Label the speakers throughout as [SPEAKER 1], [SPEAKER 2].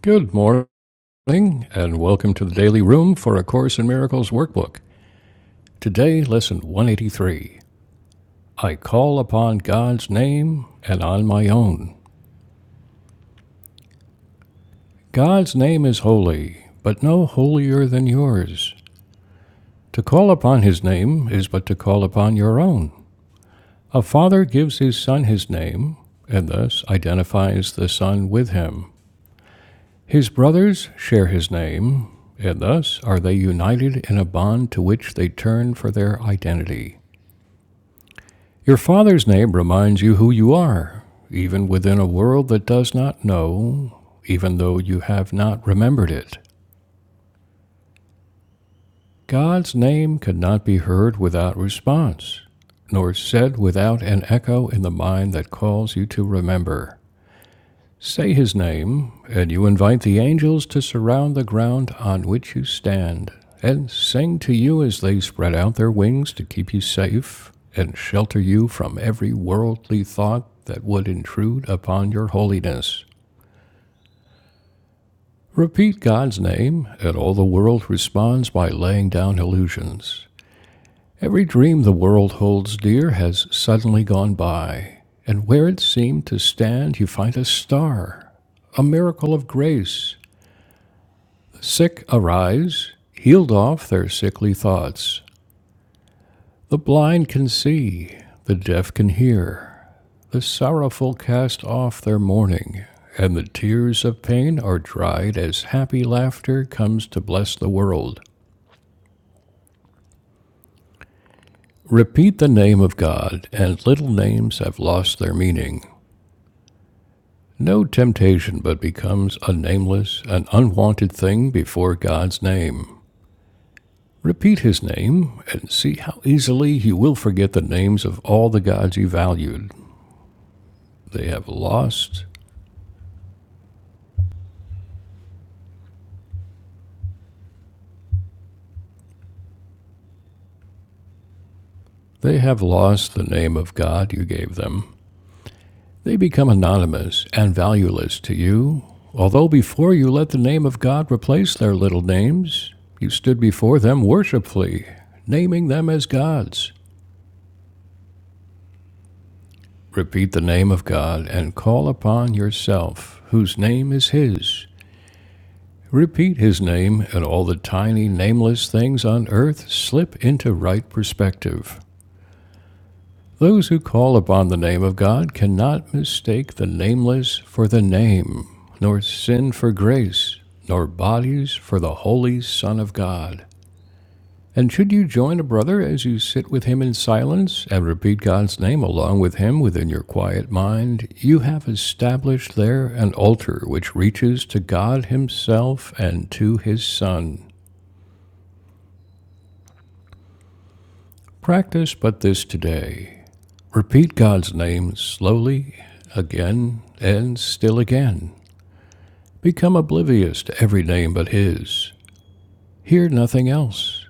[SPEAKER 1] Good morning, and welcome to the Daily Room for A Course in Miracles workbook. Today, lesson 183 I call upon God's name and on my own. God's name is holy, but no holier than yours. To call upon his name is but to call upon your own. A father gives his son his name, and thus identifies the son with him. His brothers share his name, and thus are they united in a bond to which they turn for their identity. Your father's name reminds you who you are, even within a world that does not know, even though you have not remembered it. God's name cannot be heard without response, nor said without an echo in the mind that calls you to remember. Say his name, and you invite the angels to surround the ground on which you stand, and sing to you as they spread out their wings to keep you safe and shelter you from every worldly thought that would intrude upon your holiness. Repeat God's name, and all the world responds by laying down illusions. Every dream the world holds dear has suddenly gone by, and where it seemed to stand, you find a star, a miracle of grace Sick arise, healed off their sickly thoughts. The blind can see, the deaf can hear. The sorrowful cast off their mourning, and the tears of pain are dried as happy laughter comes to bless the world. Repeat the name of God, and little names have lost their meaning. No temptation but becomes a nameless, an unwanted thing before God's name. Repeat his name and see how easily you will forget the names of all the gods you valued. They have lost. They have lost the name of God you gave them. They become anonymous and valueless to you. Although before you let the name of God replace their little names, you stood before them worshipfully, naming them as gods. Repeat the name of God and call upon yourself, whose name is His. Repeat his name, and all the tiny, nameless things on earth slip into right perspective. Those who call upon the name of God cannot mistake the nameless for the name, nor sin for grace, nor bodies for the Holy Son of God. And should you join a brother as you sit with him in silence and repeat God's name along with him within your quiet mind, you have established there an altar which reaches to God Himself and to His Son. Practice but this today. Repeat God's name slowly, again, and still again. Become oblivious to every name but His. Hear nothing else.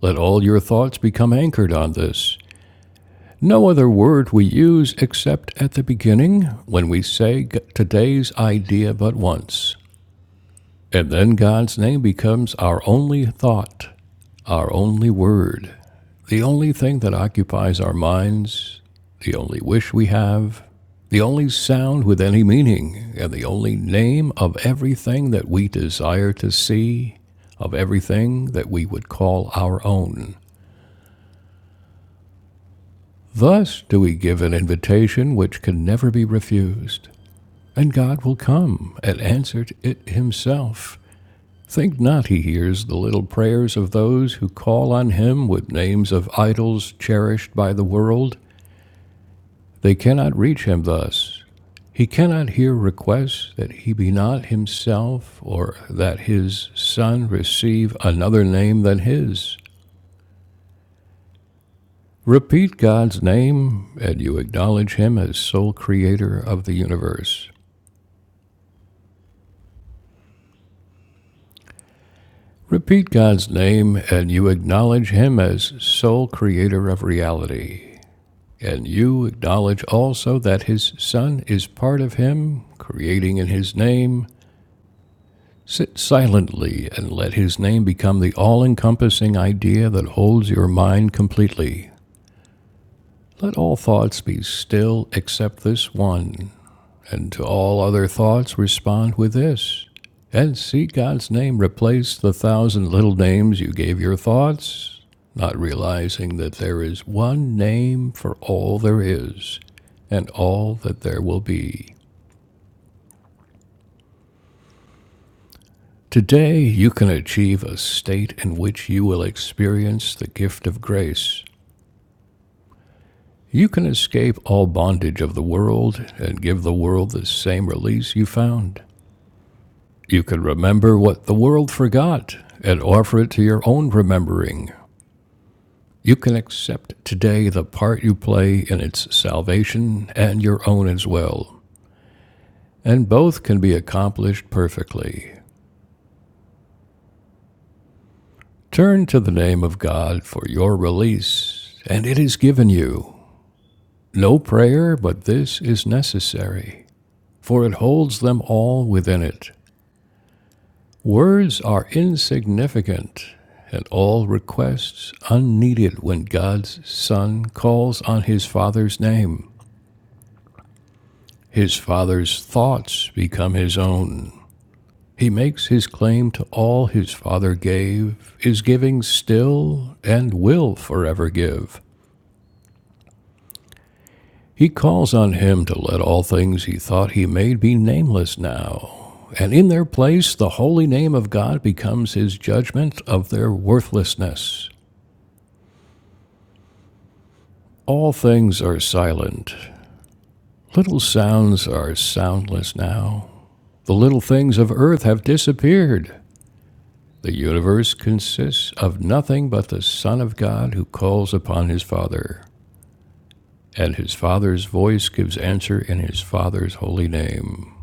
[SPEAKER 1] Let all your thoughts become anchored on this. No other word we use except at the beginning when we say today's idea but once. And then God's name becomes our only thought, our only word, the only thing that occupies our minds, the only wish we have, the only sound with any meaning, and the only name of everything that we desire to see, of everything that we would call our own. Thus do we give an invitation which can never be refused, and God will come and answer it himself. Think not he hears the little prayers of those who call on him with names of idols cherished by the world. They cannot reach him thus. He cannot hear requests that he be not himself, or that his son receive another name than his. Repeat God's name, and you acknowledge him as sole creator of the universe. Repeat God's name, and you acknowledge him as sole creator of reality. And you acknowledge also that his Son is part of him, creating in his name. Sit silently and let his name become the all encompassing idea that holds your mind completely. Let all thoughts be still except this one, and to all other thoughts, respond with this. And see God's name replace the thousand little names you gave your thoughts, not realizing that there is one name for all there is and all that there will be. Today, you can achieve a state in which you will experience the gift of grace. You can escape all bondage of the world and give the world the same release you found. You can remember what the world forgot and offer it to your own remembering. You can accept today the part you play in its salvation and your own as well, and both can be accomplished perfectly. Turn to the name of God for your release, and it is given you. No prayer, but this is necessary, for it holds them all within it. Words are insignificant and all requests unneeded when God's Son calls on his Father's name. His Father's thoughts become his own. He makes his claim to all his Father gave, is giving still, and will forever give. He calls on him to let all things he thought he made be nameless now, and in their place the holy name of God becomes his judgment of their worthlessness. All things are silent. Little sounds are soundless now. The little things of earth have disappeared. The universe consists of nothing but the Son of God who calls upon his Father, and his Father's voice gives answer in his Father's holy name.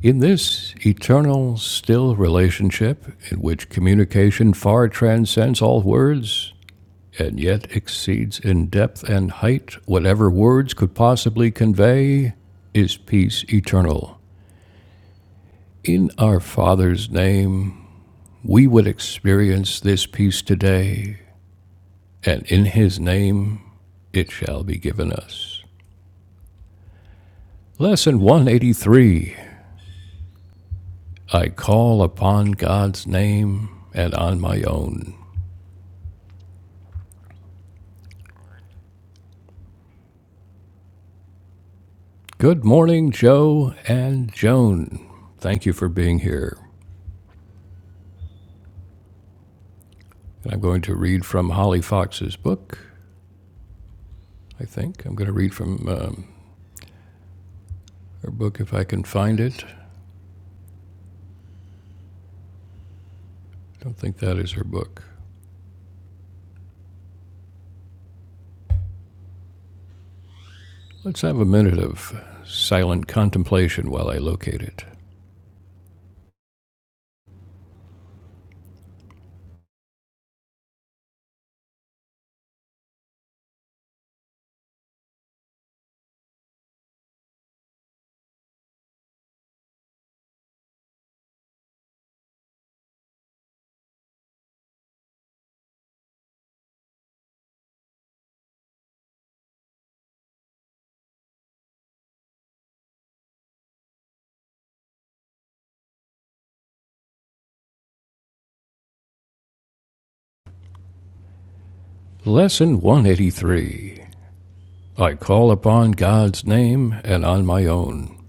[SPEAKER 1] In this eternal, still relationship, in which communication far transcends all words, and yet exceeds in depth and height whatever words could possibly convey, is peace eternal. In our Father's name, we would experience this peace today, and in His name, it shall be given us. Lesson 183 I call upon God's name and on my own. Good morning, Joe and Joan. Thank you for being here. And I'm going to read from Holly Fox's book, I think. I'm going to read from um, her book if I can find it. I don't think that is her book. Let's have a minute of silent contemplation while I locate it. Lesson 183 I call upon God's name and on my own.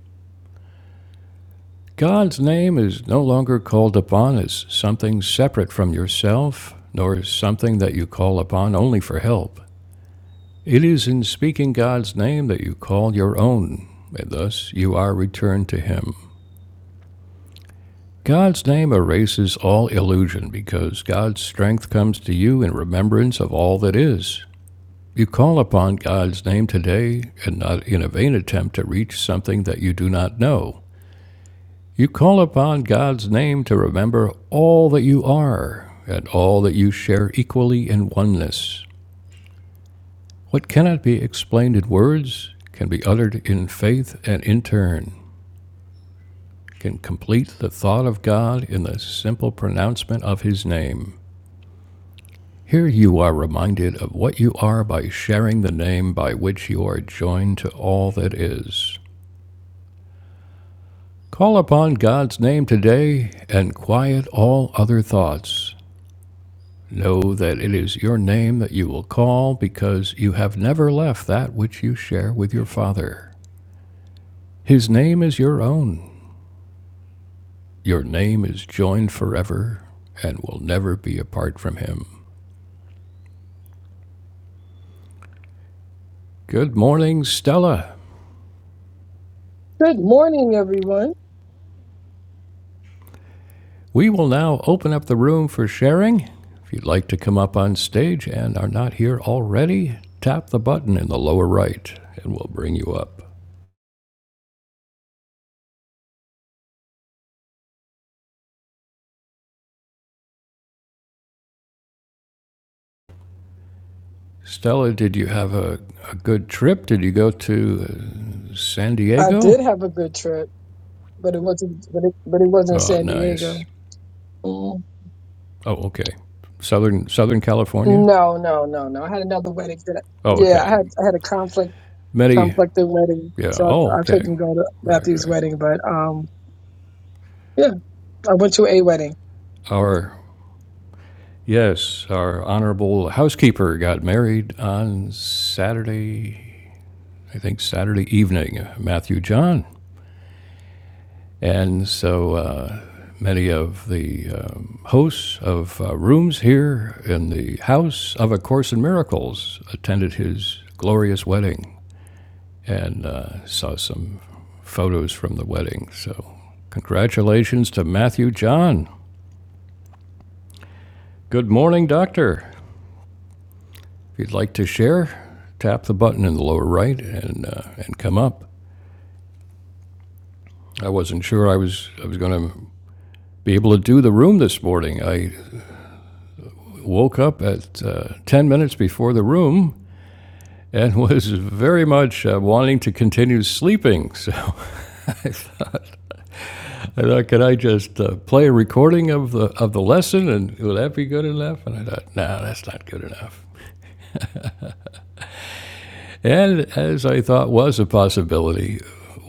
[SPEAKER 1] God's name is no longer called upon as something separate from yourself, nor as something that you call upon only for help. It is in speaking God's name that you call your own, and thus you are returned to Him. God's name erases all illusion because God's strength comes to you in remembrance of all that is. You call upon God's name today and not in a vain attempt to reach something that you do not know. You call upon God's name to remember all that you are and all that you share equally in oneness. What cannot be explained in words can be uttered in faith and in turn can complete the thought of God in the simple pronouncement of his name. Here you are reminded of what you are by sharing the name by which you are joined to all that is. Call upon God's name today and quiet all other thoughts. Know that it is your name that you will call because you have never left that which you share with your Father. His name is your own. Your name is joined forever and will never be apart from Him. Good morning, Stella.
[SPEAKER 2] Good morning, everyone.
[SPEAKER 1] We will now open up the room for sharing. If you'd like to come up on stage and are not here already, tap the button in the lower right and we'll bring you up. Stella, did you have a, a good trip? Did you go to uh, San
[SPEAKER 2] I did
[SPEAKER 1] Diego?
[SPEAKER 2] have a good trip, but it wasn't. But it, but it wasn't
[SPEAKER 1] Oh,
[SPEAKER 2] San
[SPEAKER 1] nice.
[SPEAKER 2] Diego. Mm.
[SPEAKER 1] Oh, okay. Southern Southern California?
[SPEAKER 2] No, no, no, no. I had another wedding. That I,
[SPEAKER 1] Oh,
[SPEAKER 2] yeah, I
[SPEAKER 1] okay.
[SPEAKER 2] had I had a conflict
[SPEAKER 1] Many,
[SPEAKER 2] conflicted wedding,
[SPEAKER 1] yeah.
[SPEAKER 2] so
[SPEAKER 1] Oh,
[SPEAKER 2] I, I
[SPEAKER 1] okay.
[SPEAKER 2] couldn't go to
[SPEAKER 1] Right,
[SPEAKER 2] Matthew's
[SPEAKER 1] right.
[SPEAKER 2] wedding. But um, yeah, I went to a wedding.
[SPEAKER 1] Our yes, our honorable housekeeper got married on Saturday I think, Saturday evening, uh, Matthew John. And so uh, many of the um, hosts of uh, rooms here in the House of A Course in Miracles attended his glorious wedding and uh, saw some photos from the wedding. So, congratulations to Matthew John. Good morning, Doctor. If you'd like to share, tap the button in the lower right and uh, and come up. I wasn't sure I was I was going to be able to do the room this morning. I woke up at uh, 10 minutes before the room and was very much uh, wanting to continue sleeping. So I thought, could I just uh, play a recording of the of the lesson, and would that be good enough? And I thought, no, that's not good enough. And as I thought was a possibility,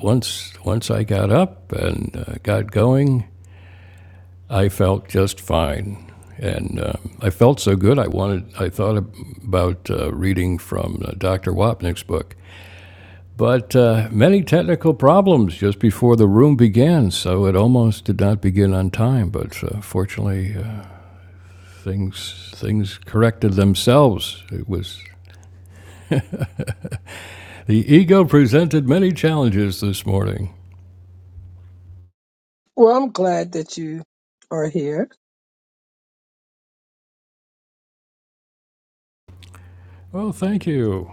[SPEAKER 1] once once I got up and uh, got going, I felt just fine. And um, I felt so good. I wanted. I thought about uh, reading from uh, Dr. Wapnick's book, But uh, many technical problems just before the room began, so it almost did not begin on time. But uh, fortunately, uh, things things corrected themselves. It was the ego presented many challenges this morning.
[SPEAKER 2] Well, I'm glad that you are here.
[SPEAKER 1] Well, thank you.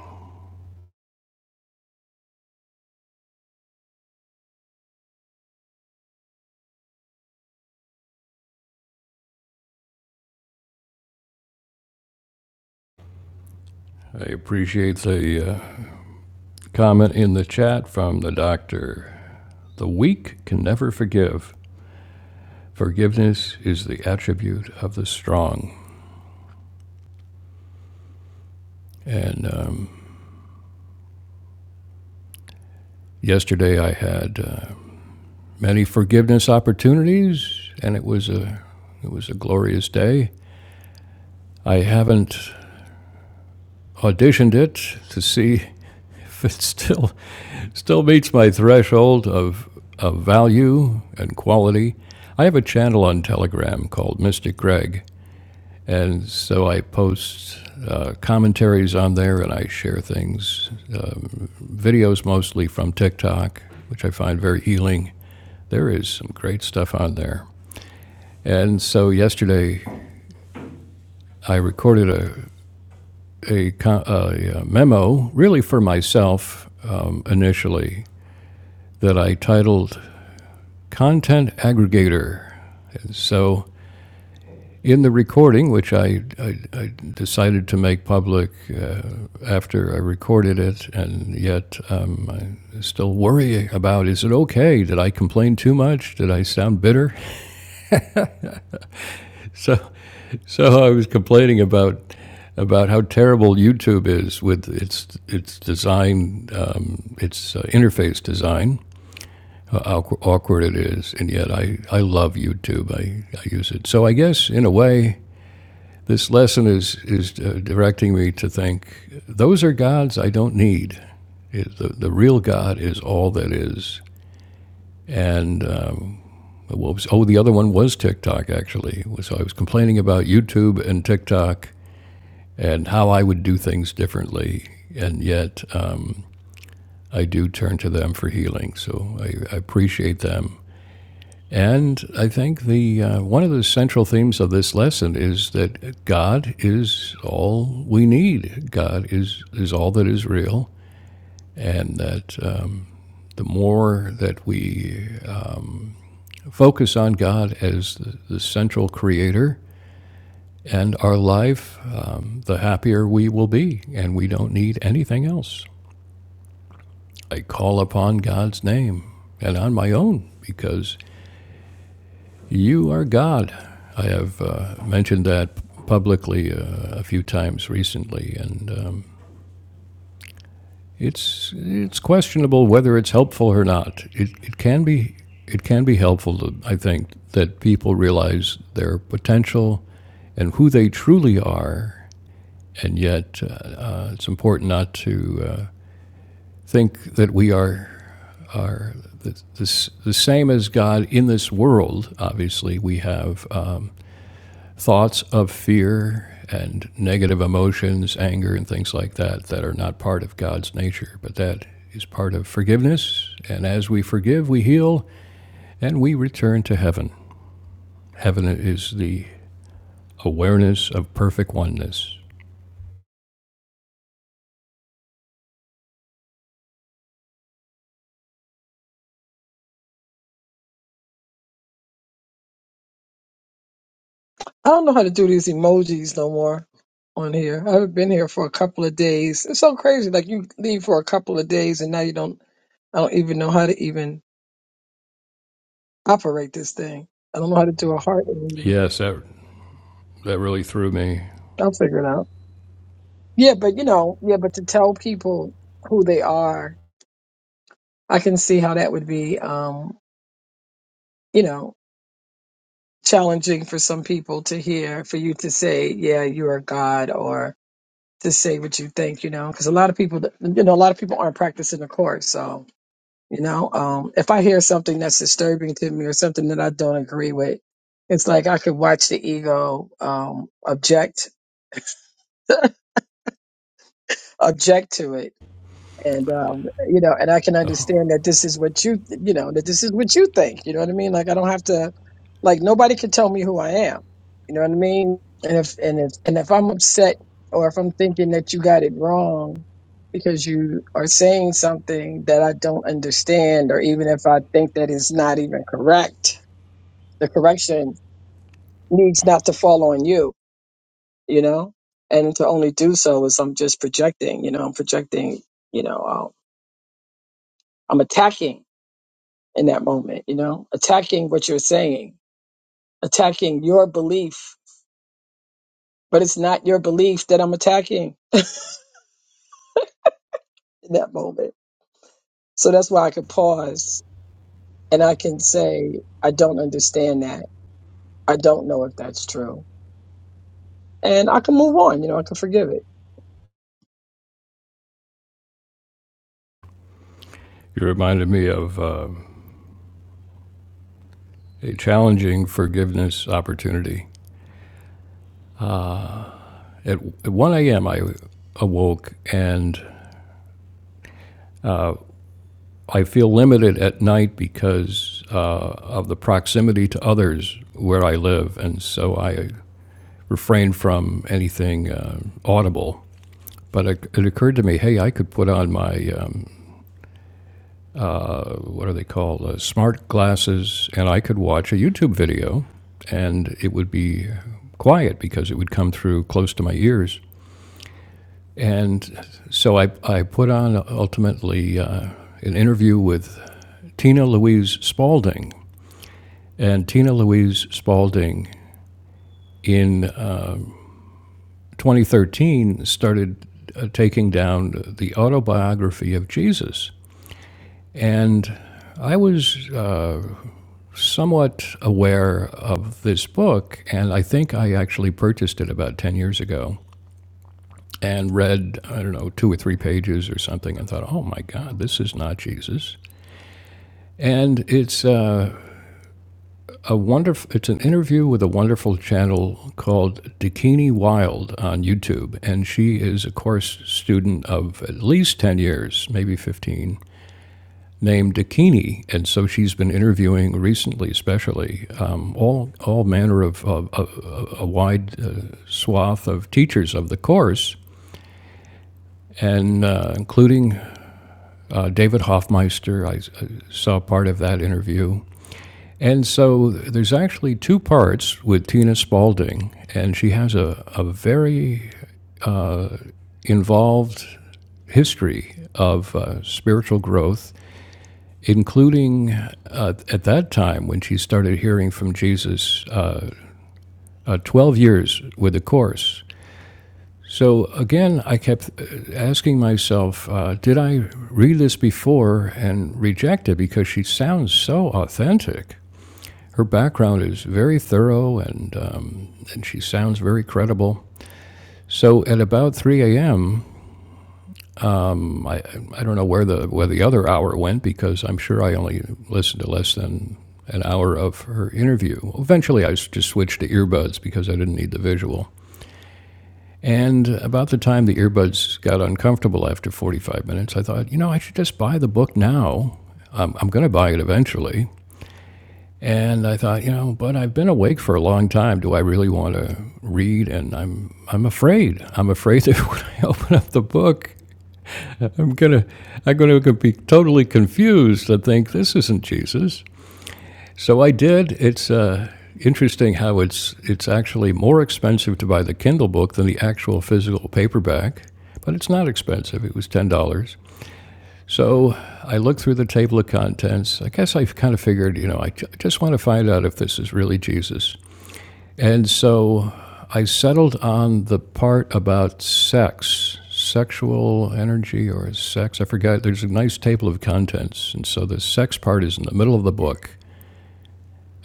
[SPEAKER 1] I appreciate the uh, comment in the chat from the doctor. The weak can never forgive. Forgiveness is the attribute of the strong. And um, yesterday I had. Uh, many forgiveness opportunities, and it was a it was a glorious day. I haven't auditioned it to see if it still still meets my threshold of of value and quality. I have a channel on Telegram called Mystic Greg, and so I post uh, commentaries on there, and I share things, um, videos mostly from TikTok, which I find very healing. There is some great stuff on there. And so yesterday, I recorded a, a, a memo, really for myself um, initially, that I titled Content Aggregator. And so in the recording, which I, I, I decided to make public uh, after I recorded it, and yet um, I still worry about is it okay? Did I complain too much? Did I sound bitter? So So I was complaining about about how terrible YouTube is with its its design, um, its uh, interface design, how awkward it is, and yet I, I love YouTube. I, I use it. So I guess in a way, this lesson is is uh, directing me to think those are gods I don't need. It, the the real God is all that is, and. Um, what was, oh, the other one was TikTok, actually. So I was complaining about YouTube and TikTok and how I would do things differently. And yet, um, I do turn to them for healing. So I, I appreciate them. And I think the uh, one of the central themes of this lesson is that God is all we need. God is is all that is real, and that um, the more that we um, focus on God as the, the central creator and our life, um, the happier we will be, and we don't need anything else. I call upon God's name and on my own because you are God. I have uh, mentioned that publicly uh, a few times recently, and um, it's it's questionable whether it's helpful or not. It, it can be it can be helpful, to, I think, that people realize their potential and who they truly are, and yet uh, uh, it's important not to uh, think that we are are the, the, the same as God in this world. Obviously, we have um, thoughts of fear and negative emotions, anger, and things like that, that are not part of God's nature, but that is part of forgiveness. And as we forgive, we heal and we return to heaven. Heaven is the awareness of perfect oneness.
[SPEAKER 2] I don't know how to do these emojis no more on here. I haven't been here for a couple of days. It's so crazy. Like you leave for a couple of days, and now you don't. I don't even know how to even operate this thing. I don't know how to do a heart. aim.
[SPEAKER 1] Yes, that, that really threw me.
[SPEAKER 2] I'll figure it out. Yeah, but you know, yeah, but to tell people who they are, I can see how that would be, um, you know, challenging for some people to hear, for you to say, yeah, you are God, or to say what you think, you know, because a lot of people, you know, a lot of people aren't practicing the course. So, you know, um, if I hear something that's disturbing to me or something that I don't agree with, it's like I could watch the ego um, object object to it and um, you know, and I can
[SPEAKER 1] Oh,
[SPEAKER 2] understand that this is what you, you know, that this is what you think. You know what I mean? Like I don't have to, like nobody can tell me who I am. You know what I mean? And if and if and if I'm upset or if I'm thinking that you got it wrong because you are saying something that I don't understand, or even if I think that it's not even correct, the correction needs not to fall on you. You know, and to only do so is I'm just projecting. You know, I'm projecting. You know, um, I'm attacking in that moment, you know, attacking what you're saying, attacking your belief, but it's not your belief that I'm attacking in that moment. So that's why I could pause and I can say, I don't understand that. I don't know if that's true. And I can move on, you know, I can forgive it.
[SPEAKER 1] you reminded me of um, a challenging forgiveness opportunity At, at 1 a.m., I awoke and I feel limited at night because uh, of the proximity to others where I live. And so I refrain from anything uh, audible. But it, it occurred to me, hey, I could put on my, um, uh, what are they called, uh, smart glasses, and I could watch a YouTube video, and it would be quiet because it would come through close to my ears. And so I, I put on ultimately uh, an interview with Tina Louise Spalding. And Tina Louise Spalding in uh, 2013 started uh, taking down the autobiography of Jesus. And I was uh, somewhat aware of this book, and I think I actually purchased it about 10 years ago and read, I don't know, two or three pages or something and thought, oh my God, this is not Jesus. And it's uh, a wonderful. It's an interview with a wonderful channel called Dakini Wild on YouTube, and she is a course student of at least ten years, maybe fifteen, named Dakini, and so she's been interviewing recently, especially um, all all manner of, of, of a wide uh, swath of teachers of the course and uh, including uh, David Hoffmeister. I, I saw part of that interview. And so there's actually two parts with Tina Spalding, and she has a, a very involved history of uh, spiritual growth, including uh, at that time when she started hearing from Jesus, uh, uh, 12 years with the Course. So again, I kept uh, asking myself, uh, did I read this before and reject it because she sounds so authentic? her background is very thorough and, um, and she sounds very credible. So at about 3 a.m., I, I don't know where the, where the other hour went because I'm sure I only listened to less than an hour of her interview. Eventually, I just switched to earbuds because I didn't need the visual. And about the time the earbuds got uncomfortable after 45 minutes, I thought, you know, I should just buy the book now. I'm, I'm going to buy it eventually. And I thought, you know, but I've been awake for a long time. Do I really want to read? And I'm I'm afraid. I'm afraid that when I open up the book, I'm gonna I'm gonna be totally confused and think this isn't Jesus. So I did. It's uh, interesting how it's it's actually more expensive to buy the Kindle book than the actual physical paperback, but it's not expensive. It was ten dollars. So I looked through the table of contents. I guess I kind of figured, you know, I j- I just want to find out if this is really Jesus. And so I settled on the part about sex, sexual energy or sex. I forgot. There's a nice table of contents. And so the sex part is in the middle of the book.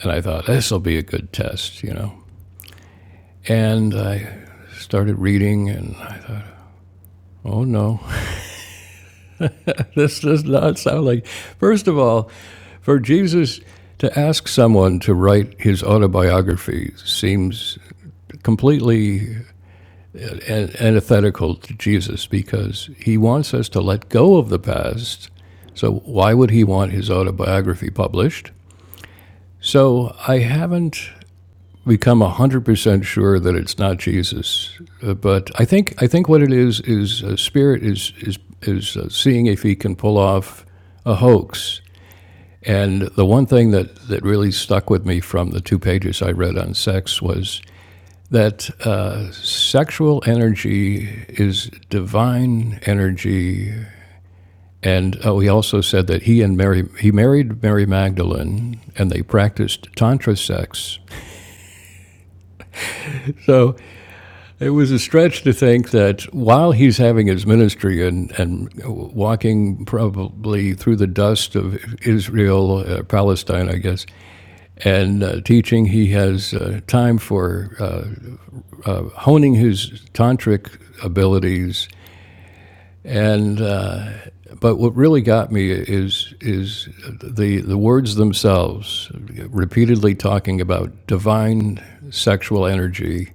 [SPEAKER 1] And I thought, this will be a good test, you know. And I started reading, and oh no, this does not sound like. First of all, for Jesus to ask someone to write his autobiography seems completely antithetical to Jesus because he wants us to let go of the past. So, why would he want his autobiography published? So, I haven't become 100% sure that it's not Jesus. Uh, but I think, I think what it is is uh, Spirit is, is, is uh, seeing if he can pull off a hoax. And the one thing that, that really stuck with me from the two pages I read on sex was that uh, sexual energy is divine energy, and oh, he also said that he and Mary he married Mary Magdalene, and they practiced tantra sex. So it was a stretch to think that while he's having his ministry and and walking probably through the dust of Israel, uh, Palestine, I guess, and uh, teaching, he has uh, time for uh, honing his tantric abilities And uh, but what really got me is is the the words themselves, repeatedly talking about divine sexual energy,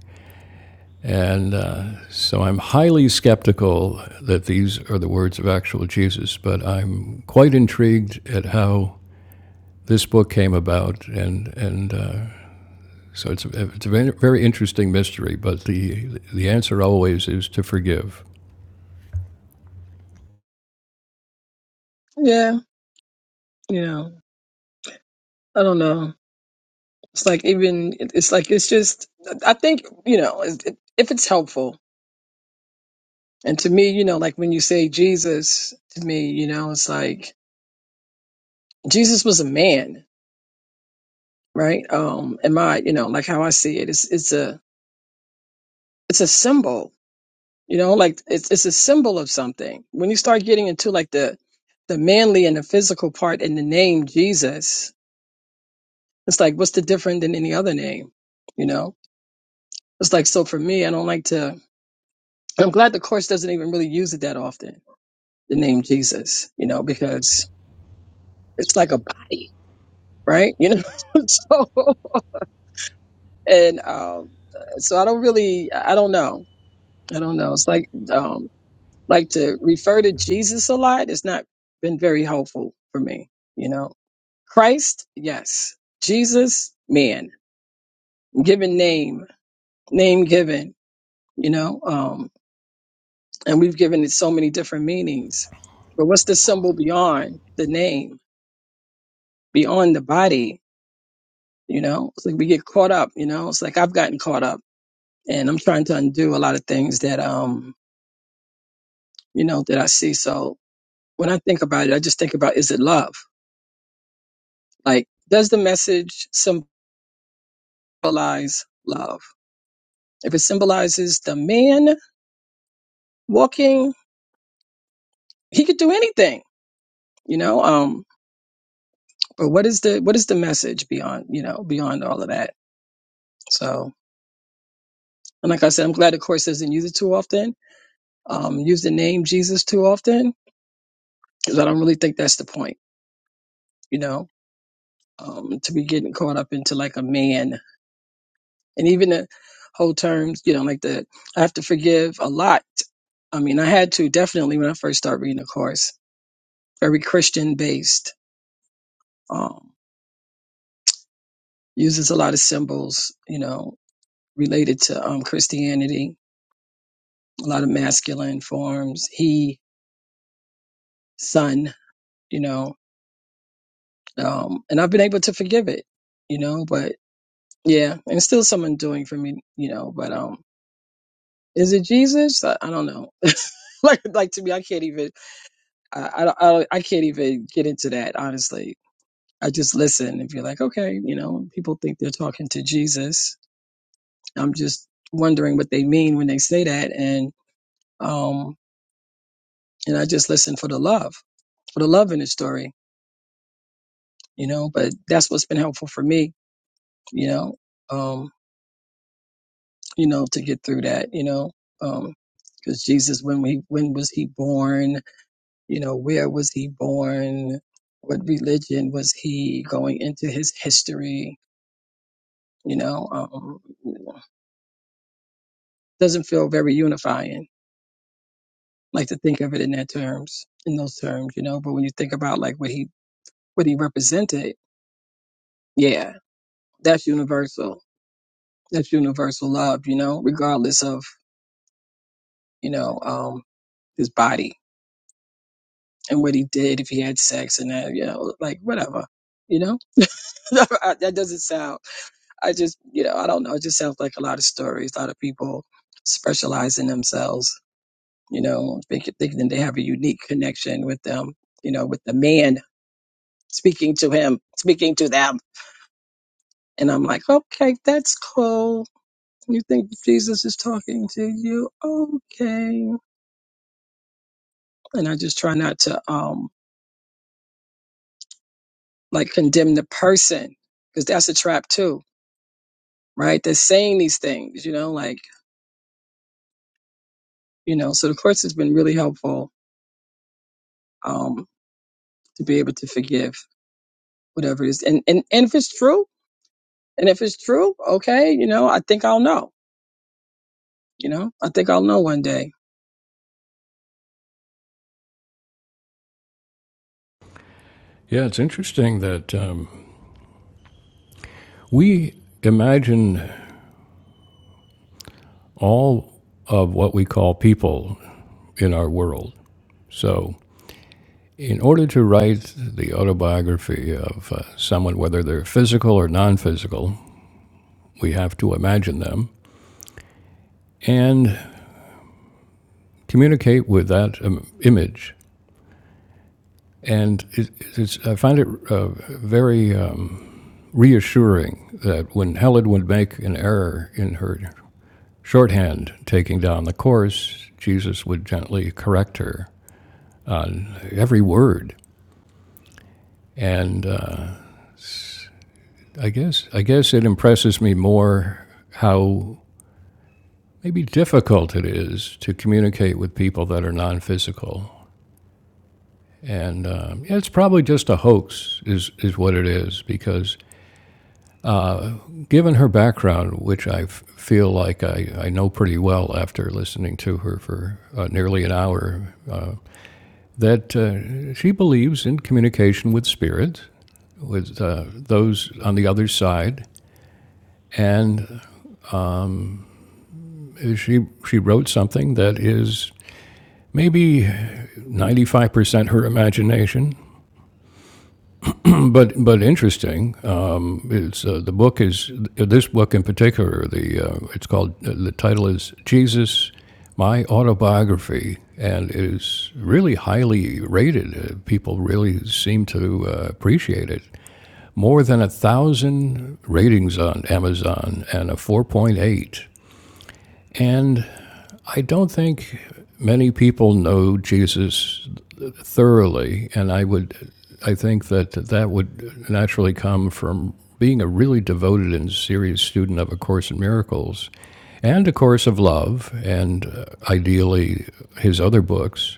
[SPEAKER 1] and uh, so I'm highly skeptical that these are the words of actual Jesus. But I'm quite intrigued at how this book came about, and and. Uh, so it's a, it's a very very interesting mystery, but the the answer always is to forgive.
[SPEAKER 2] Yeah, you know, I don't know. It's like even it's like it's just I think you know it- if it's helpful. And to me, you know, like when you say Jesus, to me, you know, it's like Jesus was a man, right? Um, and my, you know, like how I see it, it's it's a it's a symbol, you know, like it's it's a symbol of something. When you start getting into like the the manly and the physical part in the name Jesus, it's like what's the different than any other name, you know? It's like so for me, I don't like to. I'm glad the course doesn't even really use it that often the name Jesus, you know, because it's like a body, right? You know, so and um, so I don't really, I don't know, I don't know. It's like um, like to refer to Jesus a lot. It's not been very helpful for me, you know. Christ, yes. Jesus, man, given name, name given, you know, um, and we've given it so many different meanings. But what's the symbol beyond the name, beyond the body? You know, it's like we get caught up. You know, it's like I've gotten caught up, and I'm trying to undo a lot of things that um you know that I see. So when I think about it, I just think about is it love? Like, does the message symbolize love? If it symbolizes the man walking, he could do anything. You know, um, but what is the what is the message beyond you know beyond all of that? So. And like I said, I'm glad the course doesn't use it too often. Um, use the name Jesus too often because I don't really think that's the point. You know, um, to be getting caught up into like a man. And even the whole terms, you know, like the I have to forgive a lot. I mean, I had to definitely when I first started reading the course, very Christian based, um, uses a lot of symbols, you know, related to um, Christianity, a lot of masculine forms, he, son, you know, um, and I've been able to forgive it, you know, but yeah, and it's still some undoing for me, you know, but um. Is it Jesus? I, I don't know. like, like to me, I can't even. I, I, don't- I, don't- I can't even get into that. Honestly, I just listen and be like, okay, you know, people think they're talking to Jesus. I'm just wondering what they mean when they say that, and um, and I just listen for the love, for the love in the story, you know. But that's what's been helpful for me, you know, um, you know, to get through that, you know, um, because Jesus, when we, when was he born? you know, where was he born? What religion was he going into his history? You know, um, doesn't feel very unifying. Like to think of it in that terms, in those terms, you know. But when you think about like what he what he represented, yeah, that's universal. That's universal love, you know, regardless of you know um, his body and what he did, if he had sex and that, you know, like whatever, you know. that doesn't sound I just, you know, I don't know. It just sounds like a lot of stories, a lot of people specialize in themselves, you know, thinking, thinking they have a unique connection with them, you know, with the man speaking to him, speaking to them. And I'm like, okay, that's cool. You think Jesus is talking to you? Okay. And I just try not to, um, like condemn the person because that's a trap too, right? They're saying these things, you know, like, you know, so the course has been really helpful. Um, to be able to forgive whatever it is. And, and, and if it's true, and if it's true, okay, you know, I think I'll know, you know, I think I'll know one day.
[SPEAKER 1] Yeah, it's interesting that um, We imagine all of what we call people in our world. So, in order to write the autobiography of uh, someone, whether they're physical or non physical, we have to imagine them and communicate with that um, image. And it, it's, I find it uh, very um, reassuring that when Helen would make an error in her shorthand taking down the course, Jesus would gently correct her every word. And uh, I guess I guess it impresses me more how maybe difficult it is to communicate with people that are non-physical. And um, yeah, it's probably just a hoax, is is what it is, because given her background, which I f- feel like I, I know pretty well after listening to her for uh, nearly an hour, that uh, she believes in communication with spirit, with uh, those on the other side, and she she wrote something that is maybe 95% her imagination, but but interesting. Um, it's uh, the book is this book in particular. The uh, it's called uh, the title is Jesus, my autobiography, and it is really highly rated. Uh, people really seem to uh, appreciate it. More than a thousand ratings on Amazon and a 4.8. And I don't think many people know Jesus thoroughly, and I would, I think that that would naturally come from being a really devoted and serious student of A Course in Miracles, and A Course of Love, and uh, ideally his other books,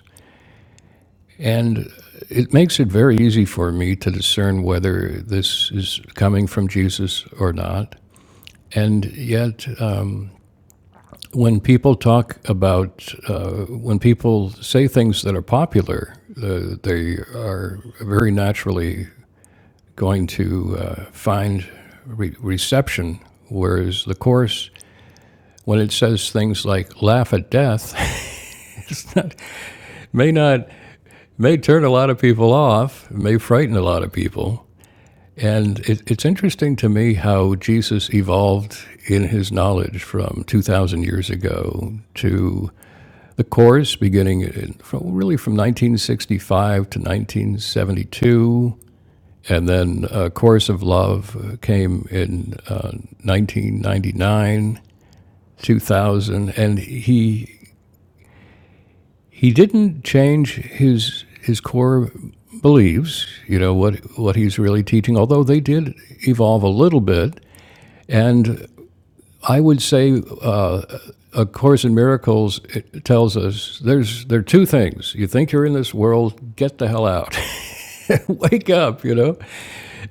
[SPEAKER 1] and it makes it very easy for me to discern whether this is coming from Jesus or not. And yet, when people talk about uh, when people say things that are popular, uh, they are very naturally going to uh, find re- reception. Whereas the course, when it says things like "laugh at death," may not may turn a lot of people off, may frighten a lot of people. And it, it's interesting to me how Jesus evolved in his knowledge from 2,000 years ago to The chorus, beginning in, from, really from 1965 to 1972, and then uh, Chorus of Love uh, came in uh, 1999, 2000, and he he didn't change his his core beliefs. You know what what he's really teaching, although they did evolve a little bit, and I would say uh, A Course in Miracles it tells us there's there are two things. You think you're in this world, get the hell out, wake up, you know.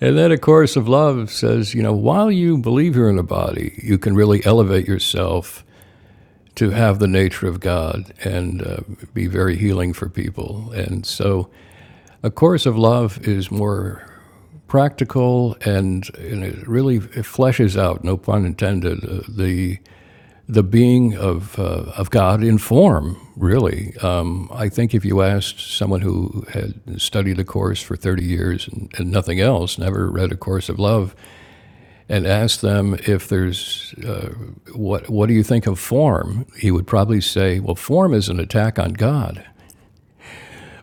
[SPEAKER 1] And then A Course of Love says, you know, while you believe you're in a body, you can really elevate yourself to have the nature of God and uh, be very healing for people. And so A Course of Love is more practical and, and it really it fleshes out, no pun intended, uh, the the being of, uh, of God in form, really. Um, I think if you asked someone who had studied a course for 30 years and, and nothing else, never read A Course of Love, and asked them if there's, what, what do you think of form? He would probably say, well, form is an attack on God.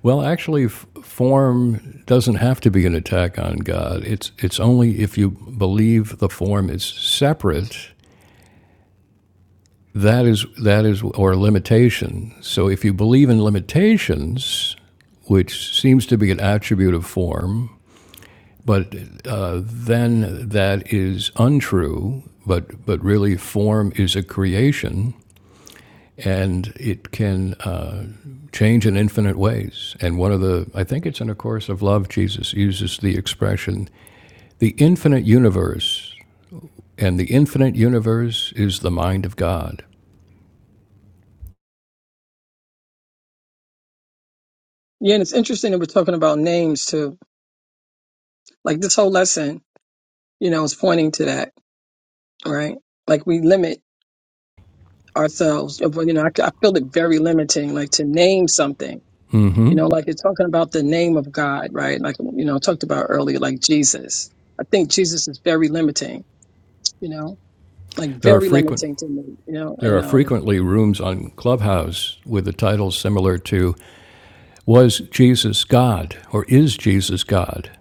[SPEAKER 1] Well, actually, f- form doesn't have to be an attack on God. It's, it's only if you believe the form is separate That is that is or limitation. So if you believe in limitations, which seems to be an attribute of form, but uh, then that is untrue. But but really, form is a creation, and it can uh, change in infinite ways. And one of the I think it's in a course of love. Jesus uses the expression the infinite universe, and the infinite universe is the mind of God.
[SPEAKER 2] Yeah. And it's interesting that we're talking about names too. Like this whole lesson, you know, is pointing to that, right? Like we limit ourselves, you know, I, I feel it very limiting, like to name something, you know, like it's talking about the name of God, right? Like, you know, talked about earlier, like Jesus. I think Jesus is very limiting, you know, like
[SPEAKER 1] There are
[SPEAKER 2] very
[SPEAKER 1] frequent
[SPEAKER 2] limiting to me, you know,
[SPEAKER 1] There
[SPEAKER 2] and,
[SPEAKER 1] are
[SPEAKER 2] um,
[SPEAKER 1] frequently rooms on Clubhouse with the title similar to Was Jesus God or Is Jesus God?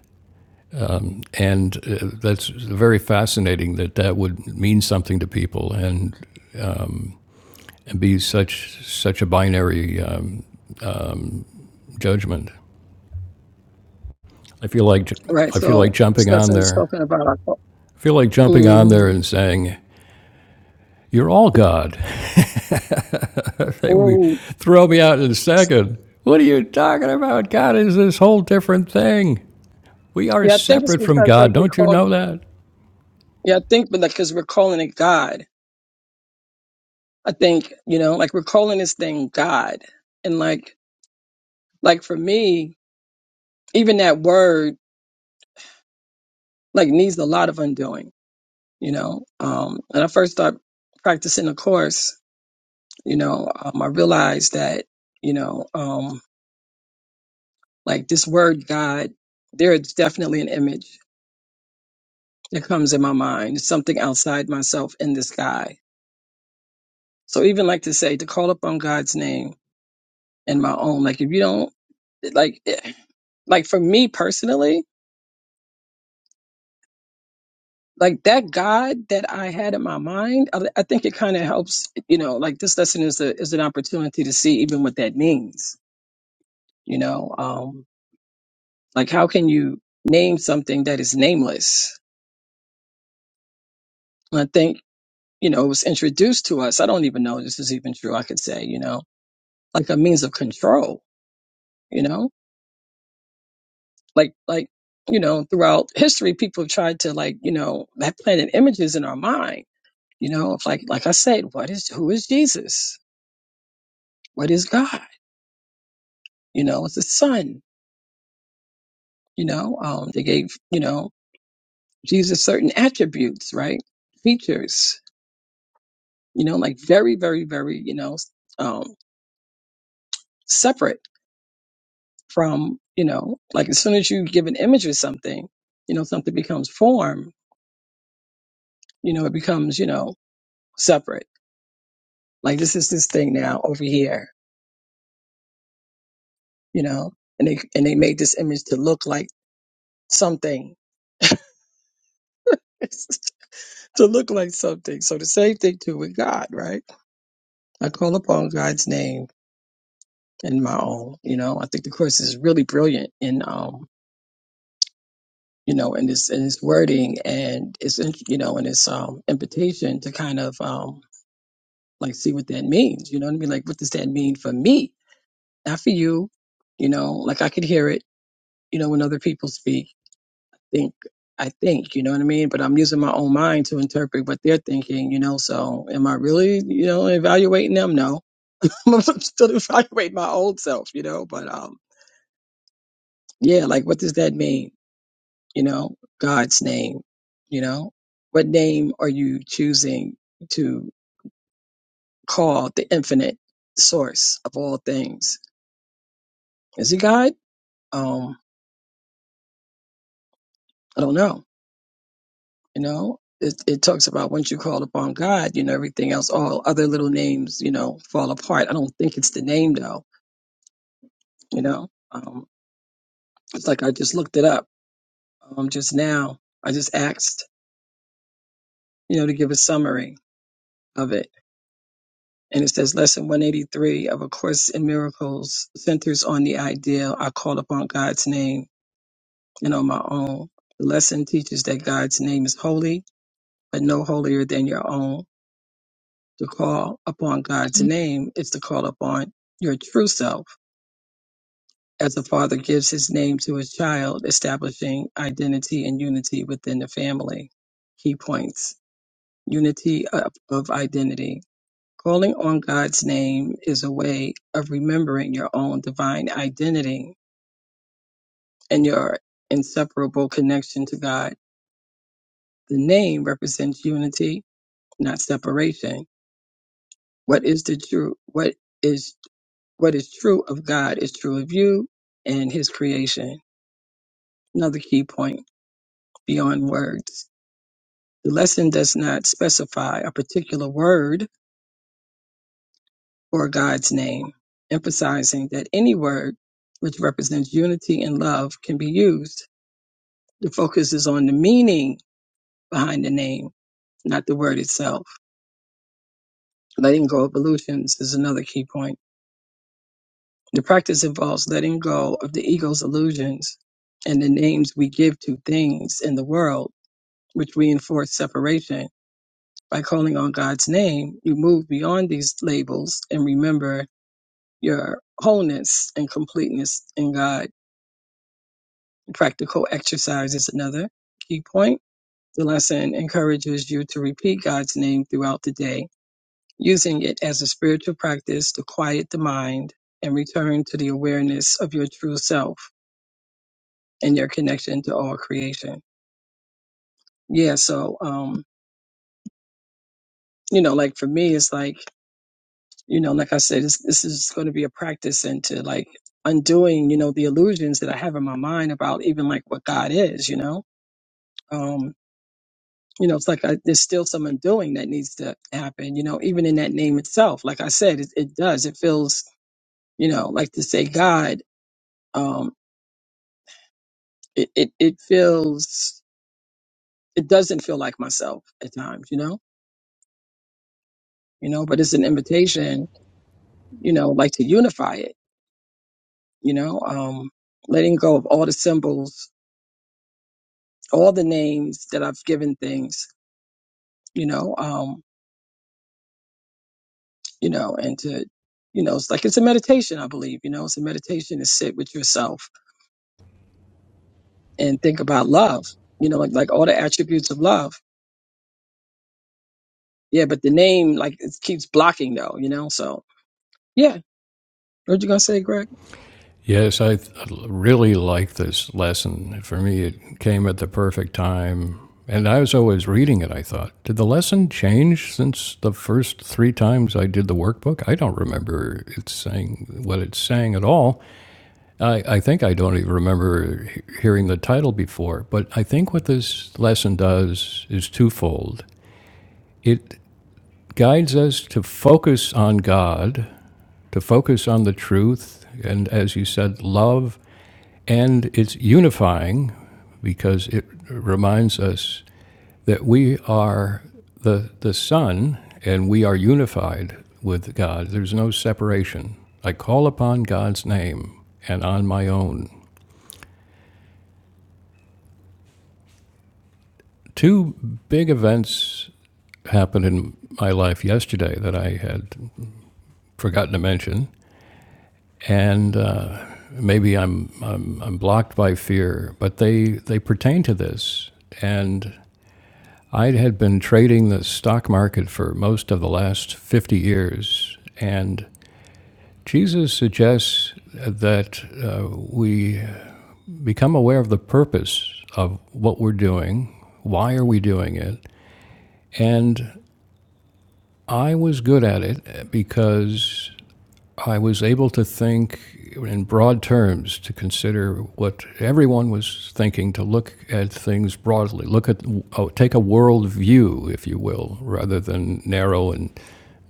[SPEAKER 1] And uh, that's very fascinating that that would mean something to people and, and be such such a binary uh, judgment. I feel like I
[SPEAKER 2] Right.
[SPEAKER 1] feel like
[SPEAKER 2] So it's
[SPEAKER 1] jumping
[SPEAKER 2] that's
[SPEAKER 1] on
[SPEAKER 2] what it's
[SPEAKER 1] there.
[SPEAKER 2] talking about. Our,
[SPEAKER 1] I feel like jumping on there
[SPEAKER 2] mm,
[SPEAKER 1] and saying, "You're all God." they would
[SPEAKER 2] mm.
[SPEAKER 1] throw me out in a second. What are you talking about? God is this whole different thing. We are
[SPEAKER 2] Yeah, I think it's
[SPEAKER 1] separate from
[SPEAKER 2] because
[SPEAKER 1] God.
[SPEAKER 2] like we
[SPEAKER 1] Don't you
[SPEAKER 2] call.
[SPEAKER 1] know that?
[SPEAKER 2] Yeah, I think, but like because we're calling it God. I think you know, like we're calling this thing God, and like like for me, even that word like needs a lot of undoing. You know, um, when I first started practicing the course, you know, um, I realized that you know, um, like this word God, there is definitely an image that comes in my mind. It's something outside myself in the sky. So even like to say to call upon God's name and my own, like if you don't like eh, like for me personally, like that God that I had in my mind, I, I think it kind of helps, you know, like this lesson is a is an opportunity to see even what that means, you know. Um like how can you name something that is nameless? And I think, you know, it was introduced to us. I don't even know if this is even true, I could say, you know, like a means of control, you know like like you know throughout history people have tried to like you know have planted images in our mind you know of like like i said what is who is jesus what is god you know it's the son you know um they gave you know jesus certain attributes right features you know like very very very you know um separate from you know like as soon as you give an image of something you know something becomes form you know it becomes you know separate like this is this thing now over here you know, and they and they made this image to look like something, to look like something. So the same thing too with God, right? I call upon God's name and my own. You know, I think the course is really brilliant in um, you know, in this in its wording and its in- you know, in its um invitation to kind of um like see what that means. You know what I mean? Like what does that mean for me, not for you? You know, like I could hear it. You know, when other people speak think I think, you know what I mean? But I'm using my own mind to interpret what they're thinking, you know. So am I really, you know, evaluating them? No. I'm still evaluating my old self, you know. But um yeah, like what does that mean? You know, God's name, you know? What name are you choosing to call the infinite source of all things? Is he God? Um, I don't know You know, it, it talks about once you call upon God, you know, everything else, all other little names, you know, fall apart. I don't think it's the name though. You know, um, it's like I just looked it up um, just now. I just asked, you know, to give a summary of it. And it says lesson 183 of A Course in Miracles centers on the ideal I call upon God's name and on my own. The lesson teaches that God's name is holy, but no holier than your own. To call upon God's name is to call upon your true self, as the father gives his name to his child, establishing identity and unity within the family. Key points Unity of, of identity. Calling on God's name is a way of remembering your own divine identity and your inseparable connection to God. The name represents unity, not separation. What is the true? What is What is true of God is true of you and his creation. Another key point beyond words. The lesson does not specify a particular word or God's name, emphasizing that any word which represents unity and love can be used. The focus is on the meaning behind the name, not the word itself. Letting go of illusions is another key point. The practice involves letting go of the ego's illusions and the names we give to things in the world which reinforce separation. By calling on God's name, you move beyond these labels and remember your wholeness and completeness in God. Practical exercise is another key point. The lesson encourages you to repeat God's name throughout the day, using it as a spiritual practice to quiet the mind and return to the awareness of your true self and your connection to all creation. Yeah, so um, you know, like for me, it's like you know, like I said, this, this is going to be a practice into like undoing, you know, the illusions that I have in my mind about even like what God is, you know. Um, you know, it's like I, there's still some undoing that needs to happen, you know, even in that name itself. Like I said, it, it does. It feels, you know, like to say God, um, it, it, it feels, it doesn't feel like myself at times, you know, you know, but it's an invitation, you know, like to unify it, you know, um, letting go of all the symbols all the names that I've given things, you know, um, you know, and to, you know, it's like it's a meditation, I believe, you know, it's a meditation to sit with yourself and think about love, you know, like like all the attributes of love. Yeah, but the name like it keeps blocking though, you know. So yeah, what you gonna say, Greg?
[SPEAKER 1] Yes, I th- really like this lesson. For me, it came at the perfect time. And I was always reading it, I thought. Did the lesson change since the first three times I did the workbook? I don't remember it saying what it's saying at all. I, I think I don't even remember hearing the title before. But I think what this lesson does is twofold it guides us to focus on God to focus on the truth and, as you said, love. And it's unifying because it reminds us that we are the, the Son and we are unified with God. There's no separation. I call upon God's name and on my own. Two big events happened in my life yesterday that I had forgotten to mention. and uh, maybe I'm, I'm I'm blocked by fear, but they they pertain to this. And I had been trading the stock market for most of the last 50 years, and Jesus suggests that uh, we become aware of the purpose of what we're doing. Why are we doing it? And I was good at it because I was able to think in broad terms to consider what everyone was thinking, to look at things broadly, look at oh, take a world view, if you will, rather than narrow and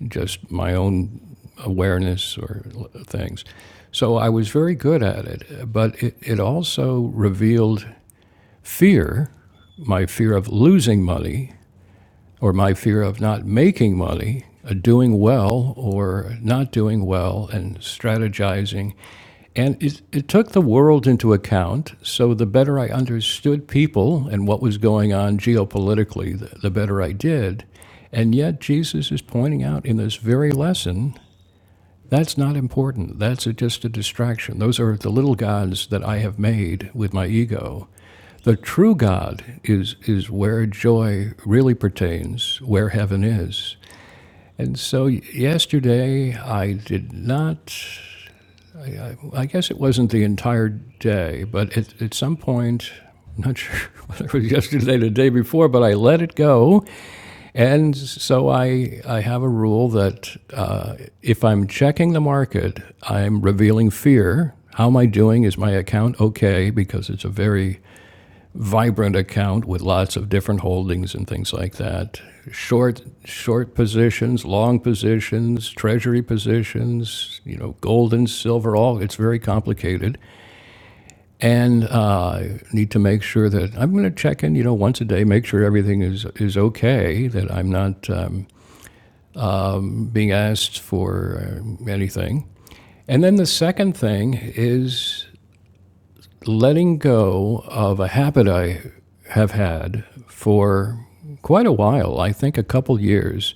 [SPEAKER 1] just my own awareness or things. So I was very good at it, but it, it also revealed fear, my fear of losing money, or my fear of not making money, uh, doing well or not doing well, and strategizing. And it, it took the world into account. So the better I understood people and what was going on geopolitically, the, the better I did. And yet, Jesus is pointing out in this very lesson that's not important. That's a, just a distraction. Those are the little gods that I have made with my ego the true God is, is where joy really pertains, where heaven is. And so yesterday I did not, I guess it wasn't the entire day, but at, at some point, I'm not sure whether it was yesterday or the day before, but I let it go. And so I, I have a rule that uh, if I'm checking the market, I'm revealing fear. How am I doing? Is my account okay? Because it's a very vibrant account with lots of different holdings and things like that. Short short positions, long positions, treasury positions, you know, gold and silver. All it's very complicated, and uh, need to make sure that I'm going to check in, you know, once a day, make sure everything is is okay, that I'm not um, being asked for um anything. And then the second thing is letting go of a habit I have had for quite a while, I think a couple years,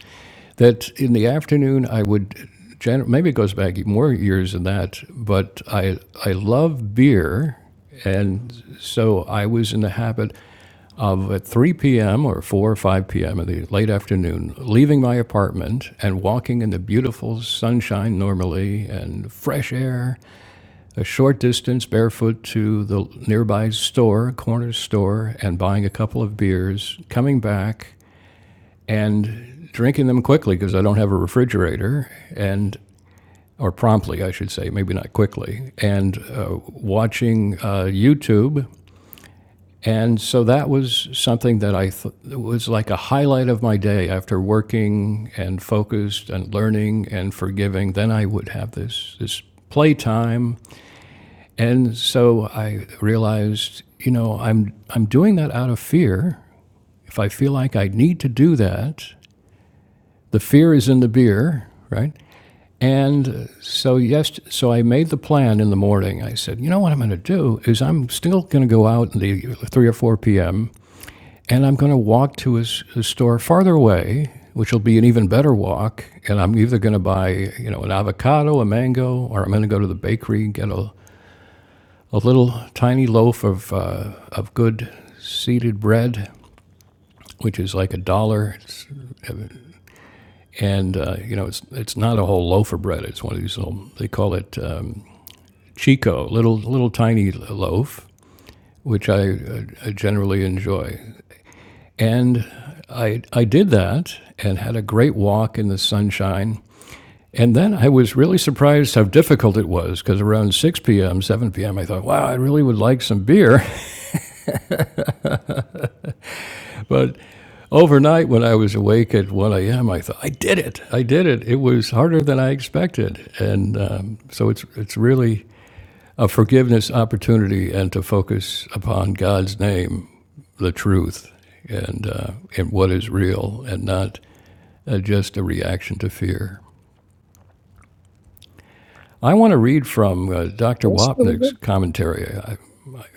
[SPEAKER 1] that in the afternoon I would, gen- maybe it goes back more years than that, but I, I love beer. And so I was in the habit of at 3 p.m. or 4 or 5 p.m. in the late afternoon, leaving my apartment and walking in the beautiful sunshine normally and fresh air a short distance barefoot to the nearby store, corner store, and buying a couple of beers, coming back and drinking them quickly because I don't have a refrigerator, and or promptly, I should say, maybe not quickly, and uh, watching uh, YouTube. And so that was something that I th- was like a highlight of my day after working and focused and learning and forgiving. Then I would have this this playtime and so I realized, you know, I'm I'm doing that out of fear. If I feel like I need to do that, the fear is in the beer, right? And so yes, so I made the plan in the morning. I said, you know what I'm going to do is I'm still going to go out in the three or four p.m. and I'm going to walk to a a store farther away, which will be an even better walk. And I'm either going to buy, you know, an avocado, a mango, or I'm going to go to the bakery and get a a little tiny loaf of, uh, of good seeded bread, which is like a dollar. And, uh, you know, it's, it's not a whole loaf of bread. It's one of these little, they call it um, Chico, little, little tiny loaf, which I, uh, I generally enjoy. And I, I did that and had a great walk in the sunshine. And then I was really surprised how difficult it was because around 6 p.m., 7 p.m., I thought, wow, I really would like some beer. But overnight, when I was awake at 1 a.m., I thought, I did it. I did it. It was harder than I expected. And um, so it's, it's really a forgiveness opportunity and to focus upon God's name, the truth, and, uh, and what is real and not uh, just a reaction to fear. I want to read from uh, Dr.
[SPEAKER 2] That's really
[SPEAKER 1] Wapnick's
[SPEAKER 2] good.
[SPEAKER 1] commentary. I,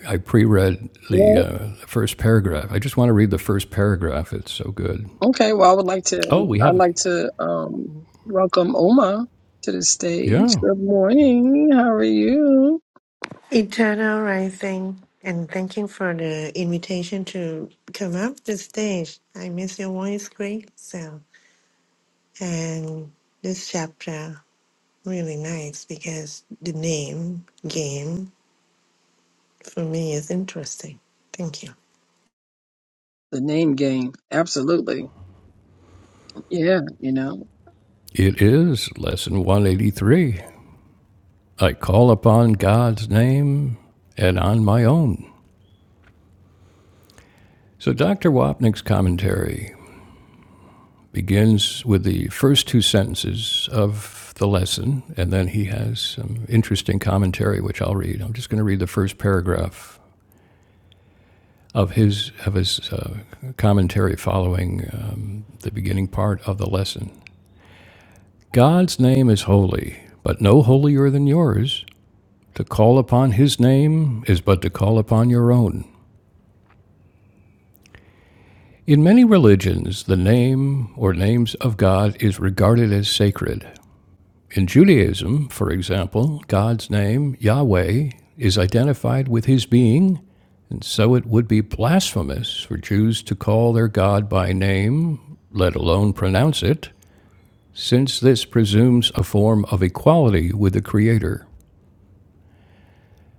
[SPEAKER 1] I pre read the
[SPEAKER 2] Well,
[SPEAKER 1] uh, first paragraph. I just want to read the first paragraph. It's so good.
[SPEAKER 2] okay. Well, I would like to.
[SPEAKER 1] Oh, we
[SPEAKER 2] I'd
[SPEAKER 1] have it.
[SPEAKER 2] like to um, welcome Oma to the stage.
[SPEAKER 1] Yeah.
[SPEAKER 2] Good morning. How are you?
[SPEAKER 3] Eternal rising, and thank you for the invitation to come up the stage. I miss your voice, great. So, and this chapter really nice because the name game for me is interesting. Thank you.
[SPEAKER 2] The name game, absolutely. Yeah, you know.
[SPEAKER 1] It is lesson 183. I call upon God's name and on my own. So Dr. Wapnick's commentary begins with the first two sentences of the lesson, and then he has some interesting commentary which I'll read. I'm just going to read the first paragraph of his of his uh, commentary following um, the beginning part of the lesson. God's name is holy, but no holier than yours. To call upon his name is but to call upon your own. In many religions, the name or names of God is regarded as sacred. In Judaism, for example, God's name, Yahweh, is identified with his being, and so it would be blasphemous for Jews to call their God by name, let alone pronounce it, since this presumes a form of equality with the Creator.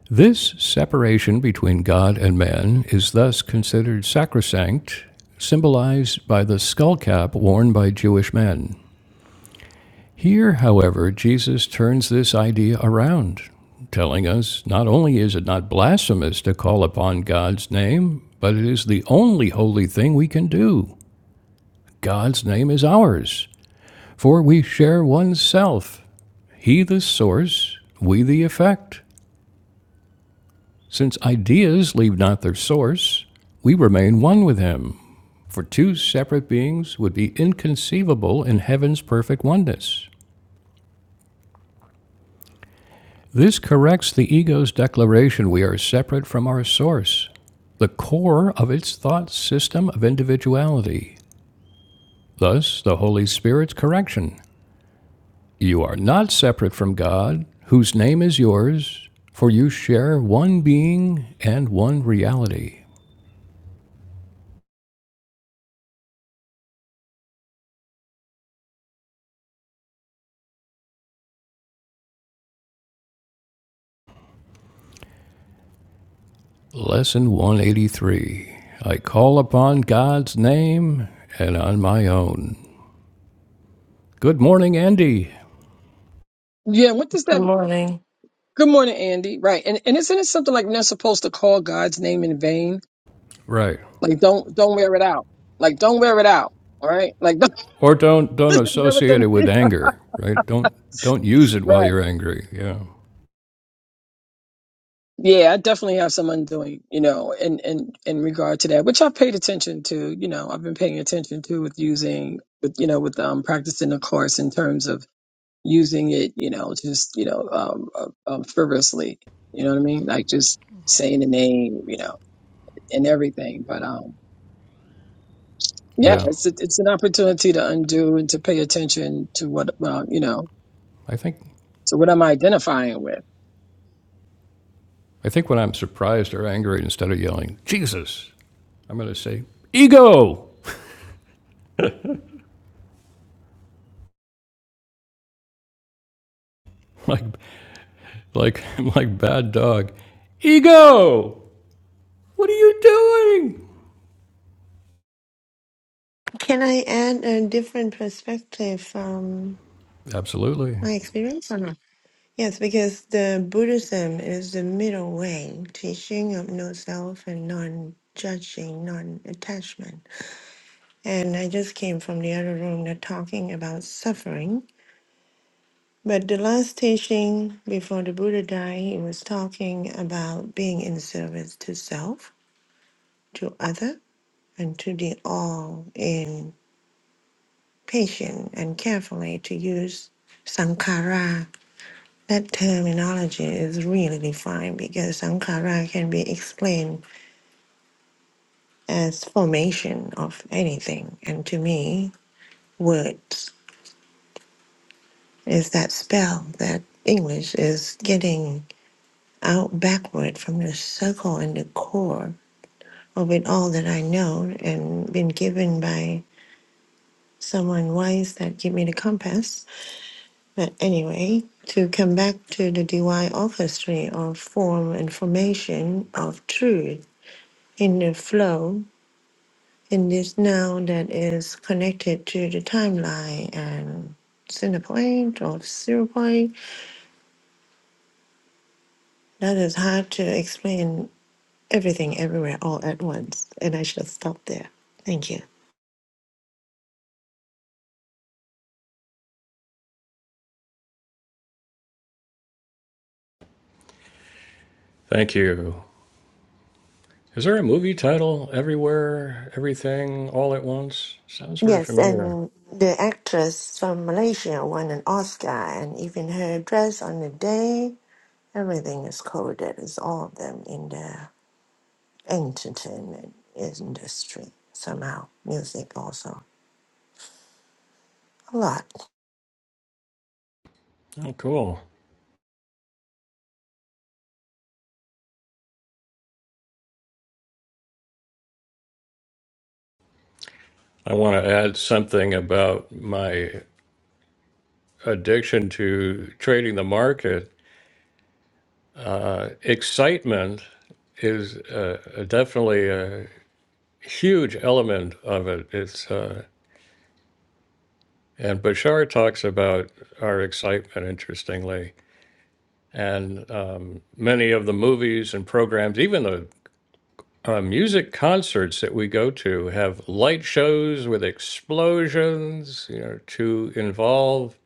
[SPEAKER 1] This separation between God and man is thus considered sacrosanct, symbolized by the skull cap worn by Jewish men. Here, however, Jesus turns this idea around, telling us not only is it not blasphemous to call upon God's name, but it is the only holy thing we can do. God's name is ours, for we share one self, He the source, we the effect. Since ideas leave not their source, we remain one with Him, for two separate beings would be inconceivable in heaven's perfect oneness. This corrects the ego's declaration we are separate from our source, the core of its thought system of individuality. Thus, the Holy Spirit's correction You are not separate from God, whose name is yours, for you share one being and one reality. Lesson 183 I call upon God's name and on my own. Good morning, Andy.
[SPEAKER 2] Yeah, what does
[SPEAKER 4] Good
[SPEAKER 2] that?
[SPEAKER 4] morning.
[SPEAKER 2] Good morning, Andy. Right, and and isn't it something like we're not supposed to call God's name in vain?
[SPEAKER 1] Right.
[SPEAKER 2] Like, don't don't wear it out. Like, don't wear it out. All right, like, don't,
[SPEAKER 1] Or don't don't
[SPEAKER 2] is that what
[SPEAKER 1] associate
[SPEAKER 2] that-
[SPEAKER 1] it with
[SPEAKER 2] is?
[SPEAKER 1] anger, right? Don't don't use it while
[SPEAKER 2] right.
[SPEAKER 1] you're angry. Yeah.
[SPEAKER 2] Yeah, I definitely have some undoing, you know, in in in regard to that, which I've paid attention to. You know, I've been paying attention to with using, with you know, with um practicing the course in terms of using it, you know, just you know, um, um um, frivolously. You know what I mean? Like just saying the name, you know, and everything, but um. Yeah,
[SPEAKER 1] Yeah.
[SPEAKER 2] it's a, it's an opportunity to undo and to pay attention to what well, you know.
[SPEAKER 1] I think
[SPEAKER 2] So what am I identifying with?
[SPEAKER 1] I think when I'm surprised or angry instead of yelling, Jesus, I'm going to say ego. Like like like bad dog. Ego. What are you doing?
[SPEAKER 3] Can I add a different perspective from
[SPEAKER 1] Absolutely.
[SPEAKER 3] my experience or not? Yes, because the Buddhism is the middle way, teaching of no self and non-judging, non-attachment and I just came from the other room They're talking about suffering. But the last teaching before the Buddha died, he was talking about being in service to self, to other, and to the all in patient and carefully to use sankhara. That terminology is really defined because sankhara can be explained as formation of anything. And to me, words. is that spell that English is getting out backward from the circle and the core of it all that I know and been given by someone wise that gave me the compass. But anyway, to come back to the DY orchestra of form and formation of truth in the flow in this now that is connected to the timeline and center point or zero point that is hard to explain everything everywhere all at once. And I shall stop there. Thank you.
[SPEAKER 1] Thank you. Is there a movie title? Everywhere, Everything, All at Once? Sounds very
[SPEAKER 3] Yes,
[SPEAKER 1] familiar.
[SPEAKER 3] and the actress from Malaysia won an Oscar, and even her dress on the day, everything is coded. It's all of them in the entertainment industry somehow. Music also. A lot.
[SPEAKER 1] Oh, cool. I want to add something about my addiction to trading the market. Excitement is uh, definitely a huge element of it. It's uh, and Bashar talks about our excitement interestingly, and um, many of the movies and programs, even the uh, music concerts that we go to have light shows with explosions, you know, to involve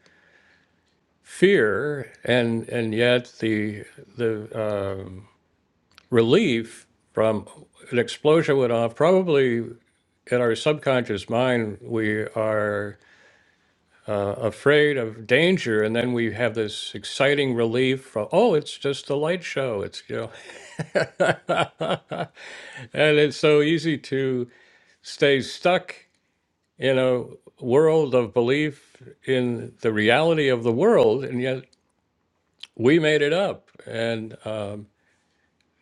[SPEAKER 1] fear and and yet the the um, relief from an explosion went off. Probably in our subconscious mind, we are afraid of danger, and then we have this exciting relief from oh, it's just a light show. It's you know, and it's so easy to stay stuck in a world of belief in the reality of the world, and yet we made it up. And um,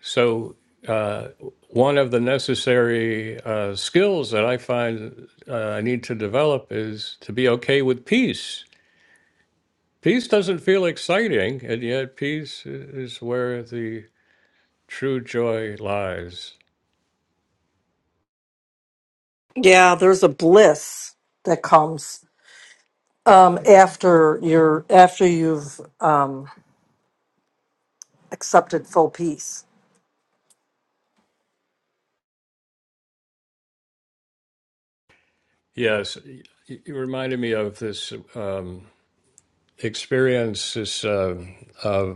[SPEAKER 1] so, uh, one of the necessary uh, skills that I find uh, I need to develop is to be okay with peace. Peace doesn't feel exciting, and yet peace i- is where the true joy lies.
[SPEAKER 4] Yeah, there's a bliss that comes um, after you're after you've um, accepted full peace.
[SPEAKER 1] Yes, y- y- you reminded me of this um, experience, this. um of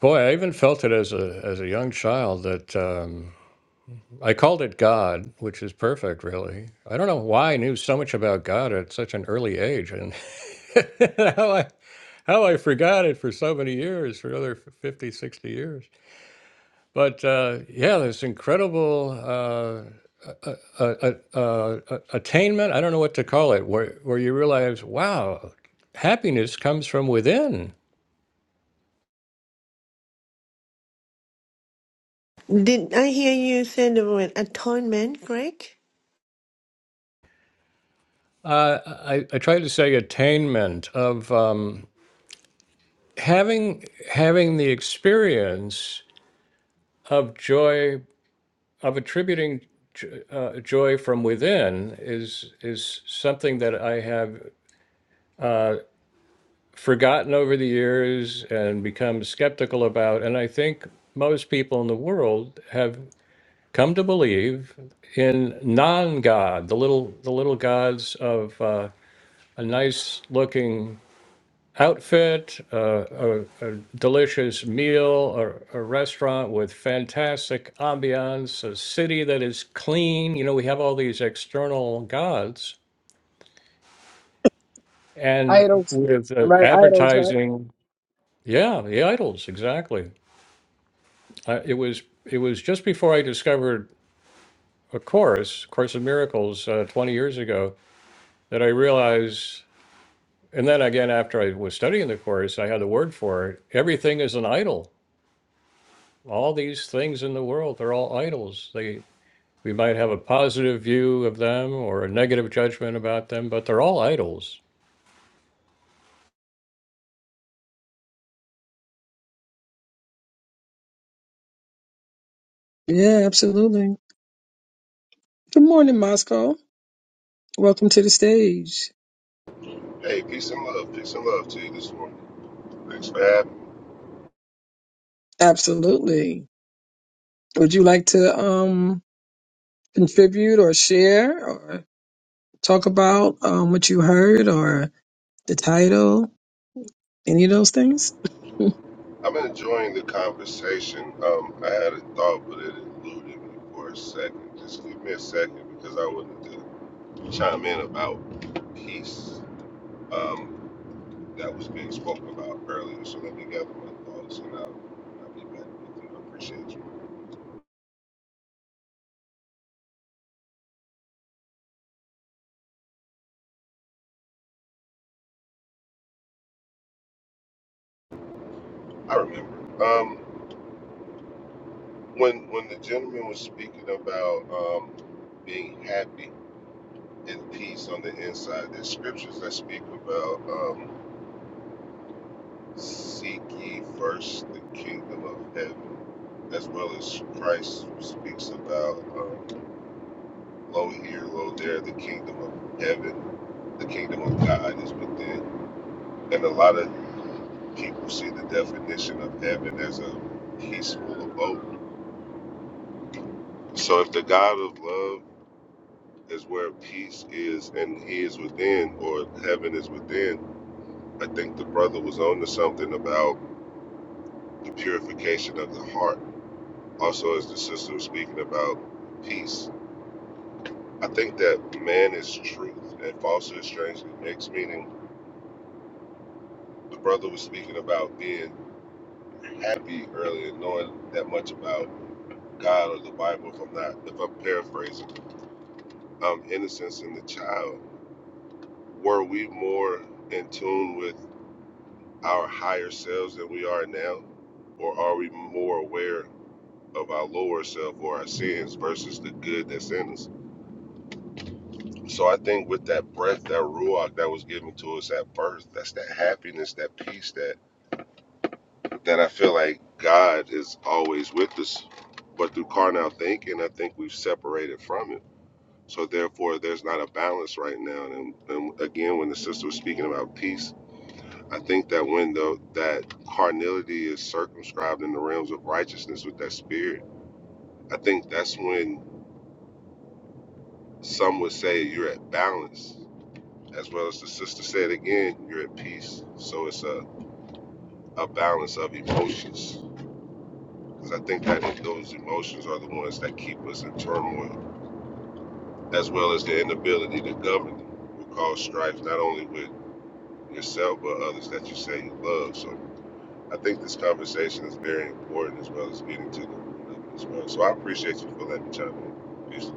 [SPEAKER 1] Boy, I even felt it as a as a young child that um, I called it God, which is perfect, really. I don't know why I knew so much about God at such an early age, and how I how I forgot it for so many years, for another 50, 60 years. But uh, yeah, this incredible uh, uh, uh, uh, a- attainment. I don't know what to call it, where where you realize, wow, happiness comes from within.
[SPEAKER 3] Did I hear you say the word atonement, Greg?
[SPEAKER 1] Uh, I, I try to say attainment of. Um, having having the experience of joy of attributing uh, joy from within is is something that I have forgotten over the years and become skeptical about, and I think most people in the world have come to believe in non-God, the little the little gods of uh, a nice looking outfit, uh, a, a delicious meal, a, a restaurant with fantastic ambiance, a city that is clean. You know, we have all these external gods, and
[SPEAKER 2] Idols,
[SPEAKER 1] with uh,
[SPEAKER 2] right? Idols, right?
[SPEAKER 1] advertising, yeah, the idols, exactly. I, it was it was just before I discovered a course, Course of Miracles, uh, 20 years ago, that I realized. And then again, after I was studying the course, I had the word for it. Everything is an idol all these things in the world they're all idols they we might have a positive view of them or a negative judgment about them but they're all idols
[SPEAKER 2] Yeah, absolutely. Good morning, Moscow. Welcome to the stage.
[SPEAKER 5] Hey, peace and love. Peace and love to you this morning. Thanks for having me.
[SPEAKER 2] Absolutely. Would you like to um contribute or share or talk about um what you heard or the title? Any of those things?
[SPEAKER 5] I'm enjoying the conversation. Um, I had a thought, but it eluded me for a second. Just give me a second because I wanted to chime in about peace um, that was being spoken about earlier. So let me gather my thoughts and I'll, I'll be back with you. I appreciate you. I remember. Um, when, when the gentleman was speaking about um, being happy and peace on the inside, there's scriptures that speak about. Um, Seek ye first the kingdom of heaven, as well as Christ speaks about, um, lo here, lo there, the kingdom of heaven, the kingdom of God is within. And a lot of people see the definition of heaven as a peaceful abode. So if the God of love is where peace is and he is within, or heaven is within, I think the brother was on to something about the purification of the heart Also, as the sister was speaking about peace, I think that man is truth and falsehood strangely mixed, meaning the brother was speaking about being happy earlier, knowing that much about God or the Bible, if I'm not, if I'm paraphrasing, um, innocence in the child. Were we more in tune with our higher selves than we are now? Or are we more aware of our lower self or our sins versus the good that's in us? So I think with that breath, that ruach that was given to us at birth, that's that happiness, that peace, that that I feel like God is always with us. But through carnal thinking, I think we've separated from it. So therefore, there's not a balance right now. And, and again, when the sister was speaking about peace, I think that when the, that carnality is circumscribed in the realms of righteousness with that spirit, I think that's when some would say you're at balance As well as the sister said again, you're at peace. So it's a, a balance of emotions. Because I think that those emotions are the ones that keep us in turmoil, as well as the inability to govern them, will cause strife, not only with yourself, but others that you say you love. So I think this conversation is very important, as well as getting to the root of it as well. So I appreciate you for letting me chime in. Peace.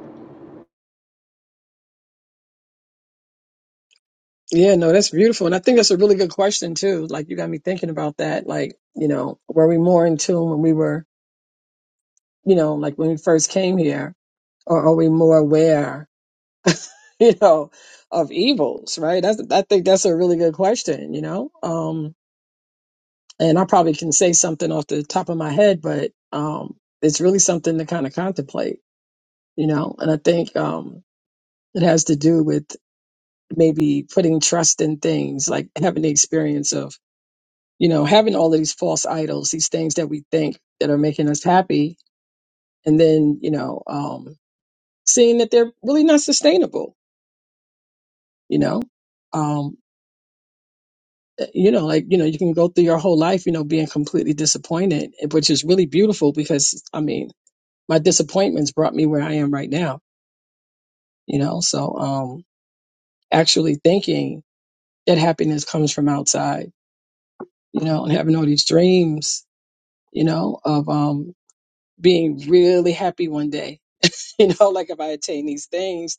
[SPEAKER 2] Yeah, no, that's beautiful. And I think that's a really good question too. Like you got me thinking about that. Like, you know, were we more in tune when we were, you know, like when we first came here, or are we more aware, you know, of evils, right? That's I think that's a really good question, you know? Um, and I probably can say something off the top of my head, but um, it's really something to kind of contemplate, you know. And I think um, it has to do with maybe putting trust in things, like having the experience of, you know, having all of these false idols, these things that we think that are making us happy, and then you know, um, seeing that they're really not sustainable, you know. Um, eh, you know, like, you know, you can go through your whole life, you know, being completely disappointed, eh, which is really beautiful because, I mean, my disappointments brought me where I am right now, you know? So, um, actually thinking that happiness comes from outside, you know, and having all these dreams, you know, of, um, being really happy one day, you know, like if I attain these things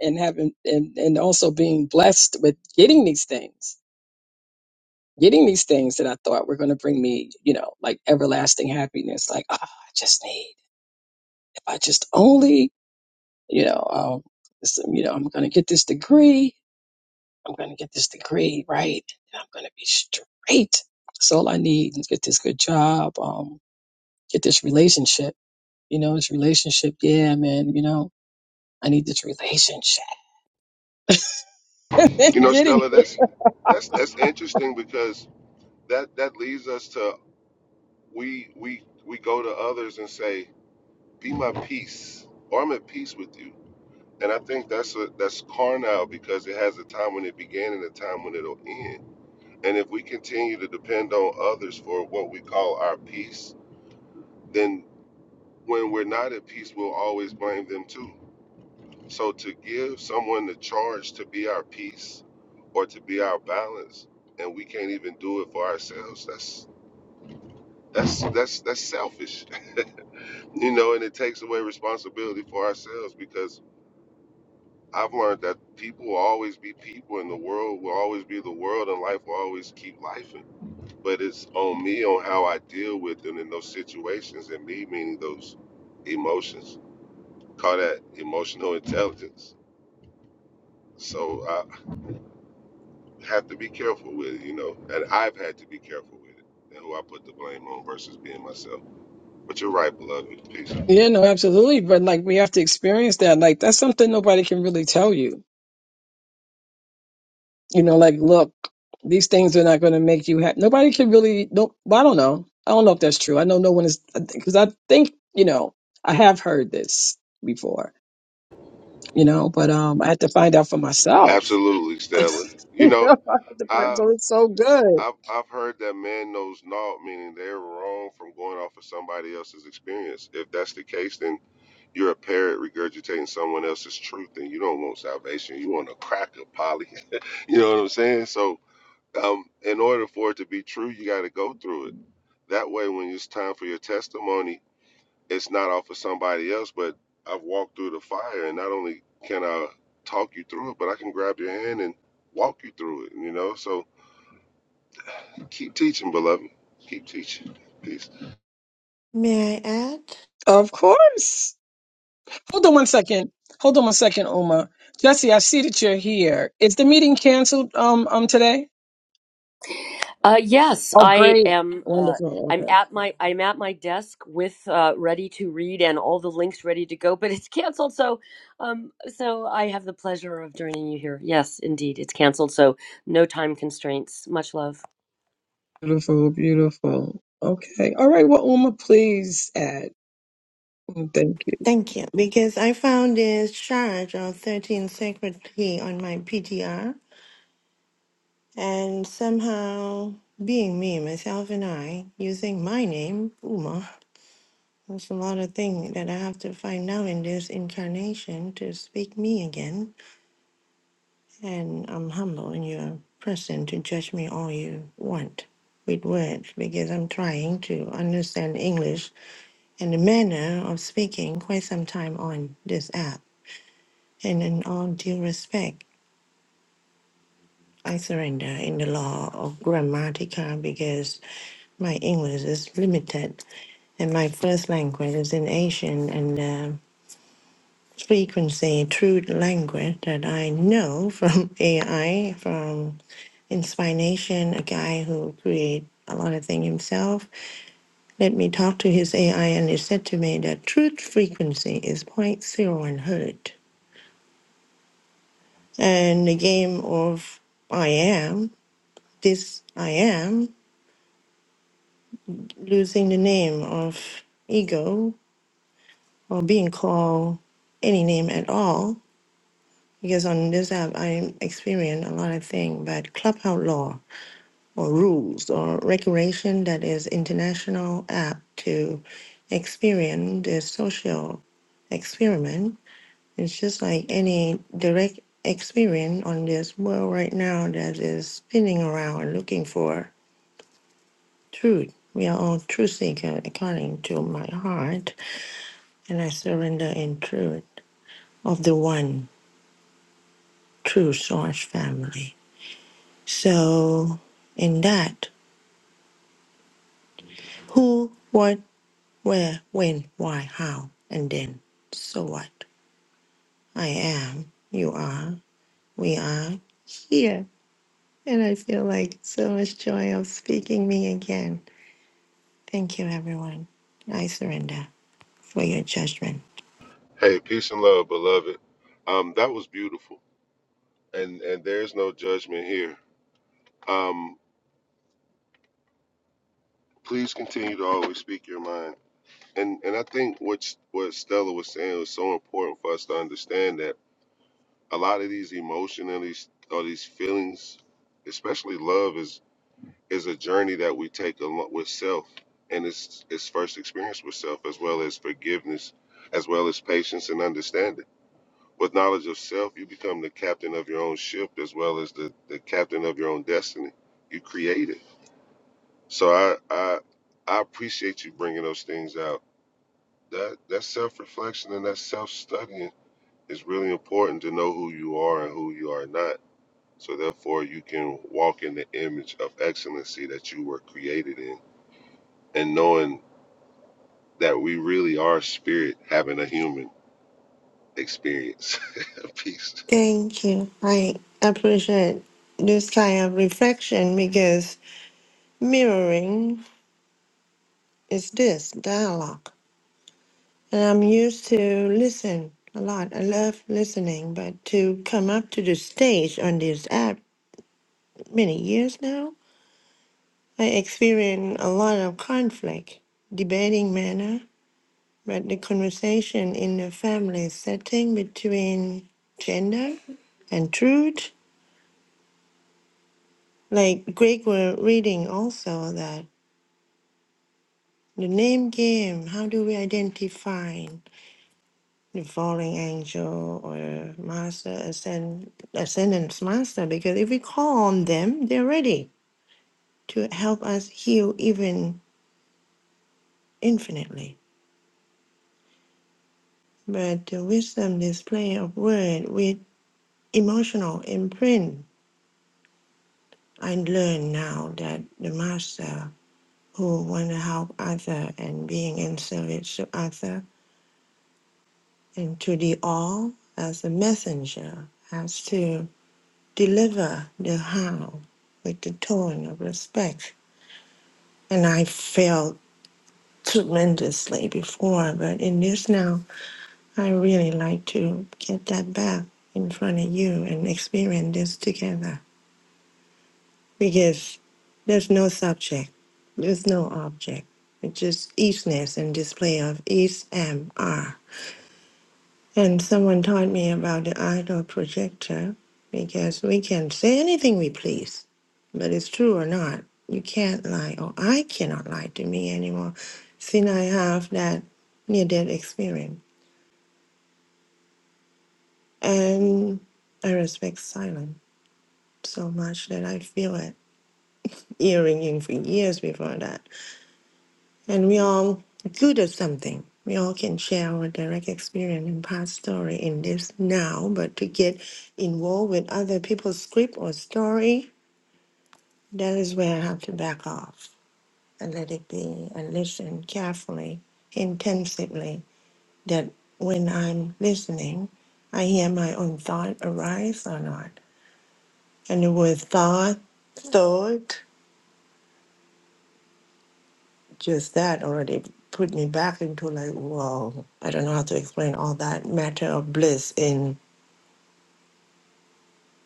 [SPEAKER 2] and having, and, and also being blessed with getting these things, getting these things that I thought were going to bring me, you know, like everlasting happiness. Like, ah, I just need, if I just only, you know, um, so, you know, I'm going to get this degree. I'm going to get this degree, right? And I'm going to be straight. So all I need is get this good job, um, get this relationship. You know, this relationship, yeah, man, you know, I need this relationship.
[SPEAKER 5] You know,
[SPEAKER 2] Getting,
[SPEAKER 5] Stella, that's that's that's interesting because that that leads us to we we we go to others and say be my peace, or I'm at peace with you. And I think that's a, that's carnal because it has a time when it began and a time when it'll end. And if we continue to depend on others for what we call our peace, then when we're not at peace, we'll always blame them too. So to give someone the charge to be our peace or to be our balance, and we can't even do it for ourselves, that's that's that's that's selfish, you know. And it takes away responsibility for ourselves because I've learned that people will always be people, and the world will always be the world, and life will always keep life. But it's on me on how I deal with them in those situations, and me meaning those emotions. Call that emotional intelligence. So I have to be careful with it, you know, and I've had to be careful with it and who I put the blame on versus being myself. But you're right, beloved. Peace.
[SPEAKER 2] you know, absolutely. But like, we have to experience that. Like, that's something nobody can really tell you. You know, like, look, these things are not going to make you happy. Nobody can really, no, well, I don't know. I don't know if that's true. I know no one is, because I think, you know, I have heard this before you know, but um, I had to find out for myself.
[SPEAKER 5] Absolutely, Stella. You
[SPEAKER 2] You know,
[SPEAKER 5] know,
[SPEAKER 2] I had to
[SPEAKER 5] I
[SPEAKER 2] find- so it's so good.
[SPEAKER 5] I've I've heard that man knows naught, meaning they're wrong from going off of somebody else's experience. If that's the case, then you're a parrot regurgitating someone else's truth, and you don't want salvation. You want a cracker, Polly. you know what I'm saying? So, um, in order for it to be true, you got to go through it. That way, when it's time for your testimony, it's not off of somebody else, but I've walked through the fire, and not only can I talk you through it, but I can grab your hand and walk you through it. You know, so Keep teaching, beloved. Keep teaching. Peace.
[SPEAKER 3] May I add?
[SPEAKER 2] Of course. Hold on one second. Hold on one second, Uma. Jesse, I see that you're here. Is the meeting canceled um um today?
[SPEAKER 6] Uh, yes,
[SPEAKER 2] Oh,
[SPEAKER 6] I
[SPEAKER 2] great.
[SPEAKER 6] am. Uh,
[SPEAKER 2] Wonderful.
[SPEAKER 6] I'm
[SPEAKER 2] Okay.
[SPEAKER 6] at my I'm at my desk with uh, ready to read and all the links ready to go, but it's canceled. So, um, so I have the pleasure of joining you here. Yes, indeed, it's canceled. So no time constraints. Much love.
[SPEAKER 2] Beautiful, beautiful. Okay. All right. Well, Uma, please add. Mm, Thank you.
[SPEAKER 3] Thank you, because I found this charge of 13 Sacred Tea on my PTR. And somehow, being me, myself, and I, using my name, Uma, there's a lot of things that I have to find out in this incarnation to speak me again. And I'm humble in your presence to judge me all you want with words because I'm trying to understand English and the manner of speaking quite some time on this app. And in all due respect, I surrender in the law of grammatica because my English is limited And my first language is in Asian and um frequency through language that I know from AI, from Inspiration, a guy who create a lot of things himself. Let me talk to his AI and he said to me that truth frequency is zero point zero 0.01 hertz. And the game of I am, this I am, losing the name of ego or being called any name at all Because on this app, I experience a lot of things, but clubhouse law or rules or regulation that is international app to experience the social experiment. It's just like any direct experience on this world right now that is spinning around and looking for truth. We are all truth seeker according to my heart, and I surrender in truth of the one true source family. So, in that, who, what, where, when, why, how, and then. So what? I am, you are, we are here. And I feel like so much joy of speaking me again. Thank you, everyone. I surrender for your judgment.
[SPEAKER 5] Hey, peace and love, beloved. Um, that was beautiful, and and there's no judgment here. Um, please continue to always speak your mind, and and I think what what Stella was saying was so important for us to understand that a lot of these emotions, and these or these feelings, especially love, is is a journey that we take along with self, and it's it's first experience with self as well as forgiveness, as well as patience and understanding With knowledge of self, you become the captain of your own ship as well as the, the captain of your own destiny. You create it. So I, I I appreciate you bringing those things out. That that self reflection and that self studying is really important to know who you are and who you are not. So therefore, you can walk in the image of excellency that you were created in, and knowing that we really are spirit having a human experience. Peace.
[SPEAKER 3] Thank you. I appreciate this kind of reflection because mirroring is this dialogue. And I'm used to listen a lot. I love listening, but to come up to the stage on this app many years now, I experience a lot of conflict, debating manner, but the conversation in the family setting between gender and truth. Like Greg were reading also that the name game, how do we identify? the falling angel or master ascend ascendance master because if we call on them they're ready to help us heal even infinitely but the wisdom display of word with emotional imprint i learn now that the master who want to help other and being in service to other and to the all as a messenger has to deliver the how with the tone of respect and I failed tremendously before, but in this now, I really like to get that back in front of you and experience this together because there's no subject, there's no object. It's just easiness and display of ease M R. And someone taught me about the idol projector because we can say anything we please, but it's true or not. You can't lie, or I cannot lie to me anymore since I have that near death experience. And I respect silence so much that I feel it earringing for years before that. And we all good at something. We all can share our direct experience and past story in this now, but to get involved with other people's script or story, that is where I have to back off and let it be and listen carefully, intensively. That when I'm listening, I hear my own thought arise or not. And the word thought, thought just that already put me back into like, wow! I don't know how to explain all that matter of bliss in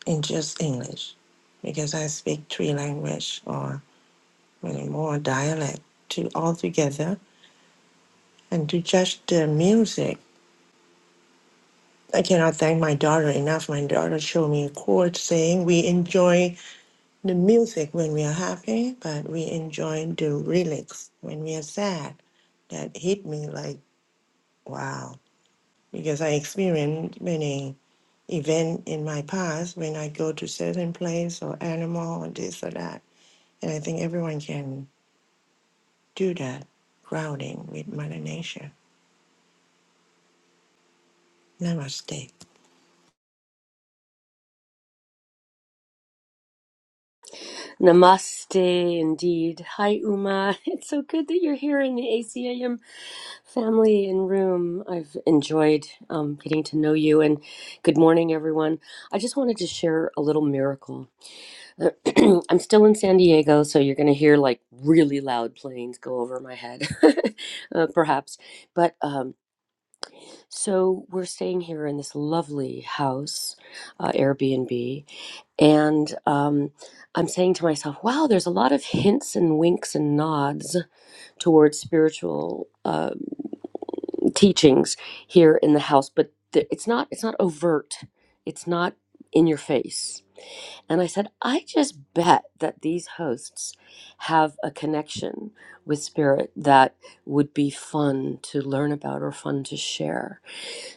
[SPEAKER 3] in just English, because I speak three language or many more dialect to all together, and to just the music. I cannot thank my daughter enough. My daughter showed me a chord saying we enjoy the music when we are happy, but we enjoy the lyrics when we are sad. That hit me like wow, because I experienced many event in my past when I go to certain place or animal or this or that. And I think everyone can do that grounding with Mother Nature. Namaste.
[SPEAKER 6] Namaste, indeed. Hi, Uma. It's so good that you're here in the ACAM family and room. I've enjoyed um, getting to know you, and good morning, everyone. I just wanted to share a little miracle. I'm still in San Diego, so you're going to hear like really loud planes go over my head, uh, perhaps. But um, so we're staying here in this lovely house, uh, Airbnb. And um, I'm saying to myself, wow, there's a lot of hints and winks and nods towards spiritual. Uh, teachings here in the house but th- it's not it's not overt it's not in your face and i said i just bet that these hosts have a connection with spirit that would be fun to learn about or fun to share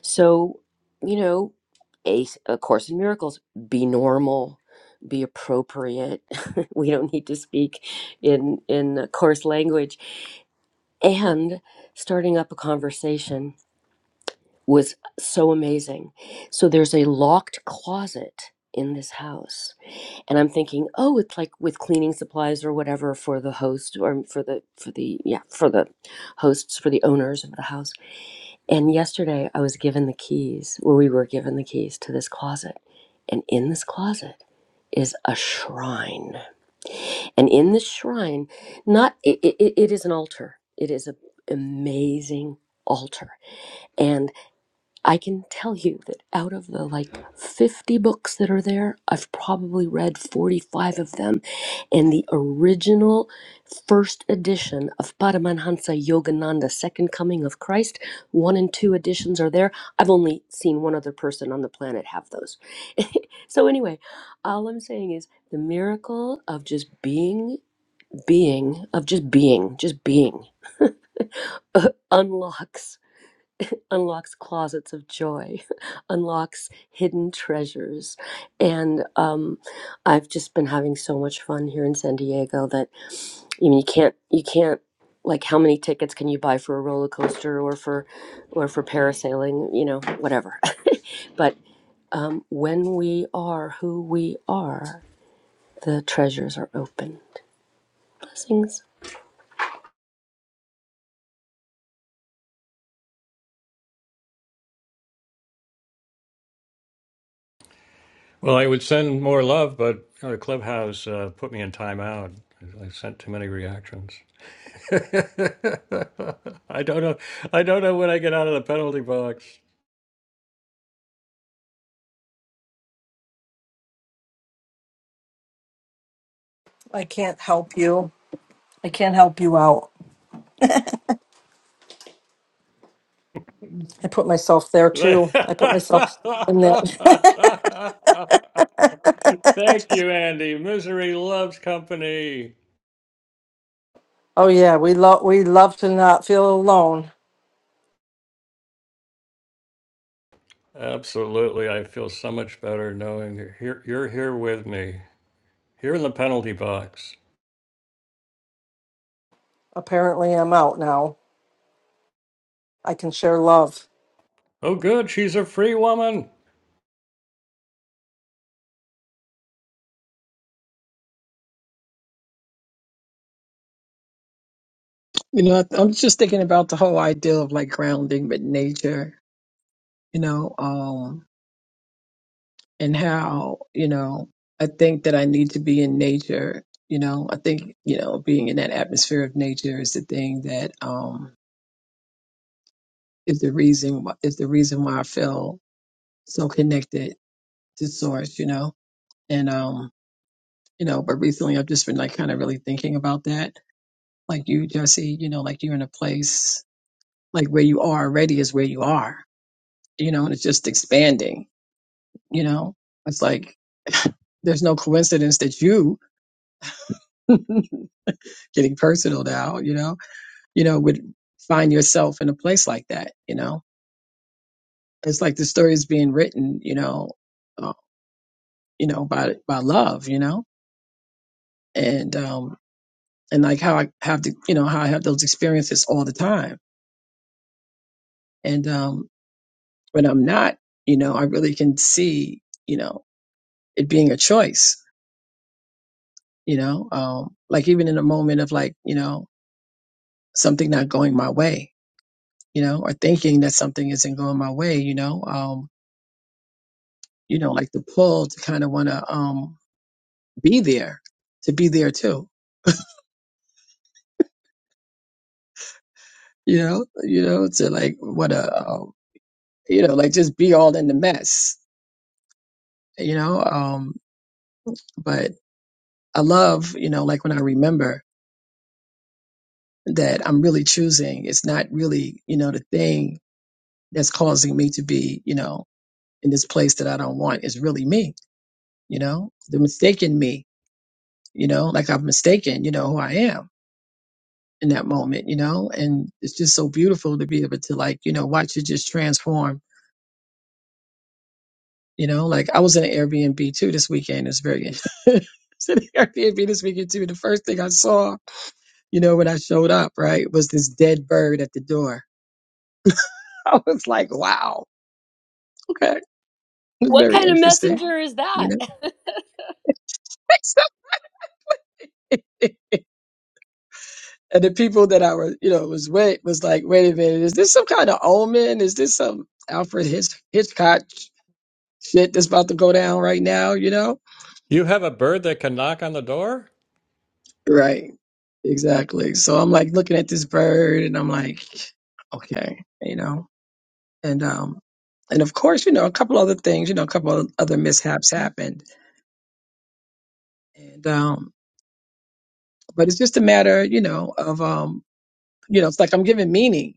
[SPEAKER 6] so you know a, a course in miracles be normal be appropriate we don't need to speak in in coarse language and starting up a conversation was so amazing. So there's a locked closet in this house and i'm thinking oh it's like with cleaning supplies or whatever for the host or for the for the yeah for the hosts for the owners of the house and yesterday i was given the keys or we were given the keys to this closet and in this closet is a shrine and in this shrine not it, it, it is an altar it is an amazing altar and. I can tell you that out of the like 50 books that are there, I've probably read 45 of them. And the original first edition of Paramahansa Yogananda, Second Coming of Christ, one and two editions are there. I've only seen one other person on the planet have those. so, anyway, all I'm saying is the miracle of just being, being, of just being, just being unlocks unlocks closets of joy, unlocks hidden treasures. And um, I've just been having so much fun here in San Diego that you mean you can't you can't like how many tickets can you buy for a roller coaster or for or for parasailing, you know, whatever. but um, when we are who we are, the treasures are open. Blessings.
[SPEAKER 1] well i would send more love but you know, clubhouse uh, put me in timeout I sent too many reactions. I don't know. I don't know when I get out of the penalty box.
[SPEAKER 4] I can't help you. I can't help you out. I put myself there too. I put myself in that.
[SPEAKER 1] Thank you, Andy. Misery loves company.
[SPEAKER 4] Oh yeah, we love we love to not feel alone.
[SPEAKER 1] Absolutely. I feel so much better knowing you're here, you're here with me, here in the penalty box.
[SPEAKER 4] Apparently, I'm out now. I can share love.
[SPEAKER 1] Oh, good. She's a free woman.
[SPEAKER 2] You know, I- I'm just thinking about the whole idea of like grounding with nature, you know, um. and how you know I think that I need to be in nature. You know, I think you know being in that atmosphere of nature is the thing that um is the reason wh- is the reason why I feel so connected to source. You know, and um you know, but recently I've just been like kind of really thinking about that. Like you, Jesse, you know, like you're in a place like where you are already is where you are. You know, and it's just expanding. You know, it's like there's no coincidence that you getting personal now. You know you know, would find yourself in a place like that. You know, it's like the story is being written, you know, uh, you know, by by love, you know, and um, and like how I have to, you know, how I have those experiences all the time, and um, when I'm not, you know, I really can see, you know, it being a choice, you know, um, like even in a moment of like, you know, something not going my way, you know, or thinking that something isn't going my way, you know, um, you know, like the pull to kind of want to, um, be there to be there too you know you know to like what a um, you know like just be all in the mess you know um but i love you know like when i remember that i'm really choosing it's not really you know the thing that's causing me to be you know in this place that i don't want is really me you know the mistaken me you know like i've mistaken you know who i am in that moment you know and it's just so beautiful to be able to like you know watch it just transform You know, like I was in an Airbnb too this weekend. It's very I was in an Airbnb this weekend too. The first thing I saw, you know, when I showed up, right, was this dead bird at the door. I was like, wow, okay, it's
[SPEAKER 6] What
[SPEAKER 2] very
[SPEAKER 6] kind of
[SPEAKER 2] interesting.
[SPEAKER 6] messenger is
[SPEAKER 2] You
[SPEAKER 6] that?
[SPEAKER 2] know, So- and the people that I were, you know, was wait, was like, wait a minute, is this some kind of omen? Is this some Alfred Hitch- Hitchcock shit that's about to go down right now? You know
[SPEAKER 1] You have a bird that can knock on the door?
[SPEAKER 2] Right. Exactly. So I'm like looking at this bird and I'm like, okay, you know, and, um, and of course, you know, a couple other things, you know, a couple of other mishaps happened. And, um, but it's just a matter, you know, of, um, you know, it's like I'm giving meaning,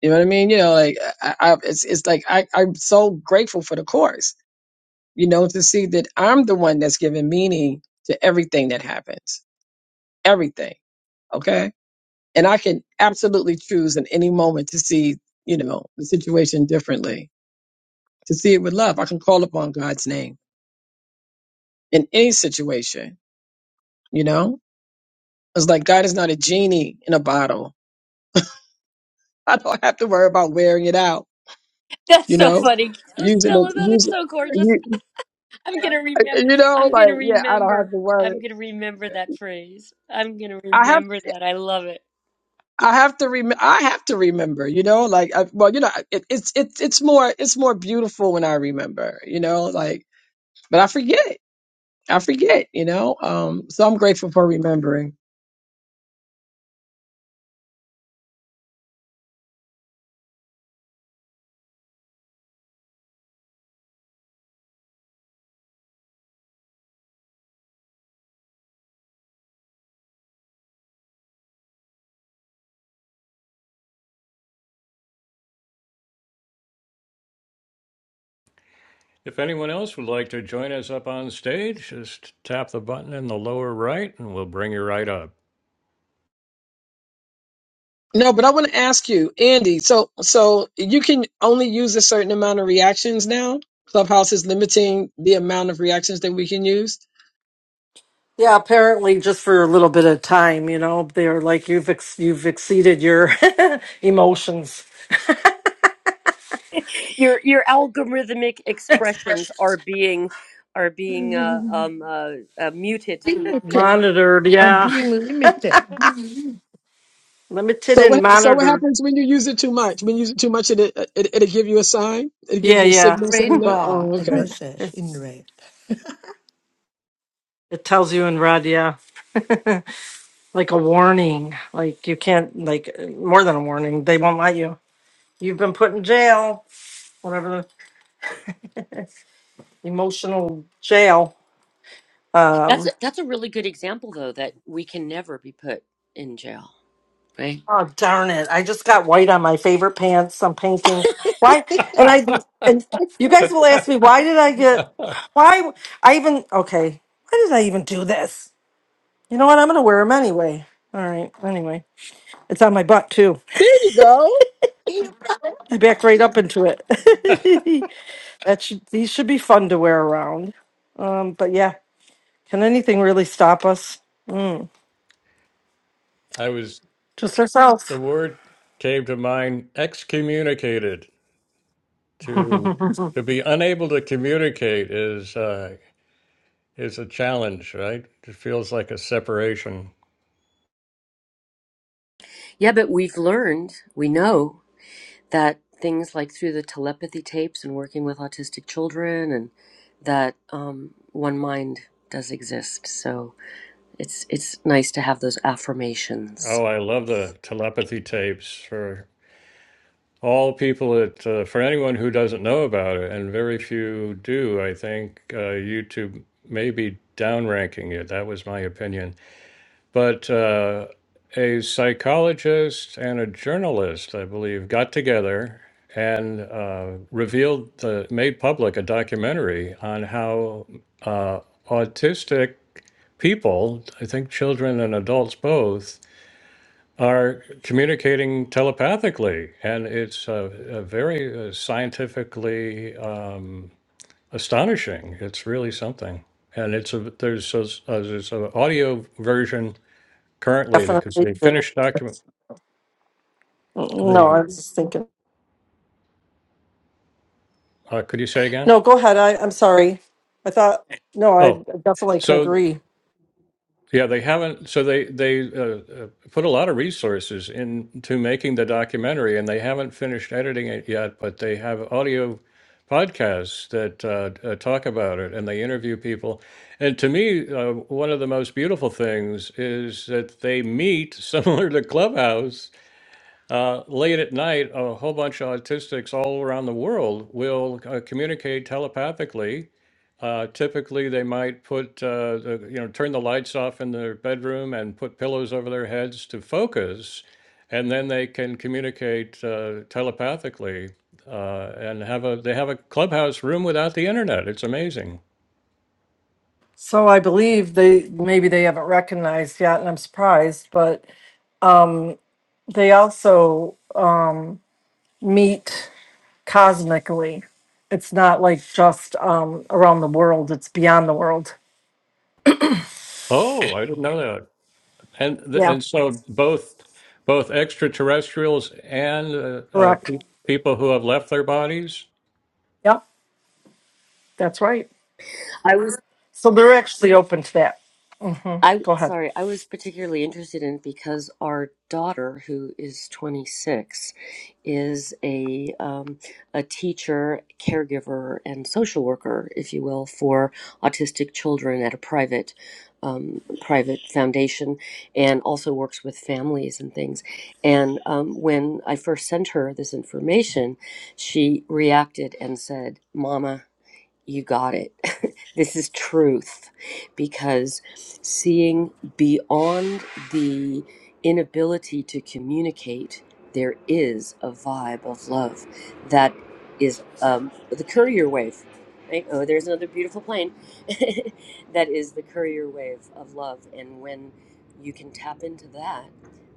[SPEAKER 2] you know what I mean? You know, like I, I it's, it's like I, I'm so grateful for the course, you know, to see that I'm the one that's giving meaning to everything that happens, everything. Okay and I can absolutely choose in any moment to see, you know, the situation differently, to see it with love. I can call upon God's name in any situation, you know? It's like God is not a genie in a bottle. I don't have to worry about wearing it out,
[SPEAKER 6] That's
[SPEAKER 2] you
[SPEAKER 6] so
[SPEAKER 2] know?
[SPEAKER 6] funny.
[SPEAKER 2] Using it,
[SPEAKER 6] Stella, that is
[SPEAKER 2] using
[SPEAKER 6] so gorgeous.
[SPEAKER 2] you,
[SPEAKER 6] I'm gonna remember.
[SPEAKER 2] you know,
[SPEAKER 6] I'm
[SPEAKER 2] like
[SPEAKER 6] gonna
[SPEAKER 2] yeah, I don't have
[SPEAKER 6] remember.
[SPEAKER 2] to worry.
[SPEAKER 6] I'm gonna remember that phrase. I'm gonna
[SPEAKER 2] I have,
[SPEAKER 6] remember that. I love it.
[SPEAKER 2] I have to rem, I have to remember, you know, like, I, well, you know, it, it's, it's, it's more, it's more beautiful when I remember, you know, like, but I forget. I forget, you know. Um, so I'm grateful for remembering.
[SPEAKER 1] If anyone else would like to join us up on stage, just tap the button in the lower right and we'll bring you right up.
[SPEAKER 2] No, but I want to ask you, Andy. So, so you can only use a certain amount of reactions now. Clubhouse is limiting the amount of reactions that we can use.
[SPEAKER 4] Yeah, apparently, just for a little bit of time, you know, they're like you've ex- you've exceeded your emotions
[SPEAKER 6] Your your algorithmic expressions are being are being uh, um, uh, uh, muted.
[SPEAKER 3] Limited.
[SPEAKER 4] monitored.
[SPEAKER 3] I'm
[SPEAKER 4] Yeah.
[SPEAKER 3] being limited.
[SPEAKER 4] Limited
[SPEAKER 2] So,
[SPEAKER 4] and
[SPEAKER 2] what, so what
[SPEAKER 4] monitored.
[SPEAKER 2] happens when you use it too much? When you use it too much, it it it'll give you a sign. It'll give
[SPEAKER 4] Yeah,
[SPEAKER 2] you a
[SPEAKER 4] yeah.
[SPEAKER 2] signal saying
[SPEAKER 3] Red
[SPEAKER 2] that.
[SPEAKER 3] bar
[SPEAKER 2] Oh,
[SPEAKER 3] and
[SPEAKER 2] okay.
[SPEAKER 3] message in
[SPEAKER 4] It's,
[SPEAKER 3] red.
[SPEAKER 4] it tells you in red, yeah. Like a warning. Like you can't, like more than a warning. They won't let you. You've been put in jail, whatever the emotional jail.
[SPEAKER 6] That's a,
[SPEAKER 4] Um,
[SPEAKER 6] that's a really good example though that we can never be put in jail, right?
[SPEAKER 4] oh, darn it. I just got white on my favorite pants. I'm painting. Why? And I, and you guys will ask me, why did I get, why? I even, okay. Why did I even do this? You know what? I'm going to wear them anyway. All right. Anyway, it's on my butt too.
[SPEAKER 2] There you go.
[SPEAKER 3] You know,
[SPEAKER 4] I back right up into it. that should, these should be fun to wear around. Um, but yeah, can anything really stop us? Mm,
[SPEAKER 1] I was,
[SPEAKER 4] just ourselves.
[SPEAKER 1] the word came to mind excommunicated. To, to be unable to communicate is. uh, is a challenge, right? It feels like a separation.
[SPEAKER 6] Yeah, but we've learned, we know that things like through the telepathy tapes and working with autistic children and that um, one mind does exist. So it's it's nice to have those affirmations.
[SPEAKER 1] Oh, I love the telepathy tapes for all people that, uh, for anyone who doesn't know about it, and very few do, I think uh, YouTube may be downranking it. That was my opinion. But uh, a psychologist and a journalist, I believe, got together and uh, revealed, the, made public a documentary on how uh, autistic people, I think children and adults both, are communicating telepathically. And it's uh, uh, very uh, scientifically um, astonishing. It's really something. And it's a, there's a, uh, there's an audio version currently because
[SPEAKER 4] Definitely
[SPEAKER 1] the
[SPEAKER 4] do.
[SPEAKER 1] finished
[SPEAKER 4] Mm,
[SPEAKER 1] document,
[SPEAKER 4] No, I
[SPEAKER 1] the,
[SPEAKER 4] was just thinking.
[SPEAKER 1] uh, could you say again?
[SPEAKER 4] No, go ahead. I, I'm sorry. I thought, no, I
[SPEAKER 1] Oh,
[SPEAKER 4] definitely can
[SPEAKER 1] so
[SPEAKER 4] agree.
[SPEAKER 1] Yeah, they haven't. So they they uh, uh, put a lot of resources into making the documentary, and they haven't finished editing it yet. But they have audio podcasts that uh, uh, talk about it, and they interview people. And to me, uh, one of the most beautiful things is that they meet, similar to Clubhouse, uh, late at night. A whole bunch of autistics all around the world will uh, communicate telepathically uh, typically, they might put, uh, the, you know, turn the lights off in their bedroom and put pillows over their heads to focus, and then they can communicate uh, telepathically uh, and have a they have a clubhouse room without the internet. It's amazing.
[SPEAKER 4] So I believe they maybe they haven't recognized yet, and I'm surprised, but um, they also um, meet. cosmically. It's not like just um, around the world, it's beyond the world.
[SPEAKER 1] Oh, I didn't know that. And th-
[SPEAKER 4] Yeah,
[SPEAKER 1] and so both both extraterrestrials and uh, uh,
[SPEAKER 4] correct.
[SPEAKER 1] pe- people who have left their bodies.
[SPEAKER 4] Yep, that's right.
[SPEAKER 6] I was
[SPEAKER 4] So they're actually open to that. hmm
[SPEAKER 6] I
[SPEAKER 4] Go ahead.
[SPEAKER 6] sorry, I was particularly interested in it because our daughter, who is 26, is a um, a teacher, caregiver, and social worker, if you will, for autistic children at a private um, private foundation, and also works with families and things. And um, when I first sent her this information, she reacted and said, "Mama." You got it. this is truth because seeing beyond the inability to communicate, there is a vibe of love that is um, the courier wave. Right? Oh, there's another beautiful plane. that is the courier wave of love. And when you can tap into that,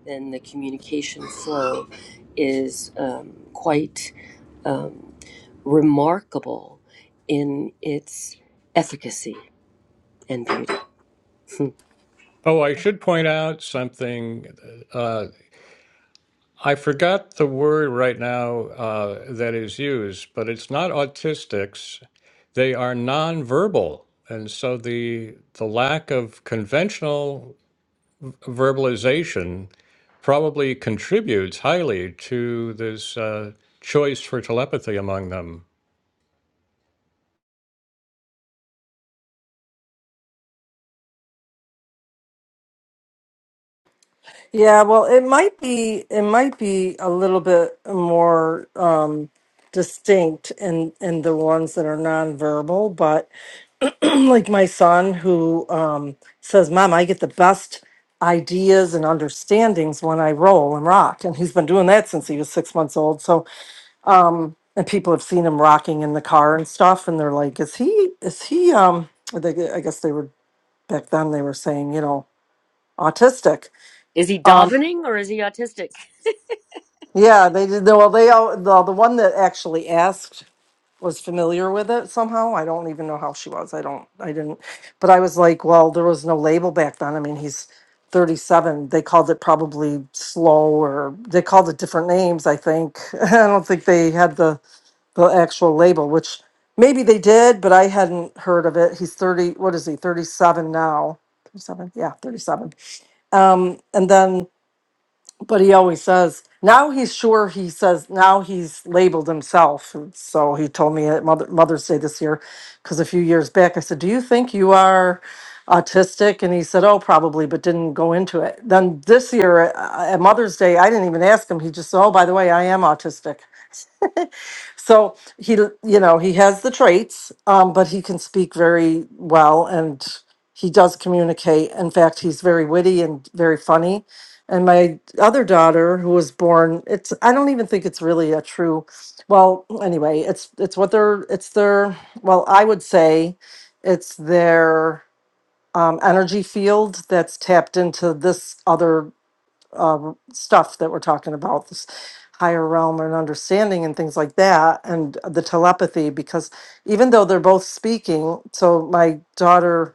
[SPEAKER 6] then the communication flow is um, quite um, remarkable in its efficacy and beauty. Hmm.
[SPEAKER 1] Oh, I should point out something. Uh, I forgot the word right now uh, that is used, but it's not autistics. They are nonverbal, and so the the lack of conventional verbalization probably contributes highly to this uh, choice for telepathy among them.
[SPEAKER 4] Yeah, well, it might be it might be a little bit more um, distinct in in the ones that are nonverbal, but like my son who um, says, "Mom, I get the best ideas and understandings when I roll and rock," and he's been doing that since he was six months old. So um and people have seen him rocking in the car and stuff and they're like is he is he um they, i guess they were back then they were saying you know autistic
[SPEAKER 6] Is he
[SPEAKER 4] um
[SPEAKER 6] davening or is he autistic?
[SPEAKER 4] yeah they did no, well they all the, the one that actually asked was familiar with it somehow i don't even know how she was i don't i didn't but i was like well there was no label back then i mean he's 37 they called it probably slow or they called it different names i think i don't think they had the the actual label, which maybe they did, but I hadn't heard of it. He's 30, what is he, 37 now? 37, yeah, 37. Um, and then, but he always says, now he's sure he says, now he's labeled himself. And So he told me at Mother, Mother's Day this year, because a few years back I said, Do you think you are autistic? And he said, Oh, probably, but didn't go into it. Then this year uh, at Mother's Day, I didn't even ask him. He just said, Oh, by the way, I am autistic. So he, you know, he has the traits, um, but he can speak very well and he does communicate. In fact, he's very witty and very funny. And my other daughter, who was born, it's I don't even think it's really a true. Well, anyway, it's it's what their it's their. Well, I would say it's their um, energy field that's tapped into this other um, stuff that we're talking about, this higher realm and understanding and things like that, and the telepathy, because even though they're both speaking, so my daughter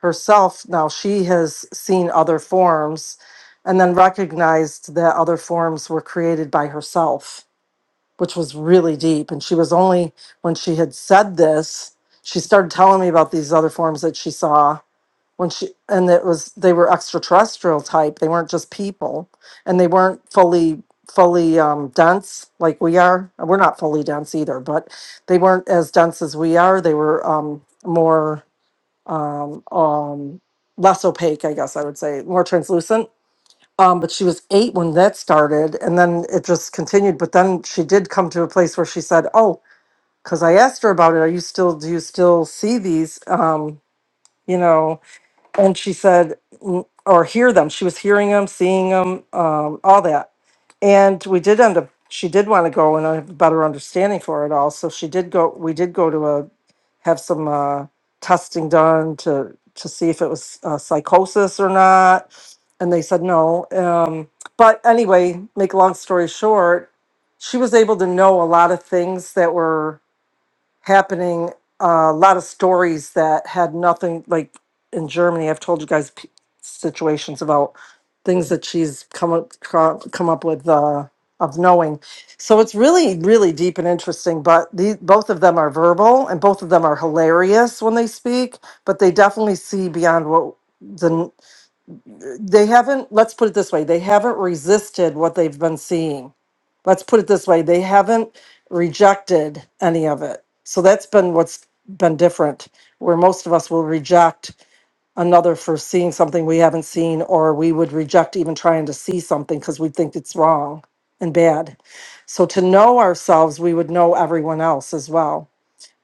[SPEAKER 4] herself now, she has seen other forms and then recognized that other forms were created by herself, which was really deep. And she was only, when she had said this, she started telling me about these other forms that she saw when she and it was they were extraterrestrial type they weren't just people and they weren't fully fully um, dense like we are we're not fully dense either but they weren't as dense as we are they were um, more um, um, less opaque i guess i would say more translucent um, but she was eight when that started and then it just continued but then she did come to a place where she said oh because i asked her about it are you still do you still see these um, you know and she said mm, or hear them she was hearing them seeing them um, all that and we did end up she did want to go and have a better understanding for it all so she did go we did go to a have some uh, testing done to to see if it was uh, psychosis or not and they said no um, but anyway make a long story short she was able to know a lot of things that were happening. Uh, a lot of stories that had nothing, like in Germany, I've told you guys p- situations about things that she's come up, cro- come up with uh, of knowing. So it's really, really deep and interesting. But the, both of them are verbal and both of them are hilarious when they speak, but they definitely see beyond what. the they haven't let's put it this way they haven't resisted what they've been seeing let's put it this way they haven't rejected any of it so that's been what's been different where most of us will reject another for seeing something we haven't seen or we would reject even trying to see something because we think it's wrong and bad so to know ourselves we would know everyone else as well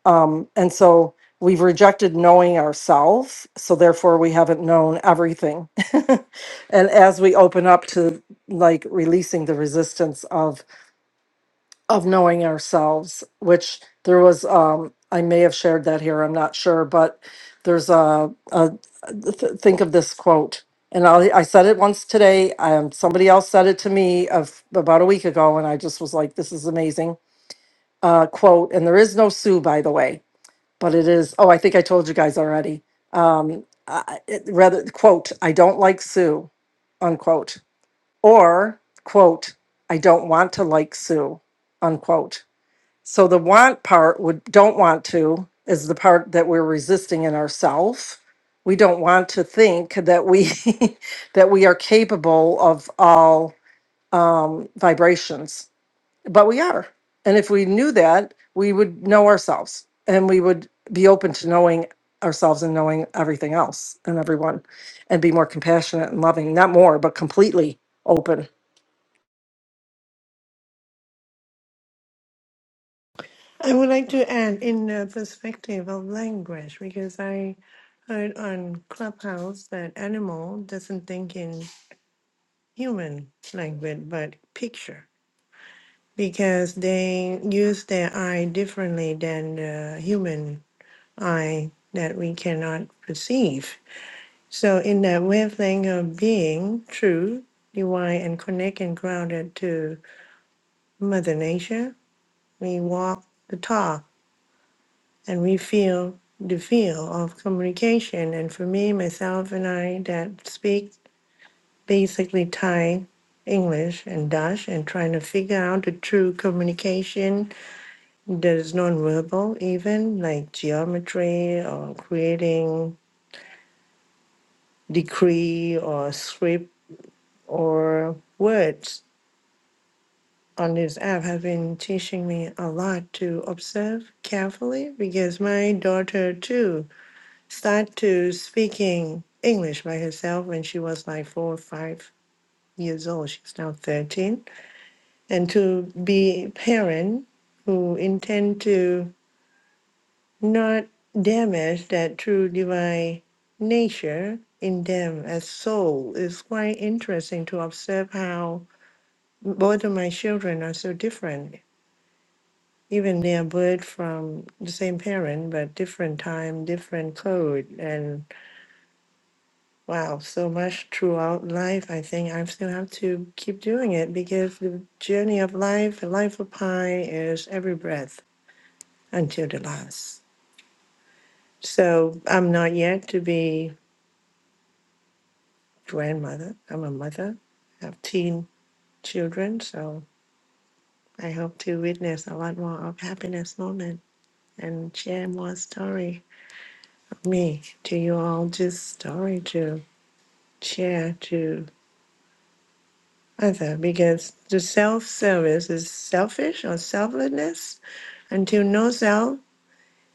[SPEAKER 4] um, and so we've rejected knowing ourselves, so therefore we haven't known everything. and as we open up to like releasing the resistance of of knowing ourselves, which there was, um, I may have shared that here, I'm not sure, but there's a, a th- think of this quote. And I, I said it once today. Um, somebody else said it to me of about a week ago, and I just was like, "This is amazing." Uh, quote, and there is no Sue, by the way but it is, oh, I think I told you guys already. Um, I, it, rather, quote, I don't like Sue, unquote, or quote, I don't want to like Sue, unquote. So the want part would, don't want to is the part that we're resisting in ourself. We don't want to think that we that we are capable of all um, vibrations but we are. And if we knew that, we would know ourselves and we would be open to knowing ourselves and knowing everything else and everyone and be more compassionate and loving, not more, but completely open.
[SPEAKER 3] I would like to add in the perspective of language because I heard on Clubhouse that animal doesn't think in human language but picture. because they use their eye differently than the human eye that we cannot perceive. So, in that wavelength of being true, divine, and connected and grounded to Mother Nature, we walk the talk and we feel the feel of communication. And for me, myself, and I that speak basically Thai, English, and Dutch, and trying to figure out the true communication There's non-verbal even like geometry or creating decree or script or words on this app have been teaching me a lot to observe carefully because my daughter too started to speaking English by herself when she was like four or five years old. She's now 13. And to be parent who intend to not damage that true divine nature in them as soul. It's quite interesting to observe how both of my children are so different. Even they are birth from the same parent, but different time, different code. And wow, so much throughout life. I think I still have to keep doing it because the journey of life, the life of Pi, is every breath until the last. So I'm not yet to be grandmother. I'm a mother. I have teen children, so I hope to witness a lot more of happiness moment and share more story of me to you all. Just story to share to other because the self-service is selfish or selflessness until no self.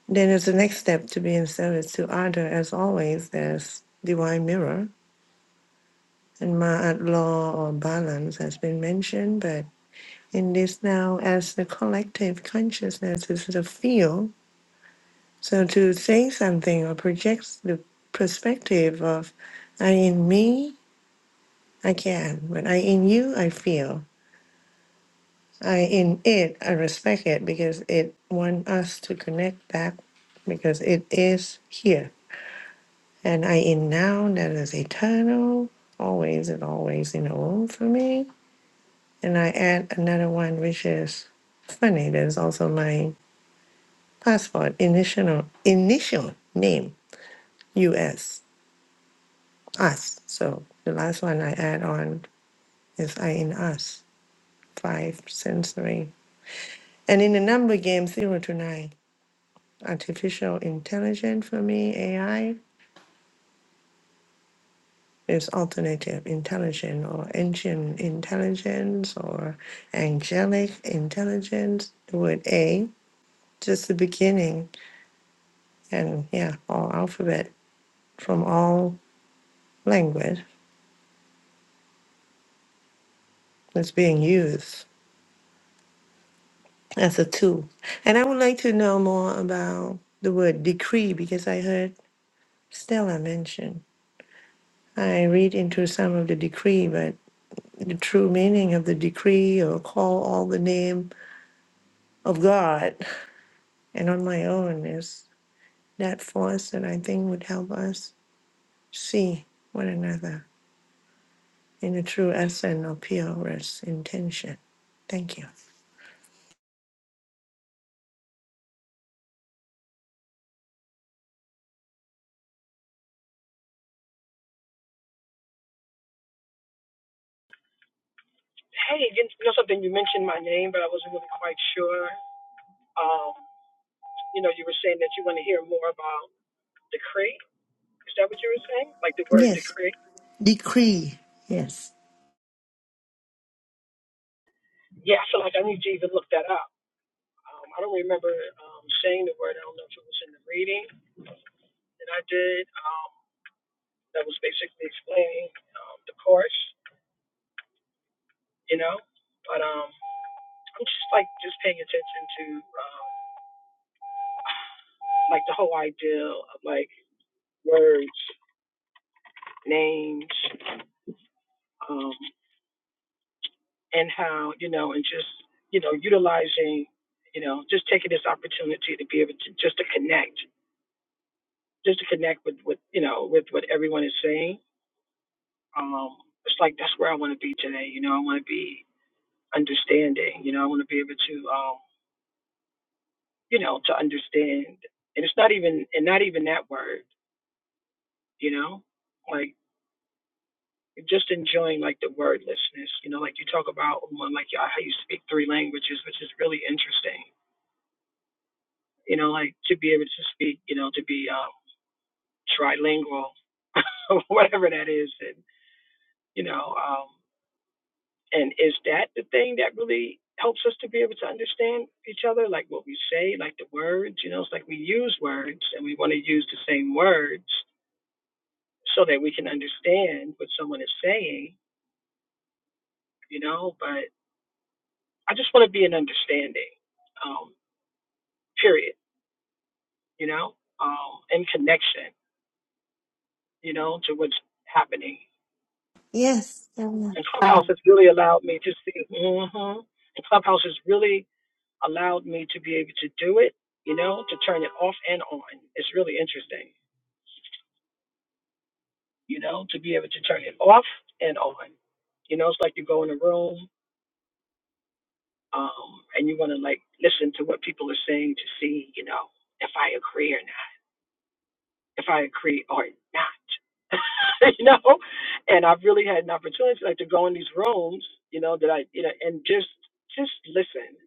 [SPEAKER 3] Then it's the next step to be in service to other. As always, there's divine mirror and ma'at law or balance has been mentioned, but in this now as the collective consciousness is the field. So to say something or project the perspective of I in me, I can, but I in you, I feel. I in it, I respect it because it want us to connect back because it is here. And I in now that is eternal, always and always in the womb for me. And I add another one which is funny, that is also mine passport, initial, initial name, US, us. So the last one I add on is I in us, five sensory. And in the number game, zero to nine, artificial intelligence for me, AI is alternative intelligence or ancient intelligence or angelic intelligence. The word A, just the beginning, and yeah, all alphabet from all language is being used. as a tool. And I would like to know more about the word decree because I heard Stella mention. I read into some of the decree, but the true meaning of the decree or call all the name of God and on my own is that force that I think would help us see one another in the true essence of purest intention. Thank you.
[SPEAKER 2] Hey, you know something? You mentioned my name, but I wasn't really quite sure. Um, you know, you were saying that you want to hear more about decree. Is that what you were saying? Like the word
[SPEAKER 3] Yes,
[SPEAKER 2] decree?
[SPEAKER 3] decree. Yes.
[SPEAKER 2] Yeah, I feel like I need to even look that up. Um, I don't remember um, saying the word. I don't know if it was in the reading that I did. Um, that was basically explaining um, the course, you know. But um, I'm just like just paying attention to um, like the whole idea of like words, names, um, and how you know, and just you know, utilizing, you know, just taking this opportunity to be able to just to connect, just to connect with with you know with what everyone is saying um, it's like that's where I want to be today. You know, I want to be understanding. You know, I want to be able to, um, you know, to understand. And it's not even, and not even that word. You know, like just enjoying like the wordlessness. You know, like you talk about um, like how you speak three languages, which is really interesting. You know, like to be able to speak. You know, to be um, trilingual, whatever that is, and you know. Um, And is that the thing that really helps us to be able to understand each other? Like what we say, like the words, you know, it's like we use words and we want to use the same words so that we can understand what someone is saying, you know, but I just want to be an understanding, um, period, you know, um, and connection, you know, to what's happening.
[SPEAKER 3] Yes.
[SPEAKER 2] And Clubhouse has really allowed me to see, mm hmm and Clubhouse has really allowed me to be able to do it, you know, to turn it off and on. It's really interesting, you know, to be able to turn it off and on. You know, it's like you go in a room um, and you want to like listen to what people are saying to see, you know, if I agree or not, if I agree or not, you know. And I've really had an opportunity like to go in these rooms, you know, that I, you know, and just just listen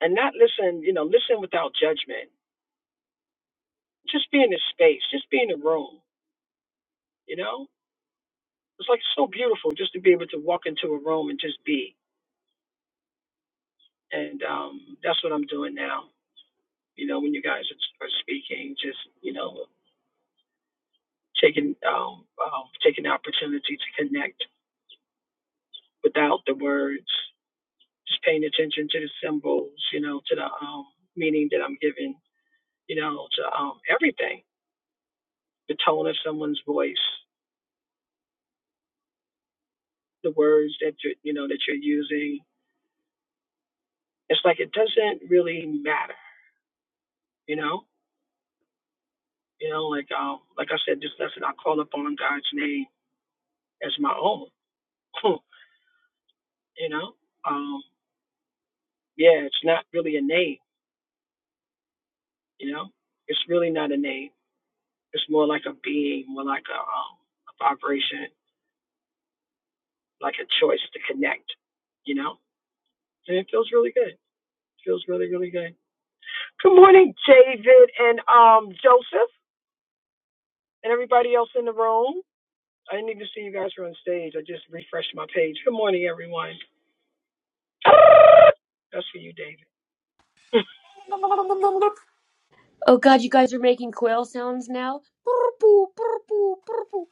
[SPEAKER 2] and not listen, you know, listen without judgment. Just be in the space, just be in the room, you know It's like so beautiful just to be able to walk into a room and just be. And um, that's what I'm doing now. You know, when you guys are are speaking, just you know, taking um, um, taking the opportunity to connect without the words, just paying attention to the symbols. You know, to the um, meaning that I'm giving. You know, to um, everything, the tone of someone's voice, the words that you you know that you're using. It's like it doesn't really matter. You know. You know, like um, like I said, this lesson I call upon God's name as my own. you know, um, yeah, it's not really a name. You know, it's really not a name. It's more like a being, more like a, um, a vibration, like a choice to connect. You know, and it feels really good. It feels really, really good. Good morning, David and um Joseph and everybody else in the room. I didn't even see you guys were on stage. I just refreshed my page. Good morning, everyone. That's for you, David.
[SPEAKER 6] Oh God, you guys are making quail sounds now. Purr-poo, purr-poo, purr-poo.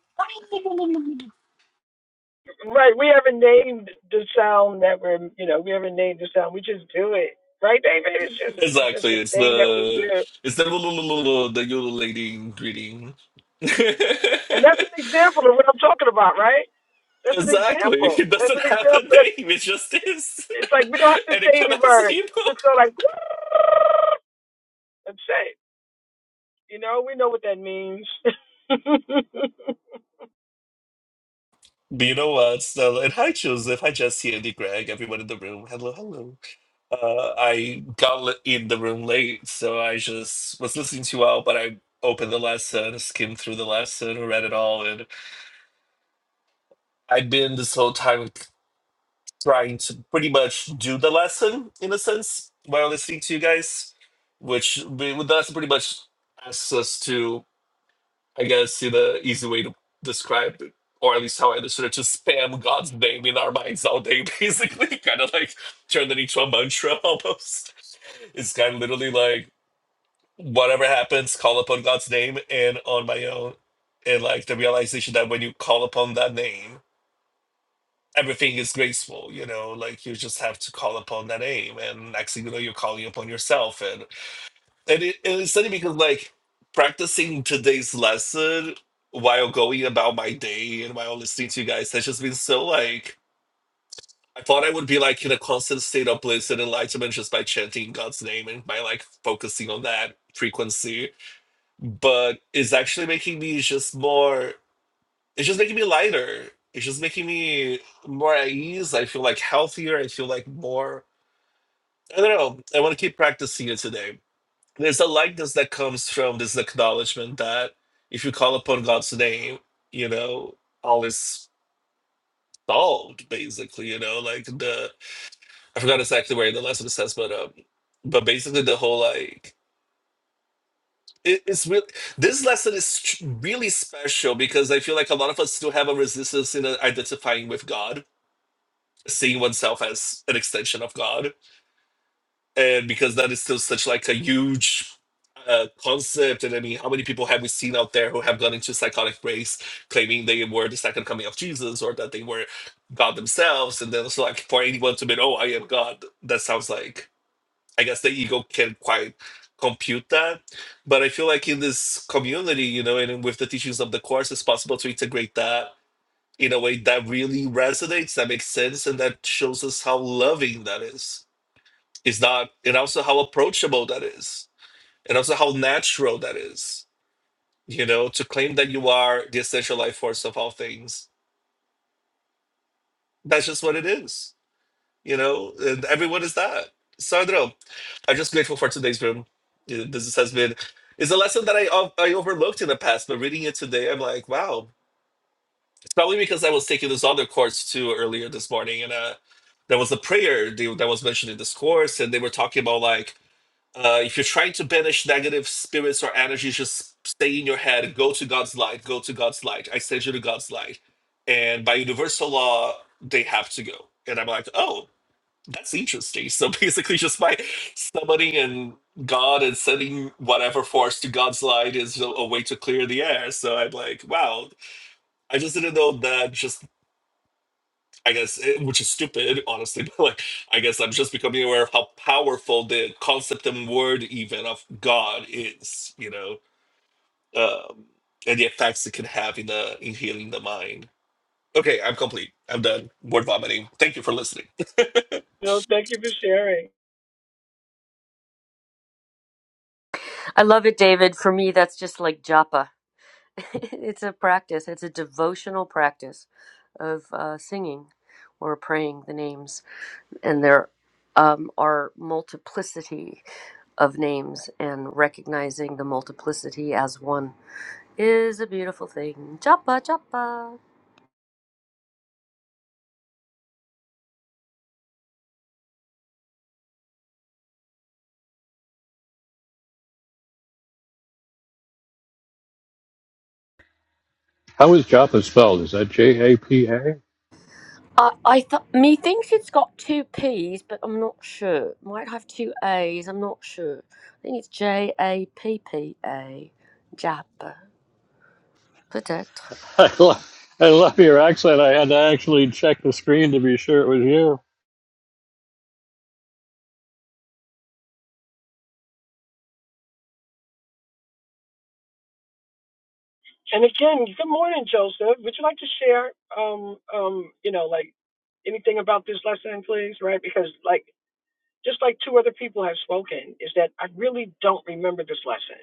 [SPEAKER 2] Right, we haven't named the sound that we're, you know, we haven't named the sound. We just do it, right, David? It's just, it's just a
[SPEAKER 7] Exactly. It's
[SPEAKER 2] thing that we
[SPEAKER 7] the
[SPEAKER 2] do,
[SPEAKER 7] it's the the ululating greeting.
[SPEAKER 2] and that's an
[SPEAKER 7] exactly.
[SPEAKER 2] example of what I'm talking about, right? That's an example.
[SPEAKER 7] It
[SPEAKER 2] That's
[SPEAKER 7] doesn't
[SPEAKER 2] an
[SPEAKER 7] have a
[SPEAKER 2] example.
[SPEAKER 7] name. It just is,
[SPEAKER 2] It's like we don't have to
[SPEAKER 7] and
[SPEAKER 2] say
[SPEAKER 7] it
[SPEAKER 2] any
[SPEAKER 7] connects
[SPEAKER 2] words.
[SPEAKER 7] people.
[SPEAKER 2] Just go like, and say, it. you know, we know what that means.
[SPEAKER 7] But you know what, Stella? And hi, Joseph. Hi, Jesse, Andy, Greg, everyone in the room. Hello, hello. Uh, I got li- in the room late, so I just was listening to you all, but I opened the lesson, skimmed through the lesson, read it all, and I've been this whole time trying to pretty much do the lesson in a sense while listening to you guys, which the the lesson pretty much asks us to, I guess, in the easy way to describe it, or at least how I understood it, to spam God's name in our minds all day, basically, kind of like turn it into a mantra almost. It's kind of literally like whatever happens, call upon God's name and on my own. And like the realization that when you call upon that name, everything is graceful, you know, like you just have to call upon that name. And next thing you know, you're calling upon yourself. And, and, it, and it's funny because, like, practicing today's lesson while going about my day and while listening to you guys has just been so, like, I thought I would be, like, in a constant state of bliss and enlightenment just by chanting God's name and by, like, focusing on that frequency. But it's actually making me just more it's just making me lighter. It's just making me more at ease. I feel like healthier. I feel like more. I don't know. I want to keep practicing it today. There's a lightness that comes from this acknowledgement that if you call upon God's name, you know, all is solved, basically, you know, like the, I forgot exactly where the lesson says, but, um, but basically the whole like, it, it's really, this lesson is tr- really special because I feel like a lot of us still have a resistance in uh, identifying with God seeing oneself as an extension of God, and because that is still such like a huge uh, concept, and I mean, how many people have we seen out there who have gone into psychotic breaks claiming they were the second coming of Jesus or that they were God themselves, and then also like for anyone to admit, oh, I am God, that sounds like I guess the ego can't quite compute that, but I feel like in this community, you know, and with the teachings of the course, it's possible to integrate that in a way that really resonates, that makes sense, and that shows us how loving that is. It's not, and also how approachable that is, and also how natural that is. You know, to claim that you are the essential life force of all things, that's just what it is. You know, and everyone is that. Sandro, I'm just grateful for today's room. Yeah, This has been, it's a lesson that I I overlooked in the past, but reading it today, I'm like, wow, Probably because I was taking this other course too earlier this morning, and uh, there was a prayer they- that was mentioned in this course, and they were talking about like uh, if you're trying to banish negative spirits or energies, just stay in your head, go to God's light, go to God's light. I send you to God's light, and by universal law, they have to go. And I'm like, oh, that's interesting. So basically, just by summoning and God and sending whatever force to God's light is a a way to clear the air. So I'm like, wow, I just didn't know that just I guess, eh, which is stupid, honestly, but like, I guess I'm just becoming aware of how powerful the concept and word even of God is, you know, um, and the effects it can have in the in healing the mind. Okay, I'm complete. I'm done. Word vomiting. Thank you for listening.
[SPEAKER 2] no, thank you for sharing.
[SPEAKER 6] I love it, David. For me, that's just like japa. it's a practice. It's a devotional practice of uh, singing or praying the names, and there um, are multiplicity of names and recognizing the multiplicity as one. is a beautiful thing. Joppa, Joppa.
[SPEAKER 1] How is Japa spelled? Is that J A P A?
[SPEAKER 6] I, I thought me thinks it's got two P's, but I'm not sure. Might have two A's. I'm not sure. I think it's J A P P A, jappa peut-être.
[SPEAKER 1] I lo- I love your accent. I had to actually check the screen to be sure it was you.
[SPEAKER 2] And again, good morning, Joseph. Would you like to share, um, um, you know, like anything about this lesson, please? Right, because like just like two other people have spoken, is that I really don't remember this lesson.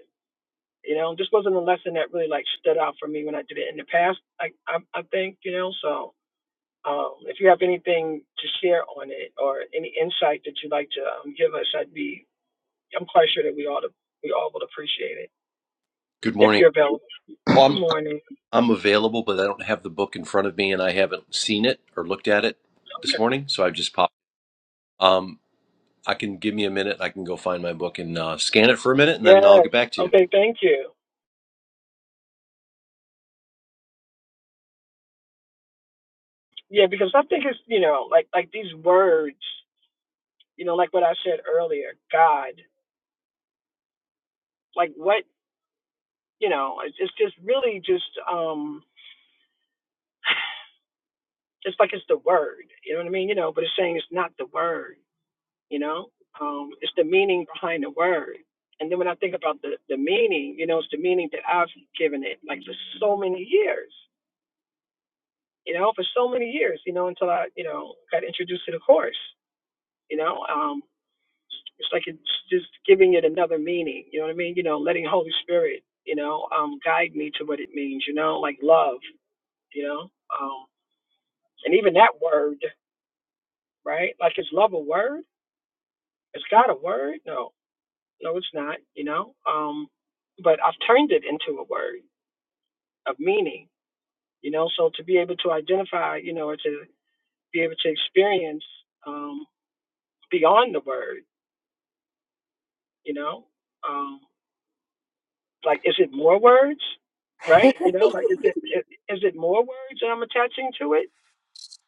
[SPEAKER 2] You know, this wasn't a lesson that really like stood out for me when I did it in the past. I I, I think you know. So um, if you have anything to share on it or any insight that you'd like to um, give us, I'd be I'm quite sure that we all we all would appreciate it
[SPEAKER 8] Good
[SPEAKER 2] if
[SPEAKER 8] morning.
[SPEAKER 2] you're available.
[SPEAKER 8] Well,
[SPEAKER 2] Good
[SPEAKER 8] I'm
[SPEAKER 2] morning.
[SPEAKER 8] I'm available, but I don't have the book in front of me, and I haven't seen it or looked at it this
[SPEAKER 2] Okay.
[SPEAKER 8] morning, so I've just popped. Um, I can give me a minute. I can go find my book and uh, scan it for a minute, and then
[SPEAKER 2] Yes.
[SPEAKER 8] I'll get back to you.
[SPEAKER 2] Okay. Thank you. Yeah, because I think it's you know like like these words, you know, like what I said earlier, God. Like what You know, it's it's just really just um it's like it's the word. You know what I mean? You know, but it's saying it's not the word. You know, um, it's the meaning behind the word. And then when I think about the the meaning, you know, it's the meaning that I've given it, like for so many years. You know, for so many years. You know, until I you know got introduced to the course. You know, um, it's like it's just giving it another meaning. You know what I mean? You know, letting Holy Spirit, you know, um, guide me to what it means. You know, like love. You know. Um, And even that word, right? Like, is love a word? Is God a word? No, no, it's not, you know? Um, but I've turned it into a word of meaning, you know? So to be able to identify, you know, or to be able to experience um, beyond the word, you know? Um, like, is it more words, right? You know, like, is it, is it more words that I'm attaching to it?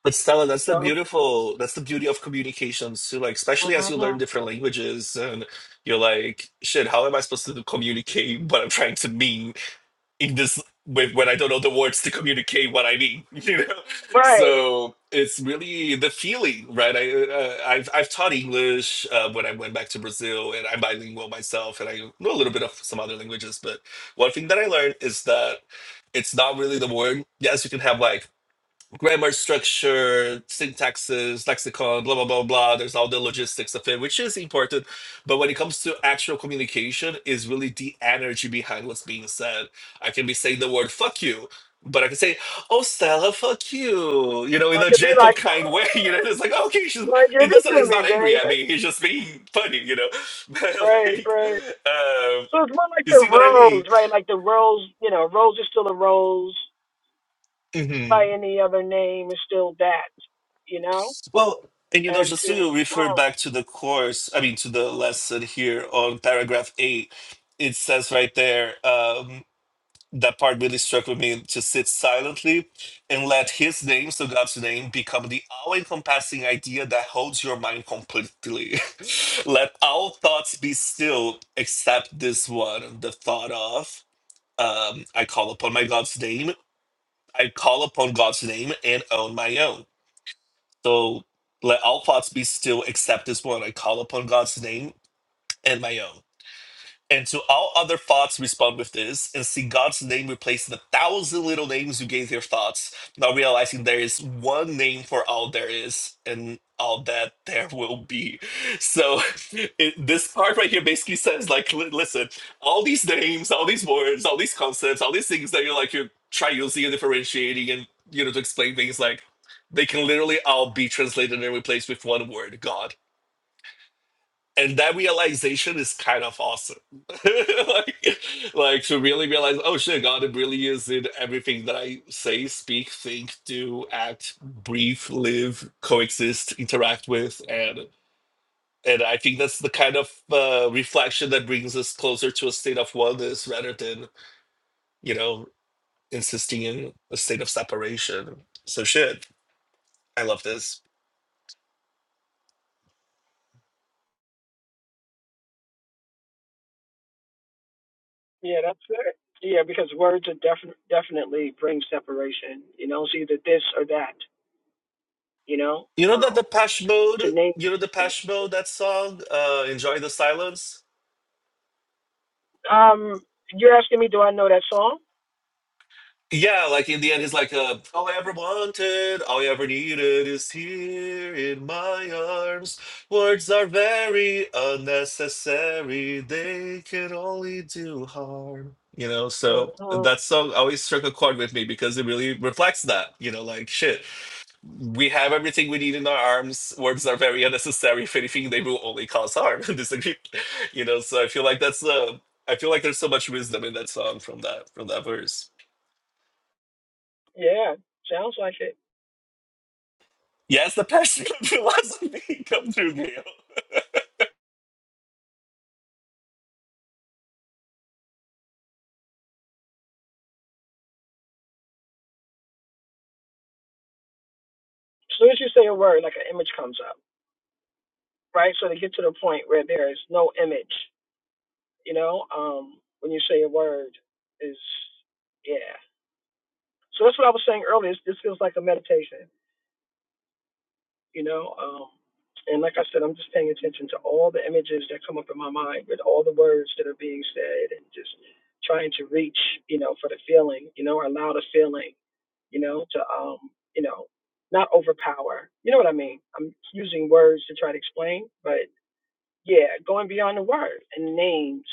[SPEAKER 7] But Stella, that's the
[SPEAKER 2] So,
[SPEAKER 7] beautiful, that's the beauty of communications too. Like, especially as you
[SPEAKER 2] mhm.
[SPEAKER 7] learn different languages, and you're like, shit, how am I supposed to communicate what I'm trying to mean? in this with when I don't know the words to communicate what I mean, you know.
[SPEAKER 2] right.
[SPEAKER 7] So it's really the feeling, right? I uh, I've I've taught English uh, when I went back to Brazil, and I'm bilingual myself, and I know a little bit of some other languages. But one thing that I learned is that it's not really the word. Yes, you can have like grammar structure, syntaxes, lexicon, blah blah blah blah. There's all the logistics of it, which is important. But when it comes to actual communication, is really the energy behind what's being said. I can be saying the word "fuck you," but I can say, "Oh, Stella, fuck you," you know, in
[SPEAKER 2] I
[SPEAKER 7] a
[SPEAKER 2] could be
[SPEAKER 7] gentle,
[SPEAKER 2] like,
[SPEAKER 7] kind way. You know, it's like, okay, she's
[SPEAKER 2] like, give
[SPEAKER 7] he
[SPEAKER 2] it
[SPEAKER 7] doesn't.
[SPEAKER 2] to
[SPEAKER 7] He's
[SPEAKER 2] me,
[SPEAKER 7] not angry at
[SPEAKER 2] baby.
[SPEAKER 7] me. He's just being funny. You know, but
[SPEAKER 2] Right,
[SPEAKER 7] like,
[SPEAKER 2] right.
[SPEAKER 7] um,
[SPEAKER 2] So it's more like
[SPEAKER 7] you
[SPEAKER 2] the
[SPEAKER 7] see what I
[SPEAKER 2] rose, right? Like the rose, you know, rose is still a rose
[SPEAKER 7] mean?
[SPEAKER 2] by any other name is still that, you know?
[SPEAKER 7] Well, and you know,
[SPEAKER 2] And
[SPEAKER 7] just
[SPEAKER 2] to,
[SPEAKER 7] to refer
[SPEAKER 2] oh,
[SPEAKER 7] back to the course, I mean, to the lesson here on paragraph eight, it says right there, um, that part really struck with me to sit silently and let his name, so God's name, become the all encompassing idea that holds your mind completely. let all thoughts be still except this one, the thought of, um, I call upon my God's name. I call upon God's name and own my own. So let all thoughts be still, except this one. I call upon God's name and my own. And to all other thoughts, respond with this, and see God's name replace the thousand little names you gave your thoughts, Not realizing there is one name for all there is and all that there will be. So it, this part right here basically says, like, li- listen, all these names, all these words, all these concepts, all these things that you're like you're try using and differentiating, and you know to explain things like they can literally all be translated and replaced with one word, God and that realization is kind of awesome like, like to really realize oh shit god really is in everything that i say speak think do act breathe live coexist interact with and and i think that's the kind of uh, reflection that brings us closer to a state of oneness rather than you know insisting in a state of separation so shit i love this
[SPEAKER 2] yeah, that's it. Yeah, because words are defi- definitely bring separation. You know, it's either this or that, you know?
[SPEAKER 7] you know that
[SPEAKER 2] Oh,
[SPEAKER 7] the mode
[SPEAKER 2] to name.
[SPEAKER 7] you know the mode that song uh enjoy the silence
[SPEAKER 2] Um, you're asking me, do I know that song?
[SPEAKER 7] Yeah, like in the end, he's like, uh, all I ever wanted, all I ever needed is here in my arms. Words are very unnecessary, they can only do harm. You know, so
[SPEAKER 2] hmm
[SPEAKER 7] that song always struck a chord with me because it really reflects that. You know, like, shit, we have everything we need in our arms. Words are very unnecessary. If anything, they will only cause harm. and Disagree. You know, so I feel like that's, uh, I feel like there's so much wisdom in that song from that, from that verse.
[SPEAKER 2] Yeah, sounds like it.
[SPEAKER 7] Yes, the passion of philosophy come through, Gail.
[SPEAKER 2] As soon as you say a word, like an image comes up, right? So to get to the point where there is no image, you know, um, when you say a word is, yeah. So that's what I was saying earlier. It's- This feels like a meditation, you know. Um, and like I said, I'm just paying attention to all the images that come up in my mind with all the words that are being said and just trying to reach, you know, for the feeling, you know, or allow the feeling, you know, to, um, you know, not overpower. You know what I mean? I'm using words to try to explain, but yeah, going beyond the word and names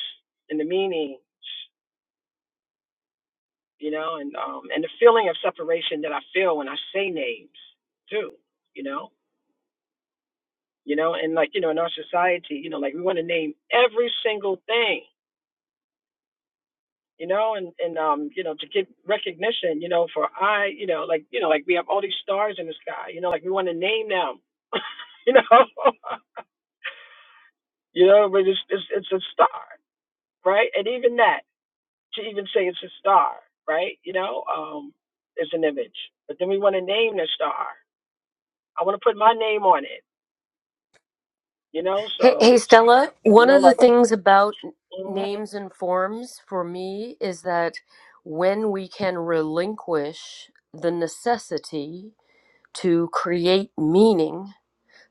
[SPEAKER 2] and the meanings you know, and um and the feeling of separation that I feel when I say names too, you know, you know, and like you know, in our society, you know, like we want to name every single thing, you know, and and um you know to get recognition, you know, for I, you know, like you know, like we have all these stars in the sky, you know, like we want to name them, you know, you know, but it's it's it's a star, right? And even that to even say it's a star, right? You know, um, is an image, but then we want to name the star. I want to put my name on it You know,
[SPEAKER 6] Hey,
[SPEAKER 2] so
[SPEAKER 6] hey, Stella.
[SPEAKER 2] you
[SPEAKER 6] One
[SPEAKER 2] know,
[SPEAKER 6] of the
[SPEAKER 2] like
[SPEAKER 6] things about
[SPEAKER 2] mhm.
[SPEAKER 6] names and forms for me is that when we can relinquish the necessity to create meaning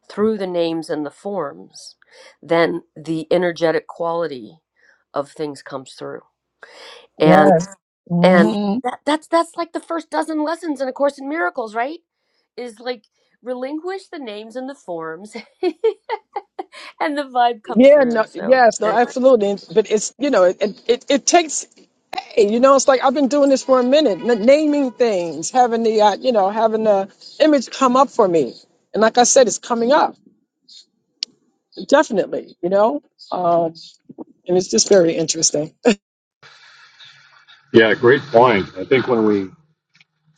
[SPEAKER 6] through the names and the forms, then the energetic quality of things comes through. And
[SPEAKER 2] Yes.
[SPEAKER 6] and
[SPEAKER 2] hmm
[SPEAKER 6] that, that's that's like the first dozen lessons in A Course in Miracles, right? Is like relinquish the names and the forms, and the vibe comes
[SPEAKER 2] Yeah. No.
[SPEAKER 6] through. So
[SPEAKER 2] Yes. No.
[SPEAKER 6] anyway,
[SPEAKER 2] Absolutely. But it's you know it it, it it takes hey, you know it's like I've been doing this for a minute, n- naming things, having the uh, you know having the image come up for me, and like I said, it's coming up definitely. You know, um, and it's just very interesting.
[SPEAKER 1] Yeah, great point. I think when we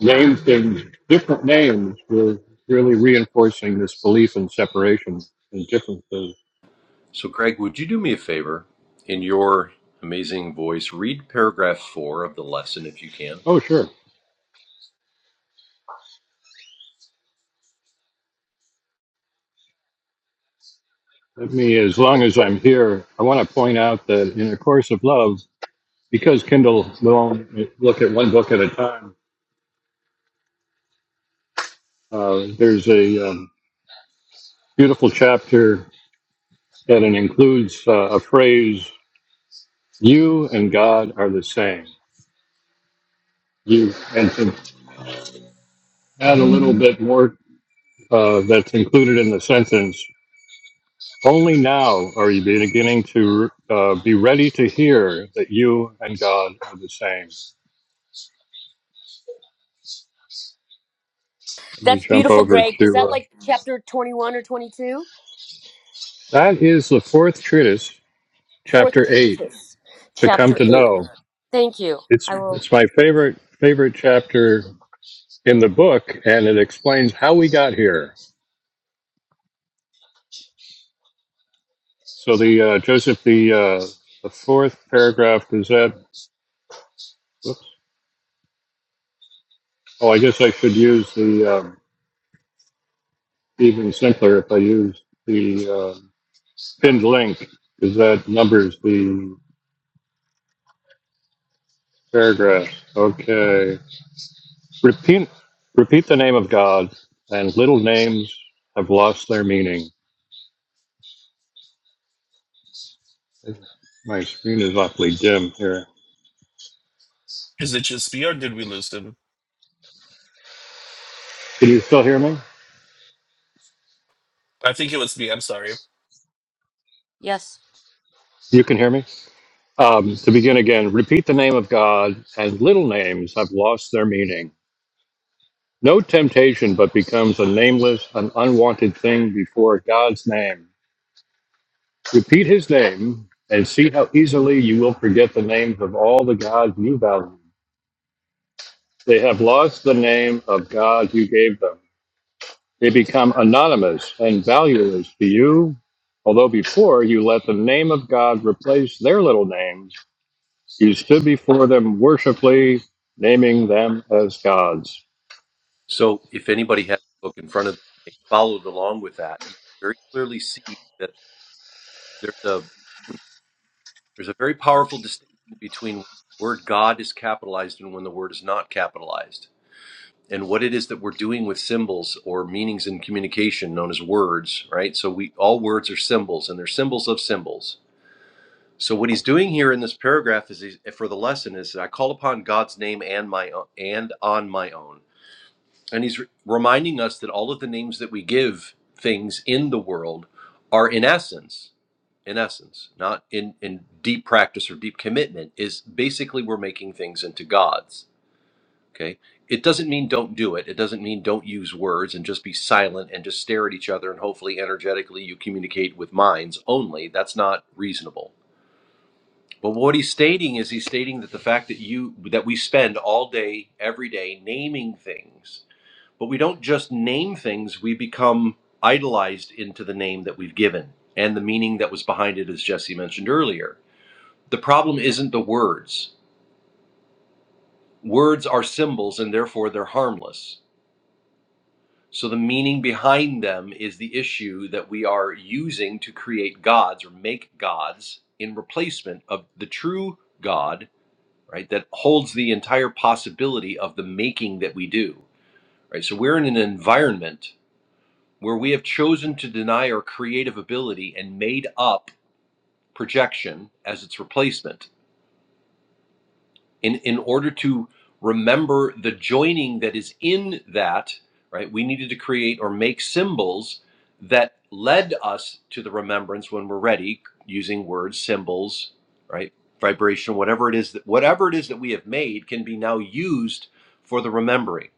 [SPEAKER 1] names things different names were really reinforcing this belief in separation and differences.
[SPEAKER 8] So, Greg, would you do me a favor in your amazing voice? Read paragraph four of the lesson if you can.
[SPEAKER 1] Oh, sure. Let me, as long as I'm here, I want to point out that in A Course of Love, because Kindle will only look at one book at a time, uh, there's a um, beautiful chapter that it includes uh, a phrase, you and God are the same. You, and to add a little bit more uh, that's included in the sentence, Only now are you beginning to uh, be ready to hear that you and God are the same. Let me
[SPEAKER 6] that's
[SPEAKER 1] jump
[SPEAKER 6] beautiful,
[SPEAKER 1] over
[SPEAKER 6] Greg. Is
[SPEAKER 1] to
[SPEAKER 6] that
[SPEAKER 1] uh,
[SPEAKER 6] like chapter twenty-one or twenty-two?
[SPEAKER 1] that is the fourth treatise,
[SPEAKER 6] Fourth
[SPEAKER 1] chapter eight,
[SPEAKER 6] treatise,
[SPEAKER 1] to come
[SPEAKER 6] chapter
[SPEAKER 1] to
[SPEAKER 6] eight.
[SPEAKER 1] know.
[SPEAKER 6] Thank you.
[SPEAKER 1] It's
[SPEAKER 6] I will.
[SPEAKER 1] it's my favorite favorite chapter in the book, and it explains how we got here. So the uh, Joseph the uh, the fourth paragraph is that. Whoops, oh, I guess I should use the um, even simpler if I use the. uh, Pinned link is that numbers the paragraph. Okay. Repeat repeat the name of God, and little names have lost their meaning. My screen is awfully dim here.
[SPEAKER 7] Is it just me or did we lose him?
[SPEAKER 1] Can you still hear me?
[SPEAKER 7] I think it was me. I'm sorry.
[SPEAKER 6] Yes.
[SPEAKER 1] You can hear me. Um, to begin again, repeat the name of God, and little names have lost their meaning. No temptation but becomes a nameless, an unwanted thing before God's name. Repeat his name and see how easily you will forget the names of all the gods you value. They have lost the name of God you gave them. They become anonymous and valueless to you. Although before you let the name of God replace their little names, you stood before them worshipfully, naming them as gods.
[SPEAKER 8] So, if anybody has the book in front of them, they followed along with that. You very clearly see that there's a There's a very powerful distinction between when the word God is capitalized and when the word is not capitalized. And what it is that we're doing with symbols or meanings in communication known as words, right? So we all words are symbols and they're symbols of symbols. So what he's doing here in this paragraph is he's, for the lesson is I call upon God's name and my own, and on my own. And he's re- reminding us that all of the names that we give things in the world are in essence, in essence, not in, in deep practice or deep commitment, is basically we're making things into gods. Okay. It doesn't mean don't do it. It doesn't mean don't use words and just be silent and just stare at each other and hopefully energetically you communicate with minds only. That's not reasonable. But what he's stating is he's stating that the fact that you that we spend all day, every day naming things but we don't just name things, we become idolized into the name that we've given and the meaning that was behind it, as Jesse mentioned earlier. The problem isn't the words. Words are symbols and therefore they're harmless. So the meaning behind them is the issue that we are using to create gods or make gods in replacement of the true God, right? That holds the entire possibility of the making that we do, right? So we're in an environment where we have chosen to deny our creative ability and made up projection as its replacement in, in order to remember the joining that is in that, right? We needed to create or make symbols that led us to the remembrance when we're ready using words, symbols, right? Vibration, whatever it is that whatever it is that we have made can be now used for the remembering.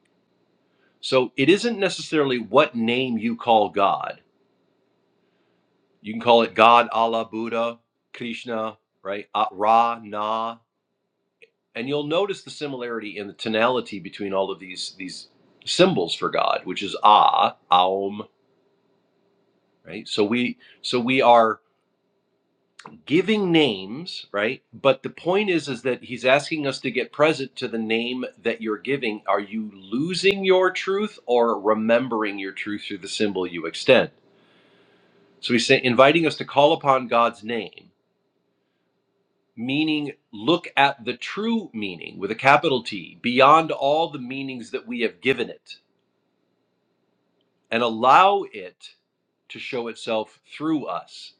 [SPEAKER 8] So it isn't necessarily what name you call God You can call it God, Allah, Buddha, Krishna, right? Uh, Ra, Na, and you'll notice the similarity in the tonality between all of these these symbols for God, which is Ah, Aum, right? So we so we are giving names, right? But the point is is that he's asking us to get present to the name that you're giving. Are you losing your truth or remembering your truth through the symbol you extend? So he's saying, inviting us to call upon God's name meaning look at the true meaning with a capital T beyond all the meanings that we have given it and allow it to show itself through us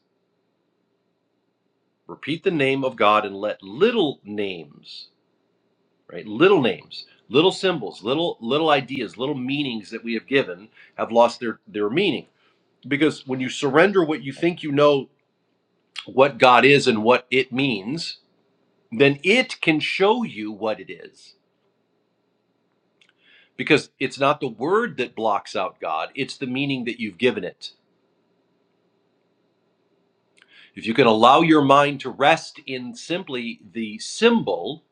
[SPEAKER 8] repeat the name of God and let little names right little names little symbols little little ideas little meanings that we have given have lost their their meaning because when you surrender what you think you know what God is and what it means then it can show you what it is because it's not the word that blocks out God, it's the meaning that you've given it. If you can allow your mind to rest in simply the symbol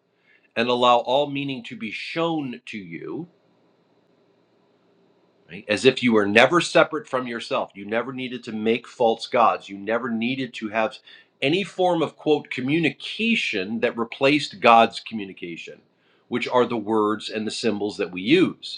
[SPEAKER 8] and allow all meaning to be shown to you, right, as if you were never separate from yourself, you never needed to make false gods, you never needed to have any form of quote communication that replaced God's communication, which are the words and the symbols that we use.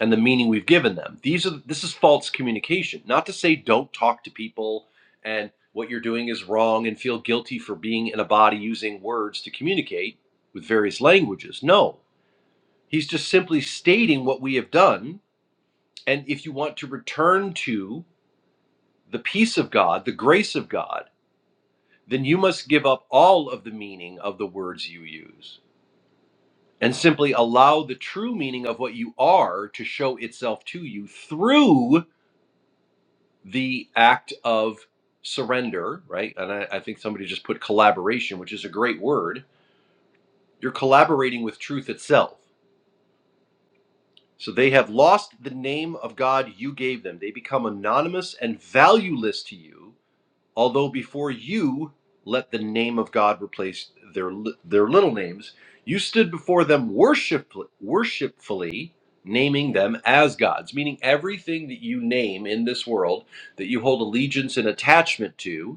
[SPEAKER 8] and the meaning we've given them. These are this is false communication. Not to say don't talk to people and what you're doing is wrong and feel guilty for being in a body using words to communicate with various languages. No. He's just simply stating what we have done and if you want to return to the peace of God, the grace of God, then you must give up all of the meaning of the words you use and simply allow the true meaning of what you are to show itself to you through the act of surrender, right? And I, I think somebody just put collaboration, which is a great word. You're collaborating with truth itself. So they have lost the name of God you gave them. They become anonymous and valueless to you, although before you let the name of God replace their li- their little names, you stood before them worship, worshipfully, naming them as gods, meaning everything that you name in this world that you hold allegiance and attachment to,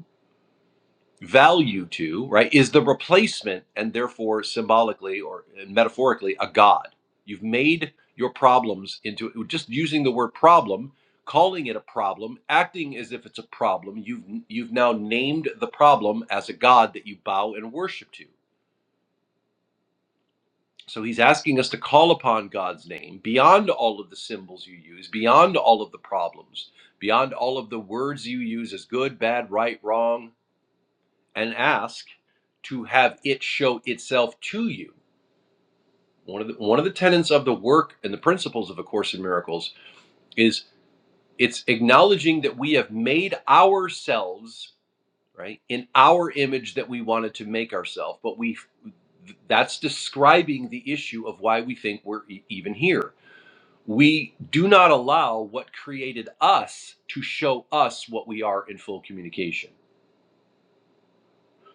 [SPEAKER 8] value to, right, is the replacement and therefore symbolically or metaphorically a God. You've made your problems into just using the word problem, calling it a problem, acting as if it's a problem. You've you've now named the problem as a God that you bow and worship to. So he's asking us to call upon God's name beyond all of the symbols you use, beyond all of the problems, beyond all of the words you use as good, bad, right, wrong, and ask to have it show itself to you. One of the one of the tenets of the work and the principles of A Course in Miracles is it's acknowledging that we have made ourselves right in our image that we wanted to make ourselves, but we that's describing the issue of why we think we're e- even here. We do not allow what created us to show us what we are in full communication.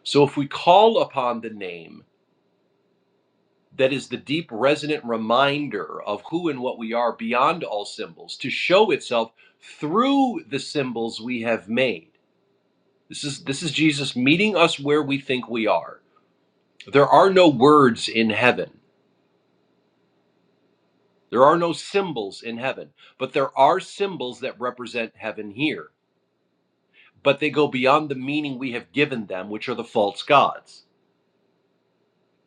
[SPEAKER 8] So if we call upon the name that is the deep resonant reminder of who and what we are beyond all symbols to show itself through the symbols we have made this is this is Jesus meeting us where we think we are there are no words in heaven there are no symbols in heaven but there are symbols that represent heaven here but they go beyond the meaning we have given them which are the false gods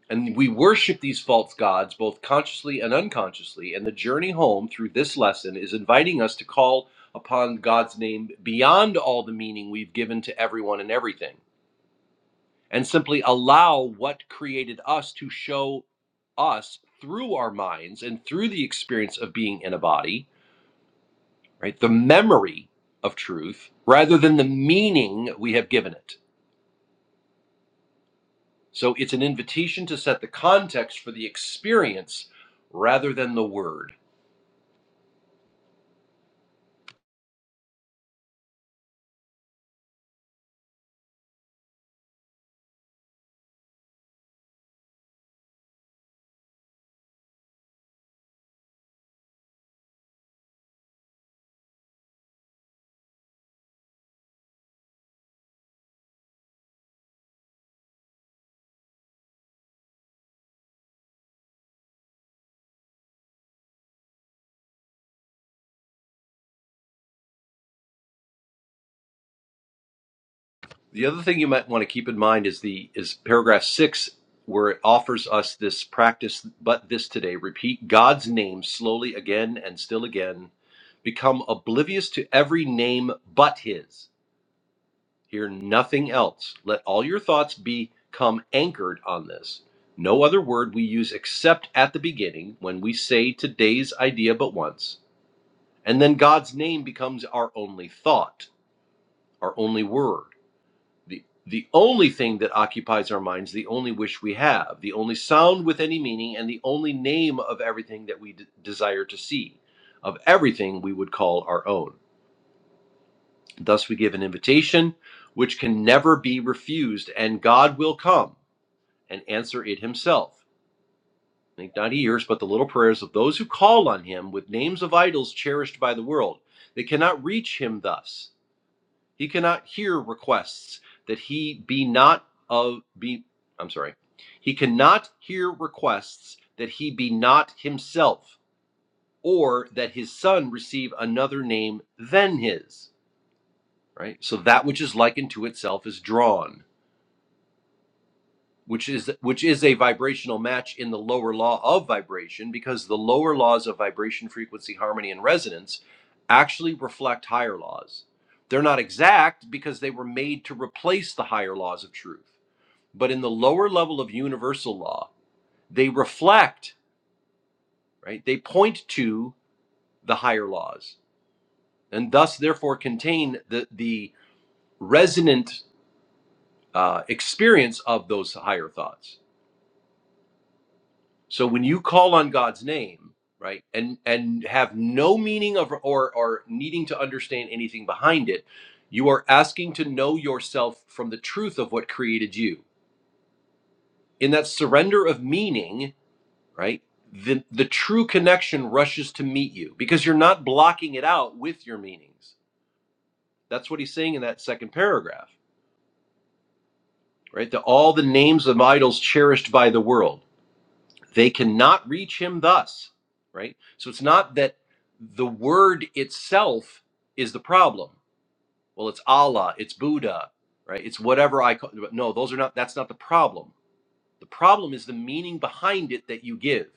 [SPEAKER 8] And we worship these false gods both consciously and unconsciously. And the journey home through this lesson is inviting us to call upon God's name beyond all the meaning we've given to everyone and everything, and simply allow what created us to show us through our minds and through the experience of being in a body, right? The memory of truth rather than the meaning we have given it. So it's an invitation to set the context for the experience rather than the word. The other thing you might want to keep in mind is the is paragraph six, where it offers us this practice, but this today, repeat God's name slowly again and still again. Become oblivious to every name but his. Hear nothing else. Let all your thoughts become anchored on this. No other word we use except at the beginning when we say today's idea but once. And then God's name becomes our only thought, our only word the the only thing that occupies our minds, the only wish we have, the only sound with any meaning, and the only name of everything that we d- desire to see, of everything we would call our own. Thus we give an invitation which can never be refused, and God will come and answer it himself. Think not he hears, but the little prayers of those who call on him with names of idols cherished by the world. They cannot reach him thus. He cannot hear requests that he be not of be I'm sorry. He cannot hear requests that he be not himself or that his son receive another name than his, right? So that which is likened to itself is drawn. which is which is a vibrational match in the lower law of vibration because the lower laws of vibration frequency harmony and resonance actually reflect higher laws they're not exact because they were made to replace the higher laws of truth but in the lower level of universal law they reflect right they point to the higher laws and thus therefore contain the the resonant uh, experience of those higher thoughts So when you call on God's name, right, and and have no meaning of or or needing to understand anything behind it, you are asking to know yourself from the truth of what created you. In that surrender of meaning, right, the the true connection rushes to meet you because you're not blocking it out with your meanings. That's what he's saying in that second paragraph, right? The all the names of idols cherished by the world. They cannot reach him thus, right? So it's not that the word itself is the problem. Well, it's Allah, it's Buddha, right? It's whatever I call. No, those are not. That's not the problem. The problem is the meaning behind it that you give.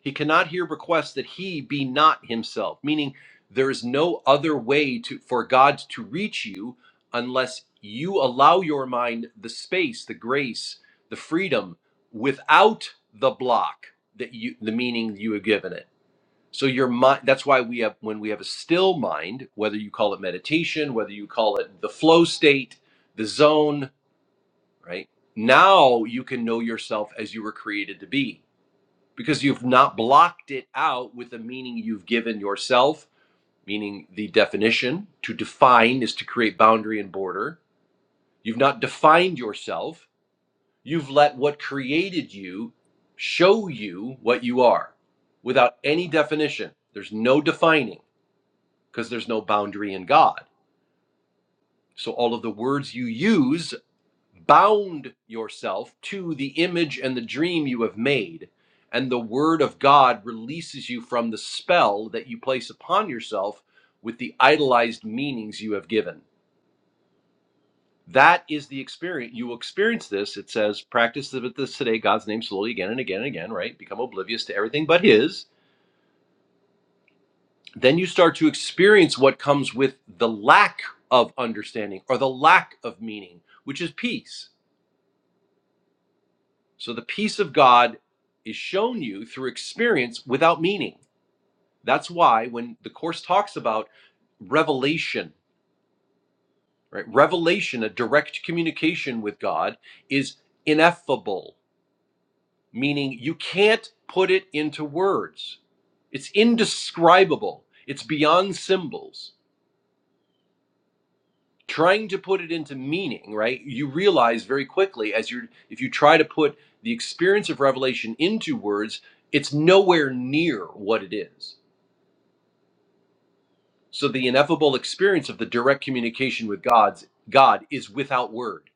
[SPEAKER 8] He cannot here request that he be not himself, meaning there is no other way to, for God to reach you unless you allow your mind the space, the grace, the freedom without the block that you the meaning you have given it. So your mind that's why we have when we have a still mind, whether you call it meditation, whether you call it the flow state, the zone, right? Now you can know yourself as you were created to be because you've not blocked it out with the meaning you've given yourself, meaning the definition. To define is to create boundary and border. You've not defined yourself. You've let what created you show you what you are without any definition. There's no defining because there's no boundary in God. So all of the words you use bound yourself to the image and the dream you have made, and the word of God releases you from the spell that you place upon yourself with the idolized meanings you have given. That is the experience. You will experience this. It says, practice this today, God's name slowly again and again and again, right? Become oblivious to everything but His. Then you start to experience what comes with the lack of understanding or the lack of meaning, which is peace So the peace of God is shown you through experience without meaning. That's why when the Course talks about revelation, right? Revelation, a direct communication with God, is ineffable, meaning you can't put it into words. It's indescribable, it's beyond symbols. trying to put it into meaning right you realize very quickly as you're if you try to put the experience of revelation into words it's nowhere near what it is so the ineffable experience of the direct communication with god's god is without word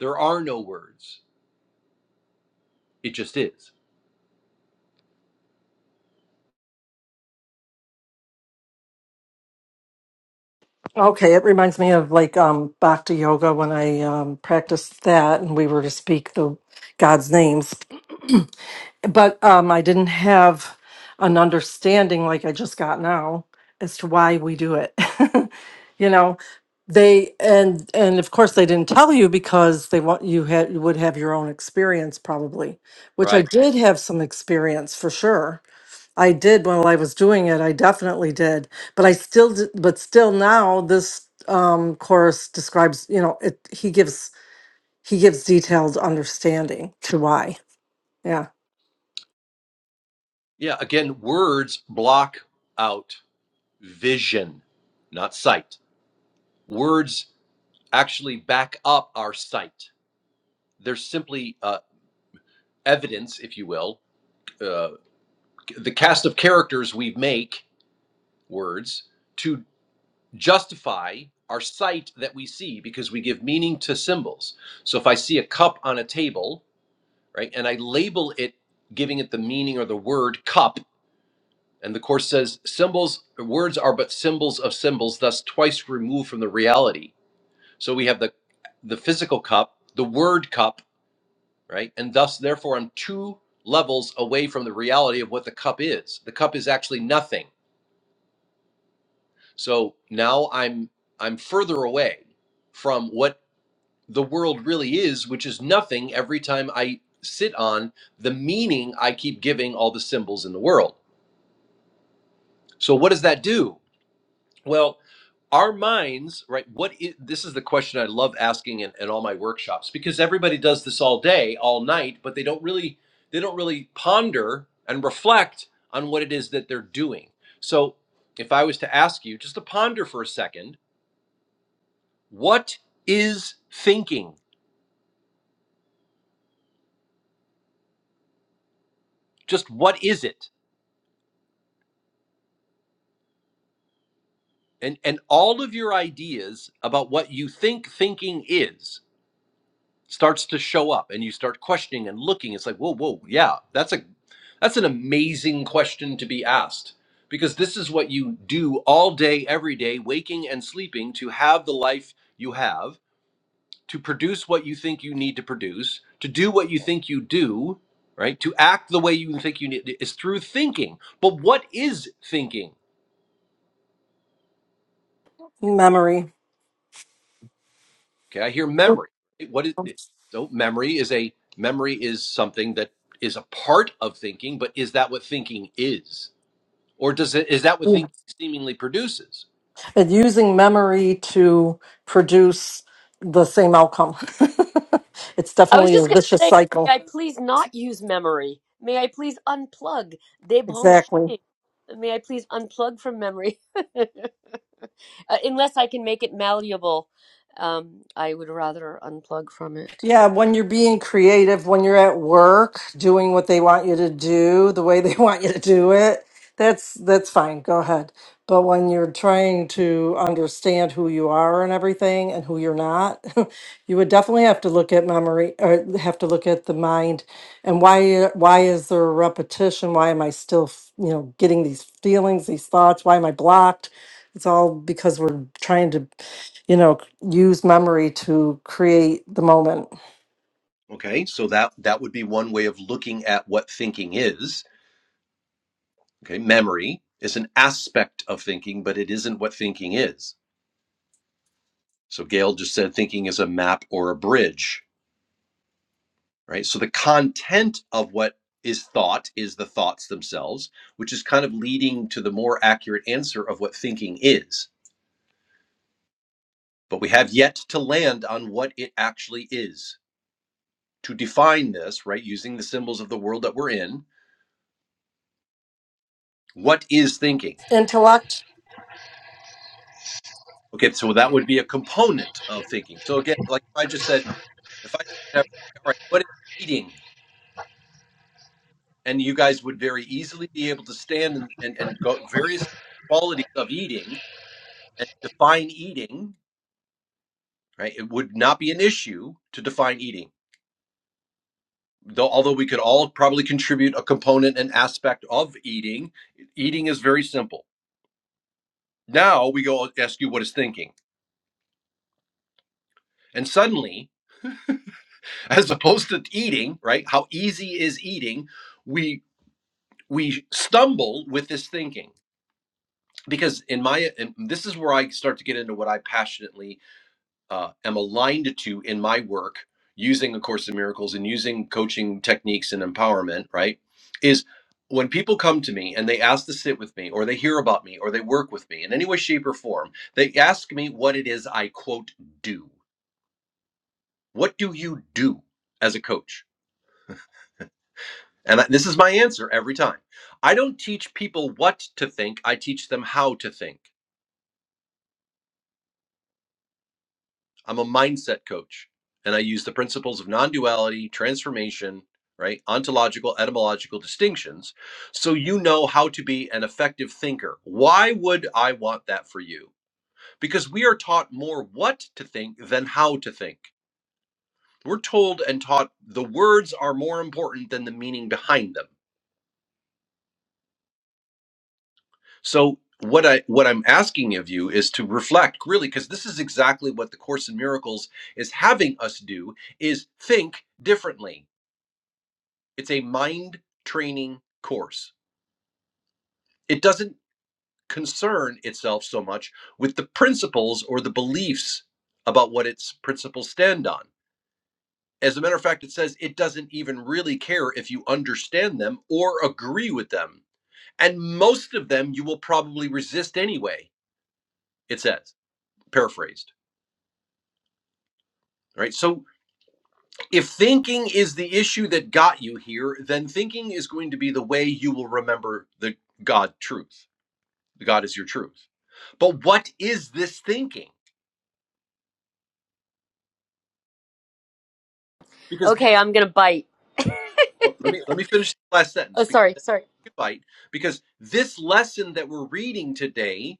[SPEAKER 8] there are no words it just is
[SPEAKER 4] Okay, it reminds me of like um bhakti yoga when I um practiced that and we were to speak the God's names but um, I didn't have an understanding like I just got now as to why we do it. you know, they and and of course they didn't tell you because they want you had you would have your own experience probably, which I
[SPEAKER 8] right
[SPEAKER 4] did have some experience for sure. I did while I was doing it. I definitely did, but I still d- but still now this um chorus describes you know it he gives he gives detailed understanding to why yeah
[SPEAKER 8] yeah again words block out vision not sight words actually back up our sight they're simply uh, evidence if you will uh, the cast of characters we make words to justify our sight that we see because we give meaning to symbols so if i see a cup on a table right and i label it giving it the meaning or the word cup and the course says symbols words are but symbols of symbols thus twice removed from the reality so we have the the physical cup the word cup right and thus therefore i'm two levels away from the reality of what the cup is the cup is actually nothing So now I'm I'm further away from what the world really is, which is nothing every time I sit on the meaning I keep giving all the symbols in the world. So what does that do? Well, our minds, right? What is this is the question I love asking in, in all my workshops because everybody does this all day, all night, but they don't really they don't really ponder and reflect on what it is that they're doing. So if I was to ask you just to ponder for a second What is thinking? Just what is it? And and all of your ideas about what you think thinking is starts to show up and you start questioning and looking. It's like, whoa, whoa, yeah, that's a that's an amazing question to be asked. Because this is what you do all day, every day, waking and sleeping to have the life you have to produce what you think you need to produce, to do what you think you do, right? To act the way you think you need is through thinking. But what is thinking?
[SPEAKER 4] memory
[SPEAKER 8] Okay, I hear memory. What is so memory is a memory is something that is a part of thinking, but is that what thinking is? Or does it is that what thinking seemingly produces?
[SPEAKER 4] and using memory to produce the same outcome. it's
[SPEAKER 6] I was
[SPEAKER 4] definitely a
[SPEAKER 6] just going
[SPEAKER 4] vicious
[SPEAKER 6] to say, may
[SPEAKER 4] cycle.
[SPEAKER 6] I please not use memory? May I please unplug, débrancher?
[SPEAKER 4] Exactly.
[SPEAKER 6] May I please unplug from memory? uh, unless I can make it malleable, um, I would rather unplug from it.
[SPEAKER 4] Yeah, when you're being creative, when you're at work doing what they want you to do, the way they want you to do it, that's that's fine. Go ahead. But when you're trying to understand who you are and everything and who you're not, you would definitely have to look at memory or have to look at the mind and why why is there a repetition? Why am I still, f- you know, getting these feelings, these thoughts? Why am I blocked? It's all because we're trying to, you know, use memory to create the moment.
[SPEAKER 8] Okay, so that that would be one way of looking at what thinking is. Okay, memory is an aspect of thinking, but it isn't what thinking is. So Gail just said thinking is a map or a bridge, right? So the content of what is thought is the thoughts themselves, which is kind of leading to the more accurate answer of what thinking is. But we have yet to land on what it actually is. To define this, right, using the symbols of the world that we're in, what is thinking?
[SPEAKER 4] Intellect.
[SPEAKER 8] Okay, so that would be a component of thinking. So again, like I just said, if I all right, what is eating? and you guys would very easily be able to stand and, and, and go various qualities of eating and define eating right it would not be an issue to define eating though although we could all probably contribute a component and aspect of eating eating is very simple now we go ask you what is thinking and suddenly as opposed to eating right how easy is eating we we stumble with this thinking because in my and this is where i start to get into what i passionately uh, am aligned to in my work using a course in miracles and using coaching techniques and empowerment right is when people come to me and they ask to sit with me or they hear about me or they work with me in any way shape or form they ask me what it is i quote do what do you do as a coach and I- this is my answer every time i don't teach people what to think i teach them how to think I'm a mindset coach and I use the principles of non duality, transformation, right? Ontological, etymological distinctions. So you know how to be an effective thinker. Why would I want that for you? Because we are taught more what to think than how to think. We're told and taught the words are more important than the meaning behind them. So what I what I'm asking of you is to reflect really because this is exactly what the course in miracles is having us do is think differently It's a mind training course. It doesn't concern itself so much with the principles or the beliefs about what its principles stand on. As a matter of fact, it says it doesn't even really care if you understand them or agree with them. And most of them you will probably resist anyway, it says, paraphrased. Right. So if thinking is the issue that got you here, then thinking is going to be the way you will remember the God truth God is your truth. But what is this thinking? Because
[SPEAKER 6] Okay, I'm going to bite.
[SPEAKER 8] well, let me let me finish the last
[SPEAKER 6] Oh,
[SPEAKER 8] sentence because
[SPEAKER 6] sorry, sorry.
[SPEAKER 8] bite because this lesson that we're reading today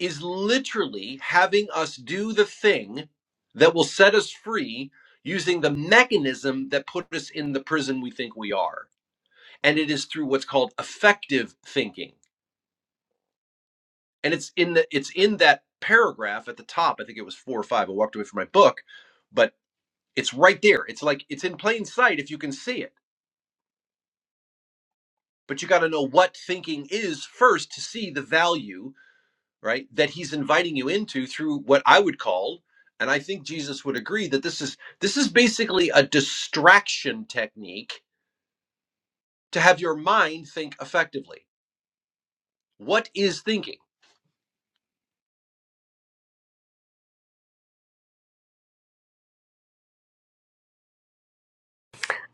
[SPEAKER 8] is literally having us do the thing that will set us free using the mechanism that put us in the prison we think we are and it is through what's called effective thinking and it's in the it's in that paragraph at the top i think it was 4 or 5 i walked away from my book but. It's right there. It's like it's in plain sight if you can see it. But you got to know what thinking is first to see the value, right, that he's inviting you into through what I would call and I think Jesus would agree that this is this is basically a distraction technique to have your mind think effectively. What is thinking?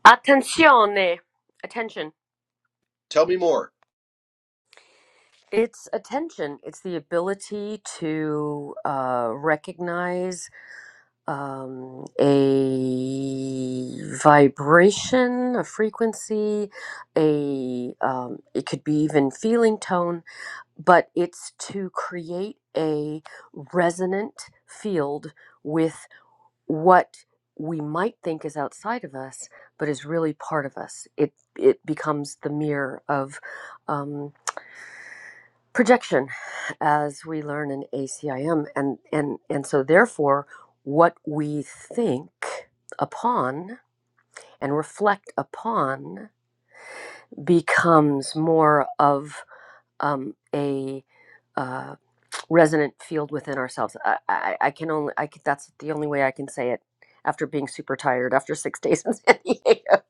[SPEAKER 6] Attenzione. Attention.
[SPEAKER 8] Tell me more.
[SPEAKER 6] It's attention. It's the ability to uh, recognize um, a vibration, a frequency, a um, it could be even feeling tone, but it's to create a resonant field with what we might think is outside of us, but is really part of us. It it becomes the mirror of um, projection, as we learn in ACIM, and and and so therefore, what we think upon and reflect upon becomes more of um, a uh, resonant field within ourselves. I, I, I can only, I can, that's the only way I can say it after being super tired after six days in San Diego.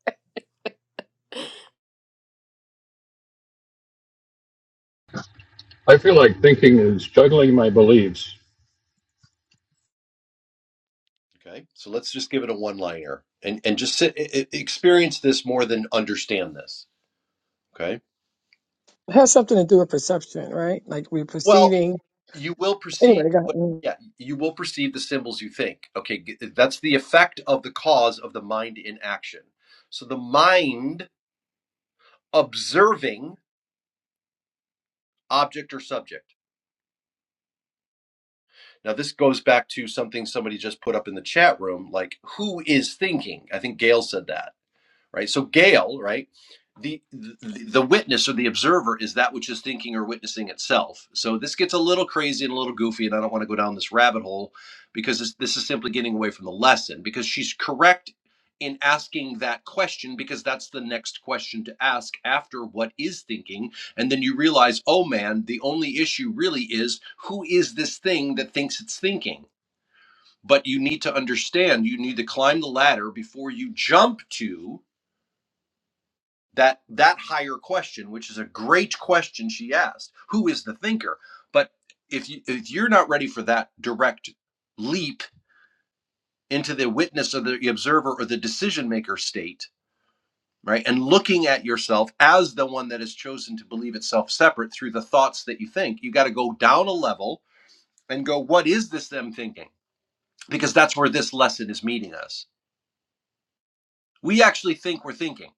[SPEAKER 1] I feel like thinking is juggling my beliefs.
[SPEAKER 8] Okay. So let's just give it a one-liner and and just sit, e- e- experience this more than understand this, okay?
[SPEAKER 2] It has something to do with perception, right? Like we're
[SPEAKER 8] Well,
[SPEAKER 2] perceiving.
[SPEAKER 8] you will perceive
[SPEAKER 2] Anyway, go ahead.
[SPEAKER 8] what
[SPEAKER 2] mm-hmm.
[SPEAKER 8] yeah you will perceive the symbols you think okay g- that's the effect of the cause of the mind in action so the mind observing object or subject now this goes back to something somebody just put up in the chat room like who is thinking i think gail said that right? So Gale, right? The, the the witness or the observer is that which is thinking or witnessing itself. So this gets a little crazy and a little goofy, and I don't want to go down this rabbit hole because this, this is simply getting away from the lesson. Because she's correct in asking that question because that's the next question to ask after what is thinking, and then you realize, oh man, the only issue really is who is this thing that thinks it's thinking. But you need to understand, you need to climb the ladder before you jump to that that higher question which is a great question she asked who is the thinker but if you if you're not ready for that direct leap into the witness of the observer or the decision maker state right and looking at yourself as the one that has chosen to believe itself separate through the thoughts that you think you got to go down a level and go what is this them thinking because that's where this lesson is meeting us we actually think we're thinking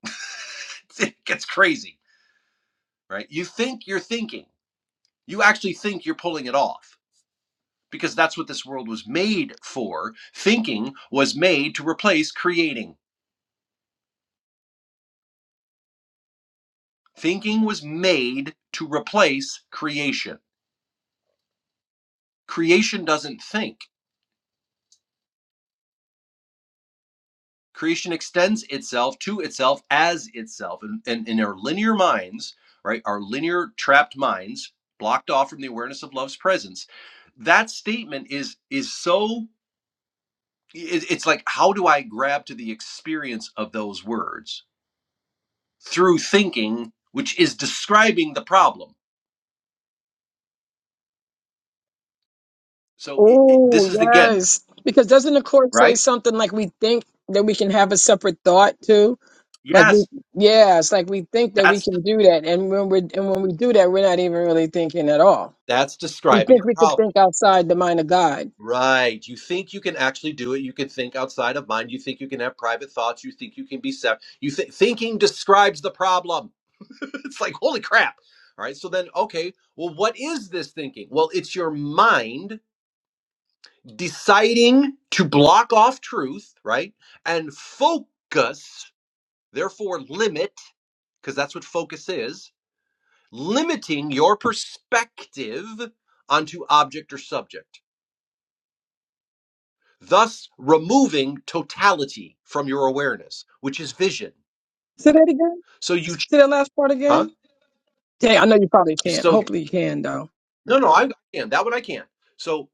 [SPEAKER 8] it gets crazy right you think you're thinking you actually think you're pulling it off because that's what this world was made for. Thinking was made to replace creating, thinking was made to replace creation. Creation doesn't think. Creation extends itself to itself as itself. And, and in our linear minds, right, our linear trapped minds, blocked off from the awareness of love's presence, that statement is is so it's like how do I grab to the experience of those words? through thinking, which is describing the problem. So it, it- this
[SPEAKER 2] Oh,
[SPEAKER 8] is again,
[SPEAKER 2] yes. Because doesn't the court say
[SPEAKER 8] right?
[SPEAKER 2] something like we think that we can have a separate thought too? Like we,
[SPEAKER 8] Yes,
[SPEAKER 2] yeah, it's like we think that we
[SPEAKER 8] that's
[SPEAKER 2] can do that, and when we are and when we do that, we're not even really thinking at all.
[SPEAKER 8] that's
[SPEAKER 2] We
[SPEAKER 8] describing
[SPEAKER 2] think
[SPEAKER 8] the
[SPEAKER 2] we can
[SPEAKER 8] problem.
[SPEAKER 2] think outside the mind of God.
[SPEAKER 8] Right. You think you can actually do it. You can think outside of mind. You think you can have private thoughts. You think you can be separate. You think thinking describes the problem. it's like holy crap. All right. So then, okay. Well, what is this thinking? Well, it's your mind deciding to block off truth, right, and focus Therefore, limit, because that's what focus is, limiting your perspective onto object or subject, thus removing totality from your awareness, which is vision.
[SPEAKER 2] Say that again.
[SPEAKER 8] So you,
[SPEAKER 2] Say that last part
[SPEAKER 8] huh?
[SPEAKER 2] again. Yeah, I know you probably can't.
[SPEAKER 8] So
[SPEAKER 2] Hopefully, you can though.
[SPEAKER 8] no, no, I can that one I can. So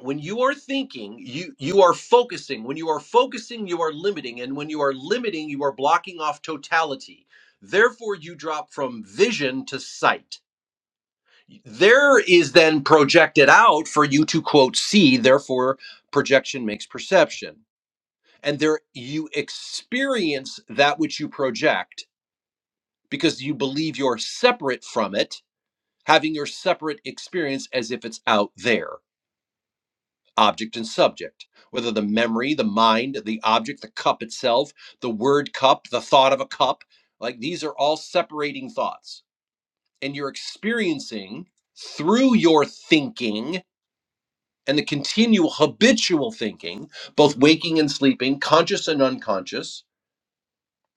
[SPEAKER 8] when you are thinking, you you are focusing. When you are focusing, you are limiting, and when you are limiting, you are blocking off totality. Therefore, you drop from vision to sight. there is then projected out for you to quote see therefore projection makes perception and there you experience that which you project because you believe you're separate from it having your separate experience as if it's out there object and subject whether the memory the mind the object the cup itself the word cup the thought of a cup like these are all separating thoughts and you're experiencing through your thinking and the continual habitual thinking, both waking and sleeping, conscious and unconscious,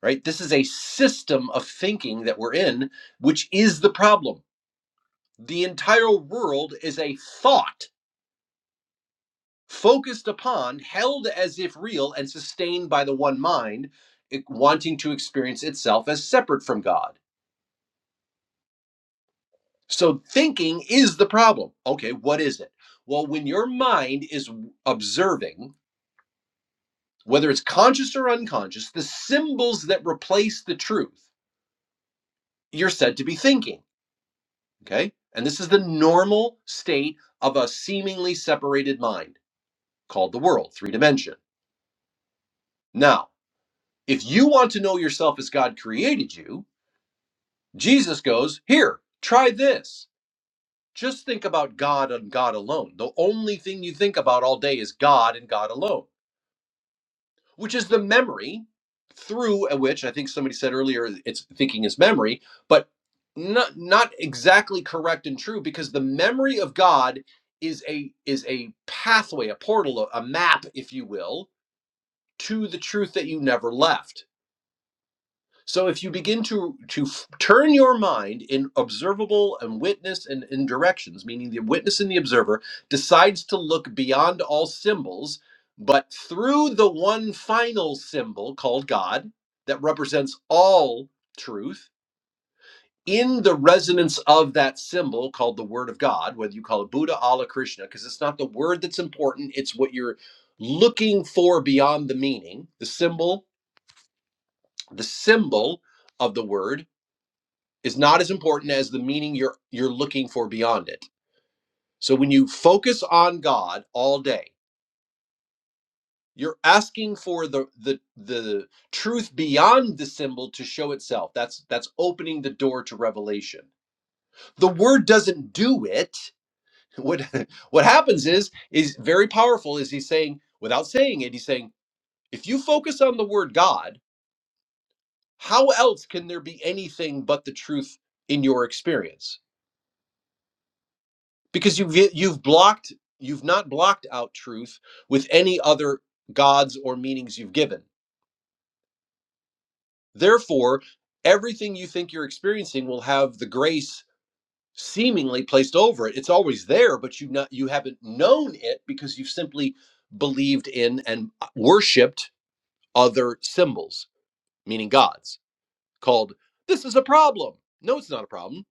[SPEAKER 8] right? This is a system of thinking that we're in, which is the problem. The entire world is a thought focused upon, held as if real, and sustained by the one mind, it- wanting to experience itself as separate from God. So thinking is the problem. Okay, what is it? Well, when your mind is observing, whether it's conscious or unconscious, the symbols that replace the truth, you're said to be thinking. Okay. And this is the normal state of a seemingly separated mind called the world, three dimension. Now, if you want to know yourself as God created you, Jesus goes, Here, try this. Just think about God and God alone. The only thing you think about all day is God and God alone. which is the memory through which I think somebody said earlier it's thinking is memory, but not not exactly correct and true because the memory of God is a is a pathway, a portal, a map, if you will, to the truth that you never left so if you begin to to turn your mind in observable and witness and in directions, meaning the witness and the observer decides to look beyond all symbols, but through the one final symbol called God that represents all truth in the resonance of that symbol called the word of God, whether you call it Buddha, Allah, Krishna, because it's not the word that's important, it's what you're looking for beyond the meaning, the symbol, the symbol of the word is not as important as the meaning you're you're looking for beyond it so when you focus on god all day you're asking for the the the truth beyond the symbol to show itself that's that's opening the door to revelation the word doesn't do it what what happens is is very powerful is he's saying without saying it he's saying if you focus on the word god how else can there be anything but the truth in your experience because you've you've blocked you've not blocked out truth with any other gods or meanings you've given therefore everything you think you're experiencing will have the grace seemingly placed over it it's always there but you not you haven't known it because you've simply believed in and worshiped other symbols meaning gods called this is a problem no it's not a problem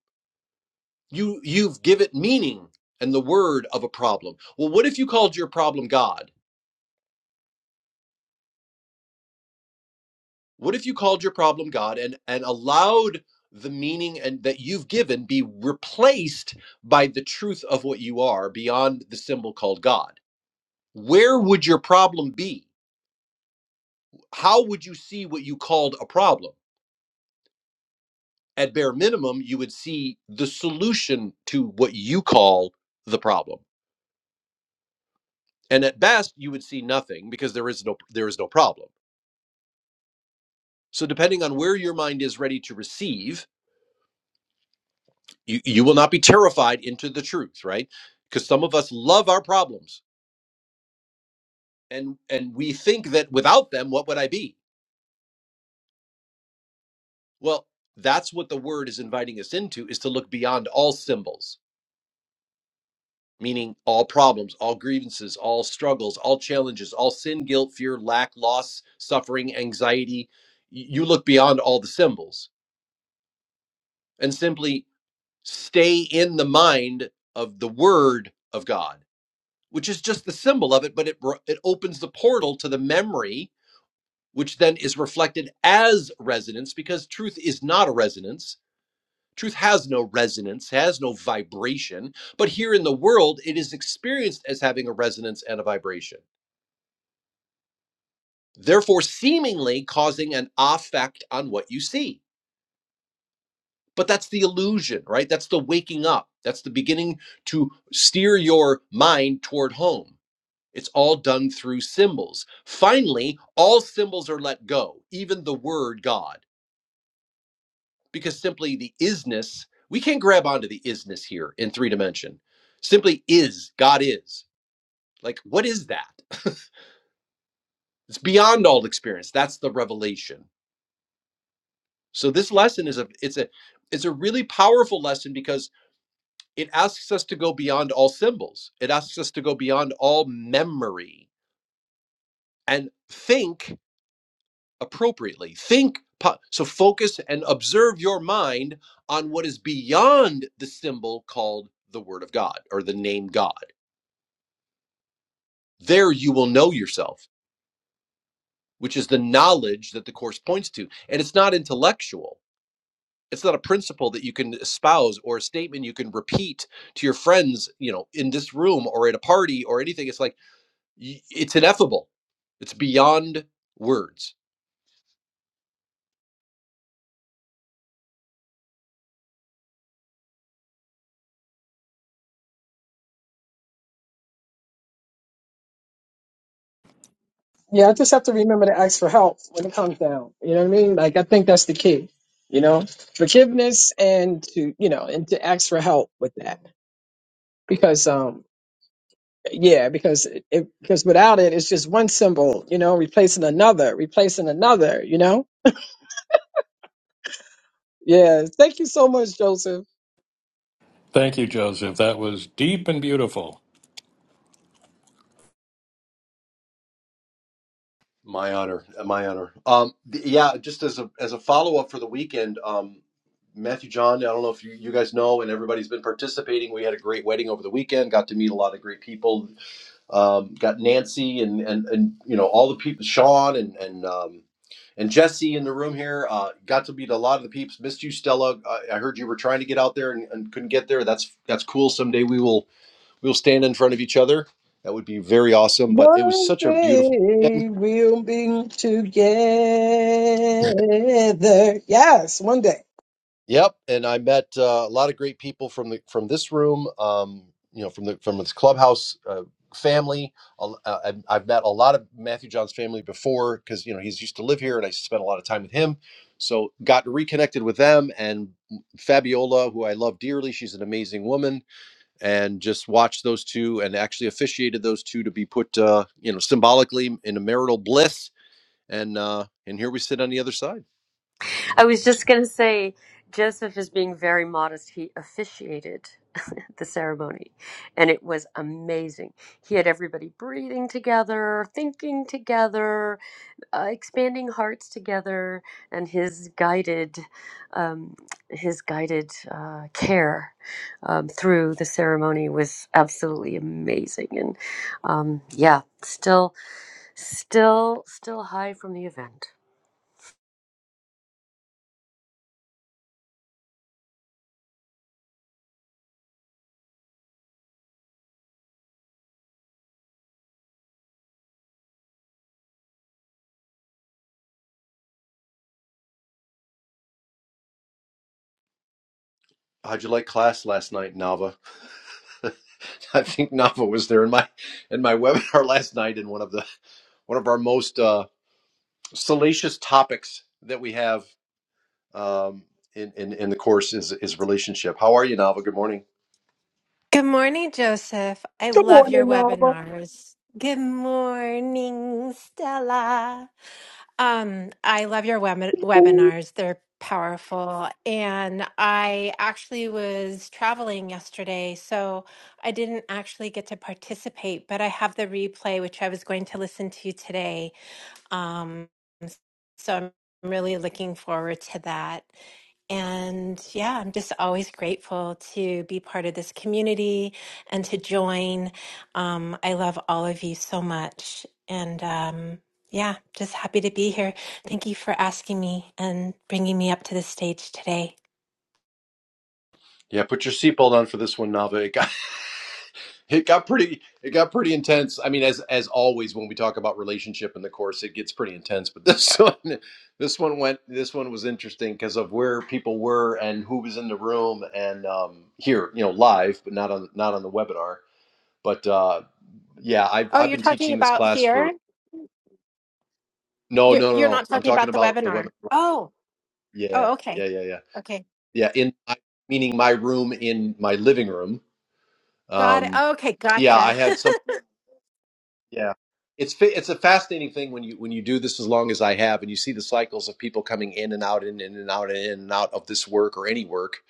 [SPEAKER 8] you you've given it meaning and the word of a problem well what if you called your problem god What if you called your problem God and and allowed the meaning and that you've given be replaced by the truth of what you are beyond the symbol called God? Where would your problem be? How would you see what you called a problem? At bare minimum, you would see the solution to what you call the problem. And at best, you would see nothing because there is no there is no problem. So depending on where your mind is ready to receive, you, you will not be terrified into the truth right because some of us love our problems and and we think that without them what would i be well that's what the word is inviting us into is to look beyond all symbols meaning all problems all grievances all struggles all challenges all sin guilt fear lack loss suffering anxiety Y- you look beyond all the symbols and simply stay in the mind of the word of god which is just the symbol of it, but it it opens the portal to the memory, which then is reflected as resonance because truth is not a resonance. Truth has no resonance, has no vibration, but here in the world, it is experienced as having a resonance and a vibration, therefore, seemingly causing an affect on what you see. But that's the illusion, right? That's the waking up. That's the beginning to steer your mind toward home It's all done through symbols. Finally, all symbols are let go, even the word God, because simply the isness, we can't grab onto the isness here in three dimension. Simply is, God is. Like, what is that? It's beyond all experience. That's the revelation. So this lesson is a it's a it's a really powerful lesson because it asks us to go beyond all symbols. It asks us to go beyond all memory and think appropriately. Think po- so focus and observe your mind on what is beyond the symbol called the word of God or the name God. There you will know yourself, which is the knowledge that the course points to. And it's not intellectual. It's not a principle that you can espouse or a statement you can repeat to your friends, you know, in this room or at a party or anything. It's like y- it's ineffable. It's beyond words
[SPEAKER 2] Yeah, I just have to remember to ask for help when it comes down. You know what I mean? Like I think that's the key. You know, forgiveness and to you know and to ask for help with that because um Yeah, because it, it- because without it, it's just one symbol, you know, replacing another, replacing another, you know. Yeah, thank you so much, Joseph.
[SPEAKER 1] Thank you, Joseph. That was deep and beautiful.
[SPEAKER 8] My honor, uh, my honor. Um, th- yeah, just as a as a follow up for the weekend, um, Matthew John. I don't know if you, you guys know, and everybody's been participating. We had a great wedding over the weekend. Got to meet a lot of great people. Um, got Nancy and and and you know all the people, Sean and and um, and Jesse in the room here. Uh, got to meet a lot of the peeps. Missed you, Stella. I, I heard you were trying to get out there and, and couldn't get there. That's that's cool. Someday we will we will stand in front of each other. That would be very awesome. But it was
[SPEAKER 2] One
[SPEAKER 8] such a
[SPEAKER 2] day
[SPEAKER 8] beautiful. weekend
[SPEAKER 2] we'll be together. Yes, one day.
[SPEAKER 8] Yep, and I met uh, a lot of great people from the from this room. Um, you know, from the from this clubhouse uh, family. Al- Uh, I've, I've met a lot of Matthew John's family before because you know he's used to live here, and I spent a lot of time with him. So got reconnected with them and Fabiola, who I love dearly. She's an amazing woman, and just watched those two and actually officiated those two to be put, uh, you know, symbolically in a marital bliss. And uh, and here we sit on the other side.
[SPEAKER 6] I was just going to say, Joseph is being very modest. He officiated the ceremony, and it was amazing. He had everybody breathing together, thinking together, uh, expanding hearts together, and his guided, um, his guided uh, care um, through the ceremony was absolutely amazing. And um, yeah, still, still, still high from the event.
[SPEAKER 8] How'd you like class last night, Nava? I think Nava was there in my in my webinar last night in one of the one of our most uh, salacious topics that we have um, in, in in the course is is relationship. How are you, Nava? Good morning.
[SPEAKER 9] Good morning, Joseph. I
[SPEAKER 2] Good
[SPEAKER 9] love your
[SPEAKER 2] morning, Nava.
[SPEAKER 9] webinars. Good morning, Stella. Um, I love your web- webinars. They're powerful. And I actually was traveling yesterday, so I didn't actually get to participate, but I have the replay, which I was going to listen to today. Um, so I'm really looking forward to that. And yeah, I'm just always grateful to be part of this community and to join. Um, I love all of you so much. And um, yeah, just happy to be here. Thank you for asking me and bringing me up to the stage today.
[SPEAKER 8] Yeah, put your seatbelt on for this one, Nava. It got It got pretty it got pretty intense. I mean, as as always when we talk about relationship in the course, it gets pretty intense. But this one this one went this one was interesting because of where people were and who was in the room and um here, you know, live, but not on not on the webinar. But uh yeah, I've
[SPEAKER 9] Oh,
[SPEAKER 8] I've
[SPEAKER 9] you're
[SPEAKER 8] been
[SPEAKER 9] talking
[SPEAKER 8] teaching this
[SPEAKER 9] about
[SPEAKER 8] class for
[SPEAKER 9] here?
[SPEAKER 8] no
[SPEAKER 9] You're,
[SPEAKER 8] no no
[SPEAKER 9] you're
[SPEAKER 8] no.
[SPEAKER 9] not
[SPEAKER 8] I'm
[SPEAKER 9] talking
[SPEAKER 8] talking
[SPEAKER 9] about the
[SPEAKER 8] about the
[SPEAKER 9] webinar.
[SPEAKER 8] webinar.
[SPEAKER 9] Oh,
[SPEAKER 8] Yeah,
[SPEAKER 9] oh,
[SPEAKER 8] yeah,
[SPEAKER 9] okay.
[SPEAKER 8] yeah, yeah.
[SPEAKER 9] Okay.
[SPEAKER 8] Yeah, in my, meaning my room in my living room.
[SPEAKER 9] Got it.
[SPEAKER 8] Um
[SPEAKER 9] Okay.
[SPEAKER 8] yeah, I
[SPEAKER 9] Gotcha.
[SPEAKER 8] had some. Yeah. It's fa- it's a fascinating thing when you when you do this as long as I have and you see the cycles of people coming in and out and in and out and in and out of this work or any work.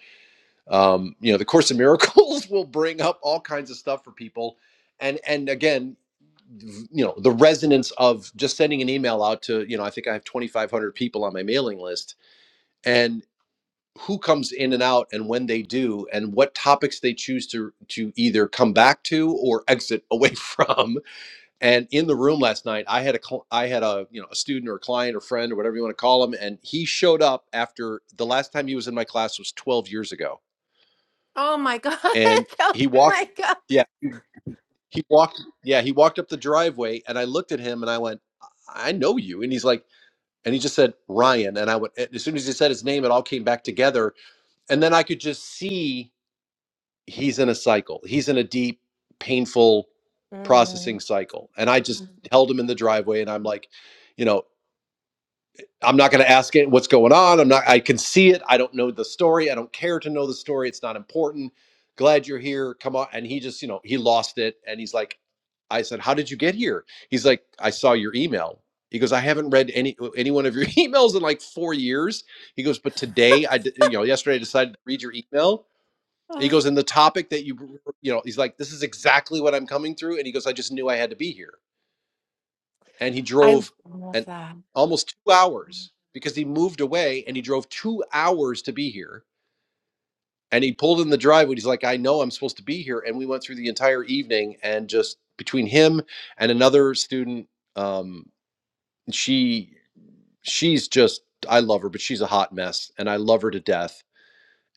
[SPEAKER 8] Um, you know, the Course in Miracles will bring up all kinds of stuff for people, and and again, you know, the resonance of just sending an email out to you know I think I have twenty five hundred people on my mailing list, and who comes in and out and when they do and what topics they choose to to either come back to or exit away from and in the room last night, I had a cl- I had a you know a student or a client or friend or whatever you want to call him, and he showed up after the last time he was in my class was 12 years ago,
[SPEAKER 9] Oh my God.
[SPEAKER 8] and he
[SPEAKER 9] Oh
[SPEAKER 8] walked,
[SPEAKER 9] my God.
[SPEAKER 8] yeah, he walked, yeah, he walked up the driveway, and I looked at him and I went, I know you, and he's like, and he just said Ryan, and I went as soon as he said his name, it all came back together, and then I could just see he's in a cycle, he's in a deep, painful processing
[SPEAKER 9] Mm.
[SPEAKER 8] cycle, and I just Mhm. held him in the driveway, and I'm like, you know. I'm not going to ask it what's going on. I'm not, I can see it. I don't know the story. I don't care to know the story. It's not important. Glad you're here. Come on. And he just, you know, he lost it. And he's like, I said, How did you get here? He's like, I saw your email. He goes, I haven't read any any one of your emails in like four years. He goes, but today I, d- you know, yesterday I decided to read your email.
[SPEAKER 9] Oh.
[SPEAKER 8] He goes, and the topic that you, you know, he's like, this is exactly what I'm coming through. And he goes, I just knew I had to be here and he
[SPEAKER 9] I
[SPEAKER 8] drove
[SPEAKER 9] love
[SPEAKER 8] an
[SPEAKER 9] that.
[SPEAKER 8] almost two hours because he moved away and he drove two hours to be here. And he pulled in the driveway. He's like, I know I'm supposed to be here. And we went through the entire evening and just between him and another student, um, she she's just I love her, but she's a hot mess and I love her to death.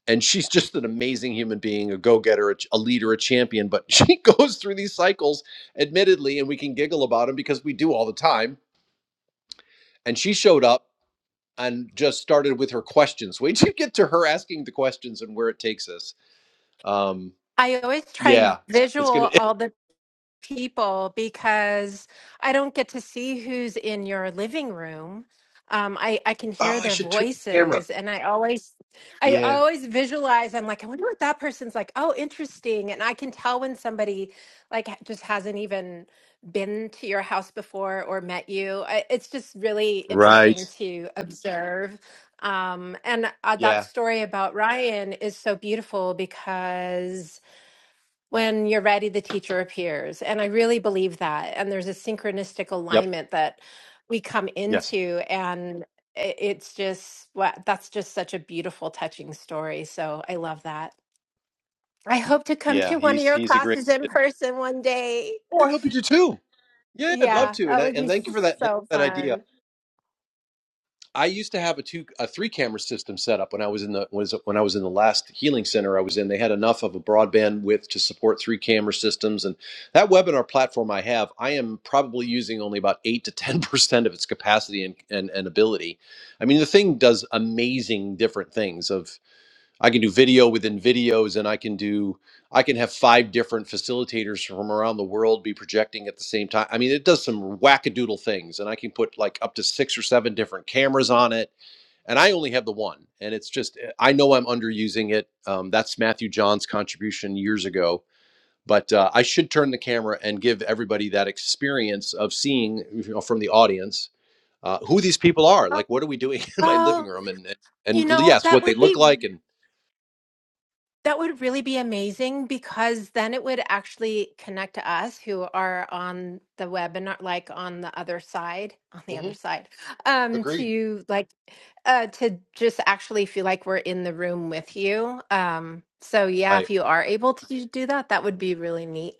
[SPEAKER 8] And she's just an amazing human being, a go-getter, a, ch- a leader, a champion. But she goes through these cycles, admittedly, and we can giggle about them because we do all the time. And she showed up and just started with her questions. Wait till you get to her asking the questions and where it takes us. Um,
[SPEAKER 9] I always try
[SPEAKER 8] yeah,
[SPEAKER 9] and
[SPEAKER 8] it's, it's gonna.
[SPEAKER 9] visual
[SPEAKER 8] It,
[SPEAKER 9] all the people because I don't get to see who's in your living room. Um, I, I can
[SPEAKER 8] oh,
[SPEAKER 9] hear
[SPEAKER 8] I
[SPEAKER 9] their
[SPEAKER 8] should turn the camera.
[SPEAKER 9] voices and I always I
[SPEAKER 8] Yeah.
[SPEAKER 9] always visualize I'm like, I wonder what that person's like. Oh, interesting. And I can tell when somebody like ha- just hasn't even been to your house before or met you. I, it's just really
[SPEAKER 8] Right.
[SPEAKER 9] interesting to observe. Um, and uh, that
[SPEAKER 8] Yeah.
[SPEAKER 9] story about Ryan is so beautiful because when you're ready, the teacher appears. And I really believe that. And there's a synchronistic
[SPEAKER 8] Yep.
[SPEAKER 9] alignment that we come
[SPEAKER 8] Yes.
[SPEAKER 9] into. And i- it's just, wa- that's just such a beautiful, touching story. So I love that. I hope to come
[SPEAKER 8] Yeah.
[SPEAKER 9] to one of
[SPEAKER 8] He's
[SPEAKER 9] your
[SPEAKER 8] he's a great.
[SPEAKER 9] classes in person one day.
[SPEAKER 8] Oh, I hope you do too. Yeah, I'd love
[SPEAKER 9] Yeah,
[SPEAKER 8] to, and
[SPEAKER 9] that
[SPEAKER 8] I,
[SPEAKER 9] would
[SPEAKER 8] and
[SPEAKER 9] be
[SPEAKER 8] thank you for that. Thank you
[SPEAKER 9] so
[SPEAKER 8] for that idea.
[SPEAKER 9] fun.
[SPEAKER 8] I used to have a two a three camera system set up when I was in the was when I was in the last healing center I was in. They had enough of a broadband width to support three camera systems, and that webinar platform I have, I am probably using only about eight to ten percent of its capacity and, and and ability. I mean, the thing does amazing different things. Of. I can do video within videos and I can do I can have five different facilitators from around the world be projecting at the same time. I mean, it does some wackadoodle things and I can put like up to 6 or 7 different cameras on it and I only have the one. And it's just eh, I know I'm underusing it. Um, that's Matthew John's contribution years ago. But uh, I should turn the camera and give everybody that experience of seeing you know, from the audience uh, who these people are. Like, what are we doing in my living
[SPEAKER 9] Oh,
[SPEAKER 8] room? And
[SPEAKER 9] you
[SPEAKER 8] and
[SPEAKER 9] know,
[SPEAKER 8] yes,
[SPEAKER 9] that
[SPEAKER 8] what they
[SPEAKER 9] would
[SPEAKER 8] look
[SPEAKER 9] be
[SPEAKER 8] like and
[SPEAKER 9] That would really be amazing because then it would actually connect to us who are on the webinar, like on the other side, on the
[SPEAKER 8] Mhm.
[SPEAKER 9] other side, um,
[SPEAKER 8] Agreed.
[SPEAKER 9] to like, uh, to just actually feel like we're in the room with you. Um, so yeah,
[SPEAKER 8] Right.
[SPEAKER 9] if you are able to do that, that would be really neat.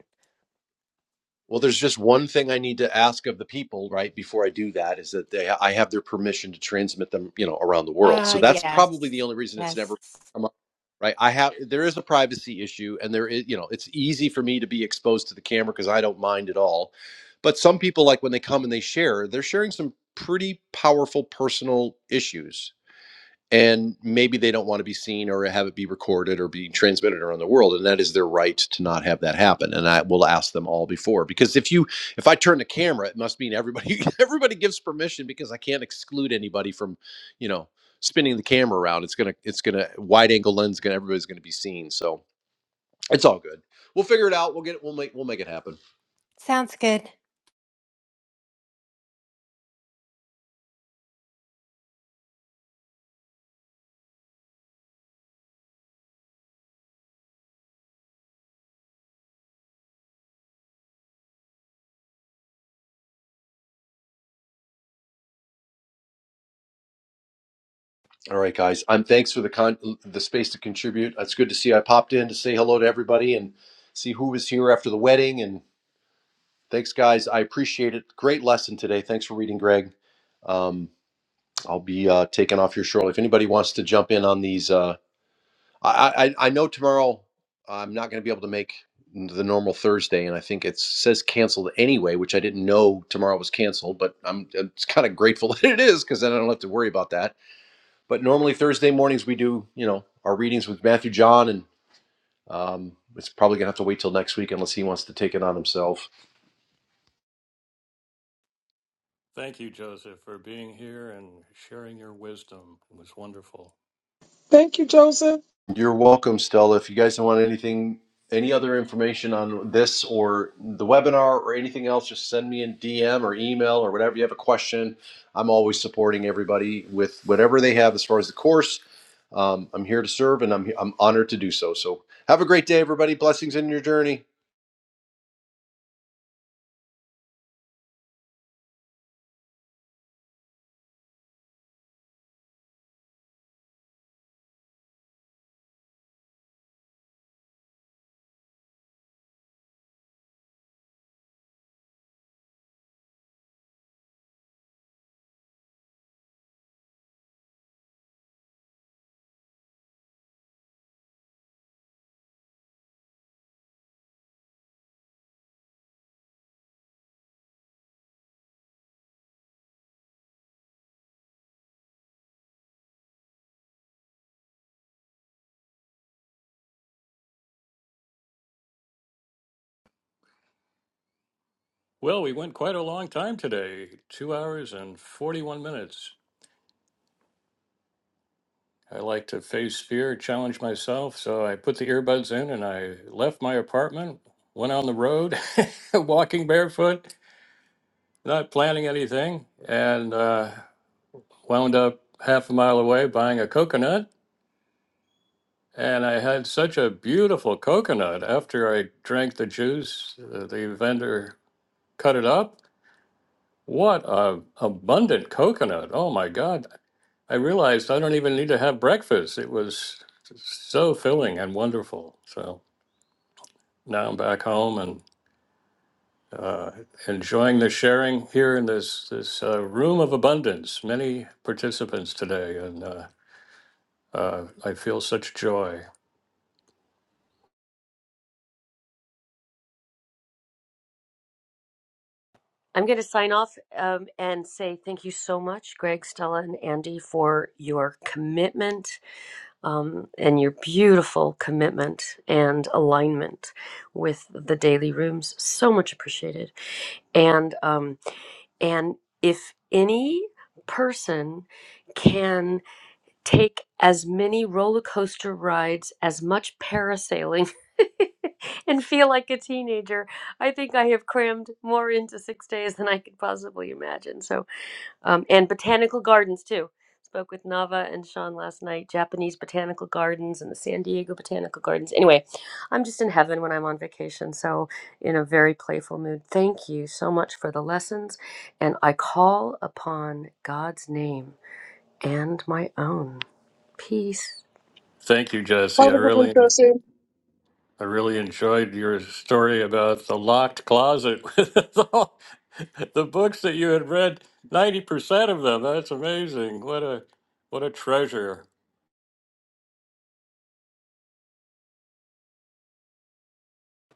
[SPEAKER 8] Well, there's just one thing I need to ask of the people, right, before I do that is that they I have their permission to transmit them, you know, around the world. So
[SPEAKER 9] Uh,
[SPEAKER 8] that's probably the
[SPEAKER 9] yes,
[SPEAKER 8] only reason it's never
[SPEAKER 9] yes,
[SPEAKER 8] come up. Right. I have there is a privacy issue and there is, you know, it's easy for me to be exposed to the camera because I don't mind at all. But some people like when they come and they share, they're sharing some pretty powerful personal issues and maybe they don't want to be seen or have it be recorded or be transmitted around the world and that is their right to not have that happen and i will ask them all before because if you if i turn the camera it must mean everybody everybody gives permission because i can't exclude anybody from you know spinning the camera around it's gonna it's gonna wide angle lens gonna everybody's gonna be seen so it's all good we'll figure it out we'll get it we'll make we'll make it happen
[SPEAKER 9] sounds good.
[SPEAKER 8] all right guys i'm thanks for the con the space to contribute it's good to see i popped in to say hello to everybody and see who was here after the wedding and Thanks, guys. I appreciate it. Great lesson today. Thanks for reading, Greg. Um, I'll be uh, taking off here shortly. If anybody wants to jump in on these, uh, I, I I know tomorrow I'm not going to be able to make the normal Thursday, and I think it says canceled anyway, which I didn't know tomorrow was canceled. But I'm it's kind of grateful that it is because then I don't have to worry about that. But normally Thursday mornings we do you know our readings with Matthew John, and um, it's probably going to have to wait till next week unless he wants to take it on himself.
[SPEAKER 1] Thank you, Joseph, for being here and sharing your wisdom. It was wonderful.
[SPEAKER 2] Thank you, Joseph.
[SPEAKER 8] You're welcome, Stella. If you guys want anything, any other information on this or the webinar or anything else, just send me a DM or email or whatever you have a question. I'm always supporting everybody with whatever they have as far as the course. Um, I'm here to serve and I'm, I'm honored to do so. So have a great day, everybody. Blessings in your journey.
[SPEAKER 1] Well, we went quite a long time today two hours and 41 minutes. I like to face fear, challenge myself. So I put the earbuds in and I left my apartment, went on the road, walking barefoot, not planning anything, and uh, wound up half a mile away buying a coconut. And I had such a beautiful coconut after I drank the juice. uh, The vendor cut it up What a abundant coconut. Oh my God. I realized I don't even need to have breakfast. It was so filling and wonderful. So now I'm back home and uh, enjoying the sharing here in this this uh, room of abundance. Many participants today, and uh, uh, I feel such joy.
[SPEAKER 6] I'm going to sign off um, and say thank you so much, Greg, Stella, and Andy, for your commitment um, and your beautiful commitment and alignment with the daily rooms. So much appreciated. And um, and if any person can take as many roller coaster rides, as much parasailing, and feel like a teenager. I think I have crammed more into six days than I could possibly imagine. So, um, and botanical gardens too. Spoke with Nava and Sean last night, Japanese botanical gardens and the San Diego botanical gardens. Anyway, I'm just in heaven when I'm on vacation, so in a very playful mood. Thank you so much for the lessons, and I call upon God's name and my own. Peace.
[SPEAKER 1] Thank you,
[SPEAKER 2] Have
[SPEAKER 1] Jesse. I
[SPEAKER 2] a good one,
[SPEAKER 1] really
[SPEAKER 2] Joseph.
[SPEAKER 1] I really enjoyed your story about the locked closet with all the books that you had read, 90% of them. That's amazing. What a what a treasure.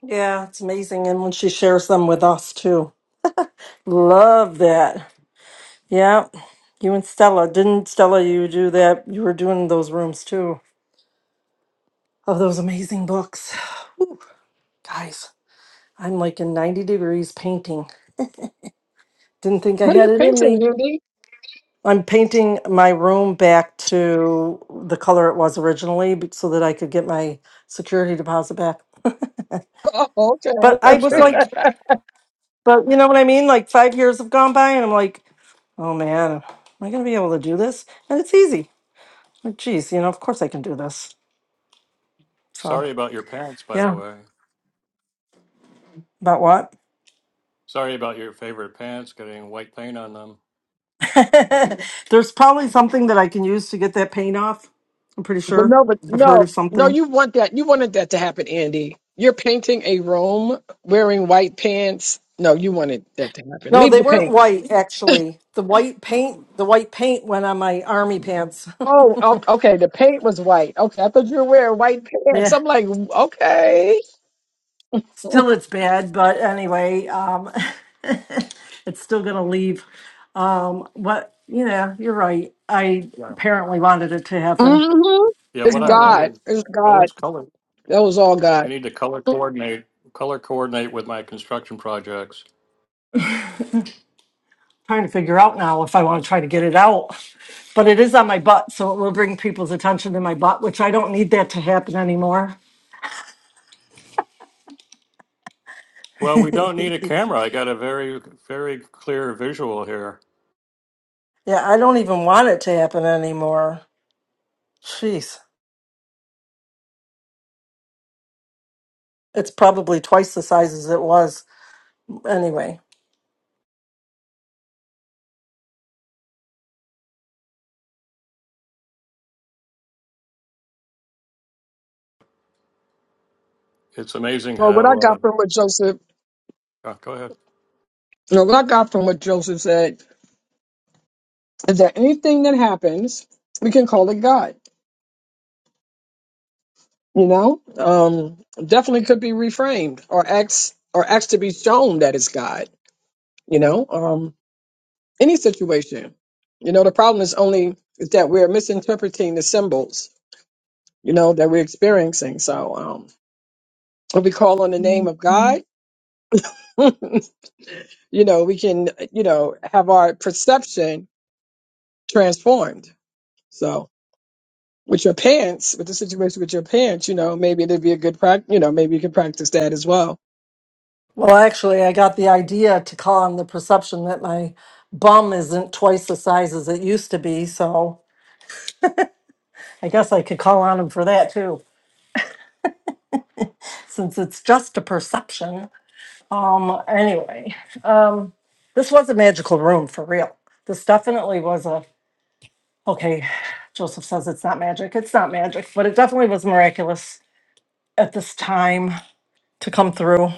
[SPEAKER 4] Yeah, it's amazing. And when she shares them with us too. Love that. Yeah. You and Stella. Didn't Stella you do that? You were doing those rooms too. Of those amazing books. Whew. Guys, I'm like in 90 degrees painting. Didn't think I
[SPEAKER 2] What are you
[SPEAKER 4] had it in
[SPEAKER 2] painting,
[SPEAKER 4] me.
[SPEAKER 2] Andy?
[SPEAKER 4] I'm painting my room back to the color it was originally be- so that I could get my security deposit back.
[SPEAKER 2] Oh, okay,
[SPEAKER 4] But
[SPEAKER 2] okay.
[SPEAKER 4] I
[SPEAKER 1] I'm
[SPEAKER 4] was
[SPEAKER 1] starting.
[SPEAKER 4] like, but you know what I mean? Like five years have gone by and I'm like, Oh man, am I gonna be able to do this? And it's easy. Like, geez, you know, of course I can do this. So
[SPEAKER 1] Sorry about your pants, by the
[SPEAKER 4] yeah,
[SPEAKER 1] way.
[SPEAKER 4] about what?
[SPEAKER 1] Sorry about your favorite pants getting white paint on them.
[SPEAKER 4] There's probably something that I can use to get that paint off. I'm pretty
[SPEAKER 2] But
[SPEAKER 4] sure
[SPEAKER 2] no, but
[SPEAKER 4] I've heard
[SPEAKER 2] no,
[SPEAKER 4] of
[SPEAKER 2] no,
[SPEAKER 4] something.
[SPEAKER 2] you want that. You wanted that to happen, Andy. You're painting a room wearing white pants. No, you wanted that to happen.
[SPEAKER 4] No,
[SPEAKER 2] Leave
[SPEAKER 4] they
[SPEAKER 2] the
[SPEAKER 4] weren't
[SPEAKER 2] paint.
[SPEAKER 4] white actually. The white paint, the white paint went on my army pants.
[SPEAKER 2] Oh, o- okay. The paint was white. Okay. I thought you were wearing white pants.
[SPEAKER 4] yeah,
[SPEAKER 2] I'm like, okay.
[SPEAKER 4] still it's bad, but anyway, um, it's still gonna leave. Um, what? Yeah, you're right. I
[SPEAKER 1] Yeah.
[SPEAKER 4] apparently wanted it to happen.
[SPEAKER 2] hmm
[SPEAKER 1] Yeah,
[SPEAKER 2] It's
[SPEAKER 1] what I've
[SPEAKER 4] Apparently.
[SPEAKER 2] God.
[SPEAKER 1] learned is
[SPEAKER 2] It's God.
[SPEAKER 1] always color.
[SPEAKER 2] That was all God.
[SPEAKER 1] I need to color coordinate, color coordinate with my construction projects.
[SPEAKER 4] trying to figure out now if I want to try to get it out. But it is on my butt, so it will bring people's attention to my butt, which I don't need that to happen anymore.
[SPEAKER 1] Well, we don't need
[SPEAKER 4] yeah,
[SPEAKER 1] a camera. I got a very, very clear visual here.
[SPEAKER 4] I don't even want it to happen anymore. Jeez. It's probably twice the size as it was. Anyway.
[SPEAKER 1] It's amazing
[SPEAKER 2] Well, what I
[SPEAKER 1] how uh,
[SPEAKER 2] got from what Joseph,
[SPEAKER 1] Oh, go ahead.
[SPEAKER 2] no, what I got from what Joseph said is that anything that happens, we can call it God. You know, um, definitely could be reframed or acts or acts to be shown that it's God. You know, um, any situation. You know, the problem is only is that we're misinterpreting the symbols. You know that we're experiencing. So um, if we call on the name of God, you know, we can you know have our perception transformed. So with your parents, with the situation with your parents, you know, maybe it'd be a good practice. You know, maybe you can practice that as well.
[SPEAKER 4] Well, actually, I got the idea to call on the perception that my bum isn't twice the size as it used to be. So I guess I could call on him for that too, since it's just a perception. Um, anyway, um, this was a magical room for real. This definitely was a, okay, Joseph says it's not magic. It's not magic, but it definitely was miraculous at this time to come through.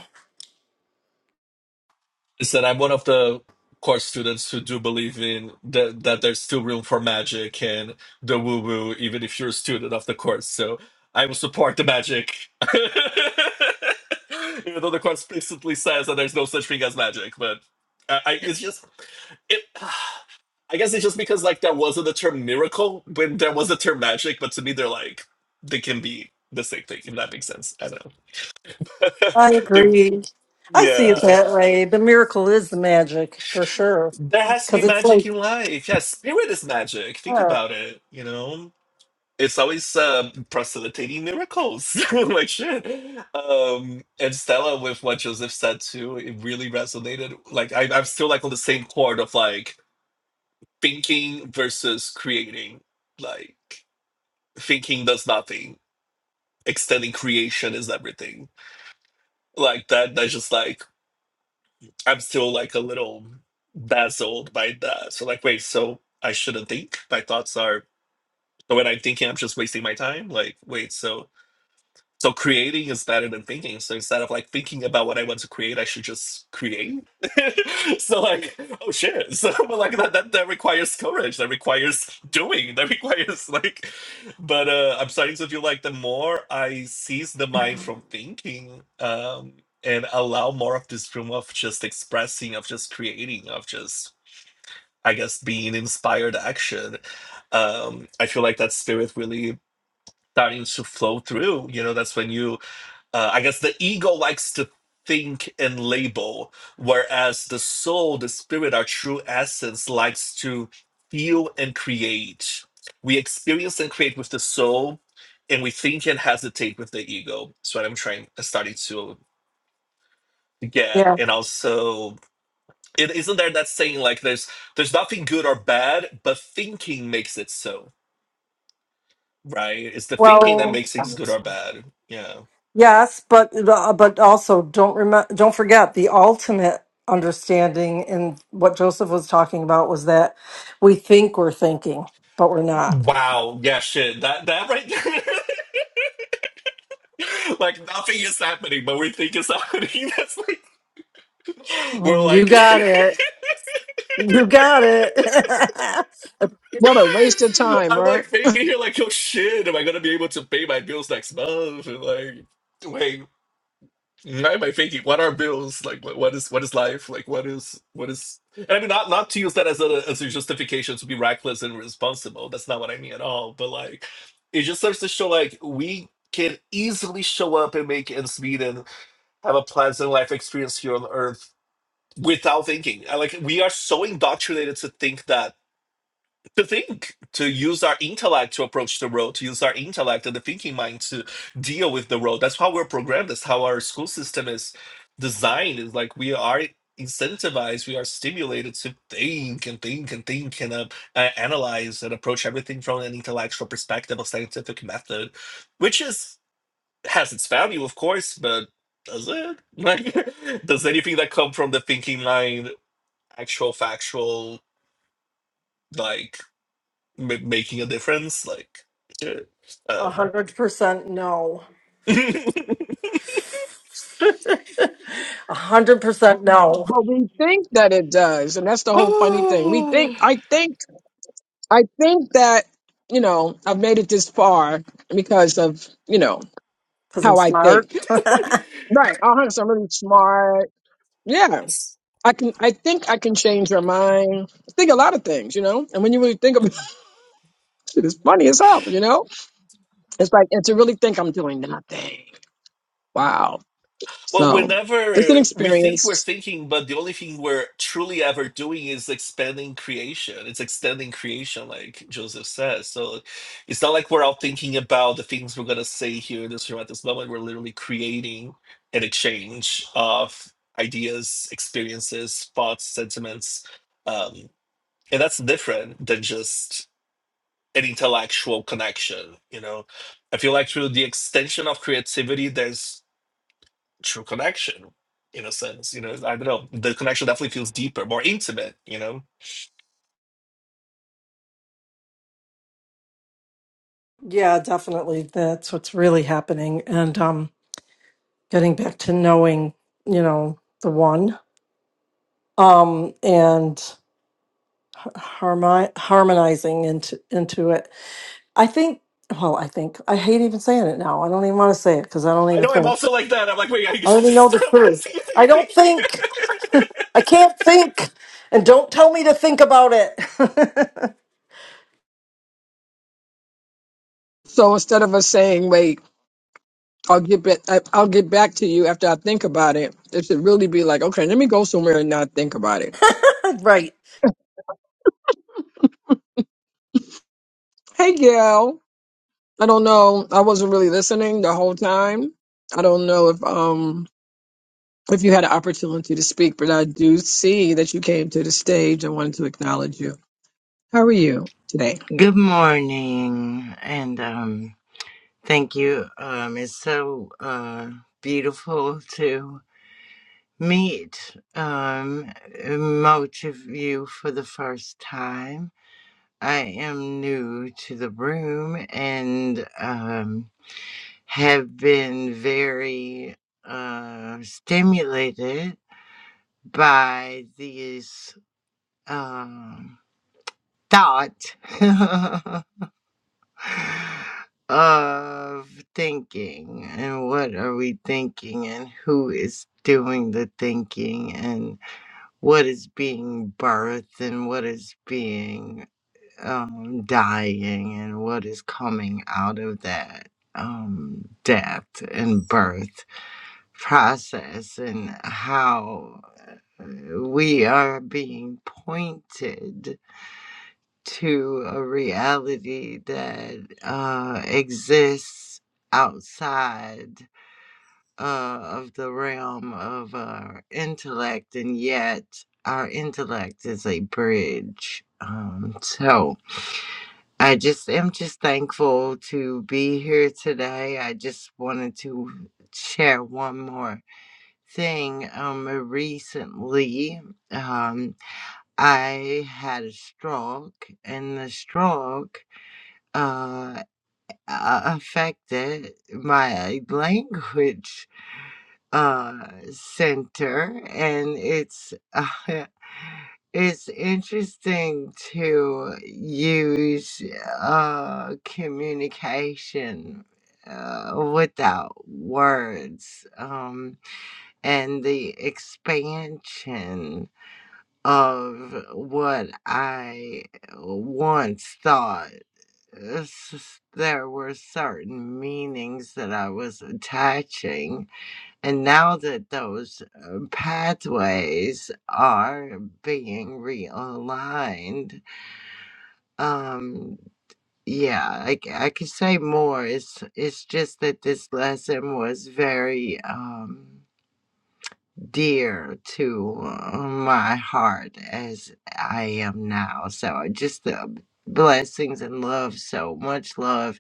[SPEAKER 7] Is that I'm one of the course students who do believe in that that there's still room for magic and the woo woo, even if you're a student of the course. So I will support the magic, even though the course explicitly says that there's no such thing as magic. But I, I it's just it. I guess it's just because like there wasn't the term miracle when there was the term magic, but to me they're like they can be the same thing if that makes sense. I don't know.
[SPEAKER 4] I
[SPEAKER 7] It-
[SPEAKER 4] agree. I see it
[SPEAKER 7] yeah,
[SPEAKER 4] that way. The miracle is the magic for sure.
[SPEAKER 7] there has to be
[SPEAKER 4] Cause it's like,
[SPEAKER 7] magic in life. Yeah, spirit is magic. Think
[SPEAKER 4] yeah,
[SPEAKER 7] about it. You know, it's always um, facilitating miracles. like shit. Um, and Stella with what Joseph said too, it really resonated. Like I, I'm still like on the same chord of like thinking versus creating. Like thinking does nothing extending creation is everything. Like that, that's just like I'm still like a little dazzled by that. So like, wait, so I shouldn't think. My thoughts are so when I'm thinking, I'm just wasting my time. Like, wait, so So creating is better than thinking. So instead of like thinking about what I want to create, I should just create. so like, oh shit. So but like that, that that requires courage. That requires doing. That requires like. But uh, I'm starting to feel like the more I seize the mind from thinking, um, and allow more of this room of just expressing, of just creating, of just I guess being inspired action. Um, I feel like that spirit really starting to flow through. You know, that's when you uh, I guess the ego likes to think and label, whereas the soul, the spirit, our true essence likes to feel and create. We experience and create with the soul, and we think and hesitate with the ego. That's what I'm trying, uh, starting to get.
[SPEAKER 4] yeah.
[SPEAKER 7] And also, it isn't there that saying like there's there's nothing good or bad, but thinking makes it so. Right? It's the thinking that
[SPEAKER 4] Well,
[SPEAKER 7] makes things good or bad. Yeah.
[SPEAKER 4] Yes, but uh, but also don't remember, don't forget the ultimate understanding in what Joseph was talking about was that we think we're thinking, but we're not.
[SPEAKER 7] Wow. Yeah. Shit. That that right there. like nothing is happening, but we think it's happening. That's like we're
[SPEAKER 4] Mm, You
[SPEAKER 7] like
[SPEAKER 4] got it. You got it.
[SPEAKER 2] What a waste of time,
[SPEAKER 7] I'm
[SPEAKER 2] right?
[SPEAKER 7] like thinking here like oh shit, am I gonna be able to pay my bills next month? And like wait, why am I thinking? What are bills? Like what, what is what is life? Like what is what is and I mean not not to use that as a as a justification to be reckless and irresponsible. That's not what I mean at all. But like it just starts to show like we can easily show up and make ends meet and have a pleasant life experience here on earth without thinking. I Like we are so indoctrinated to think that to think to use our intellect to approach the world, to use our intellect and the thinking mind to deal with the world. That's how we're programmed. That's how our school system is designed. Is like we are incentivized. We are stimulated to think and think and think and uh, uh, analyze and approach everything from an intellectual perspective, a scientific method, which is has its value, of course, but does it? Like, does anything that come from the thinking mind? actual factual like m- making a difference like uh,
[SPEAKER 4] A
[SPEAKER 7] um
[SPEAKER 4] hundred percent no. A hundred percent no.
[SPEAKER 2] But we think that it does, and that's the whole funny thing. We think I think I think that, you know, I've made it this far because of, you know,
[SPEAKER 4] Because I'm
[SPEAKER 2] how I
[SPEAKER 4] smart.
[SPEAKER 2] think. Right. Uh-huh. So I'm really smart. Yeah. I can I think I can change your mind. I think a lot of things, you know? And when you really think about it, it's funny as hell, you know? It's like and to really think I'm doing nothing. Wow.
[SPEAKER 7] well
[SPEAKER 2] So it's an
[SPEAKER 7] whenever we think we're
[SPEAKER 2] experience.
[SPEAKER 7] thinking but the only thing we're truly ever doing is expanding creation it's extending creation like joseph says so it's not like we're all thinking about the things we're going to say here in this room at this moment we're literally creating an exchange of ideas experiences thoughts sentiments um, and that's different than just an intellectual connection you know i feel like through the extension of creativity there's true connection in a sense you know i don't know the connection definitely feels deeper more intimate you know
[SPEAKER 4] yeah, definitely. That's what's really happening. And um, getting back to knowing, you know, the one. Um, and harmi- harmonizing into into it. I think. Well, I think I hate even saying it now. I don't even want to say it because I don't
[SPEAKER 7] i
[SPEAKER 4] even
[SPEAKER 7] know i'm
[SPEAKER 4] think.
[SPEAKER 7] also like that i'm like wait i need to
[SPEAKER 4] I already know the
[SPEAKER 7] stop
[SPEAKER 4] truth.
[SPEAKER 7] using
[SPEAKER 4] I don't
[SPEAKER 7] anything
[SPEAKER 4] think. I can't think, and don't tell me to think about it.
[SPEAKER 2] So instead of us saying, wait, I'll get back. I- I'll get back to you after I think about it. It should really be like, okay, let me go somewhere and not think about it.
[SPEAKER 4] right.
[SPEAKER 2] Hey, Gail. I don't know. I wasn't really listening the whole time. I don't know if um if you had an opportunity to speak, but I do see that you came to the stage. I wanted to acknowledge you. How are you today?
[SPEAKER 10] Good morning, and um, thank you. Um, it's so uh, beautiful to meet um, most of you for the first time. I am new to the room and um, have been very uh, stimulated by these um thoughts of thinking and what are we thinking and who is doing the thinking and what is being birthed and what is being um, dying and what is coming out of that um, death and birth process and how uh, we are being pointed to a reality that uh, exists outside uh, of the realm of our intellect, and yet our intellect is a bridge. Um, so I just am just thankful to be here today. I just wanted to share one more thing. Um, recently, um, I had a stroke, and the stroke uh, affected my language uh, center, and it's uh, it's interesting to use uh, communication uh, without words um, and the expansion of what I once thought s- there were certain meanings that I was attaching. And now that those uh, pathways are being realigned, um, yeah, I, c- I could say more. It's, it's just that this lesson was very um, dear to uh, my heart as I am now. So I just the blessings and love, so much love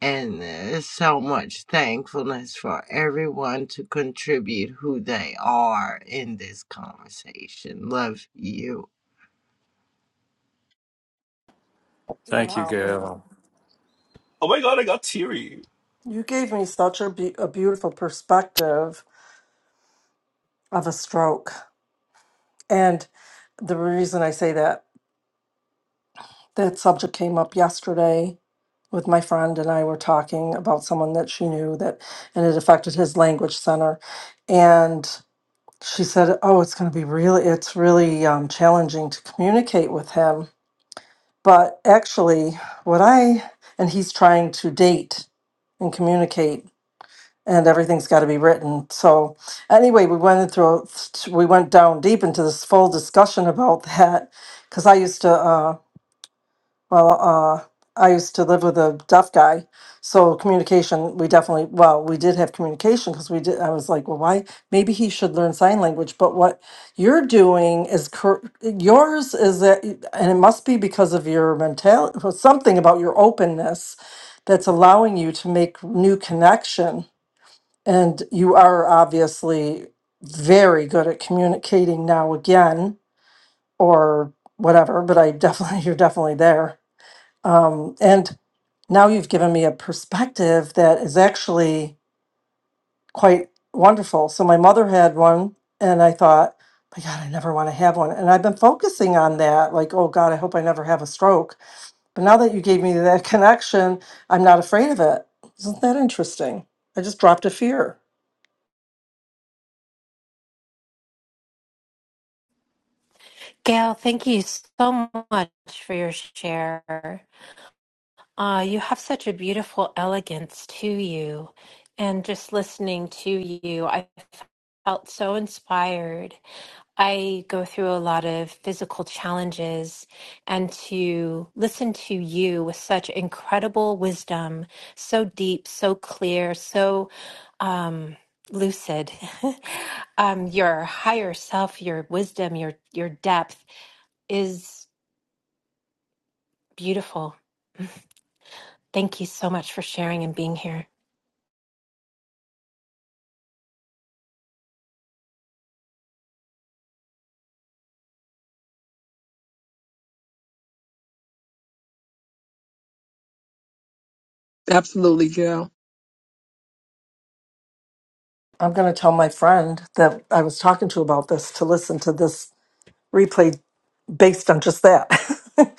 [SPEAKER 10] and there's so much thankfulness for everyone to contribute who they are in this conversation. Love you.
[SPEAKER 1] Thank you,
[SPEAKER 4] Wow.
[SPEAKER 1] Gail.
[SPEAKER 7] oh my god i got teary
[SPEAKER 4] You gave me such a, be- a beautiful perspective of a stroke, and the reason I say that that subject came up yesterday with my friend and I were talking about someone that she knew that and it affected his language center and she said oh it's going to be really it's really um, challenging to communicate with him but actually what I and he's trying to date and communicate and everything's got to be written so anyway we went through we went down deep into this full discussion about that because I used to Uh, well, uh, I used to live with a deaf guy, so communication, we definitely, well, we did have communication because we did. I was like, well, why? Maybe he should learn sign language. But what you're doing is cor- yours is that, and it must be because of your mentality, something about your openness that's allowing you to make new connection. And you are obviously very good at communicating now again, or whatever. But I definitely, you're definitely there. Um, and now you've given me a perspective that is actually quite wonderful. So my mother had one, and I thought, my God, I never want to have one. And I've been focusing on that, like, oh God, I hope I never have a stroke. But now that you gave me that connection, I'm not afraid of it. Isn't that interesting? I just dropped a fear.
[SPEAKER 9] Gail, thank you so much for your share. Ah, you have such a beautiful elegance to you. And just listening to you, I felt so inspired. I go through a lot of physical challenges, and to listen to you with such incredible wisdom, so deep, so clear, so um, lucid. um, your higher self, your wisdom, your your depth is beautiful. Thank you so much for sharing and being here.
[SPEAKER 2] Absolutely, Gail.
[SPEAKER 4] I'm going to tell my friend that I was talking to about this to listen to this replay based on just that.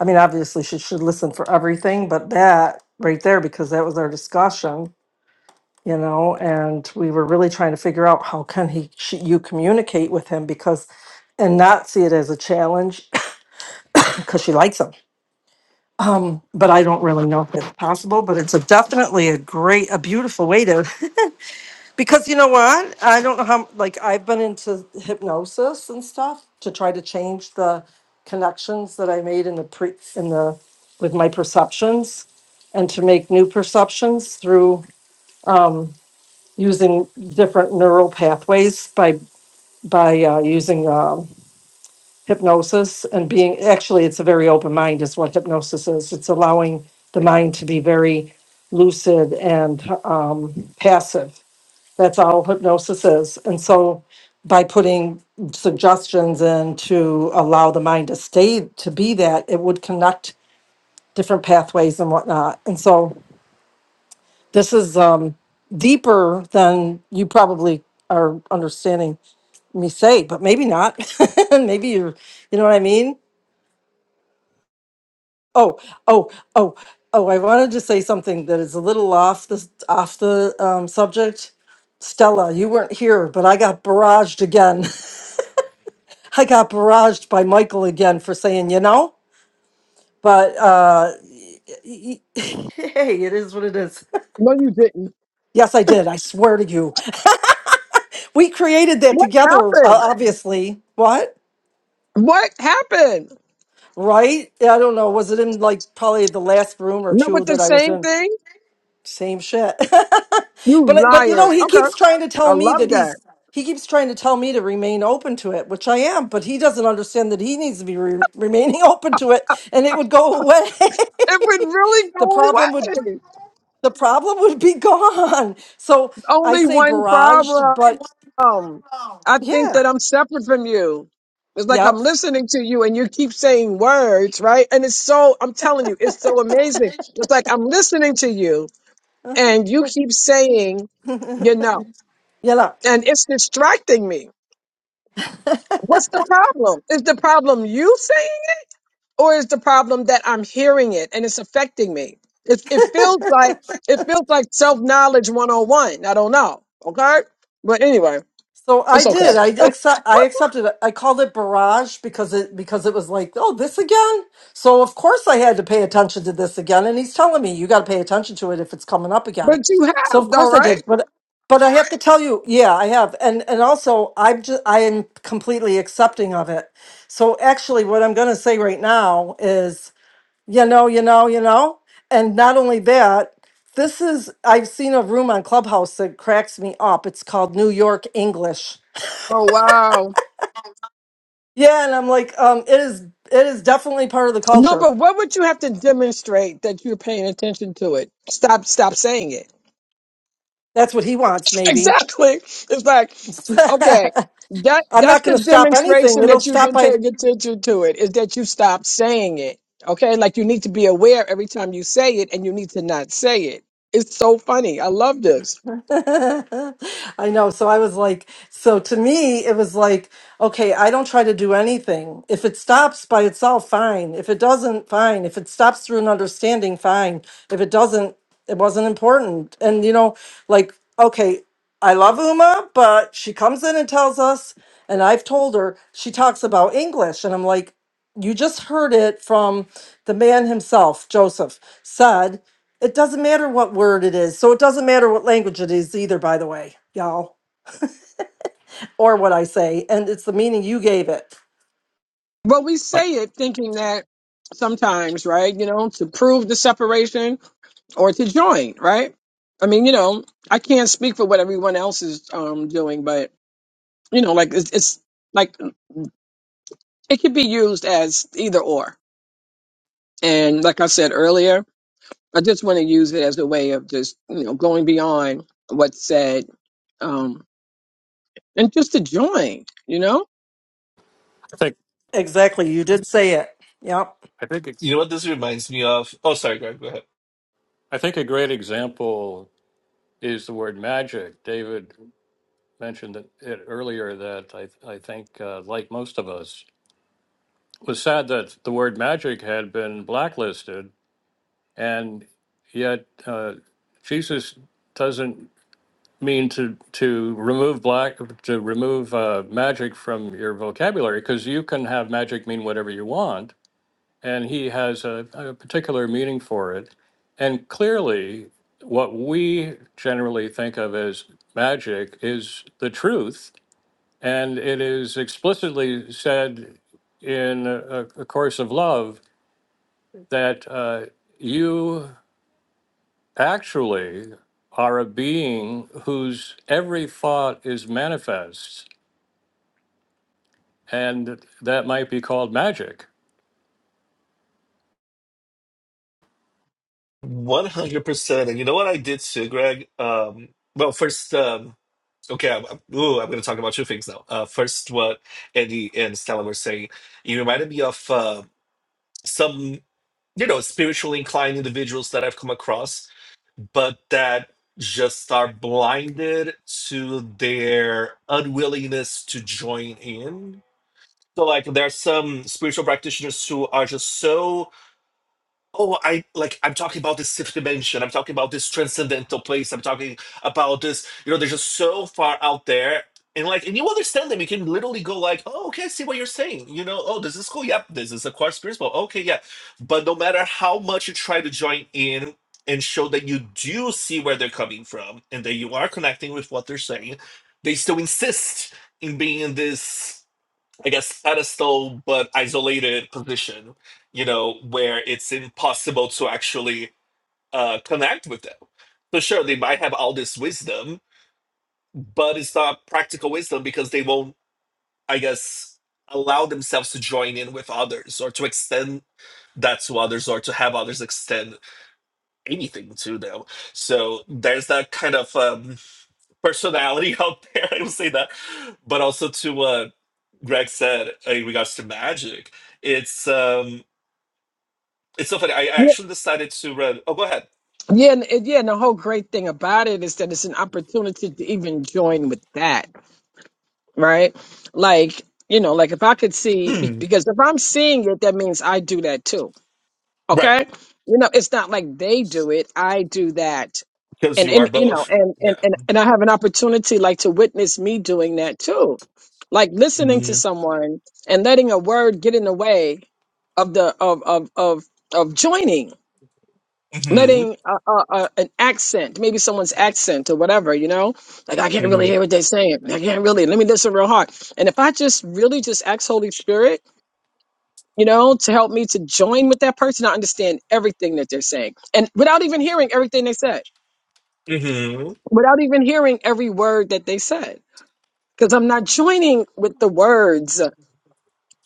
[SPEAKER 4] I mean, obviously, she should listen for everything, but that right there, because that was our discussion, you know, and we were really trying to figure out how can he, she, you communicate with him because, and not see it as a challenge because she likes him. But I don't really know if it's possible, but it's a definitely a great, a beautiful way to Because you know what? I don't know how, like, I've been into hypnosis and stuff to try to change the connections that I made in the pre, in the, with my perceptions and to make new perceptions through using different neural pathways by, by uh, using um, hypnosis and being, actually, it's a very open mind, is what hypnosis is. It's allowing the mind to be very lucid and um, passive that's all hypnosis is. And so by putting suggestions in to allow the mind to stay to be that, it would connect different pathways and whatnot. And so this is um, deeper than you probably are understanding me say, but maybe not. maybe you're, you know what I mean? Oh, oh, oh, oh, I wanted to say something that is a little off the, off the um, subject. Stella, you weren't here, but I got barraged again I got barraged by Michael again for saying, you know, but uh, hey, it is what it is.
[SPEAKER 2] No, you didn't.
[SPEAKER 4] yes, I did. I swear to you. We created that
[SPEAKER 2] What
[SPEAKER 4] together, uh,
[SPEAKER 2] happened?
[SPEAKER 4] obviously. What?
[SPEAKER 2] What happened?
[SPEAKER 4] Right? Yeah, I don't know. Was it in like probably the last room or
[SPEAKER 2] No,
[SPEAKER 4] two
[SPEAKER 2] but the
[SPEAKER 4] that I was
[SPEAKER 2] same
[SPEAKER 4] in?
[SPEAKER 2] thing.
[SPEAKER 4] Same shit. but
[SPEAKER 2] You
[SPEAKER 4] but you know,
[SPEAKER 2] liars.
[SPEAKER 4] he
[SPEAKER 2] Okay,
[SPEAKER 4] keeps trying to tell
[SPEAKER 2] I
[SPEAKER 4] me
[SPEAKER 2] love
[SPEAKER 4] that
[SPEAKER 2] that.
[SPEAKER 4] he's he keeps trying to tell me to remain open to it, which I am, but he doesn't understand that he needs to be re- remaining open to it and it would go away.
[SPEAKER 2] It would really
[SPEAKER 4] the
[SPEAKER 2] go
[SPEAKER 4] problem would
[SPEAKER 2] away.
[SPEAKER 4] the problem would be gone. So I
[SPEAKER 2] only
[SPEAKER 4] say
[SPEAKER 2] one
[SPEAKER 4] barraged,
[SPEAKER 2] problem.
[SPEAKER 4] but
[SPEAKER 2] I think
[SPEAKER 4] yeah,
[SPEAKER 2] that I'm separate from you. It's like I'm
[SPEAKER 4] yep,
[SPEAKER 2] listening to you and you keep saying words, right? And it's so, I'm telling you, it's so amazing. It's like I'm listening to you and you keep saying,
[SPEAKER 4] yeah.
[SPEAKER 2] you know,
[SPEAKER 4] no.
[SPEAKER 2] and it's distracting me. What's the problem? Is the problem you saying it or is the problem that I'm hearing it and it's affecting me? It, it feels like, it feels like self knowledge 101. I don't know. Okay. But anyway,
[SPEAKER 4] So I
[SPEAKER 2] it's okay.
[SPEAKER 4] did. I accept. I accepted it. I called it barrage because it because it was like, oh, this again. So of course I had to pay attention to this again. And he's telling me you got to pay attention to it if it's coming up again.
[SPEAKER 2] But you
[SPEAKER 4] So
[SPEAKER 2] have
[SPEAKER 4] of
[SPEAKER 2] though,
[SPEAKER 4] course I
[SPEAKER 2] right?
[SPEAKER 4] did. But but I have to tell you, yeah, I have. And and also I'm just I am completely accepting of it. So actually, what I'm going to say right now is. you know, you know, you know. And not only that, this is, I've seen a room on Clubhouse that cracks me up. It's called New York English.
[SPEAKER 2] Oh wow.
[SPEAKER 4] Yeah. And I'm like, um, it is, it is definitely part of the
[SPEAKER 2] No,
[SPEAKER 4] culture.
[SPEAKER 2] but what would you have to demonstrate that you're paying attention to it? Stop stop saying it.
[SPEAKER 4] That's what he wants, maybe.
[SPEAKER 2] Exactly. It's like, okay, that
[SPEAKER 4] I'm
[SPEAKER 2] that's
[SPEAKER 4] not
[SPEAKER 2] the
[SPEAKER 4] going to stop anything.
[SPEAKER 2] demonstration
[SPEAKER 4] It'll
[SPEAKER 2] that you've
[SPEAKER 4] stop
[SPEAKER 2] been
[SPEAKER 4] by.
[SPEAKER 2] paying attention to it, is that you stop saying it. Okay? Like you need to be aware every time you say it and you need to not say it. It's so funny. I love this.
[SPEAKER 4] I know. So I was like, so to me, it was like, okay, I don't try to do anything. If it stops by itself, fine. If it doesn't, fine. If it stops through an understanding, fine. If it doesn't, it wasn't important. And, you know, like, okay, I love Uma, but she comes in and tells us, and I've told her, she talks about English. And I'm like, you just heard it from the man himself, Joseph, said. It doesn't matter what word it is. So it doesn't matter what language it is either, by the way, y'all, or what I say. And it's the meaning you gave it.
[SPEAKER 2] But we
[SPEAKER 1] I
[SPEAKER 2] say it thinking that sometimes, right? You know, to prove the separation or to join, right? I mean, you know, I can't speak for what everyone else is um, doing, but you know, like it's, it's like it could be used as either or. And like I said earlier, I just want to use it as a way of just you know going beyond what's said um, and just to join, you know.
[SPEAKER 1] think
[SPEAKER 4] Exactly. You did say it. Yep.
[SPEAKER 1] I think it's
[SPEAKER 7] you know what this reminds me of oh sorry greg go ahead
[SPEAKER 1] I think a great example is the word magic. David mentioned it it earlier that I I think uh, like most of us it was sad that the word magic had been blacklisted, and yet uh, Jesus doesn't mean to to remove black to remove uh, magic from your vocabulary because you can have magic mean whatever you want and he has a, a particular meaning for it. And clearly, what we generally think of as magic is the truth, and it is explicitly said in a, a course of love that uh, you actually are a being whose every thought is manifest, and that might be called magic.
[SPEAKER 7] 100% and you know what i did too greg um well first um, Okay, I'm, I'm- ooh, I'm going to talk about two things now. Uh, first, what Andy and Stella were saying, you reminded me of uh, some, you know, spiritually inclined individuals that I've come across, but that just are blinded to their unwillingness to join in. So, like, there are some spiritual practitioners who are just so Oh, I like I'm talking about this fifth dimension. I'm talking about this transcendental place. I'm talking about this, you know, they're just so far out there. And like and you understand them. You can literally go like, oh, okay, I see what you're saying. You know, oh, this is cool. Yep, this is a course principle. Okay, yeah. But no matter how much you try to join in and show that you do see where they're coming from and that you are connecting with what they're saying, they still insist in being in this. I guess pedestal but isolated position, you know, where it's impossible to actually uh, connect with them. So sure, they might have all this wisdom, but it's not practical wisdom because they won't, I guess, allow themselves to join in with others or to extend that to others or to have others extend anything to them. So there's that kind of um, personality out there. I will say that, but also to uh, Greg said uh, in regards to magic, it's um it's so funny. I
[SPEAKER 2] Yeah,
[SPEAKER 7] actually decided to read. Oh, go ahead.
[SPEAKER 2] yeah, and, and yeah. And the whole great thing about it is that it's an opportunity to even join with that, right? Like you know, like if I could see,
[SPEAKER 7] Hmm.
[SPEAKER 2] because if I'm seeing it, that means I do that too
[SPEAKER 7] Right,
[SPEAKER 2] Okay. You know, it's not like they do it. I do that.
[SPEAKER 7] because
[SPEAKER 2] And,
[SPEAKER 7] you are
[SPEAKER 2] and you know,
[SPEAKER 7] both.
[SPEAKER 2] and,
[SPEAKER 7] Yeah.
[SPEAKER 2] and, and, and I have an opportunity like to witness me doing that too. Like listening to
[SPEAKER 7] hmm
[SPEAKER 2] someone and letting a word get in the way of the, of, of, of, of joining,
[SPEAKER 7] hmm
[SPEAKER 2] letting uh uh uh an accent, maybe someone's accent or whatever, you know, like I can't really
[SPEAKER 7] hmm
[SPEAKER 2] hear what they're saying. I can't really, let me listen real hard. And if I just really just ask Holy Spirit, you know, to help me to join with that person. I understand everything that they're saying. And without even hearing everything they said,
[SPEAKER 7] hmm
[SPEAKER 2] without even hearing every word that they said, because I'm not joining with the words.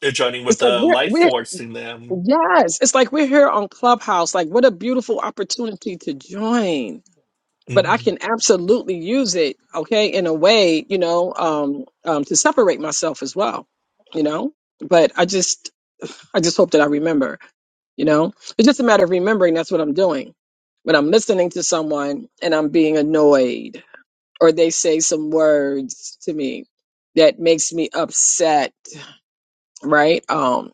[SPEAKER 7] They're joining with
[SPEAKER 2] It's like,
[SPEAKER 7] the
[SPEAKER 2] we're,
[SPEAKER 7] life
[SPEAKER 2] we're,
[SPEAKER 7] force in them.
[SPEAKER 2] yes, it's like we're here on Clubhouse. Like, what a beautiful opportunity to join. But
[SPEAKER 7] hmm
[SPEAKER 2] I can absolutely use it, okay, in a way, you know, um, um, to separate myself as well, you know? But I just, I just hope that I remember, you know? It's just a matter of remembering that's what I'm doing. When I'm listening to someone and I'm being annoyed or they say some words to me that makes me upset, right? Um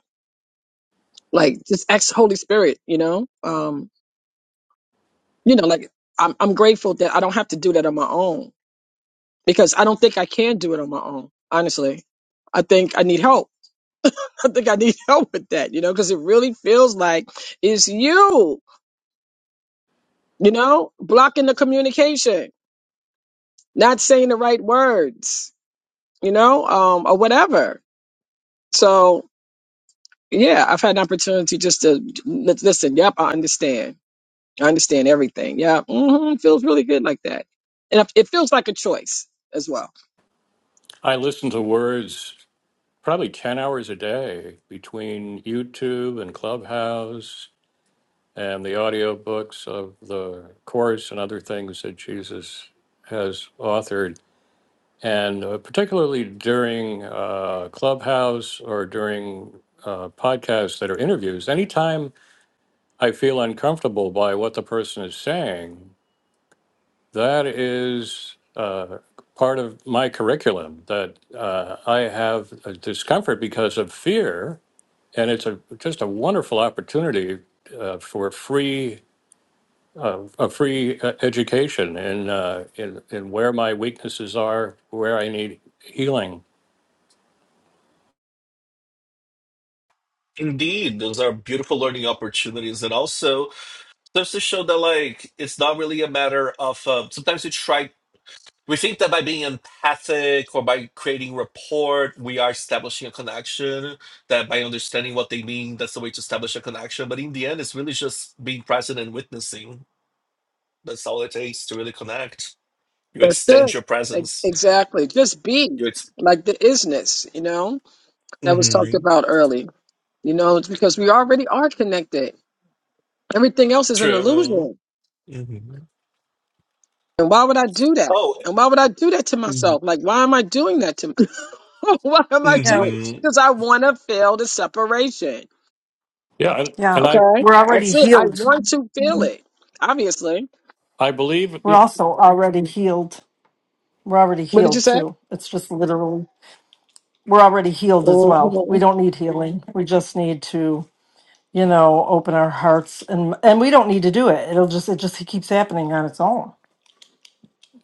[SPEAKER 2] like just ex Holy Spirit, you know? Um you know like I'm I'm grateful that I don't have to do that on my own because I don't think I can do it on my own, honestly. I think I need help. I think I need help with that, you know, because it really feels like it's you you know blocking the communication not saying the right words you know um or whatever so yeah i've had an opportunity just to li- listen yep i understand i understand everything yeah hmm feels really good like that and it it feels like a choice as well
[SPEAKER 1] I listen to words probably 10 hours a day between YouTube and Clubhouse and the audiobooks of the course and other things that Jesus has authored. And uh, particularly during uh, Clubhouse or during uh, podcasts that are interviews, anytime I feel uncomfortable by what the person is saying, that is uh, part of my curriculum that uh, I have a discomfort because of fear and it's a just a wonderful opportunity uh, for free uh, a free uh, education in, uh, in in where my weaknesses are, where I need healing.
[SPEAKER 7] Indeed, those are beautiful learning opportunities, and also serves to show that like it's not really a matter of. Uh, sometimes we try We think that by being empathic or by creating rapport, we are establishing a connection. That by understanding what they mean, that's the way to establish a connection. But in the end, it's really just being present and witnessing. That's all it takes to really connect. You
[SPEAKER 2] that's
[SPEAKER 7] extend
[SPEAKER 2] it
[SPEAKER 7] your
[SPEAKER 2] Ex-
[SPEAKER 7] presence.
[SPEAKER 2] exactly just be
[SPEAKER 7] You ex-
[SPEAKER 2] like the isness you know that was talked
[SPEAKER 7] Mhm.
[SPEAKER 2] about early you know it's because we already are connected Everything else is an
[SPEAKER 7] True.
[SPEAKER 2] illusion.
[SPEAKER 7] hmm
[SPEAKER 2] And why would I do that?
[SPEAKER 7] Oh.
[SPEAKER 2] And why would I do that to
[SPEAKER 7] hmm
[SPEAKER 2] myself? Like, why am I doing that to myself? why am I
[SPEAKER 4] Yeah.
[SPEAKER 2] doing it? Because I want to feel the separation.
[SPEAKER 1] Yeah, and,
[SPEAKER 4] Yeah.
[SPEAKER 1] and I
[SPEAKER 2] Okay?
[SPEAKER 4] We're already
[SPEAKER 2] That's it. I
[SPEAKER 4] healed.
[SPEAKER 2] want to feel it, obviously.
[SPEAKER 1] I believe
[SPEAKER 4] We're also already healed. We're already
[SPEAKER 2] What did you
[SPEAKER 4] healed
[SPEAKER 2] say?
[SPEAKER 4] too. It's just literally, we're already healed as well. We
[SPEAKER 2] Mhm.
[SPEAKER 4] don't need healing. We just need to, you know, open our hearts and, and we don't need to do it. It'll just, it just keeps happening on its own.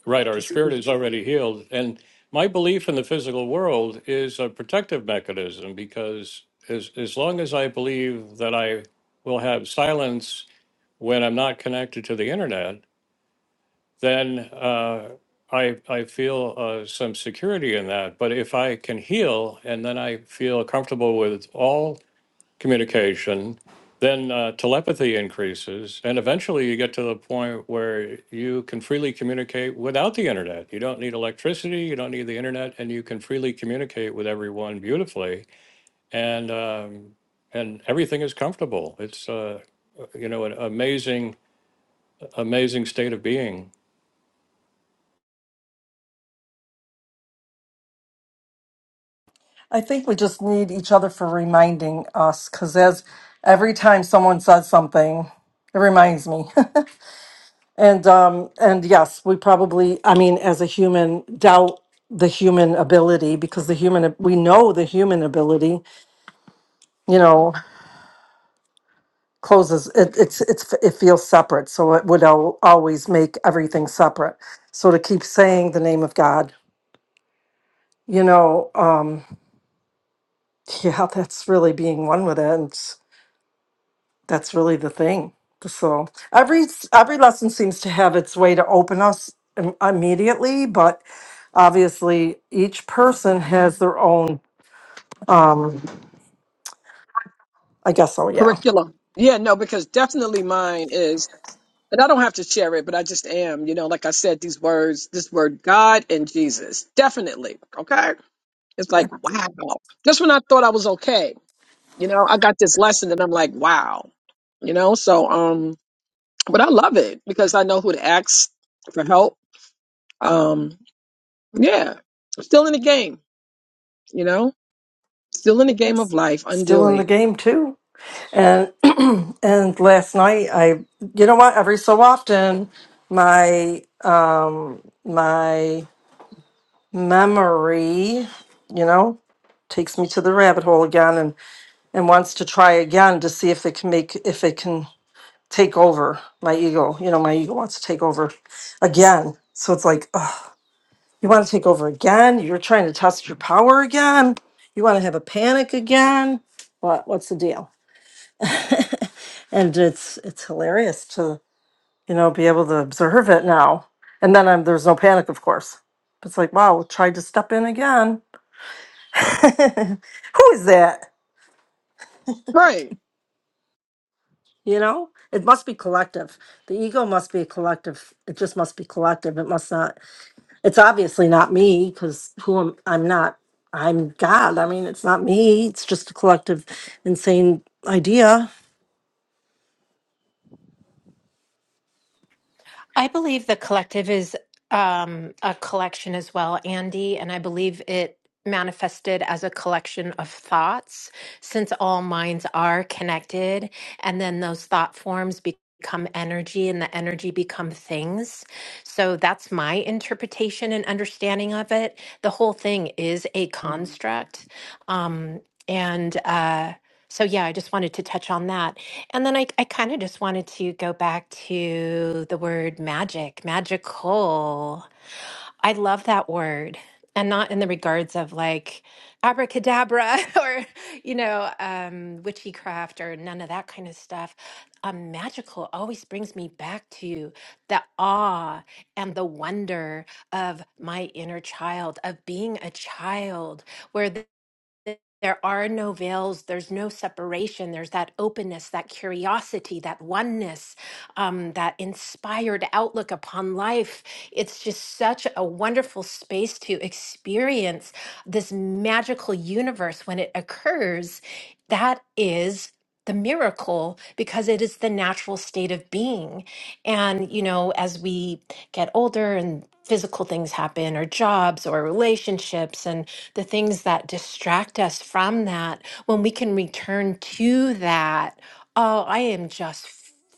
[SPEAKER 1] right. Our
[SPEAKER 4] Just
[SPEAKER 1] spirit is already healed, and my belief in the physical world is a protective mechanism because as as long as I believe that I will have silence when I'm not connected to the internet then uh, I, I feel uh, some security in that. But if I can heal and then I feel comfortable with all communication, then uh, telepathy increases. And eventually you get to the point where you can freely communicate without the internet. You don't need electricity, you don't need the internet, and you can freely communicate with everyone beautifully. And, um, and everything is comfortable. It's, uh, you know, an amazing, amazing state of being.
[SPEAKER 4] I think we just need each other for reminding us because as every time someone says something, it reminds me. and um, and yes, we probably, I mean, as a human, doubt the human ability because the human we know the human ability, you know, closes it, it's it's it feels separate, so it would al- always make everything separate. So to keep saying the name of God, you know, um, yeah, that's really being one with it. that's really the thing. So every every lesson seems to have its way to open us im- immediately, but obviously each person has their own. Um, I guess so. Yeah,
[SPEAKER 2] Curriculum. Yeah, no, because definitely mine is, and I don't have to share it, but I just am, you know, like I said, these words, this word God and Jesus. Definitely. Okay? It's
[SPEAKER 4] yeah.
[SPEAKER 2] like, wow. Just when I thought I was okay. You know, I got this lesson and I'm like, wow. You know, so um but I love it because I know who to ask for help. Um yeah. Still in the game, you know? Still in the game of
[SPEAKER 4] That's
[SPEAKER 2] life,
[SPEAKER 4] still in the
[SPEAKER 2] undoing.
[SPEAKER 4] game too. And and last night I, you know what? Every so often, my my memory, you know, takes me to the rabbit hole again and and wants to try again to see if it can make if it can take over my ego. You know, my ego wants to take over again. So it's like, ugh, you want to take over again? You're trying to test your power again? You want to have a panic again? What what's the deal? and it's it's hilarious to, you know, be able to observe it now. And then I'm, there's no panic, of course. It's like, wow, tried to step in again. Who is that?
[SPEAKER 2] Right.
[SPEAKER 4] You know? It must be collective. The ego must be collective. It just must be collective. It must not. It's obviously not me because who am I'm not. I'm God. I mean, it's not me. It's just a collective, insane idea.
[SPEAKER 9] I believe the collective is um, a collection as well, Andy, and I believe it manifested as a collection of thoughts since all minds are connected, and then those thought forms become energy and the energy become things. So that's my interpretation and understanding of it. The whole thing is a construct. Um, and uh, so, yeah, I just wanted to touch on that. And then I, I kind of just wanted to go back to the word magic, magical. I love that word. And not in the regards of like abracadabra or, you know, um, witchcraft or none of that kind of stuff. Um, magical always brings me back to the awe and the wonder of my inner child, of being a child, where there are no veils there's no separation there's that openness that curiosity that oneness um, that inspired outlook upon life it's just such a wonderful space to experience this magical universe when it occurs that is the miracle because it is the natural state of being and you know as we get older and physical things happen or jobs or relationships and the things that distract us from that, when we can return to that, oh, I am just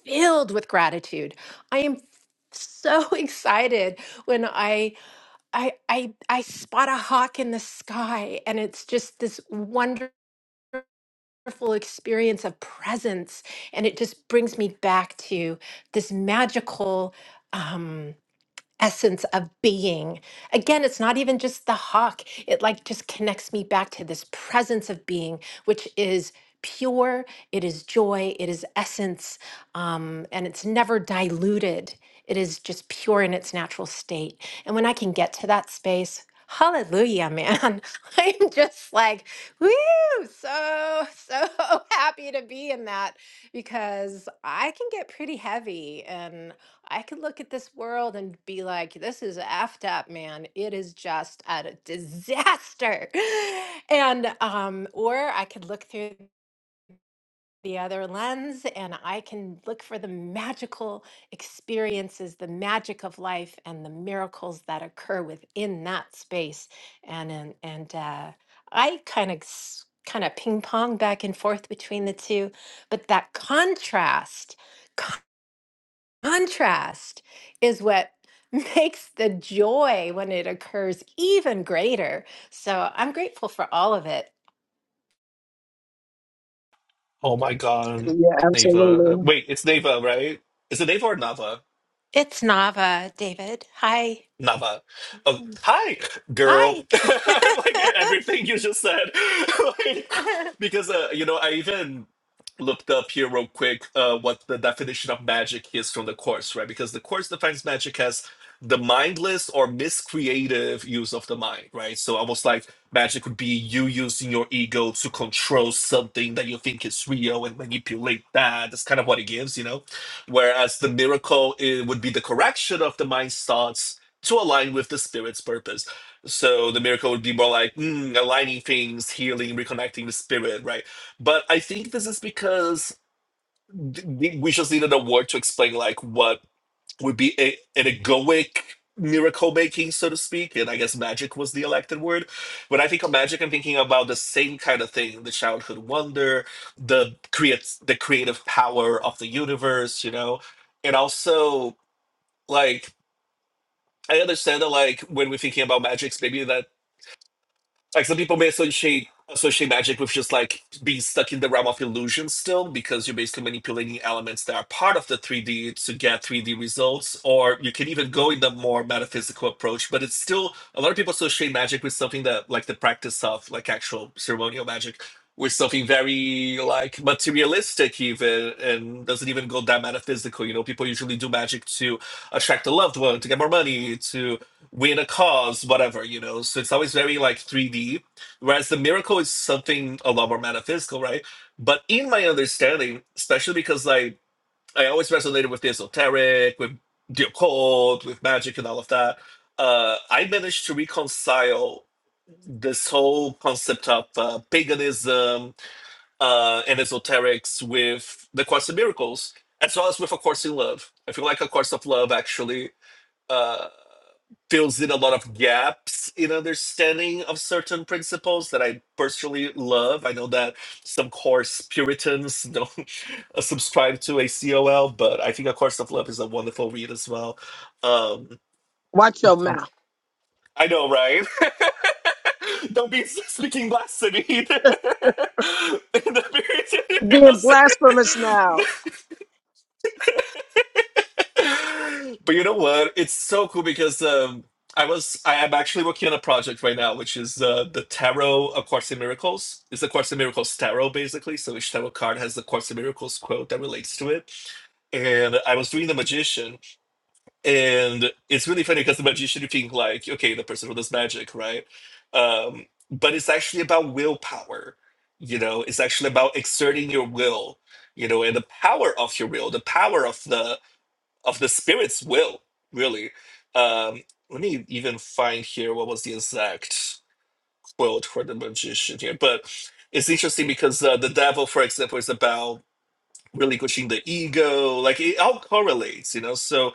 [SPEAKER 9] filled with gratitude. I am so excited when I I I I spot a hawk in the sky and it's just this wonderful experience of presence and it just brings me back to this magical um essence of being. Again, it's not even just the hawk. It like just connects me back to this presence of being, which is pure, it is joy, it is essence, um, and it's never diluted. It is just pure in its natural state. And when I can get to that space, Hallelujah, man. I'm just like, woo, so, so happy to be in that because I can get pretty heavy I could look at this world and be like, this is effed up, man. It is just a disaster. And um, or I could look through the other lens and I can look for the magical experiences, the magic of life and the miracles that occur within that space. And and, and uh, I kind of kind of ping pong back and forth between the two, but that contrast. Contrast is what makes the joy when it occurs even greater. So I'm grateful for all of it.
[SPEAKER 7] Oh my God,
[SPEAKER 2] Yeah,
[SPEAKER 7] Neva. Uh,
[SPEAKER 2] absolutely.
[SPEAKER 7] wait, it's Neva, right? Is it Neva or Nava?
[SPEAKER 9] It's Nava, David. Hi.
[SPEAKER 7] Nava. Oh, hi, girl.
[SPEAKER 9] Hi.
[SPEAKER 7] like e-, everything you just said. like, because, uh, you know, I even looked up here real quick uh, what the definition of magic is from the course, right? Because the course defines magic as the mindless or miscreative use of the mind, right? So almost like magic would be you using your ego to control something that you think is real and manipulate that. That's kind of what it gives, you know? Whereas the miracle it would be the correction of the mind's thoughts to align with the spirit's purpose. So the miracle would be more like mm, aligning things, healing, reconnecting the spirit, right? But I think this is because th- th- we just needed a word to explain like what would be a, an egoic miracle making, so to speak. And I guess magic was the elected word. When I think of magic, I'm thinking about the same kind of thing: the childhood wonder, the creates the creative power of the universe, you know, and also. Like I understand that like when we're thinking about magics, maybe that like some people may associate associate magic with just like being stuck in the realm of illusion still, because you're basically manipulating elements that are part of the 3D to get 3D results, or you can even go in the more metaphysical approach, but it's still a lot of people associate magic with something that like the practice of like actual ceremonial magic with something very like materialistic even and doesn't even go that metaphysical. You know, people usually do magic to attract a loved one, to get more money, to win a cause, whatever, you know. So it's always very like 3D. Whereas the miracle is something a lot more metaphysical, right? But in my understanding, especially because like I always resonated with the esoteric, with the occult, with magic and all of that, uh, I managed to reconcile this whole concept of uh, paganism uh, and esoterics with the Course of Miracles, as well as with A Course in Love. I feel like A Course of Love actually uh, fills in a lot of gaps in understanding of certain principles that I personally love. I know that some course Puritans don't subscribe to ACOL, but I think A Course of Love is a wonderful read as well. Um,
[SPEAKER 2] Watch your mouth.
[SPEAKER 7] I know, right? don't be speaking blasphemy in the Puritan
[SPEAKER 2] Being
[SPEAKER 7] house.
[SPEAKER 2] blasphemous now.
[SPEAKER 7] but you know what? It's so cool because um, I was I am actually working on a project right now, which is uh, the Tarot of Course in Miracles. It's the Course in Miracles tarot, basically. So each tarot card has the Course in Miracles quote that relates to it. And I was doing the magician, and it's really funny because the magician you think like, okay, the person who does magic, right? Um, but it's actually about willpower. You know, it's actually about exerting your will you know and the power of your will the power of the of the spirit's will, really. Um, let me even find here what was the exact quote for the magician here. But it's interesting because uh, the devil, for example, is about relinquishing the ego. Like it all correlates, you know. So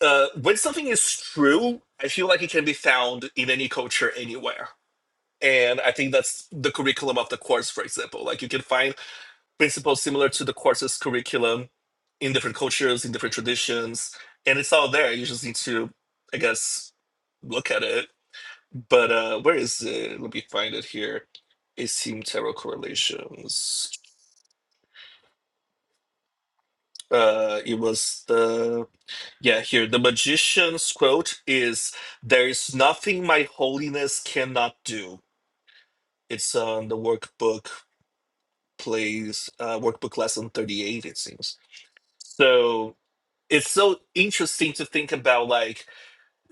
[SPEAKER 7] uh, when something is true, I feel like it can be found in any culture, anywhere. And I think that's the curriculum of the course, for example. Like you can find principles similar to the course's curriculum in different cultures, in different traditions, and it's all there. You just need to, I guess, look at it. But uh, where is it? Let me find it here. Asim tarot correlations. Uh, it was the yeah here. The magician's quote is, "There is nothing my holiness cannot do." It's on the workbook plays uh, workbook lesson thirty eight. It seems so. it's so interesting to think about like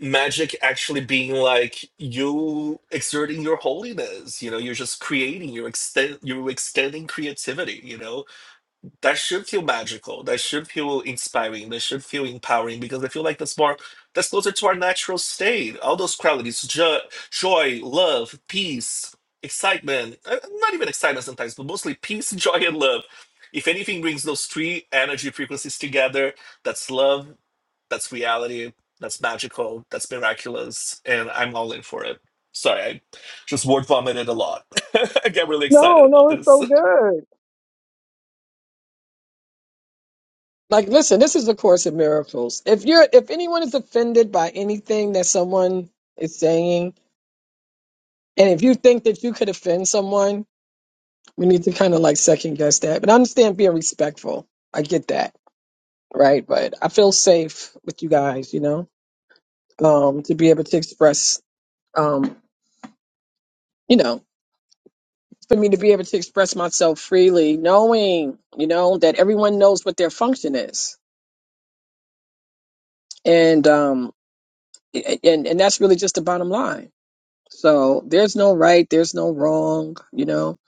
[SPEAKER 7] magic actually being like you exerting your holiness you know you're just creating you're extend you're extending creativity you know that should feel magical. That should feel inspiring. That should feel empowering because I feel like that's more that's closer to our natural state. All those qualities, jo- joy, love, peace, excitement. uh, Not even excitement sometimes, but mostly peace, joy, and love. If anything brings those three energy frequencies together, that's love, that's reality, that's magical, that's miraculous, and I'm all in for it. Sorry, I just word vomited a lot. I get really excited
[SPEAKER 2] No,
[SPEAKER 7] about
[SPEAKER 2] no, it's
[SPEAKER 7] this.
[SPEAKER 2] so good. Like listen, this is the course in miracles. If you're if anyone is offended by anything that someone is saying, and if you think that you could offend someone, We need to kind of like second guess that. But I understand being respectful. I get that. Right. But I feel safe with you guys, you know, um, to be able to express, um, you know, for me to be able to express myself freely, knowing, you know, that everyone knows what their function is. And, um, a- and, and that's really just the bottom line. So there's no right, there's no wrong, you know.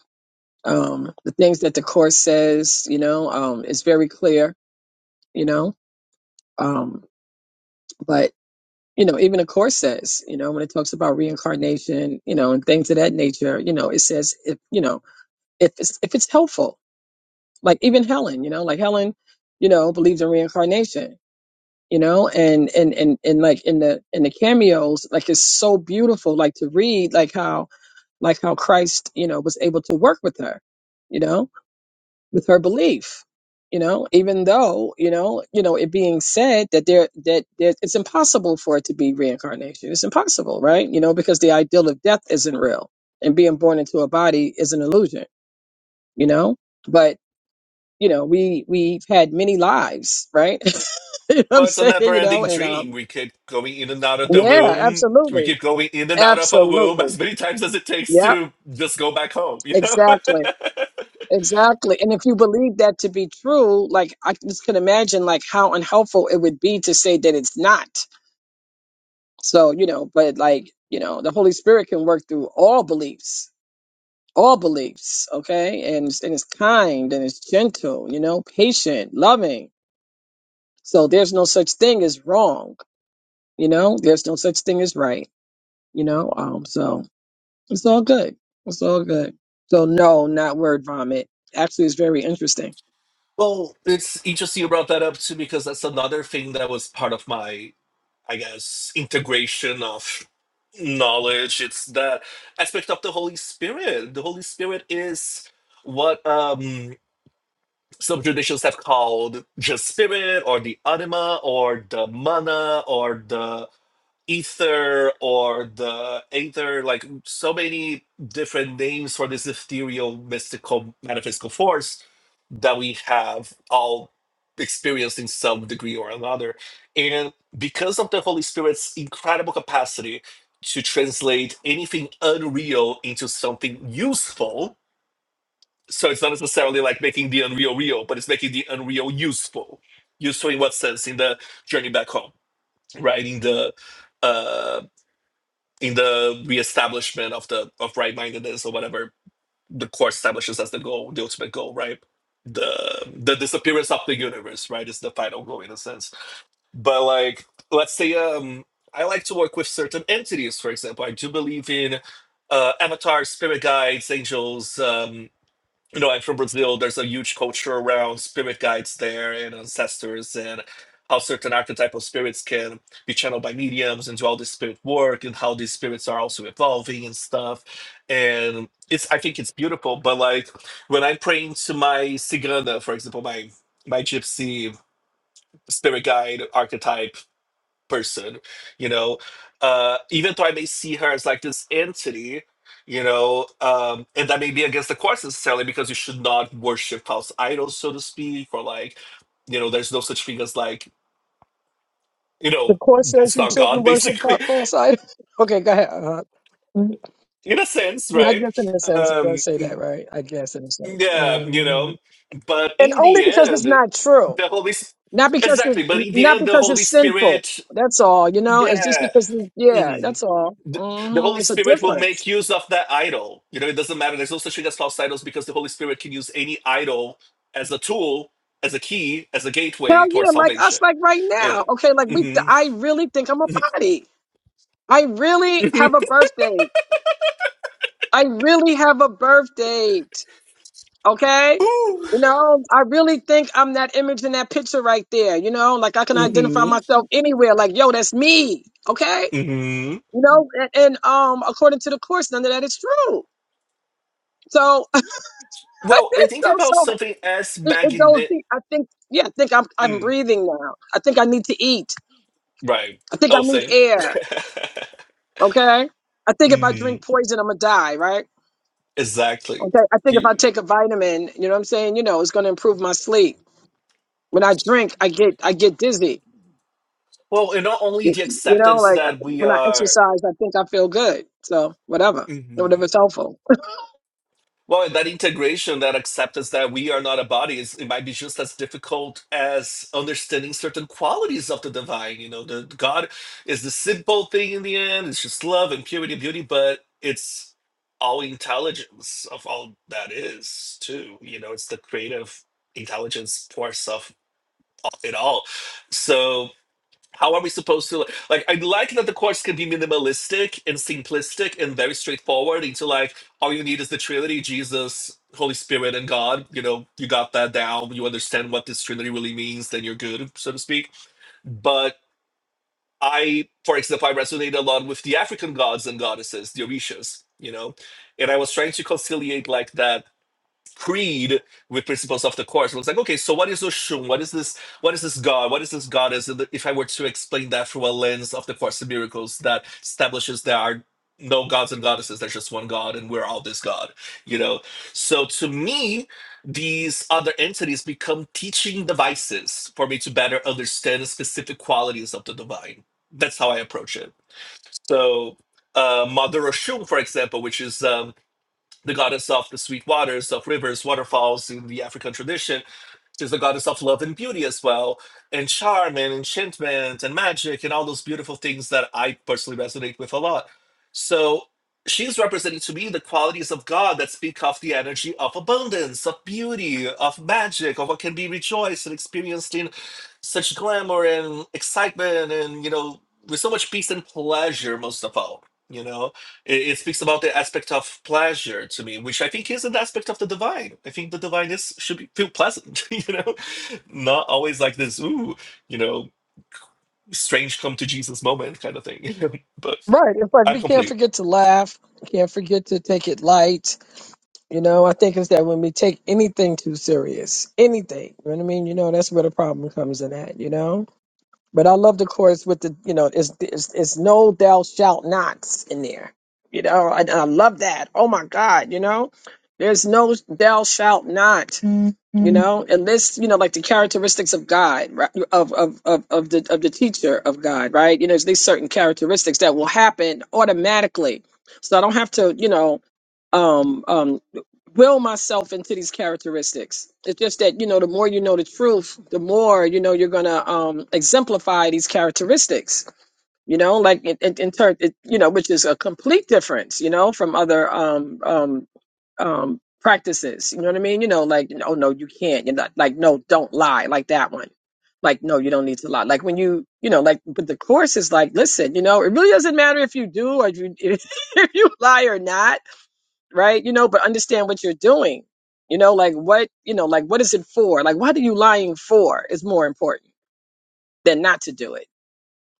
[SPEAKER 2] Um, the things that the course says, you know, um, is very clear, you know. Um, you know, even the course says, you know, when it talks about reincarnation, you know, and things of that nature, you know, it says if you know, if it's if it's helpful. Like even Helen, you know, like Helen, you know, believes in reincarnation, you know, and and and and like in the in the cameos, like it's so beautiful, like to read like how like how Christ, you know, was able to work with her, you know with her belief you know even though you know you know it being said that there that there, it's impossible for it to be reincarnation it's impossible right you know because the ideal of death isn't real and being born into a body is an illusion you know but you know we we've had many lives right you know what i'm
[SPEAKER 7] Well, it's a
[SPEAKER 2] saying you know
[SPEAKER 7] never-ending
[SPEAKER 2] and
[SPEAKER 7] dream.
[SPEAKER 2] um
[SPEAKER 7] We keep going in and out of the
[SPEAKER 2] yeah
[SPEAKER 7] womb. We
[SPEAKER 2] absolutely
[SPEAKER 7] keep going in and out of a womb
[SPEAKER 2] absolutely
[SPEAKER 7] as many times as it takes
[SPEAKER 2] yep
[SPEAKER 7] to just go back home. You know.
[SPEAKER 2] exactly Exactly. And if you believe that to be true, like I just can imagine like how unhelpful it would be to say that it's not. So, you know, but like, you know, the Holy Spirit can work through all beliefs, all beliefs, okay? And and it's kind and it's gentle, you know, patient, loving. So there's no such thing as wrong, you know? There's no such thing as right, you know? Um so it's all good. It's all good. So no, not word vomit. Actually, it's very interesting.
[SPEAKER 7] well, it's interesting you brought that up too because that's another thing that was part of my, I guess, integration of knowledge. It's the aspect of the Holy Spirit. The Holy Spirit is what um some traditions have called just spirit or the anima or the mana or the ether or the aether, like so many different names for this ethereal, mystical, metaphysical force that we have all experienced in some degree or another. And because of the Holy Spirit's incredible capacity to translate anything unreal into something useful, so it's not necessarily like making the unreal real, but it's making the unreal useful. Useful in what sense? In the journey back home, right? In the uh, in the reestablishment of the of right-mindedness or whatever the court establishes as the goal, the ultimate goal, right? The the disappearance of the universe, right, is the final goal in a sense. But like, let's say um I like to work with certain entities, for example. I do believe in uh avatars, spirit guides, angels, um you know, I'm from Brazil. There's a huge culture around spirit guides there and ancestors and how certain archetypal spirits can be channeled by mediums and do all this spirit work and how these spirits are also evolving and stuff. And it's I think it's beautiful, but like when I'm praying to my Cigana, for example, my my gypsy spirit guide archetype person you know uh even though i may see her as like this entity you know um and that may be against the course necessarily because you should not worship false idols so to speak or like you know there's no such thing as like you
[SPEAKER 2] The
[SPEAKER 7] know
[SPEAKER 2] court says
[SPEAKER 7] that's
[SPEAKER 2] you
[SPEAKER 7] not
[SPEAKER 2] shouldn't
[SPEAKER 7] god
[SPEAKER 2] worship fa-
[SPEAKER 7] basically
[SPEAKER 2] false idols. Okay, go ahead. Uh, mm,
[SPEAKER 7] in a sense
[SPEAKER 2] yeah, I
[SPEAKER 7] right
[SPEAKER 2] guess in a sense it
[SPEAKER 7] um
[SPEAKER 2] does say that,
[SPEAKER 7] mm,
[SPEAKER 2] right? I guess in a sense,
[SPEAKER 7] yeah you
[SPEAKER 2] Mhm.
[SPEAKER 7] know but
[SPEAKER 2] and
[SPEAKER 7] in
[SPEAKER 2] only
[SPEAKER 7] the
[SPEAKER 2] because
[SPEAKER 7] end
[SPEAKER 2] it's not true,
[SPEAKER 7] the holy S-
[SPEAKER 2] not because
[SPEAKER 7] exactly
[SPEAKER 2] it's
[SPEAKER 7] but in the
[SPEAKER 2] not
[SPEAKER 7] end the
[SPEAKER 2] because
[SPEAKER 7] holy
[SPEAKER 2] it's sinful.
[SPEAKER 7] spirit
[SPEAKER 2] That's all. You know, it's just
[SPEAKER 7] yeah
[SPEAKER 2] because. Yeah,
[SPEAKER 7] mm-hmm.
[SPEAKER 2] that's all.
[SPEAKER 7] the, the
[SPEAKER 2] hmm
[SPEAKER 7] Holy
[SPEAKER 2] It's a
[SPEAKER 7] Spirit will
[SPEAKER 2] difference.
[SPEAKER 7] make use of that idol. You know, it doesn't matter. There's no such thing as false idols because the Holy Spirit can use any idol as a tool, as a key, as a
[SPEAKER 2] Hell
[SPEAKER 7] gateway towards
[SPEAKER 2] yeah, like
[SPEAKER 7] salvation.
[SPEAKER 2] us, like right
[SPEAKER 7] You
[SPEAKER 2] now.
[SPEAKER 7] know.
[SPEAKER 2] Okay, like we.
[SPEAKER 7] Mm-hmm.
[SPEAKER 2] I really think I'm a body. I really have
[SPEAKER 7] Mm-hmm.
[SPEAKER 2] a birthday. I really have a birthday. Okay.
[SPEAKER 7] Ooh.
[SPEAKER 2] You know, I really think I'm that image in that picture right there. You know, like I can identify
[SPEAKER 7] Mm-hmm.
[SPEAKER 2] myself anywhere. Like, yo, that's me. Okay.
[SPEAKER 7] Mm-hmm.
[SPEAKER 2] You know, and, and um, according to the course, none of that is true. So,
[SPEAKER 7] Well, and think
[SPEAKER 2] so, so
[SPEAKER 7] about something as
[SPEAKER 2] it, it goes
[SPEAKER 7] magnet.
[SPEAKER 2] deep. I think, yeah, I think I'm, I'm
[SPEAKER 7] Mm,
[SPEAKER 2] breathing now. I think I need to eat.
[SPEAKER 7] right.
[SPEAKER 2] I think I
[SPEAKER 7] Oh,
[SPEAKER 2] need
[SPEAKER 7] same.
[SPEAKER 2] air. Okay. I think if I
[SPEAKER 7] mm-hmm.
[SPEAKER 2] drink poison, I'm gonna die. Right.
[SPEAKER 7] Exactly.
[SPEAKER 2] Okay. I think if I
[SPEAKER 7] You,
[SPEAKER 2] take a vitamin, you know what I'm saying? You know, it's gonna improve my sleep. When I drink, I get, I get dizzy
[SPEAKER 7] well, and not only
[SPEAKER 2] You,
[SPEAKER 7] the
[SPEAKER 2] you know,
[SPEAKER 7] acceptance
[SPEAKER 2] like
[SPEAKER 7] that we
[SPEAKER 2] when I
[SPEAKER 7] are.
[SPEAKER 2] exercise, I think I feel good. So whatever,
[SPEAKER 7] mm-hmm.
[SPEAKER 2] whatever's helpful.
[SPEAKER 7] Well, that integration, that acceptance that we are not a body, is, it might be just as difficult as understanding certain qualities of the divine. You know, the God is the simple thing in the end. It's just love and purity, and beauty, but it's all intelligence of all that is too. You know, it's the creative intelligence force of it all. So how are we supposed to like? I like that the course can be minimalistic and simplistic and very straightforward. Into like, all you need is the Trinity, Jesus, Holy Spirit, and God. You know, you got that down. You understand what this Trinity really means, then you're good, so to speak. But I, for example, I resonate a lot with the African gods and goddesses, the Orishas. You know, and I was trying to conciliate like that creed with principles of the course. It was like, okay, so what is Oshun? What is this? What is this God? What is this goddess? And If I were to explain that through a lens of the Course of Miracles that establishes there are no gods and goddesses, there's just one God, and we're all this God, you know. So to me, these other entities become teaching devices for me to better understand the specific qualities of the divine. That's how I approach it. So uh, Mother Oshun, for example, which is um, the goddess of the sweet waters, of rivers, waterfalls in the African tradition. She's the goddess of love and beauty as well, and charm and enchantment and magic and all those beautiful things that I personally resonate with a lot. So she's representing to me the qualities of God that speak of the energy of abundance, of beauty, of magic, of what can be rejoiced and experienced in such glamour and excitement and, you know, with so much peace and pleasure, most of all, you know? It, it speaks about the aspect of pleasure to me, which I think is an aspect of the divine. I think the divine is should be, feel pleasant, you know, not always like this, ooh, you know, strange come to Jesus moment kind of thing. you know? but
[SPEAKER 2] Right. It's like
[SPEAKER 7] I'm
[SPEAKER 2] we can't
[SPEAKER 7] complete.
[SPEAKER 2] forget to laugh. Can't forget to take it light. You know, I think it's that when we take anything too serious, anything, you know what I mean? You know, that's where the problem comes in at, you know? But I love the chorus with the, you know, it's, it's, it's no thou shalt nots in there. You know, I, I love that. Oh my God, you know? There's no thou shalt not. you know and this you know like the characteristics of god right, of of of, of the of the teacher of god right you know there's these certain characteristics that will happen automatically so i don't have to you know um um will myself into these characteristics it's just that you know the more you know the truth the more you know you're gonna um exemplify these characteristics you know like in, in, in turn it, you know which is a complete difference you know from other um, um, um practices. You know what I mean? You know, like oh no, you can't. You're not like no, don't lie, like that one. Like no, you don't need to lie. Like when you you know, like but the course is like, listen, you know, it really doesn't matter if you do or if you if you lie or not, right? You know, but understand what you're doing. You know, like what you know, like what is it for? Like what are you lying for is more important than not to do it,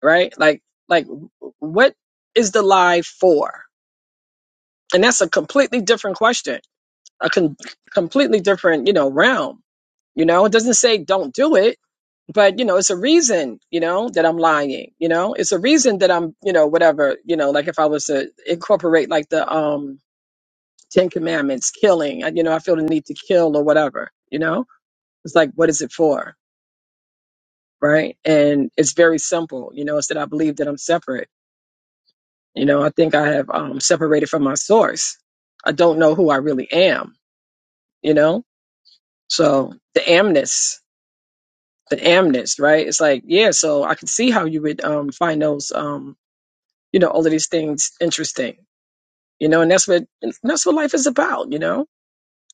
[SPEAKER 2] right? Like like what is the lie for? And that's a completely different question a con- completely different, you know, realm. You know, it doesn't say don't do it, but you know, it's a reason, you know, that I'm lying. You know, it's a reason that I'm, you know, whatever. You know, like if I was to incorporate like the um Ten Commandments, killing. uh, You know, I feel the need to kill or whatever. You know, it's like what is it for, right? And it's very simple. You know, it's that I believe that I'm separate. You know, I think I have um separated from my source. I don't know who I really am. You know, so the amness the amnest, right? It's like, yeah, so I could see how you would um, find those, um, you know, all of these things interesting, you know, and that's what and that's what life is about, you know.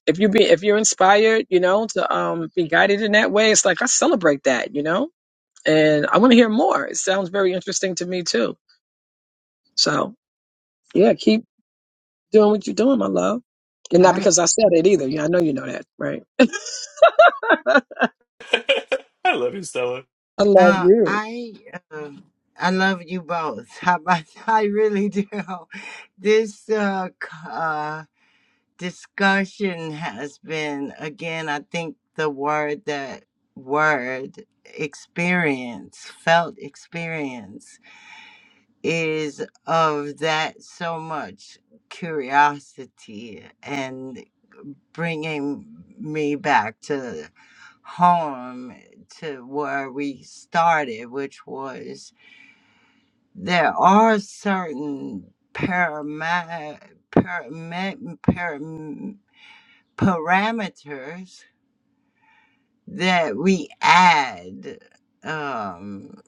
[SPEAKER 2] If you be if you're inspired, you know, to um, be guided in that way, it's like I celebrate that, you know, and I want to hear more. It sounds very interesting to me too. So yeah, keep doing what you're doing, my love, and not
[SPEAKER 10] I
[SPEAKER 2] because I said it either. Yeah, I know you know that, right?
[SPEAKER 7] I love you, Stella.
[SPEAKER 2] I love
[SPEAKER 10] uh,
[SPEAKER 2] you.
[SPEAKER 10] I uh, I love you both. How about I really do. This uh, c- uh discussion has been again. I think the word that word experience felt experience is of that so much curiosity and bringing me back to home to where we started, which was there are certain parama- parame- param- parameters that we add um,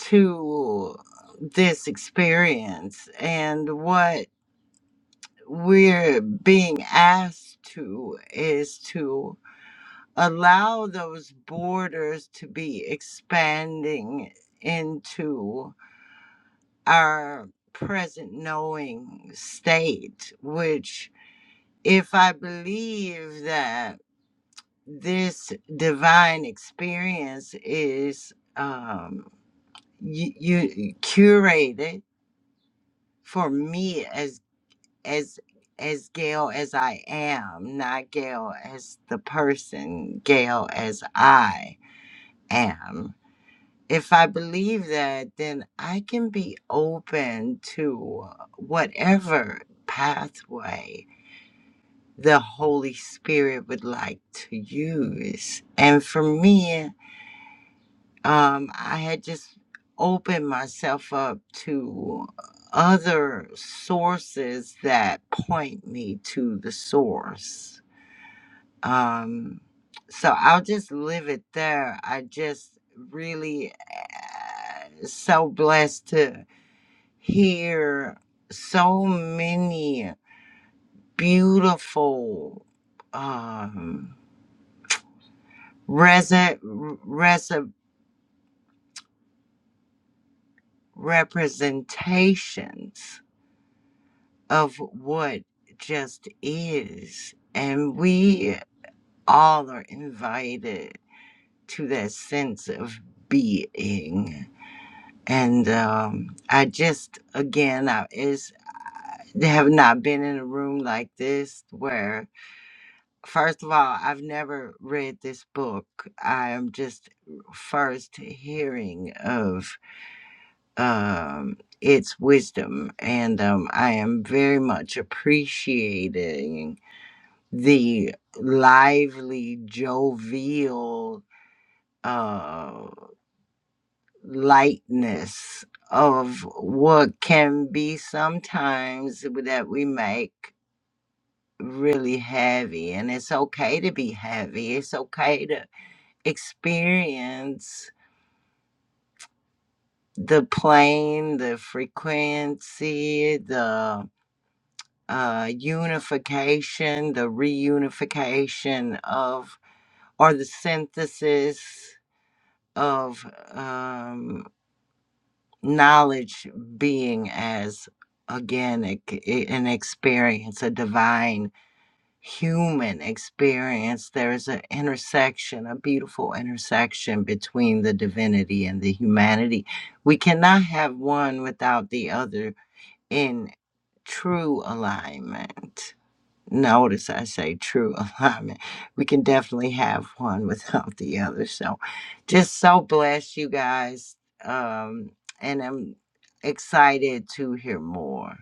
[SPEAKER 10] to this experience and what we're being asked to is to allow those borders to be expanding into our present knowing state, which, if I believe that this divine experience is um, you, you curated for me as. as as Gail as I am, not Gail as the person, Gail as I am. If I believe that, then I can be open to whatever pathway the Holy Spirit would like to use. And for me, um, I had just opened myself up to other sources that point me to the source. Um, so I'll just leave it there. I just really uh, so blessed to hear so many beautiful um, res- res- representations of what just is. And we all are invited to that sense of being. And um, I just, again, I, it's, I have not been in a room like this where, first of all, I've never read this book. I am just first hearing of um, its wisdom. And um, I am very much appreciating the lively, jovial uh, lightness of what can be sometimes that we make really heavy. And it's okay to be heavy, it's okay to experience the plane, the frequency, the uh, unification, the reunification of, or the synthesis of um, knowledge being as again a c- an experience a divine human experience there is an intersection a beautiful intersection between the divinity and the humanity we cannot have one without the other in true alignment Notice I say true alignment. We can definitely have one without the other. So just so blessed, you guys. Um, and I'm excited to hear more.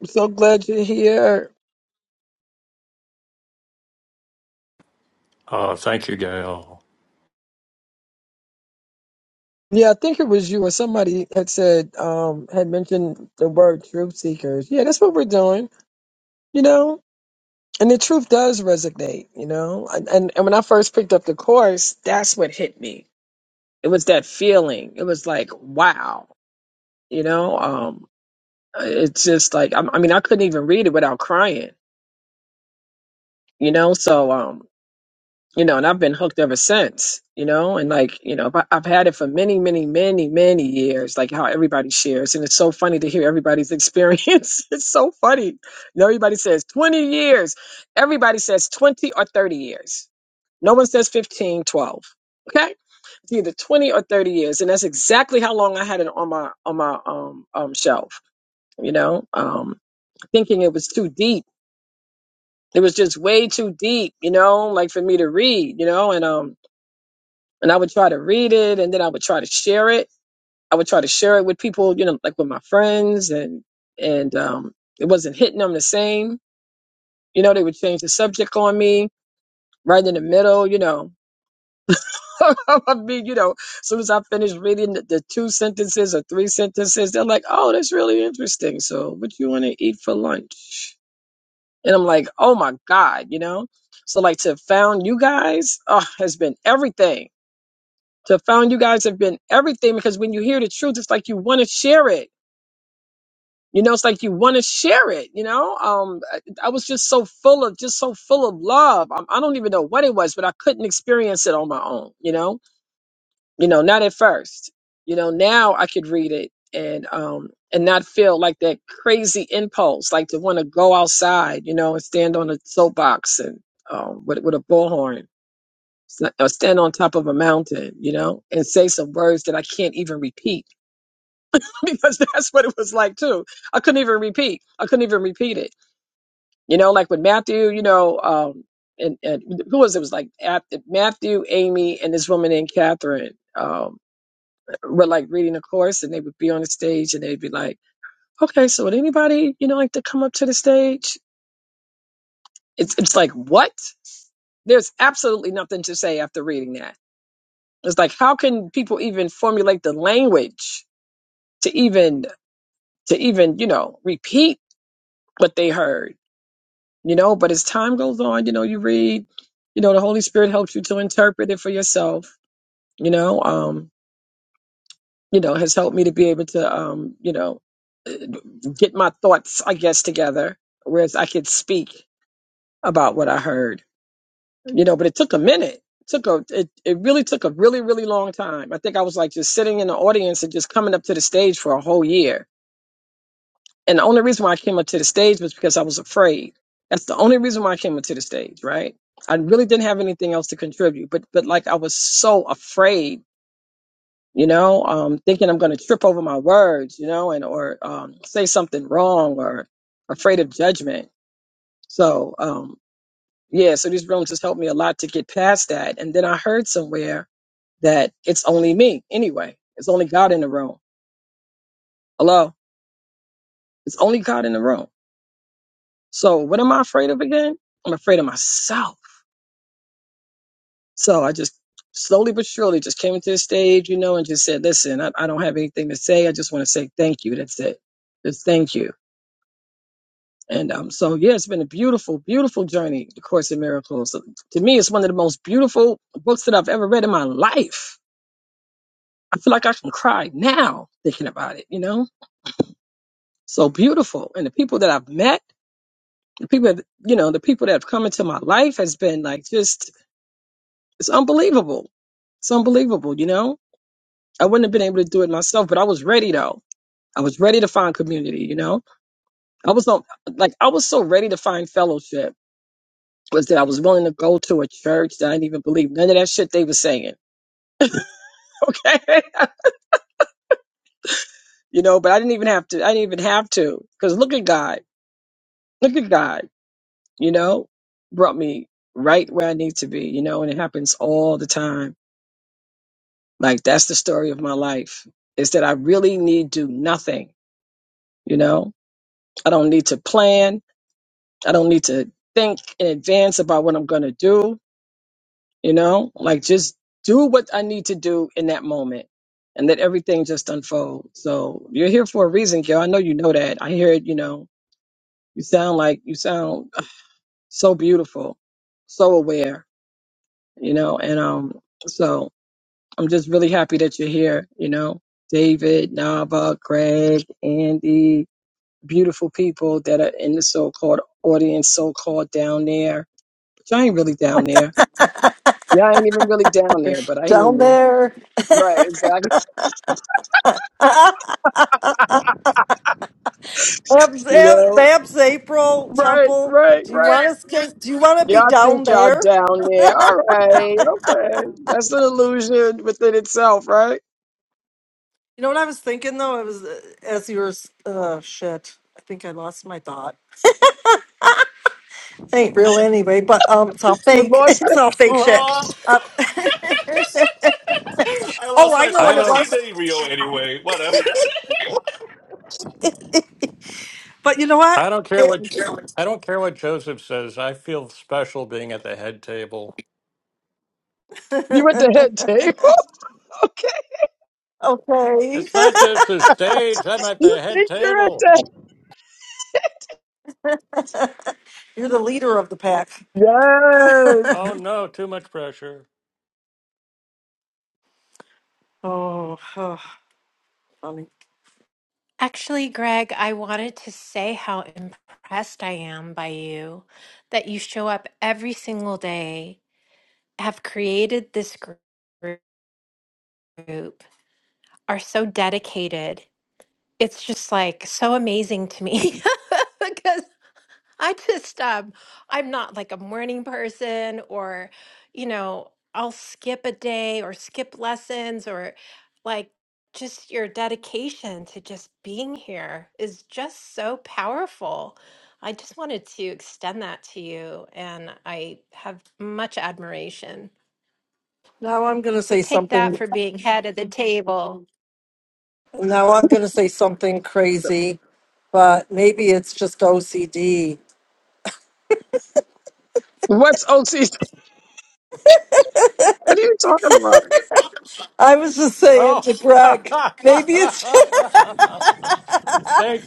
[SPEAKER 2] I'm so glad you're here.
[SPEAKER 1] Uh, thank you, Gail.
[SPEAKER 2] Yeah, I think it was you or somebody had said, um, had mentioned the word truth seekers. Yeah, that's what we're doing, you know? And the truth does resonate, you know? And, and, and when I first picked up the course, that's what hit me. It was that feeling. It was like, wow, you know? Um, it's just like, I, I mean, I couldn't even read it without crying, you know? So, um, you know, and I've been hooked ever since, you know, and like, you know, but I've had it for many, many, many, many years, like how everybody shares. And it's so funny to hear everybody's experience. it's so funny. You know, everybody says 20 years. Everybody says 20 or 30 years. No one says 15, 12. Okay. It's either 20 or 30 years. And that's exactly how long I had it on my, on my, um, um, shelf, you know, um, thinking it was too deep. It was just way too deep, you know, like for me to read, you know, and, um, and I would try to read it and then I would try to share it. I would try to share it with people, you know, like with my friends and and um it wasn't hitting them the same. You know, they would change the subject on me right in the middle, you know. I mean, you know, as soon as I finished reading the, the two sentences or three sentences, they're like, Oh, that's really interesting. So what you wanna eat for lunch? And I'm like, Oh my God, you know? So like to found you guys oh, has been everything to found you guys have been everything because when you hear the truth, it's like you want to share it. You know, it's like you want to share it. You know, um, I, I was just so full of just so full of love. I, I don't even know what it was, but I couldn't experience it on my own. You know, you know, not at first. You know, now I could read it and um and not feel like that crazy impulse, like to want to go outside. You know, and stand on a soapbox and um, with with a bullhorn s- or stand on top of a mountain, you know, and say some words that I can't even repeat because that's what it was like too. I couldn't even repeat. I couldn't even repeat it. You know, like with Matthew, you know, um, and, and who was it? It was like Ap- Matthew, Amy, and this woman named Catherine um, were like reading a course, and they would be on the stage, and they'd be like, "Okay, so would anybody, you know, like to come up to the stage?" It's it's like what? There's absolutely nothing to say after reading that It's like how can people even formulate the language to even to even, you know, repeat what they heard, you know, but as time goes on, you know, you read, you know, the Holy Spirit helps you to interpret it for yourself, you know, um, you know, has helped me to be able to um, you know, eh, get my thoughts, I guess, together, whereas I could speak about what I heard you know, but it took a minute. It took a it, it really took a really, really long time. I think I was like just sitting in the audience and just coming up to the stage for a whole year. And the only reason why I came up to the stage was because I was afraid. That's the only reason why I came up to the stage, right? I really didn't have anything else to contribute, but but like I was so afraid, you know, um, thinking I'm going to trip over my words, you know, and or um, say something wrong or afraid of judgment. So um, yeah, so these rooms just helped me a lot to get past that. And then I heard somewhere that it's only me anyway. It's only God in the room. Hello? It's only God in the room. So what am I afraid of again? I'm afraid of myself. So I just slowly but surely just came into the stage, you know, and just said, listen, I, I don't have anything to say. I just want to say thank you. That's it. Just thank you. And um, so, yeah, it's been a beautiful, beautiful journey, The Course in Miracles. So, To me, it's one of the most beautiful books that I've ever read in my life. I feel like I can cry now thinking about it, you know? So beautiful. And the people that I've met, the people that- you know the people that have come into my life has been like just it's unbelievable it's unbelievable you know i wouldn't have been able to do it myself but i was ready though i was ready to find community you know i was on like i was so ready to find fellowship was that i was willing to go to a church that i didn't even believe none of that shit they were saying okay you know but i didn't even have to i didn't even have to because look at god look at god you know brought me right where i need to be you know and it happens all the time Like that's the story of my life is that I really need do nothing, you know? I don't need to plan. I don't need to think in advance about what I'm going to do, you know? Like just do what I need to do in that moment and let everything just unfold. So you're here for a reason, girl. I know you know that. I hear it, you know. You sound like you sound so beautiful, so aware, you know, and um so I'm just really happy that you're here. You know, David, Nava, Greg, Andy, beautiful people that are in the so-called audience, so-called down there. But y'all ain't really down there. Y'all ain't even really down there, but I hear you. Right, exactly.
[SPEAKER 4] Labs,
[SPEAKER 2] You
[SPEAKER 4] eh,
[SPEAKER 2] know,
[SPEAKER 4] Labs April
[SPEAKER 2] right,
[SPEAKER 4] Temple.
[SPEAKER 2] right,
[SPEAKER 4] Do you
[SPEAKER 2] right.
[SPEAKER 4] want us? to- Do you want to be
[SPEAKER 2] Y'all
[SPEAKER 4] down
[SPEAKER 2] think y'all
[SPEAKER 4] there?
[SPEAKER 2] down there. All right, okay. That's an illusion within itself, right?
[SPEAKER 4] You know what I was thinking though. It was uh, as you were. s- Uh, shit. I think I lost my thought. Ain't real anyway, but um, it's all
[SPEAKER 2] You
[SPEAKER 4] fake.
[SPEAKER 2] lost
[SPEAKER 4] It's
[SPEAKER 2] it.
[SPEAKER 4] all fake
[SPEAKER 7] Oh,
[SPEAKER 4] shit. Uh,
[SPEAKER 7] I
[SPEAKER 4] oh,
[SPEAKER 7] lost
[SPEAKER 4] I
[SPEAKER 7] my
[SPEAKER 4] know what it
[SPEAKER 7] thought. It
[SPEAKER 4] was.
[SPEAKER 7] ain't real anyway. Whatever.
[SPEAKER 4] But you know what?
[SPEAKER 1] I don't care what
[SPEAKER 4] It-
[SPEAKER 1] I don't care what Joseph says. I feel special being at the head table.
[SPEAKER 2] You at the head table. okay.
[SPEAKER 4] okay.
[SPEAKER 1] It's not just the stage. I'm at
[SPEAKER 2] You
[SPEAKER 1] the head
[SPEAKER 2] think you're at
[SPEAKER 1] table.
[SPEAKER 4] You're the leader of the pack.
[SPEAKER 2] that?
[SPEAKER 1] Oh no, too much pressure.
[SPEAKER 4] oh, oh, funny.
[SPEAKER 9] Actually, Greg, I wanted to say how impressed I am by you that you show up every single day, have created this gr- group, are so dedicated. it's just like so amazing to me because I just um I'm not like a morning person or you know I'll skip a day or skip lessons or like just your dedication to just being here is just so powerful. I just wanted to extend that to you and I have much admiration.
[SPEAKER 4] Now I'm going to
[SPEAKER 9] So
[SPEAKER 4] say
[SPEAKER 9] take that
[SPEAKER 4] something.
[SPEAKER 9] for being head of the table.
[SPEAKER 4] Now I'm going to say something crazy, but maybe it's just OCD.
[SPEAKER 2] What's OT? What are you talking about?
[SPEAKER 4] I was just saying
[SPEAKER 1] Oh,
[SPEAKER 4] to Greg, maybe it's.
[SPEAKER 1] thank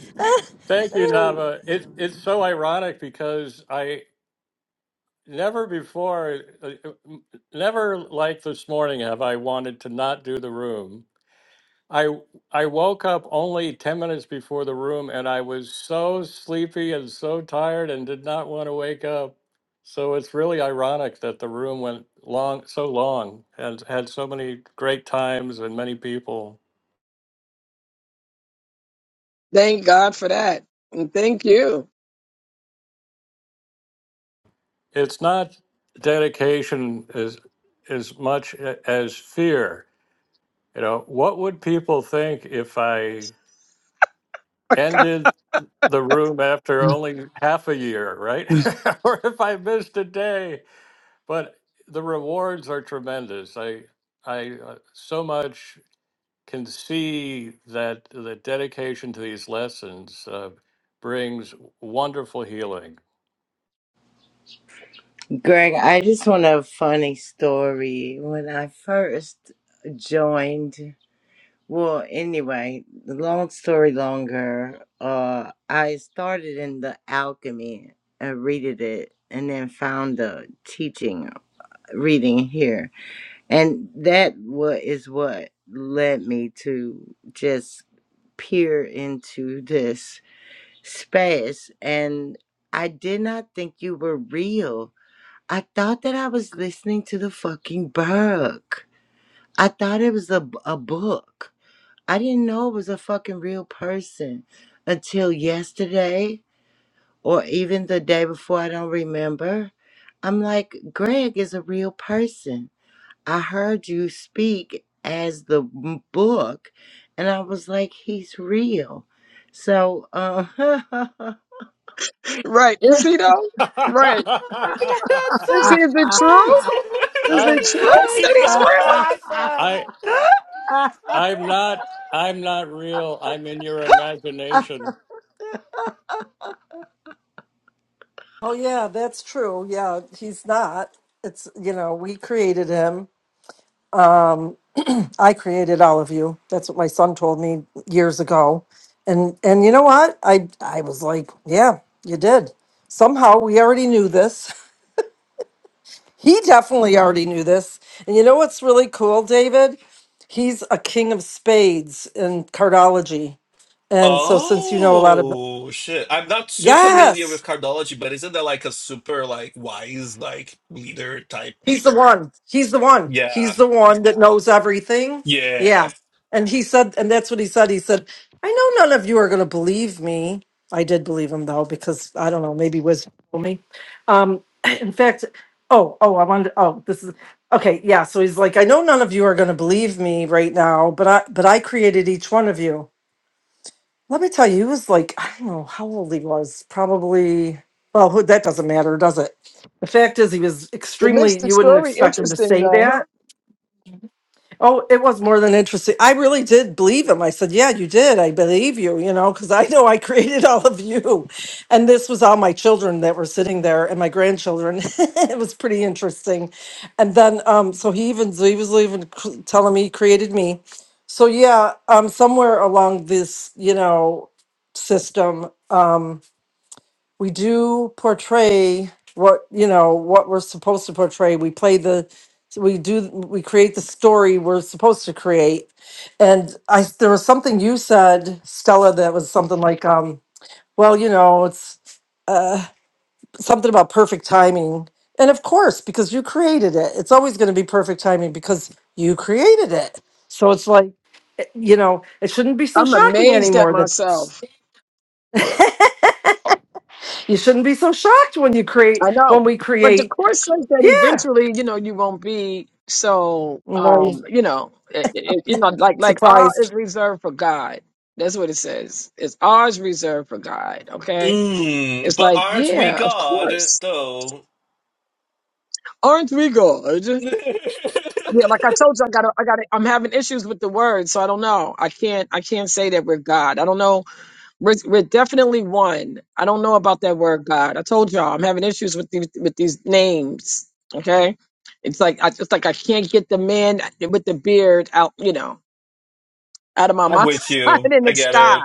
[SPEAKER 1] thank you, Nava. It it's so ironic because I never before, uh, never like this morning have I wanted to not do the room I I woke up only 10 minutes before the room and I was so sleepy and so tired and did not want to wake up. So it's really ironic that the room went long so long and had so many great times and many people.
[SPEAKER 2] Thank God for that. And thank you.
[SPEAKER 1] It's not dedication as as much a- as fear. You know, what would people think if I ended the room after only half a year, right? or if I missed a day? but the rewards are tremendous. I I uh, so much can see that the dedication to these lessons uh, brings wonderful healing.
[SPEAKER 10] Greg, I just want a funny story. When I first joined, well, anyway, the long story longer, uh, I started in the alchemy and read it, and then found the teaching reading here. And that what is what led me to just peer into this space. And I did not think you were real. I thought that I was listening to the fucking book. I thought it was a a book. I didn't know it was a fucking real person until yesterday or even the day before. I don't remember. I'm like, Greg is a real person. I heard you speak as the m- book, and I was like, he's real. So, uh,
[SPEAKER 2] Right. Is he though?
[SPEAKER 1] I'm
[SPEAKER 2] Right.
[SPEAKER 9] god! That's so
[SPEAKER 2] Is he the true?
[SPEAKER 9] funny.
[SPEAKER 2] Is it
[SPEAKER 1] I
[SPEAKER 2] true
[SPEAKER 9] That
[SPEAKER 7] You
[SPEAKER 9] is
[SPEAKER 2] that
[SPEAKER 7] see,
[SPEAKER 2] he's real?
[SPEAKER 9] so awesome.
[SPEAKER 1] I'm not I'm not real. I'm in your imagination.
[SPEAKER 4] oh yeah, that's true. Yeah, he's not. It's you know we created him. Um, I created all of you. That's what my son told me years ago, and and you know what? I I was like, yeah, you did. Somehow we already knew this. He definitely already knew this. And you know what's really cool, David? He's a king of spades in cardology. And so since you know a lot of
[SPEAKER 7] Oh shit! I'm not too familiar
[SPEAKER 4] yes.
[SPEAKER 7] with cardology, but isn't that like a super like wise like leader type?
[SPEAKER 4] He's the one. He's the one. He's
[SPEAKER 7] Yeah,
[SPEAKER 4] the one that knows everything. Yeah.
[SPEAKER 7] yeah.
[SPEAKER 4] And he said, and that's what he said. He said, I know none of you are going to believe me. I did believe him though, because I don't know, maybe wisdom told me. Um, in fact, oh, oh, I wanted, oh, this is okay. Yeah. So he's like, I know none of you are going to believe me right now, but I, but I created each one of you. Let me tell you, he was like, I don't know how old he was, probably, well, who- that doesn't matter, does it? The fact is, he was
[SPEAKER 2] It makes
[SPEAKER 4] extremely,
[SPEAKER 2] the
[SPEAKER 4] you wouldn't
[SPEAKER 2] story
[SPEAKER 4] expect him to
[SPEAKER 2] interesting
[SPEAKER 4] say
[SPEAKER 2] though.
[SPEAKER 4] that. Oh, it was more than interesting. I really did believe him. I said, Yeah, you did. I believe you, you know, because I know I created all of you. And this was all my children that were sitting there and my grandchildren. it was pretty interesting. And then, um, so he even, so he was even c- telling me he created me. So, yeah, um, somewhere along this, you know, system, um, we do portray what you know what we're supposed to portray we play the we do we create the story we're supposed to create and i there was something you said stella that was something like um well you know it's uh something about perfect timing and of course because you created it it's always going to be perfect timing because you created it so it's like eh, you know it shouldn't be so
[SPEAKER 2] I'm
[SPEAKER 4] shocking
[SPEAKER 2] amazed at
[SPEAKER 4] anymore that
[SPEAKER 2] myself.
[SPEAKER 4] You shouldn't be so shocked when you create
[SPEAKER 2] I know.
[SPEAKER 4] when we
[SPEAKER 2] But the
[SPEAKER 4] create.
[SPEAKER 2] course says that
[SPEAKER 4] Yeah.
[SPEAKER 2] eventually, you know, you won't be so
[SPEAKER 4] You know, you're
[SPEAKER 2] um, you know, it, it, you know, like like R is reserved for God. That's what it says. It's R is reserved for God. Okay.
[SPEAKER 7] Mm,
[SPEAKER 2] It's
[SPEAKER 7] but
[SPEAKER 2] like,
[SPEAKER 7] aren't we
[SPEAKER 2] yeah, of
[SPEAKER 7] God
[SPEAKER 2] course
[SPEAKER 7] though?
[SPEAKER 2] Aren't we good? Yeah, like I told you, I gotta, I gotta, I'm having issues with the word, so I don't know. I can't, I can't say that we're God. I don't know. We're, we're definitely one. I don't know about that word God. I told y'all, I'm having issues with these, with these names. Okay, it's like I just like I can't get the man with the beard out, you know, out of my
[SPEAKER 7] I'm
[SPEAKER 2] mind
[SPEAKER 7] with you.
[SPEAKER 2] in the
[SPEAKER 7] I get
[SPEAKER 2] sky.
[SPEAKER 7] it.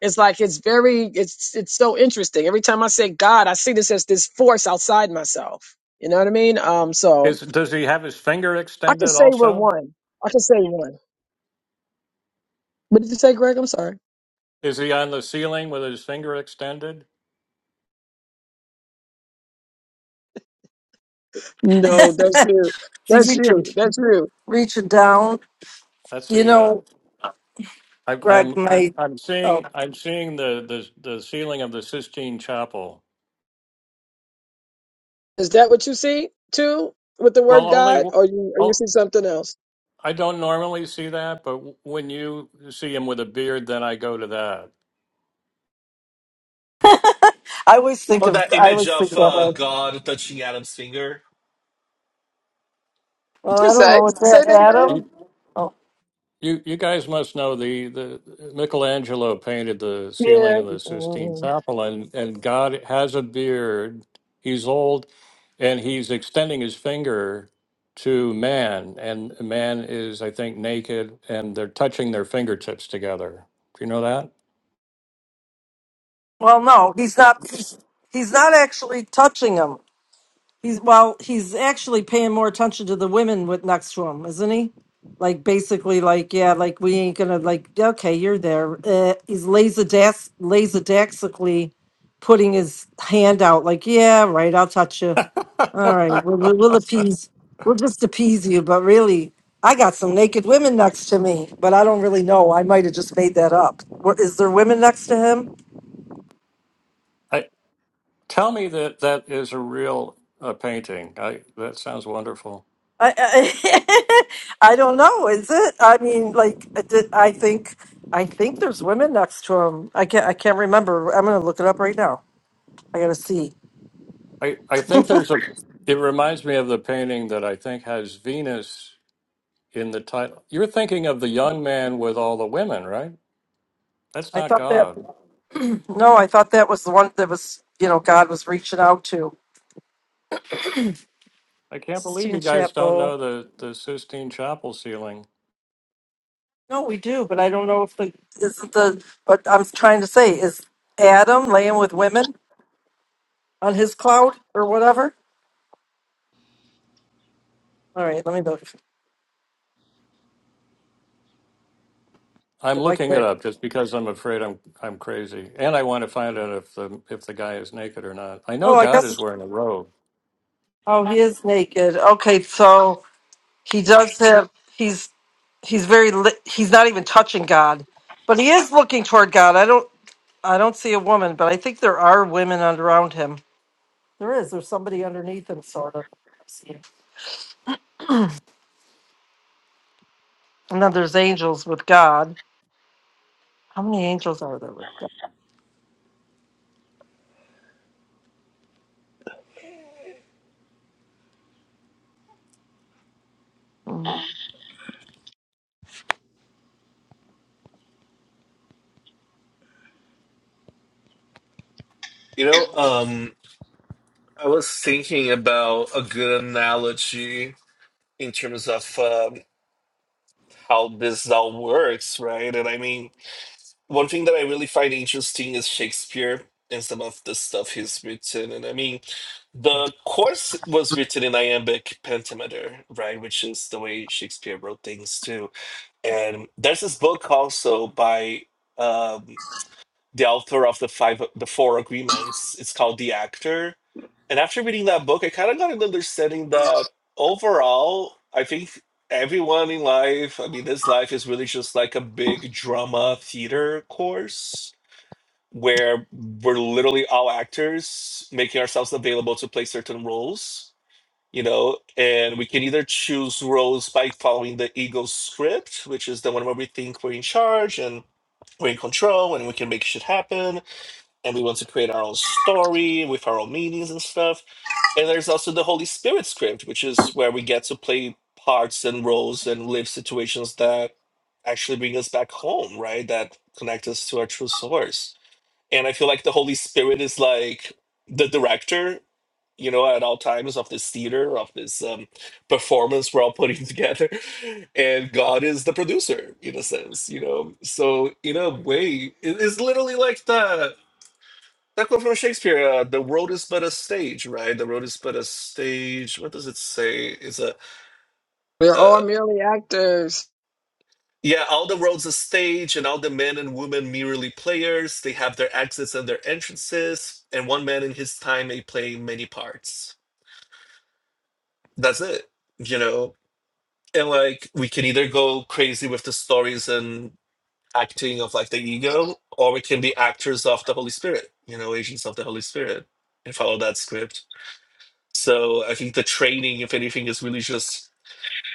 [SPEAKER 2] It's like it's very, it's it's so interesting. Every time I say God, I see this as this force outside myself. You know what I mean? Um, so
[SPEAKER 1] Is does he have his finger
[SPEAKER 2] I can
[SPEAKER 1] extended
[SPEAKER 2] say we're
[SPEAKER 1] also?
[SPEAKER 2] one. I can say one. What did you say, Greg? I'm sorry.
[SPEAKER 1] Is he on the ceiling with his finger extended?
[SPEAKER 2] No, that's you.
[SPEAKER 4] See
[SPEAKER 2] That's
[SPEAKER 4] reaching
[SPEAKER 2] you. That's you.
[SPEAKER 4] reaching down.
[SPEAKER 1] That's
[SPEAKER 4] You
[SPEAKER 1] the uh,
[SPEAKER 4] know,
[SPEAKER 1] I,
[SPEAKER 4] Greg
[SPEAKER 1] I'm I'm
[SPEAKER 4] My,
[SPEAKER 1] I'm
[SPEAKER 4] oh
[SPEAKER 1] seeing I'm seeing the, the the ceiling of the Sistine Chapel.
[SPEAKER 2] Is that what you see too with the
[SPEAKER 1] Well,
[SPEAKER 2] word
[SPEAKER 1] only
[SPEAKER 2] God, or you or you
[SPEAKER 1] oh,
[SPEAKER 2] see something else?
[SPEAKER 1] I don't normally see that, but when you see him with a beard, then I go to that.
[SPEAKER 4] I always think
[SPEAKER 7] Oh,
[SPEAKER 4] of
[SPEAKER 7] that
[SPEAKER 4] I
[SPEAKER 7] image
[SPEAKER 4] always think
[SPEAKER 7] of
[SPEAKER 4] that way.
[SPEAKER 7] uh, God touching Adam's finger.
[SPEAKER 2] Did
[SPEAKER 4] Well,
[SPEAKER 2] you
[SPEAKER 4] I don't
[SPEAKER 2] say
[SPEAKER 4] know, what's
[SPEAKER 2] say
[SPEAKER 4] that
[SPEAKER 2] that again?
[SPEAKER 4] Adam? Oh
[SPEAKER 1] You you guys must know the the Michelangelo painted the ceiling of
[SPEAKER 2] Yeah,
[SPEAKER 1] the Sistine
[SPEAKER 2] mm,
[SPEAKER 1] Chapel, and and God has a beard. He's old, and he's extending his finger to man, and man is I think naked, and they're touching their fingertips together. Do you know that?
[SPEAKER 4] well no, he's not he's, he's not actually touching him. He's well, he's actually paying more attention to the women with next to him, isn't he? Like basically, like yeah, like we ain't gonna like okay, you're there. Uh, he's laserdax laserdaxically putting his hand out, like yeah, right, I'll touch you. All right, we'll, we'll, we'll appease, we'll just appease you. But really, I got some naked women next to me, but I don't really know. I might have just made that up. Were- Is there women next to him?
[SPEAKER 1] I, tell me that that is a real uh, painting. I that sounds wonderful.
[SPEAKER 4] I, I, I don't know. Is it? I mean, like, I did- I think, I think there's women next to him. I can't, I can't remember. I'm gonna look it up right now. I gotta see.
[SPEAKER 1] I I think there's a. It reminds me of the painting that I think has Venus. in the title. You're thinking of the young man with all the women, right? That's
[SPEAKER 4] I
[SPEAKER 1] not
[SPEAKER 4] thought that.
[SPEAKER 1] God.
[SPEAKER 4] No, I thought that was the one that was, you know, God was reaching out to.
[SPEAKER 1] I can't believe
[SPEAKER 4] Sistine
[SPEAKER 1] you guys don't
[SPEAKER 4] Chapel.
[SPEAKER 1] know the, the Sistine Chapel ceiling.
[SPEAKER 4] No, we do, but I don't know if the isn't the. But I'm trying to say is Adam laying with women on his cloud or whatever. All right, let me look.
[SPEAKER 1] I'm
[SPEAKER 4] Mike.
[SPEAKER 1] looking it up just because I'm afraid I'm I'm crazy, and I want to find out if the if the guy is naked or not. I know
[SPEAKER 4] Oh, I
[SPEAKER 1] God is
[SPEAKER 4] guess.
[SPEAKER 1] wearing a robe.
[SPEAKER 4] Oh, he is naked. Okay, so. He does have he's he's very li- he's not even touching God, but he is looking toward God. I don't I don't see a woman, but I think there are women un- around him. There is. There's somebody underneath him, sort of. And then there's angels with God. How many angels are there with God? Mm.
[SPEAKER 7] You know, um, I was thinking about a good analogy in terms of um, how this all works, right? And I mean. One thing that I really find interesting is Shakespeare and some of the stuff he's written. And I mean, the course was written in iambic pentameter, right? Which is the way Shakespeare wrote things too. And there's this book also by um, the author of the five, the four agreements. It's called The Actor. And after reading that book, I kind of got an understanding that overall, I think everyone in life, I mean, this life is really just like a big drama theater course where we're literally all actors making ourselves available to play certain roles, you know, and we can either choose roles by following the ego script, which is the one where we think we're in charge and we're in control and we can make shit happen and we want to create our own story with our own meanings and stuff. And there's also the Holy Spirit script, which is where we get to play parts and roles and live situations that actually bring us back home, right? That connect us to our true source and I feel like the Holy Spirit is like the director, you know, at all times of this theater, of this um, performance we're all putting together, and God is the producer in a sense, you know. So in a way, it is literally like the that quote from Shakespeare: uh, "The world is but a stage, right? The world is but a stage." What does it say? Is a
[SPEAKER 2] they're all merely actors.
[SPEAKER 7] Yeah, all the roads a stage, and all the men and women merely players. They have their exits and their entrances, and one man in his time may play many parts. That's it, you know? And like, we can either go crazy with the stories and acting of like the ego, or we can be actors of the Holy Spirit, you know, agents of the Holy Spirit, and follow that script. So I think the training, if anything, is really just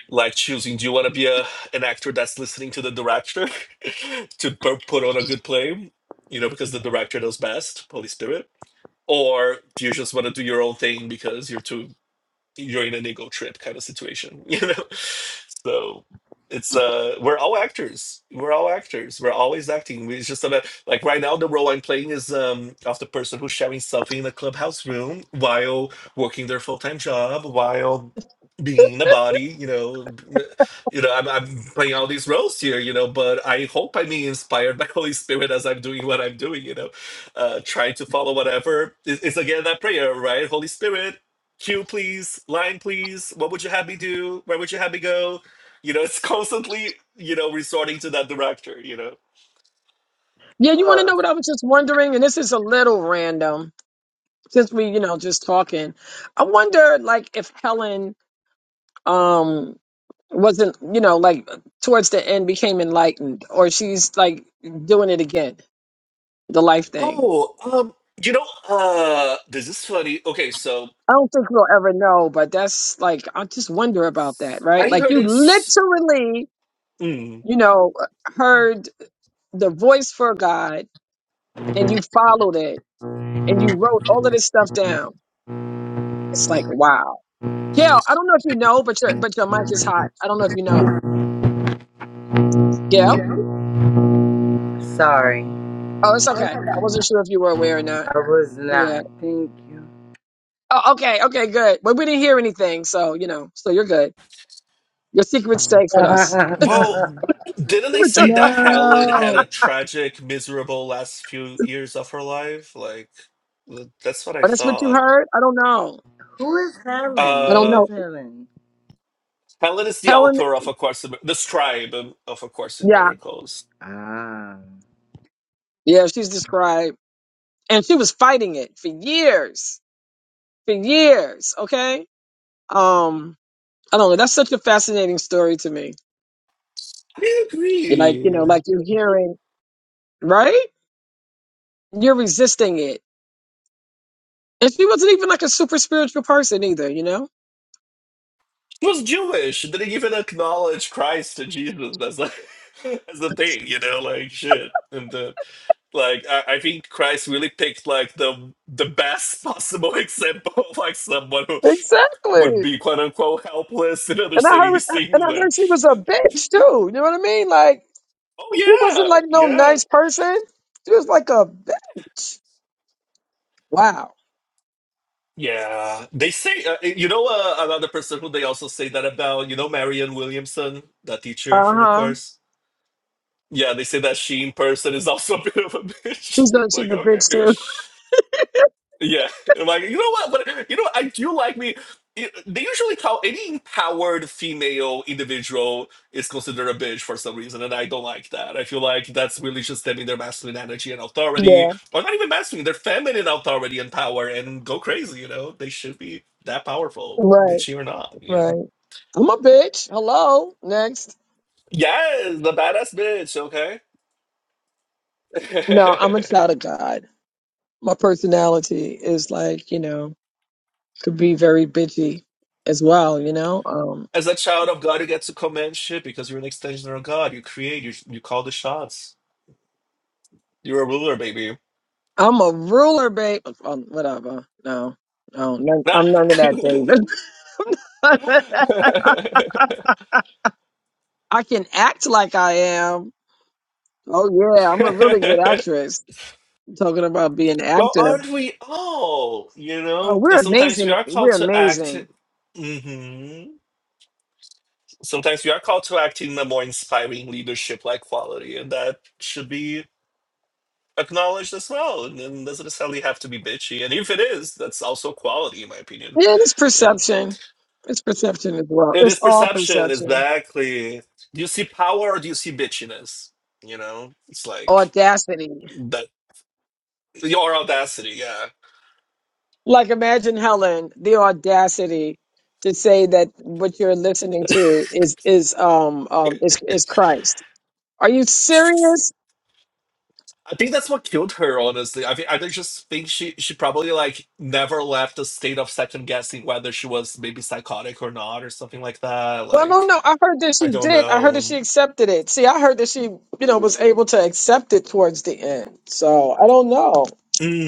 [SPEAKER 7] like choosing do you want to be a an actor that's listening to the director to pu- put on a good play you know because the director knows best holy spirit or do you just want to do your own thing because you're too you're in an ego trip kind of situation, you know. So it's uh we're all actors. We're all actors. We're always acting. We- It's just about like right now the role I'm playing is um of the person who's sharing something in a clubhouse room while working their full-time job, while being the body, you know, b- you know, I'm, I'm playing all these roles here, you know, but I hope I'm being inspired by Holy Spirit as I'm doing what I'm doing, you know, uh, trying to follow whatever is, is again that prayer, right? Holy Spirit, Cue, please. Line, please. What would you have me do? Where would you have me go? You know, it's constantly, you know, resorting to that director, you know.
[SPEAKER 2] Yeah, you want to
[SPEAKER 7] Uh,
[SPEAKER 2] know what I was just wondering, and this is a little random since we, you know, just talking. I wonder, like, if Helen um wasn't you know like towards the end became enlightened or she's like doing it again the life thing
[SPEAKER 7] oh, um, you know, uh, this is funny. Okay, so
[SPEAKER 2] i don't think we'll ever know but that's like i just wonder about that right
[SPEAKER 7] I
[SPEAKER 2] like
[SPEAKER 7] heard
[SPEAKER 2] you
[SPEAKER 7] it's,
[SPEAKER 2] literally
[SPEAKER 7] mm,
[SPEAKER 2] you know heard the voice for god and you followed it and you wrote all of this stuff down it's like wow gail i don't know if you know but your but your mic is hot i don't know if you know gail
[SPEAKER 10] sorry,
[SPEAKER 2] oh it's
[SPEAKER 10] I
[SPEAKER 2] okay i wasn't sure if you were aware or not
[SPEAKER 10] was
[SPEAKER 2] yeah
[SPEAKER 10] not. Thank you.
[SPEAKER 2] Oh, okay, okay, good. But we didn't hear anything, so you know, so you're good. Your secret's safe with us.
[SPEAKER 7] well, didn't
[SPEAKER 2] You
[SPEAKER 7] they
[SPEAKER 2] were just-
[SPEAKER 7] say that Helen had a
[SPEAKER 10] No,
[SPEAKER 7] tragic, miserable last few years of her life? Like, th- that's what I
[SPEAKER 2] Oh, that's what you
[SPEAKER 7] thought.
[SPEAKER 2] heard? I don't know.
[SPEAKER 10] who is
[SPEAKER 2] I
[SPEAKER 10] Helen?
[SPEAKER 2] don't
[SPEAKER 10] Who
[SPEAKER 7] Uh,
[SPEAKER 2] know.
[SPEAKER 10] is Helen?
[SPEAKER 7] Helen is the
[SPEAKER 2] Helen,
[SPEAKER 7] author of A Course in, the scribe um, of A Course in
[SPEAKER 2] yeah,
[SPEAKER 7] Miracles.
[SPEAKER 10] Ah,
[SPEAKER 2] yeah, she's described, and she was fighting it for years, for years. Okay, um, I don't know. That's such a fascinating story to me.
[SPEAKER 7] I
[SPEAKER 2] You're Like you
[SPEAKER 7] agree.
[SPEAKER 2] know, like you're hearing, right? You're resisting it, and she wasn't even like a super spiritual person either. You know.
[SPEAKER 7] She was Jewish. She didn't even acknowledge Christ and Jesus as a as a thing, you know, like shit. And the like I, I think Christ really picked like the the best possible example of like someone who would
[SPEAKER 2] Exactly.
[SPEAKER 7] be quote unquote helpless in
[SPEAKER 2] And I
[SPEAKER 7] understanding
[SPEAKER 2] heard,
[SPEAKER 7] these
[SPEAKER 2] and
[SPEAKER 7] things
[SPEAKER 2] I
[SPEAKER 7] and
[SPEAKER 2] heard she was a bitch too. You know what I mean? Like she wasn't
[SPEAKER 7] oh
[SPEAKER 2] like no
[SPEAKER 7] yeah, yeah.
[SPEAKER 2] nice person. She was like a bitch. Wow.
[SPEAKER 7] Yeah, they say uh, eh, you know uh, another person who they also say that about. You know Marianne Williamson, that teacher
[SPEAKER 2] Uh
[SPEAKER 7] from the
[SPEAKER 2] huh.
[SPEAKER 7] course. Yeah, they say that Sheen person is also a bit of a
[SPEAKER 2] She's
[SPEAKER 7] bitch.
[SPEAKER 2] done. She's
[SPEAKER 7] like,
[SPEAKER 2] a
[SPEAKER 7] okay.
[SPEAKER 2] bitch too.
[SPEAKER 7] Yeah. I'm Like, you know what? But you know, I do like me. it- They usually call any empowered female individual is considered a bitch for some reason, and I don't like that. I feel like that's really just stemming their masculine energy and authority,
[SPEAKER 2] Yeah.
[SPEAKER 7] or not even masculine, their feminine authority and power, and go crazy. You know, they should be that powerful,
[SPEAKER 2] Right.
[SPEAKER 7] bitchy or not. You know.
[SPEAKER 2] Right. I'm a bitch. Hello. Next.
[SPEAKER 7] Yes, the badass bitch. Okay.
[SPEAKER 2] No, I'm a child of God. My personality is like you know could be very bitchy as well. You know. Um.
[SPEAKER 7] As a child of God, you get to command shit because you're an extension of God. You create, you, you call the shots. You're a ruler, baby.
[SPEAKER 2] I'm a ruler, babe. Um, whatever. No. No. None, I'm none of that, David. I can act like I am. Oh yeah, I'm a really good actress. Talking about being an
[SPEAKER 7] well,
[SPEAKER 2] actor.
[SPEAKER 7] aren't we all? You
[SPEAKER 2] Oh,
[SPEAKER 7] know?
[SPEAKER 2] we're
[SPEAKER 7] And sometimes we
[SPEAKER 2] amazing.
[SPEAKER 7] are called
[SPEAKER 2] We're
[SPEAKER 7] to act.
[SPEAKER 2] amazing.
[SPEAKER 7] hmm Sometimes we are called to act in a more inspiring leadership like quality, and that should be acknowledged as well. And then doesn't necessarily have to be bitchy. And if it is, that's also quality, in my opinion.
[SPEAKER 2] Yeah, it's
[SPEAKER 7] You know?
[SPEAKER 2] perception. It's perception as well.
[SPEAKER 7] It
[SPEAKER 2] It's
[SPEAKER 7] is
[SPEAKER 2] all
[SPEAKER 7] perception,
[SPEAKER 2] perception.
[SPEAKER 7] exactly. Do you see power or do you see bitchiness? You know, it's like
[SPEAKER 2] Audacity.
[SPEAKER 7] that your audacity. Yeah,
[SPEAKER 2] Like imagine Helen, the audacity to say that what you're listening to is is um um is is Christ. Are you serious?
[SPEAKER 7] I think that's what killed her. Honestly, I think I just think she she probably like never left a state of second guessing whether she was maybe psychotic or not or something like that.
[SPEAKER 2] Well, no,
[SPEAKER 7] Like
[SPEAKER 2] no. I heard that
[SPEAKER 7] I
[SPEAKER 2] she
[SPEAKER 7] don't
[SPEAKER 2] did. I heard that
[SPEAKER 7] know.
[SPEAKER 2] she accepted it. See, I heard that she, you know, was able to accept it towards the end. So I don't know.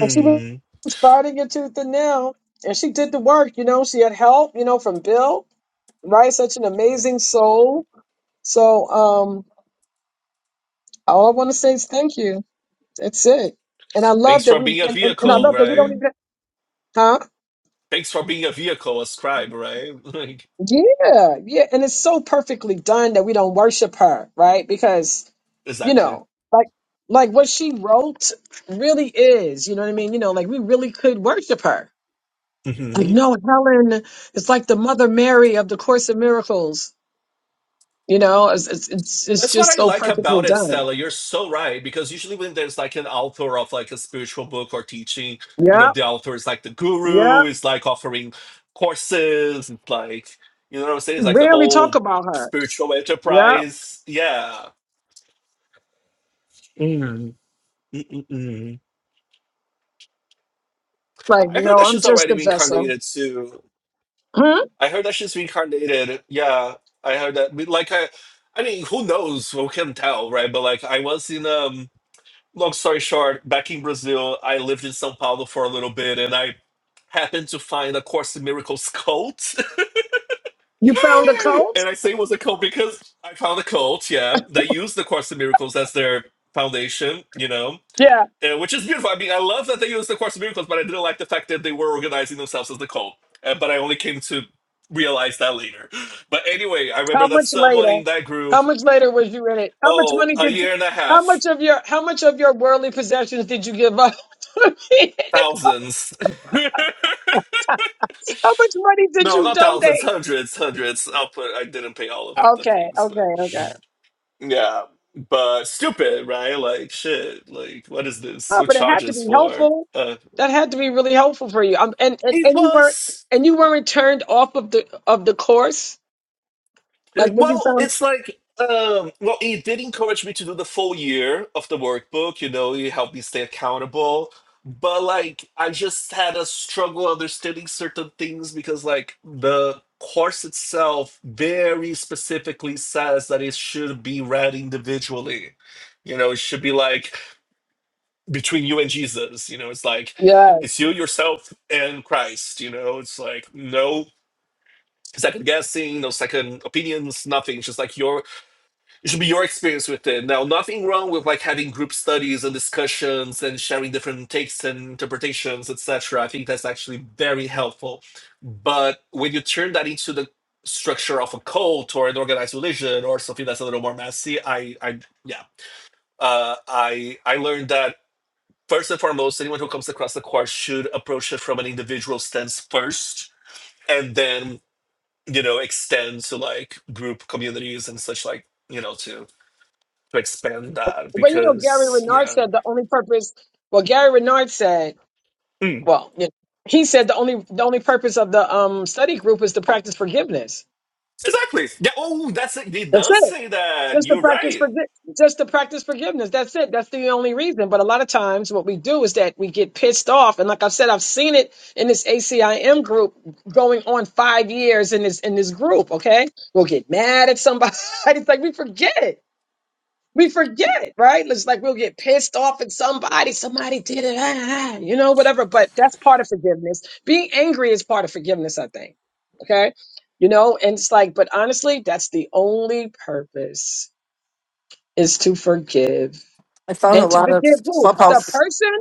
[SPEAKER 2] But she was fighting it tooth and nail, and she did the work. You know, she had help. You know, from Bill. Right, such an amazing soul. So, um, all I want to say is thank you. That's it. And I love
[SPEAKER 7] Thanks
[SPEAKER 2] that
[SPEAKER 7] for
[SPEAKER 2] we.
[SPEAKER 7] being a
[SPEAKER 2] And, and, and I
[SPEAKER 7] vehicle,
[SPEAKER 2] love that we
[SPEAKER 7] right?
[SPEAKER 2] don't even. Huh?
[SPEAKER 7] Thanks for being a vehicle, a scribe, right? Like
[SPEAKER 2] Yeah, yeah. And it's so perfectly done that we don't worship her, right? Because you
[SPEAKER 7] exactly.
[SPEAKER 2] know, like like what she wrote really is, you know what I mean? You know, like we really could worship her.
[SPEAKER 7] Mm-hmm.
[SPEAKER 2] Like, no, Helen is like the Mother Mary of the Course in Miracles. You know, it's it's it's, it's
[SPEAKER 7] That's what
[SPEAKER 2] just
[SPEAKER 7] I
[SPEAKER 2] so
[SPEAKER 7] like
[SPEAKER 2] perfectly
[SPEAKER 7] about it,
[SPEAKER 2] done.
[SPEAKER 7] Stella. You're so right. Because usually when there's like an author of like a spiritual book or teaching, you know,
[SPEAKER 2] Yeah,
[SPEAKER 7] the author is like the
[SPEAKER 2] yeah.
[SPEAKER 7] guru, is like offering courses, it's like you know what I'm saying?
[SPEAKER 2] We
[SPEAKER 7] It's like the
[SPEAKER 2] Rarely talk
[SPEAKER 7] whole
[SPEAKER 2] about her.
[SPEAKER 7] spiritual
[SPEAKER 2] Yeah,
[SPEAKER 7] enterprise. Yeah. Mm-mm-mm.
[SPEAKER 2] like
[SPEAKER 7] I heard
[SPEAKER 2] no,
[SPEAKER 7] that
[SPEAKER 2] I'm
[SPEAKER 7] she's
[SPEAKER 2] just
[SPEAKER 7] already
[SPEAKER 2] a vessel.
[SPEAKER 7] reincarnated too.
[SPEAKER 2] Hmm?
[SPEAKER 7] I heard that she's reincarnated. Yeah. I heard that I mean, like I I mean, who knows? Who can tell, right? But like I was in um long story short, back in Brazil, I lived in São Paulo for a little bit and I happened to find a Course in Miracles cult. and
[SPEAKER 2] You found a cult?
[SPEAKER 7] I say it was a cult because I found a cult, yeah, that used the Course in Miracles as their foundation, you know,
[SPEAKER 2] Yeah.
[SPEAKER 7] and, which is beautiful. I mean, I love that they used the Course in Miracles, but I didn't like the fact that they were organizing themselves as the cult. Uh, but I only came to realize that later. But anyway, I remember
[SPEAKER 2] How
[SPEAKER 7] that
[SPEAKER 2] much
[SPEAKER 7] someone
[SPEAKER 2] later?
[SPEAKER 7] in that group,
[SPEAKER 2] How much later was you in it? How much
[SPEAKER 7] oh,
[SPEAKER 2] money
[SPEAKER 7] a
[SPEAKER 2] did? You,
[SPEAKER 7] year and a
[SPEAKER 2] how much
[SPEAKER 7] half,
[SPEAKER 2] of your how much of your worldly possessions did you give up?
[SPEAKER 7] thousands.
[SPEAKER 2] How much money did
[SPEAKER 7] No,
[SPEAKER 2] you
[SPEAKER 7] not thousands,
[SPEAKER 2] donate?
[SPEAKER 7] hundreds, hundreds. I'll put. I didn't pay all of the
[SPEAKER 2] Okay,
[SPEAKER 7] things, but
[SPEAKER 2] okay, okay.
[SPEAKER 7] yeah, but stupid, right? Like shit. Like what is this?
[SPEAKER 2] Oh,
[SPEAKER 7] Who
[SPEAKER 2] but it had to
[SPEAKER 7] charges
[SPEAKER 2] be
[SPEAKER 7] for?
[SPEAKER 2] helpful.
[SPEAKER 7] Uh,
[SPEAKER 2] That had to be really helpful for you. Um, and, and
[SPEAKER 7] it
[SPEAKER 2] and you weren't
[SPEAKER 7] was.
[SPEAKER 2] and you weren't turned off of the of the course. Like when you
[SPEAKER 7] Well,
[SPEAKER 2] found
[SPEAKER 7] it's like um well he did encourage me to do the full year of the workbook, you know, he helped me stay accountable. But like I just had a struggle understanding certain things because like the course itself very specifically says that it should be read individually. You know, it should be like between you and Jesus, you know, it's like
[SPEAKER 2] yes.
[SPEAKER 7] it's you, yourself, and Christ, you know, it's like no second guessing, no second opinions, nothing. It's just like your it should be your experience with it. Now, nothing wrong with like having group studies and discussions and sharing different takes and interpretations, etc. I think that's actually very helpful. But when you turn that into the structure of a cult or an organized religion or something that's a little more messy, I, I, yeah, uh, I, I learned that first and foremost, anyone who comes across the course should approach it from an individual stance first, and then you know extend to like group communities and such like you know to to expand that
[SPEAKER 2] But you know, Gary
[SPEAKER 7] because
[SPEAKER 2] Renard
[SPEAKER 7] yeah
[SPEAKER 2] said the only purpose. Well, Gary Renard said,
[SPEAKER 7] Mm.
[SPEAKER 2] well, you know, he said the only the only purpose of the um study group is to practice forgiveness.
[SPEAKER 7] exactly yeah oh that's it it
[SPEAKER 2] That's
[SPEAKER 7] does
[SPEAKER 2] it.
[SPEAKER 7] say that
[SPEAKER 2] just to
[SPEAKER 7] you're
[SPEAKER 2] practice
[SPEAKER 7] right
[SPEAKER 2] forgi- just to practice forgiveness. That's it. That's the only reason. But a lot of times, what we do is that we get pissed off, and like I've said, I've seen it in this ACIM group going on five years in this in this group. Okay, we'll get mad at somebody. it's like we forget it. We forget it, right? It's like we'll get pissed off at somebody. Somebody did it, ah, ah, ah, you know, whatever. But that's part of forgiveness. Being angry is part of forgiveness, I think. Okay, you know, and it's like, but honestly, that's the only purpose is to forgive.
[SPEAKER 4] I found a
[SPEAKER 2] And to
[SPEAKER 4] lot of
[SPEAKER 2] forgive who? The
[SPEAKER 4] clubhouse.
[SPEAKER 2] person?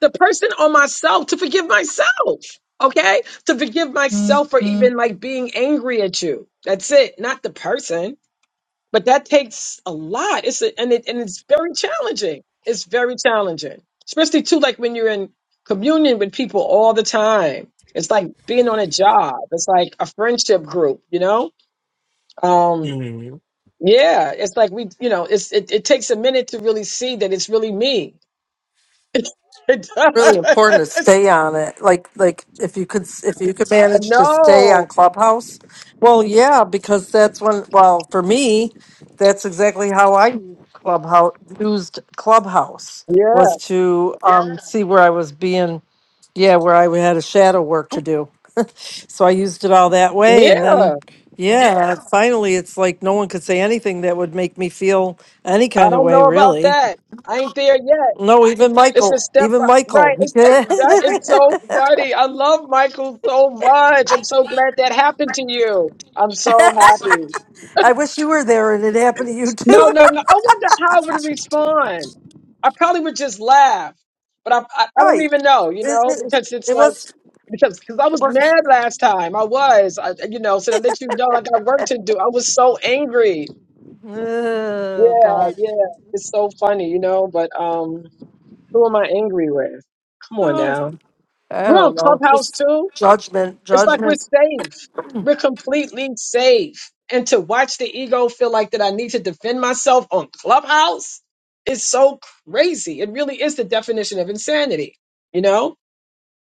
[SPEAKER 2] The person or myself to forgive myself. Okay? To forgive myself for even like being angry at you. That's it. Not the person. But that takes a lot. It's a, and it and it's very challenging. It's very challenging. Especially too like when you're in communion with people all the time. It's like being on a job. It's like a friendship group, you know? Um
[SPEAKER 7] mm.
[SPEAKER 2] yeah, it's like we, you know, it's it, it takes a minute to really see that it's really me. It
[SPEAKER 4] really important to
[SPEAKER 2] does.
[SPEAKER 4] stay on it. Like like if you could if you could manage to stay
[SPEAKER 2] No.
[SPEAKER 4] on Clubhouse. Well, yeah, because that's when well, for me, that's exactly how I used Clubhouse used Clubhouse
[SPEAKER 2] Yeah.
[SPEAKER 4] was to um see where I was being yeah, where I had a shadow work to do. So I used it all that way and
[SPEAKER 2] Yeah.
[SPEAKER 4] then yeah, finally it's like no one could say anything that would make me feel any
[SPEAKER 2] I
[SPEAKER 4] kind of
[SPEAKER 2] don't
[SPEAKER 4] way
[SPEAKER 2] know about
[SPEAKER 4] really.
[SPEAKER 2] that. I ain't there yet.
[SPEAKER 4] No, even
[SPEAKER 2] It's
[SPEAKER 4] Michael,
[SPEAKER 2] a step
[SPEAKER 4] even
[SPEAKER 2] by,
[SPEAKER 4] Michael.
[SPEAKER 2] right. It, uh, that is so funny. I love Michael so much. I'm so glad that happened to you. I'm so
[SPEAKER 4] I
[SPEAKER 2] happy.
[SPEAKER 4] wish you were there and it happened to you
[SPEAKER 2] No,
[SPEAKER 4] too.
[SPEAKER 2] no, no. I wonder how I would respond. I probably would just laugh, but I, I, I don't
[SPEAKER 4] right.
[SPEAKER 2] even know, you
[SPEAKER 4] It,
[SPEAKER 2] know,
[SPEAKER 4] it,
[SPEAKER 2] because it's
[SPEAKER 4] it
[SPEAKER 2] like.
[SPEAKER 4] was.
[SPEAKER 2] because because I
[SPEAKER 4] It
[SPEAKER 2] was
[SPEAKER 4] was.
[SPEAKER 2] mad last time. I was, I, you know, so I let you know like, I got work to do. I was so angry.
[SPEAKER 4] Oh,
[SPEAKER 2] Yeah,
[SPEAKER 4] God.
[SPEAKER 2] yeah, it's so funny, you know. But um, who am I angry with? Come on
[SPEAKER 4] Ugh,
[SPEAKER 2] now,
[SPEAKER 4] I
[SPEAKER 2] we're on
[SPEAKER 4] don't know.
[SPEAKER 2] Clubhouse
[SPEAKER 4] This
[SPEAKER 2] too.
[SPEAKER 4] judgment.
[SPEAKER 2] It's like we're
[SPEAKER 4] Judgment.
[SPEAKER 2] safe. We're completely safe. And to watch the ego feel like that I need to defend myself on Clubhouse is so crazy. It really is the definition of insanity, you know.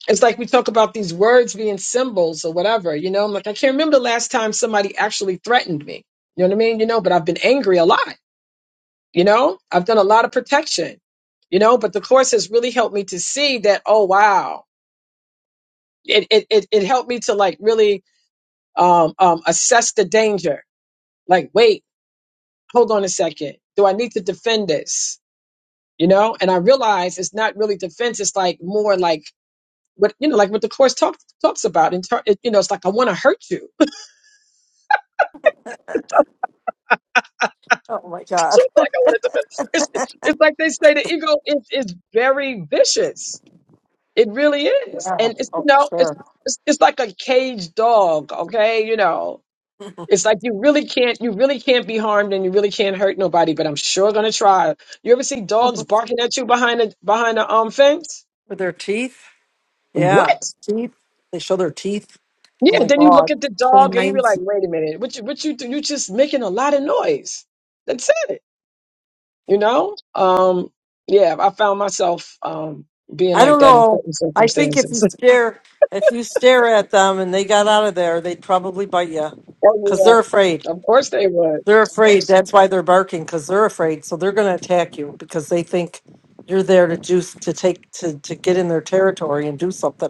[SPEAKER 2] it's like we talk about these words being symbols or whatever, you know. I'm like, I can't remember the last time somebody actually threatened me. You know what I mean? You know, but I've been angry a lot, you know? I've done a lot of protection, you know, but the course has really helped me to see that, oh wow. It it it, it helped me to like really um um assess the danger. Like, wait, hold on a second. Do I need to defend this? You know? And I realize it's not really defense, it's like more like what you know, like what the course talks talks about in ter- it, you know, it's like I want to hurt you
[SPEAKER 4] Oh, my
[SPEAKER 2] So
[SPEAKER 4] God.
[SPEAKER 2] it's like I wanted to. It's, it's like they say the ego is is very vicious. It really is,
[SPEAKER 4] Yeah.
[SPEAKER 2] and it's
[SPEAKER 4] Oh,
[SPEAKER 2] you
[SPEAKER 4] for
[SPEAKER 2] know it's,
[SPEAKER 4] sure.
[SPEAKER 2] it's it's like a caged dog. Okay, you know it's like you really can't you really can't be harmed and you really can't hurt nobody. But I'm sure gonna try. You ever see dogs barking at you behind a behind a um fence?
[SPEAKER 4] With their teeth. Yeah.
[SPEAKER 2] What?
[SPEAKER 4] Teeth. They show their teeth. Oh,
[SPEAKER 2] Yeah.
[SPEAKER 4] my
[SPEAKER 2] Then you look
[SPEAKER 4] God.
[SPEAKER 2] at the dog and you be like,
[SPEAKER 4] Canines.
[SPEAKER 2] wait a minute, what you what you do? You just making a lot of noise. That's it. you know um yeah i found myself um being
[SPEAKER 4] I
[SPEAKER 2] like
[SPEAKER 4] don't
[SPEAKER 2] that in
[SPEAKER 4] know.
[SPEAKER 2] certain
[SPEAKER 4] I think if you
[SPEAKER 2] circumstances
[SPEAKER 4] stare. If you stare at them and they got out of there, they'd probably bite you
[SPEAKER 2] oh
[SPEAKER 4] because they're
[SPEAKER 2] yeah
[SPEAKER 4] afraid.
[SPEAKER 2] of course they would
[SPEAKER 4] They're afraid. That's why they're barking because they're afraid. So they're going to attack you because they think you're there to do to take to to get in their territory and do something.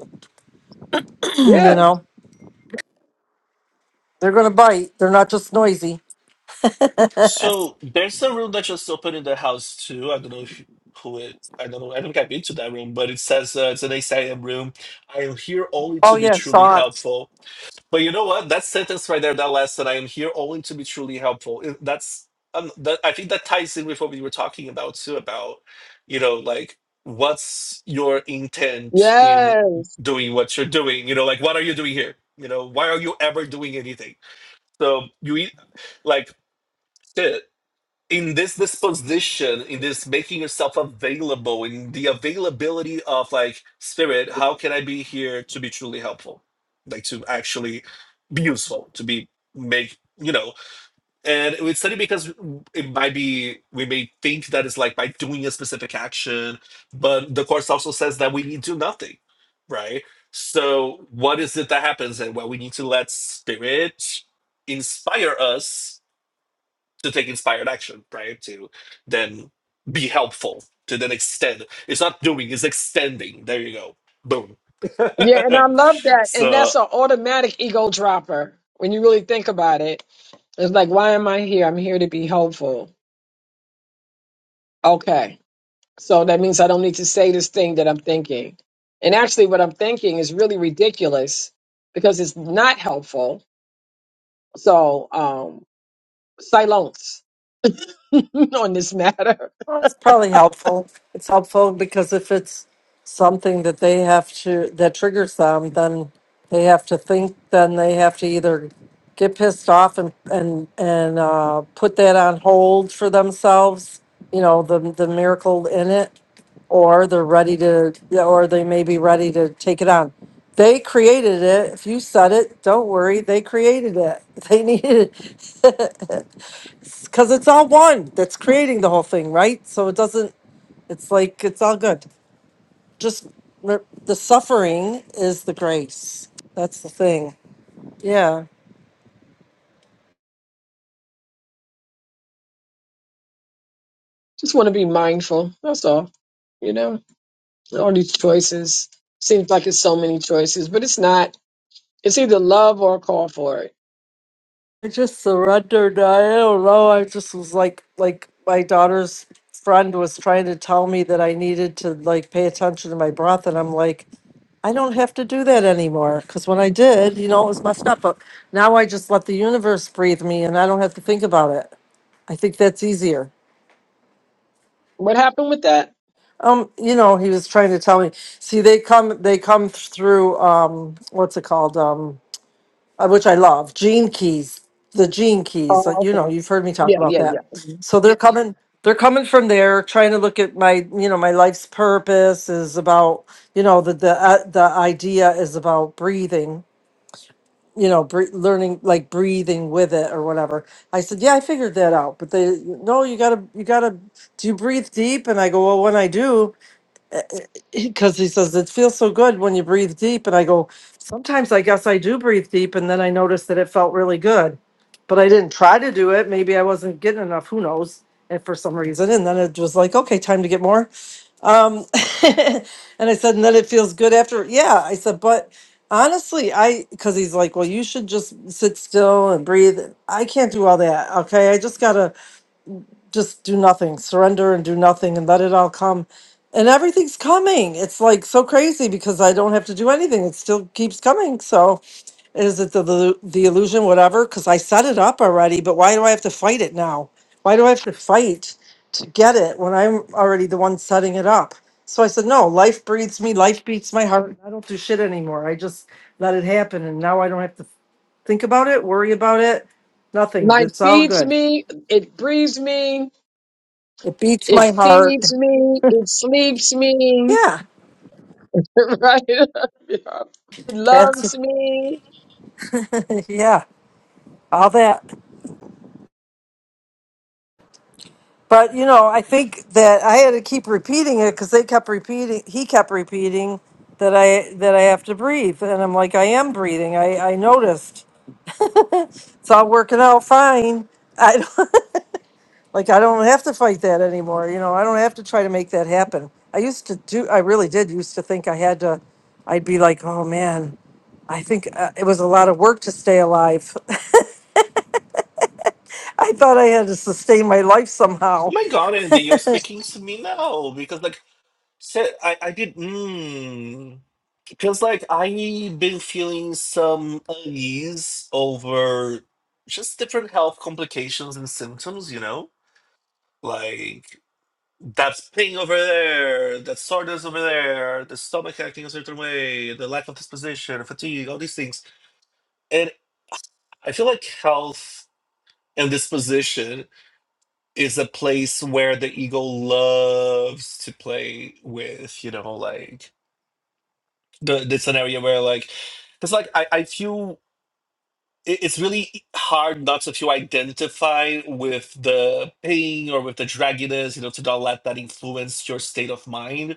[SPEAKER 4] you
[SPEAKER 2] yeah
[SPEAKER 4] know, they're going to bite. They're not just noisy.
[SPEAKER 7] so there's a room that just opened in the house too i don't know if you, who it i don't know i don't think i've been to that room but it says uh, it's an asylum room i am here only
[SPEAKER 4] Oh
[SPEAKER 7] to be
[SPEAKER 4] yeah,
[SPEAKER 7] truly
[SPEAKER 4] socks.
[SPEAKER 7] helpful But you know what? That sentence right there, that last that I am here only to be truly helpful. it- That's um, that, I think that ties in with what we were talking about too, about you know, like what's your intent in
[SPEAKER 2] yes
[SPEAKER 7] doing what you're doing? You know, like what are you doing here? You know, why are you ever doing anything? So you eat like shit in this disposition in this making yourself available in the availability of like spirit how can i be here to be truly helpful like to actually be useful to be make you know and it's funny because it might be we may think that it's like by doing a specific action but the course also says that we need to do nothing right so what is it that happens and well we need to let spirit inspire us to take inspired action, right? To then be helpful, to then extend. It's not doing, it's extending. There you go. Boom.
[SPEAKER 2] yeah and i love that and
[SPEAKER 7] so, oh
[SPEAKER 2] that's an automatic ego dropper when you really think about it it's like why am i here i'm here to be helpful okay so that means i don't need to say this thing that i'm thinking and actually what i'm thinking is really ridiculous because it's not helpful so um silence on this matter
[SPEAKER 4] Well, it's probably helpful. It's helpful because if it's something that they have to that triggers them, then they have to think. Then they have to either get pissed off and and and uh, put that on hold for themselves. You know, the the miracle in it or they're ready to, yeah, or they may be ready to take it on. They created it. If you said it, don't worry. They created it. They needed it because it's all one that's creating the whole thing, right? So it doesn't. It's like it's all good. Just re- the suffering is the grace. That's the thing. Yeah,
[SPEAKER 2] Just want to be mindful. That's all. You know, all these choices seems like it's so many choices, but it's not. It's either love or a call for it.
[SPEAKER 4] I just surrendered. I don't know. I just was like, like my daughter's friend was trying to tell me that I needed to like pay attention to my breath, and I'm like, I don't have to do that anymore because when I did, you know, it was messed up. But now I just let the universe breathe me and I don't have to think about it. I think that's easier.
[SPEAKER 2] What happened with that?
[SPEAKER 4] Um, you know, he was trying to tell me. See, they come they come through um what's it called? Um uh, which I love, gene keys. The gene keys. Like
[SPEAKER 2] Oh,
[SPEAKER 4] you
[SPEAKER 2] okay.
[SPEAKER 4] know, you've heard me talk
[SPEAKER 2] Yeah,
[SPEAKER 4] about
[SPEAKER 2] yeah, yeah.
[SPEAKER 4] that.
[SPEAKER 2] Mhm.
[SPEAKER 4] So they're coming they're coming from there trying to look at my you know my life's purpose is about you know the the uh, the idea is about breathing you know, bre- learning like breathing with it or whatever. I said, yeah, I figured that out. But they, no, you gotta, you gotta, do you breathe deep? And I go, well, when I do. because he says it feels so good when you breathe deep and i go sometimes i guess i do breathe deep and then i noticed that it felt really good but i didn't try to do it maybe i wasn't getting enough who knows and for some reason and then it was like okay time to get more um and i said and then it feels good after yeah i said but honestly i because he's like well you should just sit still and breathe i can't do all that okay i just gotta just do nothing, surrender and do nothing and let it all come. And everything's coming. It's like so crazy because I don't have to do anything. It still keeps coming. So is it the the, the illusion, whatever? Because I set it up already. But why do I have to fight it now? Why do I have to fight to get it when I'm already the one setting it up? So I said, no. Life breathes me. Life beats my heart. I don't do shit anymore. I just let it happen. And now I don't have to think about it, worry about it. Nothing.
[SPEAKER 2] Life
[SPEAKER 4] It's all
[SPEAKER 2] feeds
[SPEAKER 4] good.
[SPEAKER 2] me. It breathes me.
[SPEAKER 4] It beats
[SPEAKER 2] It
[SPEAKER 4] my heart.
[SPEAKER 2] feeds me. It sleeps me.
[SPEAKER 4] Yeah.
[SPEAKER 2] right? Yeah. It
[SPEAKER 4] That's
[SPEAKER 2] loves me.
[SPEAKER 4] yeah, all that. But you know, I think that I had to keep repeating it because they kept repeating. He kept repeating that I that I have to breathe, and I'm like, I am breathing. I I noticed. It's all working out fine. I don't, like I don't have to fight that anymore. You know, I don't have to try to make that happen. I used to do. I really did used to think I had to. I'd be like, oh man, I think uh, it was a lot of work to stay alive. I thought I had to sustain my life somehow.
[SPEAKER 7] my God, Andy, you're speaking to me now because, like, said I, I did, mm, because, like, I've been feeling some unease over just different health complications and symptoms, you know? Like, That pain over there, that soreness over there, the stomach acting a certain way, the lack of disposition, fatigue, all these things. And I feel like health and disposition is a place where the ego loves to play with, you know, like the this an area where like because like I, I feel it- it's really hard not to feel identify with the pain or with the dragginess, you know, to not let that influence your state of mind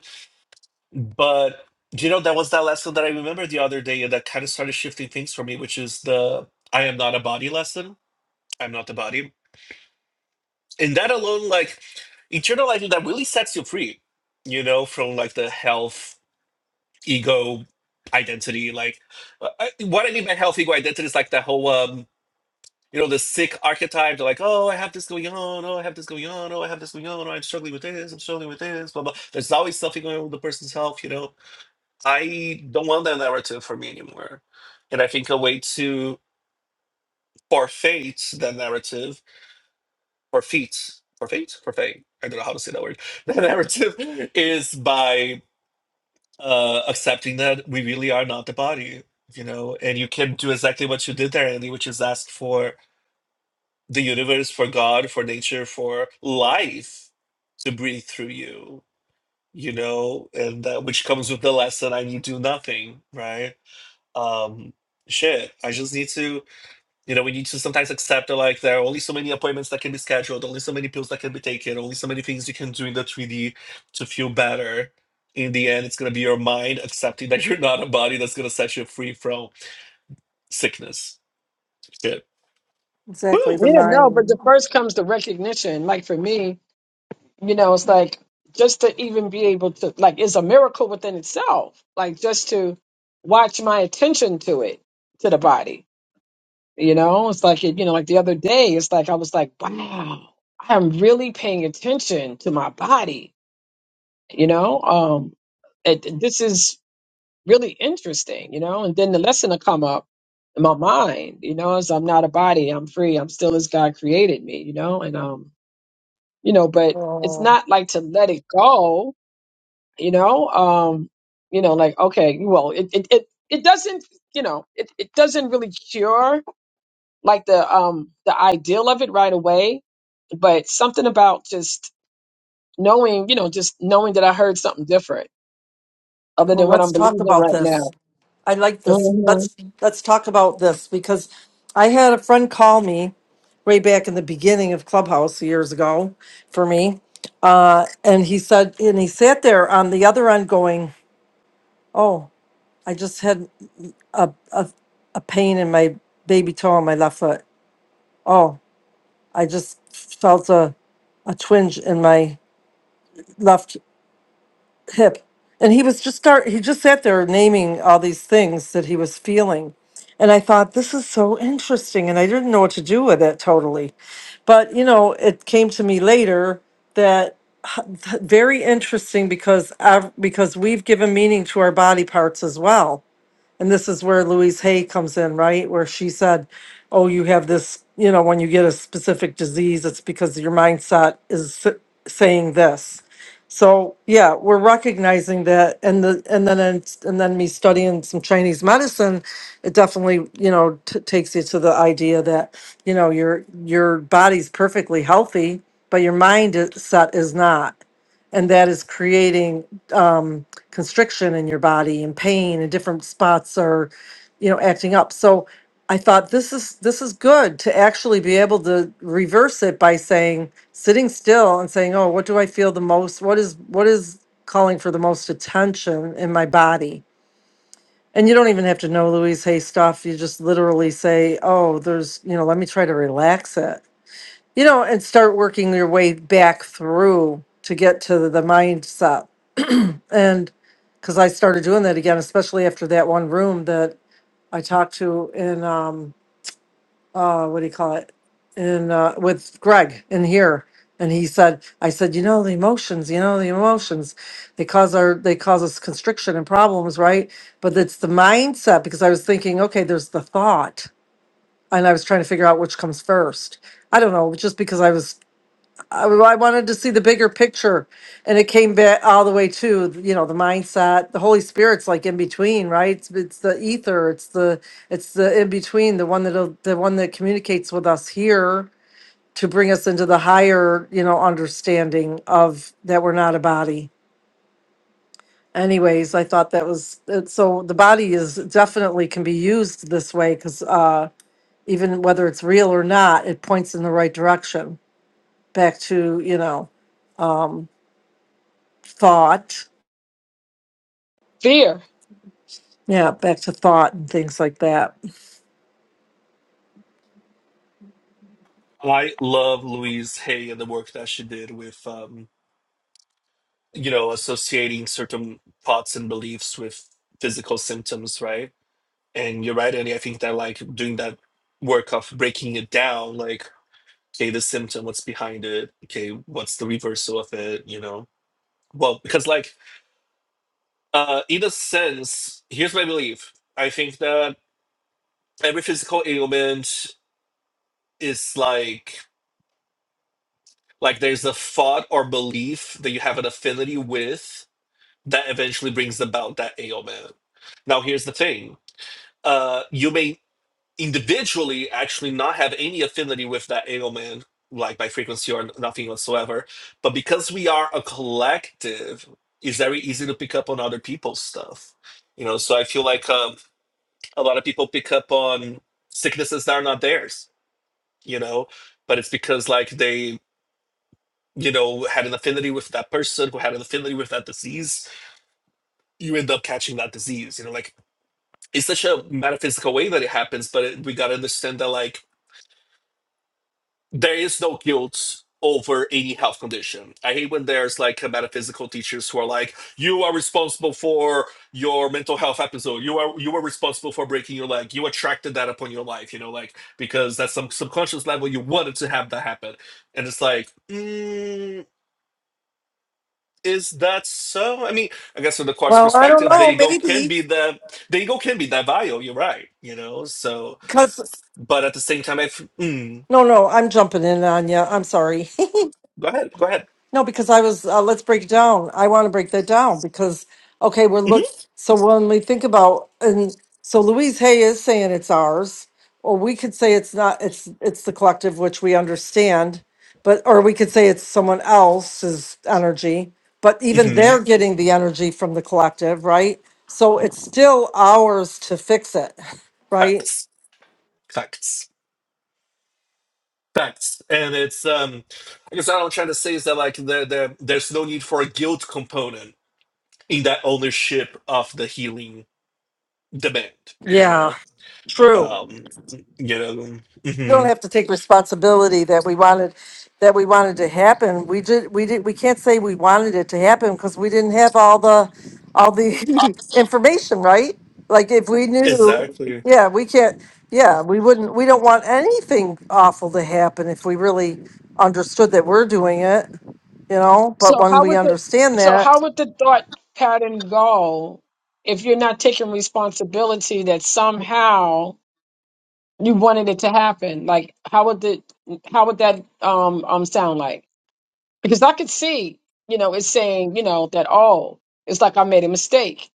[SPEAKER 7] But do you know that was that lesson that I remember the other day and that kind of started shifting things for me, which is the I am not a body lesson. I'm not the body. And that alone, like internalizing that really sets you free, you know, from like the health, ego, identity. Like uh, I, what I mean by health, ego, identity is like that whole um you know, the sick archetype, they're like, oh, I have this going on, oh, I have this going on, oh, I have this going on, oh, I'm struggling with this, I'm struggling with this, blah, blah. There's always something going on with the person's health, you know I don't want that narrative for me anymore. And I think a way to forfeit that narrative, forfeit, forfeit, forfeit, I don't know how to say that word, that narrative is by uh, accepting that we really are not the body, you know, and you can do exactly what you did there, Andy, which is ask for the universe, for God, for nature, for life to breathe through you, you know, and that which comes with the lesson I need do nothing, right? um shit i just need to you know we need to sometimes accept that like there are only so many appointments that can be scheduled only so many pills that can be taken only so many things you can do in the 3d to feel better in the end it's going to be your mind accepting that you're not a body that's going to set you free from sickness shit
[SPEAKER 4] Exactly, the
[SPEAKER 2] Yeah, no, but
[SPEAKER 4] mind.
[SPEAKER 2] the first comes the recognition. Like for me, You know, it's like just to even be able to like it's a miracle within itself. Like just to watch my attention to it, to the body. You know, it's like you know, like the other day, it's like I was like, wow, I'm really paying attention to my body. You know, um, it, this is really interesting. You know, and then the lesson will come up in my mind. You know, is I'm not a body, I'm free, I'm still as God created me. You know, and um, you know, but it's
[SPEAKER 4] Oh,
[SPEAKER 2] not like to let it go you know um you know like okay well it it it, it doesn't you know it, it doesn't really cure like the um the ideal of it right away but something about just knowing you know just knowing that i heard something different other
[SPEAKER 4] well,
[SPEAKER 2] than what i'm
[SPEAKER 4] let's talk
[SPEAKER 2] believing
[SPEAKER 4] about
[SPEAKER 2] right
[SPEAKER 4] this.
[SPEAKER 2] now
[SPEAKER 4] I like this.
[SPEAKER 2] hmm
[SPEAKER 4] Let's let's talk about this because I had a friend call me way back in the beginning of Clubhouse years ago for me, uh, and he said, and he sat there on the other end going, "Oh, I just had a a, a pain in my baby toe on my left foot. Oh, I just felt a a twinge in my left hip. And he was just start he just sat there naming all these things that he was feeling. And I thought this is so interesting and I didn't know what to do with it totally. But you know, it came to me later that h- very interesting because i because we've given meaning to our body parts as well. And this is where Louise Hay comes in, right? Where she said, Oh, you have this, you know, when you get a specific disease, it's because your mindset is s- saying this. So yeah, we're recognizing that, and the and then it's- and then me studying some Chinese medicine, it definitely you know t- takes you to the idea that you know your your body's perfectly healthy, but your mindset is not, and that is creating um, constriction in your body and pain and different spots are you know acting up so i thought this is this is good to actually be able to reverse it by saying sitting still and saying oh what do i feel the most what is what is calling for the most attention in my body and you don't even have to know louise hay stuff you just literally say oh there's you know let me try to relax it you know and start working your way back through to get to the mindset and because I started doing that again, especially after that one room that I talked to in, um, uh, what do you call it? In, uh, with Greg in here. And he said, I said, you know, the emotions, you know, the emotions, they cause our, they cause us constriction and problems, right? But it's the mindset because I was thinking, okay, there's the thought. And I was trying to figure out which comes first. I don't know, just because I was I, well, I wanted to see the bigger picture, and it came back all the way to you know the mindset. The Holy Spirit's like in between, right? It's, it's the ether. It's the it's the in between. The one that the one that communicates with us here to bring us into the higher you know understanding of that we're not a body. Anyways, I thought that was it- so. The body is definitely can be used this way because uh, even whether it's real or not, it points in the right direction back to you know um, thought.
[SPEAKER 2] fear
[SPEAKER 4] Yeah, back to thought and things like that.
[SPEAKER 7] i love louise hay and the work that she did with um you know associating certain thoughts and beliefs with physical symptoms right and you're right and i think that like doing that work of breaking it down like okay, the symptom, what's behind it, okay, what's the reversal of it, you know? Well, because like uh in a sense, here's my belief. I think that every physical ailment is like like there's a thought or belief that you have an affinity with that eventually brings about that ailment. Now here's the thing. Uh you may individually actually not have any affinity with that Engelman, like by frequency or nothing whatsoever. But because we are a collective, it's very easy to pick up on other people's stuff. You know, so I feel like um, a lot of people pick up on sicknesses that are not theirs, you know, but it's because like they, you know, had an affinity with that person who had an affinity with that disease. You end up catching that disease, you know, like it's such a metaphysical way that it happens, but it, we got to understand that like there is no guilt over any health condition. I hate when there's like metaphysical teachers who are like, "You are responsible for your mental health episode. You are you were responsible for breaking your leg. You attracted that upon your life. You know, like because that's some subconscious level you wanted to have that happen." And it's like, mm, is that so? I mean, I guess from the course
[SPEAKER 4] Well, I don't
[SPEAKER 7] perspective, the
[SPEAKER 4] know.
[SPEAKER 7] ego
[SPEAKER 4] Maybe
[SPEAKER 7] can be the the ego can be that vile. You're right. You know, so
[SPEAKER 4] because
[SPEAKER 7] but at the same time, I f- mm,
[SPEAKER 4] no, no, I'm jumping in on you. I'm sorry.
[SPEAKER 7] go ahead, go ahead.
[SPEAKER 4] No, because I was, uh, let's break it down. I want to break that down because, okay, we're
[SPEAKER 7] hmm
[SPEAKER 4] look. So when we think about, and so Louise Hay is saying it's ours, or we could say it's not, it's, it's the collective, which we understand, but, or we could say it's someone else's energy, but even
[SPEAKER 7] hmm
[SPEAKER 4] they're getting the energy from the collective, right? So it's still ours to fix it, right?
[SPEAKER 7] Facts. facts facts and it's um i guess what i'm trying to say is that like the the there's no need for a guilt component in that ownership of the healing demand you
[SPEAKER 4] Yeah,
[SPEAKER 7] know
[SPEAKER 4] true.
[SPEAKER 7] um you know
[SPEAKER 4] we
[SPEAKER 7] hmm
[SPEAKER 4] don't have to take responsibility that we wanted, that we wanted to happen. We did, we did, we can't say we wanted it to happen because we didn't have all the, all the information, right? Like if we knew,
[SPEAKER 7] exactly
[SPEAKER 4] yeah, we can't, yeah, we wouldn't, we don't want anything awful to happen if we really understood that we're doing it, you know? But
[SPEAKER 2] so
[SPEAKER 4] when
[SPEAKER 2] how
[SPEAKER 4] we
[SPEAKER 2] would the
[SPEAKER 4] understand
[SPEAKER 2] so
[SPEAKER 4] that,
[SPEAKER 2] how would the thought pattern go if you're not taking responsibility that somehow you wanted it to happen like how would the how would that um um sound like because i could see you know it's saying you know that oh it's like i made a mistake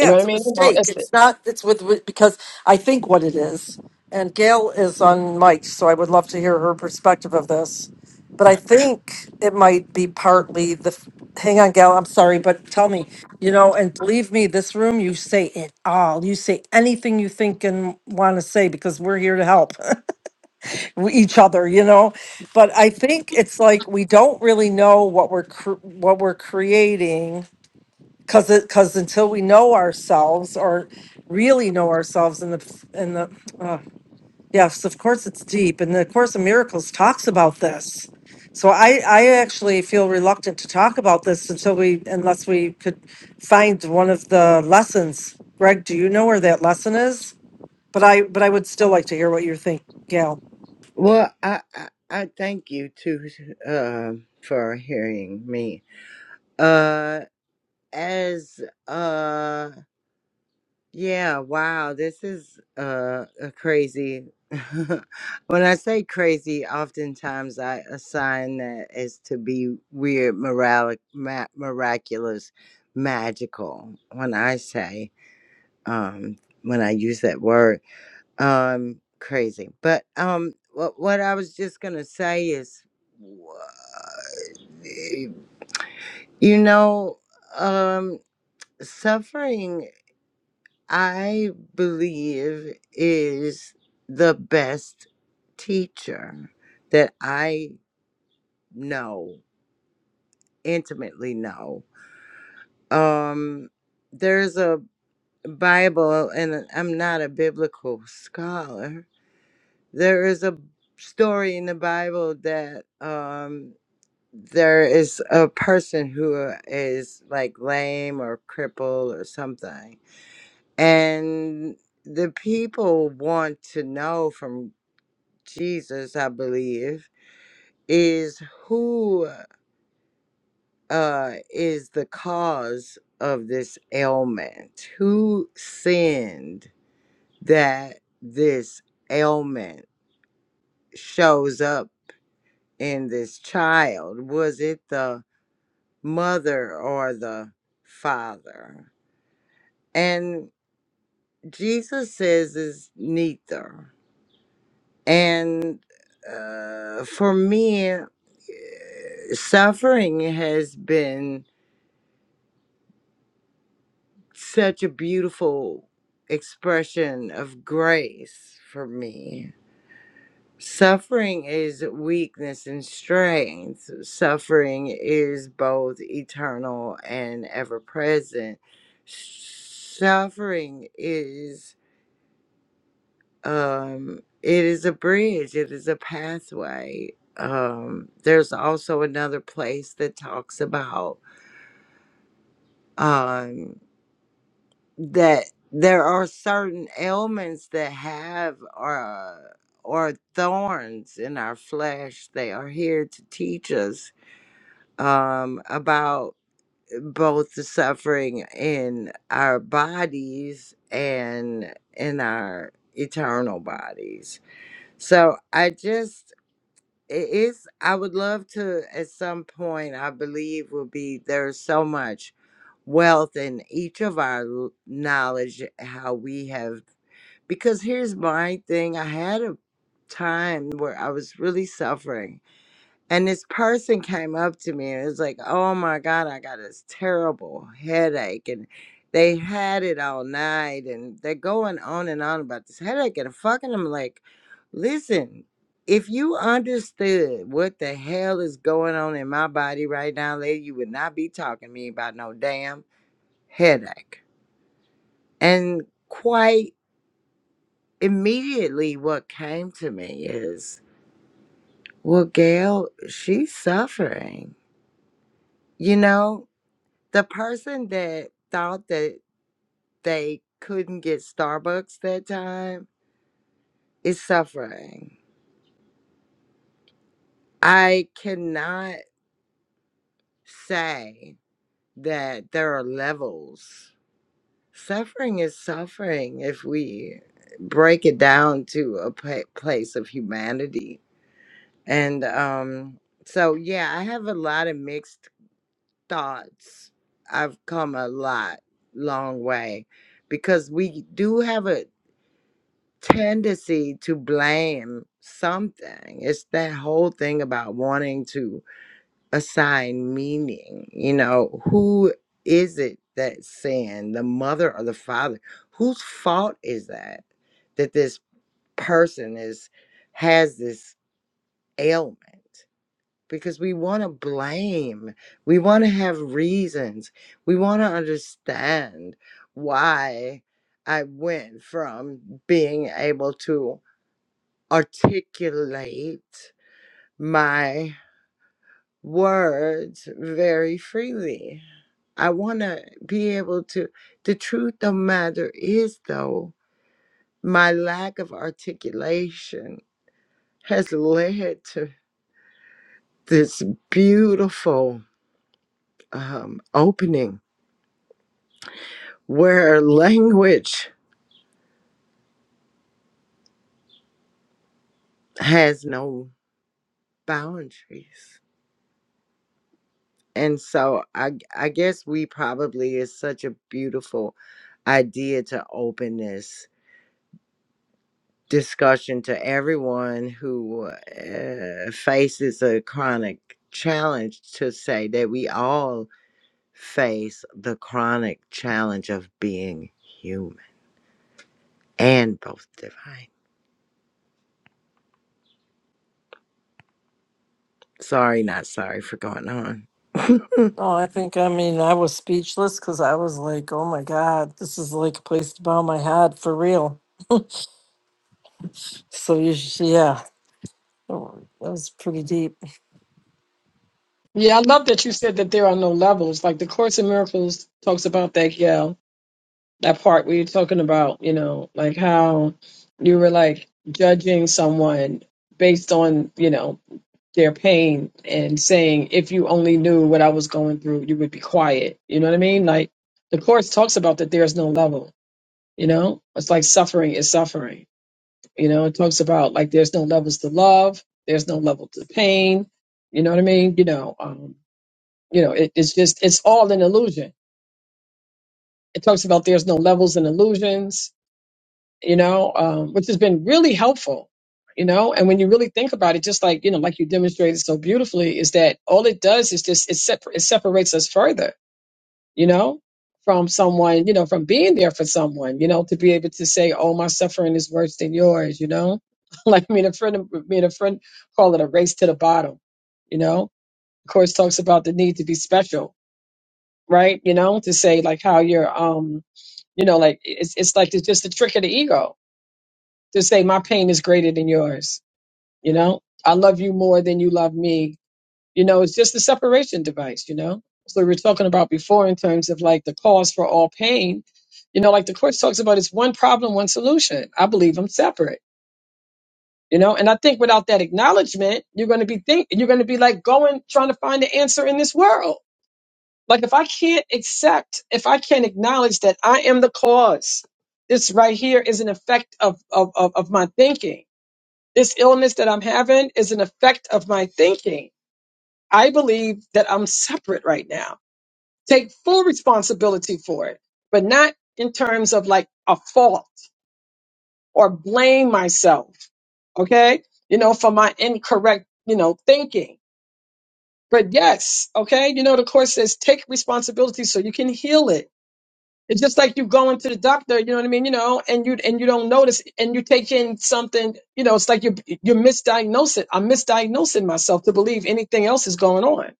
[SPEAKER 2] you know what i
[SPEAKER 4] it's a
[SPEAKER 2] mean you know
[SPEAKER 4] mistake.
[SPEAKER 2] it's the,
[SPEAKER 4] It's not. It's with with- because I think what it is. And Gail is on mic, so I would love to hear her perspective of this. But I think it might be partly the. Hang on, Gail. I'm sorry, but tell me. You know, and believe me, this room, you say it all. You say anything you think and want to say because we're here to help we- each other. You know, but I think it's like we don't really know what we're cr- what we're creating because because until we know ourselves or really know ourselves in the in the uh, yes of course it's deep and the course of miracles talks about this so i i actually feel reluctant to talk about this until we unless we could find one of the lessons greg do you know where that lesson is but i but i would still like to hear what you think gail
[SPEAKER 10] well, I I, I thank you too um for hearing me. Uh, as uh yeah wow this is uh a crazy when i say crazy oftentimes i assign that as to be weird moralic ma- miraculous magical when i say um when i use that word um crazy but um what, what i was just gonna say is wha- you know um suffering I believe is the best teacher that I know, intimately know. Um, there's a Bible, and I'm not a biblical scholar. There is a story in the Bible that um, there is a person who is like lame or crippled or something. And the people want to know from Jesus, I believe, is who uh, is the cause of this ailment? Who sinned that this ailment shows up in this child? Was it the mother or the father? And Jesus says it's neither. And uh, for me, eh, suffering has been such a beautiful expression of grace for me. Suffering is weakness and strength. Suffering is both eternal and ever present. Suffering is um it is a bridge, it is a pathway. Um there's also another place that talks about um that there are certain ailments that have uh, or thorns in our flesh. They are here to teach us um, about both the suffering in our bodies and in our eternal bodies. So I just it is i would love to at some point i believe will be there's so much wealth in each of our l- knowledge how we have because here's my thing i had a time where i was really suffering and this person came up to me and was like, Oh my God, I got this terrible headache. And they had it all night and they're going on and on about this headache and fucking I'm like, listen, if you understood what the hell is going on in my body right now, lady, you would not be talking to me about no damn headache. And quite immediately what came to me is, well, Gail, she's suffering. You know, the person that thought that they couldn't get Starbucks that time is suffering. I cannot say that there are levels. Suffering is suffering if we break it down to a pa- place of humanity. And um, so, yeah, I have a lot of mixed thoughts. I've come a lot, long way because we do have a tendency to blame something. It's that whole thing about wanting to assign meaning. You know, who is it that sinned, the mother or the father? Whose fault is that that this person is has this ailment? Because we want to blame. We want to have reasons. We want to understand why I went from being able to articulate my words very freely. I want to be able to. The truth of the matter is, though, my lack of articulation has led to this beautiful um, opening where language has no boundaries. And so I, I guess we probably is such a beautiful idea to open this. discussion to everyone who uh, faces a chronic challenge to say that we all face the chronic challenge of being human and both divine. Sorry, not sorry for going on.
[SPEAKER 4] Oh, I think, I mean, I was speechless because I was like, oh my God, this is like a place to bow my head for real. So, you, sh- yeah. Oh, that was pretty deep.
[SPEAKER 2] yeah i love that you said that there are no levels like the course in miracles talks about that yeah that part where you're talking about you know like how you were like judging someone based on you know their pain and saying, if you only knew what I was going through, you would be quiet. You know what I mean? Like the course talks about that there's no level, you know? It's like suffering is suffering. You know, it talks about like there's no levels to love, there's no level to pain. You know what I mean? You know, um, you know, it, it's just it's all an illusion. It talks about there's no levels and illusions you know, um, which has been really helpful, you know. And when you really think about it, just like you know, like you demonstrated so beautifully, is that all it does is just it, separ- it separates us further, you know, from someone, you know, from being there for someone, you know, to be able to say, "Oh, my suffering is worse than yours," you know. like me and a friend, me and a friend call it a race to the bottom, you know. Of course, talks about the need to be special, right? You know, to say like how you're, um, you know, like it's it's like it's just a trick of the ego to say my pain is greater than yours. You know, I love you more than you love me. You know, it's just a separation device, you know? So we were talking about before in terms of like the cause for all pain. You know, like the course talks about it's one problem, one solution. I believe I'm separate. You know, and I think without that acknowledgement, you're gonna be think you're gonna be like going trying to find the answer in this world. Like if I can't accept, if I can't acknowledge that I am the cause, this right here is an effect of of of, of my thinking this illness that I'm having is an effect of my thinking. I believe that I'm separate right now. Take full responsibility for it, but not in terms of like a fault or blame myself. Okay. You know, for my incorrect, you know, thinking. But yes. Okay. You know, the course says take responsibility so you can heal it. It's just like you going to the doctor, you know what I mean, you know, and you and you don't notice, and you take in something, you know, it's like you you misdiagnose it. I'm misdiagnosing myself to believe anything else is going on,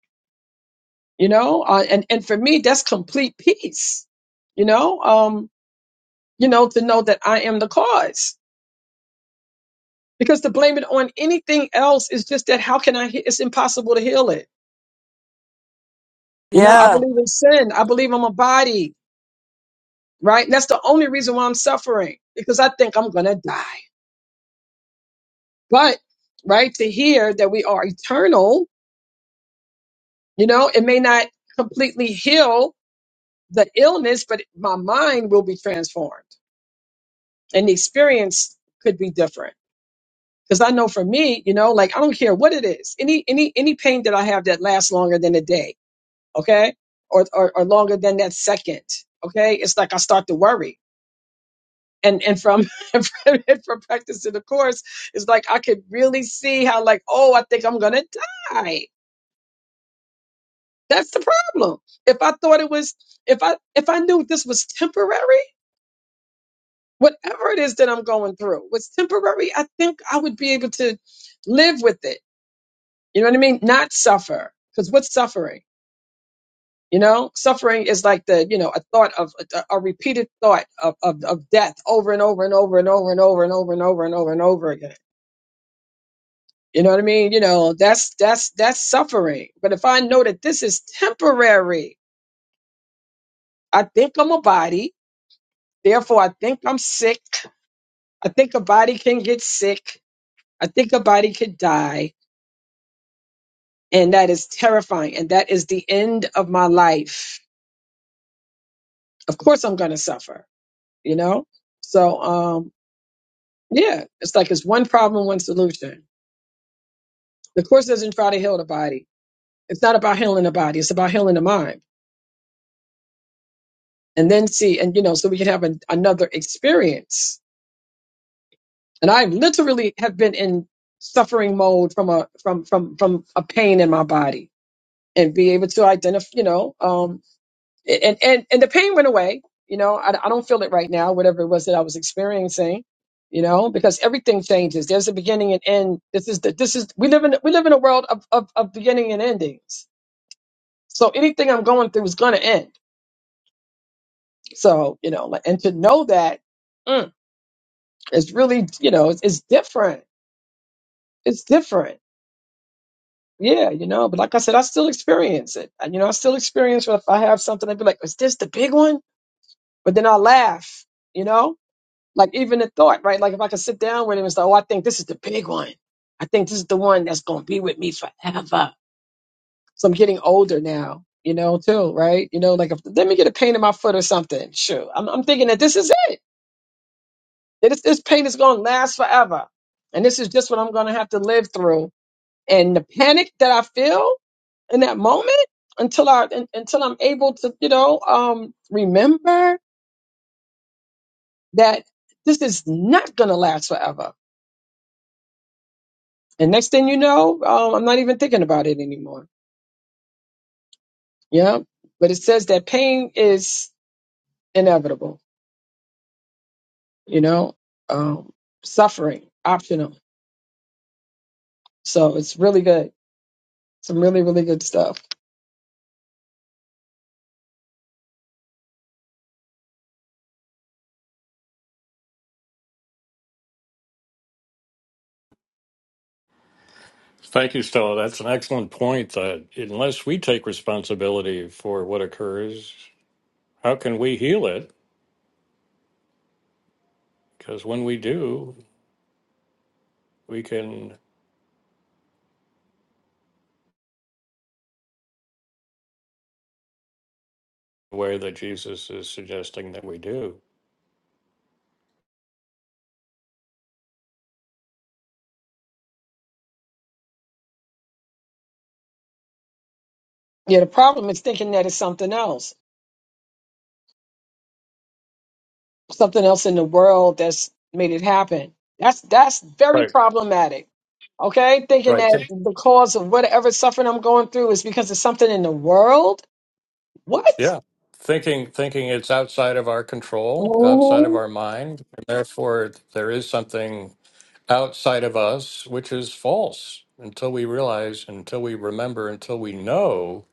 [SPEAKER 2] you know, uh, and and for me, that's complete peace, you know, um, you know, to know that I am the cause, because to blame it on anything else is just that. How can I? he- It's impossible to heal it, you know. I
[SPEAKER 4] Yeah.
[SPEAKER 2] believe in sin. I believe I'm a body, right? And that's the only reason why I'm suffering because I think I'm gonna die. But, right, to hear that we are eternal, you know, it may not completely heal the illness, but my mind will be transformed and the experience could be different. Cause I know for me, you know, like I don't care what it is, any, any, any pain that I have that lasts longer than a day. Okay. Or, or, or longer than that second. Okay. It's like I start to worry. And, and from, and from, and from practicing the course, it's like I could really see how like, oh, I think I'm going to die That's the problem. If I thought it was, if I if I knew this was temporary, whatever it is that I'm going through was temporary, I think I would be able to live with it. You know what I mean? Not suffer, because what's suffering? You know, suffering is like the you know a thought of a, a repeated thought of, of of death over and over and over and over and over and over and over and over and over again. You know what I mean? You know that's that's that's suffering. But if I know that this is temporary, I think I'm a body. Therefore, I think I'm sick. I think a body can get sick. I think a body could die. And that is terrifying. And that is the end of my life. Of course, I'm going to suffer, you know? So, um, yeah, it's like it's one problem, one solution. The Course doesn't try to heal the body. It's not about healing the body, it's about healing the mind. And then see, and you know, so we can have an, another experience. And I literally have been in suffering mode from a from from from a pain in my body and be able to identify, you know, um, and, and, and the pain went away. You know, I, I don't feel it right now, whatever it was that I was experiencing, you know, because everything changes. There's a beginning and end. This is the, this is, we live in, we live in a world of, of, of beginning and endings. So anything I'm going through is going to end. So, you know, like- and to know that mm, it's really, you know, it's, it's different. It's different. Yeah, you know, but like I said, I still experience it. And, you know, I still experience if I have something, I'd be like, is this the big one? but then i laugh, you know? Like even the thought, right? Like if I could sit down with him and say, Oh, I think this is the big one. I think this is the one that's gonna be with me forever. So I'm getting older now, you know, too, right? You know, like if let me get a pain in my foot or something. Sure. I'm I'm thinking that this is it. That this, this pain is gonna last forever. And this is just what I'm gonna have to live through. And the panic that I feel in that moment until I un- until I'm able to, you know, um remember that this is not going to last forever. And next thing you know, um, I'm not even thinking about it anymore. Yeah. But it says that pain is inevitable, you know, um, suffering, optional. So it's really good. Some really, really good stuff.
[SPEAKER 1] Thank you, Stella. That's an excellent point. That unless we take responsibility for what occurs, how can we heal it? Because when we do, we can the way that Jesus is suggesting that we do.
[SPEAKER 2] Yeah. The problem is thinking that it's something else, something else in the world that's made it happen. That's, that's very
[SPEAKER 1] Right.
[SPEAKER 2] problematic. Okay. Thinking
[SPEAKER 1] Right.
[SPEAKER 2] that the cause of whatever suffering I'm going through is because of something in the world. What?
[SPEAKER 1] Yeah. Thinking thinking it's outside of our control, outside of
[SPEAKER 2] Mhm.
[SPEAKER 1] our mind, and therefore there is something outside of us which is false until we realize, until we remember, until we know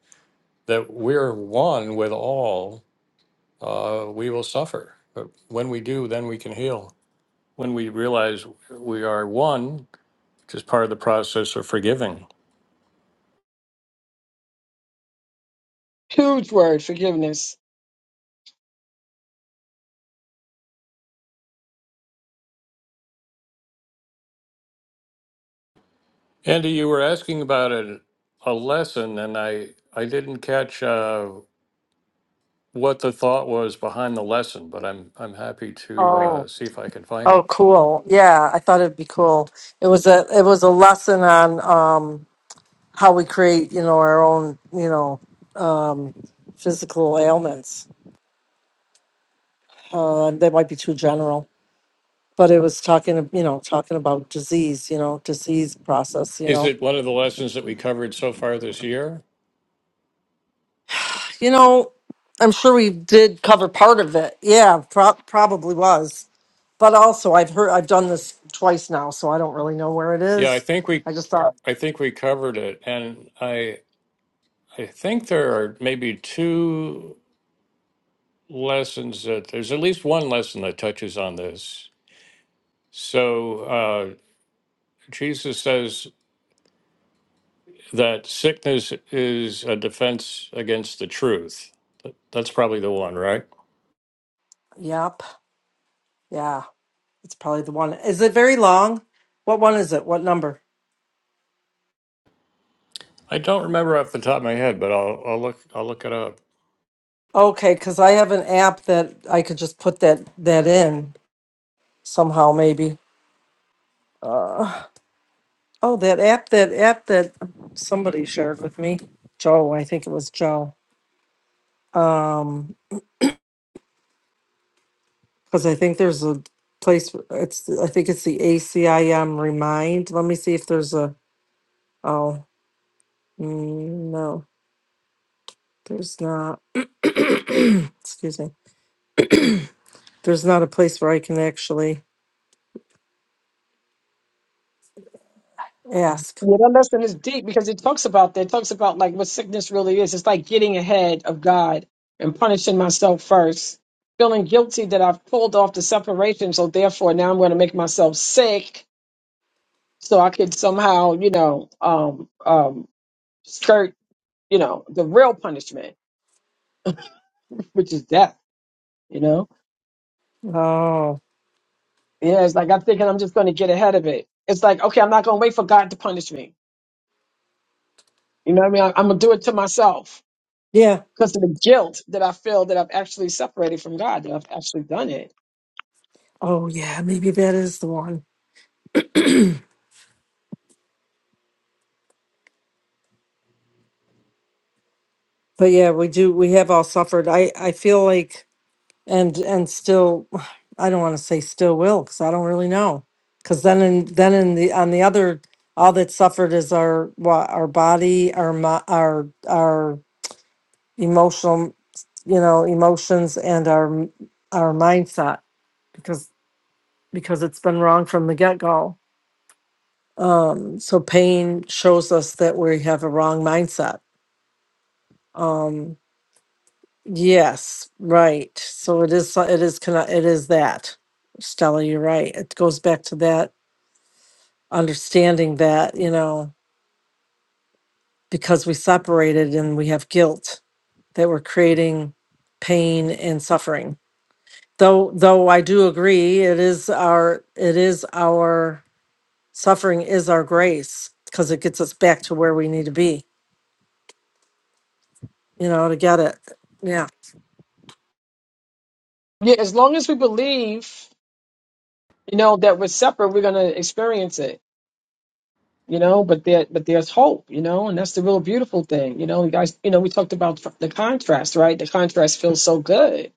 [SPEAKER 1] that we're one with all, uh, we will suffer. But when we do, then we can heal. When we realize we are one, which is part of the process of forgiving.
[SPEAKER 2] Huge word, forgiveness.
[SPEAKER 1] Andy, you were asking about a, a lesson, and I, I didn't catch. Uh, what the thought was behind the lesson, but I'm I'm happy to uh,
[SPEAKER 4] Oh.
[SPEAKER 1] see if I can find
[SPEAKER 4] Oh,
[SPEAKER 1] it.
[SPEAKER 4] cool. Yeah, I thought it'd be cool. It was a it was a lesson on um how we create, you know, our own, you know, um physical ailments. Uh, they might be too general, but it was talking, you know, talking about disease, you know, disease process, you
[SPEAKER 1] Is
[SPEAKER 4] know.
[SPEAKER 1] it one of the lessons that we covered so far this year?
[SPEAKER 4] You know, I'm sure we did cover part of it. Yeah, pro- probably was. but also I've heard I've done this twice now, so I don't really know where it
[SPEAKER 1] Yeah, I
[SPEAKER 4] is.
[SPEAKER 1] think we
[SPEAKER 4] I just thought,
[SPEAKER 1] I think we covered it, and I I think there are maybe two lessons that there's at least one lesson that touches on this. So uh, Jesus says that sickness is a defense against the truth. That- That's probably the one, right?
[SPEAKER 4] yep, yeah, it's probably the one. Is it very long? What one is it? What number?
[SPEAKER 1] I don't remember off the top of my head, but I'll I'll look I'll look it up.
[SPEAKER 4] Okay, because I have an app that I could just put that that in somehow, maybe. Uh, oh, that app, that app that somebody shared with me, Joe. I think it was Joe. Um, because I think there's a place. It's I think it's the ACIM Remind. Let me see if there's a. Oh. Mm, No, there's not. Excuse me. There's not a place where I can actually ask.
[SPEAKER 2] Yeah, that lesson is deep because it talks about that. It talks about like what sickness really is. It's like getting ahead of God and punishing myself first, feeling guilty that I've pulled off the separation. So therefore, now I'm going to make myself sick so I could somehow, you know, um, um, skirt, you know, the real punishment, which is death. You know,
[SPEAKER 4] Oh,
[SPEAKER 2] yeah, it's like I'm thinking I'm just going to get ahead of it. It's like okay, I'm not going to wait for God to punish me. You know what I mean? I, I'm gonna do it to myself
[SPEAKER 4] yeah.
[SPEAKER 2] because of the guilt that I feel that I've actually separated from God, that I've actually done it.
[SPEAKER 4] Oh, yeah. Maybe that is the one. But yeah, we do. We have all suffered. I I feel like and and still, I don't want to say still will because I don't really know. Because then in then in the on the other, all that suffered is our what our body, our mi- our our emotional, you know, emotions and our our mindset because because it's been wrong from the get go. Um, so pain shows us that we have a wrong mindset. Um, yes, right. So it is. so- It is. conne- It is that. Stella, you're right. It goes back to that understanding that you know because we separated and we have guilt that we're creating pain and suffering Though, though I do agree, it is our, it is our, suffering is our grace, because it gets us back to where we need to be, you know, to get it. Yeah.
[SPEAKER 2] Yeah, as long as we believe, you know, that we're separate, we're gonna experience it, you know. But there, but there's hope, you know, and that's the real beautiful thing, you know. You guys, you know, we talked about the contrast, right? The contrast feels so good,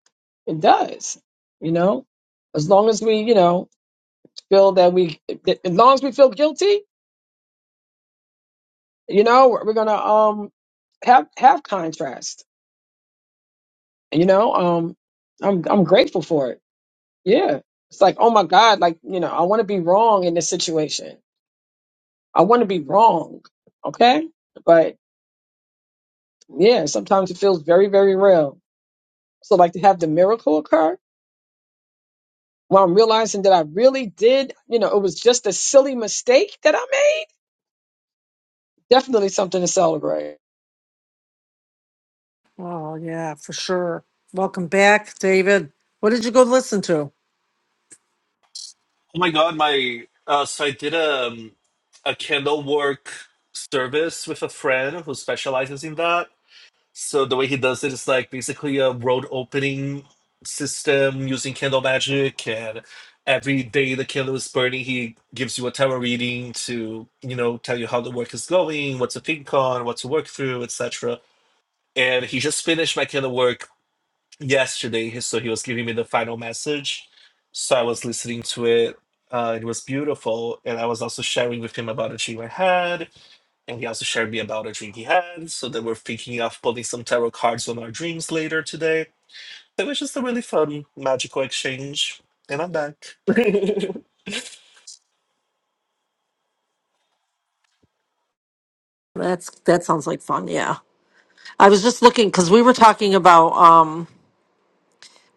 [SPEAKER 2] it does, you know. As long as we, you know, feel that we, that- as long as we feel guilty, You know, we're we're gonna um have have contrast. You know, um, I'm I'm grateful for it. Yeah, it's like oh my God, like you know, I want to be wrong in this situation. I want to be wrong. Okay, but yeah, sometimes it feels very very real. So like to have the miracle occur while I'm realizing that I really did, you know, it was just a silly mistake that I made. Definitely something to celebrate.
[SPEAKER 4] Oh, yeah, for sure. Welcome back, David. What did you go listen to?
[SPEAKER 7] oh my god my uh so i did um a candle work service with a friend who specializes in that So the way he does it is like basically a road opening system using candle magic, and every day the candle is burning, he gives you a tarot reading to you know tell you how the work is going, what to think on, what to work through, etc. And he just finished my candle work yesterday, so he was giving me the final message. So I was listening to it. Uh, it was beautiful, and I was also sharing with him about a dream I had and he also shared me about a dream he had, so that we're thinking of pulling some tarot cards on our dreams later today. It was just a really fun, magical exchange. And I'm back.
[SPEAKER 4] That's, that sounds like fun. Yeah. I was just looking, because we were talking about, um,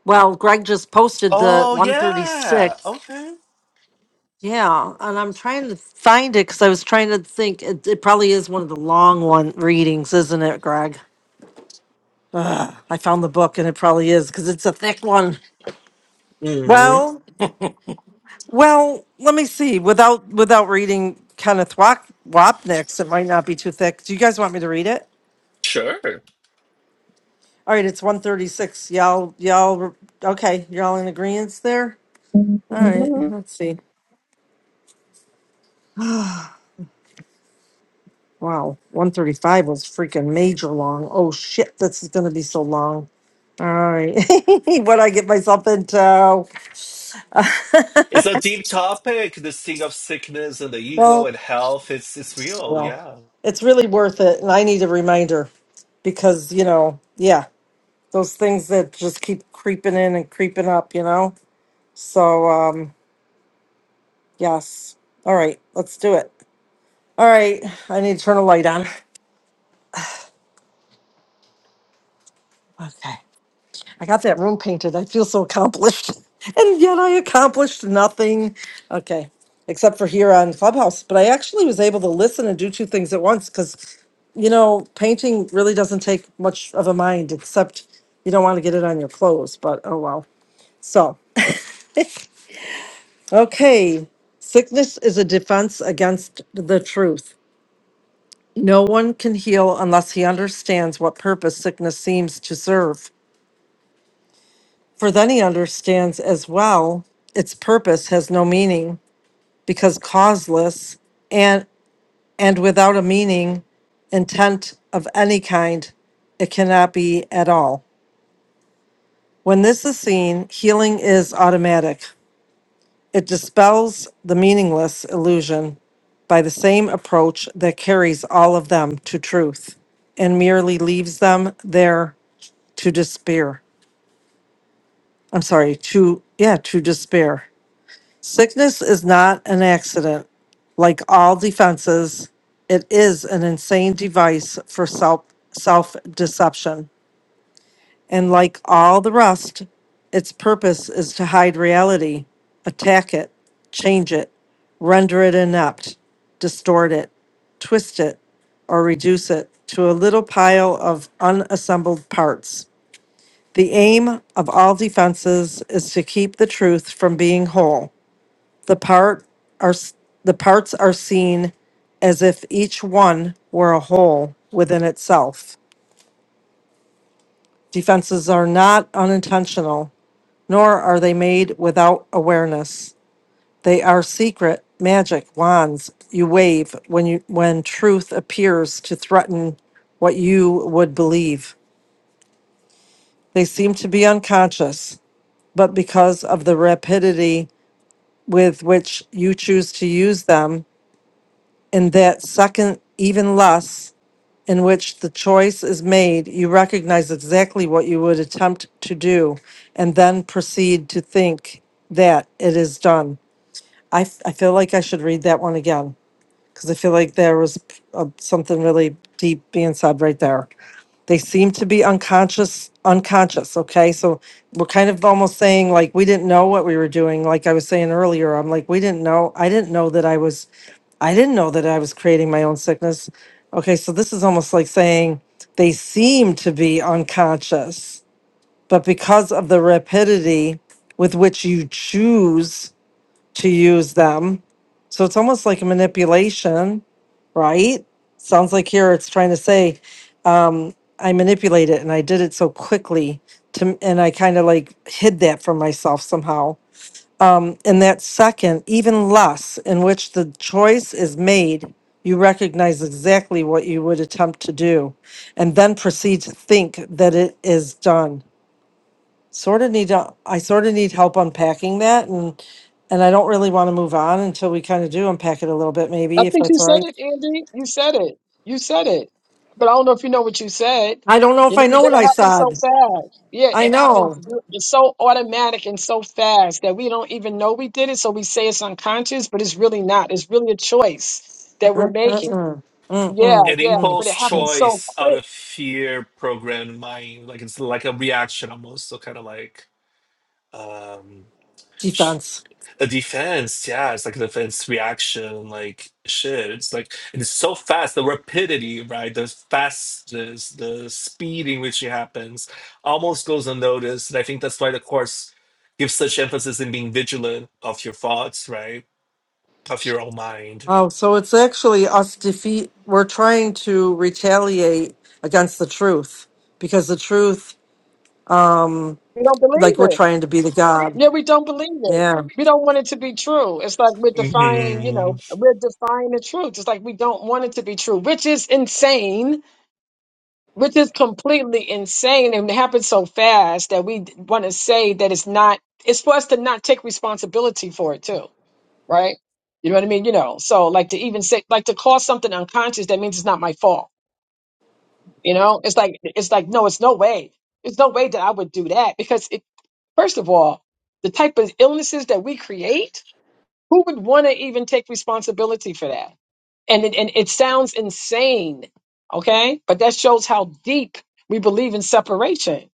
[SPEAKER 4] well, Greg just posted the
[SPEAKER 7] oh, yeah.
[SPEAKER 4] 136.
[SPEAKER 7] Okay.
[SPEAKER 4] Yeah, and I'm trying to find it because I was trying to think. It, it probably is one of the long one readings, isn't it, Greg? I found the book and it probably is because it's a thick one.
[SPEAKER 7] hmm
[SPEAKER 4] Well, well, let me see. Without without reading Kenneth Wap- Wapnick's, it might not be too thick. Do you guys want me to read it?
[SPEAKER 7] Sure.
[SPEAKER 4] All right, it's 136. Y'all, y'all, okay, y'all in agreement there? All right, let's see. Wow, 135 was freaking major long. Oh shit, this is going to be so long. All right, what I get myself into.
[SPEAKER 7] It's a deep topic, this thing of sickness and the ego
[SPEAKER 4] well,
[SPEAKER 7] and health. It's, it's real,
[SPEAKER 4] Well,
[SPEAKER 7] yeah.
[SPEAKER 4] it's really worth it. And I need a reminder because, you know, yeah, those things that just keep creeping in and creeping up, you know? So, um, yes. All right, let's do it. All right, I need to turn a light on. Okay. I got that room painted. I feel so accomplished. And yet I accomplished nothing. Okay. Except for here on Clubhouse. But I actually was able to listen and do two things at once because, you know, painting really doesn't take much of a mind except you don't want to get it on your clothes. But oh well. So, okay. Sickness is a defense against the truth. No one can heal unless he understands what purpose sickness seems to serve. For then he understands as well its purpose has no meaning because causeless and and without a meaning intent of any kind it cannot be at all. When this is seen, healing is automatic. It dispels the meaningless illusion by the same approach that carries all of them to truth and merely leaves them there to despair. I'm sorry, to yeah, to despair. Sickness is not an accident. Like all defenses, it is an insane device for self self deception. And like all the rest, its purpose is to hide reality, attack it, change it, render it inept, distort it, twist it, or reduce it to a little pile of unassembled parts. The aim of all defenses is to keep the truth from being whole the part are s- the parts are seen as if each one were a whole within itself. Defenses are not unintentional, nor are they made without awareness. They are secret magic wands you wave when you when truth appears to threaten what you would believe. They seem to be unconscious, but because of the rapidity with which you choose to use them, in that second, even less in which the choice is made, you recognize exactly what you would attempt to do and then proceed to think that it is done. I, f- I feel like I should read that one again because I feel like there was p- uh, something really deep being said right there. They seem to be unconscious, unconscious. Okay. So we're kind of almost saying like we didn't know what we were doing. Like I was saying earlier, I'm like, we didn't know. I didn't know that I was I didn't know that I was creating my own sickness. Okay, so this is almost like saying they seem to be unconscious, but because of the rapidity with which you choose to use them, so it's almost like a manipulation, right? Sounds like here it's trying to say, um, I manipulate it and I did it so quickly to, and I kind of like hid that from myself somehow in that second, even less, in which the choice is made, you recognize exactly what you would attempt to do and then proceed to think that it is done. Sort of need I sort of need help unpacking that and and I don't really want to move on until we kind of do unpack it a little bit
[SPEAKER 2] I
[SPEAKER 4] maybe if
[SPEAKER 2] think you
[SPEAKER 4] that's all
[SPEAKER 2] said
[SPEAKER 4] right.
[SPEAKER 2] it, Andy. You said it. You said it. But I don't know if you know what you said.
[SPEAKER 4] I don't know if
[SPEAKER 2] You know,
[SPEAKER 4] I know
[SPEAKER 2] that
[SPEAKER 4] what
[SPEAKER 2] it
[SPEAKER 4] I
[SPEAKER 2] happens so
[SPEAKER 4] said.
[SPEAKER 2] fast. Yeah,
[SPEAKER 4] I
[SPEAKER 2] it happens.
[SPEAKER 4] know.
[SPEAKER 2] It's so automatic and so fast that we don't even know we did it. So we say it's unconscious, but it's really not. It's really a choice that we're
[SPEAKER 4] Mm, mm,
[SPEAKER 2] making.
[SPEAKER 4] mm. Mm,
[SPEAKER 2] Yeah,
[SPEAKER 4] mm,
[SPEAKER 7] An
[SPEAKER 2] yeah.
[SPEAKER 4] mm.
[SPEAKER 2] But it
[SPEAKER 7] impulse
[SPEAKER 2] happens so
[SPEAKER 7] choice out
[SPEAKER 2] quick.
[SPEAKER 7] of fear programmed mind. Like it's like a reaction almost. So kind of like um
[SPEAKER 4] Defense.
[SPEAKER 7] a defense yeah it's like a defense reaction like shit it's like it's so fast the rapidity right the fastness the speed in which it happens almost goes unnoticed and i think that's why the course gives such emphasis in being vigilant of your thoughts right of your own mind
[SPEAKER 4] Oh, so it's actually us defeat. We're trying to retaliate against the truth because the truth, um,
[SPEAKER 2] We don't
[SPEAKER 4] like we're
[SPEAKER 2] believe it.
[SPEAKER 4] trying to be the God.
[SPEAKER 2] Yeah, we don't believe it.
[SPEAKER 4] Yeah.
[SPEAKER 2] We don't want it to be true. It's like we're defying, you
[SPEAKER 7] hmm
[SPEAKER 2] know, we're defying the truth. It's like we don't want it to be true, which is insane which is completely insane and it happened so fast that we want to say that it's not it's for us to not take responsibility for it too right you know what i mean you know so like to even say like to call something unconscious that means it's not my fault you know it's like it's like no it's no way it's no way that i would do that because it first of all the type of illnesses that we create who would want to even take responsibility for that and it, and it sounds insane okay but that shows how deep we believe in separation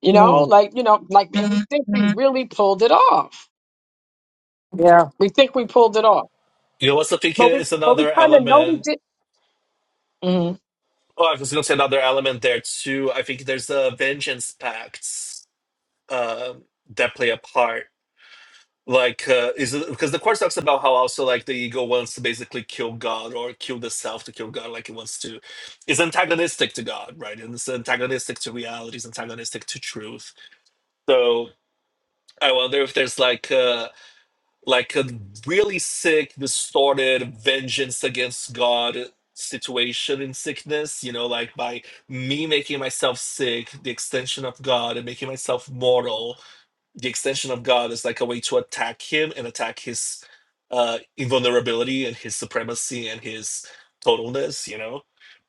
[SPEAKER 2] You know,
[SPEAKER 4] Mm.
[SPEAKER 2] like you know, like we think we really pulled it off.
[SPEAKER 4] Yeah.
[SPEAKER 2] We think we pulled it off,
[SPEAKER 7] you know what's i think
[SPEAKER 2] but we
[SPEAKER 7] is
[SPEAKER 2] but we
[SPEAKER 7] another
[SPEAKER 2] kind of know we
[SPEAKER 7] element
[SPEAKER 2] did. Mhm.
[SPEAKER 7] oh i was gonna say another element there too i think there's a vengeance pact um that play a part like uh, is it, because the course talks about how also like the ego wants to basically kill god or kill the self to kill god like it wants to is antagonistic to god right and it's antagonistic to reality it's antagonistic to truth so i wonder if there's like uh like a really sick distorted vengeance against god situation in sickness you know like by me making myself sick the extension of god and making myself mortal the extension of God is like a way to attack him and attack his uh, invulnerability and his supremacy and his totalness, you know?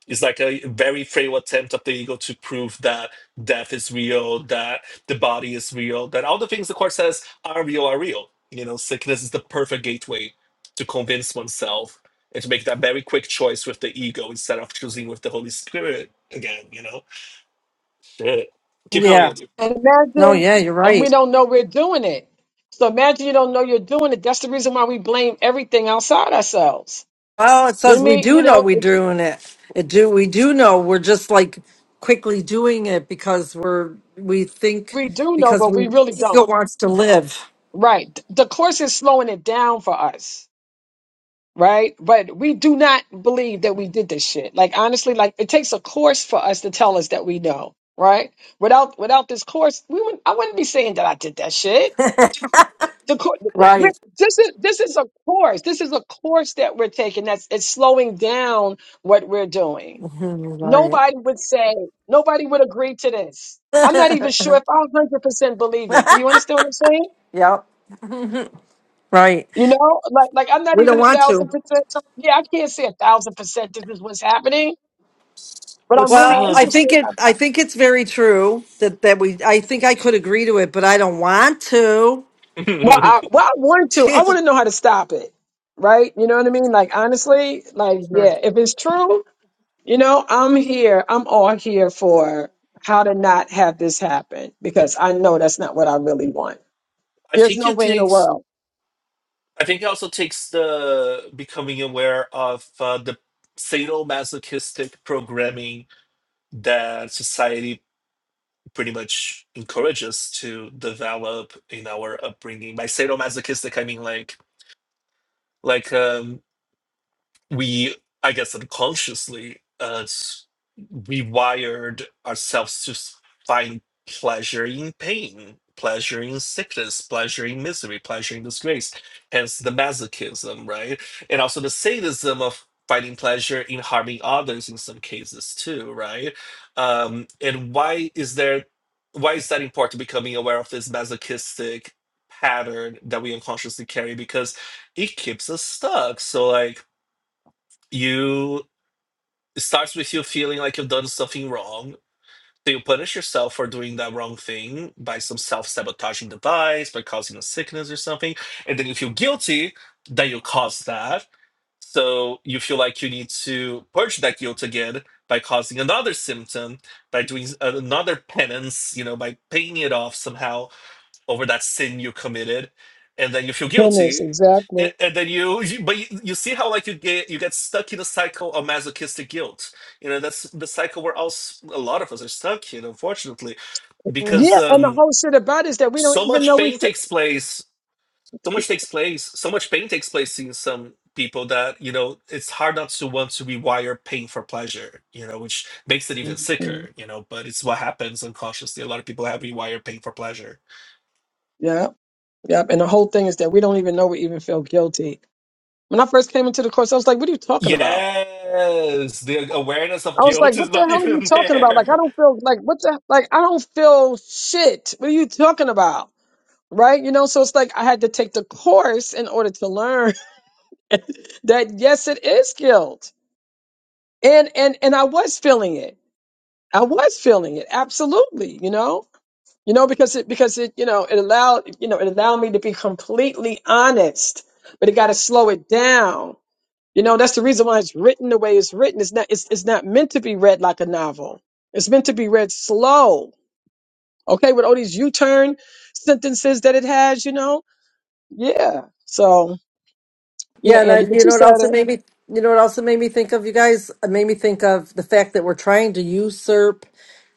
[SPEAKER 7] It's like a very frail attempt of the ego to prove that death is real, that the body is real, that all the things the court says are real are real. You know, sickness is the perfect gateway to convince oneself and to make that very quick choice with the ego instead of choosing with the Holy Spirit again, you know? Shit. Keep going,
[SPEAKER 4] Yeah.
[SPEAKER 7] Andrew.
[SPEAKER 2] And
[SPEAKER 4] No,
[SPEAKER 2] imagine,
[SPEAKER 4] yeah, you're
[SPEAKER 2] and we
[SPEAKER 4] right.
[SPEAKER 2] don't know we're doing it. So imagine you don't know you're doing it. That's the reason why we blame everything outside ourselves.
[SPEAKER 4] Well, it
[SPEAKER 2] You know
[SPEAKER 4] says
[SPEAKER 2] what I
[SPEAKER 4] we
[SPEAKER 2] mean? You
[SPEAKER 4] do know
[SPEAKER 2] know,
[SPEAKER 4] we're doing it. It do we do know we're just like quickly doing it because we're we think
[SPEAKER 2] we do know,
[SPEAKER 4] because
[SPEAKER 2] but
[SPEAKER 4] we
[SPEAKER 2] we really
[SPEAKER 4] ego
[SPEAKER 2] don't.
[SPEAKER 4] wants to live.
[SPEAKER 2] Right. The course is slowing it down for us right? But we do not believe that we did this shit. Like honestly, like it takes a course for us to tell us that we know, right? Without without this course, we would I wouldn't be saying that I did that shit. The, cour- the, the-
[SPEAKER 4] Right.
[SPEAKER 2] this is this is a course. This is a course that we're taking. That's it's slowing down what we're doing.
[SPEAKER 4] Mhm, Right.
[SPEAKER 2] Nobody would say. Nobody would agree to this. I'm not even sure if I 100 percent believe it. Do you understand what I'm saying?
[SPEAKER 4] yep. Right.
[SPEAKER 2] You know, like like I'm not
[SPEAKER 4] We
[SPEAKER 2] even
[SPEAKER 4] don't
[SPEAKER 2] a
[SPEAKER 4] want to.
[SPEAKER 2] thousand percent yeah, I can't say a thousand percent this is what's happening. but
[SPEAKER 7] But
[SPEAKER 2] I'm really
[SPEAKER 4] Well,
[SPEAKER 7] Stella.
[SPEAKER 4] I
[SPEAKER 2] interested.
[SPEAKER 4] think it.
[SPEAKER 2] um,
[SPEAKER 4] I think it's very true that that we. I think I could agree to it, but I don't want to.
[SPEAKER 2] Well, I, well, I want to. I want to know how to stop it, right? You know what I mean? Like honestly, like
[SPEAKER 4] Sure.
[SPEAKER 2] yeah, if it's true, you know, I'm here. I'm all here for how to not have this happen because I know that's not what I really want.
[SPEAKER 7] I
[SPEAKER 2] There's
[SPEAKER 7] think
[SPEAKER 2] no
[SPEAKER 7] it
[SPEAKER 2] way in the
[SPEAKER 7] takes.
[SPEAKER 2] world.
[SPEAKER 7] I think it also takes the becoming aware of uh, the sadomasochistic programming that society pretty much encourages to develop in our upbringing. By sadomasochistic, I mean like like um, we, I guess, unconsciously. Uh, rewired ourselves to s- find pleasure in pain, pleasure in sickness, pleasure in misery, pleasure in disgrace, hence the masochism, right? And also the sadism of finding pleasure in harming others in some cases too, right? Um, and why is there why is that important becoming aware of this masochistic pattern that we unconsciously carry? Because it keeps us stuck. So like you it starts with you feeling like you've done something wrong so you punish yourself for doing that wrong thing by some self-sabotaging device, by causing a sickness or something. And then you feel guilty that you caused that. So you feel like you need to purge that guilt again by causing another symptom, by doing s- another penance, you know, by paying it off somehow over that sin you committed, and then you feel
[SPEAKER 2] Goodness,
[SPEAKER 7] guilty, and,
[SPEAKER 2] exactly.
[SPEAKER 7] and then you, you but you, you see how like you get you get stuck in a cycle of masochistic guilt. You know that's the cycle where us a lot of us are stuck in, unfortunately, because
[SPEAKER 2] Yeah, and the
[SPEAKER 7] um,
[SPEAKER 2] whole shit about it is that we don't
[SPEAKER 7] so
[SPEAKER 2] even
[SPEAKER 7] much
[SPEAKER 2] know we
[SPEAKER 7] pain
[SPEAKER 2] feel.
[SPEAKER 7] takes place. So much takes place. So much pain takes place in some people that you know it's hard not to want to rewire pain for pleasure. You know, which makes it even
[SPEAKER 2] Mhm.
[SPEAKER 7] sicker. You know, but it's what happens unconsciously. A lot of people have rewired pain for pleasure
[SPEAKER 2] Yeah, yep. And the whole thing is that we don't even know we even feel guilty When I first came into the course, I was like, what are you talking about?
[SPEAKER 7] Yes, the awareness of
[SPEAKER 2] I was like,
[SPEAKER 7] guilt
[SPEAKER 2] what
[SPEAKER 7] is
[SPEAKER 2] the
[SPEAKER 7] not
[SPEAKER 2] hell are you
[SPEAKER 7] even
[SPEAKER 2] talking about? Like, I
[SPEAKER 7] there.
[SPEAKER 2] don't feel like what the like I don't feel shit. What are you talking about? Right? You know, so it's like I had to take the course in order to learn that yes, it is guilt. And and and I was feeling it. I was feeling it. Absolutely, you know? You know, because it because it, you know, it allowed, you know, it allowed me to be completely honest, but it gotta slow it down You know, that's the reason why it's written the way it's written. It's not it's it's not meant to be read like a novel. It's meant to be read slow. Okay, with all these U-turn sentences that it has, you know? Yeah. So yeah,
[SPEAKER 4] Yeah, and I,
[SPEAKER 2] Andy, but
[SPEAKER 4] you
[SPEAKER 2] you
[SPEAKER 4] know what
[SPEAKER 2] said
[SPEAKER 4] also
[SPEAKER 2] it.
[SPEAKER 4] made me you know what also made me think of you guys It made me think of the fact that we're trying to usurp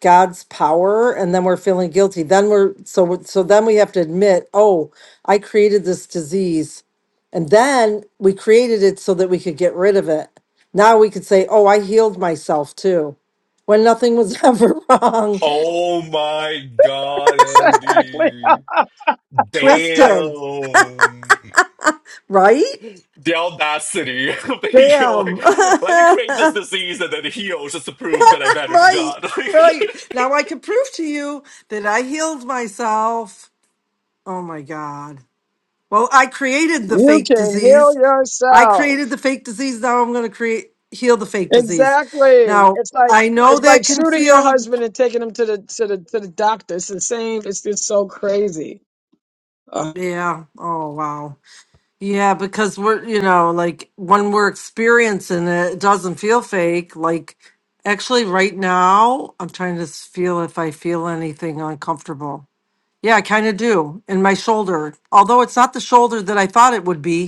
[SPEAKER 4] God's power and then we're feeling guilty. Then we're so we're- so then we have to admit, "Oh, I created this disease." And then we created it so that we could get rid of it. Now we could say, "Oh, I healed myself too." When nothing was ever wrong.
[SPEAKER 7] Oh my god, Andy.
[SPEAKER 4] Twisted,
[SPEAKER 7] Damn.
[SPEAKER 4] right?
[SPEAKER 7] The audacity of the ego. Like,
[SPEAKER 4] Damn.
[SPEAKER 7] let me create this disease and then heal just to prove that I'm better than
[SPEAKER 4] Right,
[SPEAKER 7] God. Like,
[SPEAKER 4] right. Now I can prove to you that I healed myself. Oh my God. Well, I created the
[SPEAKER 2] you
[SPEAKER 4] fake
[SPEAKER 2] can heal
[SPEAKER 4] disease. I created
[SPEAKER 2] yourself.
[SPEAKER 4] the fake disease. Now I'm going to create, heal the fake disease.
[SPEAKER 2] Exactly.
[SPEAKER 4] Now
[SPEAKER 2] It's like
[SPEAKER 4] I know
[SPEAKER 2] it's like
[SPEAKER 4] that can
[SPEAKER 2] shooting your
[SPEAKER 4] feel,
[SPEAKER 2] husband and taking him to the to the to the doctor. It's the same. It's just so crazy. Uh,
[SPEAKER 4] yeah. Oh, wow. Yeah, because we're, you know, like when we're experiencing it, it doesn't feel fake. Like actually, right now, I'm trying to s- feel if I feel anything uncomfortable. Yeah, I kind of do in my shoulder. Although it's not the shoulder that I thought it would be,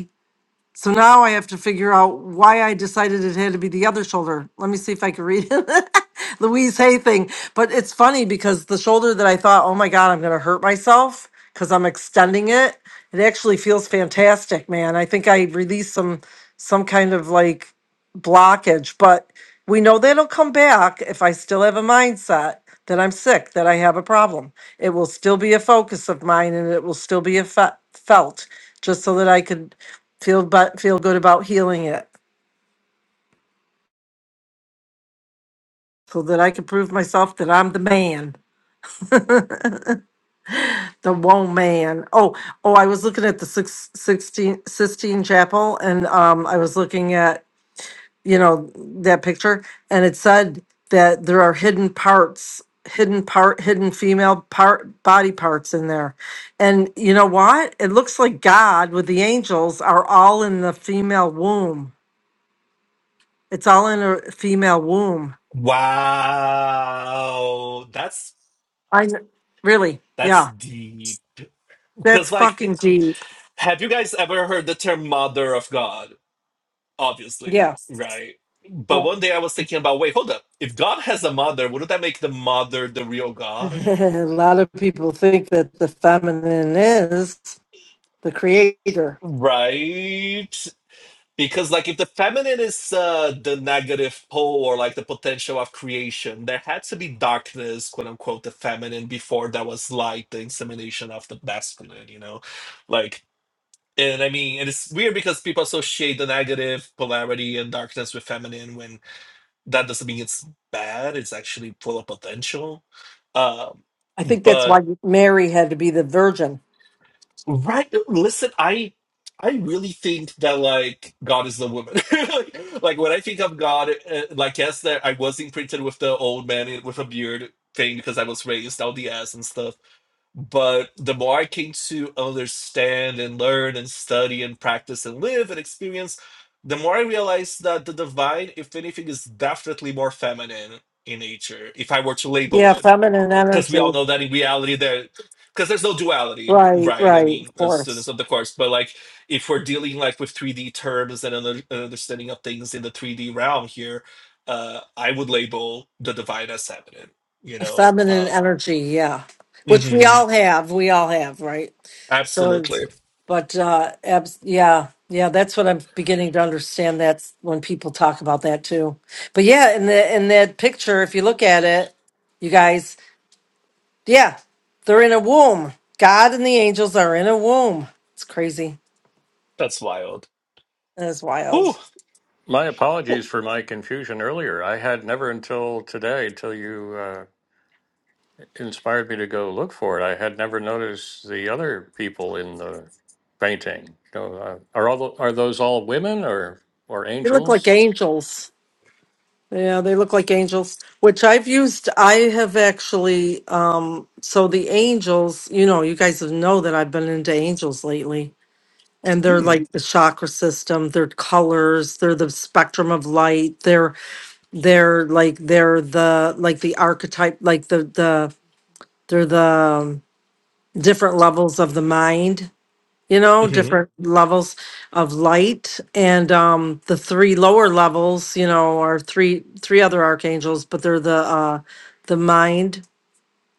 [SPEAKER 4] so now I have to figure out why I decided it had to be the other shoulder. Let me see if I can read it. Louise Hay thing. But it's funny because the shoulder that I thought, oh my God, I'm going to hurt myself because I'm extending it, it actually feels fantastic, man. I think I released some some kind of like blockage, but we know that'll come back if I still have a mindset that I'm sick, that I have a problem. It will still be a focus of mine and it will still be a fe- felt just so that I could feel but feel good about healing it so that I can prove myself that I'm the man, the one man. Oh, oh, I was looking at the six sixteen Sistine Chapel and um I was looking at, you know, that picture and it said that there are hidden parts, hidden part, hidden female part body parts in there. And you know what? It looks like God with the angels are all in the female womb. It's all in a female womb.
[SPEAKER 7] wow. That's
[SPEAKER 4] I kn- really, yeah.
[SPEAKER 7] that's deep.
[SPEAKER 4] That's
[SPEAKER 7] Because
[SPEAKER 4] fucking
[SPEAKER 7] like
[SPEAKER 4] deep.
[SPEAKER 7] have you guys ever heard the term mother of God? Obviously,
[SPEAKER 4] Yes.
[SPEAKER 7] right? But
[SPEAKER 4] Yeah.
[SPEAKER 7] one day I was thinking about wait, hold up. If God has a mother, wouldn't that make the mother the real God?
[SPEAKER 4] a lot of people think that the feminine is the creator.
[SPEAKER 7] Right? Because, like, if the feminine is uh, the negative pole or like the potential of creation, there had to be darkness, quote unquote, the feminine before there was light, the insemination of the masculine, you know? Like, and I mean, and it's weird because people associate the negative polarity and darkness with feminine when that doesn't mean it's bad it's actually full of potential uh,
[SPEAKER 4] I think that's
[SPEAKER 7] but
[SPEAKER 4] why Mary had to be the virgin.
[SPEAKER 7] right listen i i really think that like god is the woman like, like, when i think of god uh, like yes there i was imprinted with the old man in- with a beard thing because i was raised out the ass and stuff But the more I came to understand and learn and study and practice and live and experience, the more I realized that the divine, if anything, is definitely more feminine in nature, if I were to label
[SPEAKER 4] Yeah,
[SPEAKER 7] it.
[SPEAKER 4] feminine
[SPEAKER 7] Because we all
[SPEAKER 4] energy.
[SPEAKER 7] know that in reality, there, because there's no duality,
[SPEAKER 4] Right,
[SPEAKER 7] right? I
[SPEAKER 4] right, of
[SPEAKER 7] mean, as
[SPEAKER 4] course.
[SPEAKER 7] students of the course, but like if we're dealing like with 3D terms and under, an understanding of things in the 3D realm here, uh, I would label the divine as feminine, you
[SPEAKER 4] A
[SPEAKER 7] know?
[SPEAKER 4] feminine
[SPEAKER 7] Uh,
[SPEAKER 4] energy, yeah. Which we
[SPEAKER 7] mhm,
[SPEAKER 4] all have, we all have, right? So, it's-
[SPEAKER 7] Absolutely.
[SPEAKER 4] but uh, abs- yeah, yeah, that's what I'm beginning to understand. That's when people talk about that too. But yeah, in the in that picture, if you look at it, you guys, yeah, they're in a womb. God and the angels are in a womb. It's crazy.
[SPEAKER 7] That's wild.
[SPEAKER 4] It's
[SPEAKER 7] Ooh,
[SPEAKER 4] wild.
[SPEAKER 1] My
[SPEAKER 7] oh,
[SPEAKER 1] apologies for my confusion earlier. I had never until today, till you uh, inspired me to go look for it, I had never noticed the other people in the painting. So, uh, are all tho- are those all women or or
[SPEAKER 4] They look like
[SPEAKER 1] angels?
[SPEAKER 4] angels. Yeah, they look like angels, which I've used. I have actually, um, so the angels, you know, you guys know that I've been into angels lately, and they're
[SPEAKER 7] mm,
[SPEAKER 4] like the chakra system, they're colors, they're the spectrum of light, they're they're like they're the like the archetype, like the the they're the um, different levels of the mind you know,
[SPEAKER 7] hmm
[SPEAKER 4] different levels of light. And um, the three lower levels, you know, are three three other archangels, but they're the uh, the mind,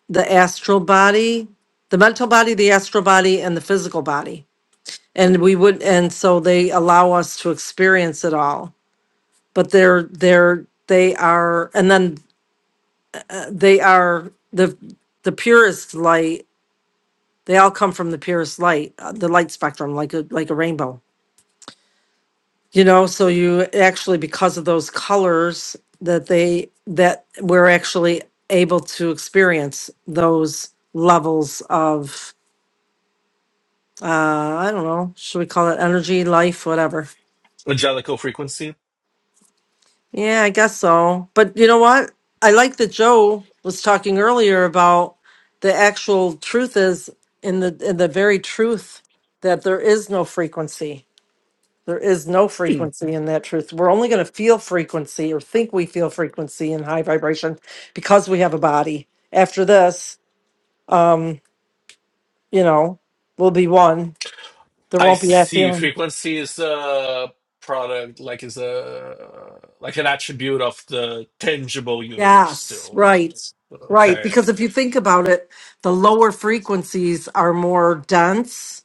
[SPEAKER 4] the astral body, the mental body, the astral body, and the physical body. And we would, and so they allow us to experience it all. But they're they're they are, and then uh, they are the the purest light. They all come from the purest light, uh, the light spectrum, like a like a rainbow you know so you actually because of those colors that they that we're actually able to experience those levels of uh i don't know should we call it energy life whatever
[SPEAKER 7] Angelical frequency.
[SPEAKER 4] yeah i guess so but you know what i like that joe was talking earlier about the actual truth is in the in the very truth that there is no frequency There is no
[SPEAKER 7] Mm.
[SPEAKER 4] frequency in that truth. We're only going to feel frequency or think we feel frequency in high vibration because we have a body. After this, um, you know, we'll be one. There
[SPEAKER 7] I
[SPEAKER 4] won't be that
[SPEAKER 7] see.
[SPEAKER 4] feeling.
[SPEAKER 7] Frequency is a product, like is a like an attribute of the tangible universe.
[SPEAKER 4] Yes,
[SPEAKER 7] Still,
[SPEAKER 4] right. Right.
[SPEAKER 7] okay.
[SPEAKER 4] Because if you think about it, the lower frequencies are more dense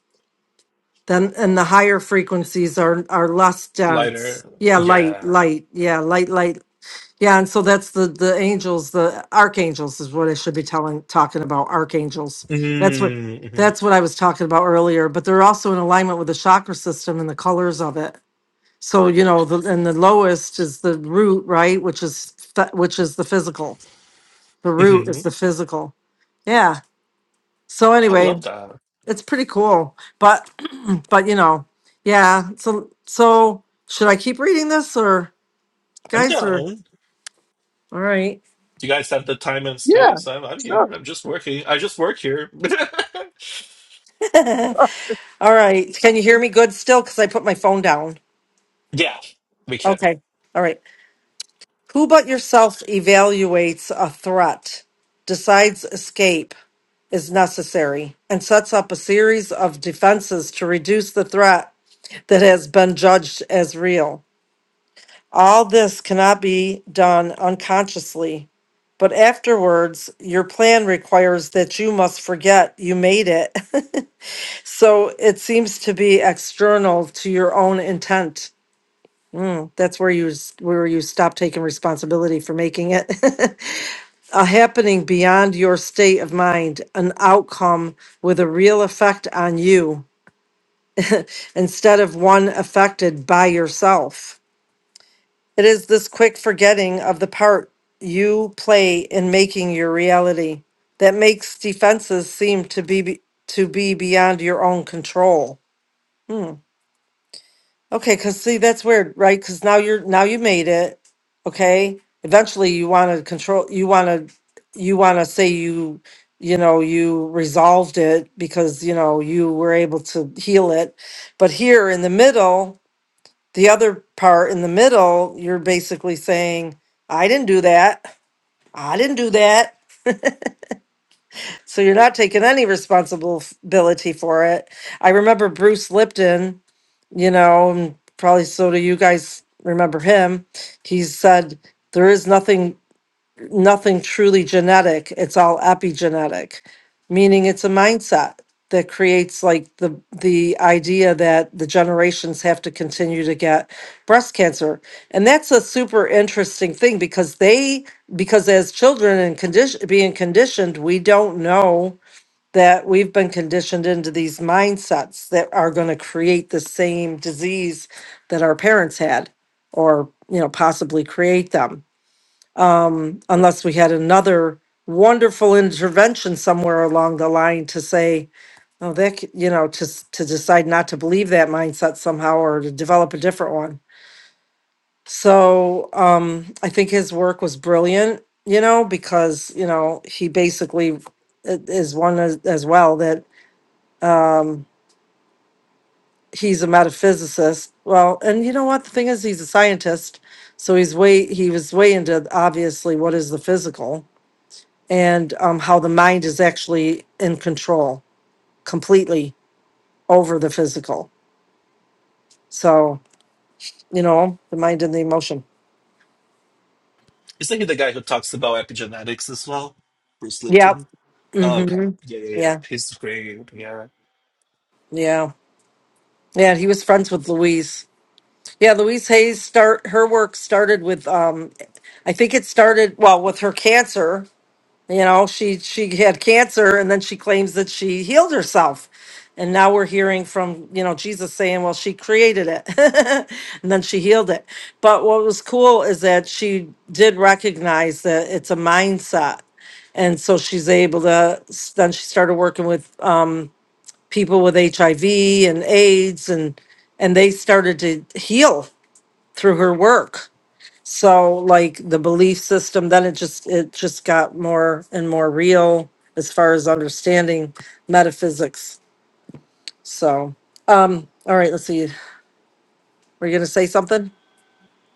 [SPEAKER 4] than and the higher frequencies are are less dense.
[SPEAKER 7] Lighter,
[SPEAKER 4] Yeah, light,
[SPEAKER 7] yeah.
[SPEAKER 4] light. Yeah, light, light, Yeah, and so that's the the angels, the archangels is what I should be telling talking about archangels. That's what
[SPEAKER 7] Mm-hmm.
[SPEAKER 4] that's what I was talking about earlier, but they're also in alignment with the chakra system and the colors of it. So, you know, the and the lowest is the root, right, which is th- which is the physical. The root
[SPEAKER 7] hmm
[SPEAKER 4] is the physical. Yeah. So
[SPEAKER 7] I
[SPEAKER 4] anyway,
[SPEAKER 7] love that.
[SPEAKER 4] it's pretty cool. But but you know, yeah, so so should I keep reading this or
[SPEAKER 7] I'm
[SPEAKER 4] guys are
[SPEAKER 7] down.
[SPEAKER 4] all right.
[SPEAKER 7] You guys have the time and
[SPEAKER 2] yeah.
[SPEAKER 7] space. I'm I'm
[SPEAKER 2] Sure.
[SPEAKER 7] here. I'm just working. I just work here.
[SPEAKER 4] All right. Can you hear me good still? Because I put my phone down.
[SPEAKER 7] yeah, we can.
[SPEAKER 4] Okay. All right. Who but yourself evaluates a threat, decides escape is necessary, and sets up a series of defenses to reduce the threat that has been judged as real? All this cannot be done unconsciously, but afterwards, your plan requires that you must forget you made it. so it seems to be external to your own intent. Mm, that's where you s- where you stop taking responsibility for making it a happening beyond your state of mind, an outcome with a real effect on you instead of one affected by yourself. It is this quick forgetting of the part you play in making your reality that makes defenses seem to be be- to be beyond your own control. Hmm. Okay, because see, that's weird, right? Because now you're now you made it. Okay, eventually you want to control. You want to you want to say you you know you resolved it because you know you were able to heal it, but here in the middle, the other part in the middle, you're basically saying I didn't do that. I didn't do that. So you're not taking any responsibility for it. I remember Bruce Lipton you know, and probably so do you guys remember him. He said there is nothing nothing truly genetic. It's all epigenetic, meaning it's a mindset that creates like the the idea that the generations have to continue to get breast cancer. And that's a super interesting thing because they because as children and condition being conditioned, we don't know that we've been conditioned into these mindsets that are going to create the same disease that our parents had or you know possibly create them unless we had another wonderful intervention somewhere along the line to say oh that c- you know to s- to decide not to believe that mindset somehow or to develop a different one so um i think his work was brilliant you know because you know he basically i- is one as, as well that um, he's a metaphysicist. Well, and you know what? The thing is, he's a scientist, so he's way he was way into obviously what is the physical and um, how the mind is actually in control completely over the physical. So you know, the mind and the emotion.
[SPEAKER 7] Isn't he the guy who talks about epigenetics as well? Bruce
[SPEAKER 4] Yep.
[SPEAKER 7] Lipton.
[SPEAKER 4] mm
[SPEAKER 7] Oh, okay.
[SPEAKER 4] hmm
[SPEAKER 7] Yeah, yeah, yeah.
[SPEAKER 4] Yeah.
[SPEAKER 7] He's great. Yeah.
[SPEAKER 4] Yeah. Yeah. He was friends with Louise. Yeah, Louise Hayes start her work started with um I think it started well with her cancer you know she she had cancer and then she claims that she healed herself and now we're hearing from you know jesus saying well she created it and then she healed it but what was cool is that she did recognize that it's a mindset and so she's able to then she started working with um, people with hiv and aids and and they started to heal through her work so like the belief system, then it just it just got more and more real as far as understanding metaphysics. So um all right, let's see. Were you gonna say something?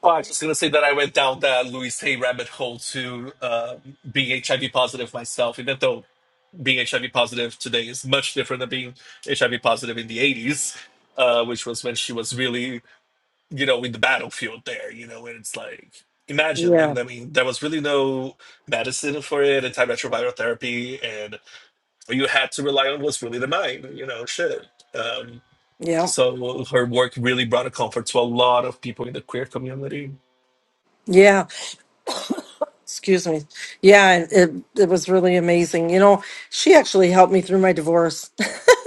[SPEAKER 7] Oh, I was just gonna say that I went down that Louis Hay rabbit hole to uh, being HIV positive myself, even though being HIV positive today is much different than being HIV positive in the '80s, uh, which was when she was really, you know, in the battlefield there. You know, and it's like, imagine, like,
[SPEAKER 4] Yeah.
[SPEAKER 7] I mean, there was really no medicine for it, antiretroviral therapy, and what you had to rely on was really the mind. You know, shit. Um,
[SPEAKER 4] Yeah.
[SPEAKER 7] So her work really brought a comfort to a lot of people in the queer community.
[SPEAKER 4] Yeah. Excuse me. Yeah, and it it was really amazing. You know, she actually helped me through my divorce.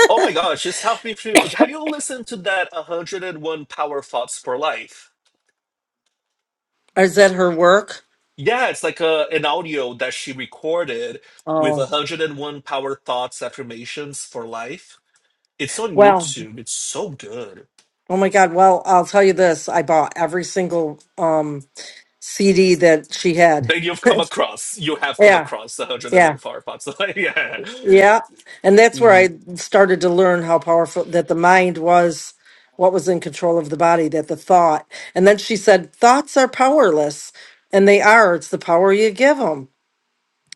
[SPEAKER 7] Oh my gosh, just helped me through. Have you listened to that 101 Power Thoughts for Life?
[SPEAKER 4] Is that her work?
[SPEAKER 7] Yeah, it's like a, an audio that she recorded with
[SPEAKER 4] Oh.
[SPEAKER 7] 101 Power Thoughts affirmations for life. It's on
[SPEAKER 4] Well,
[SPEAKER 7] YouTube. It's so good.
[SPEAKER 4] oh my God. Well, I'll tell you this. I bought every single um CD that she had.
[SPEAKER 7] Then you've come across, you have come
[SPEAKER 4] Yeah,
[SPEAKER 7] across
[SPEAKER 4] yeah.
[SPEAKER 7] 101 Power Thoughts. yeah.
[SPEAKER 4] Yeah. And that's where I
[SPEAKER 7] Mhm.
[SPEAKER 4] started to learn how powerful that the mind was, what was in control of the body, that the thought. And then she said, thoughts are powerless. And they are. It's the power you give them.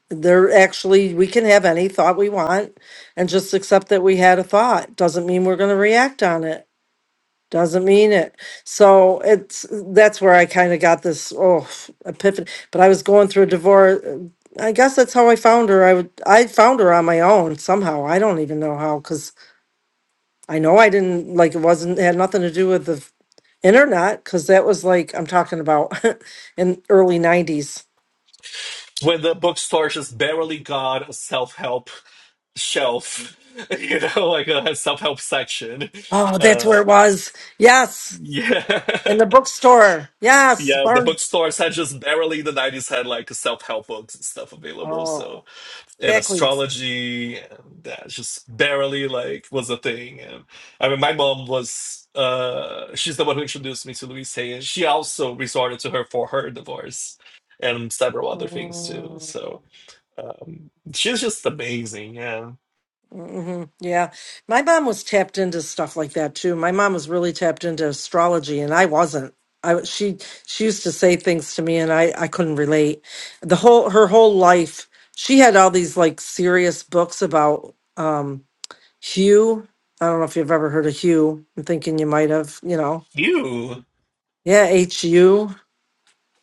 [SPEAKER 4] They're actually, we can have any thought we want and just accept that we had a thought. Doesn't mean we're going to react on it. Doesn't mean it. So it's that's where I kind of got this oh epiphany. But I was going through a divorce. uh, I guess that's how I found her. I would I found her on my own somehow. I don't even know how because I know I didn't like it wasn't had nothing to do with the f- internet because that was like I'm talking about in early '90s.
[SPEAKER 7] When the bookstore just barely got a self help shelf, you know, like a self-help section.
[SPEAKER 4] Oh, that's
[SPEAKER 7] Uh,
[SPEAKER 4] where it was. Yes,
[SPEAKER 7] yeah,
[SPEAKER 4] in the bookstore. Yes,
[SPEAKER 7] yeah. The
[SPEAKER 4] barn.
[SPEAKER 7] bookstores had just barely in the nineties had like self-help books and stuff available.
[SPEAKER 4] Oh,
[SPEAKER 7] So and
[SPEAKER 4] exactly.
[SPEAKER 7] astrology and that just barely like was a thing. And I mean, my mom was uh, she's the one who introduced me to Louise Hay, and she also resorted to her for her divorce and several other things too. So um, she's just amazing. Yeah,
[SPEAKER 4] hmm Yeah. My mom was tapped into stuff like that too. My mom was really tapped into astrology and I wasn't. I w- she she used to say things to me and I I couldn't relate. The whole her whole life she had all these like serious books about um Hugh. I don't know if you've ever heard of Hugh. I'm thinking you might have, you know.
[SPEAKER 7] you.
[SPEAKER 4] Yeah, H U.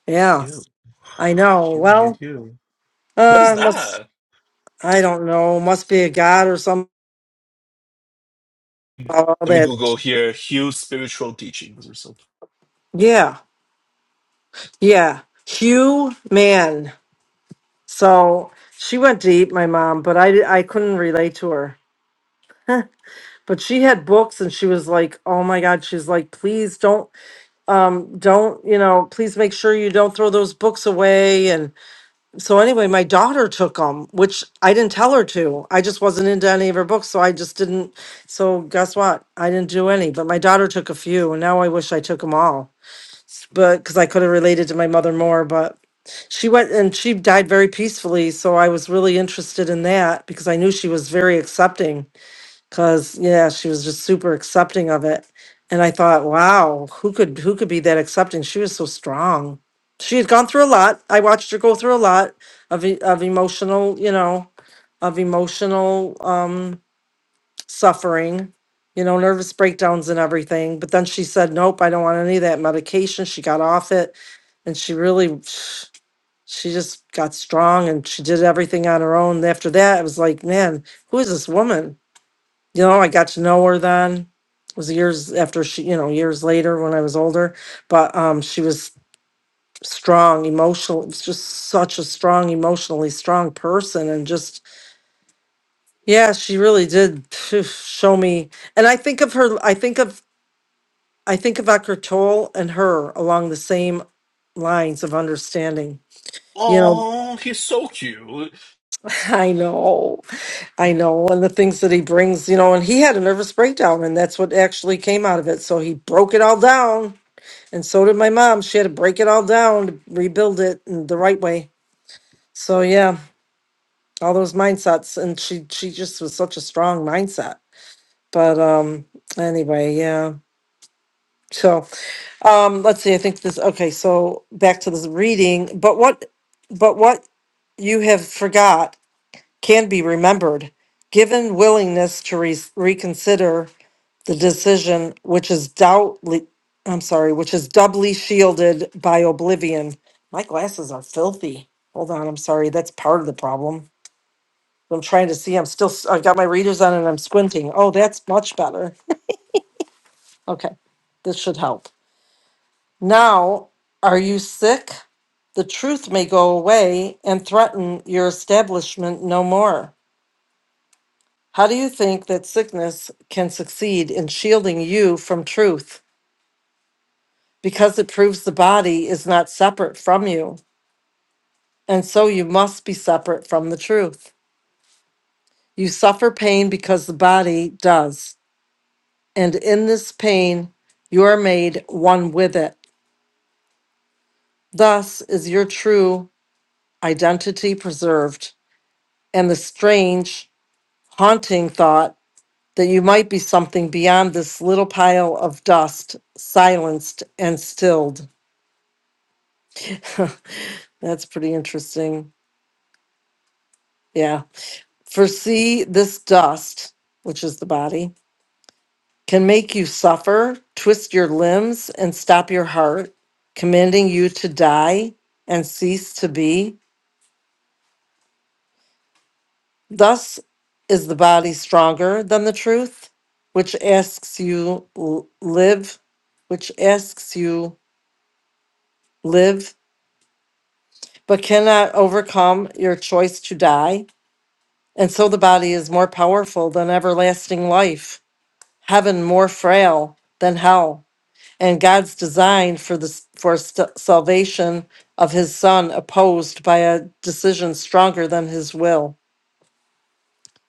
[SPEAKER 4] Yeah.
[SPEAKER 7] Hue.
[SPEAKER 4] I know.
[SPEAKER 7] Hue, hue,
[SPEAKER 4] Well,
[SPEAKER 7] hue. What is
[SPEAKER 4] uh must
[SPEAKER 7] that?
[SPEAKER 4] I don't know. Must be a god or something about all
[SPEAKER 7] Let me
[SPEAKER 4] that.
[SPEAKER 7] Google here Hugh's spiritual teachings or something.
[SPEAKER 4] Yeah. Yeah, Hugh man. So she went deep, my mom, but I I couldn't relate to her. But she had books, and she was like, "Oh my God!" She's like, "Please don't, um, don't you know? Please make sure you don't throw those books away." And so anyway, my daughter took them, which I didn't tell her to. I just wasn't into any of her books, so I just didn't. So guess what? I didn't do any, but my daughter took a few, and now I wish I took them all. but because I could have related to my mother more, but she went and she died very peacefully. So I was really interested in that because I knew she was very accepting. Because yeah, she was just super accepting of it, and I thought, wow, who could who could be that accepting? She was so strong. She had gone through a lot. I watched her go through a lot of e- of emotional, you know, of emotional um, suffering you know, nervous breakdowns and everything. But then she said, nope, I don't want any of that medication. She got off it and she really she just got strong and she did everything on her own after that it was like man who is this woman you know i got to know her then it was years after she you know years later when i was older but um she was strong emotional It was just such a strong emotionally strong person and just yeah she really did phew, show me and i think of her i think of i think of Eckhart Tolle and her along the same lines of understanding you know
[SPEAKER 7] Oh, he's so cute.
[SPEAKER 4] i know I know, and the things that he brings, you know, and he had a nervous breakdown, and that's what actually came out of it. So he broke it all down, and so did my mom. She had to break it all down to rebuild it in the right way. So yeah, all those mindsets, and she she just was such a strong mindset. But um, anyway, yeah. So um, let's see. I think this. Okay, so back to this reading. But what, but what you have forgot can be remembered, given willingness to re- reconsider the decision, which is doubtly, I'm sorry, which is doubly shielded by oblivion. My glasses are filthy. Hold on, I'm sorry. That's part of the problem. I'm trying to see. I'm still, s- I've got my readers on and I'm squinting. Oh, that's much better. Okay, this should help. Now, are you sick? The truth may go away and threaten your establishment no more. How do you think that sickness can succeed in shielding you from truth? because it proves the body is not separate from you, and so you must be separate from the truth. You suffer pain because the body does, and in this pain you are made one with it. Thus is your true identity preserved, and the strange, haunting thought that you might be something beyond this little pile of dust silenced and stilled. That's pretty interesting. Yeah. For see, this dust, which is the body, can make you suffer, twist your limbs, and stop your heart, commanding you to die and cease to be. Thus is the body stronger than the truth, which asks you l- live, which asks you live, but cannot overcome your choice to die. And so the body is more powerful than everlasting life, heaven more frail than hell and God's design for the for st- salvation of his son opposed by a decision stronger than his will.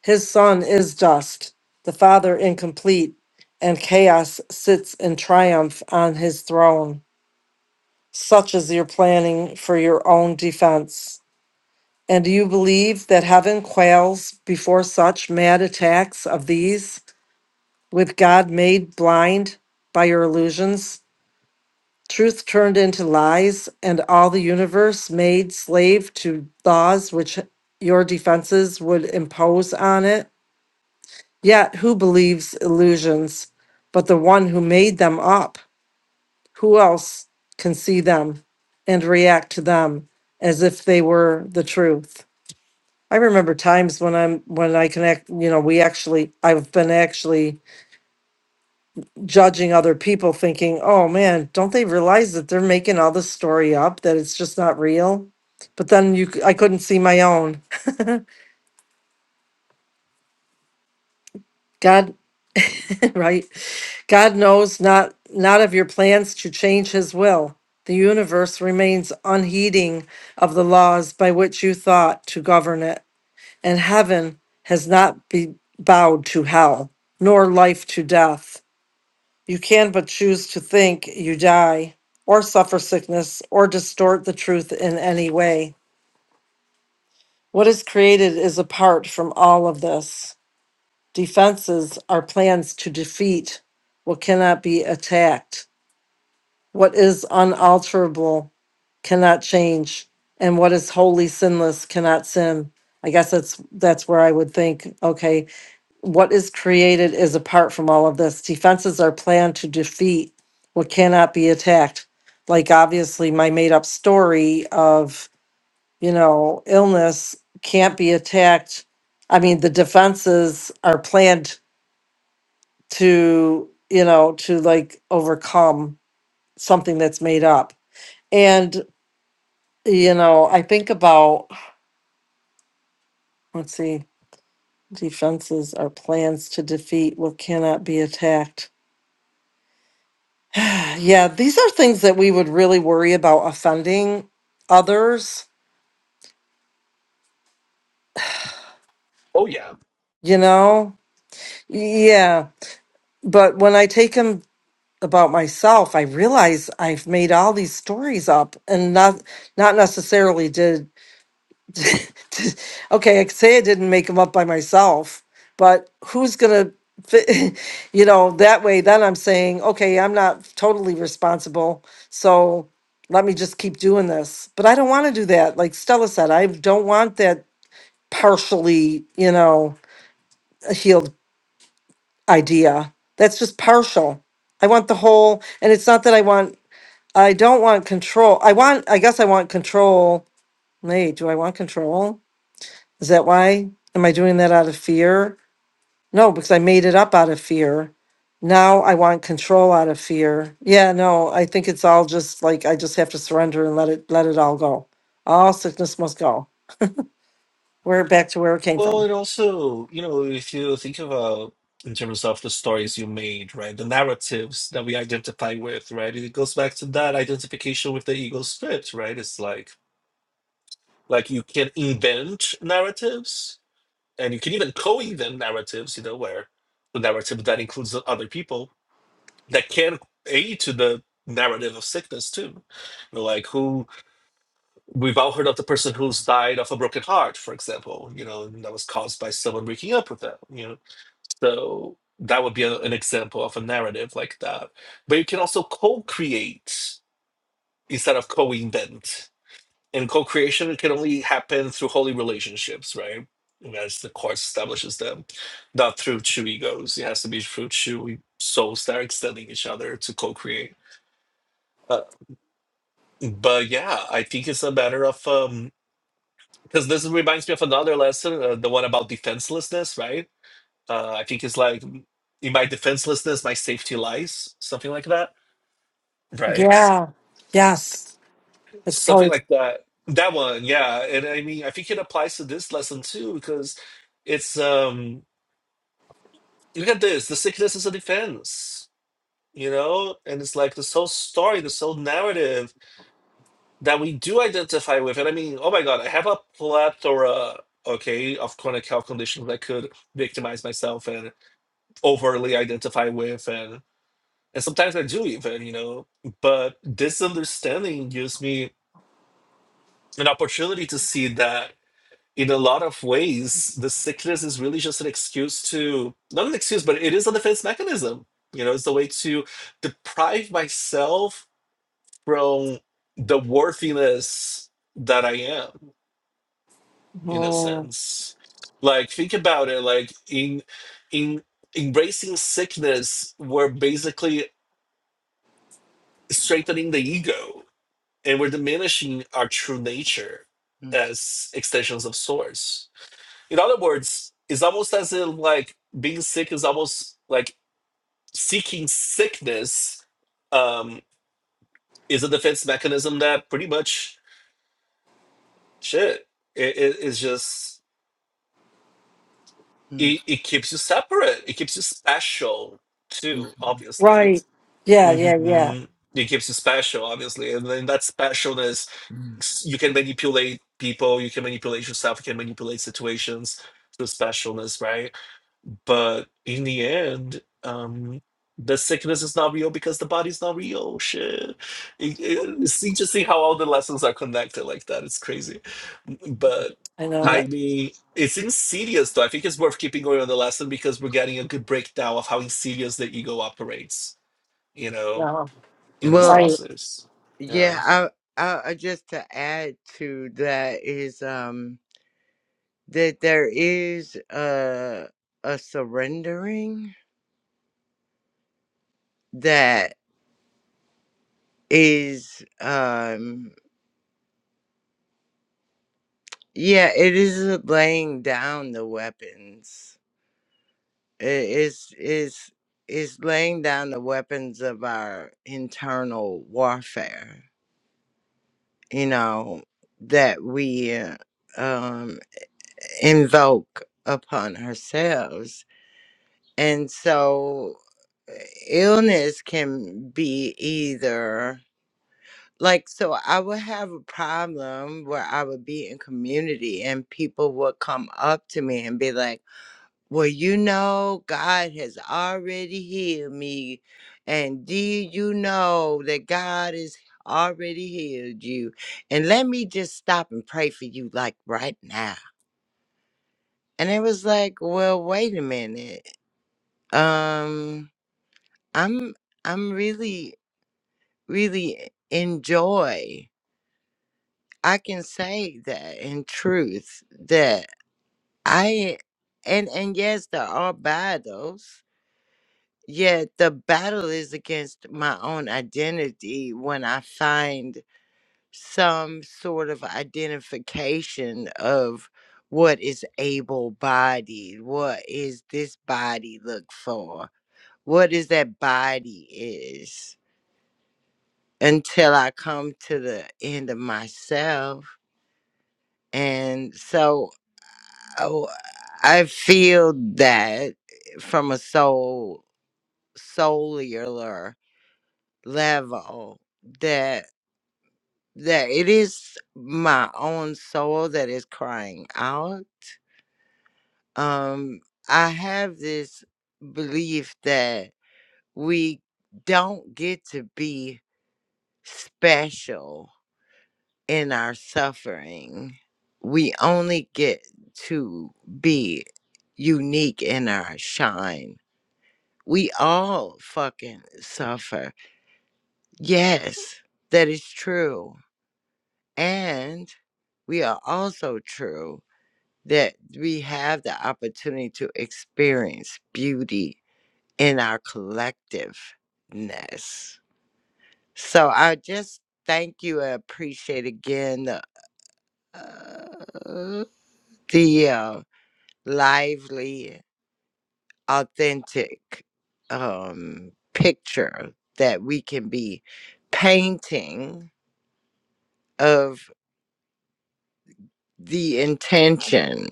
[SPEAKER 4] His son is dust, the father incomplete, and chaos sits in triumph on his throne. Such is your planning for your own defense. And do you believe that heaven quails before such mad attacks of these, with God made blind by your illusions? truth turned into lies, and all the universe made slave to laws which your defenses would impose on it? Yet who believes illusions but the one who made them up? Who else can see them and react to them as if they were the truth? I remember times when I'm when I can act, you know, we actually I've been actually judging other people thinking, oh man, don't they realize that they're making all this story up, that it's just not real? But then you, c- I couldn't see my own. God, right? God knows not, not of your plans to change his will. The universe remains unheeding of the laws by which you thought to govern it. And heaven has not be bowed to hell, nor life to death. You can but choose to think you die, or suffer sickness, or distort the truth in any way. What is created is apart from all of this. Defenses are plans to defeat what cannot be attacked. What is unalterable cannot change, and what is wholly sinless cannot sin. I guess that's that's where I would think, okay, what is created is apart from all of this. Defenses are planned to defeat what cannot be attacked. Like obviously my made up story of, you know, illness can't be attacked. I mean, the defenses are planned to, you know, to like overcome something that's made up. And, you know, I think about, let's see, defenses are plans to defeat what cannot be attacked. Yeah, these are things that we would really worry about offending others,
[SPEAKER 7] Oh, yeah.
[SPEAKER 4] you know? Yeah. But when I take them about myself, I realize I've made all these stories up and not not necessarily did okay, I could say I didn't make them up by myself, but who's gonna, fi- you know, that way? Then I'm saying, okay, I'm not totally responsible, so let me just keep doing this. But I don't want to do that. Like Stella said, I don't want that partially, you know, healed idea. That's just partial. I want the whole, and it's not that I want. I don't want control. I want. I guess I want control. Wait, do I want control? Is that why? Am I doing that out of fear? No, because I made it up out of fear. Now I want control out of fear. Yeah, no, I think it's all just like I just have to surrender and let it let it all go. All sickness must go. We're back to where it came
[SPEAKER 7] Well,
[SPEAKER 4] from.
[SPEAKER 7] and also, you know, if you think about in terms of the stories you made, right, the narratives that we identify with, right, it goes back to that identification with the ego script, right? It's like, like you can invent narratives and you can even co-invent narratives, you know, where the narrative that includes the other people that can aid to the narrative of sickness too. You know, like who we've all heard of the person who's died of a broken heart, for example. You know, and that was caused by someone breaking up with them. You know, so that would be a- an example of a narrative like that. But you can also co-create instead of co-invent, and co-creation can only happen through holy relationships, right? As the course establishes them, not through two egos. It has to be through two souls that are extending each other to co-create Uh, But yeah, I think it's a matter of um because this reminds me of another lesson, uh, the one about defenselessness, right? Uh, I think it's like "M- in my defenselessness, my safety lies, something like that, right?
[SPEAKER 4] Yeah. Yes. It's
[SPEAKER 7] Something
[SPEAKER 4] probably
[SPEAKER 7] like that. That one, yeah. And I mean, I think it applies to this lesson too because it's um look at this, the sickness is a defense, you know, and it's like this whole story, this whole narrative that we do identify with. And I mean, oh my God, I have a plethora, okay, of chronic health conditions I could victimize myself and overly identify with. And, and sometimes I do even, you know, but this understanding gives me an opportunity to see that in a lot of ways, the sickness is really just an excuse to, not an excuse, but it is a defense mechanism. You know, it's a way to deprive myself from the worthiness that I am in a
[SPEAKER 4] Mm,
[SPEAKER 7] sense like think about it like in in embracing sickness we're basically strengthening the ego and we're diminishing our true nature
[SPEAKER 10] Mm.
[SPEAKER 7] as extensions of source in other words it's almost as if like being sick is almost like seeking sickness um is a defense mechanism that pretty much shit it is just
[SPEAKER 10] Mm.
[SPEAKER 7] it, it keeps you separate. It keeps you special too,
[SPEAKER 10] Mm.
[SPEAKER 7] obviously.
[SPEAKER 4] right. Yeah, yeah, yeah.
[SPEAKER 7] hmm It keeps you special, obviously, and then that specialness
[SPEAKER 10] Mm.
[SPEAKER 7] s- you can manipulate people, you can manipulate yourself, you can manipulate situations through specialness, right? But in the end, um, the sickness is not real because the body's not real. Shit. It, it, see, just see how all the lessons are connected like that. It's crazy. But
[SPEAKER 4] I know
[SPEAKER 7] I
[SPEAKER 4] it.
[SPEAKER 7] mean, it's insidious though. I think it's worth keeping going on the lesson because we're getting a good breakdown of how insidious the ego operates, you know,
[SPEAKER 4] Yeah.
[SPEAKER 7] in this
[SPEAKER 10] Well,
[SPEAKER 4] Right.
[SPEAKER 7] process. Yeah.
[SPEAKER 10] yeah, I, I I- just to add to that is um that there is a a surrendering that is um yeah it is laying down the weapons it is is is laying down the weapons of our internal warfare you know that we uh, um invoke upon ourselves and so illness can be either like so i would have a problem where i would be in community and people would come up to me and be like well you know god has already healed me and did you know that god has already healed you and let me just stop and pray for you like right now and it was like well wait a minute um i'm i'm really really enjoy I can say that in truth that I and and yes there are battles yet the battle is against my own identity when I find some sort of identification of what is able bodied what is this body look for what is that body is until I come to the end of myself and so Oh, I feel that from a soul cellular level that that it is my own soul that is crying out. Um, I have this belief that we don't get to be special in our suffering. We only get to be unique in our shine we all fucking suffer. Yes, that is true. And we are also true that we have the opportunity to experience beauty in our collectiveness. So I just thank you and appreciate again the, uh, the uh, lively authentic um, picture that we can be painting of the intention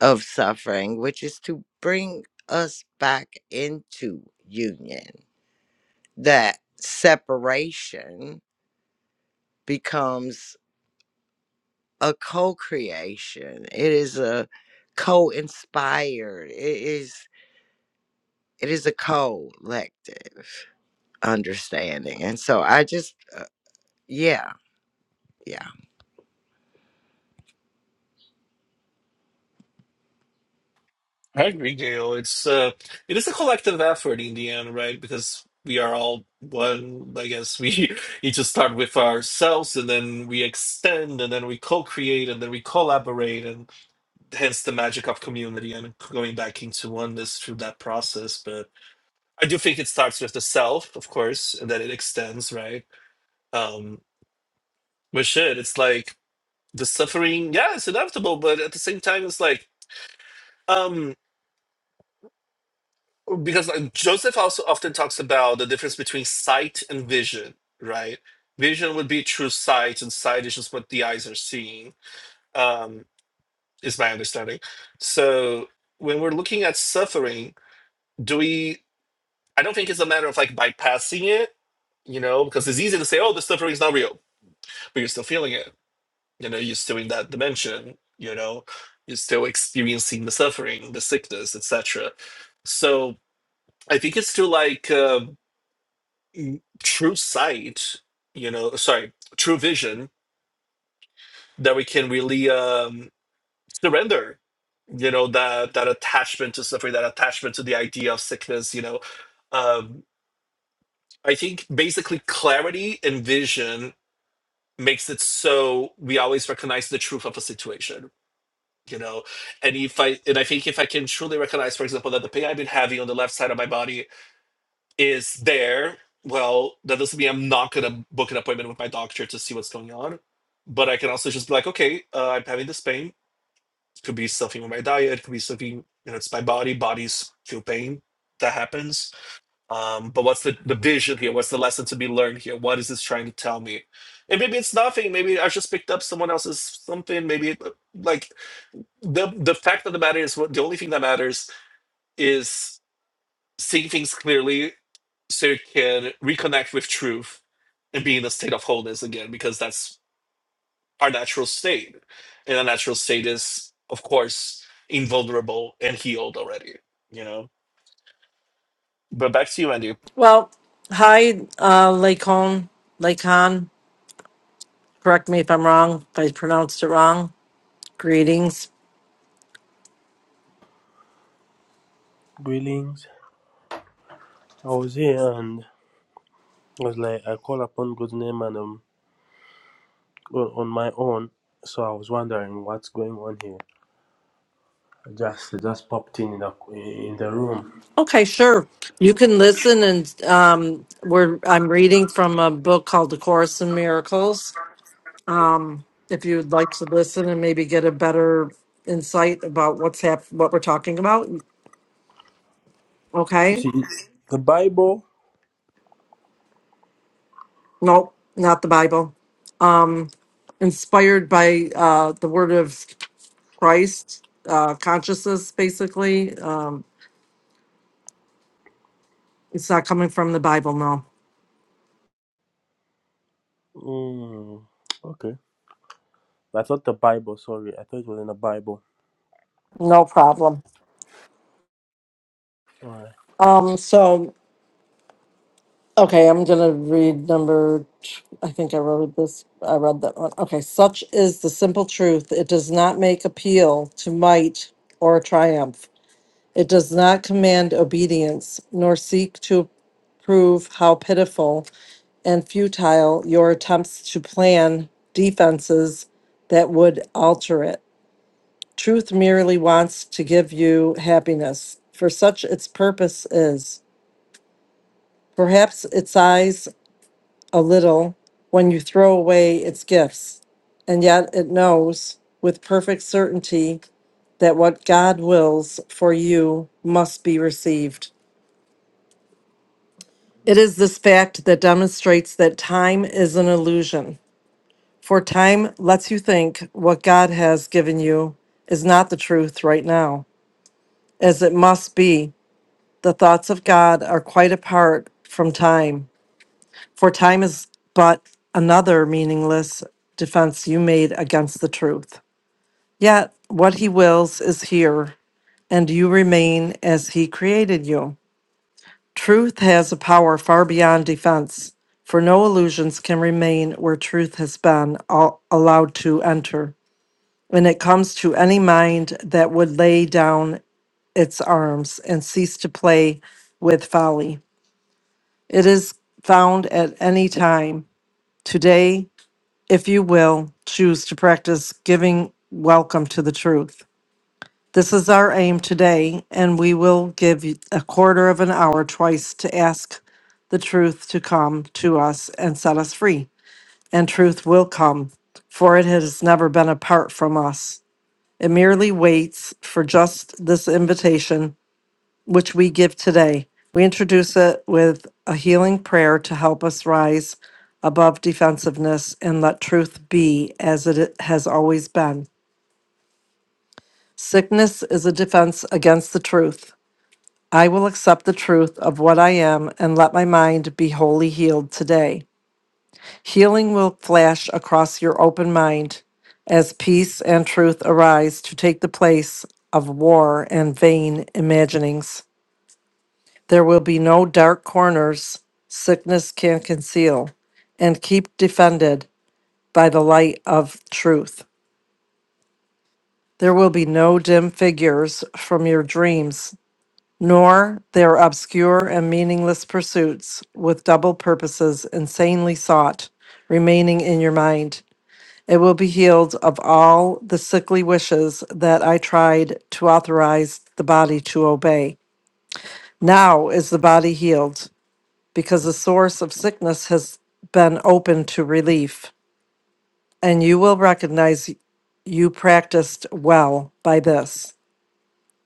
[SPEAKER 10] of suffering, which is to bring us back into union. That separation becomes a co creation, it is a co inspired, it is. It is a collective understanding. And so I just, uh, yeah, yeah.
[SPEAKER 7] I agree, Gail. It's uh, it is a collective effort in the end, right? Because we are all one. I guess we each start with ourselves, and then we extend, and then we co-create, and then we collaborate, and hence the magic of community and going back into oneness through that process. But I do think it starts with the self, of course, and then it extends, right? Um, but shit, it's like the suffering. Yeah, it's inevitable, but at the same time, it's like. um. because like, Joseph also often talks about the difference between sight and vision, right? Vision would be true sight, and sight is just what the eyes are seeing, um, is my understanding. So when we're looking at suffering, do we? I don't think it's a matter of like bypassing it, you know, because it's easy to say, "Oh, the suffering is not real," but you're still feeling it. You know, you're still in that dimension. You know, you're still experiencing the suffering, the sickness, etc. So I think it's still like. um mm, true sight, you know, sorry, true vision that we can really um, surrender, you know, that that attachment to suffering, that attachment to the idea of sickness, you know. Um, I think basically clarity and vision makes it so we always recognize the truth of a situation you know and if i and i think if i can truly recognize for example that the pain i've been having on the left side of my body is there, well, that doesn't mean I'm not going to book an appointment with my doctor to see what's going on. But I can also just be like, okay, uh, I'm having this pain. It could be something with my diet. It could be something, you know, it's my body. Bodies feel pain. That happens. Um, but what's the, the vision here? What's the lesson to be learned here? What is this trying to tell me? And maybe it's nothing. Maybe I just picked up someone else's something. Maybe it, like the the fact of the matter is what the only thing that matters is seeing things clearly so you can reconnect with truth and be in a state of wholeness again because that's our natural state and our natural state is of course invulnerable and healed already you know but back to you andy
[SPEAKER 4] Well, hi, uh Lacon. Lacon. Correct me if I'm wrong, if I pronounced it wrong. Greetings.
[SPEAKER 11] Greetings. I was here and I was like, I call upon God's name and um, on on my own. So I was wondering what's going on here. I just I just popped in in the, in the room.
[SPEAKER 4] Okay, sure. You can listen, and um, we're I'm reading from a book called *The Course in Miracles*. Um, if you'd like to listen and maybe get a better insight about what's hap- what we're talking about,
[SPEAKER 11] You
[SPEAKER 4] okay?
[SPEAKER 11] see, the Bible.
[SPEAKER 4] Nope, not the Bible. Um, inspired by uh, the Word of Christ, uh, consciousness, basically. Um, it's not coming from the Bible, no.
[SPEAKER 11] Mm, okay, I thought the Bible. Sorry, I thought it was in the Bible.
[SPEAKER 4] No problem. Um, so Okay, I'm gonna read number. t- I think I wrote this. I read that one. Okay, such is the simple truth. It does not make appeal to might or triumph. It does not command obedience, nor seek to prove how pitiful and futile your attempts to plan defenses that would alter it. Truth merely wants to give you happiness, for such its purpose is. Perhaps its eyes a little when you throw away its gifts. And yet it knows with perfect certainty that what God wills for you must be received. It is this fact that demonstrates that time is an illusion, for time lets you think what God has given you is not the truth right now, as it must be. The thoughts of God are quite apart from time. For time is but another meaningless defense you made against the truth. Yet what he wills is here, and you remain as he created you. Truth has a power far beyond defense, for no illusions can remain where truth has been al- allowed to enter. When it comes to any mind that would lay down its arms and cease to play with folly, it is found at any time, today if you will, choose to practice giving welcome to the truth. This is our aim today, and we will give you a quarter of an hour twice to ask the truth to come to us and set us free. And truth will come, for it has never been apart from us. It merely waits for just this invitation which we give today. We introduce it with a healing prayer to help us rise above defensiveness and let truth be as it has always been. Sickness is a defense against the truth. I will accept the truth of what I am and let my mind be wholly healed today. Healing will flash across your open mind as peace and truth arise to take the place of war and vain imaginings. There will be no dark corners sickness can conceal, and keep defended by the light of truth. There will be no dim figures from your dreams, nor their obscure and meaningless pursuits with double purposes insanely sought remaining in your mind. It will be healed of all the sickly wishes that I tried to authorize the body to obey. Now is the body healed because the source of sickness has been open to relief, and you will recognize you practiced well by this.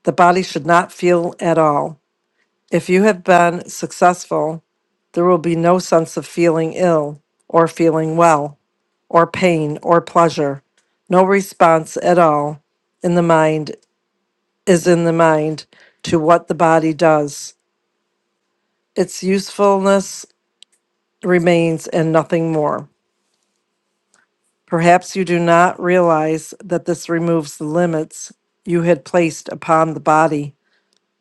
[SPEAKER 4] The body should not feel at all. If you have been successful, there will be no sense of feeling ill or feeling well or pain or pleasure. No response at all in the mind is in the mind to what the body does. Its usefulness remains and nothing more. Perhaps you do not realize that this removes the limits you had placed upon the body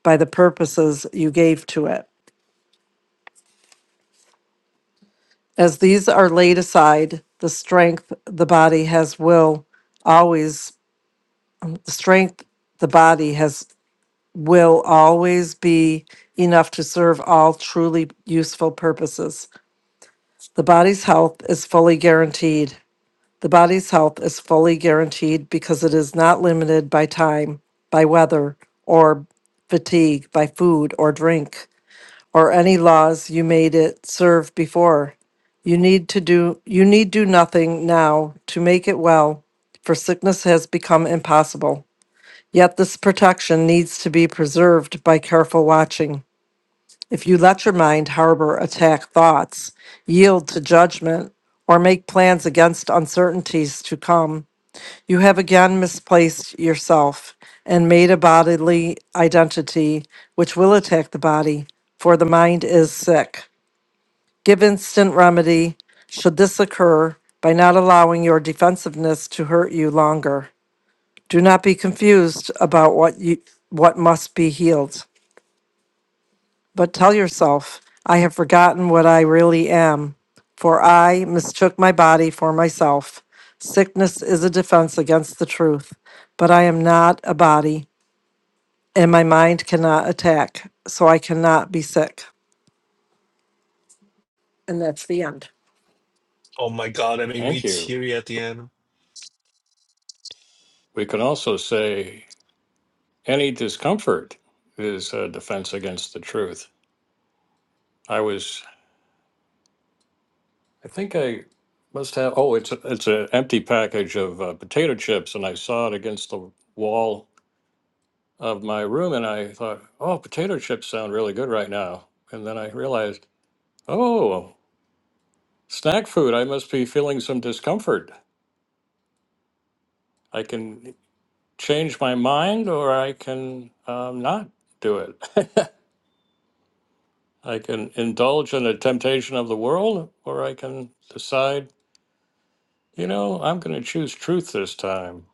[SPEAKER 4] by the purposes you gave to it. As these are laid aside, the strength the body has will always the strength the body has will always be enough to serve all truly useful purposes. The body's health is fully guaranteed. The body's health is fully guaranteed because it is not limited by time, by weather, or fatigue, by food or drink, or any laws you made it serve before. You need to do you need do nothing now to make it well, for sickness has become impossible. Yet this protection needs to be preserved by careful watching. If you let your mind harbor attack thoughts, yield to judgment, or make plans against uncertainties to come, you have again misplaced yourself and made a bodily identity which will attack the body, for the mind is sick. Give instant remedy should this occur by not allowing your defensiveness to hurt you longer. Do not be confused about what you what must be healed. But tell yourself, I have forgotten what I really am, for I mistook my body for myself. Sickness is a defense against the truth, but I am not a body, and my mind cannot attack, so I cannot be sick. And that's the end.
[SPEAKER 7] oh my god i made
[SPEAKER 1] Thank
[SPEAKER 7] me
[SPEAKER 1] you.
[SPEAKER 7] teary at the end
[SPEAKER 1] We can also say any discomfort is a defense against the truth. I was, I think I must have. Oh, it's a, it's an empty package of uh, potato chips, and I saw it against the wall of my room and I thought, oh, potato chips sound really good right now. And then I realized, oh, snack food, I must be feeling some discomfort. I can change my mind or I can um, not do it. I can indulge in the temptation of the world or I can decide, you know, I'm going to choose truth this time.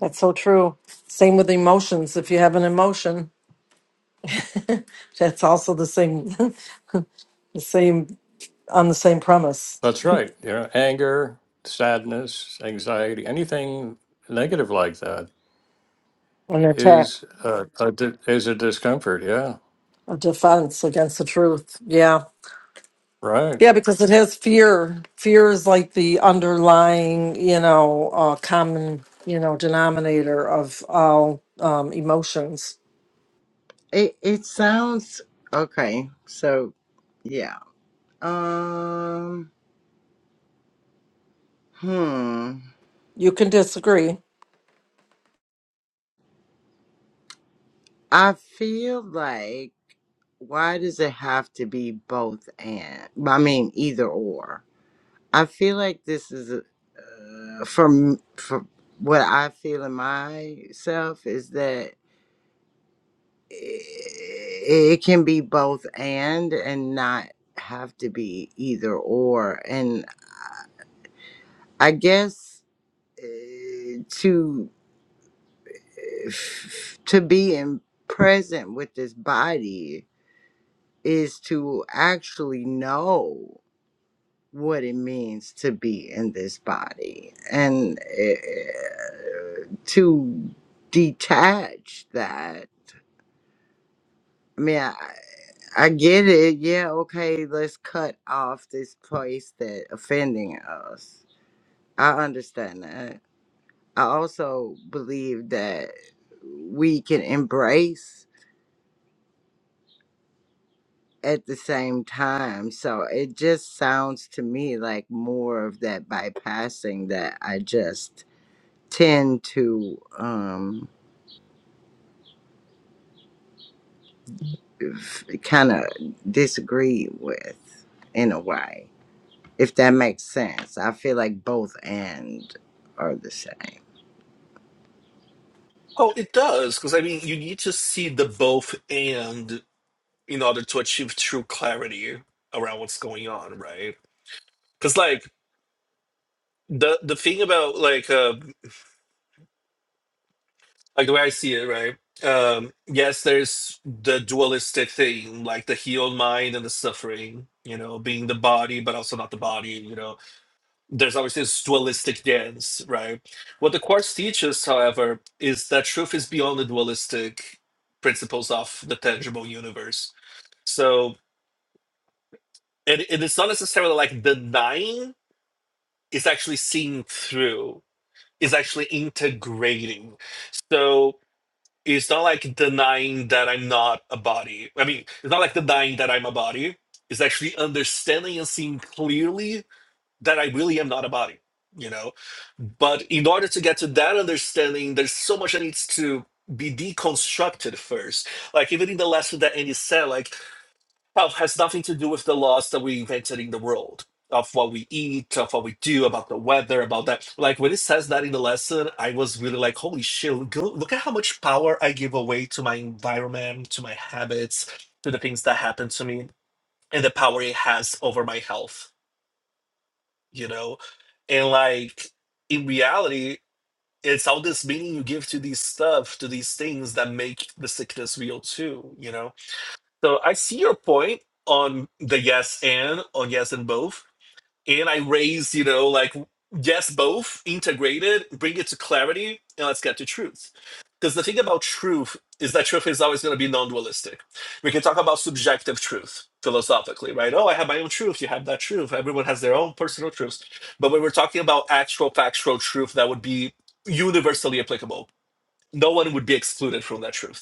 [SPEAKER 4] That's so true. Same with emotions. If you have an emotion, that's also the same, the same on the same premise.
[SPEAKER 1] That's right. You know, anger, sadness, anxiety, anything negative like that
[SPEAKER 4] An attack,
[SPEAKER 1] is uh, a, di- is a discomfort. Yeah.
[SPEAKER 4] a defense against the truth. Yeah.
[SPEAKER 1] Right.
[SPEAKER 4] Yeah, because it has fear. Fear is like the underlying, you know, uh, common, you know, denominator of all um, emotions.
[SPEAKER 10] It it sounds okay. So yeah. Um. Hmm.
[SPEAKER 4] You can disagree.
[SPEAKER 10] I feel like why does it have to be both and? I mean either or. I feel like this is a- uh, from from what I feel in myself is that i it can be both and and not have to be either or. And I guess uh, to f- to be in present with this body is to actually know what it means to be in this body and uh, to detach that i mean I, I get it yeah okay let's cut off this place that offending us i understand that i also believe that we can embrace at the same time. So it just sounds to me like more of that bypassing that I just tend to um, kind of disagree with in a way, if that makes sense. I feel like both end are the same.
[SPEAKER 7] oh it does because i mean you need to see the both and in order to achieve true clarity around what's going on right because like the the thing about like uh like the way I see it, right? Um, yes, there's the dualistic thing, like the healed mind and the suffering, you know, being the body, but also not the body, you know. There's always this dualistic dance, right? What the Quartz teaches, however, is that truth is beyond the dualistic principles of the tangible universe. So, and, and it's not necessarily like denying, it's actually seeing through, is actually integrating. So, it's not like denying that I'm not a body. I mean, it's not like denying that I'm a body. It's actually understanding and seeing clearly that I really am not a body, you know? But in order to get to that understanding, there's so much that needs to be deconstructed first. Like, even in the lesson that Andy said, like, health has nothing to do with the laws that we invented in the world of what we eat, of what we do, about the weather, about that. Like when it says that in the lesson, I was really like, holy shit, look, look at how much power I give away to my environment, to my habits, to the things that happen to me, and the power it has over my health, you know? And like in reality, it's all this meaning you give to these stuff, to these things that make the sickness real too, you know? So I see your point on the yes and on yes and both. And I raise, you know, like yes, both integrated, bring it to clarity, and let's get to truth. Because the thing about truth is that truth is always going to be non dualistic. We can talk about subjective truth philosophically, right? Oh, I have my own truth. You have that truth. Everyone has their own personal truths. But when we're talking about actual factual truth that would be universally applicable, no one would be excluded from that truth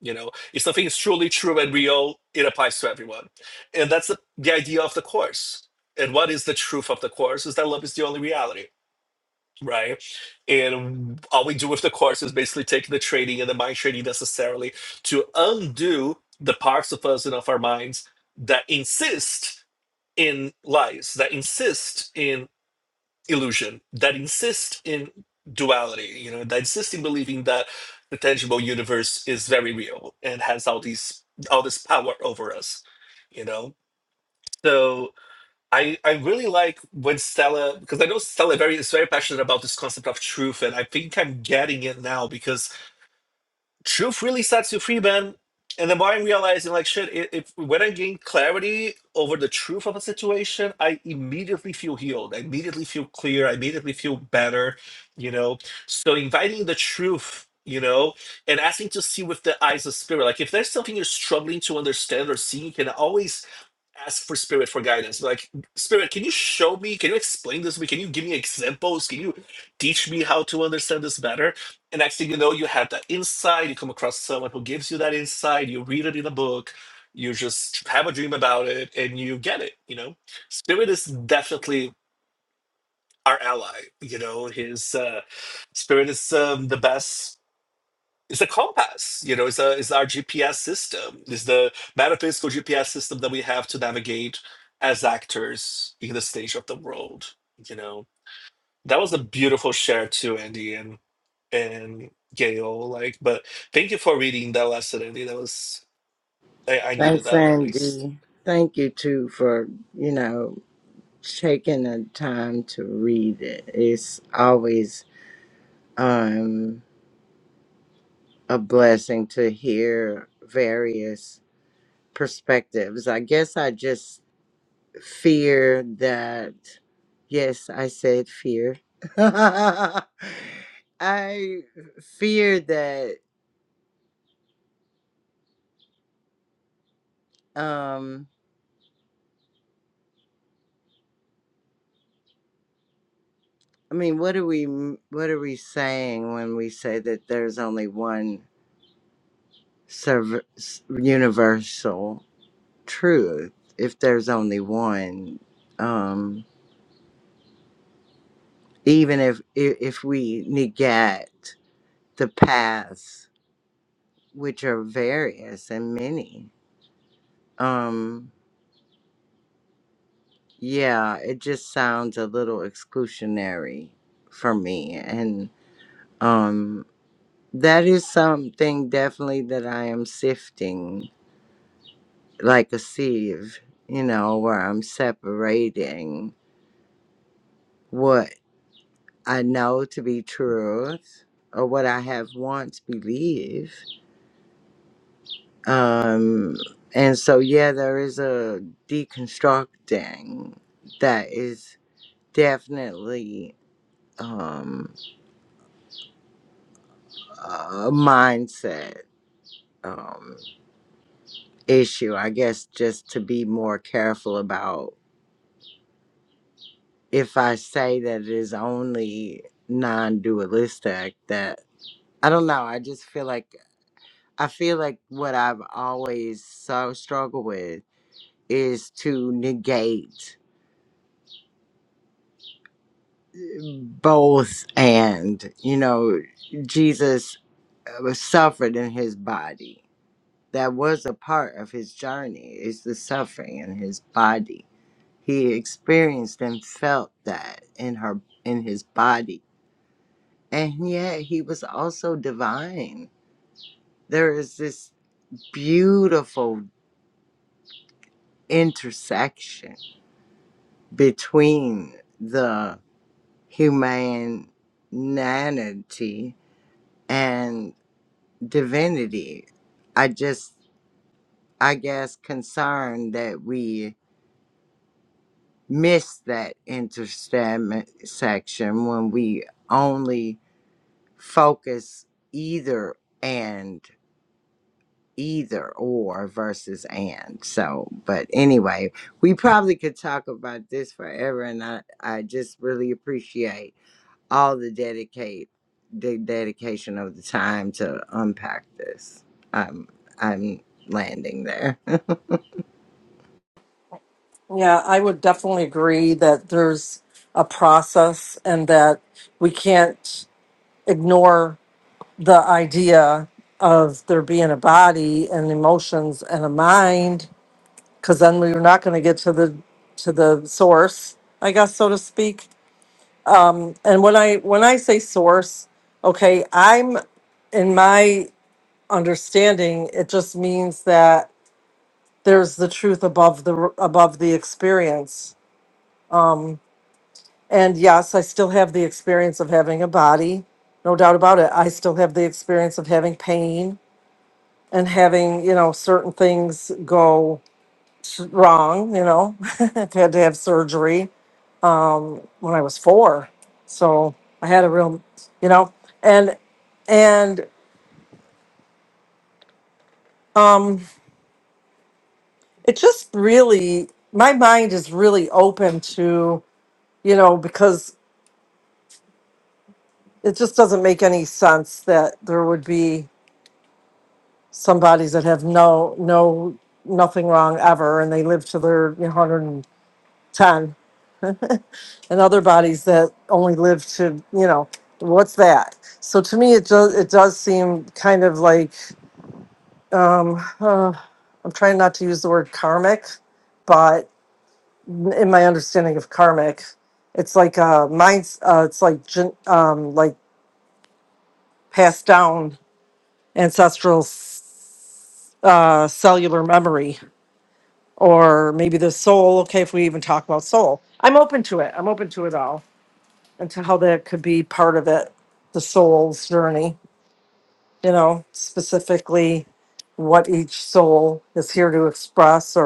[SPEAKER 7] you know, if something is truly true and real, it applies to everyone. And that's the, the idea of the course. And what is the truth of the course is that love is the only reality, right? And all we do with the course is basically take the training and the mind training necessarily to undo the parts of us and of our minds that insist in lies, that insist in illusion that insist in duality you know that insist in believing that the tangible universe is very real and has all these all this power over us you know so i i really like when stella because i know stella very is very passionate about this concept of truth and i think i'm getting it now because truth really sets you free, man. And the more I'm realizing, like, shit, i- if when I gain clarity over the truth of a situation, I immediately feel healed. I immediately feel clear. I immediately feel better, you know? So inviting the truth, you know, and asking to see with the eyes of spirit. Like, if there's something you're struggling to understand or see, you can always ask for spirit for guidance like spirit can you show me can you explain this to me can you give me examples can you teach me how to understand this better and next thing you know you have that insight you come across someone who gives you that insight you read it in a book you just have a dream about it and you get it you know spirit is definitely our ally you know his uh spirit is um, the best it's a compass, you know, it's, a, it's our GPS system. It's the metaphysical GPS system that we have to navigate as actors in the stage of the world, you know. That was a beautiful share too, Andy and and Gail. Like, but thank you for reading that lesson, Andy. That was I, I needed
[SPEAKER 10] Thanks,
[SPEAKER 7] that at least.
[SPEAKER 10] Andy. Thank you too for, you know, taking the time to read it. It's always um. a blessing to hear various perspectives. I guess I just fear that, yes, I said fear. I fear that, um, I mean, what are we, what are we saying when we say that there's only one serv- s- universal truth? If there's only one, um, even if, if if we negate the paths, which are various and many. Um, yeah, it just sounds a little exclusionary for me. And um, that is something definitely that I am sifting like a sieve, you know, where I'm separating what I know to be truth or what I have once believed Um, and so, yeah, there is a deconstructing that is definitely um, a mindset um, issue. I guess just to be more careful about if I say that it is only non dualistic, that I don't know. I just feel like I feel like what I've always so struggled with is to negate both and you know jesus uh, was suffered in his body that was a part of his journey is the suffering in his body he experienced and felt that in her in his body and yet he was also divine there is this beautiful intersection between the humanity and divinity. I just, I guess, concerned that we missed that intersection when we only focus either and either or versus and so but anyway we probably could talk about this forever and i i just really appreciate all the dedicate the dedication of the time to unpack this i'm i'm landing there
[SPEAKER 4] Yeah, I would definitely agree that there's a process and that we can't ignore the idea of there being a body and emotions and a mind, because then we're not going to get to the to the source, I guess, so to speak. And when I when I say source, okay, I'm in my understanding, it just means that there's the truth above the above the experience. And yes, I still have the experience of having a body, no doubt about it. I still have the experience of having pain and having, you know, certain things go s- wrong, you know. I've had to have surgery when I was 4. So, I had a real, you know, and and um, it just really my mind is really open to you know because it just doesn't make any sense that there would be some bodies that have no no nothing wrong ever and they live to their 110 and other bodies that only live to you know what's that so to me it does it does seem kind of like um uh, i'm trying not to use the word karmic but in my understanding of karmic, it's like uh minds uh it's like gen- um like passed down ancestral s- uh cellular memory or maybe the soul, okay, if we even talk about soul. I'm open to it. I'm open to it all and to how that could be part of it, the soul's journey, you know, specifically what each soul is here to express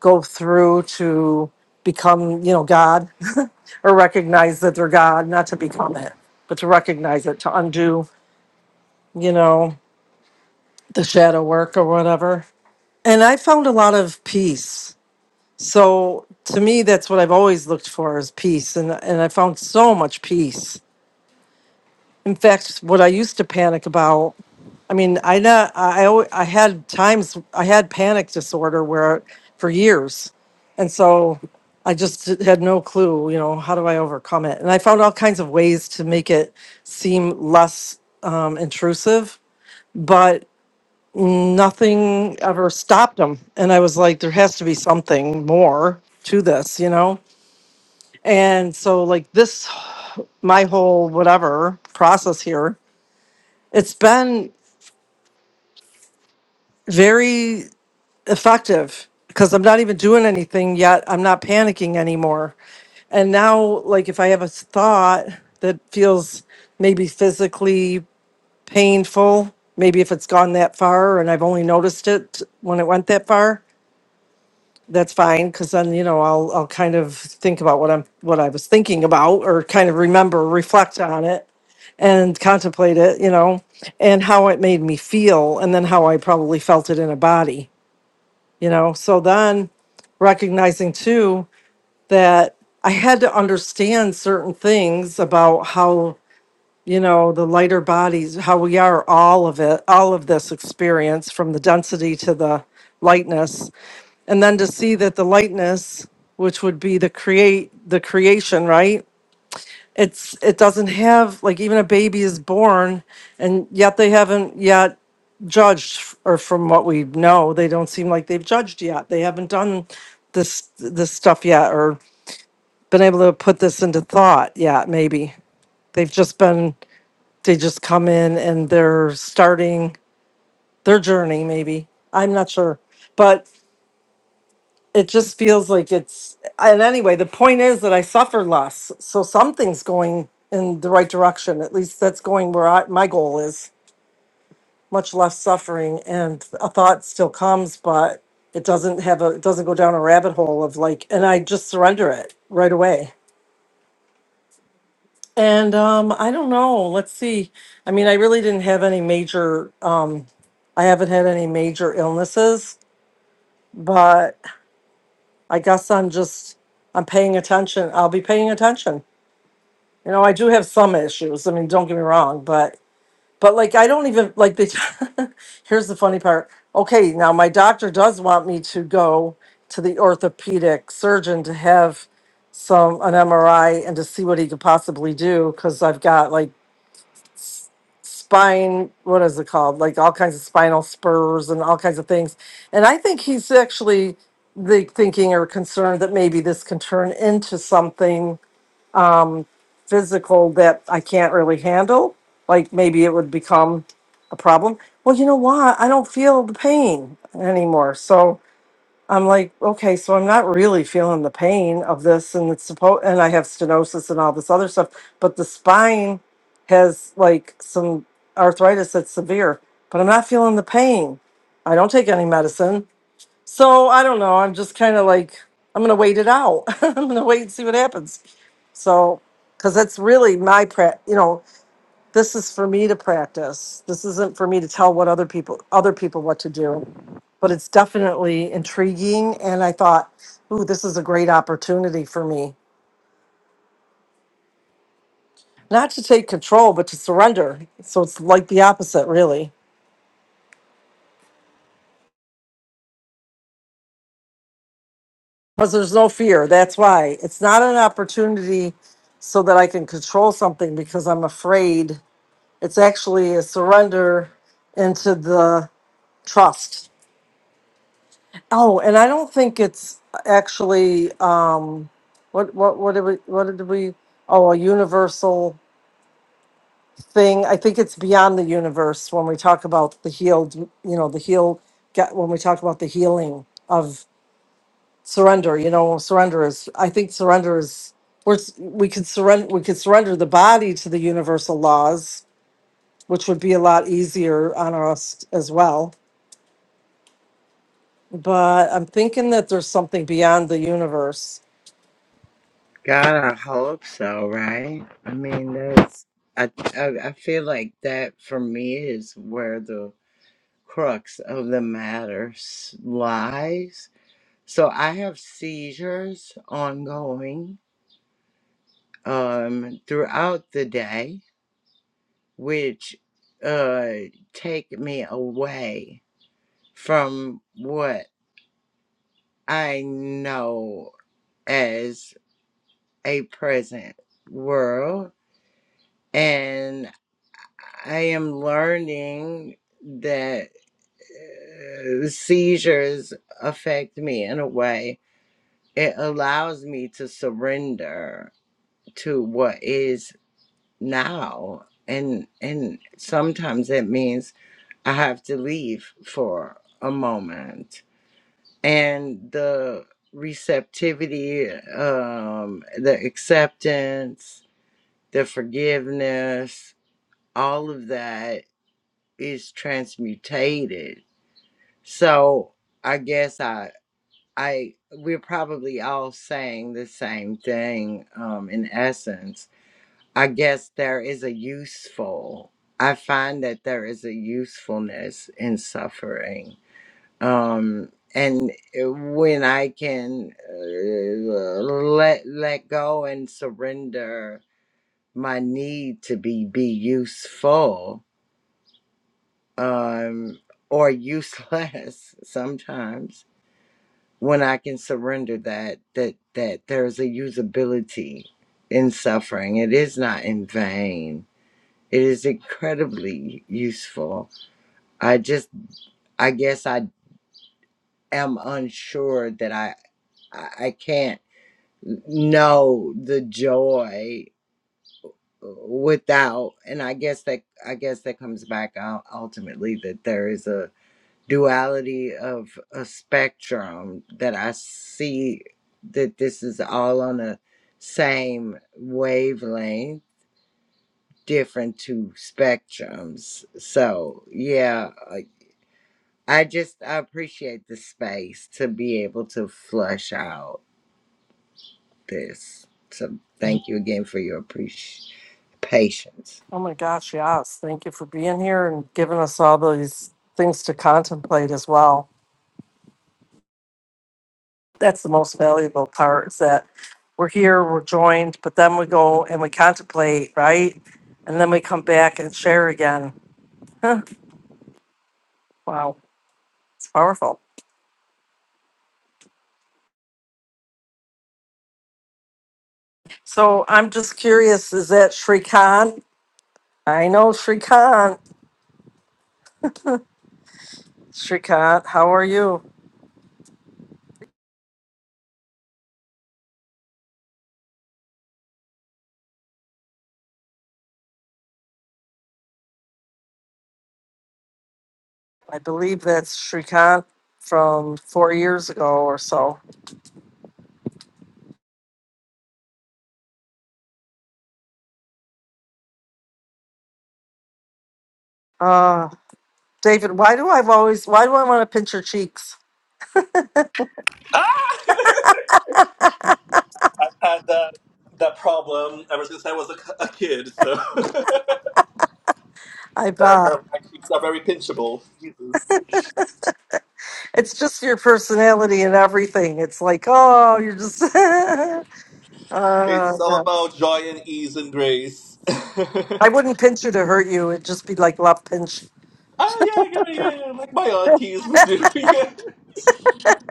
[SPEAKER 4] go through to become, you know, God or recognize that they're God, not to become it, but to recognize it, to undo, you know, the shadow work or whatever. And I found a lot of peace. So to me, that's what I've always looked for is peace. And, and I found so much peace. In fact, what I used to panic about I mean, I know I alwa- I had times I had panic disorder where for years, and so I just had no clue. You know, how do I overcome it? And I found all kinds of ways to make it seem less um, intrusive, but nothing ever stopped them. And I was like, there has to be something more to this, you know. And so, like this, my whole whatever process here, it's been very effective because I'm not even doing anything yet. I'm not panicking anymore. And now, like, if I have a thought that feels maybe physically painful, maybe if it's gone that far and I've only noticed it when it went that far, that's fine because then you know I'll I'll kind of think about what I'm what I was thinking about or kind of remember, reflect on it and contemplate it, you know, and how it made me feel and then how I probably felt it in a body you know so then recognizing too that i had to understand certain things about how you know the lighter bodies how we are all of it all of this experience from the density to the lightness and then to see that the lightness which would be the create the creation right it's it doesn't have like even a baby is born and yet they haven't yet judged f- or from what we know they don't seem like they've judged yet they haven't done this this stuff yet or been able to put this into thought yet maybe they've just been they just come in and they're starting their journey maybe i'm not sure but it just feels like it's and anyway the point is that i suffer less so something's going in the right direction at least that's going where I, my goal is much less suffering and a thought still comes but it doesn't have a it doesn't go down a rabbit hole of like and i just surrender it right away and um i don't know let's see i mean i really didn't have any major um i haven't had any major illnesses but i guess i'm just i'm paying attention i'll be paying attention You know, I do have some issues. I mean, don't get me wrong, but but like I don't even like they here's the funny part. Okay, now my doctor does want me to go to the orthopedic surgeon to have some an MRI and to see what he could possibly do because I've got like spine what is it called? Like all kinds of spinal spurs and all kinds of things. And I think he's actually like thinking or concerned that maybe this can turn into something physical that I can't really handle, like maybe it would become a problem. Well, you know why? I don't feel the pain anymore. So I'm like, okay, so I'm not really feeling the pain of this and it's supposed and I have stenosis and all this other stuff, but the spine has like some arthritis that's severe, but I'm not feeling the pain. I don't take any medicine. So I don't know. I'm just kind of like I'm going to wait it out. I'm going to wait and see what happens. So, because that's really my pra, you know, this is for me to practice. This isn't for me to tell what other people, other people what to do. But it's definitely intriguing, and I thought, ooh, this is a great opportunity for me, not to take control, but to surrender. So it's like the opposite, really, because there's no fear. That's why it's not an opportunity so that I can control something because I'm afraid. It's actually a surrender into the trust Oh, and I don't think it's actually um what what what did we what did we oh a universal thing. I think it's beyond the universe when we talk about the healed, you know, the heal get when we talk about the healing of surrender, you know, surrender is I think surrender is we're, s- we could surrender we could surrender the body to the universal laws, which would be a lot easier on us as well. But I'm thinking that there's something beyond the universe
[SPEAKER 10] God, I hope so, right? I mean, that's I, I I feel like that for me is where the crux of the matter s- lies. So I have seizures ongoing um throughout the day, which uh take me away from what I know as a present world and. I am learning that uh, seizures affect me in a way. It allows me to surrender to what is now. And and sometimes it means I have to leave for a moment. And the receptivity, um, the acceptance, the forgiveness, all of that is transmutated So I guess I I we're probably all saying the same thing um, in essence. I guess there is a useful. I find that there is a usefulness in suffering. Um, and eh, when I can uh, let let go and surrender my need to be be useful um, or useless sometimes when I can surrender that that that there is a usability in suffering. It is not in vain. It is incredibly useful. I just I guess I am unsure that I I I can't know the joy without and I guess that I guess that comes back out ultimately that there is a duality of a spectrum that I see that this is all on a same wavelength, different two spectrums. So, yeah, I I just I appreciate the space to be able to flush out this. So, thank you again for your appreci- patience.
[SPEAKER 4] Oh my gosh, yes. Thank you for being here and giving us all these things to contemplate as well. That's the most valuable part is that we're here, we're joined, but then we go and we contemplate, right? And then we come back and share again. Huh, wow, it's powerful. So I'm just curious, is that Sri Khan? I know Sri Khan. Sri Khan, how are you? I believe that's Sri Khan from four years ago or so. Uh, David, why do I've always why do I want to pinch your cheeks?
[SPEAKER 7] Ah! I've had that that problem ever since I was a, a kid, so my
[SPEAKER 4] I've uh,
[SPEAKER 7] cheeks are very pinchable. Jesus.
[SPEAKER 4] it's just your personality and everything. It's like, oh, you're just uh,
[SPEAKER 7] It's all
[SPEAKER 4] no.
[SPEAKER 7] about joy and ease and grace. oh
[SPEAKER 4] I wouldn't pinch you to hurt you. It'd just be like love pinch.
[SPEAKER 7] yeah, yeah, yeah, yeah. Like my aunties would do. yeah.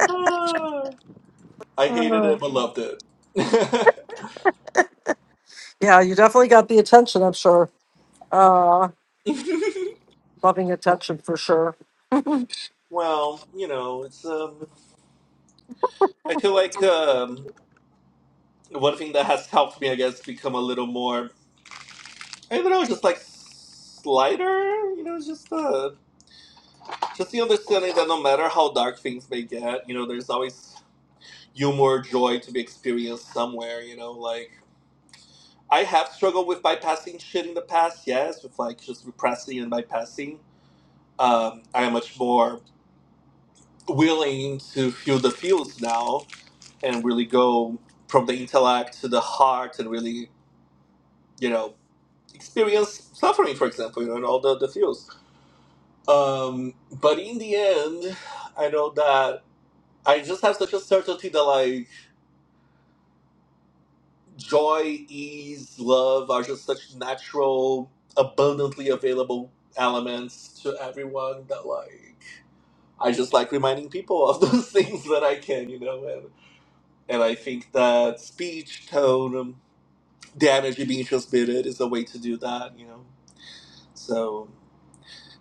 [SPEAKER 7] Ah. I
[SPEAKER 4] Uh,
[SPEAKER 7] hated it but loved it.
[SPEAKER 4] yeah, you definitely got the attention, I'm sure. Uh loving attention for sure.
[SPEAKER 7] well, you know, it's um. I feel like um, one thing that has helped me, I guess, become a little more. I don't know, just like lighter. You know, just uh, just the understanding that no matter how dark things may get, you know, there's always humor, joy to be experienced somewhere. You know, like I have struggled with bypassing shit in the past, yes, with like just repressing and bypassing. Um, I am much more willing to feel the feels now and really go from the intellect to the heart and really, you know, experience suffering, for example, you know, and all the, the feels. Um, but in the end, I know that I just have such a certainty that, like, joy, ease, love are just such natural, abundantly available elements to everyone that like I just like reminding people of those things that I can, you know, and and I think that speech, tone, um, the energy being transmitted is a way to do that, you know. So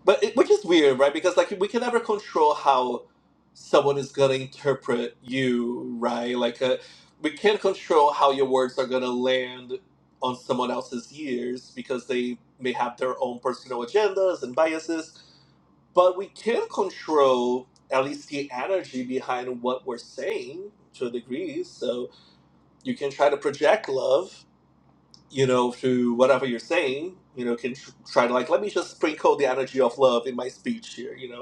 [SPEAKER 7] but it, which is weird, right? Because like we can never control how someone is gonna interpret you, right? Like uh, we can't control how your words are gonna land on someone else's ears because they may have their own personal agendas and biases. But we can control at least the energy behind what we're saying to a degree. So you can try to project love. You know, through whatever you're saying, you know, can tr- try to like, let me just sprinkle the energy of love in my speech here, you know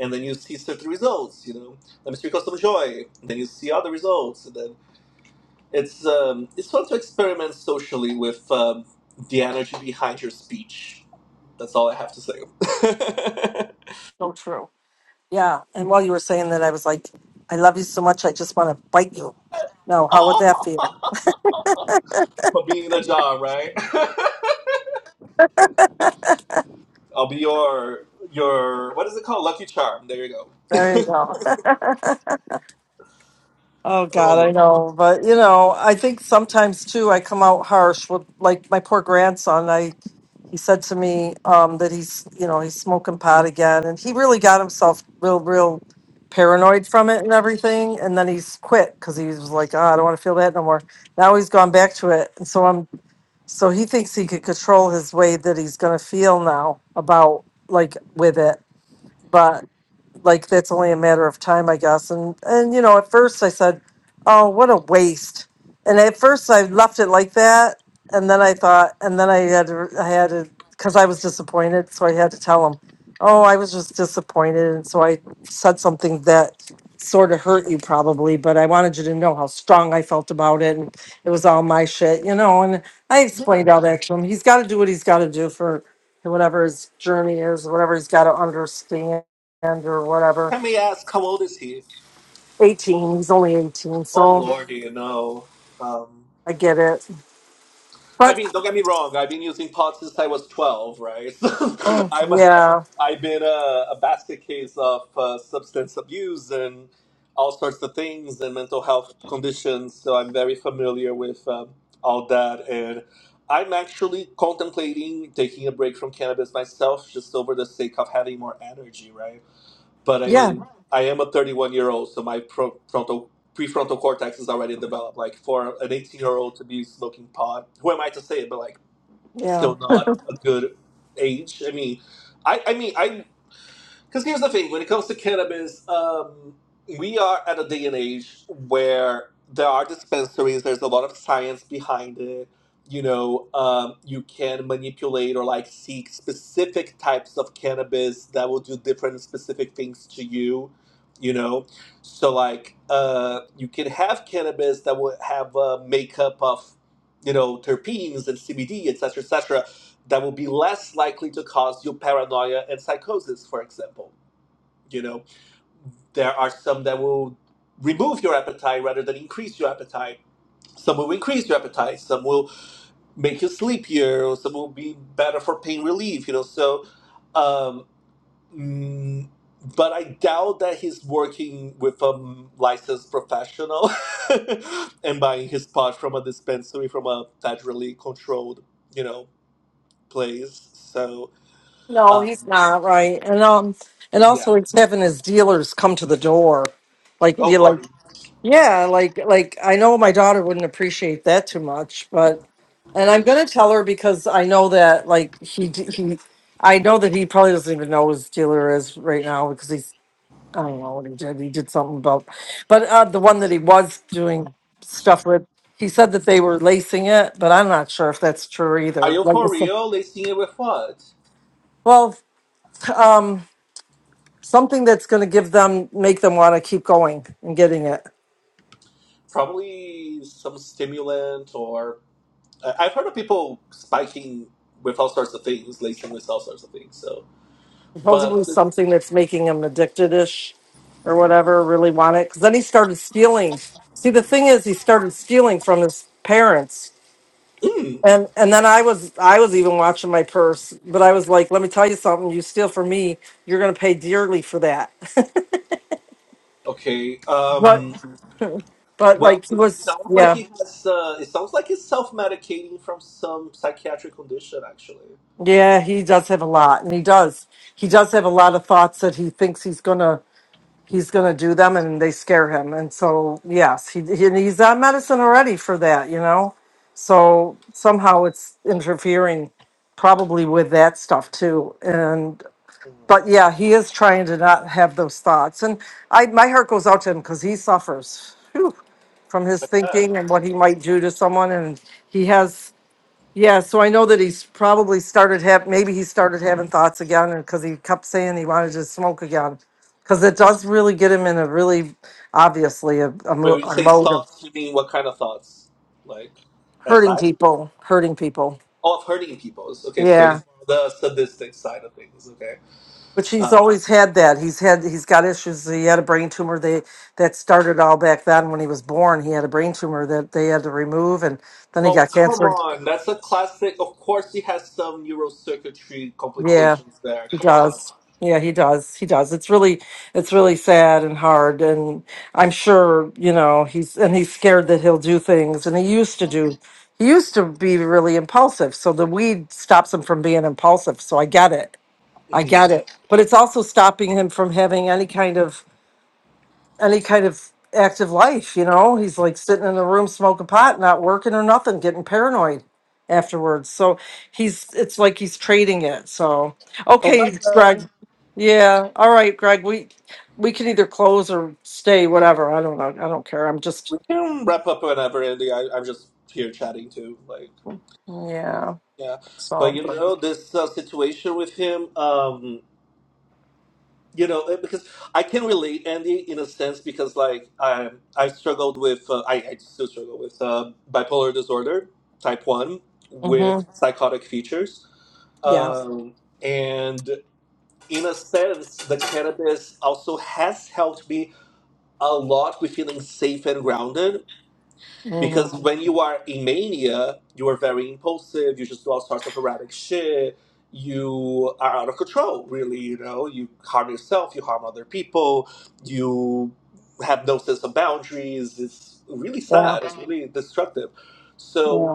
[SPEAKER 7] and then you see certain results. You know, let me speak custom joy. And then you see other results, and then it's um, it's fun to experiment socially with um, the energy behind your speech. That's all I have to say.
[SPEAKER 4] So true. Yeah. And while you were saying that I was like, I love you so much I just want to bite you. No, how would that
[SPEAKER 7] oh,
[SPEAKER 4] feel?
[SPEAKER 7] for being in a jar, right? I'll be your your what is it called? Lucky charm. There you go.
[SPEAKER 4] There you go. Oh
[SPEAKER 7] Oh,
[SPEAKER 4] God, I
[SPEAKER 7] Lord.
[SPEAKER 4] know, but you know, I think sometimes too, I come out harsh with like my poor grandson. I he said to me um, that he's you know he's smoking pot again, and he really got himself real real paranoid from it and everything. And then he's quit because he was like, oh, I don't want to feel that no more. Now he's gone back to it, and so I'm so he thinks he could control his way that he's going to feel now about like with it, like that's only a matter of time, I guess. And and you know, at first I said, "Oh, what a waste." And at first I left it like that, and then I thought, and then I had to, I had to, because I was disappointed, so I had to tell him, "Oh, I was just disappointed," and so I said something that sort of hurt you probably, but I wanted you to know how strong I felt about it, and it was all my shit, you know. And I explained all that to him. He's got to do what he's got to do for whatever his journey is, whatever he's got to understand and or whatever.
[SPEAKER 7] Let me ask, how old is he?
[SPEAKER 4] 18, he's only 18,
[SPEAKER 7] Oh
[SPEAKER 4] so
[SPEAKER 7] lordy, you know. um,
[SPEAKER 4] I get it.
[SPEAKER 7] I
[SPEAKER 4] But
[SPEAKER 7] mean, don't get me wrong. I've been using pot since I was twelve, right?
[SPEAKER 4] oh
[SPEAKER 7] I'm, a,
[SPEAKER 4] yeah,
[SPEAKER 7] I've been a, a basket case of uh, substance abuse and all sorts of things and mental health conditions. So I'm very familiar with um, all that, and I'm actually contemplating taking a break from cannabis myself, just over the sake of having more energy, right? But I
[SPEAKER 4] yeah,
[SPEAKER 7] mean, I am a 31 year old, so my pro- frontal prefrontal cortex is already developed. Like for an 18 year old to be smoking pot, who am I to say it? But like,
[SPEAKER 4] yeah.
[SPEAKER 7] still not a good age. I mean, I I mean, I because here's the thing: when it comes to cannabis, um, we are at a day and age where there are dispensaries. There's a lot of science behind it. You know, um, you can manipulate or like seek specific types of cannabis that will do different specific things to you. You know, so like uh, you can have cannabis that will have a makeup of you know terpenes and CBD, etc., etc., that will be less likely to cause you paranoia and psychosis, for example you know, there are some that will remove your appetite rather than increase your appetite. Some will increase your appetite. Some will make you sleepier. Or some will be better for pain relief. You know, so. Um, mm, but I doubt that he's working with a licensed professional and buying his pot from a dispensary from a federally controlled, you know, place. So,
[SPEAKER 4] No, he's
[SPEAKER 7] um,
[SPEAKER 4] not right. And um, and
[SPEAKER 7] yeah.
[SPEAKER 4] also he's having his dealers come to the door, like
[SPEAKER 7] Oh,
[SPEAKER 4] you like
[SPEAKER 7] Lordy.
[SPEAKER 4] yeah, like like I know my daughter wouldn't appreciate that too much, but and I'm gonna tell her because I know that like he d- he. I know that he probably doesn't even know who his dealer is right now because he's I don't know what he did. He did something about, but uh, the one that he was doing stuff with, he said that they were lacing it, but I'm not sure if that's true
[SPEAKER 7] Are
[SPEAKER 4] either.
[SPEAKER 7] you
[SPEAKER 4] Like,
[SPEAKER 7] for
[SPEAKER 4] it's a-
[SPEAKER 7] real? Lacing it with what?
[SPEAKER 4] well, um, something that's going to give them, make them want to keep going and getting it.
[SPEAKER 7] Probably some stimulant, or I- I've heard of people spiking with all sorts of things, lacing with all sorts of things. So,
[SPEAKER 4] Supposedly
[SPEAKER 7] but
[SPEAKER 4] something that's making them addicted ish or whatever, really want it. Because then he started stealing. See, the thing is, he started stealing from his parents.
[SPEAKER 7] mm,
[SPEAKER 4] And and then I was I was even watching my purse, but I was like, let me tell you something, you steal from me, you're gonna pay dearly for that.
[SPEAKER 7] okay.
[SPEAKER 4] but
[SPEAKER 7] Um,
[SPEAKER 4] but
[SPEAKER 7] well,
[SPEAKER 4] like he
[SPEAKER 7] it
[SPEAKER 4] was
[SPEAKER 7] sounds like
[SPEAKER 4] yeah.
[SPEAKER 7] he has. Uh, it sounds like he's self-medicating from some psychiatric condition, actually.
[SPEAKER 4] Yeah, he does have a lot and he does. He does have a lot of thoughts that he thinks he's gonna he's gonna do them and they scare him. And so yes, he, he and he's on medicine already for that, you know? So somehow it's interfering probably with that stuff too.
[SPEAKER 7] Mm,
[SPEAKER 4] but yeah, he is trying to not have those thoughts. And I, my heart goes out to him because he suffers whew, from his
[SPEAKER 7] like
[SPEAKER 4] thinking and what he might do to someone. And he has, yeah. So I know that he's probably started have maybe he started having thoughts again, because he kept saying he wanted to smoke again, because it does really get him in a really obviously a, a,
[SPEAKER 7] When
[SPEAKER 4] mo-
[SPEAKER 7] you
[SPEAKER 4] a
[SPEAKER 7] say
[SPEAKER 4] mode of
[SPEAKER 7] thoughts, you mean what kind of thoughts? Like
[SPEAKER 4] hurting
[SPEAKER 7] SI?
[SPEAKER 4] people, hurting people.
[SPEAKER 7] Oh, of hurting people. Okay, so
[SPEAKER 4] Yeah.
[SPEAKER 7] he's on the sadistic side of things. Okay.
[SPEAKER 4] But he's
[SPEAKER 7] Um,
[SPEAKER 4] always had that. He's had he's got issues. He had a brain tumor. They that started all back then when he was born. He had a brain tumor that they had to remove, and then he
[SPEAKER 7] Oh,
[SPEAKER 4] got
[SPEAKER 7] come
[SPEAKER 4] cancer.
[SPEAKER 7] on. That's a classic. Of course, he has some neurocircuitry
[SPEAKER 4] Yeah,
[SPEAKER 7] complications there.
[SPEAKER 4] he
[SPEAKER 7] Come on.
[SPEAKER 4] does. Yeah, he does. He does. It's really it's really sad and hard. And I'm sure you know he's and he's scared that he'll do things. And he used to do. He used to be really impulsive. So the weed stops him from being impulsive. So I get it. I
[SPEAKER 7] hmm
[SPEAKER 4] get it. But it's also stopping him from having any kind of any kind of active life, you know. He's like sitting in the room smoking pot, not working or nothing, getting paranoid afterwards. So he's it's like he's trading it. So
[SPEAKER 7] Oh, bye,
[SPEAKER 4] okay,
[SPEAKER 7] Greg.
[SPEAKER 4] Greg. Yeah. All right, Greg. We we can either close or stay, whatever. I don't know. I don't care. I'm just
[SPEAKER 7] We can wrap up whenever, Andy. I, I'm just here chatting too. Like,
[SPEAKER 4] yeah.
[SPEAKER 7] yeah. But,
[SPEAKER 4] So
[SPEAKER 7] you
[SPEAKER 4] hmm
[SPEAKER 7] know, this uh, situation with him, um, you know, eh, because I can relate, Andy, in a sense, because, like, I, I struggled with, uh, I, I still struggle with uh, bipolar disorder, type 1, with psychotic features.
[SPEAKER 4] yeah.
[SPEAKER 7] Um, and in a sense, the cannabis also has helped me a lot with feeling safe and grounded because
[SPEAKER 4] mhm,
[SPEAKER 7] when you are in mania, you are very impulsive, you just do all sorts of erratic shit, you are out of control, really, you know, you harm yourself, you harm other people, you have no sense of boundaries. It's really
[SPEAKER 4] Yeah. Yeah.
[SPEAKER 7] sad, it's really destructive. So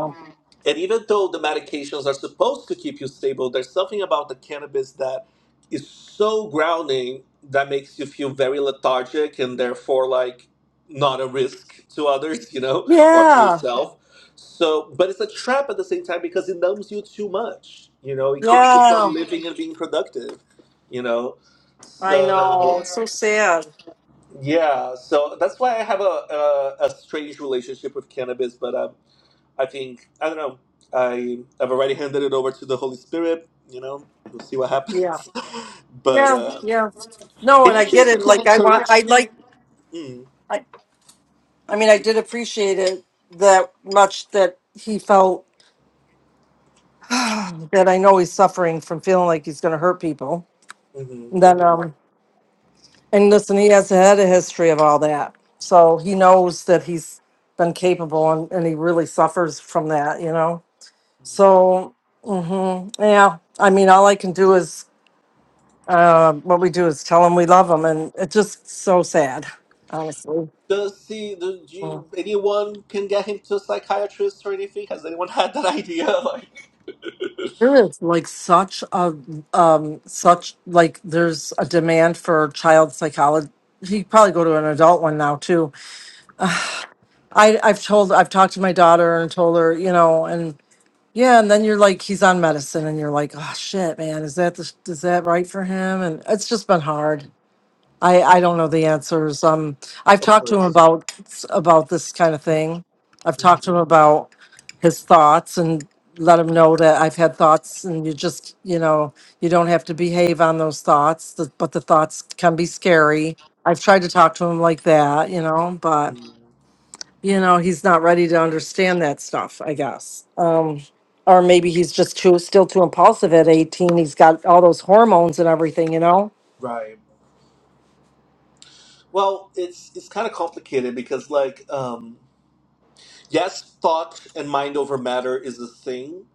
[SPEAKER 7] and even though the medications are supposed to keep you stable, there's something about the cannabis that is so grounding that makes you feel very lethargic and therefore like not a risk to others, you know, or to
[SPEAKER 4] Yeah.
[SPEAKER 7] yourself. So, but it's a trap at the same time because it numbs you too much. You know, it keeps you
[SPEAKER 4] Yeah.
[SPEAKER 7] from living and being productive, you know.
[SPEAKER 4] I
[SPEAKER 7] So,
[SPEAKER 4] know. It's so sad.
[SPEAKER 7] yeah, so that's why I have a, a, a strange relationship with cannabis, but um, I think I don't know. I I've already handed it over to the Holy Spirit. You know, we'll see what
[SPEAKER 4] Yeah.
[SPEAKER 7] happens. but
[SPEAKER 4] Yeah.
[SPEAKER 7] uh,
[SPEAKER 4] Yeah. No, and
[SPEAKER 7] any
[SPEAKER 4] I get
[SPEAKER 7] chance you
[SPEAKER 4] it.
[SPEAKER 7] can
[SPEAKER 4] Like I want
[SPEAKER 7] encourage
[SPEAKER 4] I
[SPEAKER 7] him?
[SPEAKER 4] like
[SPEAKER 7] Mm,
[SPEAKER 4] I, I mean, I did appreciate it that much that he felt that I know he's suffering from feeling like he's going to hurt people.
[SPEAKER 7] hmm
[SPEAKER 4] And then, um, and listen, he has had a history of all that, so he knows that he's been capable, and, and he really suffers from that, you know. So, hmm yeah, I mean, all I can do is uh, what we do is tell him we love him, and it's just so sad, honestly.
[SPEAKER 7] Does he? Do you, anyone can get him to a psychiatrist or anything? Has anyone had that idea? Like,
[SPEAKER 4] There is like such a um such like there's a demand for child psychology. You could probably go to an adult one now too. I I've told I've talked to my daughter and told her you know and yeah and then you're like he's on medicine and you're like oh shit man is that the, is that right for him and it's just been hard. I, I don't know the answers. Um, I've
[SPEAKER 7] of
[SPEAKER 4] talked to him
[SPEAKER 7] course.
[SPEAKER 4] about about this kind of thing. I've talked to
[SPEAKER 7] Mhm,
[SPEAKER 4] him about his thoughts and let him know that I've had thoughts, and you just you know you don't have to behave on those thoughts, th- but the thoughts can be scary. I've tried to talk to him like that, you know, but
[SPEAKER 7] mhm.
[SPEAKER 4] you know he's not ready to understand that stuff. I guess, um, or maybe he's just too still too impulsive at eighteen. He's got all those hormones and everything, you know.
[SPEAKER 7] Right. Well, it's it's kind of complicated because like um yes, thought and mind over matter is a thing,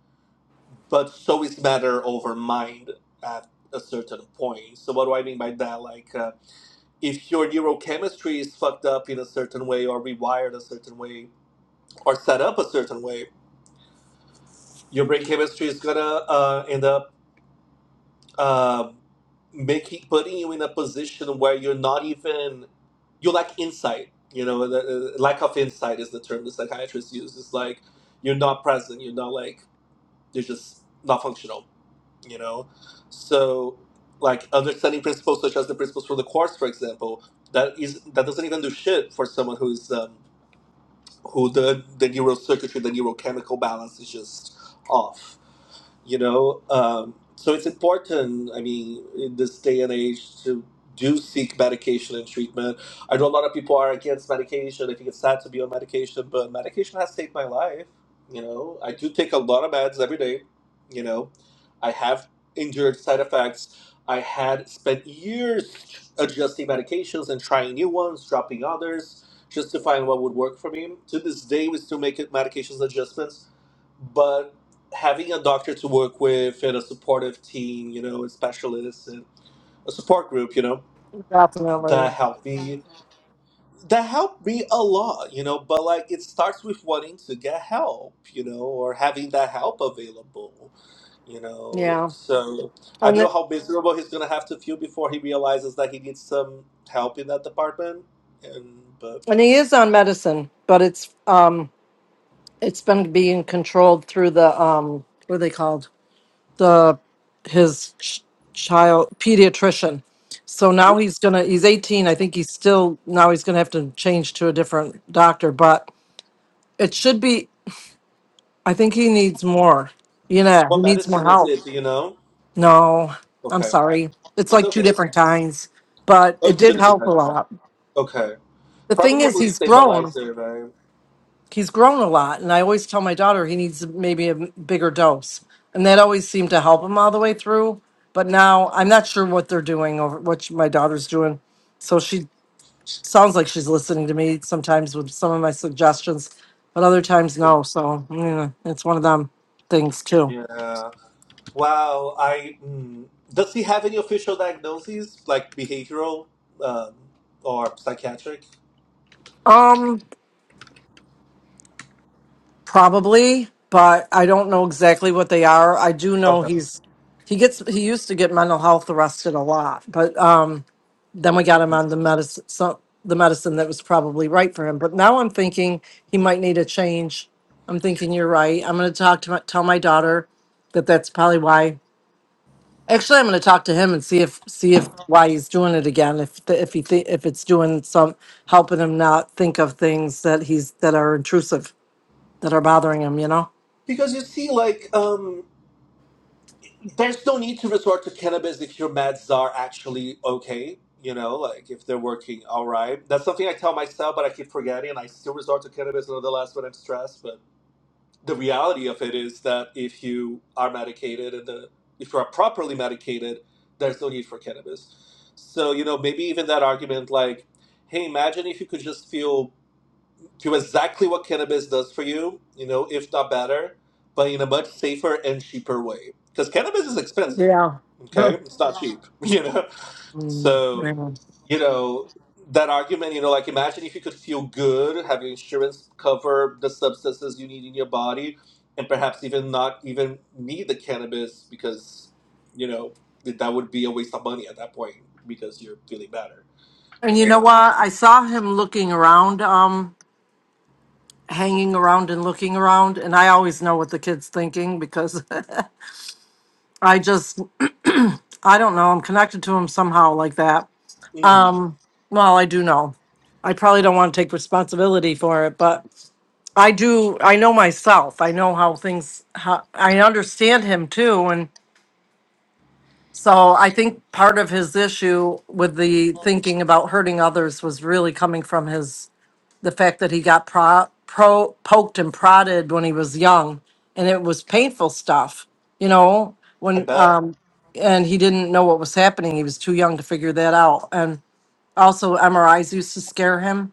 [SPEAKER 7] but show is better over mind at a certain point. So what do I mean by that? Like, uh, if your neurochemistry is fucked up in a certain way, or rewired a certain way, or set up a certain way, your brain chemistry is gonna uh, end up uh, making putting you in a position where you're not even you lack insight. You know, the, uh, lack of insight is the term the psychiatrist uses. It's like you're not present. You're not like you're just not functional you know so like understanding principles such as the principles for the quartz for example that is that doesn't even do shit for someone who's um, who the the neural circuitry the neurochemical balance is just off you know um, so it's important i mean in this day and age to do seek medication and treatment i know a lot of people are against medication i think it's sad to be on medication but medication has saved my life you know i do take a lot of meds every day you know i have endured side effects i had spent years adjusting medications and trying new ones dropping others just to find what would work for me to this day we still make it medications adjustments having a doctor to work with and a supportive team, you know, and specialists and a support group, you know, that
[SPEAKER 4] Definitely,
[SPEAKER 7] helped me. That helped me a lot, you know, but like it starts with wanting to get help, you know, or having that help available, you know.
[SPEAKER 4] yeah.
[SPEAKER 7] So I
[SPEAKER 4] And
[SPEAKER 7] don't know
[SPEAKER 4] th-
[SPEAKER 7] how miserable he's gonna have to feel before he realizes that he needs some help in that department. And but
[SPEAKER 4] And he is on medicine, but it's um it's been being controlled through the um what are they called? The his ch- child pediatrician. So now he's going to he's 18. I think he's still now he's going to have to change to a different doctor, but it should be I think he needs more. You know, he
[SPEAKER 7] what
[SPEAKER 4] needs more
[SPEAKER 7] medicine is
[SPEAKER 4] help.
[SPEAKER 7] it, do you know?
[SPEAKER 4] No, I'm
[SPEAKER 7] Okay,
[SPEAKER 4] sorry. It's
[SPEAKER 7] it's
[SPEAKER 4] like two
[SPEAKER 7] okay.
[SPEAKER 4] different kinds, but
[SPEAKER 7] Oh,
[SPEAKER 4] it
[SPEAKER 7] it
[SPEAKER 4] did
[SPEAKER 7] shouldn't be
[SPEAKER 4] help a lot.
[SPEAKER 7] touched.
[SPEAKER 4] The thing
[SPEAKER 7] Probably a
[SPEAKER 4] is
[SPEAKER 7] mood
[SPEAKER 4] he's grown.
[SPEAKER 7] stabilizer, right?
[SPEAKER 4] he's grown a lot and i always tell my daughter he needs maybe a bigger dose and that always seemed to help him all the way through but now i'm not sure what they're doing or what my daughter's doing so she sounds like she's listening to me sometimes with some of my suggestions but other times no so yeah, it's one of them things too
[SPEAKER 7] Yeah. Wow. I mm, does he have any official diagnoses like behavioral um, or psychiatric?
[SPEAKER 4] um probably but i don't know exactly what they are i do know
[SPEAKER 7] Okay.
[SPEAKER 4] he's he gets he used to get mental health arrested a lot but um then we got him on the medicine, so the medicine that was probably right for him. But now I'm thinking he might need a change. I'm thinking you're right. I'm going to talk to my, tell my daughter that that's probably why. Actually, I'm going to talk to him and see if see if why he's doing it again. If the, if he th- if it's doing some helping him not think of things that he's that are intrusive that are bothering him. You know.
[SPEAKER 7] Because you see, like, um, there's no need to resort to cannabis if your meds are actually okay. You know, like if they're working all right. That's something I tell myself, but I keep forgetting, and I still resort to cannabis until the last when I'm stressed. the reality of it is that if you are medicated and the, if you are properly medicated, there's no need for cannabis. So you know maybe even that argument like, hey, imagine if you could just feel feel exactly what cannabis does for you, you know, if not better, but in a much safer and cheaper way because cannabis is expensive.
[SPEAKER 4] Yeah.
[SPEAKER 7] Okay, it's not cheap, you know.
[SPEAKER 4] Mm,
[SPEAKER 7] So
[SPEAKER 4] yeah.
[SPEAKER 7] you know that argument you know like imagine if you could feel good have your insurance cover the substances you need in your body and perhaps even not even need the cannabis because you know that that would be a waste of money at that point because you're feeling better
[SPEAKER 4] And
[SPEAKER 7] you
[SPEAKER 4] you know
[SPEAKER 7] know
[SPEAKER 4] what? I saw him looking around. Um. hanging around and looking around and i always know what the kid's thinking because i just i don't know i'm connected to him somehow like that
[SPEAKER 7] mm,
[SPEAKER 4] um well i do know i probably don't want to take responsibility for it but i do i know myself i know how things how i understand him too and so i think part of his issue with the thinking about hurting others was really coming from his the fact that he got pro, pro poked and prodded when he was young and it was painful stuff you know
[SPEAKER 7] i
[SPEAKER 4] when
[SPEAKER 7] bet
[SPEAKER 4] um and he didn't know what was happening he was too young to figure that out and also mris used to scare him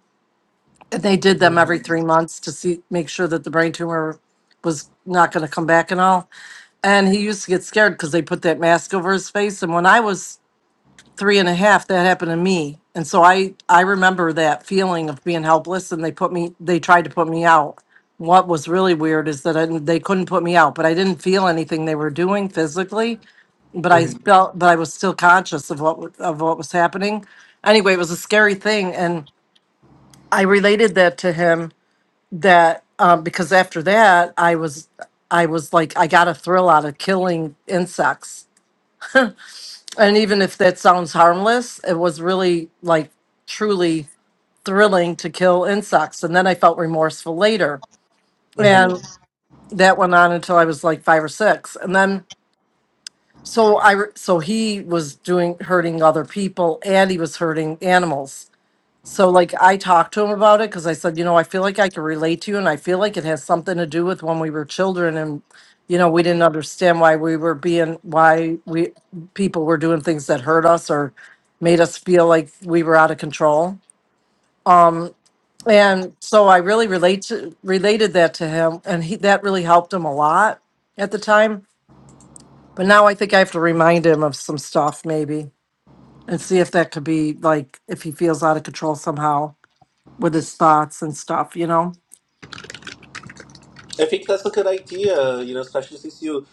[SPEAKER 4] and they did them every
[SPEAKER 7] Mm,
[SPEAKER 4] three months to see make sure that the brain tumor was not going to come back and all and he used to get scared because they put that mask over his face and when i was three and a half, that happened to me. And so I, I remember that feeling of being helpless and they put me, they tried to put me out. What was really weird is that I, didn't- they couldn't put me out, but I didn't feel anything they were doing physically, but I
[SPEAKER 7] mm-hmm.
[SPEAKER 4] felt, but I was still conscious of what, wa- of what was happening. Anyway, it was a scary thing. And I related that to him that, um, because after that I was, I was like, I got a thrill out of killing insects and even if that sounds harmless, it was really like truly thrilling to kill insects. And then I felt remorseful later.
[SPEAKER 7] mm-hmm.
[SPEAKER 4] And that went on until I was like five or six. And then so I re- so he was doing hurting other people and he was hurting animals. So like I talked to him about it because I said, you know, I feel like I can relate to you and I feel like it has something to do with when we were children and you know, we didn't understand why we were being why we people were doing things that hurt us or made us feel like we were out of control. And so I really relate to, related that to him and he that really helped him a lot at the time. But now I think I have to remind him of some stuff maybe and see if that could be like if he feels out of control somehow with his thoughts and stuff, you know.
[SPEAKER 7] I think that's a good idea, you know, especially since you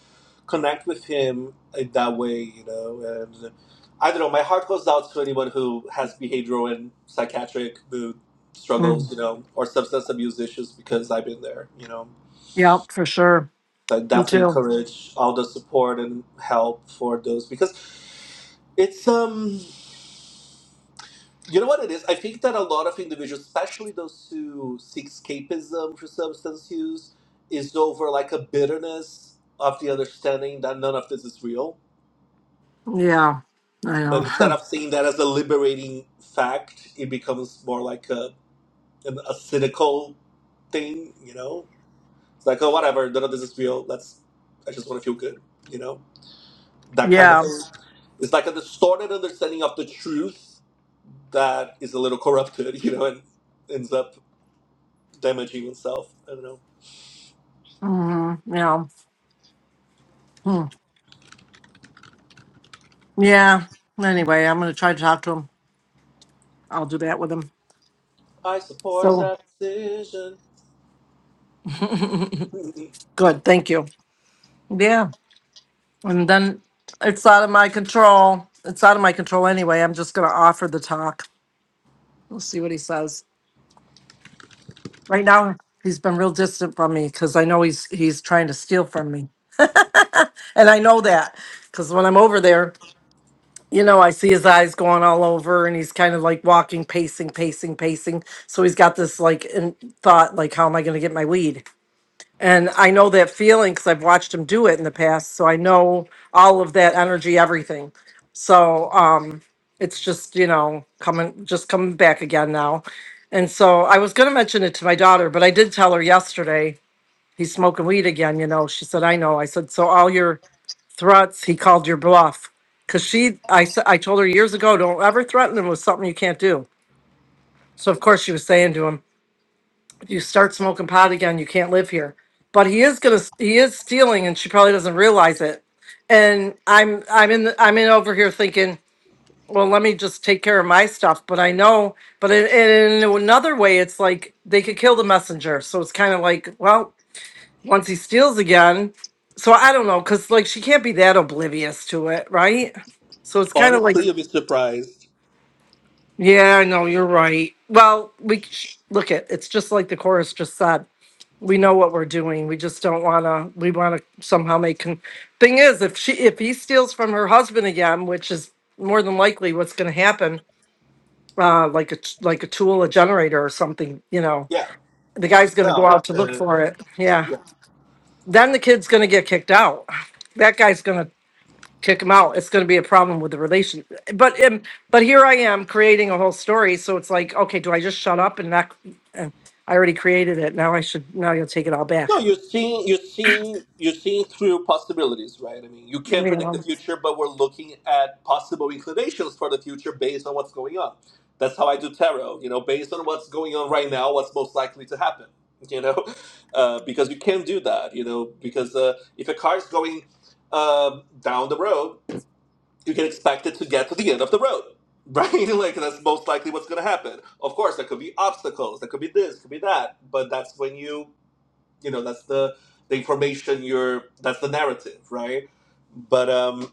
[SPEAKER 7] connect with him in that way, you know. And I don't know, my heart goes out to anyone who has behavioral and psychiatric mood struggles,
[SPEAKER 4] Mm.
[SPEAKER 7] you know, or substance abuse issues because I've been there, you know.
[SPEAKER 4] Yep, for sure.
[SPEAKER 7] So I
[SPEAKER 4] Me
[SPEAKER 7] definitely
[SPEAKER 4] too.
[SPEAKER 7] encourage all the support and help for those because it's um You know what it is? I think that a lot of individuals, especially those who seek escapism for substance use, is over like a bitterness of the understanding that none of this is real.
[SPEAKER 4] Yeah, I
[SPEAKER 7] But instead
[SPEAKER 4] know.
[SPEAKER 7] of seeing that as a liberating fact, it becomes more like a, an, a cynical thing, you know? It's like, oh, whatever, none of this is real. Let's, I just want to feel good, you know? That kind of
[SPEAKER 4] yeah.
[SPEAKER 7] thing. It's like a distorted understanding of the truth that is a little corrupted, you know, and ends up damaging himself. I don't know.
[SPEAKER 4] hmm Yeah. Hmm. Yeah. Anyway, I'm going to try to talk to him. I'll do that with him.
[SPEAKER 7] I support
[SPEAKER 4] So
[SPEAKER 7] that decision.
[SPEAKER 4] good. Thank you. Yeah. And then it's out of my control. It's out of my control anyway. I'm just going to offer the talk. We'll see what he says. Right now, he's been real distant from me because I know he's he's trying to steal from me, and I know that because when I'm over there, you know, I see his eyes going all over and he's kind of like walking, pacing, pacing, pacing. So he's got this like in thought, like, how am I going to get my weed? And I know that feeling because I've watched him do it in the past. So I know all of that energy, everything. So um, it's just, you know, coming, just coming back again now. And so I was going to mention it to my daughter, but I did tell her yesterday he's smoking weed again. You know, she said, I know. I said, so all your threats. He called your bluff because she, I, s- I told her years ago, don't ever threaten him with something you can't do. So of course she was saying to him, if you start smoking pot again, you can't live here. But he is gonna, he is stealing, and she probably doesn't realize it. And I'm, I'm in, the, I'm in over here thinking, well, let me just take care of my stuff. But I know, but in, in another way, it's like they could kill the messenger. So it's kind of like, well, once he steals again. So I don't know, because like she can't be that oblivious to it, right? So it's kind of like,
[SPEAKER 7] Honestly,
[SPEAKER 4] Mhm.
[SPEAKER 7] you'll be surprised.
[SPEAKER 4] yeah, I know you're right. Well, we sh- look at it's just like the chorus just said. We know what we're doing. We just don't want to. We want to somehow make. Con- Thing is, if she if he steals from her husband again, which is more than likely what's going to happen, uh, like a t- like a tool, a generator, or something, you know,
[SPEAKER 7] Yeah,
[SPEAKER 4] the
[SPEAKER 7] to
[SPEAKER 4] guy's going to go
[SPEAKER 7] sell.
[SPEAKER 4] out to look
[SPEAKER 7] Uh,
[SPEAKER 4] for it. Yeah,
[SPEAKER 7] yeah.
[SPEAKER 4] then the kid's going to get kicked out. That guy's going to kick him out. It's going to be a problem with the relation. But um, but here I am creating a whole story. So it's like, okay, do I just shut up and not? Uh, I already created it. Now I should. Now you'll take it all
[SPEAKER 7] No,
[SPEAKER 4] back.
[SPEAKER 7] you're seeing, you're seeing, you're seeing through possibilities, right? I mean, you
[SPEAKER 4] You
[SPEAKER 7] can't predict the
[SPEAKER 4] know.
[SPEAKER 7] future, but we're looking at possible inclinations for the future based on what's going on. That's how I do tarot. You know, based on what's going on right now, what's most likely to happen. You know, uh, because you can't do that. You know, because uh, if a card's going um, down the road you can expect it to get to the end of the road, right? like that's most likely what's going to happen. Of course, there could be obstacles, there could be this, could be that, but that's when you, you know, that's the the information you're, that's the narrative, right? But um,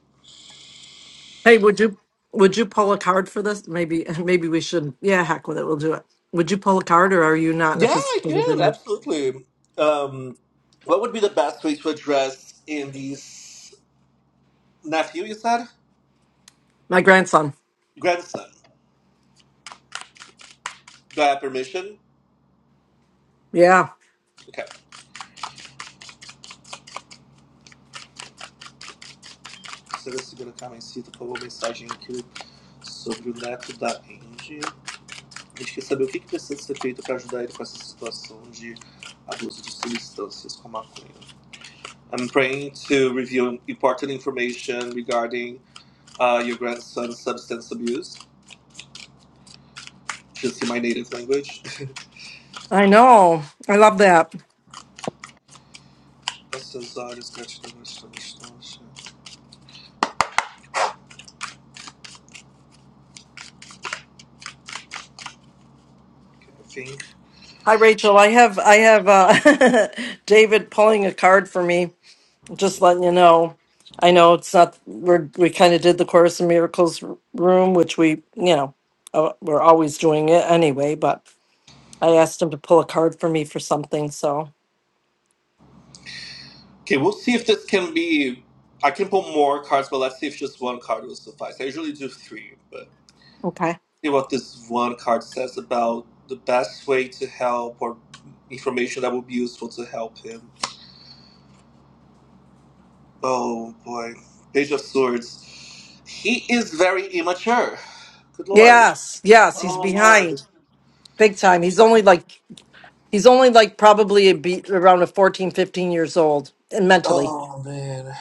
[SPEAKER 4] Hey, would you would you pull a card for this? Maybe maybe we should. Yeah, heck with it. We'll do it. Would you pull a card, or are you not in a
[SPEAKER 7] yeah,
[SPEAKER 4] position?
[SPEAKER 7] I can absolutely. Um, what would be the best way to address in these nephew? You said
[SPEAKER 4] My grandson.
[SPEAKER 7] grandson. Do I have permission?
[SPEAKER 4] Yeah,
[SPEAKER 7] Okay. Será segura a caminho, cita, por favor, mensagem aqui sobre o neto da Angie. A gente quer saber o que, que precisa ser feito para ajudar ele com essa situação de abuso de substâncias com maconha. I'm praying to review important information regarding uh, your grandson's substance abuse. Should see my native language.
[SPEAKER 4] I know. I love that.
[SPEAKER 7] Esses olhos, Okay, I think.
[SPEAKER 4] Hi, Rachel. I have I have uh, David pulling a card for me just letting you know. I know it's not. We're we kind of did the Course in Miracles r- room, which we you know uh, we're always doing it anyway. But I asked him to pull a card for me for something. So
[SPEAKER 7] Okay, we'll see if this can be. I can pull more cards, but let's see if just one card will suffice. I usually do three, but.
[SPEAKER 4] okay.
[SPEAKER 7] see what this one card says about the best way to help or information that would be useful to help him. Oh boy. Page of Swords. He is very immature. Good lord.
[SPEAKER 4] Yes, yes, he's
[SPEAKER 7] Oh lord.
[SPEAKER 4] behind big time. He's only like he's only like probably a be around a 14, 15 years old and mentally.
[SPEAKER 7] Oh man.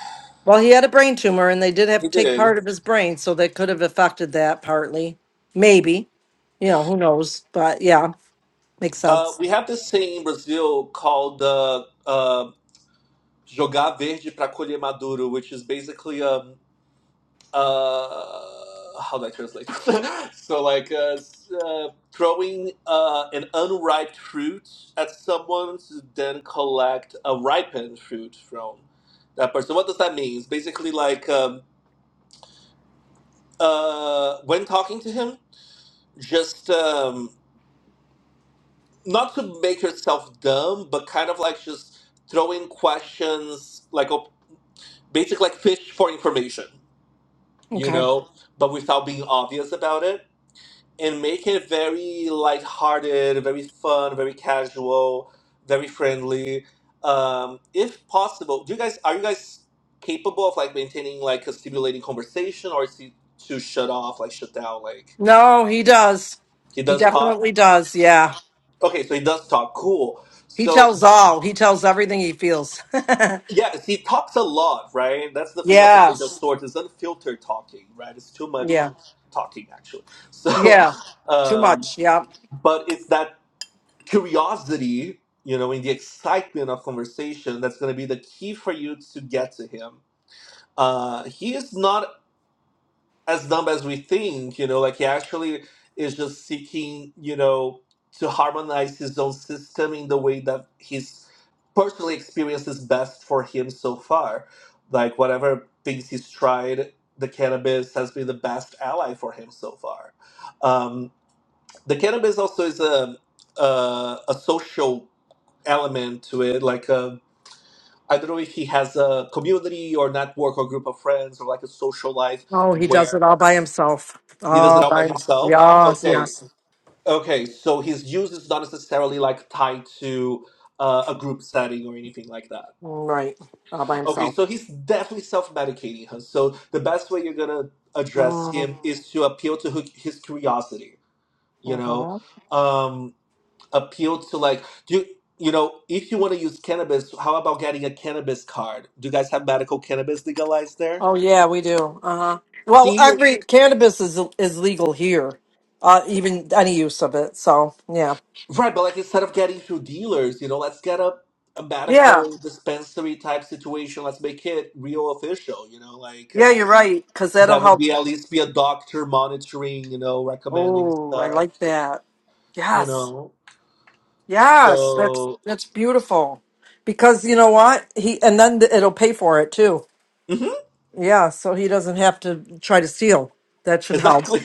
[SPEAKER 4] Well, he had a brain tumor, and they did have to
[SPEAKER 7] He
[SPEAKER 4] take
[SPEAKER 7] did.
[SPEAKER 4] part of his brain, so that could have affected that partly. Maybe you know who knows, but yeah, makes
[SPEAKER 7] Uh,
[SPEAKER 4] sense.
[SPEAKER 7] we have this thing in Brazil called uh, uh, jogar verde para colher maduro, which is basically a. uh, how do I translate? so like uh, s- uh, throwing uh, an unripe fruit at someone to then collect a ripened fruit from that person. So What does that mean? It's basically like um, uh, when talking to him, just um, not to make yourself dumb, but kind of like just throwing questions, like op- basically like fish for information, you
[SPEAKER 4] Okay.
[SPEAKER 7] know, but without being obvious about it and make it very lighthearted, very fun, very casual, very friendly. Um, if possible, do you guys are you guys capable of like maintaining like a stimulating conversation, or is he too shut off, like shut down? Like
[SPEAKER 4] No, he does.
[SPEAKER 7] he
[SPEAKER 4] He
[SPEAKER 7] does
[SPEAKER 4] definitely
[SPEAKER 7] talk.
[SPEAKER 4] does. Yeah.
[SPEAKER 7] Okay, so he does talk. Cool.
[SPEAKER 4] He
[SPEAKER 7] So
[SPEAKER 4] tells all. He tells everything he feels.
[SPEAKER 7] yeah, he talks a lot, right? That's the thing of the page of
[SPEAKER 4] yes.
[SPEAKER 7] swords is unfiltered talking, right? It's too
[SPEAKER 4] Yeah.
[SPEAKER 7] much talking actually. So,
[SPEAKER 4] Yeah. Too
[SPEAKER 7] um,
[SPEAKER 4] much. Yeah.
[SPEAKER 7] but it's that curiosity, you know, in the excitement of conversation, that's going to be the key for you to get to him. Uh, he is not as dumb as we think, you know, like he actually is just seeking, you know, to harmonize his own system in the way that he's personally experienced is best for him so far. Like whatever things he's tried, the cannabis has been the best ally for him so far. Um, the cannabis also is a, a, a social element to it. Like, uh, I don't know if he has a community or network or group of friends or like a social life
[SPEAKER 4] Oh, he does it
[SPEAKER 7] where
[SPEAKER 4] all by himself.
[SPEAKER 7] he does it
[SPEAKER 4] All
[SPEAKER 7] all
[SPEAKER 4] by
[SPEAKER 7] by
[SPEAKER 4] himself.
[SPEAKER 7] himself.
[SPEAKER 4] yes,
[SPEAKER 7] Okay,
[SPEAKER 4] yes.
[SPEAKER 7] okay. So his use is not necessarily like tied to uh, a group setting or anything like that.
[SPEAKER 4] Right. All by
[SPEAKER 7] Okay,
[SPEAKER 4] himself.
[SPEAKER 7] so he's definitely self-medicating her. So the best way you're gonna address him
[SPEAKER 4] Mm-hmm.
[SPEAKER 7] is to appeal to her, his curiosity. You know, Um, appeal to like do you, you know if you want to use cannabis how about getting a cannabis card do you guys have medical cannabis legalized there
[SPEAKER 4] Oh yeah, we do. Uh-huh. Well,
[SPEAKER 7] see
[SPEAKER 4] every cannabis is is legal here. Uh even any use of it. So, yeah.
[SPEAKER 7] right but like instead of getting through dealers you know let's get a, a
[SPEAKER 4] Yeah.
[SPEAKER 7] medical dispensary type situation let's make it real official you know like
[SPEAKER 4] Yeah,
[SPEAKER 7] um,
[SPEAKER 4] you're right cuz that'll
[SPEAKER 7] that would
[SPEAKER 4] help
[SPEAKER 7] be at least be a doctor monitoring you know recommending
[SPEAKER 4] Oh, I
[SPEAKER 7] stuff
[SPEAKER 4] like that.
[SPEAKER 7] you
[SPEAKER 4] Yes.
[SPEAKER 7] know
[SPEAKER 4] Yes. That's
[SPEAKER 7] so
[SPEAKER 4] that's beautiful. Because you know what? He and then th- it'll pay for it too.
[SPEAKER 7] Mhm,
[SPEAKER 4] Yeah, so he doesn't have to try to steal. That should help.
[SPEAKER 7] exactly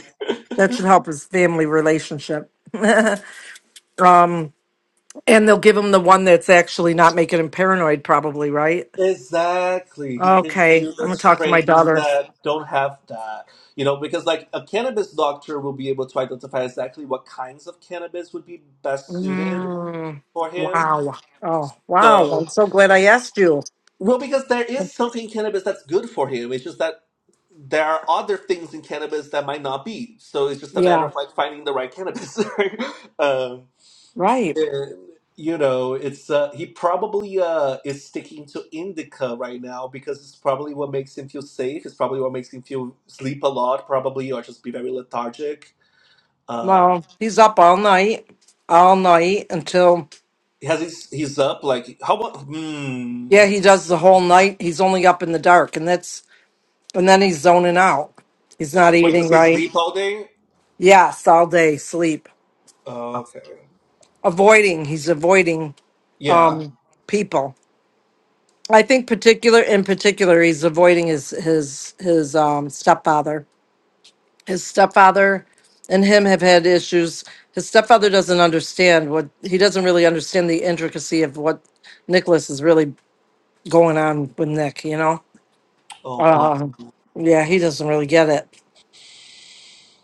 [SPEAKER 4] That should help his family relationship. um and they'll give him the one that's actually not making him paranoid probably, right?
[SPEAKER 7] Exactly. He can
[SPEAKER 4] Okay.
[SPEAKER 7] do
[SPEAKER 4] I'm
[SPEAKER 7] the
[SPEAKER 4] going to talk to my
[SPEAKER 7] strains
[SPEAKER 4] daughter.
[SPEAKER 7] that don't have that. You know, because like a cannabis doctor will be able to identify exactly what kinds of cannabis would be best suited
[SPEAKER 4] Mm,
[SPEAKER 7] for him.
[SPEAKER 4] wow. Oh, wow.
[SPEAKER 7] So,
[SPEAKER 4] I'm so glad I asked you.
[SPEAKER 7] well, because there is something in cannabis that's good for him. It's just that there are other things in cannabis that might not be. So it's just a matter
[SPEAKER 4] Yeah.
[SPEAKER 7] of like finding the right cannabis. um,
[SPEAKER 4] Right.
[SPEAKER 7] Yeah, you know, it's uh, he probably uh is sticking to indica right now because it's probably what makes him feel safe. It's probably what makes him feel sleep a lot, probably, or just be very lethargic. Um,
[SPEAKER 4] No, he's up all night, all night until
[SPEAKER 7] he has his he's up like how about hmm.
[SPEAKER 4] yeah, he does the whole night. He's only up in the dark, and that's and then he's zoning out. He's not
[SPEAKER 7] Wait,
[SPEAKER 4] eating
[SPEAKER 7] does he
[SPEAKER 4] right.
[SPEAKER 7] sleep all day?
[SPEAKER 4] Yes, all day sleep,
[SPEAKER 7] Oh, okay,
[SPEAKER 4] avoiding. He's avoiding
[SPEAKER 7] yeah.
[SPEAKER 4] um people. I think particular in particular, he's avoiding his his his um stepfather. His stepfather and him have had issues. His stepfather doesn't understand what he doesn't really understand the intricacy of what Nicholas is really going on with Nick, you know?
[SPEAKER 7] Oh, bless.
[SPEAKER 4] Uh, yeah, he doesn't really get it.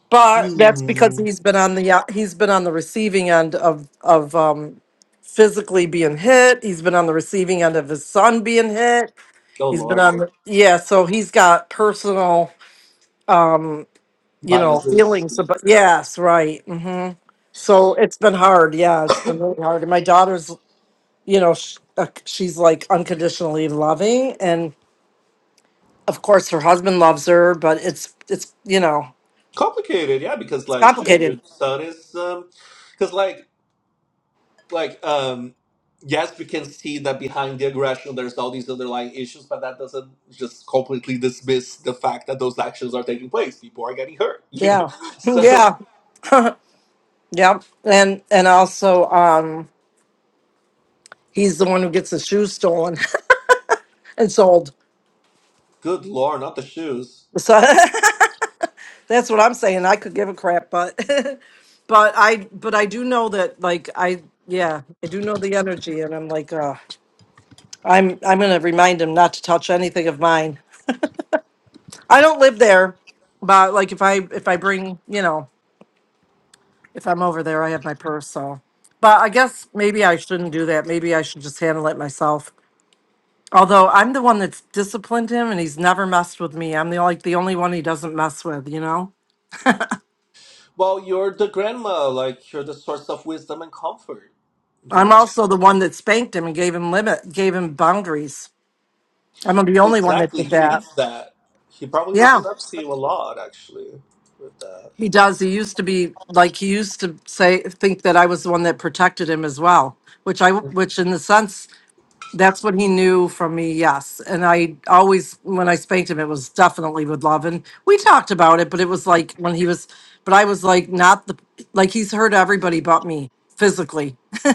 [SPEAKER 4] But that's because
[SPEAKER 7] Hmm.
[SPEAKER 4] he's been on the uh, he's been on the receiving end of of um, physically being hit. He's been on the receiving end of his son being hit.
[SPEAKER 7] Oh
[SPEAKER 4] He's been
[SPEAKER 7] Lord,
[SPEAKER 4] on
[SPEAKER 7] yeah.
[SPEAKER 4] the, yeah, so he's got personal, mm, you know,
[SPEAKER 7] biases.
[SPEAKER 4] feelings
[SPEAKER 7] Yeah.
[SPEAKER 4] about yes, right. hmm So it's been hard. Yeah, it's been really hard. And my daughter's, you know, sh- uh, she's like unconditionally loving and of course her husband loves her but it's it's you know
[SPEAKER 7] Complicated, yeah, because
[SPEAKER 4] it's
[SPEAKER 7] like shit, your
[SPEAKER 4] complicated
[SPEAKER 7] son is um, because like like um yes we can see that behind the aggression there's all these underlying issues but that doesn't just completely dismiss the fact that those actions are taking place people are getting hurt you know
[SPEAKER 4] yeah
[SPEAKER 7] so
[SPEAKER 4] yeah yeah. and and also um he's the one who gets his shoes stolen and sold
[SPEAKER 7] good lord not the shoes
[SPEAKER 4] so that's what i'm saying i could give a crap but but i but i do know that like i yeah i do know the energy and i'm like uh i'm i'm gonna remind him not to touch anything of mine i don't live there but like if i if i bring you know if I'm over there, I have my purse. So, but I guess maybe I shouldn't do that. Maybe I should just handle it myself. Although I'm the one that's disciplined him, and he's never messed with me. I'm the like the only one he doesn't mess with. You know,
[SPEAKER 7] well you're the grandma like you're the source of wisdom and comfort you
[SPEAKER 4] I'm
[SPEAKER 7] know
[SPEAKER 4] also the one that spanked him and gave him limit, gave him boundaries. I'm the only one that
[SPEAKER 7] exactly
[SPEAKER 4] did
[SPEAKER 7] he
[SPEAKER 4] that.
[SPEAKER 7] needs that he probably
[SPEAKER 4] Yeah,
[SPEAKER 7] looks up to you a lot actually with that
[SPEAKER 4] he does. He used to be like he used to say think that I was the one that protected him as well, which I which in the sense That's what he knew from me, yes. And I always, when I spanked him, it was definitely with love. And we talked about it, but it was like when he was, but I was like, not the, like he's hurt everybody but me physically.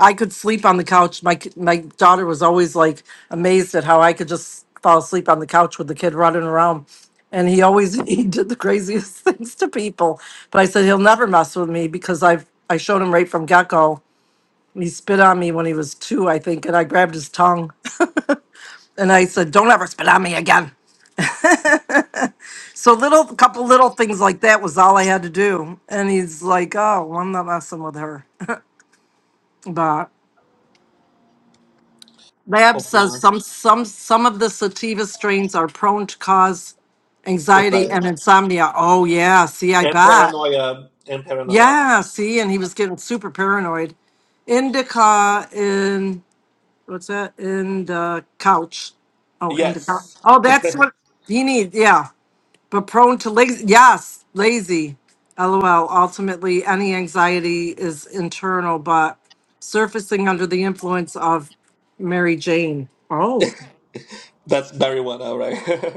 [SPEAKER 4] I could sleep on the couch. My ki- my daughter was always like amazed at how I could just fall asleep on the couch with the kid running around. And he always he did the craziest things to people. But I said he'll never mess with me because I've I showed him right from get go he spit on me when he was two, I think, and I grabbed his tongue and I said, Don't ever spit on me again. So little a couple little things like that was all I had to do. And he's like, Oh, well, I'm not messing with her. But Lab says
[SPEAKER 7] hopefully
[SPEAKER 4] some some some of the sativa strains are prone to cause
[SPEAKER 7] it's like
[SPEAKER 4] anxiety and insomnia. Oh yeah, see, I
[SPEAKER 7] and
[SPEAKER 4] bet.
[SPEAKER 7] paranoia and paranoia
[SPEAKER 4] Yeah, see, and he was getting super paranoid. Indica what's that in the couch? Oh, in the couch.
[SPEAKER 7] yes
[SPEAKER 4] Oh, that's what he needs. Yeah, but prone to lazy. Yes, lazy. LOL. Ultimately, any anxiety is internal, but surfacing under the influence of Mary Jane. Oh.
[SPEAKER 7] that's Barry one, right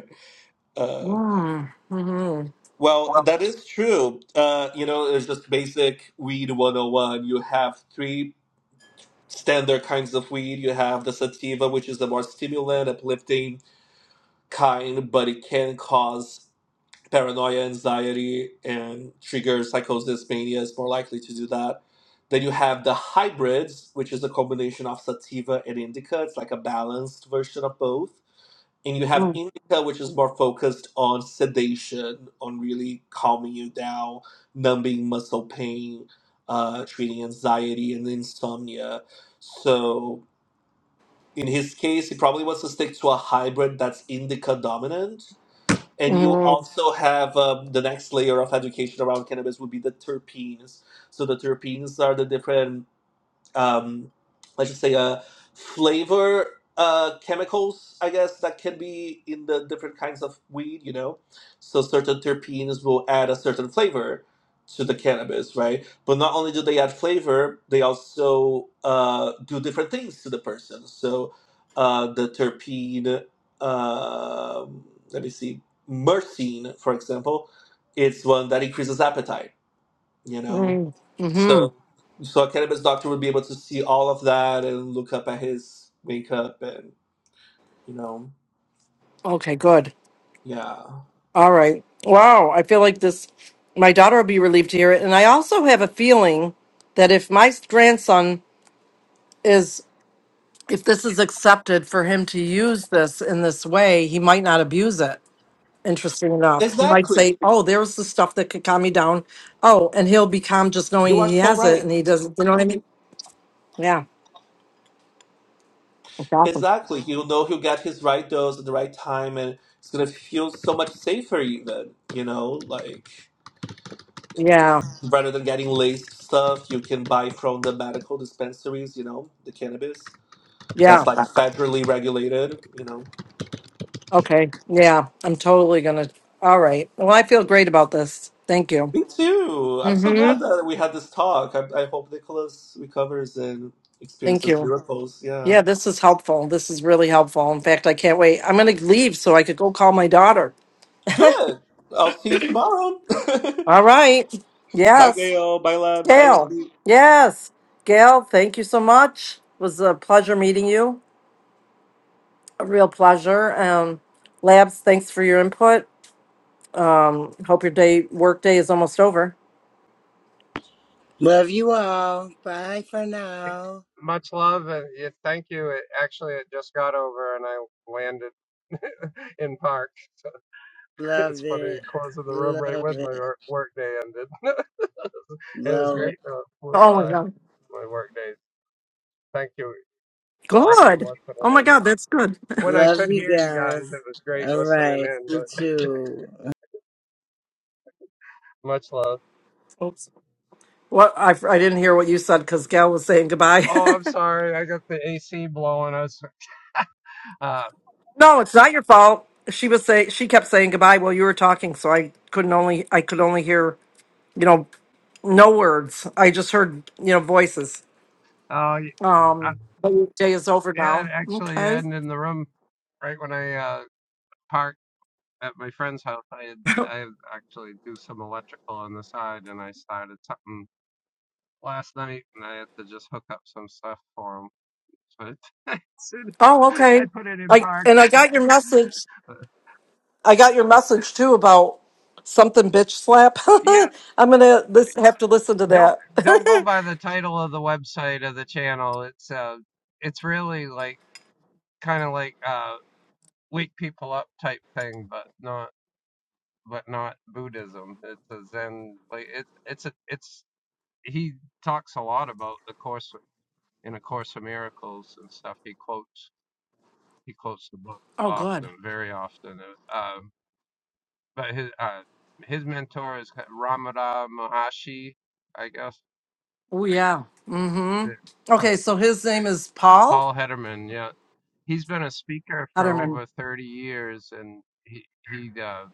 [SPEAKER 7] Uh,
[SPEAKER 4] Mm-hmm.
[SPEAKER 7] well,
[SPEAKER 4] Mm-hmm.
[SPEAKER 7] that is true. Uh, you know, it's just basic weed 101. You have three standard kinds of weed. You have the sativa, which is the more stimulant, uplifting kind, but it can cause paranoia, anxiety, and trigger psychosis, mania is more likely to do that. Then you have the hybrids, which is a combination of sativa and indica. It's like a balanced version of both and you have indica which is more focused on sedation on really calming you down numbing muscle pain uh, treating anxiety and insomnia so in his case he probably wants to stick to a hybrid that's indica dominant and you
[SPEAKER 4] Mm-hmm.
[SPEAKER 7] also have um, the next layer of education around cannabis would be the terpenes so the terpenes are the different um, let's just say uh, flavor uh, chemicals, I guess, that can be in the different kinds of weed, you know. So certain terpenes will add a certain flavor to the cannabis, right? But not only do they add flavor, they also uh, do different things to the person. So uh, the terpene, um let me see, myrcene, for example, it's one that increases appetite, you know.
[SPEAKER 4] Mm-hmm.
[SPEAKER 7] so so a cannabis doctor would be able to see all of that and look up at his wake up and you know
[SPEAKER 4] Okay, good.
[SPEAKER 7] yeah
[SPEAKER 4] All right. Wow. I feel like this, my daughter will be relieved to hear it. And I also have a feeling that if my grandson is if this is accepted for him to use this in this way, he might not abuse it. Interesting enough, he might
[SPEAKER 7] exactly
[SPEAKER 4] say, "Oh, there's the stuff that could calm me down." Oh, and he'll be calm just knowing
[SPEAKER 7] you are
[SPEAKER 4] he
[SPEAKER 7] so
[SPEAKER 4] has it,
[SPEAKER 7] right
[SPEAKER 4] and he doesn't. You know what I mean? Yeah, that's awesome.
[SPEAKER 7] exactly he'll know he'll get his right dose at the right time and it's gonna feel so much safer even you know like
[SPEAKER 4] Yeah,
[SPEAKER 7] rather than getting laced stuff you can buy from the medical dispensaries you know the cannabis that's
[SPEAKER 4] yeah.
[SPEAKER 7] like federally regulated you know
[SPEAKER 4] Okay, yeah. I'm totally gonna. All right. Well, I feel great about this. Thank you.
[SPEAKER 7] Me too. I'm so
[SPEAKER 4] Mm-hmm.
[SPEAKER 7] glad that we had this talk. I, I hope Nicholas recovers and
[SPEAKER 4] Thank
[SPEAKER 7] experiences
[SPEAKER 4] you.
[SPEAKER 7] miracles. Yeah.
[SPEAKER 4] Yeah, this is helpful. This is really helpful. In fact, I can't wait. I'm gonna leave so I could go call my daughter.
[SPEAKER 7] Do it. I'll see you tomorrow.
[SPEAKER 4] All right.
[SPEAKER 7] bye,
[SPEAKER 4] Yes.
[SPEAKER 7] Gail. Bye, Labs. Bye,
[SPEAKER 4] Gail,
[SPEAKER 7] Andy.
[SPEAKER 4] yes. Gail, thank you so much. It was a pleasure meeting you. A real pleasure. Um, Labs, thanks for your input. Um, hope your day work day is almost over.
[SPEAKER 10] Love you all. Bye for now.
[SPEAKER 12] Much love. Uh, yeah, thank you. It, actually, it just got over and I landed in park. So
[SPEAKER 10] Love
[SPEAKER 12] it's funny
[SPEAKER 10] it.
[SPEAKER 12] closing the room right
[SPEAKER 10] Love
[SPEAKER 12] when my
[SPEAKER 10] it.
[SPEAKER 12] wor- work day ended. it was
[SPEAKER 10] Love it.
[SPEAKER 12] great. Though. It flew
[SPEAKER 4] Oh my
[SPEAKER 12] by
[SPEAKER 4] god.
[SPEAKER 12] my work day. Thank you. Awesome
[SPEAKER 4] Good.
[SPEAKER 12] listening
[SPEAKER 4] Oh my
[SPEAKER 12] in.
[SPEAKER 4] god, that's good.
[SPEAKER 12] When I
[SPEAKER 10] Love
[SPEAKER 12] could
[SPEAKER 10] you
[SPEAKER 12] hear you guys,
[SPEAKER 10] guys.
[SPEAKER 12] it was great
[SPEAKER 10] All
[SPEAKER 12] listening
[SPEAKER 10] right.
[SPEAKER 12] in.
[SPEAKER 10] You
[SPEAKER 12] But
[SPEAKER 10] too.
[SPEAKER 12] much love.
[SPEAKER 4] Oops. What I, I didn't hear what you said because Gail was saying goodbye.
[SPEAKER 12] Oh, I'm sorry. I got the AC blowing us. Uh,
[SPEAKER 4] no, it's not your fault. She was say she kept saying goodbye while you were talking, so I couldn't only I could only hear you know no words. I just heard you know voices.
[SPEAKER 12] oh, y- I,
[SPEAKER 4] Um, but your day is over
[SPEAKER 12] yeah. It
[SPEAKER 4] now.
[SPEAKER 12] actually
[SPEAKER 4] Okay.
[SPEAKER 12] ended in the room right when I uh, parked. at my friend's house, I I actually do some electrical on the side, and I started something last night, and I had to just hook up some stuff for him. But I,
[SPEAKER 4] Oh,
[SPEAKER 12] I
[SPEAKER 4] okay.
[SPEAKER 12] put it in
[SPEAKER 4] I
[SPEAKER 12] park.
[SPEAKER 4] and I got your message.
[SPEAKER 12] Uh,
[SPEAKER 4] I got your message too about something bitch slap.
[SPEAKER 12] Yeah,
[SPEAKER 4] I'm gonna lis- have to listen to
[SPEAKER 12] don't
[SPEAKER 4] that.
[SPEAKER 12] don't go by the title of the website of the channel. It's uh, it's really like kind of like uh, wake people up type thing, but not but not Buddhism. It's a Zen. Like it's it's a it's he talks a lot about the course in A Course in Miracles and stuff, he quotes he quotes the book
[SPEAKER 4] oh, good.
[SPEAKER 12] often, very often. uh, Um, but his uh, his mentor is Ramada Maharshi, I guess.
[SPEAKER 4] Oh, yeah. Mm-hmm. Okay,
[SPEAKER 12] um,
[SPEAKER 4] so his name is Paul
[SPEAKER 12] Paul Hederman, yeah, he's been a speaker for
[SPEAKER 4] Hutterman.
[SPEAKER 12] over thirty years, and he he uh,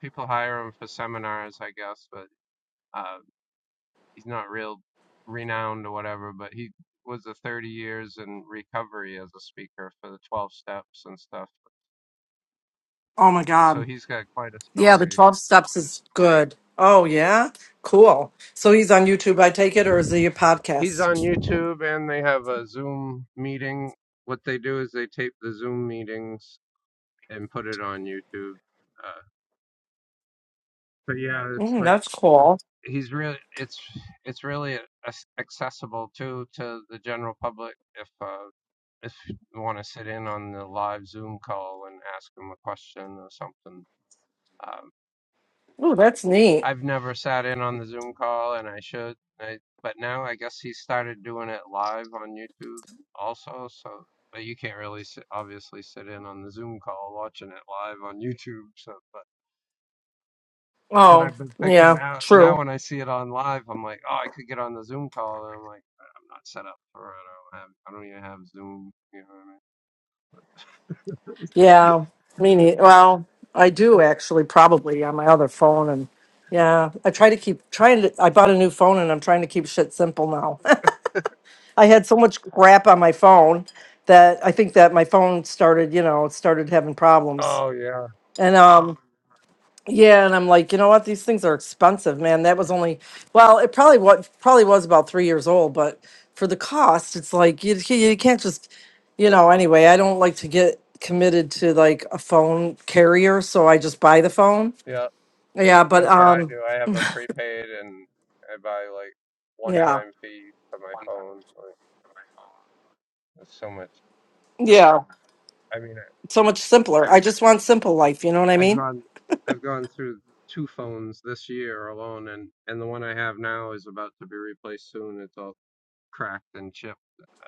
[SPEAKER 12] people hire him for seminars, I guess, but uh, he's not real renowned or whatever. But he was a thirty years in recovery as a speaker for the twelve steps and stuff
[SPEAKER 4] Oh my
[SPEAKER 12] so
[SPEAKER 4] God.
[SPEAKER 12] he's got quite a
[SPEAKER 4] Yeah, the
[SPEAKER 12] story.
[SPEAKER 4] 12 steps is good. Oh, yeah. Cool. So he's on YouTube, I take it, or is he a
[SPEAKER 12] He's on
[SPEAKER 4] podcast?
[SPEAKER 12] YouTube and they have a Zoom meeting. What they do is they tape the Zoom meetings and put it on YouTube. Uh, but yeah, it's
[SPEAKER 4] Mm,
[SPEAKER 12] like
[SPEAKER 4] that's cool.
[SPEAKER 12] he's really it's it's really accessible too to the general public if uh, if you want to sit in on the live Zoom call and ask him a question or something. Uh,
[SPEAKER 4] Oh, that's neat.
[SPEAKER 12] I've never sat in on the Zoom call, and I should. I, but now I guess he started doing it live on YouTube also. So, but you can't really sit, obviously sit in on the Zoom call watching it live on YouTube. So, but but
[SPEAKER 4] Oh,
[SPEAKER 12] I've been thinking
[SPEAKER 4] yeah,
[SPEAKER 12] now.
[SPEAKER 4] true.
[SPEAKER 12] Now when I see it on live, I'm like, oh, I could get on the Zoom call, and I'm like, I'm not set up for it. I don't have. I don't even have Zoom. You know what I mean?
[SPEAKER 4] Yeah, me neither. Well, I do actually, probably on my other phone, and yeah, I try to keep trying to. I bought a new phone, and I'm trying to keep shit simple now. I had so much crap on my phone that I think that my phone started, you know, it started having problems,
[SPEAKER 12] Oh yeah,
[SPEAKER 4] and um, Yeah, and I'm like, you know what? These things are expensive, man. That was only well, it probably what probably was about three years old, but for the cost, it's like you you can't just, you know. Anyway, I don't like to get committed to like a phone carrier, so I just buy the phone.
[SPEAKER 12] yeah.
[SPEAKER 4] Yeah, but
[SPEAKER 12] That's what I
[SPEAKER 4] um,
[SPEAKER 12] do. I have a prepaid, and I buy like
[SPEAKER 4] yeah,
[SPEAKER 12] one-time fee for my phone. Like, it's so much.
[SPEAKER 4] yeah,
[SPEAKER 12] I mean,
[SPEAKER 4] so much simpler. I just want simple life. You know what I
[SPEAKER 12] I- I've
[SPEAKER 4] mean?
[SPEAKER 12] gone, I've gone through two phones this year alone, and and the one I have now is about to be replaced soon. It's all cracked and chipped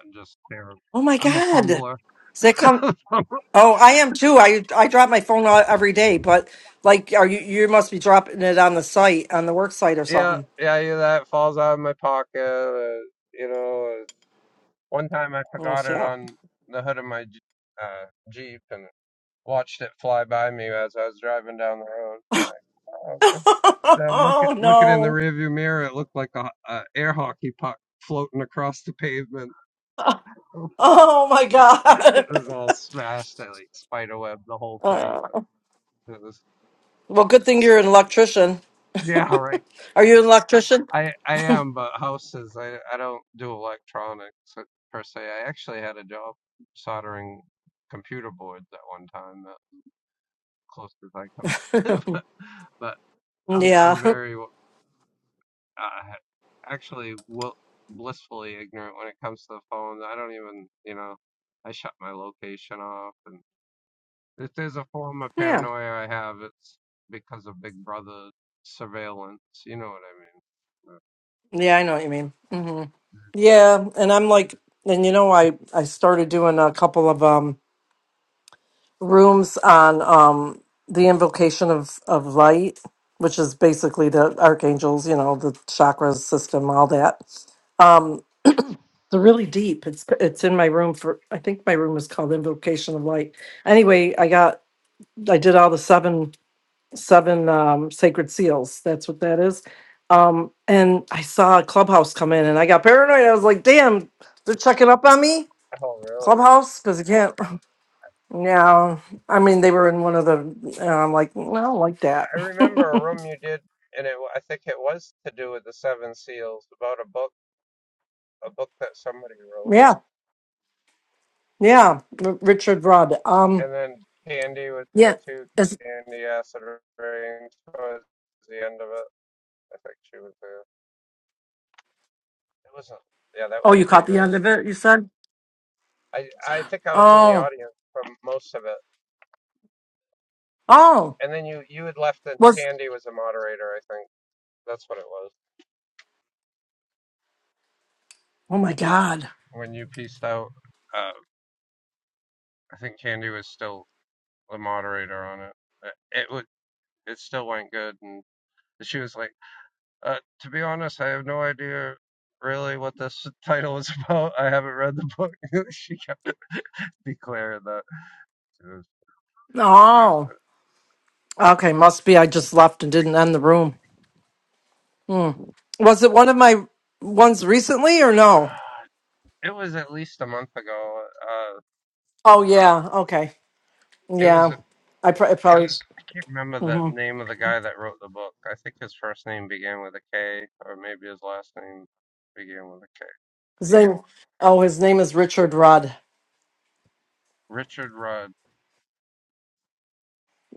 [SPEAKER 12] and just terrible.
[SPEAKER 4] Oh my
[SPEAKER 12] I'm a
[SPEAKER 4] God,
[SPEAKER 12] fumbler.
[SPEAKER 4] does that come? Oh, I am too. I I drop my phone out every day, but like, are you you must be dropping it on the site on the work site or
[SPEAKER 12] yeah,
[SPEAKER 4] something?
[SPEAKER 12] yeah, yeah. That falls out of my pocket. Uh, you know, uh, one time I
[SPEAKER 4] Oh,
[SPEAKER 12] forgot it
[SPEAKER 4] yep.
[SPEAKER 12] on the hood of my J- uh, Jeep and watched it fly by me as I was driving down the road. I'm like, oh Uh, look at
[SPEAKER 4] oh
[SPEAKER 12] looking in the
[SPEAKER 4] no.
[SPEAKER 12] rearview mirror, it looked like a, a air hockey puck floating across the pavement.
[SPEAKER 4] Oh my
[SPEAKER 12] it
[SPEAKER 4] god.
[SPEAKER 12] was all smashed. I like spiderweb the whole
[SPEAKER 4] Uh,
[SPEAKER 12] thing. It was
[SPEAKER 4] well, good thing you're an electrician.
[SPEAKER 12] yeah, right.
[SPEAKER 4] Are you an electrician?
[SPEAKER 12] I I am, but houses. I I don't do electronics uh, per se. I actually had a job soldering computer boards at one time, the closest I come.
[SPEAKER 4] Yeah.
[SPEAKER 12] But I'm I'm very uh, actually will blissfully ignorant when it comes to the phones. I don't even, you know, I shut my location off, and if there's a form of
[SPEAKER 4] Yeah. Yeah,
[SPEAKER 12] paranoia I have, it's because of Big Brother surveillance. You know what I mean?
[SPEAKER 4] I know what you mean. hmm Yeah, and I'm like and you know I I started doing a couple of um rooms on um the invocation of of light, which is basically the archangels, you know, the chakras system, all that. Um, They're really deep. It's it's in my room for I think my room is called Invocation of Light. Anyway, I got I did all the seven seven um sacred seals. That's what that is. Um and I saw clubhouse come in and I got paranoid. I was like, damn, they're checking up on me.
[SPEAKER 12] Oh, really?
[SPEAKER 4] Clubhouse, because you can't. Yeah, I mean they were in one of the. And I'm like, "Well, I don't like that.
[SPEAKER 12] I remember a room you did, and it, I think it was to do with the Seven Seals, about a book, a book that somebody wrote.
[SPEAKER 4] yeah, yeah. R- Richard Rudd. Um,
[SPEAKER 12] And then Candy was there
[SPEAKER 4] yeah.
[SPEAKER 12] too.
[SPEAKER 4] Is,
[SPEAKER 12] Candy Acid, rain towards the end of it. I think she was there. It was not yeah, that
[SPEAKER 4] oh,
[SPEAKER 12] was a
[SPEAKER 4] you caught
[SPEAKER 12] great
[SPEAKER 4] the end
[SPEAKER 12] room.
[SPEAKER 4] of it. You said.
[SPEAKER 12] I I think I was in the
[SPEAKER 4] Oh,
[SPEAKER 12] audience for most of it,
[SPEAKER 4] oh.
[SPEAKER 12] and then you you had left, and
[SPEAKER 4] Was
[SPEAKER 12] Candy was the moderator. I think that's what it was.
[SPEAKER 4] oh my god.
[SPEAKER 12] When you pieced out, uh, I think Candy was still the moderator on it. Uh, It would it still went good, and she was like, uh, "To be honest, I have no idea." Really, what this title is about? I haven't read the book. she kept declaring that it was,
[SPEAKER 4] Oh, okay. Must be I just left and didn't end the room. Hmm. Was it one of my ones recently or no?
[SPEAKER 12] it was at least a month ago. Uh,
[SPEAKER 4] Oh yeah. Okay.
[SPEAKER 12] it was
[SPEAKER 4] Yeah. I pr- it probably.
[SPEAKER 12] can't remember the
[SPEAKER 4] mhm.
[SPEAKER 12] name of the guy that wrote the book. I think his first name began with a K, or maybe his last name began with a K.
[SPEAKER 4] His name. Oh, his name is Richard Rudd
[SPEAKER 12] Richard Rudd.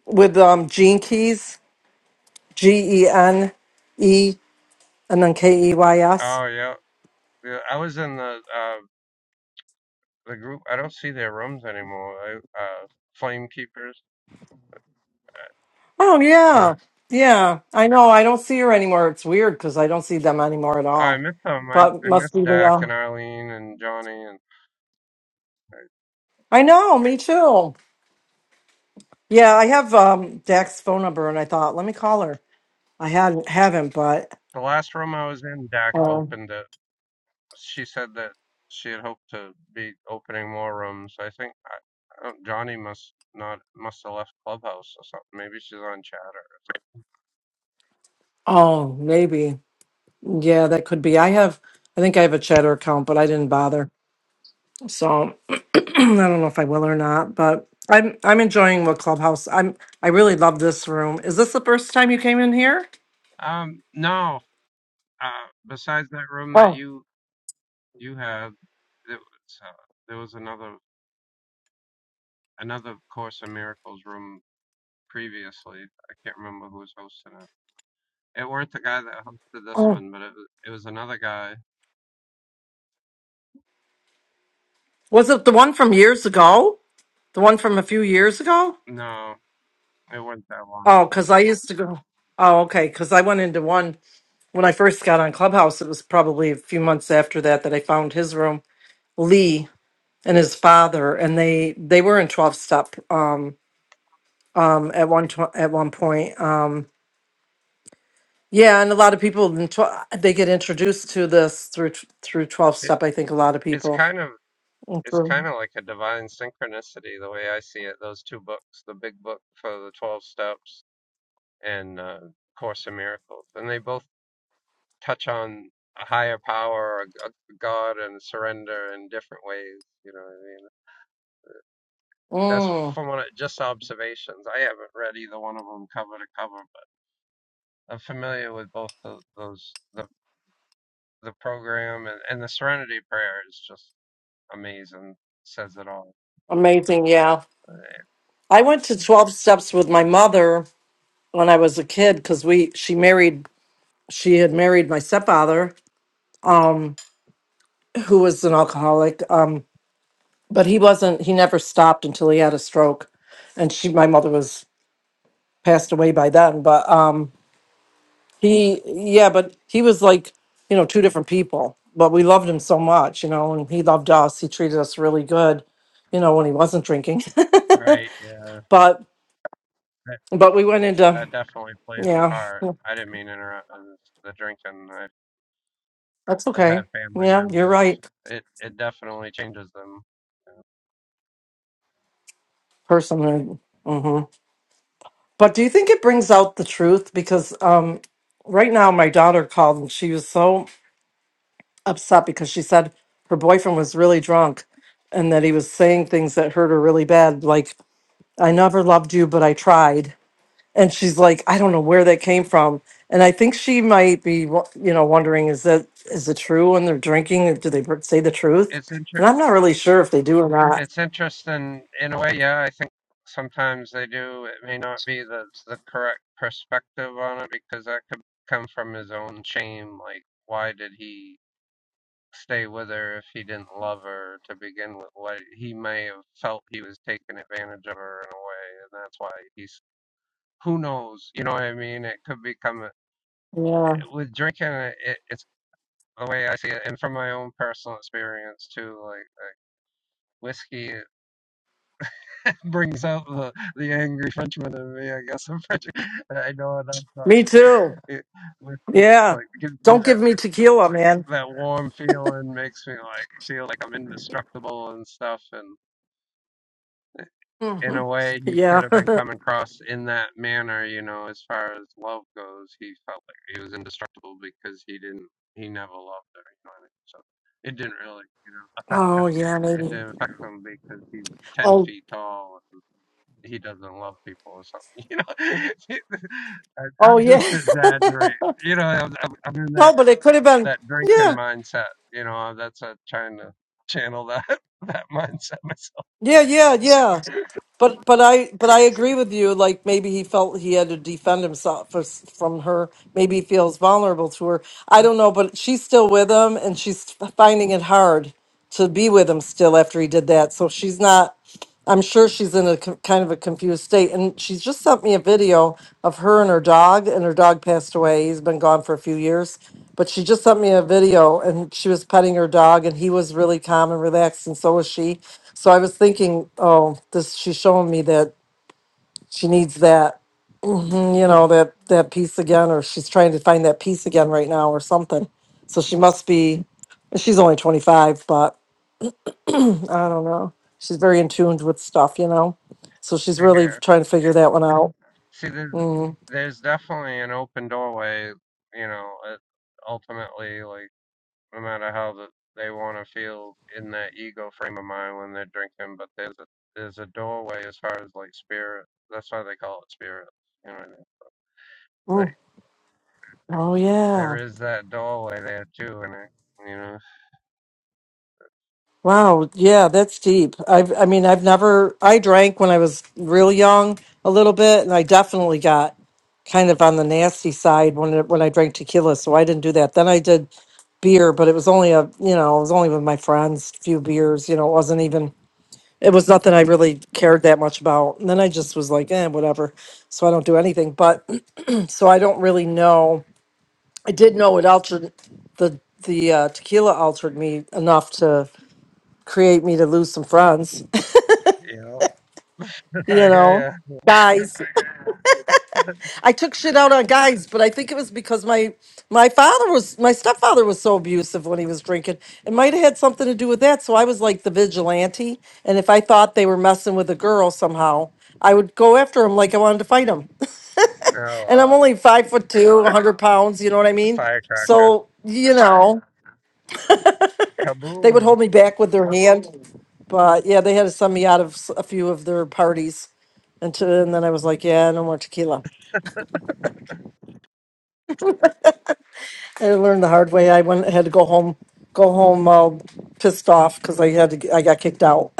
[SPEAKER 4] with um Gene Keys. G E N E and then K E Y S.
[SPEAKER 12] Oh yeah, yeah. I was in the uh, the group. I don't see their rooms anymore. I, uh, Flame Keepers.
[SPEAKER 4] Oh
[SPEAKER 12] With
[SPEAKER 4] yeah. Yeah. I know. I don't see her anymore. It's weird because I don't see them anymore at
[SPEAKER 12] oh, I
[SPEAKER 4] all.
[SPEAKER 12] missed them. I
[SPEAKER 4] But
[SPEAKER 12] I
[SPEAKER 4] must
[SPEAKER 12] missed
[SPEAKER 4] be they
[SPEAKER 12] Dak and
[SPEAKER 4] all.
[SPEAKER 12] Arlene and Johnny and
[SPEAKER 4] I know. Me too. Yeah, I have um Dak's phone number, and I thought, let me call her. I hadn't haven't, but
[SPEAKER 12] the last room I was in. Dak
[SPEAKER 4] um,
[SPEAKER 12] opened it she said that she had hoped to be opening more rooms. I think I, I don't- Johnny must not must have left Clubhouse or something. Maybe she's on Chatter or
[SPEAKER 4] oh, maybe yeah, that could be. I have, I think I have a Chatter account, but I didn't bother, so I don't know if I will or not. But I'm I'm enjoying what Clubhouse. I'm I really love this room. Is this the first time you came in here?
[SPEAKER 12] something. Um, no. Uh, besides that room that
[SPEAKER 4] Oh,
[SPEAKER 12] you you had, it was, uh, there was another another Course in Miracles room previously. I can't remember who was hosting it. It weren't the guy that hosted this
[SPEAKER 4] oh,
[SPEAKER 12] one, but it was, it was another guy.
[SPEAKER 4] was it the one from years ago? The one from a few years ago?
[SPEAKER 12] No, it wasn't that long
[SPEAKER 4] Oh,
[SPEAKER 12] ago.
[SPEAKER 4] because I used to go. Oh, okay, because I went into one. when I first got on Clubhouse, it was probably a few months after that that I found his room, Lee and his father, and they they were in twelve step um, um, at one tw- at one point. Um, yeah, and a lot of people in tw- they get introduced to this through t- through twelve
[SPEAKER 12] It,
[SPEAKER 4] step. I think a lot of
[SPEAKER 12] it's
[SPEAKER 4] people.
[SPEAKER 12] kind of it's
[SPEAKER 4] Mhm.
[SPEAKER 12] kind of like a divine synchronicity the way I see it. Those two books, the big book for the Twelve Steps and uh, Course in Miracles, and they both touch on a higher power, a, God, and surrender in different ways. You know what I mean? That's
[SPEAKER 4] Mm,
[SPEAKER 12] from what I, just observations. I haven't read either one of them cover to cover, but I'm familiar with both tho- those the the program and, and the Serenity Prayer is just amazing. Says it all.
[SPEAKER 4] amazing, yeah. I went to twelve steps with my mother when I was a kid because we she married she had married my stepfather who was an alcoholic. um, but he wasn't he never stopped until he had a stroke and she my mother was passed away by then but um he yeah but he was like you know two different people but we loved him so much you know and he loved us he treated us really good you know when he wasn't drinking
[SPEAKER 12] Right? Yeah.
[SPEAKER 4] but but we went into
[SPEAKER 12] that definitely plays a
[SPEAKER 4] yeah
[SPEAKER 12] part. I didn't mean to interrupt uh, the drinking. I've,
[SPEAKER 4] that's
[SPEAKER 12] I've had
[SPEAKER 4] okay
[SPEAKER 12] family
[SPEAKER 4] yeah you're
[SPEAKER 12] members.
[SPEAKER 4] right
[SPEAKER 12] It it definitely changes them. Yeah.
[SPEAKER 4] personhood hmm but do you think it brings out the truth because um right now my daughter called and she was so upset because she said her boyfriend was really drunk and that he was saying things that hurt her really bad like i never loved you but i tried and she's like i don't know where that came from and i think she might be wo- you know wondering is that is it true when they're drinking do they per- say the truth
[SPEAKER 12] It's inter-
[SPEAKER 4] and i'm not really sure if they do or not
[SPEAKER 12] it's interesting in a way. Yeah, I think sometimes they do. It may not be the the correct perspective on it because that could come from his own shame. Like, why did he stay with her if he didn't love her to begin with? What he may have felt he was taking advantage of her in a way, and that's why he who knows? You know what I mean? It could become a,
[SPEAKER 4] yeah
[SPEAKER 12] with drinking. uh, It, it's the way I see it, and from my own personal experience too. Like, like whiskey it brings out the the angry Frenchman in me. I guess I'm French. I know enough. But
[SPEAKER 4] me too
[SPEAKER 12] it, whiskey, it's
[SPEAKER 4] yeah
[SPEAKER 12] like it gives me
[SPEAKER 4] don't give
[SPEAKER 12] that
[SPEAKER 4] me tequila man
[SPEAKER 12] that warm feeling, makes me like feel like I'm indestructible and stuff, And in
[SPEAKER 4] Mhm.
[SPEAKER 12] a way he
[SPEAKER 4] yeah
[SPEAKER 12] could have been coming across in that manner, you know, as far as love goes, he felt like he was indestructible because he didn't he never loved her, you know what I mean? So it didn't really, you know, affect
[SPEAKER 4] oh
[SPEAKER 12] him.
[SPEAKER 4] yeah
[SPEAKER 12] It
[SPEAKER 4] maybe
[SPEAKER 12] didn't affect him because he's ten
[SPEAKER 4] oh
[SPEAKER 12] feet tall and he doesn't love people or something, you know. I-
[SPEAKER 4] oh
[SPEAKER 12] am just
[SPEAKER 4] yeah
[SPEAKER 12] exaggerating, you know. I'm, I'm in
[SPEAKER 4] no
[SPEAKER 12] that
[SPEAKER 4] but it could have been
[SPEAKER 12] that
[SPEAKER 4] Yeah.
[SPEAKER 12] drinking mindset, you know. That's uh, trying to channel that that mindset myself.
[SPEAKER 4] Yeah, yeah, yeah. But but I but I agree with you. Like maybe he felt he had to defend himself for, from her. Maybe he feels vulnerable to her. I don't know. But she's still with him, and she's finding it hard to be with him still after he did that. So she's not. I'm sure she's in a co- kind of a confused state. And she's just sent me a video of her and her dog, and her dog passed away. He's been gone for a few years. But she just sent me a video and she was petting her dog, and he was really calm and relaxed, and so was she. So I was thinking, oh, this she's showing me that she needs that, mm, you know, that that peace again, or she's trying to find that peace again right now, or something. So she must be. She's only 25, but I don't know. She's very in tune with stuff, you know. So she's really
[SPEAKER 12] here.
[SPEAKER 4] trying to figure that one out.
[SPEAKER 12] See, there's,
[SPEAKER 4] Mm.
[SPEAKER 12] there's definitely an open doorway, you know, uh, ultimately, like, no matter how the, they want to feel in that ego frame of mind when they're drinking, but there's a, there's a doorway as far as, like, spirit. That's why they call it spirit. You know what I mean?
[SPEAKER 4] Mm.
[SPEAKER 12] Like,
[SPEAKER 4] Oh
[SPEAKER 12] there
[SPEAKER 4] yeah.
[SPEAKER 12] is that doorway there, too, and it, you know,
[SPEAKER 4] Wow. Yeah, that's deep. I've I mean, I've never I drank when I was real young a little bit and I definitely got kind of on the nasty side when it, when I drank tequila, so I didn't do that. Then I did beer, but it was only a, you know, it was only with my friends, few beers, you know, it wasn't even it was nothing I really cared that much about. And then I just was like, eh, whatever. So I don't do anything. But so I don't really know. I did know it altered the the uh, tequila altered me enough to create me to lose some friends.
[SPEAKER 12] you know, I
[SPEAKER 4] You
[SPEAKER 12] hear
[SPEAKER 4] know,
[SPEAKER 12] ya.
[SPEAKER 4] guys. I took shit out on guys, but I think it was because my my father was my stepfather was so abusive when he was drinking. It might have had something to do with that. So I was like the vigilante, and if I thought they were messing with a girl somehow. I would go after him like I wanted to fight him.
[SPEAKER 12] Oh,
[SPEAKER 4] And
[SPEAKER 12] wow.
[SPEAKER 4] I'm only five foot two, 100 pounds, you know what I mean?
[SPEAKER 12] Firecracker.
[SPEAKER 4] So, you know. They would
[SPEAKER 12] Kaboom.
[SPEAKER 4] hold me back with their hand, but yeah, they had to send me out of s- a few of their parties. And, to, and then I was like, yeah, no more tequila. I learned the hard way. I went had to go home, go home uh, pissed off because I had to. g- I got kicked out.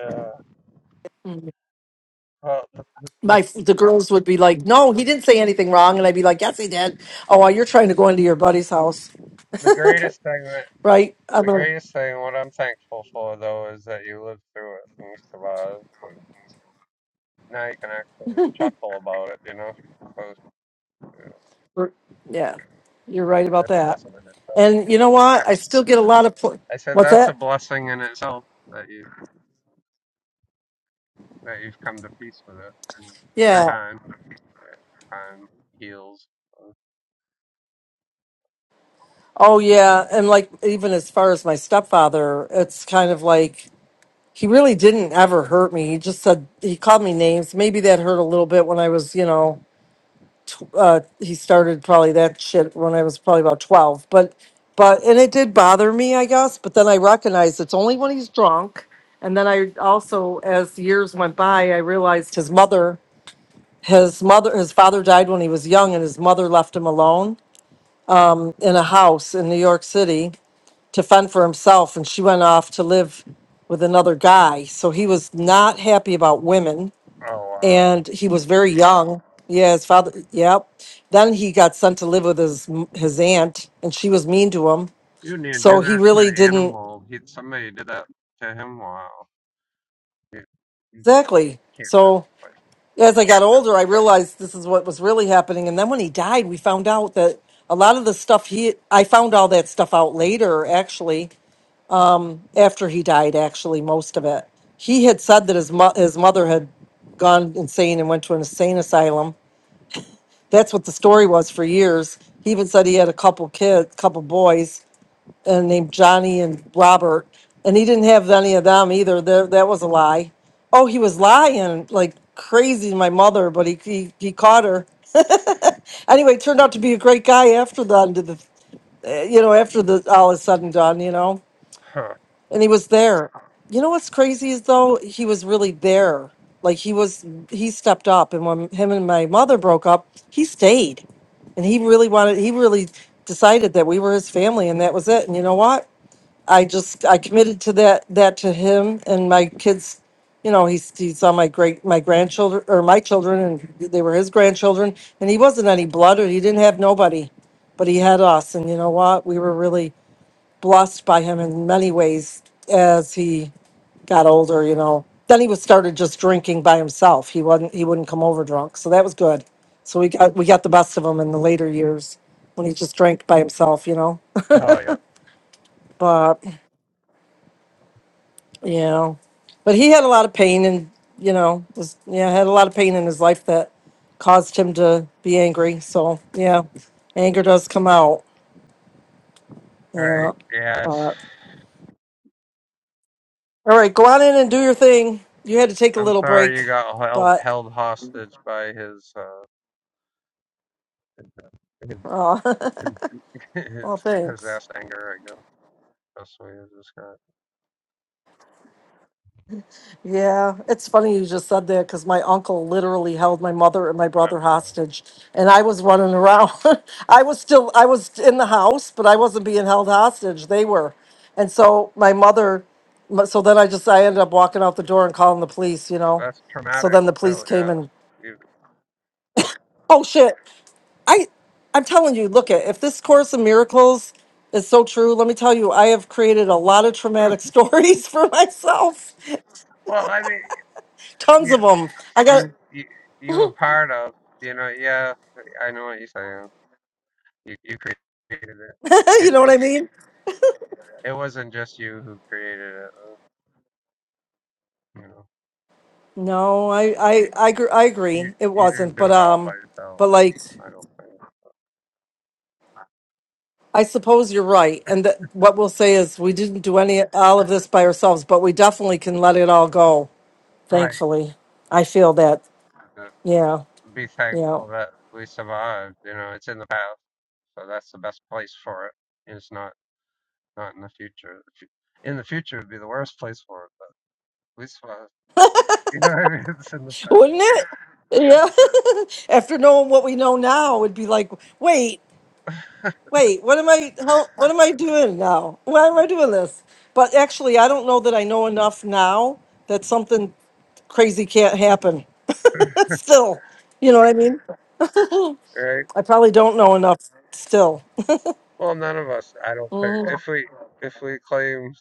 [SPEAKER 12] Uh, well, the,
[SPEAKER 4] My the girls would be like, no, he didn't say anything wrong, and I'd be like, yes, he did. Oh, well, you're trying to go into your buddy's house,
[SPEAKER 12] greatest thing that.
[SPEAKER 4] right? I'm
[SPEAKER 12] the
[SPEAKER 4] a,
[SPEAKER 12] greatest thing, what I'm thankful for though, is that you lived through it and survived. And now you can actually chuckle about it, you know? So you know,
[SPEAKER 4] yeah, you're right about
[SPEAKER 12] that's a
[SPEAKER 4] that.
[SPEAKER 12] blessing in itself.
[SPEAKER 4] And you know what? I still get a lot of pl-
[SPEAKER 12] I said
[SPEAKER 4] what's
[SPEAKER 12] that's a
[SPEAKER 4] that?
[SPEAKER 12] blessing in itself that you that you've come to peace with it. And in time, time heals. Oh
[SPEAKER 4] Oh yeah, and like even as far as my stepfather, it's kind of like he really didn't ever hurt me. He just said he called me names. Maybe that hurt a little bit when I was, you know, tw- uh, he started probably that shit when I was probably about twelve. But, but and it did bother me, I guess. But then I recognized it's only when he's drunk. And then I also, as the years went by, I realized his mother, his mother, his father died when he was young, and his mother left him alone in a house in New York City to fend for himself and she went off to live with another guy. So he was not happy about women
[SPEAKER 12] wow!
[SPEAKER 4] and he was very young. Yeah, his father, yep. Then he got sent to live with his his aunt and she was mean to him.
[SPEAKER 12] You didn't even
[SPEAKER 4] So
[SPEAKER 12] do
[SPEAKER 4] he
[SPEAKER 12] that to
[SPEAKER 4] really
[SPEAKER 12] an
[SPEAKER 4] didn't
[SPEAKER 12] animal. He, somebody did that to him. Wow! You, you
[SPEAKER 4] exactly.
[SPEAKER 12] can't do it.
[SPEAKER 4] So
[SPEAKER 12] Like,
[SPEAKER 4] as I got older, I realized this is what was really happening and then when he died, we found out that a lot of the stuff he I found all that stuff out later actually after he died, actually, most of it. He had said that his mo- his mother had gone insane and went to an insane asylum. That's what the story was for years. He even said he had a couple kids, couple boys, and named Johnny and Robert, and he didn't have any of them either. There, that was a lie. Oh, he was lying like crazy to my mother, but he, he he caught her. Anyway, turned out to be a great guy after the end of the, you know, after the all is said and done, you know.
[SPEAKER 12] Huh.
[SPEAKER 4] and he was there. You know what's crazy is though he was really there. Like he was, he stepped up, and when him and my mother broke up, he stayed, and he really wanted. He really decided that we were his family, and that was it. And you know what? I just I committed to that that to him and my kids. You know, he he saw my great my grandchildren or my children, and they were his grandchildren. And he wasn't any blood, or he didn't have nobody, but he had us. And you know what? We were really blessed by him in many ways as he got older, you know. Then he was started just drinking by himself. He wasn't he wouldn't come over drunk. So that was good. So we got we got the best of him in the later years when he just drank by himself, you know.
[SPEAKER 12] Oh yeah. All
[SPEAKER 4] But you know. But he had a lot of pain and you know, was yeah, had a lot of pain in his life that caused him to be angry. So yeah, anger does come out.
[SPEAKER 12] right.
[SPEAKER 4] Yeah.
[SPEAKER 12] Yeah.
[SPEAKER 4] But
[SPEAKER 12] It's,
[SPEAKER 4] all right, go on in and do your thing. You had to take a
[SPEAKER 12] I'm
[SPEAKER 4] little
[SPEAKER 12] sorry you
[SPEAKER 4] break,
[SPEAKER 12] got held
[SPEAKER 4] but
[SPEAKER 12] held hostage by his uh his,
[SPEAKER 4] Oh, well,
[SPEAKER 12] his
[SPEAKER 4] thanks.
[SPEAKER 12] possessed anger. I guess that's what you just got.
[SPEAKER 4] Yeah, it's funny you just said that because my uncle literally held my mother and my
[SPEAKER 12] I
[SPEAKER 4] brother
[SPEAKER 12] don't know.
[SPEAKER 4] hostage, and I was running around. I was still, I was in the house, but I wasn't being held hostage. They were, and so my mother. So then I just, I ended up walking out the door and calling the police. You know,
[SPEAKER 12] That's
[SPEAKER 4] so
[SPEAKER 12] traumatic.
[SPEAKER 4] then the police
[SPEAKER 12] Hell
[SPEAKER 4] came
[SPEAKER 12] yeah.
[SPEAKER 4] and
[SPEAKER 12] You,
[SPEAKER 4] oh shit, I, I'm telling you, look at if this Course in Miracles is so true. Let me tell you, I have created a lot of traumatic stories for myself
[SPEAKER 12] well, I mean,
[SPEAKER 4] tons of
[SPEAKER 12] yes,
[SPEAKER 4] them. I got,
[SPEAKER 12] you you you were part of. You know, yeah. I know what you're saying. You you created it.
[SPEAKER 4] you
[SPEAKER 12] it
[SPEAKER 4] know what I
[SPEAKER 12] it's
[SPEAKER 4] mean?
[SPEAKER 12] it wasn't just you who created it. You know,
[SPEAKER 4] No, I, I, I, gr- I
[SPEAKER 12] you
[SPEAKER 4] agree. It
[SPEAKER 12] you didn't
[SPEAKER 4] wasn't,
[SPEAKER 12] do
[SPEAKER 4] but
[SPEAKER 12] it all by
[SPEAKER 4] um,
[SPEAKER 12] yourself.
[SPEAKER 4] but like,
[SPEAKER 12] I don't think.
[SPEAKER 4] I suppose you're right. And that what we'll say is we didn't do any all of this by ourselves, but we definitely can let it all go.
[SPEAKER 12] Right.
[SPEAKER 4] Thankfully, I feel that.
[SPEAKER 12] The,
[SPEAKER 4] Yeah,
[SPEAKER 12] be
[SPEAKER 4] yeah.
[SPEAKER 12] thankful that we survived. You know, it's in the past, so that's the best place for it. and It's not not in the future. In the future would be the worst place for it, but we survived. You know what I mean? It's in the past,
[SPEAKER 4] Wouldn't it? Yeah. After knowing what we know now, it'd be like, wait. wait, what am I, how, what am I doing now? Why am I doing this? But actually, I don't know that I know enough now that something crazy can't happen. still, you know what I mean?
[SPEAKER 12] right?
[SPEAKER 4] I probably don't know enough still.
[SPEAKER 12] Well, none of us. I don't think
[SPEAKER 4] hmm
[SPEAKER 12] if we if we claim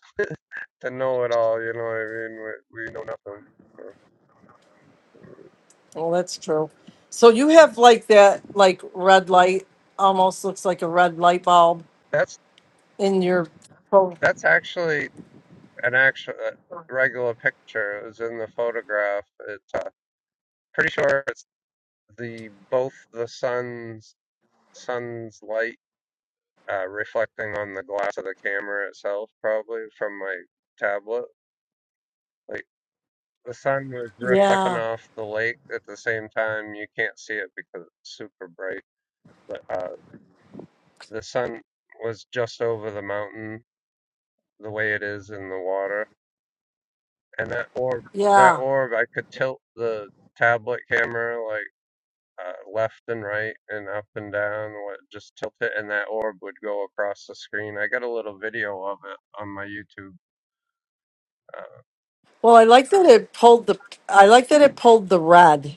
[SPEAKER 12] to know it all, you know what I mean? We, we know nothing. so.
[SPEAKER 4] Well, that's true. So you have like that, like red light, almost looks like a red light bulb
[SPEAKER 12] That's
[SPEAKER 4] in your. Oh,
[SPEAKER 12] that's actually an actual uh, regular picture. It was in the photograph. It's uh, pretty sure it's the both the sun's sun's light uh, reflecting on the glass of the camera itself, probably from my tablet. Like the sun was reflecting
[SPEAKER 4] yeah,
[SPEAKER 12] off the lake at the same time. You can't see it because it's super bright, but uh, the sun was just over the mountain the way it is in the water, and that orb, that
[SPEAKER 4] yeah.
[SPEAKER 12] orb, I could tilt the tablet camera like. Uh, left and right and up and down what just tilt it and that orb would go across the screen i got a little video of it on my youtube uh,
[SPEAKER 4] Well, I like that it pulled the. I like that it pulled the red.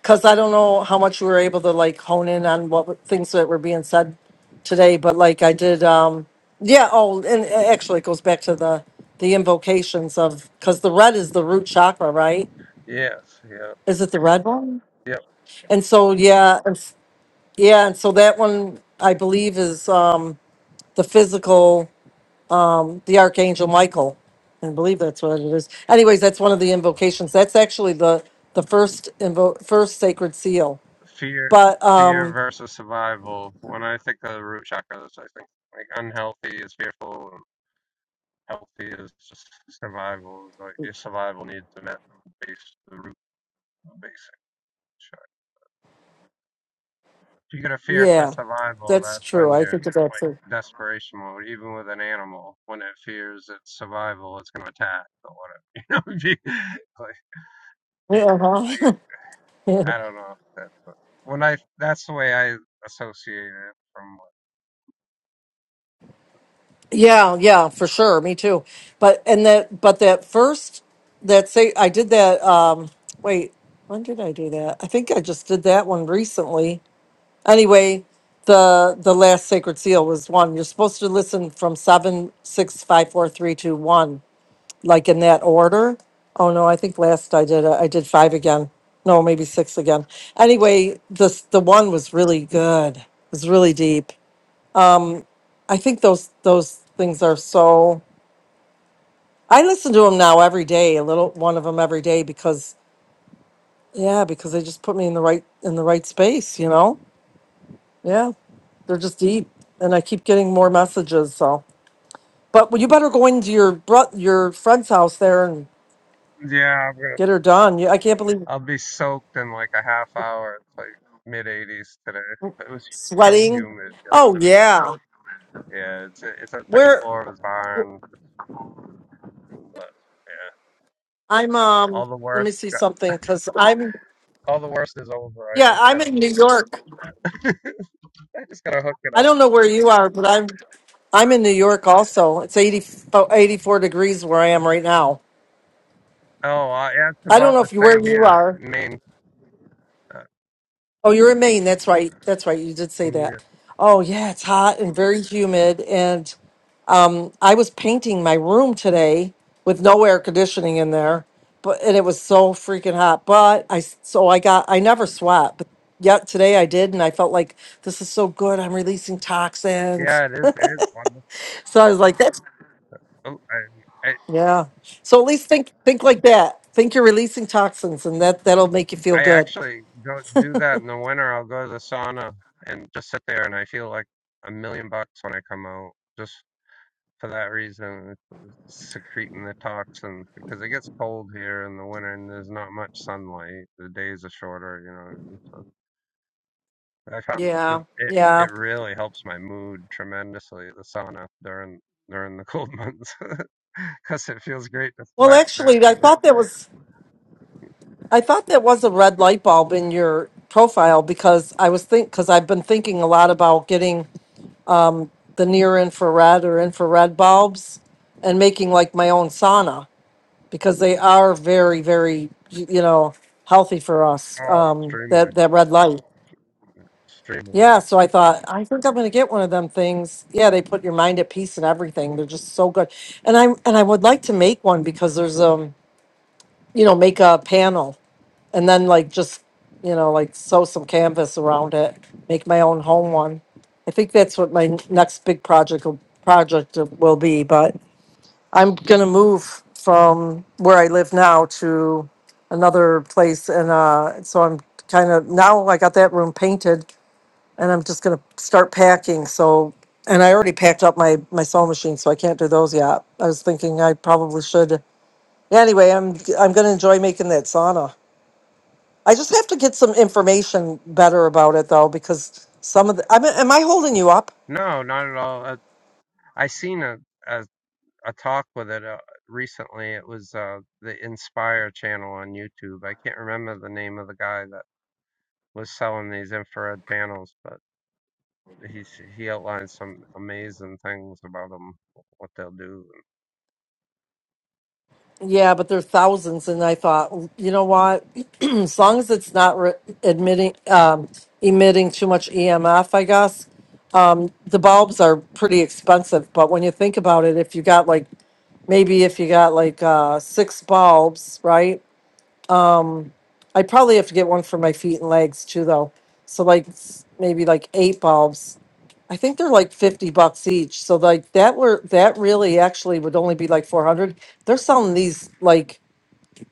[SPEAKER 4] because I don't know how much we were able to like hone in on what were- things that were being said today, but like I did, um, yeah. Oh, and actually, it goes back to the the invocations of because the red is the root chakra, right?
[SPEAKER 12] Yes, yep,
[SPEAKER 4] Is it the red one?
[SPEAKER 12] yep.
[SPEAKER 4] And so yeah, and, s- yeah, and so that one I believe is um, the physical, the archangel Michael. I believe that's what it is. Anyways, that's one of the invocations. That's actually the the first invo- first sacred seal,
[SPEAKER 12] Fear,
[SPEAKER 4] but. um,
[SPEAKER 12] fear versus survival. When I think of the root chakras, I think like unhealthy is fearful, and healthy is just survival. Like your survival needs to met the base the root the basic. chakra. If you get a fear for
[SPEAKER 4] Yeah,
[SPEAKER 12] survival,
[SPEAKER 4] that's
[SPEAKER 12] that's
[SPEAKER 4] true.
[SPEAKER 12] when
[SPEAKER 4] I
[SPEAKER 12] you're in,
[SPEAKER 4] think of that
[SPEAKER 12] like
[SPEAKER 4] too.
[SPEAKER 12] desperation mode. Even with an animal, when it fears its survival, it's gonna attack or whatever. You know, if you- like
[SPEAKER 4] Yeah, uh-huh.
[SPEAKER 12] I don't know. That's what, when I that's the way I associate it from.
[SPEAKER 4] yeah, yeah, for sure. Me too. But and that, but that first, that say I did that. Um, wait, when did I do that? I think I just did that one recently. Anyway, the the last sacred seal was one. You're supposed to listen from seven, six, five, four, three, two, one. like in that order. Oh no, I think last I did uh, I did five again. No, maybe six again. Anyway, this the one was really good. It was really deep. I think those those things are so. I listen to them now every day, a little one of them every day because yeah, because they just put me in the right in the right space. You know, yeah, they're just deep, and I keep getting more messages. So, but you better go into your bro- your friend's house there and
[SPEAKER 12] Yeah, I'm gonna.
[SPEAKER 4] get her done. You- I can't believe
[SPEAKER 12] I'll be soaked in like a half hour. It's like mid 80s today. It was so
[SPEAKER 4] sweating.
[SPEAKER 12] humid
[SPEAKER 4] Oh
[SPEAKER 12] yesterday.
[SPEAKER 4] yeah.
[SPEAKER 12] Yeah, it's it's on the second
[SPEAKER 4] Where
[SPEAKER 12] floor of his barn. But yeah,
[SPEAKER 4] I'm um
[SPEAKER 12] all the
[SPEAKER 4] let me
[SPEAKER 12] worst.
[SPEAKER 4] see
[SPEAKER 12] got-
[SPEAKER 4] something cuz I'm
[SPEAKER 12] All the worst is over. I
[SPEAKER 4] yeah,
[SPEAKER 12] just
[SPEAKER 4] I'm
[SPEAKER 12] gotta
[SPEAKER 4] in New
[SPEAKER 12] hook
[SPEAKER 4] York.
[SPEAKER 12] it up. I just gotta hook it
[SPEAKER 4] I
[SPEAKER 12] up.
[SPEAKER 4] don't know where you are, but I'm I'm in New York also. It's 80, oh, 84 degrees where I am right now.
[SPEAKER 12] Oh, uh, yeah, it's
[SPEAKER 4] I don't
[SPEAKER 12] about
[SPEAKER 4] know
[SPEAKER 12] the
[SPEAKER 4] if you where
[SPEAKER 12] same
[SPEAKER 4] you
[SPEAKER 12] here
[SPEAKER 4] are.
[SPEAKER 12] in Maine. Uh,
[SPEAKER 4] Oh, you're in Maine. That's right. That's right. You did say
[SPEAKER 12] yeah,
[SPEAKER 4] that. Oh, yeah, it's hot and very humid and I was painting my room today with no air conditioning in there, but and it was so freaking hot. But I s- so I got I never sweat, but yet today I did, and I felt like this is so good. I'm releasing toxins.
[SPEAKER 12] Yeah, it is. It is wonderful.
[SPEAKER 4] So I was like, that's
[SPEAKER 12] Oh, I, I
[SPEAKER 4] yeah. So at least think think like that. Think you're releasing toxins, and that that'll make you feel
[SPEAKER 12] I
[SPEAKER 4] good.
[SPEAKER 12] actually go do that in the winter. I'll go to the sauna and just sit there, and I feel like a million bucks when I come out, just for that reason, it's secreting the toxins because it gets cold here in the winter, and there's not much sunlight. The days are shorter, you know. what I mean? So I found the,
[SPEAKER 4] Yeah,
[SPEAKER 12] it
[SPEAKER 4] yeah.
[SPEAKER 12] it really helps my mood tremendously. The sauna during during the cold months because it feels great to
[SPEAKER 4] Well,
[SPEAKER 12] sweat.
[SPEAKER 4] actually, I thought that was I thought that was a red light bulb in your profile because I was think because I've been thinking a lot about getting the near infrared or infrared bulbs and making like my own sauna because they are very very y- you know healthy for us
[SPEAKER 12] Oh,
[SPEAKER 4] um
[SPEAKER 12] extremely,
[SPEAKER 4] that that red light
[SPEAKER 12] extremely.
[SPEAKER 4] yeah so i thought i think i'm going to get one of them things yeah they put your mind at peace and everything they're just so good and i and i would like to make one because there's um you know make a panel and then like just you know like sew some canvas around it make my own home one i think that's what my next big project will project will be but I'm gonna move from where I live now to another place, and uh, so I'm kind of now I got that room painted, and I'm just gonna start packing. So, and I already packed up my my sewing machine, so I can't do those yet. I was thinking I probably should. Anyway, I'm I'm gonna enjoy making that sauna. I just have to get some information better about it though, because some of the. I mean, am I holding you up?
[SPEAKER 12] No, not at all. I seen a a, a talk with it uh, recently. It was uh, the Inspire channel on YouTube. I can't remember the name of the guy that was selling these infrared panels, but he he outlined some amazing things about them, what they'll do.
[SPEAKER 4] Yeah, but there are thousands, and I thought, you know what? As long as it's not re- admitting, um, emitting too much EMF, I guess. Um, the bulbs are pretty expensive, but when you think about it, if you got like, maybe if you got like, uh, six bulbs, right? I probably have to get one for my feet and legs too, though. So like s- maybe like eight bulbs. I think they're like fifty bucks each. So like that were that really actually would only be like four hundred. They're selling these like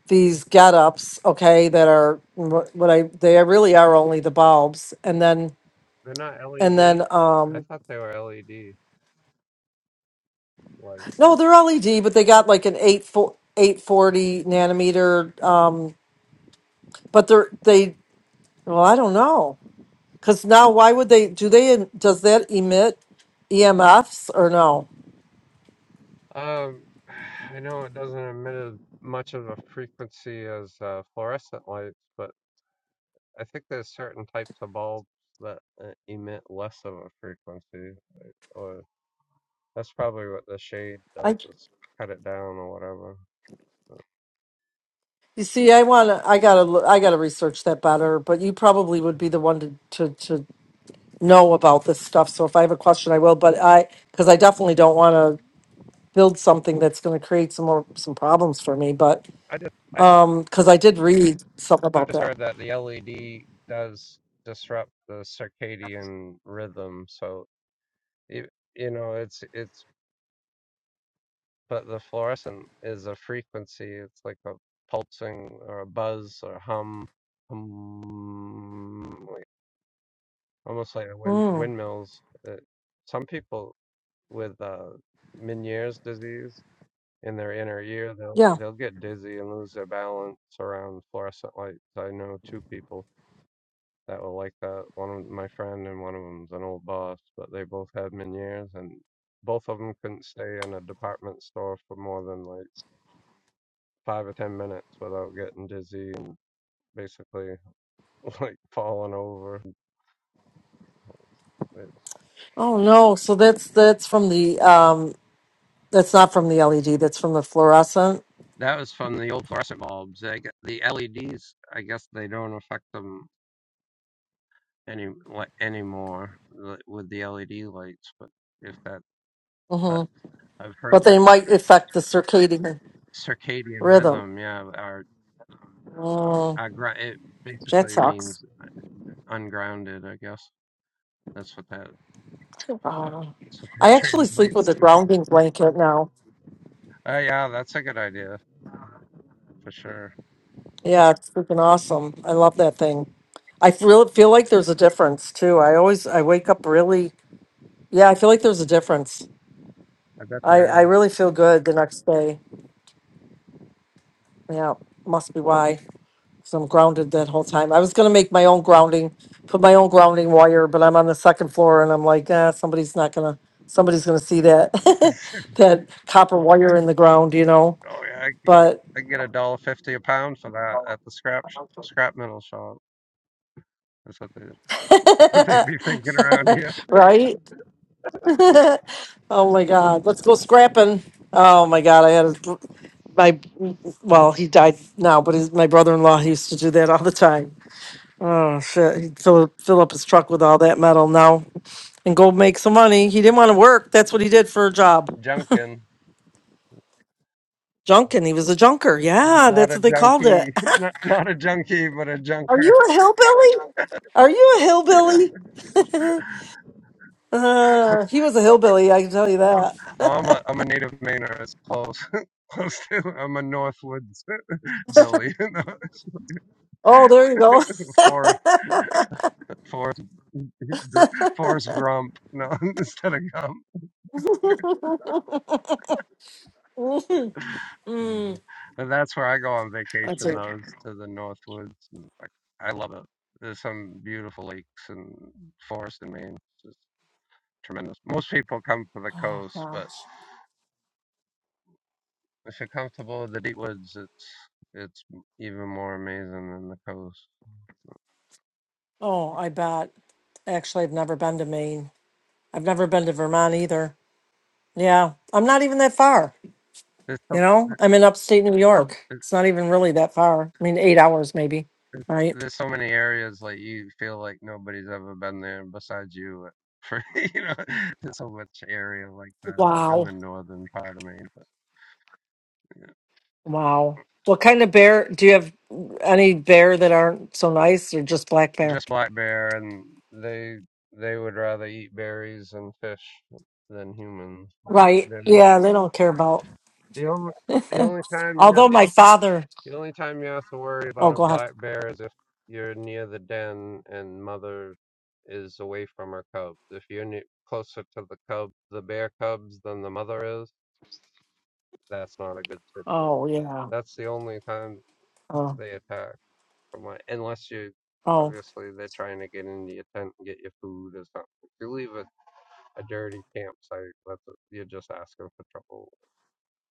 [SPEAKER 4] these get-ups, okay, that are wh- what I they really are only the bulbs, and then
[SPEAKER 12] They're not
[SPEAKER 4] and then
[SPEAKER 12] LED. I
[SPEAKER 4] um
[SPEAKER 12] thought they were LED light.
[SPEAKER 4] no, they're LED, but they got like an eight four eight forty nanometer. Um, but they're they well, I don't know, because now why would they do they em- does that emit EMFs or no?
[SPEAKER 12] Um, I know it doesn't emit as much of a frequency as uh, fluorescent lights, but I think there's certain types of bulbs that uh, emit less of a frequency. or that's probably what the shade does
[SPEAKER 4] I
[SPEAKER 12] is cut it down or whatever.
[SPEAKER 4] you see, I want to I gotta lo- I gotta research that better, but you probably would be the one to to to know about this stuff. So if I have a question, I will. But I because I definitely don't want to. build something that's going to create some more some problems for me. But
[SPEAKER 12] I just I just
[SPEAKER 4] um, because I did read something
[SPEAKER 12] I've
[SPEAKER 4] about
[SPEAKER 12] just
[SPEAKER 4] that.
[SPEAKER 12] heard that the LED does disrupt the circadian rhythm, so you, you know it's it's but the fluorescent is a frequency. It's like a pulsing or a buzz or hum, hum like, almost like a wind,
[SPEAKER 4] Mm,
[SPEAKER 12] windmills. Uh some people with uh, Meniere's disease in their inner ear, they'll
[SPEAKER 4] yeah.
[SPEAKER 12] they'll get dizzy and lose their balance around fluorescent lights. I know two people that were like that. One of my friend and one of them's an old boss, but they both had Meniere's and both of them couldn't stay in a department store for more than like five or ten minutes without getting dizzy and basically like falling over. It-
[SPEAKER 4] Oh no. So that's that's from the um, that's not from the LED. That's from the fluorescent.
[SPEAKER 12] That was from the old fluorescent bulbs. I gue- the LEDs, I guess they don't affect them any like anymore like, with the LED lights, but if that.
[SPEAKER 4] hmm
[SPEAKER 12] I've heard
[SPEAKER 4] But they might affect the circadian
[SPEAKER 12] that circadian
[SPEAKER 4] rhythm.
[SPEAKER 12] rhythm. Yeah, our
[SPEAKER 4] Mm,
[SPEAKER 12] agri- it
[SPEAKER 4] that
[SPEAKER 12] basically
[SPEAKER 4] sucks.
[SPEAKER 12] means uh, ungrounded. I guess that's what that
[SPEAKER 4] Uh,
[SPEAKER 12] that's what that
[SPEAKER 4] I actually sleep with
[SPEAKER 12] translates
[SPEAKER 4] a
[SPEAKER 12] to.
[SPEAKER 4] grounding blanket now.
[SPEAKER 12] Oh yeah, that's a good idea for sure.
[SPEAKER 4] Yeah, it's freaking awesome. I love that thing. I feel feel like there's a difference too. I always I wake up really yeah. I feel like there's a difference.
[SPEAKER 12] I bet
[SPEAKER 4] I,
[SPEAKER 12] there
[SPEAKER 4] I
[SPEAKER 12] is.
[SPEAKER 4] really feel good the next day. Yeah, must be why. Because I'm grounded that whole time. I was going to make my own grounding, put my own grounding wire, but I'm on the second floor and I'm like, ah, somebody's not going to, somebody's going to see that, that copper wire in the ground, you know?
[SPEAKER 12] oh yeah, I could get
[SPEAKER 4] But,
[SPEAKER 12] I could get a dollar fifty a pound for that at the scrap sh- scrap metal shop. That's what they what they'd be thinking around here.
[SPEAKER 4] right? oh my God. Let's go scrapping. Oh my God. I had a, my, well, he died now, but his, my brother in law, he used to do that all the time Oh shit! He'd fill, fill up his truck with all that metal now and go make some money. He didn't want to work. That's what he did for a job.
[SPEAKER 12] Junkin.
[SPEAKER 4] Junkin. He was a junker. Yeah,
[SPEAKER 12] Not
[SPEAKER 4] that's
[SPEAKER 12] a
[SPEAKER 4] what they called it.
[SPEAKER 12] junkie, not, not a junkie, but a
[SPEAKER 4] Are
[SPEAKER 12] junker.
[SPEAKER 4] you a hillbilly? Are you a hillbilly? uh, he was a hillbilly. I can tell you
[SPEAKER 12] Oh, I'm a
[SPEAKER 4] that.
[SPEAKER 12] I'm a native Mainer. It's close, close to. I'm a Northwoods Billy,
[SPEAKER 4] oh, there you go.
[SPEAKER 12] Forrest, Forrest, Gr- Forrest Grump, no, instead of Gump. Uh,
[SPEAKER 4] Mm,
[SPEAKER 12] and that's where I go on
[SPEAKER 4] that's
[SPEAKER 12] vacation,
[SPEAKER 4] it.
[SPEAKER 12] though, is to the Northwoods. And I, I love it. There's some beautiful lakes and forests in Maine. It's just tremendous. Most people come for the
[SPEAKER 4] Oh
[SPEAKER 12] coast, but
[SPEAKER 4] gosh.
[SPEAKER 12] if you're comfortable with the deep woods, it's it's even more amazing than the coast.
[SPEAKER 4] Oh, I bet. Actually, I've never been to Maine. I've never been to Vermont either. Yeah, I'm not even that far.
[SPEAKER 12] There's
[SPEAKER 4] You
[SPEAKER 12] so,
[SPEAKER 4] know, I'm in upstate New York. It's not even really that far. I mean, eight hours maybe. Right.
[SPEAKER 12] there's so many areas like you feel like nobody's ever been there besides you. For you know, there's so much area like that in
[SPEAKER 4] Wow.
[SPEAKER 12] the northern part of Maine. But
[SPEAKER 4] Wow. What kind of bear do you have? Any bear that aren't so nice, or just black bear?
[SPEAKER 12] just black bear, and they they would rather eat berries and fish than humans.
[SPEAKER 4] Right.
[SPEAKER 12] They're more
[SPEAKER 4] Yeah, they don't care about.
[SPEAKER 12] the only the only time you have
[SPEAKER 4] Although my father.
[SPEAKER 12] the only time you have to worry
[SPEAKER 4] Oh,
[SPEAKER 12] about a
[SPEAKER 4] go ahead.
[SPEAKER 12] black bear is if you're near the den and mother is away from her cubs. If you're ne closer to the cub, the bear cubs than the mother is That's not a good situation.
[SPEAKER 4] Oh, yeah.
[SPEAKER 12] That's the only time
[SPEAKER 4] Oh,
[SPEAKER 12] they attack. From my, unless you,
[SPEAKER 4] oh.
[SPEAKER 12] obviously, they're trying to get into your tent and get your food or something. If you leave a, a dirty campsite, that's a, you're just asking for trouble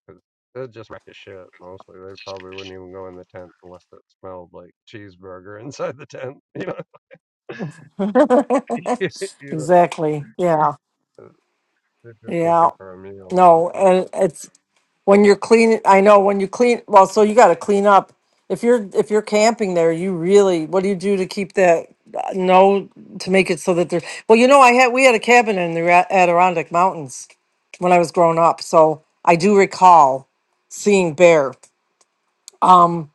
[SPEAKER 12] because they'll just wreck your shit. Mostly, they probably wouldn't even go in the tent unless it smelled like cheeseburger inside the tent. You know, you
[SPEAKER 4] exactly. Yeah.
[SPEAKER 12] know, uh, they're just
[SPEAKER 4] Yeah.
[SPEAKER 12] looking for a meal.
[SPEAKER 4] No, and it's when you're cleaning i know when you clean well so you got to clean up if you're if you're camping there you really what do you do to keep that uh, no to make it so that there well you know i had we had a cabin in the Ra- adirondack mountains when i was growing up so i do recall seeing bear um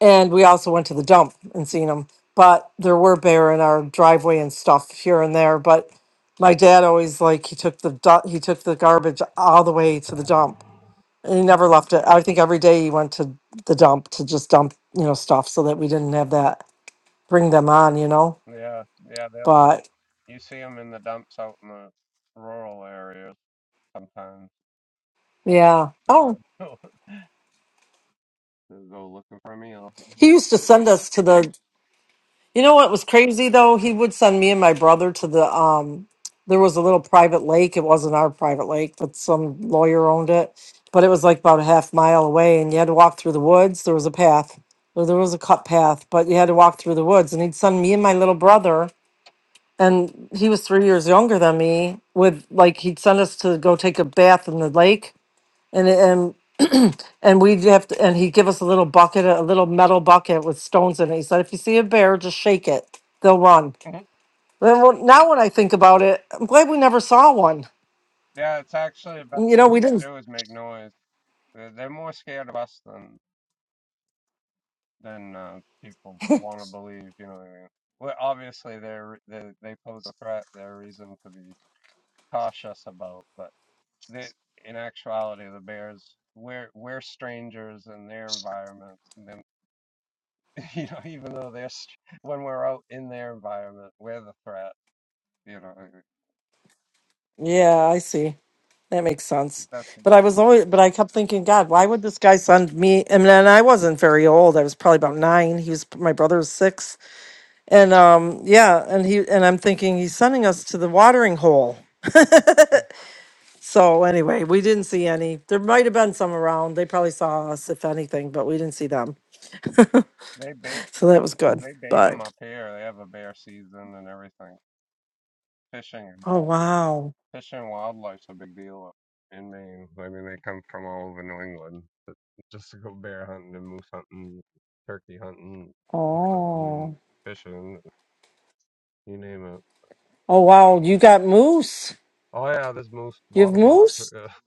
[SPEAKER 4] and we also went to the dump and seen them but there were bear in our driveway and stuff here and there but my dad always like he took the du- he took the garbage all the way to the dump and he never left it. I think every day he went to the dump to just dump, you know, stuff so that we didn't have that bring them on, you know.
[SPEAKER 12] Yeah, yeah, they'll.
[SPEAKER 4] But
[SPEAKER 12] You see them in the dumps out in the rural areas sometimes. That's
[SPEAKER 4] yeah.
[SPEAKER 12] the
[SPEAKER 4] Oh,
[SPEAKER 12] band. Go looking for me. I'll
[SPEAKER 4] he
[SPEAKER 12] be...
[SPEAKER 4] used to send us to the You know what was crazy though? He would send me and my brother to the um there was a little private lake. It wasn't our private lake, but some lawyer owned it. But it was like about a half mile away and you had to walk through the woods. There was a path. Well, there was a cut path, but you had to walk through the woods and he'd send me and my little brother and he was three years younger than me with like he'd send us to go take a bath in the lake and and and we'd have to and he'd give us a little bucket a little metal bucket with stones in it he said if you see a bear just shake it they'll run Then when- now when i think about it i'm glad we never saw one
[SPEAKER 12] yeah, it's actually the best
[SPEAKER 4] you
[SPEAKER 12] thing
[SPEAKER 4] know
[SPEAKER 12] you
[SPEAKER 4] we didn't
[SPEAKER 12] can do is make noise. They're, they're more scared of us than than uh, people want to believe. You know what I mean? Well, obviously they're they they pose a threat. They're a reason to be cautious about. But they, in actuality, the bears we're we're strangers in their environment. And then you know, even though they're when we're out in their environment, we're the threat. You know,
[SPEAKER 4] yeah i see that makes sense
[SPEAKER 12] that's
[SPEAKER 4] but i was always but i kept thinking god why would this guy send me and then i wasn't very old i was probably about nine he was my brother was six And um, yeah, and he and I'm thinking he's sending us to the watering hole. so anyway, we didn't see any. There might have been some around. They probably saw us if anything, but we didn't see them.
[SPEAKER 12] they bait.
[SPEAKER 4] So that was good.
[SPEAKER 12] They bait 'em
[SPEAKER 4] But
[SPEAKER 12] up here. They have a bear season and everything. Fishing and
[SPEAKER 4] oh
[SPEAKER 12] wild
[SPEAKER 4] wow.
[SPEAKER 12] fishing and wildlife's a big deal up in Maine. I mean, they come from all over New England but just to go bear hunting and moose hunting, turkey hunting, hunting,
[SPEAKER 4] Oh.
[SPEAKER 12] fishing, you name it.
[SPEAKER 4] Oh wow, you got moose.
[SPEAKER 12] Oh yeah, this moose, a
[SPEAKER 4] You have
[SPEAKER 12] lot of moose.
[SPEAKER 4] moose?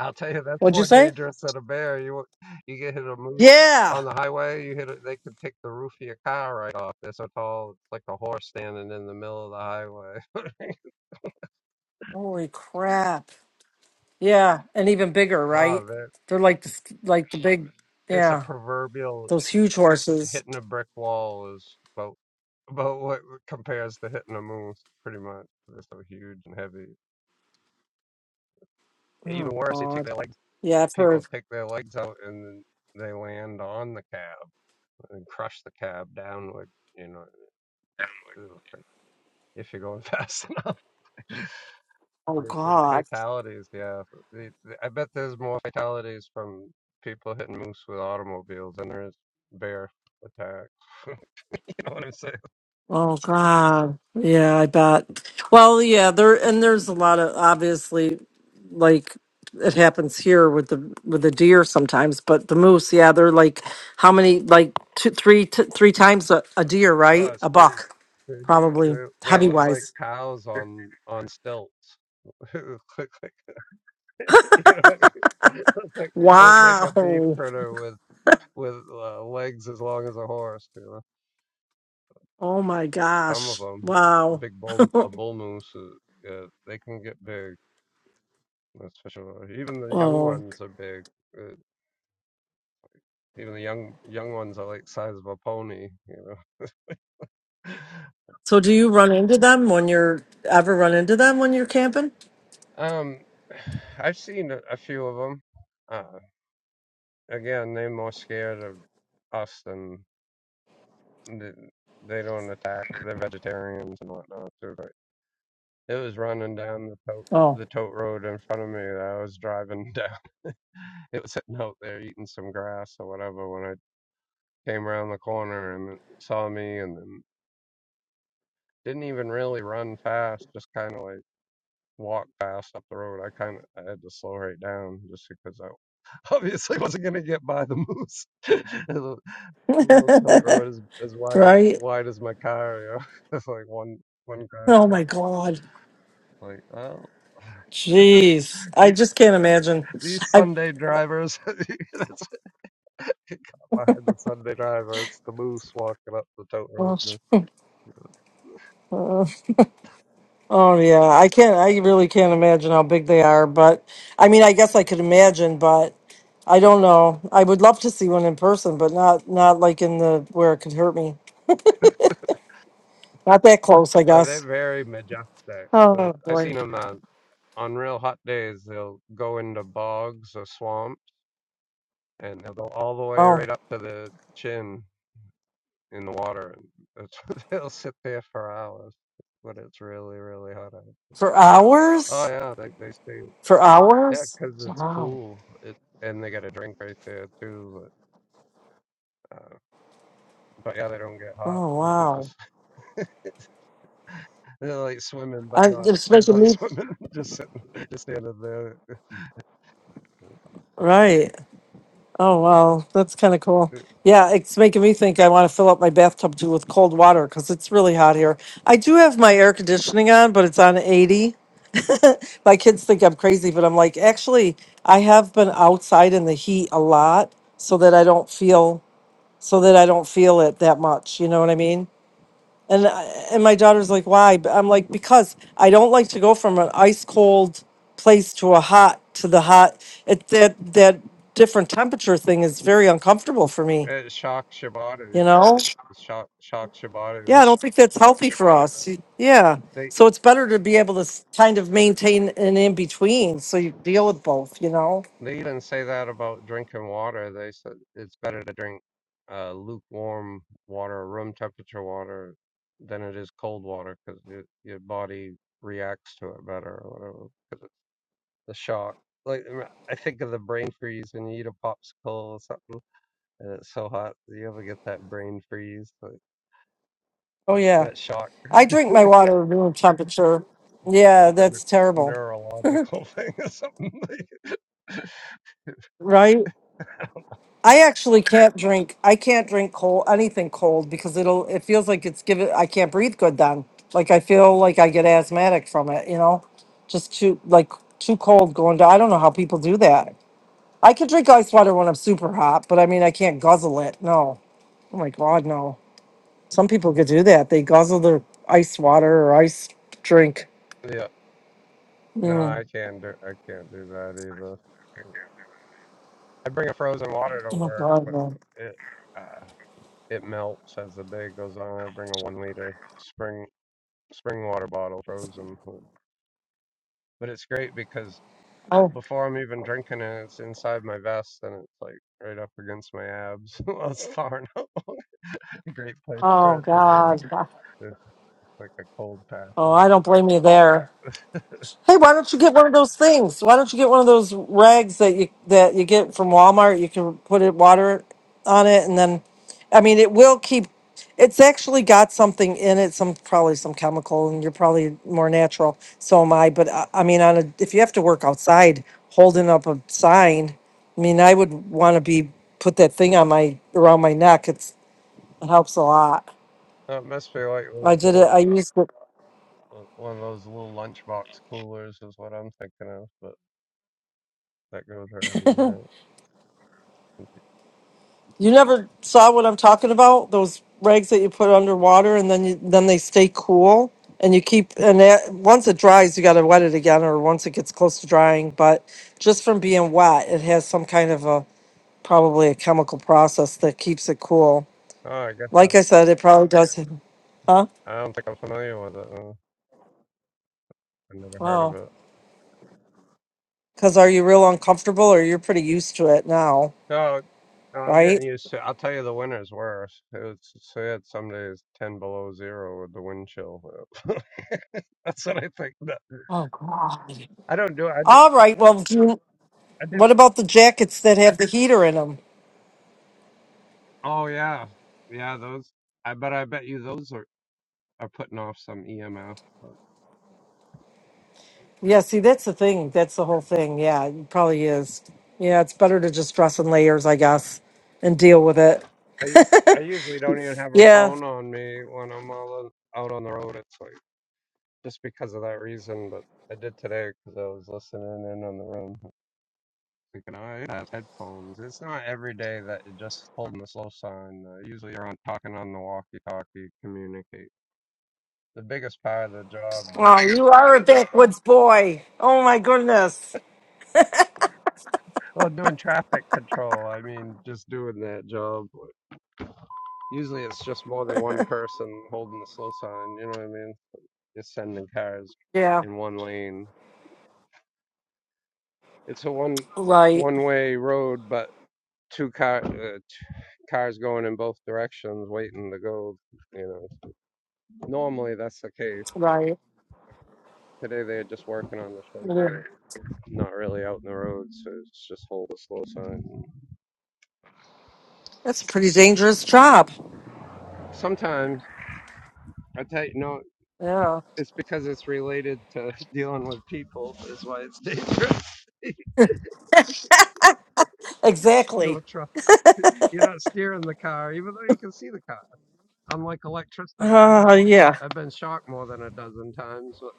[SPEAKER 12] I'll tell you, that's
[SPEAKER 4] What'd you
[SPEAKER 12] more
[SPEAKER 4] say?
[SPEAKER 12] dangerous than a bear. You you get hit a moose
[SPEAKER 4] Yeah.
[SPEAKER 12] on the highway, you hit it. They could pick the roof of your car right off. They're so tall, it's like a horse standing in the middle of the highway.
[SPEAKER 4] Holy crap. Yeah, and even bigger,
[SPEAKER 12] oh
[SPEAKER 4] right?
[SPEAKER 12] man.
[SPEAKER 4] They're like the, like the big
[SPEAKER 12] it's a
[SPEAKER 4] yeah,
[SPEAKER 12] proverbial
[SPEAKER 4] those huge horses.
[SPEAKER 12] hitting a brick wall is about about what compares to hitting a moose pretty much they're so huge and heavy even
[SPEAKER 4] Oh
[SPEAKER 12] worse they take
[SPEAKER 4] god.
[SPEAKER 12] their legs
[SPEAKER 4] Yeah, I've heard.
[SPEAKER 12] people take their legs out and then they land on the cab and crush the cab downward you know if you're going fast enough
[SPEAKER 4] Oh God.
[SPEAKER 12] fatalities yeah i bet there's more fatalities from people hitting moose with automobiles than there is bear attacks you know what i'm saying
[SPEAKER 4] Oh God. Yeah, I bet. Well, yeah, there and there's a lot of obviously like it happens here with the with the deer sometimes, but the moose, yeah, they're like how many like two, three, t- three times a, a deer, right?
[SPEAKER 12] Oh,
[SPEAKER 4] A
[SPEAKER 12] shoot!
[SPEAKER 4] buck,
[SPEAKER 12] They're
[SPEAKER 4] probably
[SPEAKER 12] they they
[SPEAKER 4] heavy
[SPEAKER 12] look like
[SPEAKER 4] wise.
[SPEAKER 12] cows on on stilts. They Look like, you know, it looks like it looks like a beef
[SPEAKER 4] Wow.
[SPEAKER 12] critter with with uh, legs as long as a horse. You know,
[SPEAKER 4] Oh my
[SPEAKER 12] some of
[SPEAKER 4] gosh.
[SPEAKER 12] them,
[SPEAKER 4] Wow.
[SPEAKER 12] big bull, a bull moose, uh, uh, they can get big. That's for sure. Even the young
[SPEAKER 4] Oh.
[SPEAKER 12] ones are big. Uh, even the young young ones are like size of a pony. You know,
[SPEAKER 4] So do you run into them when you're ever run into them when you're camping?
[SPEAKER 12] um, I've seen a, a few of them. Again, they're more scared of us than th- they don't attack. They're vegetarians and whatnot too. But it was running down the tote,
[SPEAKER 4] Oh.
[SPEAKER 12] the tote road in front of me that I was driving down. It was sitting out there eating some grass or whatever when I came around the corner and it saw me and then didn't even really run fast. Just kind of like walked fast up the road. I kind of I had to slow right down just because I obviously wasn't going to get by the moose. It was a little tote road as as wide as
[SPEAKER 4] right.
[SPEAKER 12] wide as my car. You know, it's like one one car.
[SPEAKER 4] Oh my God.
[SPEAKER 12] It's Like, oh,
[SPEAKER 4] Jeez. I
[SPEAKER 12] these
[SPEAKER 4] just can't imagine. I,
[SPEAKER 12] Sunday drivers. that's behind the Sunday driver. It's the moose walking up the tote road.
[SPEAKER 4] uh, oh yeah, I can't, I really can't imagine how big they are, but I mean, I guess I could imagine, but I don't know. I would love to see one in person, but not, not like in the, where it could hurt me. Not that close, I
[SPEAKER 12] Uh, they're
[SPEAKER 4] guess.
[SPEAKER 12] very majestic. Uh,
[SPEAKER 4] Oh
[SPEAKER 12] I've
[SPEAKER 4] boy.
[SPEAKER 12] seen them uh, on real hot days. They'll go into bogs or swamps, and they'll go all the way
[SPEAKER 4] Oh,
[SPEAKER 12] right up to the chin in the water, and it's, they'll sit there for hours when it's really really hot out.
[SPEAKER 4] for
[SPEAKER 12] Oh
[SPEAKER 4] hours?
[SPEAKER 12] yeah, like they say,
[SPEAKER 4] For
[SPEAKER 12] yeah,
[SPEAKER 4] hours?
[SPEAKER 12] 'cause it's
[SPEAKER 4] Wow.
[SPEAKER 12] cool. It and they got a drink right there too. But, uh, but yeah, they don't get hot.
[SPEAKER 4] Oh
[SPEAKER 12] so they
[SPEAKER 4] wow.
[SPEAKER 12] just they're like swimming, but
[SPEAKER 4] I,
[SPEAKER 12] not but not
[SPEAKER 4] especially me,
[SPEAKER 12] swimming. just sitting, just standing there.
[SPEAKER 4] right. Oh, wow. That's kind of cool.
[SPEAKER 12] It,
[SPEAKER 4] Yeah, it's making me think I want to fill up my bathtub too with cold water because it's really hot here. I do have my air conditioning on, but it's on 80. My kids think I'm crazy, but I'm like, actually, I have been outside in the heat a lot so that I don't feel so that I don't feel it that much. You know what I mean? And I, and my daughter's like, why? But I'm like, because I don't like to go from an ice cold place to a hot to the hot. It that that different temperature thing is very uncomfortable for me.
[SPEAKER 12] it shocks your body.
[SPEAKER 4] You know?
[SPEAKER 12] It shock shocks your body.
[SPEAKER 4] Yeah,
[SPEAKER 12] That
[SPEAKER 4] I don't think that's healthy for us. Yeah.
[SPEAKER 12] they
[SPEAKER 4] So it's better to be able to s- kind of maintain an in between, so you deal with both. You know?
[SPEAKER 12] they even say that about drinking water. They said it's better to drink uh, lukewarm water, room temperature water, than it is cold water because your your body reacts to it better or whatever. the shock. Like I think of the brain freeze when you eat a popsicle or something, and it's so hot. that You ever get that brain freeze? Like
[SPEAKER 4] Oh yeah.
[SPEAKER 12] that shock,
[SPEAKER 4] I drink my water room temperature. Yeah,
[SPEAKER 12] like a
[SPEAKER 4] that's terrible,
[SPEAKER 12] neurological thing or something.
[SPEAKER 4] Right. I actually can't drink. I can't drink cold anything cold because it'll. It feels like it's giving. I can't breathe good then. Like I feel like I get asthmatic from it. You know, just too like too cold going down. I don't know how people do that. I can drink ice water when I'm super hot, but I mean I can't guzzle it. No. Oh my god, no. Some people could do that. They guzzle their ice water or ice drink.
[SPEAKER 12] yeah. No,
[SPEAKER 4] Mm.
[SPEAKER 12] I can't do. I can't do that either. I bring a frozen water to
[SPEAKER 4] Oh
[SPEAKER 12] work,
[SPEAKER 4] god,
[SPEAKER 12] but
[SPEAKER 4] no.
[SPEAKER 12] it uh, it melts as the day goes on. I bring a one liter spring spring water bottle frozen, but it's great because
[SPEAKER 4] Oh,
[SPEAKER 12] before I'm even drinking and it's inside my vest and it's like right up against my abs. well, it's far enough. A great place for
[SPEAKER 4] oh
[SPEAKER 12] it to
[SPEAKER 4] god.
[SPEAKER 12] be. It's like a cold pack.
[SPEAKER 4] Oh, I
[SPEAKER 12] And
[SPEAKER 4] don't blame you there. Hey, why don't you get one of those things? Why don't you get one of those rags that you that you get from Walmart? You can put it water on it, and then, I mean, it will keep. It's actually got something in it, some probably some chemical, and you're probably more natural. So am I. But I, I mean, on a if you have to work outside holding up a sign, I mean, I would want to be put that thing on my around my neck. It's it helps a lot.
[SPEAKER 12] it must be like
[SPEAKER 4] I did it.
[SPEAKER 12] little,
[SPEAKER 4] I used it.
[SPEAKER 12] uh, one of those little lunchbox coolers is what I'm thinking of, but that goes around the night.
[SPEAKER 4] You never saw what I'm talking about? Those rags that you put underwater and then you, then they stay cool and you keep and that, once it dries you got to wet it again or once it gets close to drying, but just from being wet it has some kind of a probably a chemical process that keeps it cool.
[SPEAKER 12] Oh, I guess
[SPEAKER 4] Like I
[SPEAKER 12] I'm,
[SPEAKER 4] said, it probably does. Huh?
[SPEAKER 12] I don't think I'm familiar with it. No, I've never heard of
[SPEAKER 4] Wow.
[SPEAKER 12] it.
[SPEAKER 4] Cuz are you real uncomfortable or you're pretty used to it now,
[SPEAKER 12] No, No, I'm getting
[SPEAKER 4] right?
[SPEAKER 12] used to. I'll tell you, the winter's worse. It's so had some days ten below zero with the wind chill. That's what I think. No,
[SPEAKER 4] Oh god.
[SPEAKER 12] I don't do. it. I did,
[SPEAKER 4] All right. Well, do you-
[SPEAKER 12] I did.
[SPEAKER 4] what about the jackets that have the heater in them?
[SPEAKER 12] Oh yeah, yeah. Those. I but I bet you those are are putting off some EMF.
[SPEAKER 4] Yeah, see, that's the thing. That's the whole thing. Yeah, it probably is. Yeah, it's better to just dress in layers, I guess, and deal with it.
[SPEAKER 12] I I usually don't even have a
[SPEAKER 4] Yeah.
[SPEAKER 12] phone on me when I'm all on, out on the road. It's like just because of that reason. But I did today because I was listening in on the room. thinking, oh, it has headphones. It's not every day that you're just holding the slow sign. Uh, usually you're on talking on the walkie-talkie, communicate. The biggest part of the job,
[SPEAKER 4] Oh, you are a backwoods boy. Oh my goodness.
[SPEAKER 12] well, doing traffic control. I mean, just doing that job. Usually it's just more than one person holding the slow sign. You know what I mean? Just sending cars
[SPEAKER 4] Yeah.
[SPEAKER 12] in one lane. It's a one
[SPEAKER 4] Right.
[SPEAKER 12] one-way road, but two car uh, cars going in both directions, waiting to go. You know, normally that's the case.
[SPEAKER 4] Right.
[SPEAKER 12] Today they're just working on the
[SPEAKER 4] Yeah.
[SPEAKER 12] shoulder, not really out in the road, so it's just hold a slow sign.
[SPEAKER 4] That's a pretty dangerous job.
[SPEAKER 12] Sometimes I tell you, no,
[SPEAKER 4] Yeah.
[SPEAKER 12] it's because it's related to dealing with people. Is why it's dangerous. you
[SPEAKER 4] Exactly.
[SPEAKER 12] don't trust. You're not steering the car, even though you can see the car. Unlike electricity, I've
[SPEAKER 4] Oh
[SPEAKER 12] been
[SPEAKER 4] yeah.
[SPEAKER 12] I've been shocked more than a dozen times. But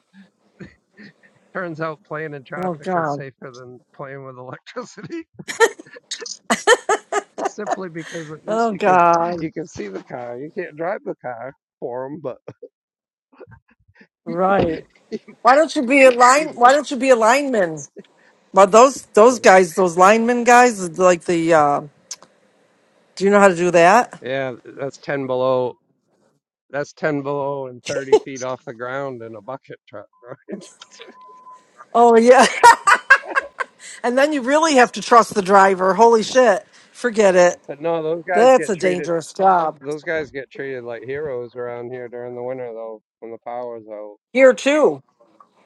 [SPEAKER 12] turns out playing in
[SPEAKER 4] Oh
[SPEAKER 12] traffic is
[SPEAKER 4] God.
[SPEAKER 12] safer than playing with electricity. It's simply because at least
[SPEAKER 4] Oh
[SPEAKER 12] you can
[SPEAKER 4] God.
[SPEAKER 12] you can see the car. You can't drive the car for them, but
[SPEAKER 4] Right. Why don't you be a
[SPEAKER 12] you can see
[SPEAKER 4] line?
[SPEAKER 12] them.
[SPEAKER 4] Why don't you be a lineman? Well, those those guys, those lineman guys, like the uh, Do you know how to do that?
[SPEAKER 12] Yeah, that's 10 below. That's 10 below and 30 feet off the ground in a bucket truck, right?
[SPEAKER 4] Oh, yeah. And then you really have to trust the driver. Holy shit. Forget it.
[SPEAKER 12] But no, those guys
[SPEAKER 4] That's
[SPEAKER 12] get
[SPEAKER 4] a
[SPEAKER 12] treated.
[SPEAKER 4] dangerous job.
[SPEAKER 12] Those guys get treated like heroes around here during the winter, though, when the power's out.
[SPEAKER 4] Here, too.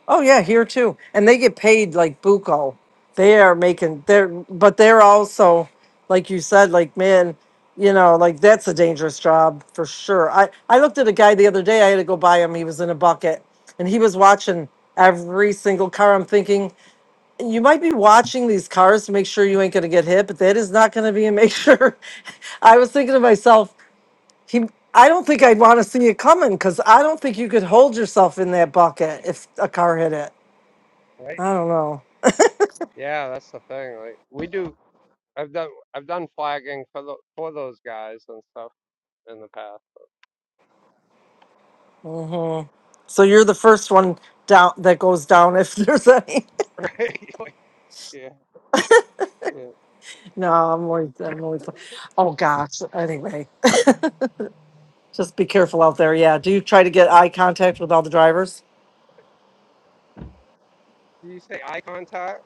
[SPEAKER 4] Oh, yeah, here, too. And they get paid like Buco. They are making, they're, but they're also, like you said, like, man, you know, like that's a dangerous job for sure. I, I looked at a guy the other day. I had to go buy him. He was in a bucket and he was watching every single car. I'm thinking, you might be watching these cars to make sure you ain't going to get hit, but that is not going to be a make sure. I was thinking to myself, he, I don't think I'd want to see it coming because I don't think you could hold yourself in that bucket if a car hit it.
[SPEAKER 12] Right?
[SPEAKER 4] I don't know.
[SPEAKER 12] Yeah, that's the thing. Like we do. I've done. I've done flagging for the for those guys and stuff in the past.
[SPEAKER 4] So you're the first one down that goes down if there's any.
[SPEAKER 12] Right? Like, yeah. Yeah.
[SPEAKER 4] no, I'm always, I'm always, oh gosh. Anyway, just be careful out there. Yeah. Do you try to get eye contact with all the drivers?
[SPEAKER 12] Do you say eye contact?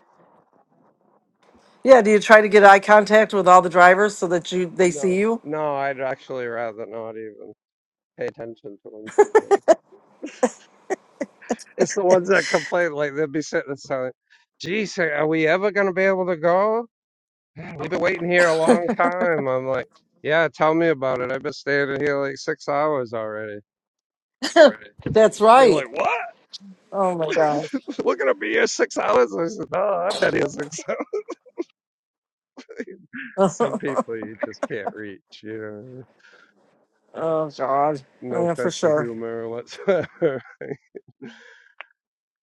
[SPEAKER 4] Yeah. Do you try to get eye contact with all the drivers so that you they see
[SPEAKER 12] No.
[SPEAKER 4] you?
[SPEAKER 12] No, I'd actually rather not even pay attention to them. It's the ones that complain, like they'll be sitting there saying, "Geez, are we ever gonna be able to go? Yeah, We've been waiting here a long time." I'm like, "Yeah, tell me about it. I've been standing here like six hours already."
[SPEAKER 4] That's
[SPEAKER 12] They're
[SPEAKER 4] right.
[SPEAKER 12] like, "What?
[SPEAKER 4] Oh my God.
[SPEAKER 12] We're gonna be here six hours?" I said, "No, I've been here six hours." Some people you just can't reach. You
[SPEAKER 4] oh God.
[SPEAKER 12] know, no
[SPEAKER 4] Yeah, for
[SPEAKER 12] sense of
[SPEAKER 4] sure.
[SPEAKER 12] humor whatsoever.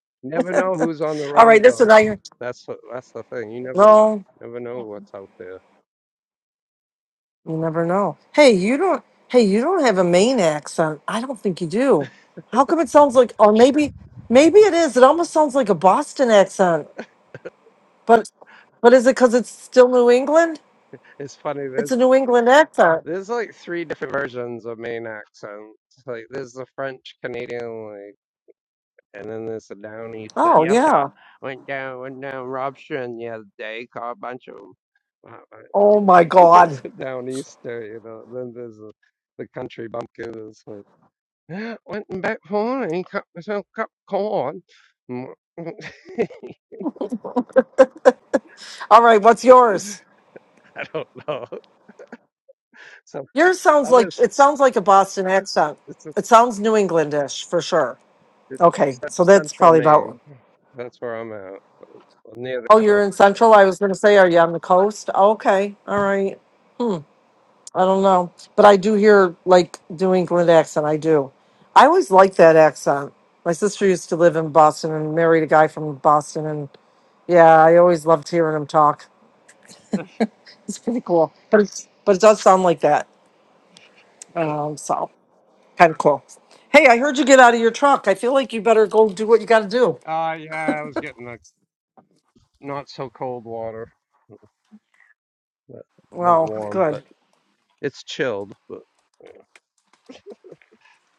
[SPEAKER 12] never know who's on the
[SPEAKER 4] All right,
[SPEAKER 12] road
[SPEAKER 4] that's what
[SPEAKER 12] though.
[SPEAKER 4] I
[SPEAKER 12] That's what, that's the thing. You never
[SPEAKER 4] No,
[SPEAKER 12] never know what's out there.
[SPEAKER 4] you never know. Hey, you don't hey, you don't have a Maine accent. I don't think you do. How come it sounds like or maybe maybe it is. It almost sounds like a Boston accent. But but is it because it's still New England?
[SPEAKER 12] It's funny. There's
[SPEAKER 4] It's a New England accent.
[SPEAKER 12] There's like three different versions of Maine accents. Like there's the French Canadian, like, and then there's the down east. But
[SPEAKER 4] Oh
[SPEAKER 12] yes, I
[SPEAKER 4] yeah.
[SPEAKER 12] went down went down Robson the other day, caught a bunch of 'em. Wow,
[SPEAKER 4] Oh
[SPEAKER 12] I-
[SPEAKER 4] my God.
[SPEAKER 12] That's a down easter, you know. Then there's the, the country bumpkin. It's like went in back home and cut myself a cup of corn. Mm, mm.
[SPEAKER 4] All right, what's yours?
[SPEAKER 12] I don't know. So
[SPEAKER 4] Yours sounds
[SPEAKER 12] I'm in
[SPEAKER 4] like it sounds like a Boston accent.
[SPEAKER 12] it's, it's,
[SPEAKER 4] It sounds New Englandish for sure.
[SPEAKER 12] it's
[SPEAKER 4] Okay,
[SPEAKER 12] cen-
[SPEAKER 4] so that's
[SPEAKER 12] central
[SPEAKER 4] probably about.
[SPEAKER 12] Maine. That's where I'm at, near
[SPEAKER 4] Oh,
[SPEAKER 12] the
[SPEAKER 4] you're in Central. I was going to say, are you on the coast? Okay, all right. Hmm, I don't know, but I do hear like New England accent. I do. I always like that accent. My sister used to live in Boston and married a guy from Boston, and yeah, I always loved hearing him talk. It's pretty cool, but it's, but it does sound like that. Um, so kind of cool. Hey, I heard you get out of your truck. I feel like you better go do what you got to do.
[SPEAKER 12] Uh, yeah, I was getting a not so cold water, but not
[SPEAKER 4] Well,
[SPEAKER 12] warm,
[SPEAKER 4] good.
[SPEAKER 12] but it's chilled. But yeah.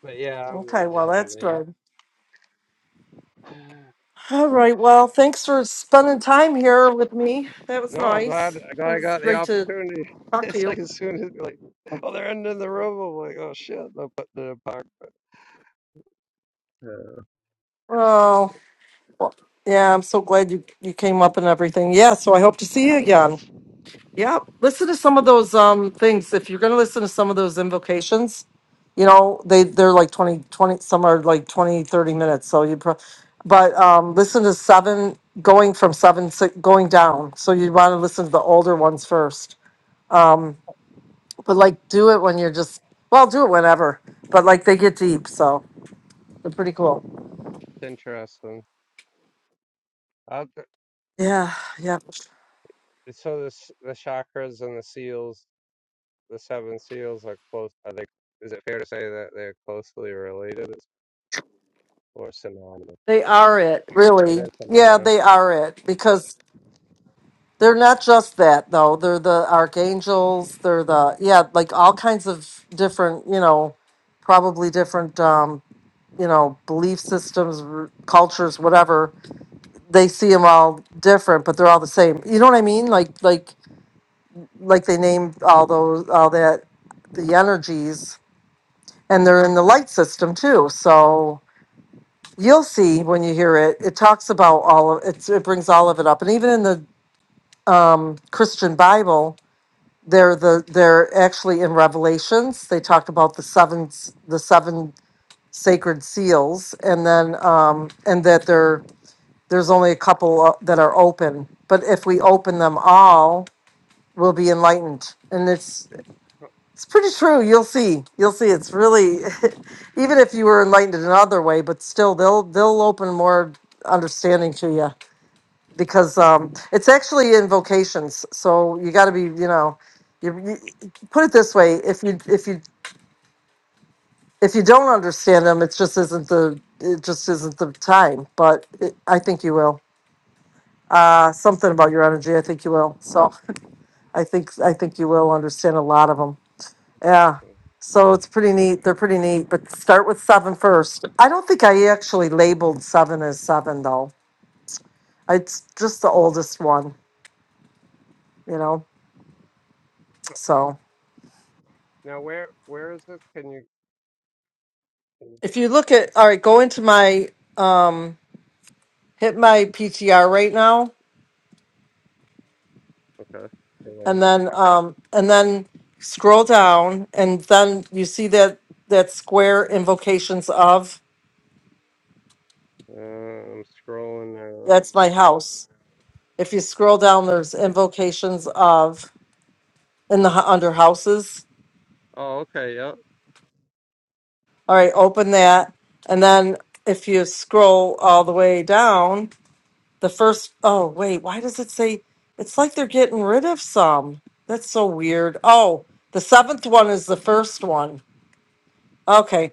[SPEAKER 12] but yeah, I'm
[SPEAKER 4] Okay,
[SPEAKER 12] gonna be
[SPEAKER 4] well
[SPEAKER 12] headed
[SPEAKER 4] that's good.
[SPEAKER 12] in.
[SPEAKER 4] All right. Well, thanks for spending time here with me. That was
[SPEAKER 12] No, I'm glad,
[SPEAKER 4] nice.
[SPEAKER 12] i
[SPEAKER 4] That
[SPEAKER 12] glad I
[SPEAKER 4] was
[SPEAKER 12] got the
[SPEAKER 4] great to
[SPEAKER 12] opportunity.
[SPEAKER 4] talk to
[SPEAKER 12] It's
[SPEAKER 4] you.
[SPEAKER 12] like as soon as like, oh, they're ending the room. I'm like, oh shit, they'll put the park. Yeah.
[SPEAKER 4] Oh, well, yeah. I'm so glad you you came up and everything. Yeah. So I hope to see you again. Yeah. Listen to some of those um things. If you're gonna listen to some of those invocations, you know they they're like 20 20. Some are like 20 30 minutes. So you, pro- but um, listen to seven going from seven six, going down. So you want to listen to the older ones first Um, but like do it when you're just well do it whenever but like they get deep so they're pretty cool
[SPEAKER 12] It's interesting. Out th-
[SPEAKER 4] yeah yeah
[SPEAKER 12] so the the chakras and the seals, the seven seals are close. Are they? Is it fair to say that they're closely related or synonymous?
[SPEAKER 4] they are it
[SPEAKER 12] Are they
[SPEAKER 4] really yeah
[SPEAKER 12] synonymous?
[SPEAKER 4] they are it because they're not just that though they're the archangels they're the yeah like all kinds of different you know probably different um you know belief systems r- cultures whatever they see them all different but they're all the same you know what i mean like like like they named all those all that the energies and they're in the light system too. So you'll see when you hear it. It talks about all of it. It brings all of it up, and even in the um, Christian Bible, they're the they're actually in Revelations. They talked about the seven s- the seven sacred seals, and then um, and that there there's only a couple uh, that are open. But if we open them all, we'll be enlightened. And it's It's pretty true. You'll see. You'll see. It's really, even if you were enlightened in another way, but still, they'll they'll open more understanding to you because um, it's actually in vocations. So you got to be, you know, you, you put it this way: if you if you if you don't understand them, it just isn't the it just isn't the time. But it, I think you will. Uh, something about your energy. I think you will. So I think I think you will understand a lot of them. Yeah. So it's pretty neat. They're pretty neat, but start with seven first. I don't think I actually labeled seven as seven though. It's just the oldest one, you know. So
[SPEAKER 12] Now, where where is this? Can you? can- you-
[SPEAKER 4] if you look at all right, go into my um hit my PTR right now
[SPEAKER 12] Okay. Hang on.
[SPEAKER 4] and then um and then scroll down and then you see that that square invocations of
[SPEAKER 12] Uh, I'm scrolling now.
[SPEAKER 4] that's my house. If you scroll down there's invocations of in the hu- under houses
[SPEAKER 12] Oh, okay. Yep.
[SPEAKER 4] All right, open that. And then if you scroll all the way down, the first, oh, wait, why does it say it's like they're getting rid of some? That's so weird. Oh, the seventh one is the first one. Okay.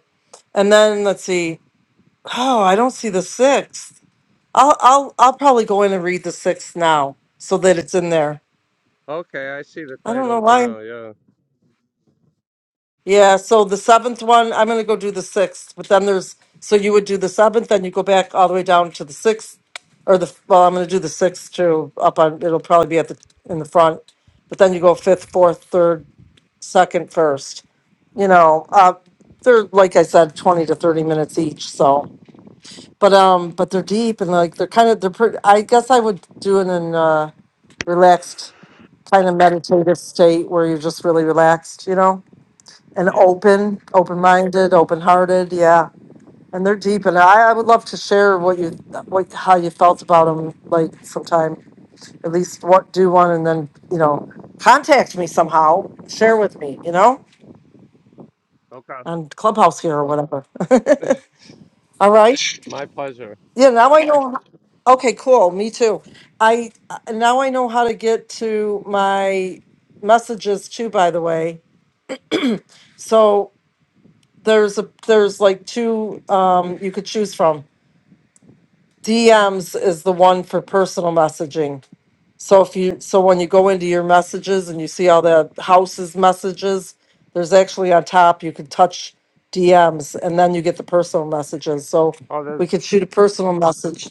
[SPEAKER 4] And then let's see. Oh, I don't see the sixth. I'll I'll I'll probably go in and read the sixth now so that it's in there.
[SPEAKER 12] Okay, I see the
[SPEAKER 4] I don't know
[SPEAKER 12] titles
[SPEAKER 4] why.
[SPEAKER 12] now. Yeah.
[SPEAKER 4] Yeah, so the seventh one, I'm gonna go do the sixth, but then there's, so you would do the seventh, then you go back all the way down to the sixth, or the, well, I'm gonna do the sixth too, up on, it'll probably be at the, in the front, but then you go fifth, fourth, third, second, first. You know, uh, they're, like I said, twenty to thirty minutes each, so, but, um, but they're deep and like, they're kind of, they're pretty, I guess I would do it in a relaxed, kind of meditative state where you're just really relaxed, you know? and
[SPEAKER 12] Yeah.
[SPEAKER 4] open, open-minded, open-hearted. Yeah, and they're deep. And I, I would love to share what you, what how you felt about them. Like sometime, at least what do one, and then you know, contact me somehow. Share with me, you know,
[SPEAKER 12] Okay.
[SPEAKER 4] on Clubhouse here or whatever. All right.
[SPEAKER 12] My pleasure.
[SPEAKER 4] Yeah. Now I know. Okay. Cool. Me too. I uh, now I know how to get to my messages too. By the way, so there's a there's like two um, you could choose from DMs is the one for personal messaging. So if you so when you go into your messages and you see all the houses messages, there's actually on top you can touch DMs and then you get the personal messages. So
[SPEAKER 12] Oh,
[SPEAKER 4] we
[SPEAKER 12] there's
[SPEAKER 4] could shoot a personal message.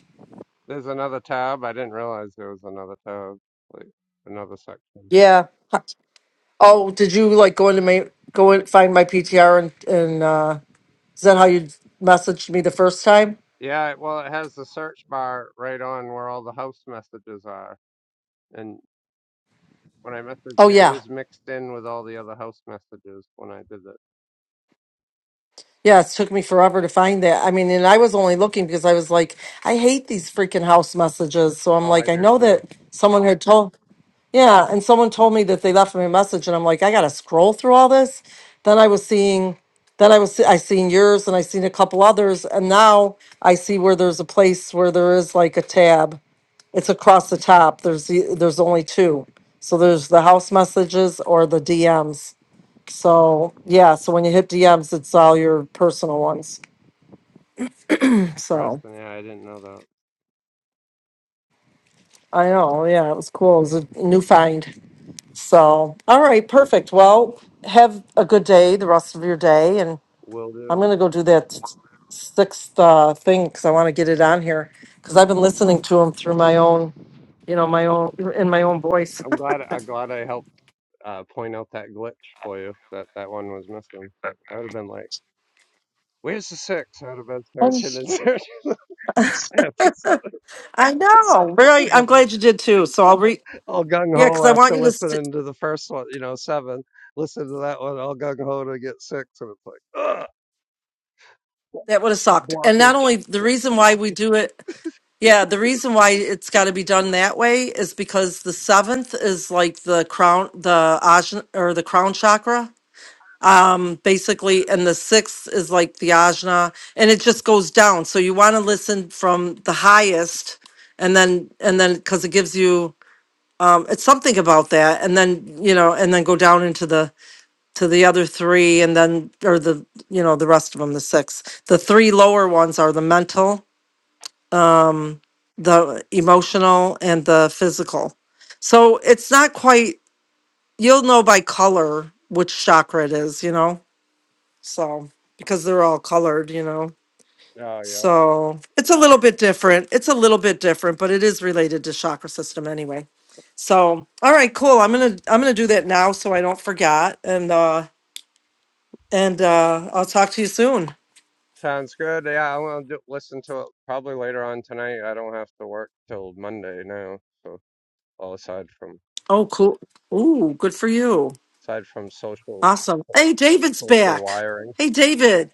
[SPEAKER 12] there's another tab. I didn't realize there was another tab. Like another section.
[SPEAKER 4] Yeah. Oh, did you like go into my go and find my PTR and and uh, is that how you messaged me the first time?
[SPEAKER 12] Yeah. it- Well, it has the search bar right on where all the house messages are. And when I messaged
[SPEAKER 4] Oh
[SPEAKER 12] you, it
[SPEAKER 4] yeah.
[SPEAKER 12] was mixed in with all the other house messages when I did it.
[SPEAKER 4] Yeah, it took me forever to find that. I mean, and I was only looking because I was like, I hate these freaking house messages. So I'm
[SPEAKER 12] Oh, I
[SPEAKER 4] like, I
[SPEAKER 12] do
[SPEAKER 4] know
[SPEAKER 12] too.
[SPEAKER 4] that someone had told, yeah, and someone told me that they left me a message, and I'm like, I gotta scroll through all this. Then I was seeing, then I was see- I seen yours, and I seen a couple others, and now I see where there's a place where there is like a tab. It's across the top. There's the, there's only two. So there's the house messages or the DMs. So yeah, so when you hit DMs, it's all your personal ones. So
[SPEAKER 12] Interesting. Yeah, I didn't know that.
[SPEAKER 4] I know, yeah, it was cool. It was a new find. So, all right, perfect. Well, have a good day, the rest of your day, and
[SPEAKER 12] Will
[SPEAKER 4] I'm
[SPEAKER 12] do.
[SPEAKER 4] gonna go do that sixth uh, thing because I want to get it on here because I've been listening to him through my own, you know, my own in my own voice.
[SPEAKER 12] I'm glad I'm glad I helped uh, point out that glitch for you. That that one was missing. I would have been like, "Where's the six?" I would have been
[SPEAKER 4] Oh.
[SPEAKER 12] searching and searching after seven.
[SPEAKER 4] I know. Really,
[SPEAKER 12] I've
[SPEAKER 4] I'm
[SPEAKER 12] been
[SPEAKER 4] glad you
[SPEAKER 12] like
[SPEAKER 4] did too. So I'll re
[SPEAKER 12] all gung
[SPEAKER 4] yeah,
[SPEAKER 12] ho
[SPEAKER 4] because I want
[SPEAKER 12] after
[SPEAKER 4] you to. St-
[SPEAKER 12] listening to the first one, you know, seven. Listen to that one, all gung ho to get six, and it's like, ugh,
[SPEAKER 4] that would have sucked. And not
[SPEAKER 12] blockage.
[SPEAKER 4] only the reason why we do it Yeah, the reason why it's got to be done that way is because the seventh is like the crown, the ajna or the crown chakra, basically, and the sixth is like the ajna, and it just goes down. So you want to listen from the highest, and then and then because it gives you um, it's something about that, and then you know, and then go down into the to the other three, and then or the you know the rest of them, the six. The three lower ones are the mental the emotional and the physical. So it's not quite, you'll know by color which chakra it is, you know? So, because they're all colored, you know?
[SPEAKER 12] Oh yeah,
[SPEAKER 4] So it's a little bit different. It's a little bit different, but it is related to chakra system anyway. So, all right, cool. I'm going to I'm going to do that now so I don't forget and uh and uh I'll talk to you soon.
[SPEAKER 12] sounds good. Yeah, I will do, listen to it probably later on tonight. I don't have to work till Monday now, so well, aside from
[SPEAKER 4] Oh, cool. Ooh, good for you.
[SPEAKER 12] aside from social
[SPEAKER 4] Awesome. Hey, David's
[SPEAKER 12] social
[SPEAKER 4] back.
[SPEAKER 12] wiring.
[SPEAKER 4] Hey, David.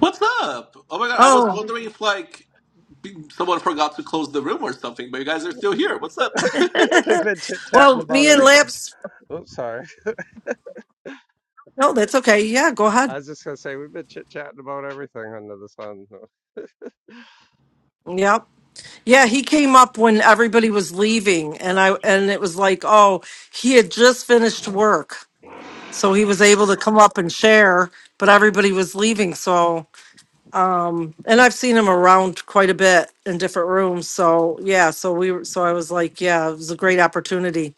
[SPEAKER 7] What's up? Oh my God. I was
[SPEAKER 4] Oh.
[SPEAKER 7] wondering if, like, be- someone forgot to close the room or something, but you guys are still here. What's up?
[SPEAKER 12] We've been chit chatting
[SPEAKER 4] well,
[SPEAKER 12] about
[SPEAKER 4] me and
[SPEAKER 12] everything.
[SPEAKER 4] Lamps.
[SPEAKER 12] Oops, sorry.
[SPEAKER 4] No, that's okay. Yeah, go
[SPEAKER 12] I
[SPEAKER 4] ahead.
[SPEAKER 12] was just gonna say we've been chit chatting about everything under the sun. so.
[SPEAKER 4] Yep. Yeah, he came up when everybody was leaving, and I and it was like, oh, he had just finished work, so he was able to come up and share, but everybody was leaving. So, um, and I've seen him around quite a bit in different rooms. So yeah, so we were. So I was like, yeah, it was a great opportunity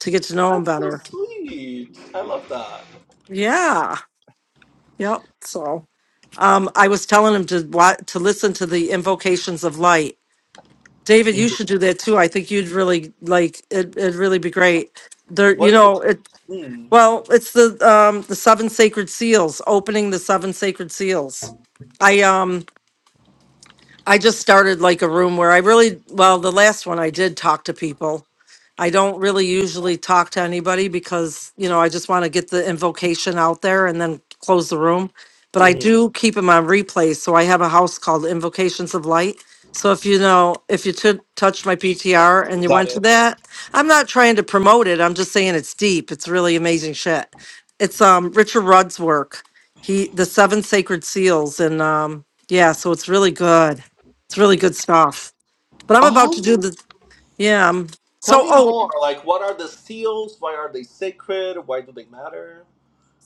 [SPEAKER 4] to get to know him
[SPEAKER 7] That's so
[SPEAKER 4] better.
[SPEAKER 7] sweet. I love that.
[SPEAKER 4] Yeah. Yep. So. Um, I was telling him to wa- to listen to the invocations of light. David, you should do that too. I think you'd really like it. It'd really be great. There, you
[SPEAKER 7] What is it?
[SPEAKER 4] know, it.
[SPEAKER 7] Mm.
[SPEAKER 4] Well, it's the um the seven sacred seals. Opening the seven sacred seals. I um I just started like a room where I really, well, the last one I did talk to people. I don't really usually talk to anybody because, you know, I just want to get the invocation out there and then close the room. But
[SPEAKER 7] hmm
[SPEAKER 4] I
[SPEAKER 7] Mm-hmm.
[SPEAKER 4] do keep them on replay. So I have a house called Invocations of Light. So if you know, if you t- touched my PTR and you
[SPEAKER 7] Got
[SPEAKER 4] went to
[SPEAKER 7] it.
[SPEAKER 4] that, I'm not trying to promote it. I'm just saying it's deep. It's really amazing shit. It's um Richard Rudd's work. He the Seven Sacred Seals and um yeah, so it's really good. It's really good stuff. But I'm about to do
[SPEAKER 7] Oh.
[SPEAKER 4] the yeah. I'm,
[SPEAKER 7] Tell
[SPEAKER 4] so
[SPEAKER 7] me
[SPEAKER 4] oh,
[SPEAKER 7] more. Like, what are the seals? Why are they sacred? Why do they matter?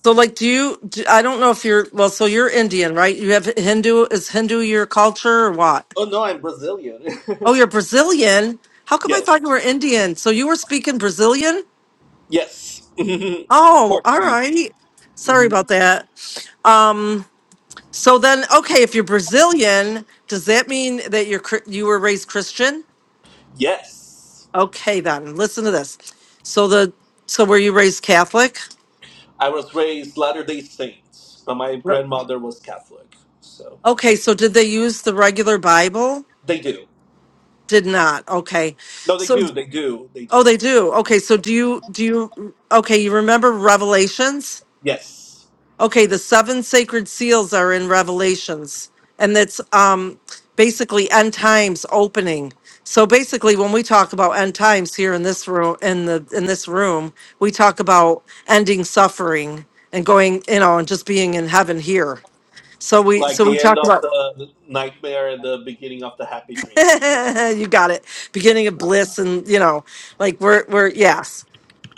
[SPEAKER 4] so like, do you? Do, I don't know if you're well. So you're Indian, right? You have Hindu. Is Hindu your culture or what?
[SPEAKER 7] Oh no, I'm Brazilian.
[SPEAKER 4] Oh, you're Brazilian. How come I
[SPEAKER 7] yes,
[SPEAKER 4] thought you were Indian? So you were speaking Brazilian?
[SPEAKER 7] yes.
[SPEAKER 4] Oh, all
[SPEAKER 7] Portuguese.
[SPEAKER 4] right. Sorry
[SPEAKER 7] hmm
[SPEAKER 4] about that. Um. So then, okay, if you're Brazilian, does that mean that you're Chri- you were raised Christian?
[SPEAKER 7] Yes,
[SPEAKER 4] Okay, then listen to this. So the so were you raised Catholic?
[SPEAKER 7] I was raised Latter Day Saints, but my grandmother was Catholic, so
[SPEAKER 4] Okay, so did they use the regular Bible?
[SPEAKER 7] they do.
[SPEAKER 4] Did not. Okay.
[SPEAKER 7] No, they
[SPEAKER 4] So
[SPEAKER 7] do. They do. They
[SPEAKER 4] oh
[SPEAKER 7] do.
[SPEAKER 4] they do. Okay, so do you do you okay, you remember Revelations?
[SPEAKER 7] Yes,
[SPEAKER 4] Okay, the seven sacred seals are in Revelations. And that's um basically end times opening. So basically when we talk about end times here in this room in the in this room, we talk about ending suffering and going, you know, and just being in heaven here. So we
[SPEAKER 7] like
[SPEAKER 4] so we
[SPEAKER 7] the end
[SPEAKER 4] talk
[SPEAKER 7] of
[SPEAKER 4] about
[SPEAKER 7] the nightmare and the beginning of the happy dream. Right.
[SPEAKER 4] you got it. Beginning of bliss, and you know, like we're we're yes.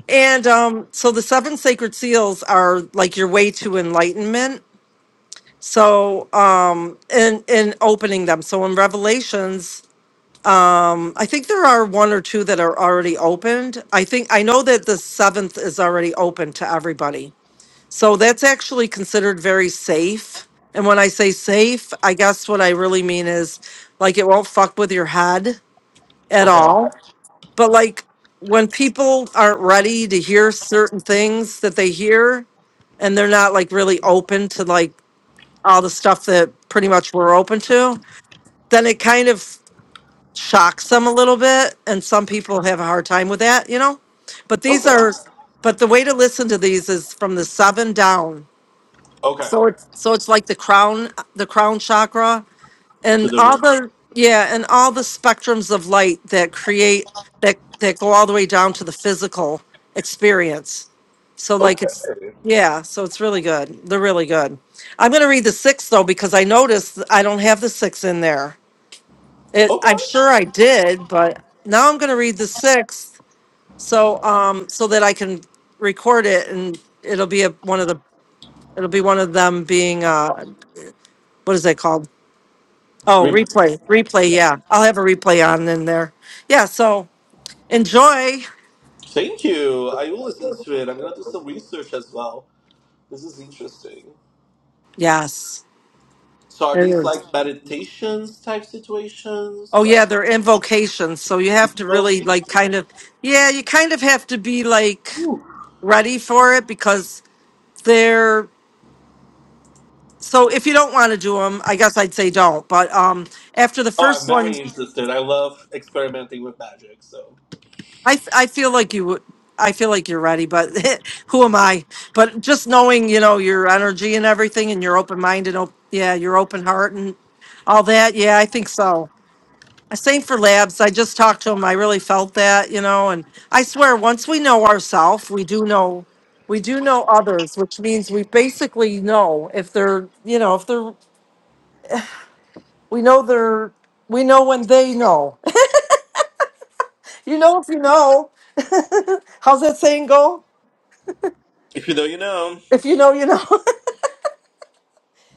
[SPEAKER 4] And um, so the seven sacred seals are like your way to enlightenment. So um, in in opening them. So in Revelations, um, I think there are one or two that are already opened. I think I know that the seventh is already open to everybody. So that's actually considered very safe. And when I say safe, I guess what I really mean is like it won't fuck with your head at
[SPEAKER 7] Okay.
[SPEAKER 4] all But like when people aren't ready to hear certain things that they hear and they're not like really open to like all the stuff that pretty much we're open to, then it kind of shocks them a little bit. And some people have a hard time with that, you know? But these
[SPEAKER 7] Okay.
[SPEAKER 4] are, but the way to listen to these is from the seven down.
[SPEAKER 7] Okay.
[SPEAKER 4] So it's like the crown, the crown chakra
[SPEAKER 7] To
[SPEAKER 4] and
[SPEAKER 7] the
[SPEAKER 4] all
[SPEAKER 7] room.
[SPEAKER 4] the yeah and all the spectrums of light that create that that go all the way down to the physical experience so like
[SPEAKER 7] Okay.
[SPEAKER 4] it's yeah so it's really good they're really good i'm going to read the six though because i noticed th- i don't have the six in there it,
[SPEAKER 7] Okay.
[SPEAKER 4] i'm sure i did but now i'm going to read the sixth so um so that i can record it and it'll be a, one of the it'll be one of them being uh what is it called Oh,
[SPEAKER 7] Replay.
[SPEAKER 4] replay, replay. Yeah, I'll have a replay on in there. Yeah, so enjoy.
[SPEAKER 7] Thank you. I will listen to it. I'm gonna do some research as well. This is interesting.
[SPEAKER 4] Yes,
[SPEAKER 7] So are
[SPEAKER 4] it
[SPEAKER 7] these
[SPEAKER 4] is.
[SPEAKER 7] like meditations type situations?
[SPEAKER 4] Oh yeah,
[SPEAKER 7] Like
[SPEAKER 4] they're invocations, so you have to really
[SPEAKER 7] invocation?
[SPEAKER 4] like kind of yeah, you kind of have to be like
[SPEAKER 7] Ooh.
[SPEAKER 4] ready for it because they're so if you don't want to do them, I guess I'd say don't. But um, after the
[SPEAKER 7] Oh, I'm
[SPEAKER 4] first one.
[SPEAKER 7] very interested. I love experimenting with magic. So
[SPEAKER 4] I, f- I feel like you would. I feel like you're ready, but who am I? But just knowing, you know, your energy and everything, and your open mind and op- yeah, your open heart and all that. Yeah, I think so. Uh, Same for labs. I just talked to him. I really felt that, you know, and I swear, once we know ourselves, we do know, we do know others, which means we basically know if they're, you know, if they're, we know they're, we know when they know. you know, if you know, how's that saying go?
[SPEAKER 7] if you know, you know.
[SPEAKER 4] If you know, you know.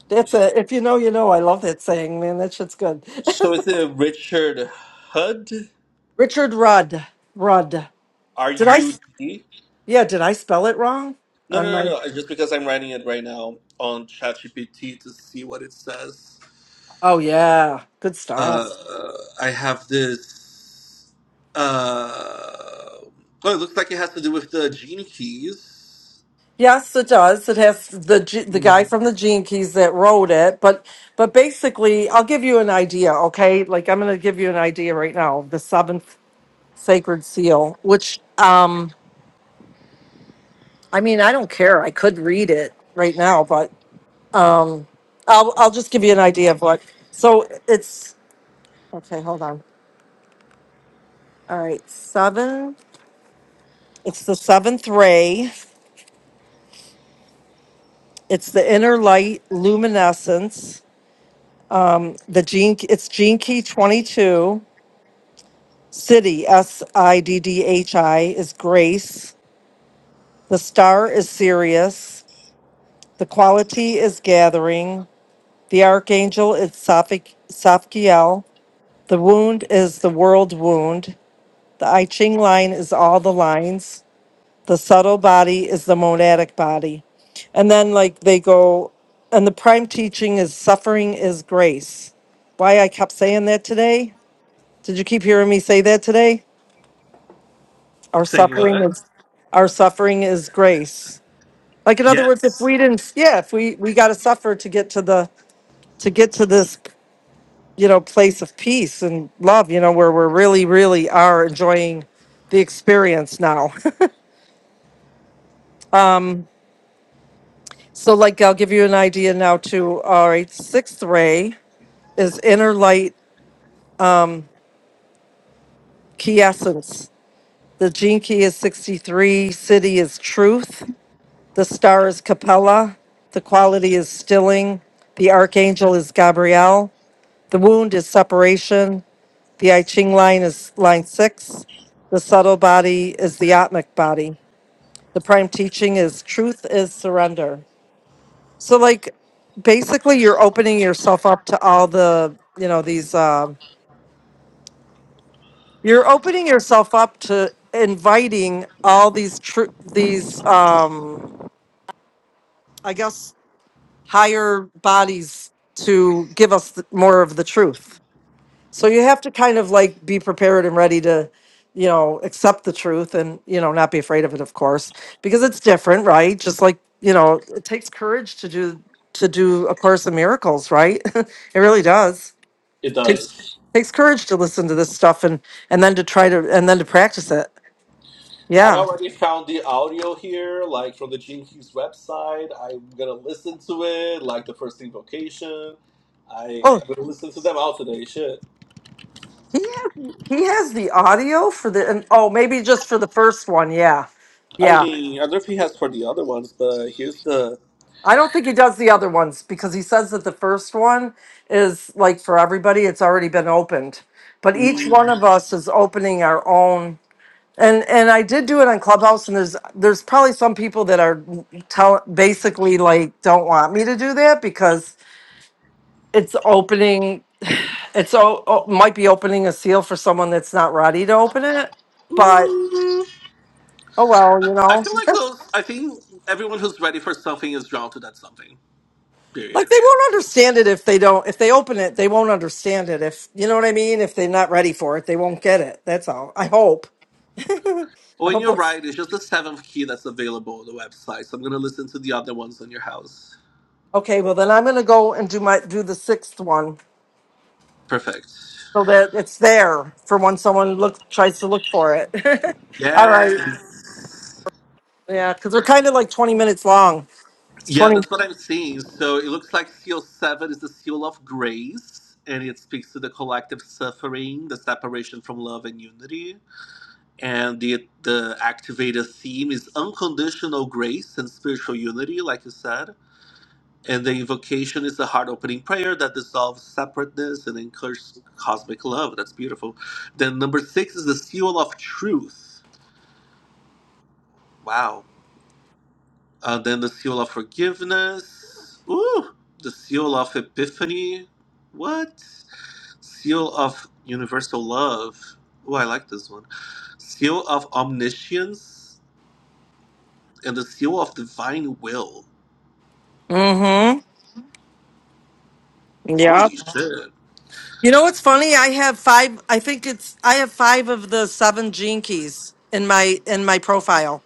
[SPEAKER 4] That's a if you know, you know. I love that saying, man. That shit's good.
[SPEAKER 7] So is it Richard Hud?
[SPEAKER 4] Richard Rudd. Rudd.
[SPEAKER 7] R
[SPEAKER 4] Did I?
[SPEAKER 7] U
[SPEAKER 4] s-
[SPEAKER 7] D?
[SPEAKER 4] Yeah. Did I spell it wrong
[SPEAKER 7] No,
[SPEAKER 4] on
[SPEAKER 7] no,
[SPEAKER 4] my?
[SPEAKER 7] no, no. Just because I'm writing it right now on ChatGPT to see what it says.
[SPEAKER 4] Oh yeah. Good stuff.
[SPEAKER 7] uh, I have this. Uh, oh, it looks like it has to do with the genie keys.
[SPEAKER 4] Yes, it does. It has the G- the guy
[SPEAKER 7] Mm,
[SPEAKER 4] from the Gene Keys that wrote it, but but basically, I'll give you an idea. Okay, like I'm going to give you an idea right now. The seventh sacred seal, which um, I mean, I don't care. I could read it right now, but um, I'll I'll just give you an idea of what. So it's Okay, hold on. All right, seven. It's the seventh ray. It's the inner light luminescence. Um, the gene. It's gene key twenty-two. City S I D D H I is grace. The star is Sirius. The quality is gathering. The archangel is Sophic- Sophiel. The wound is the world wound. The I Ching line is all the lines. The subtle body is the monadic body. And then, like, they go, and the prime teaching is suffering is grace. Why I kept saying that today? Did you keep hearing me say that today? Our
[SPEAKER 7] Say
[SPEAKER 4] suffering
[SPEAKER 7] what?
[SPEAKER 4] is our suffering is grace. Like in other words, if
[SPEAKER 7] Yes,
[SPEAKER 4] we didn't, yeah, if we we got to suffer to get to the to get to this, you know, place of peace and love, you know, where we're really really are enjoying the experience now. so, like, I'll give you an idea now. too. all right, sixth ray. is inner light key essence. The gene key is 63. City is truth. The star is Capella. The quality is stilling. The archangel is Gabriel. The wound is separation. The I Ching line is line six. The subtle body is the Atmic body. The prime teaching is truth is surrender. So, like, basically, you're opening yourself up to all the, you know, these. Um, You're opening yourself up to inviting all these tr- these um I guess higher bodies to give us th- more of the truth. So you have to kind of like be prepared and ready to you know accept the truth and you know not be afraid of it of course because it's different, right? Just like, you know, it takes courage to do to do a course of miracles, right? it really does.
[SPEAKER 7] it does.
[SPEAKER 4] takes courage to listen to this stuff and and then to try to and then to practice it.
[SPEAKER 7] I
[SPEAKER 4] Yeah.
[SPEAKER 7] already found the audio here, like from the Gene Keys website. I'm gonna listen to it, like the first invocation. I
[SPEAKER 4] Oh,
[SPEAKER 7] I'm gonna listen to them all today. Shit.
[SPEAKER 4] He ha- he has the audio for the and oh maybe just for the first one, yeah.
[SPEAKER 7] I
[SPEAKER 4] Yeah.
[SPEAKER 7] mean, I don't know if he has for the other ones, but here's the.
[SPEAKER 4] I don't think he does the other ones because he says that the first one is like for everybody it's already been opened. But each one of us is opening our own and and I did do it on Clubhouse and there's there's probably some people that are tell basically like don't want me to do that because it's opening it's oh, might be opening a seal for someone that's not ready to open it but. Oh well,
[SPEAKER 7] I
[SPEAKER 4] you
[SPEAKER 7] I
[SPEAKER 4] know.
[SPEAKER 7] feel like those. I think everyone who's ready for something is drawn to that something.
[SPEAKER 4] like
[SPEAKER 7] Period.
[SPEAKER 4] they won't understand it if they don't if they open it, they won't understand it if you know what I mean, if they're not ready for it, they won't get it. That's all. I hope. I
[SPEAKER 7] When
[SPEAKER 4] hope
[SPEAKER 7] you are
[SPEAKER 4] that's
[SPEAKER 7] right, it's just the seventh key that's available on the website. So I'm gonna listen to the other ones on your house.
[SPEAKER 4] okay, well then I'm gonna go and do my do the sixth one
[SPEAKER 7] Perfect.
[SPEAKER 4] so that it's there for when someone look tries to look for it. all right.
[SPEAKER 7] Yes.
[SPEAKER 4] Yeah, because they're kind of like twenty minutes long. It's
[SPEAKER 7] Yeah,
[SPEAKER 4] twenty
[SPEAKER 7] that's what I'm seeing. So it looks like seal seven is the seal of grace, and it speaks to the collective suffering, the separation from love and unity. And the the activated theme is unconditional grace and spiritual unity, like you said And the invocation is the heart opening prayer that dissolves separateness and anchors cosmic love. That's beautiful. Then number six is the seal of truth. Wow. Uh, then the seal of forgiveness. Ooh. The seal of epiphany. What? Seal of universal love. Ooh, I like this one. Seal of omniscience and the seal of divine will.
[SPEAKER 4] Mm-hmm. Yeah.
[SPEAKER 7] Holy shit.
[SPEAKER 4] You know what's funny? I have five. I think it's I have five of the seven gene keys in my in my profile.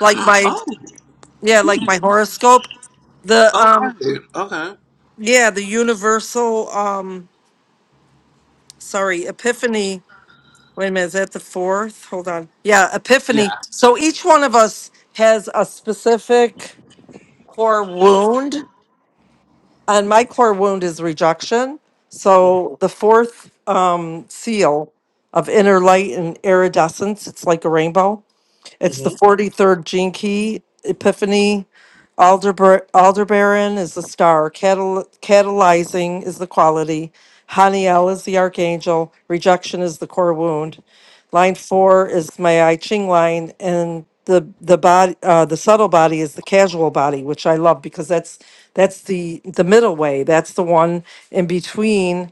[SPEAKER 4] Like my yeah, like my horoscope. The
[SPEAKER 7] Oh, hmm.
[SPEAKER 4] um
[SPEAKER 7] all right. Okay.
[SPEAKER 4] yeah, the universal um sorry, epiphany. Wait a minute, is that the fourth? Hold on. Yeah, epiphany.
[SPEAKER 7] Yeah.
[SPEAKER 4] So each one of us has a specific core wound. And my core wound is rejection. So the fourth um seal of inner light and iridescence, it's like a rainbow. It's the 43rd jinki Epiphany. Aldebar- Aldebaran is the star. Catal- catalyzing is the quality. Haniel is the archangel. Rejection is the core wound. Line four is my I Ching line, and the the body, uh, the subtle body is the casual body, which I love because that's that's the the middle way. That's the one in between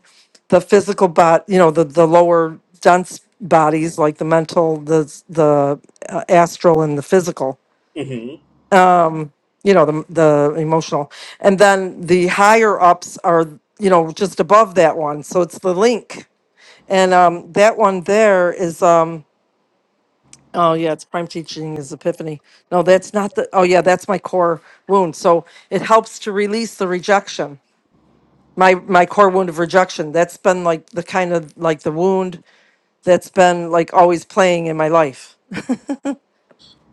[SPEAKER 4] the physical bot, you know, the the lower dense bodies like the mental, the s- the uh, astral, and the physical.
[SPEAKER 7] hmm
[SPEAKER 4] You know, the the emotional, and then the higher ups are you know just above that one. So it's the link, and um, that one there is um, oh yeah, it's prime teaching is epiphany. No, that's not the. Oh yeah, that's my core wound. So it helps to release the rejection. My my core wound of rejection. That's been like the kind of like the wound that's been like always playing in my life.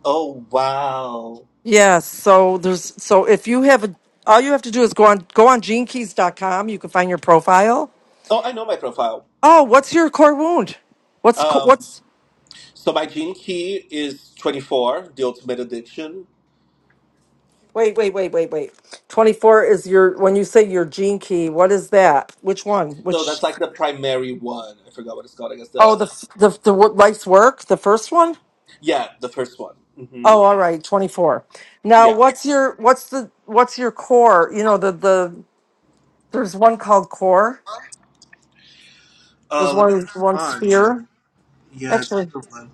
[SPEAKER 7] Oh wow.
[SPEAKER 4] Yeah, so there's so if you have a all you have to do is go on go on genekeys.com, you can find your profile.
[SPEAKER 7] Oh, I know my profile.
[SPEAKER 4] Oh, what's your core wound? What's co-
[SPEAKER 7] Um,
[SPEAKER 4] what's
[SPEAKER 7] so my gene key is twenty four, the ultimate addiction.
[SPEAKER 4] Wait, wait, wait, wait, wait. 24 is your when you say your gene key, what is that? Which one?
[SPEAKER 7] So
[SPEAKER 4] Which
[SPEAKER 7] that's like the primary one. I forgot what it's called. I guess
[SPEAKER 4] Oh,
[SPEAKER 7] the
[SPEAKER 4] the f- the the wo- life's work, the first one?
[SPEAKER 7] yeah, the first one. hmm
[SPEAKER 4] Oh, all right, 24. Now,
[SPEAKER 7] Yeah.
[SPEAKER 4] what's your what's the what's your core? You know, the the there's one called core. There's
[SPEAKER 7] Uh, let me
[SPEAKER 4] one one
[SPEAKER 7] find.
[SPEAKER 4] sphere.
[SPEAKER 7] Yeah, it's
[SPEAKER 4] Actually,
[SPEAKER 7] the one.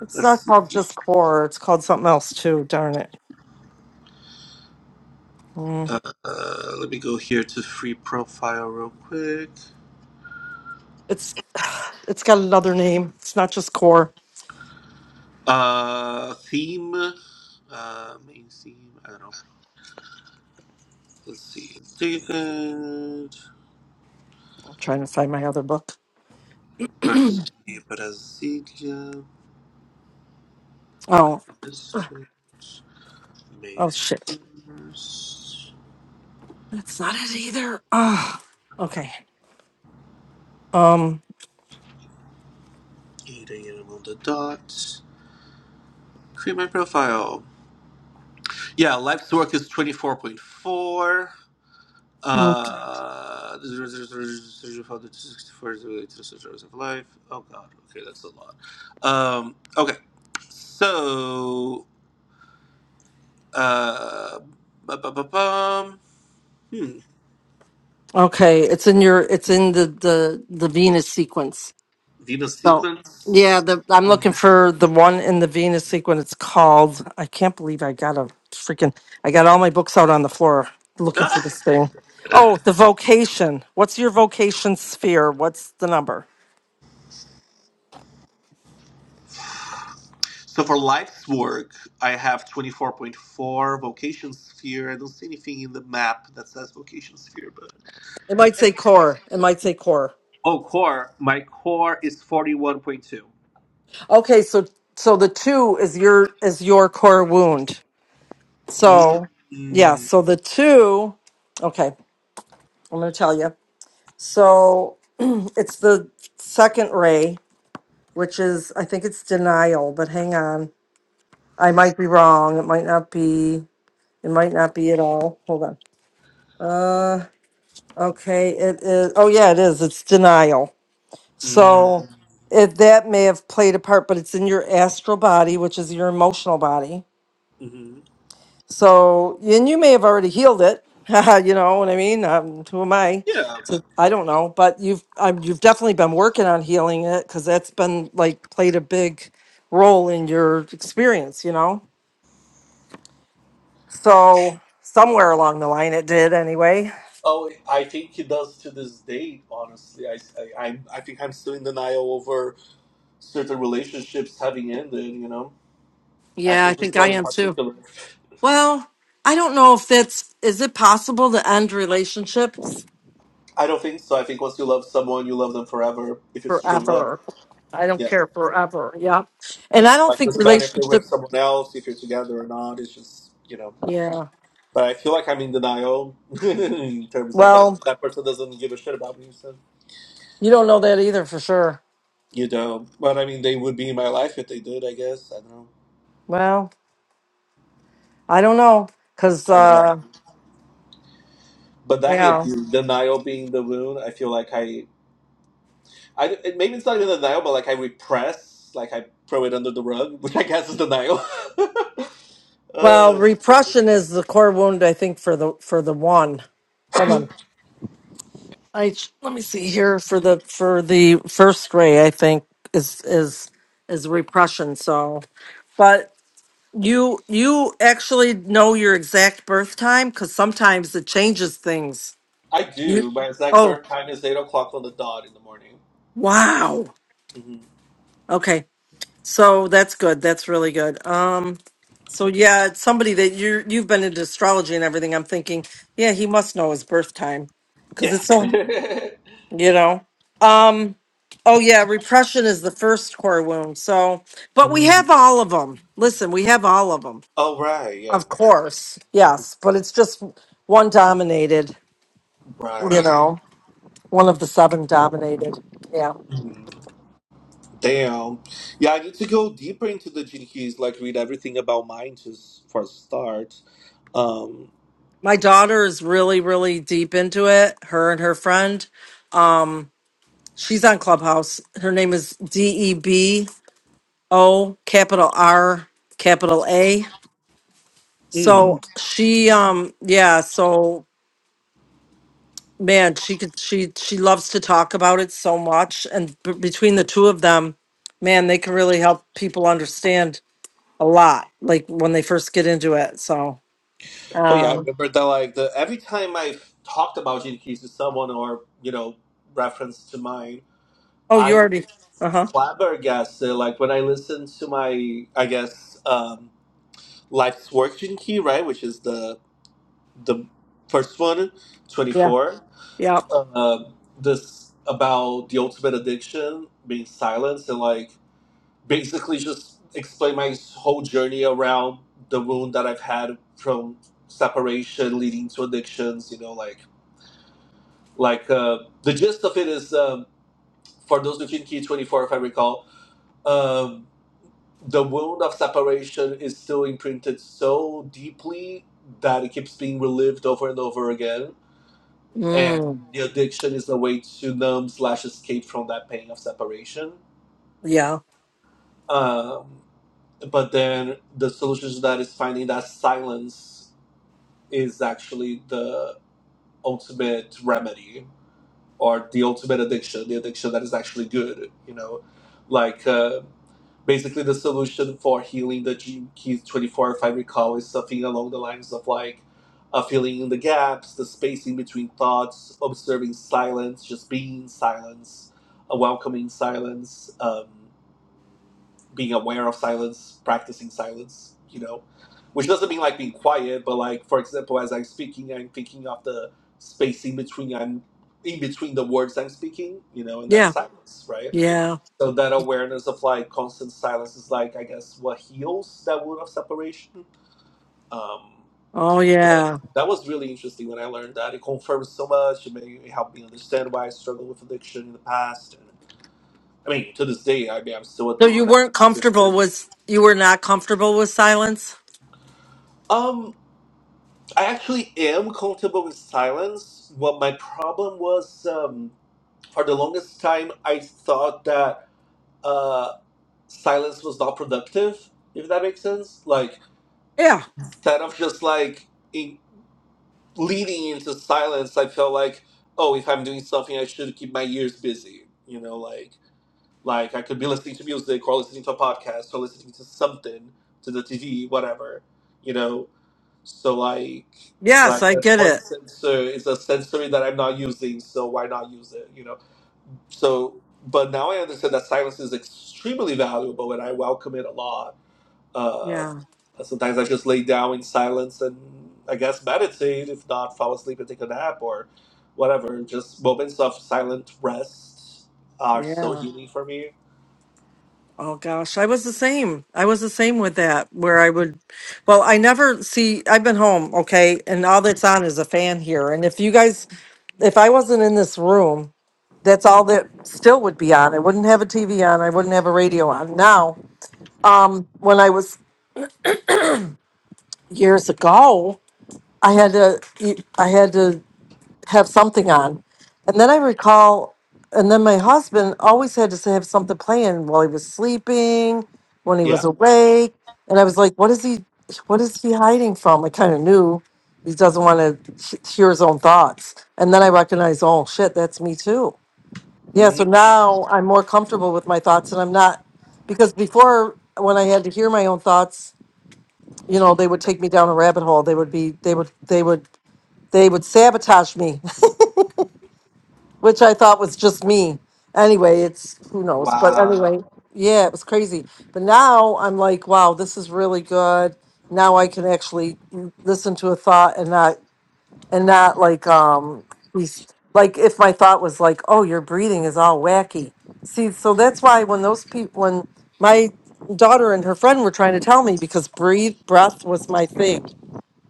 [SPEAKER 4] it's
[SPEAKER 7] Let's
[SPEAKER 4] not
[SPEAKER 7] see.
[SPEAKER 4] called just core. It's called something else too. Darn it. Mm.
[SPEAKER 7] Uh, uh, let me go here to free profile real quick.
[SPEAKER 4] It's it's got another name. It's not just core.
[SPEAKER 7] Uh, theme. Uh, main theme. I don't know. Let's see. David.
[SPEAKER 4] I'm trying to find my other book.
[SPEAKER 7] Percy, Brasília,
[SPEAKER 4] Oh
[SPEAKER 7] District, May
[SPEAKER 4] oh shit.
[SPEAKER 7] 1st,
[SPEAKER 4] That's not it either. Ah. Okay. Um.
[SPEAKER 7] 8 a.m. on the dot. Create my profile. Yeah, life's work is 24.4.
[SPEAKER 4] mm,
[SPEAKER 7] Uh, 64 hours of life. Oh god, okay, that's a lot. Um, okay, so, uh, bu- bu- bu- bum. hmm,
[SPEAKER 4] Okay. It's in your. It's in the the the Venus sequence.
[SPEAKER 7] Venus
[SPEAKER 4] So,
[SPEAKER 7] sequence.
[SPEAKER 4] yeah, the, I'm
[SPEAKER 7] Hmm.
[SPEAKER 4] looking for the one in the Venus sequence. It's called. I can't believe I got a freaking. I got all my books out on the floor looking for this thing. Oh, the vocation. What's your vocation sphere? What's the number?
[SPEAKER 7] So for life's work, I have 24.4 vocation sphere. I don't see anything in the map that says vocation sphere, but
[SPEAKER 4] It might say core. It might say core.
[SPEAKER 7] oh, core. My core is 41.2.
[SPEAKER 4] Okay, so so the two is your is your core wound.
[SPEAKER 7] Mm,
[SPEAKER 4] So yeah,
[SPEAKER 7] mm,
[SPEAKER 4] so the two. Okay, I'm gonna tell you. So it's the second ray. which is, I think it's denial, but hang on. I might be wrong. It might not be, it might not be at all. Hold on. Okay, it is, oh yeah, it is. It's denial.
[SPEAKER 7] mm,
[SPEAKER 4] So it, that may have played a part, but it's in your astral body, which is your emotional body.
[SPEAKER 7] hmm
[SPEAKER 4] So, and you may have already healed it. you know what I mean? Um, who am I?
[SPEAKER 7] Yeah.
[SPEAKER 4] to- I don't know, but you've um, you've definitely been working on healing it because that's been like played a big role in your experience, you know. So somewhere along the line, it did anyway.
[SPEAKER 7] Oh, I think he does to this day. Honestly, I, I, I'm, I think I'm still in denial over certain relationships having ended. You know,
[SPEAKER 4] Yeah, I
[SPEAKER 7] actually, this
[SPEAKER 4] think I
[SPEAKER 7] one in
[SPEAKER 4] am too.
[SPEAKER 7] particular.
[SPEAKER 4] Well, I don't know if that's is it possible to end relationships
[SPEAKER 7] I don't think so. I think once you love someone, you love them forever if it's true love.
[SPEAKER 4] forever? I don't
[SPEAKER 7] Yeah.
[SPEAKER 4] care forever. Yeah. And I don't
[SPEAKER 7] Like,
[SPEAKER 4] think
[SPEAKER 7] doesn't matter if they're with
[SPEAKER 4] relationship
[SPEAKER 7] someone else, if you're together or not. It's just, you know.
[SPEAKER 4] yeah.
[SPEAKER 7] But I feel like I'm in denial in terms of like
[SPEAKER 4] Well,
[SPEAKER 7] that person doesn't give a shit about me. So
[SPEAKER 4] you don't know that either for sure.
[SPEAKER 7] you know, but I mean, they would be in my life if they did. I guess I don't know.
[SPEAKER 4] Well, I don't know cuz
[SPEAKER 7] I don't know.
[SPEAKER 4] uh
[SPEAKER 7] But that hit
[SPEAKER 4] yeah.
[SPEAKER 7] you. Denial being the wound. I feel like I, I it- maybe it's not even denial, but like I repress, like I throw it under the rug, which I guess is denial.
[SPEAKER 4] Well,
[SPEAKER 7] oh, shit.
[SPEAKER 4] repression is the core wound I think for the for the one. Hold on. I let me see here for the for the first ray. I think is is is repression. So, but you you actually know your exact birth time because sometimes it changes things.
[SPEAKER 7] I
[SPEAKER 4] You
[SPEAKER 7] do. My exact
[SPEAKER 4] oh
[SPEAKER 7] birth time is eight o'clock on the dot in the morning.
[SPEAKER 4] wow
[SPEAKER 7] hmm
[SPEAKER 4] okay so that's good that's really good. Um, so yeah, it's somebody that you you've been into astrology and everything. I'm thinking yeah he must know his birth time because
[SPEAKER 7] Yeah.
[SPEAKER 4] it's so you know um oh yeah repression is the first core wound so but we
[SPEAKER 7] Mm.
[SPEAKER 4] have all of them listen we have all of them
[SPEAKER 7] Oh, right, yeah,
[SPEAKER 4] of course yes but it's just one dominated you
[SPEAKER 7] right.
[SPEAKER 4] know one of the seven dominated yeah
[SPEAKER 7] Mm. Damn. Yeah, I need to go deeper into the gene keys, like read everything about mine just for a start. Um,
[SPEAKER 4] my daughter is really really deep into it her and her friend um she's on clubhouse her name is d-e-b-o capital r capital a
[SPEAKER 7] mm.
[SPEAKER 4] so she um yeah so man, she could she she loves to talk about it so much, and b- between the two of them, man, they can really help people understand a lot, like when they first get into it. So,
[SPEAKER 7] Oh, yeah, I
[SPEAKER 4] um,
[SPEAKER 7] remember that, like, the every time I've talked about gene keys to someone or, you know, reference to mine,
[SPEAKER 4] oh,
[SPEAKER 7] I
[SPEAKER 4] you
[SPEAKER 7] was
[SPEAKER 4] already, uh huh,
[SPEAKER 7] flabbergasted. Like, when I listened to my, I guess, um, Life's Work gene key, right, which is the the first twenty
[SPEAKER 4] yeah,
[SPEAKER 7] four.
[SPEAKER 4] yeah,
[SPEAKER 7] uh, this about the ultimate addiction being silence and like basically just explain my whole journey around the wound that I've had from separation leading to addictions. You know, like like uh, the gist of it is um, for those who can Key twenty four, if I recall, um, the wound of separation is still imprinted so deeply that it keeps being relived over and over again and
[SPEAKER 4] mm,
[SPEAKER 7] the addiction is a way to numb slash escape from that pain of separation.
[SPEAKER 4] yeah,
[SPEAKER 7] Um, but then the solution to that is finding that silence is actually the ultimate remedy or the ultimate addiction, the addiction that is actually good. You know, like. Uh, basically the solution for healing the gene keys 24 if i recall is something along the lines of like uh, filling in the gaps the spacing between thoughts observing silence just being in silence uh, welcoming silence um, being aware of silence practicing silence you know which doesn't mean like being quiet but like for example as i'm speaking i'm thinking of the spacing between i'm in between the words i'm speaking you know and that's
[SPEAKER 4] yeah,
[SPEAKER 7] silence right
[SPEAKER 4] yeah,
[SPEAKER 7] so that awareness of like constant silence is like I guess what heals that wound of separation. Um,
[SPEAKER 4] oh
[SPEAKER 7] so
[SPEAKER 4] yeah.
[SPEAKER 7] that was really interesting when I learned that. It confirmed so much. It made it helped me understand why I struggled with addiction in the past. And I mean, to this day, I mean, I'm still
[SPEAKER 4] So you
[SPEAKER 7] an
[SPEAKER 4] weren't
[SPEAKER 7] addict. to this
[SPEAKER 4] comfortable
[SPEAKER 7] day.
[SPEAKER 4] with you were not comfortable with silence.
[SPEAKER 7] Um, I actually am comfortable with silence. What my problem was, um, for the longest time, I thought that uh, silence was not productive. If that makes sense, like
[SPEAKER 4] Yeah.
[SPEAKER 7] instead of just like in leading into silence, I felt like, oh, if I'm doing something, I should keep my ears busy. You know, like like I could be listening to music or listening to a podcast or listening to something to the TV, whatever. You know, so like
[SPEAKER 4] Yes,
[SPEAKER 7] like
[SPEAKER 4] I
[SPEAKER 7] that's
[SPEAKER 4] get
[SPEAKER 7] one
[SPEAKER 4] it.
[SPEAKER 7] sensor is a sensory that I'm not using, so why not use it? You know, so but now I understand that silence is extremely valuable, and I welcome it a lot. uh,
[SPEAKER 4] Yeah.
[SPEAKER 7] Sometimes I just lay down in silence and I guess meditate, if not fall asleep and take a nap or whatever. Just moments of silent rest are so
[SPEAKER 4] Yeah.
[SPEAKER 7] healing for me.
[SPEAKER 4] Oh gosh, I was the same. I was the same with that, where I would, well, I never see, I've been home, okay, and all that's on is a fan here. And if you guys, if I wasn't in this room, that's all that still would be on. I wouldn't have a TV on, I wouldn't have a radio on. Now, um, when I was years ago, I had to, I had to have something on. And then I recall, and then my husband always had to have something playing while he was sleeping, when he was
[SPEAKER 7] Yeah.
[SPEAKER 4] awake. And I was like, what is he, what is he hiding from? I kind of knew he doesn't want to hear his own thoughts. And then I recognized, oh shit, that's me too. Yeah. So
[SPEAKER 7] Mm.
[SPEAKER 4] now I'm more comfortable with my thoughts and I'm not, because before when I had to hear my own thoughts, you know, they would take me down a rabbit hole. They would be, they would, they would, they would sabotage me. which I thought was just me. Anyway, it's who knows, but
[SPEAKER 7] Wow.
[SPEAKER 4] anyway, yeah, it was crazy. But now I'm like, wow, this is really good. Now I can actually l- listen to a thought and not and not like um be s- like if my thought was like, oh, your breathing is all wacky. See, so that's why when those people when my daughter and her friend were trying to tell me because breathe breath was my thing.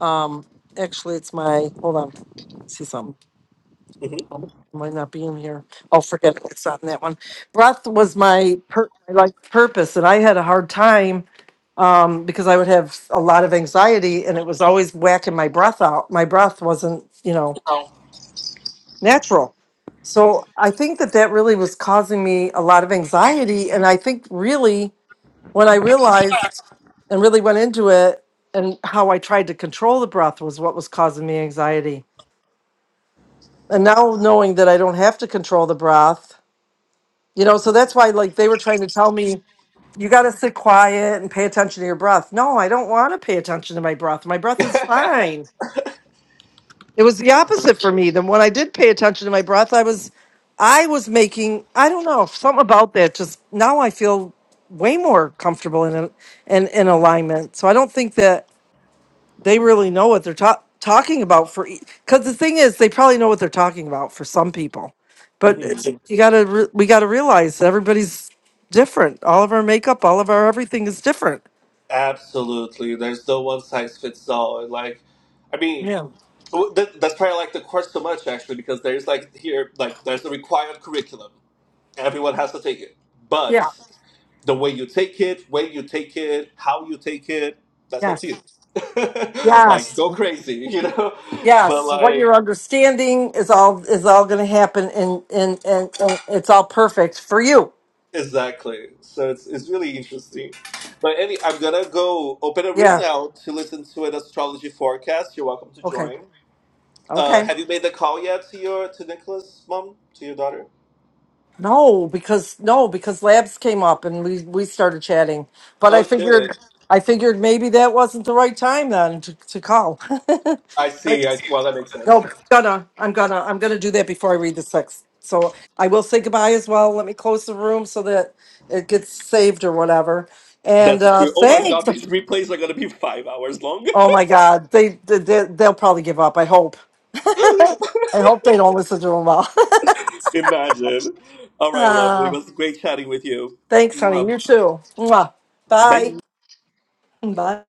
[SPEAKER 4] Um actually it's my hold on. See something
[SPEAKER 7] hmm
[SPEAKER 4] might not be in here. I'll forget it. it's on that one. Breath was my per- my like purpose, and I had a hard time um, because I would have a lot of anxiety, and it was always whacking my breath out. My breath wasn't, you know, natural. So I think that that really was causing me a lot of anxiety, and I think really when I realized and really went into it and how I tried to control the breath was what was causing me anxiety. And now knowing that I don't have to control the breath You know, so that's why like they were trying to tell me you got to sit quiet and pay attention to your breath. No, I don't want to pay attention to my breath. My breath is fine. It was the opposite for me. Then when I did pay attention to my breath, I was I was making I don't know, something about that just now I feel way more comfortable in and in in alignment. So I don't think that they really know what they're ta- talking about for because the thing is they probably know what they're talking about for some people but
[SPEAKER 7] hmm
[SPEAKER 4] it's- Yeah. you gotta re- we gotta realize that everybody's different all of our makeup all of our everything is different
[SPEAKER 7] Absolutely. There's no one size fits all. And like, I mean,
[SPEAKER 4] yeah
[SPEAKER 7] w- th- that's probably like the course so much actually, because there's like here, like there's a required curriculum. Everyone has to take it.
[SPEAKER 4] yeah
[SPEAKER 7] but. the way you take it, when you take it, how you take it, that's up to you.
[SPEAKER 4] yes
[SPEAKER 7] like
[SPEAKER 4] yes
[SPEAKER 7] go crazy, you know. But
[SPEAKER 4] yes what you're
[SPEAKER 7] like
[SPEAKER 4] understanding is all is all gonna happen and and and, and it's all perfect for you
[SPEAKER 7] exactly, so it's it's really interesting. But any, I'm gonna go open a room
[SPEAKER 4] yeah
[SPEAKER 7] now to listen to an astrology forecast. You're welcome to
[SPEAKER 4] okay
[SPEAKER 7] join.
[SPEAKER 4] okay
[SPEAKER 7] Uh, have you made the call yet to your to Nicholas' mom to your daughter?
[SPEAKER 4] No, because no, because labs came up and we we started chatting. But I
[SPEAKER 7] Oh shit!
[SPEAKER 4] figured I figured maybe that wasn't the right time then to, to call.
[SPEAKER 7] I
[SPEAKER 4] Right.
[SPEAKER 7] see. I see. well that makes sense.
[SPEAKER 4] no, but I'm gonna I'm gonna I'm gonna do that before I read the sixth. So I will say goodbye as well. Let me close the room so that it gets saved or whatever. And
[SPEAKER 7] That's
[SPEAKER 4] uh
[SPEAKER 7] true. Oh my
[SPEAKER 4] thanks.
[SPEAKER 7] god, these replays are gonna be five hours long.
[SPEAKER 4] Oh my God, they, they they- they'll probably give up. I hope. I hope they don't listen to them all.
[SPEAKER 7] Imagine. All right, lovely. It
[SPEAKER 4] uh,
[SPEAKER 7] was great chatting with you.
[SPEAKER 4] thanks, honey.
[SPEAKER 7] Mwah.
[SPEAKER 4] You too. Mwah.
[SPEAKER 7] Bye.
[SPEAKER 4] Bye. Bye.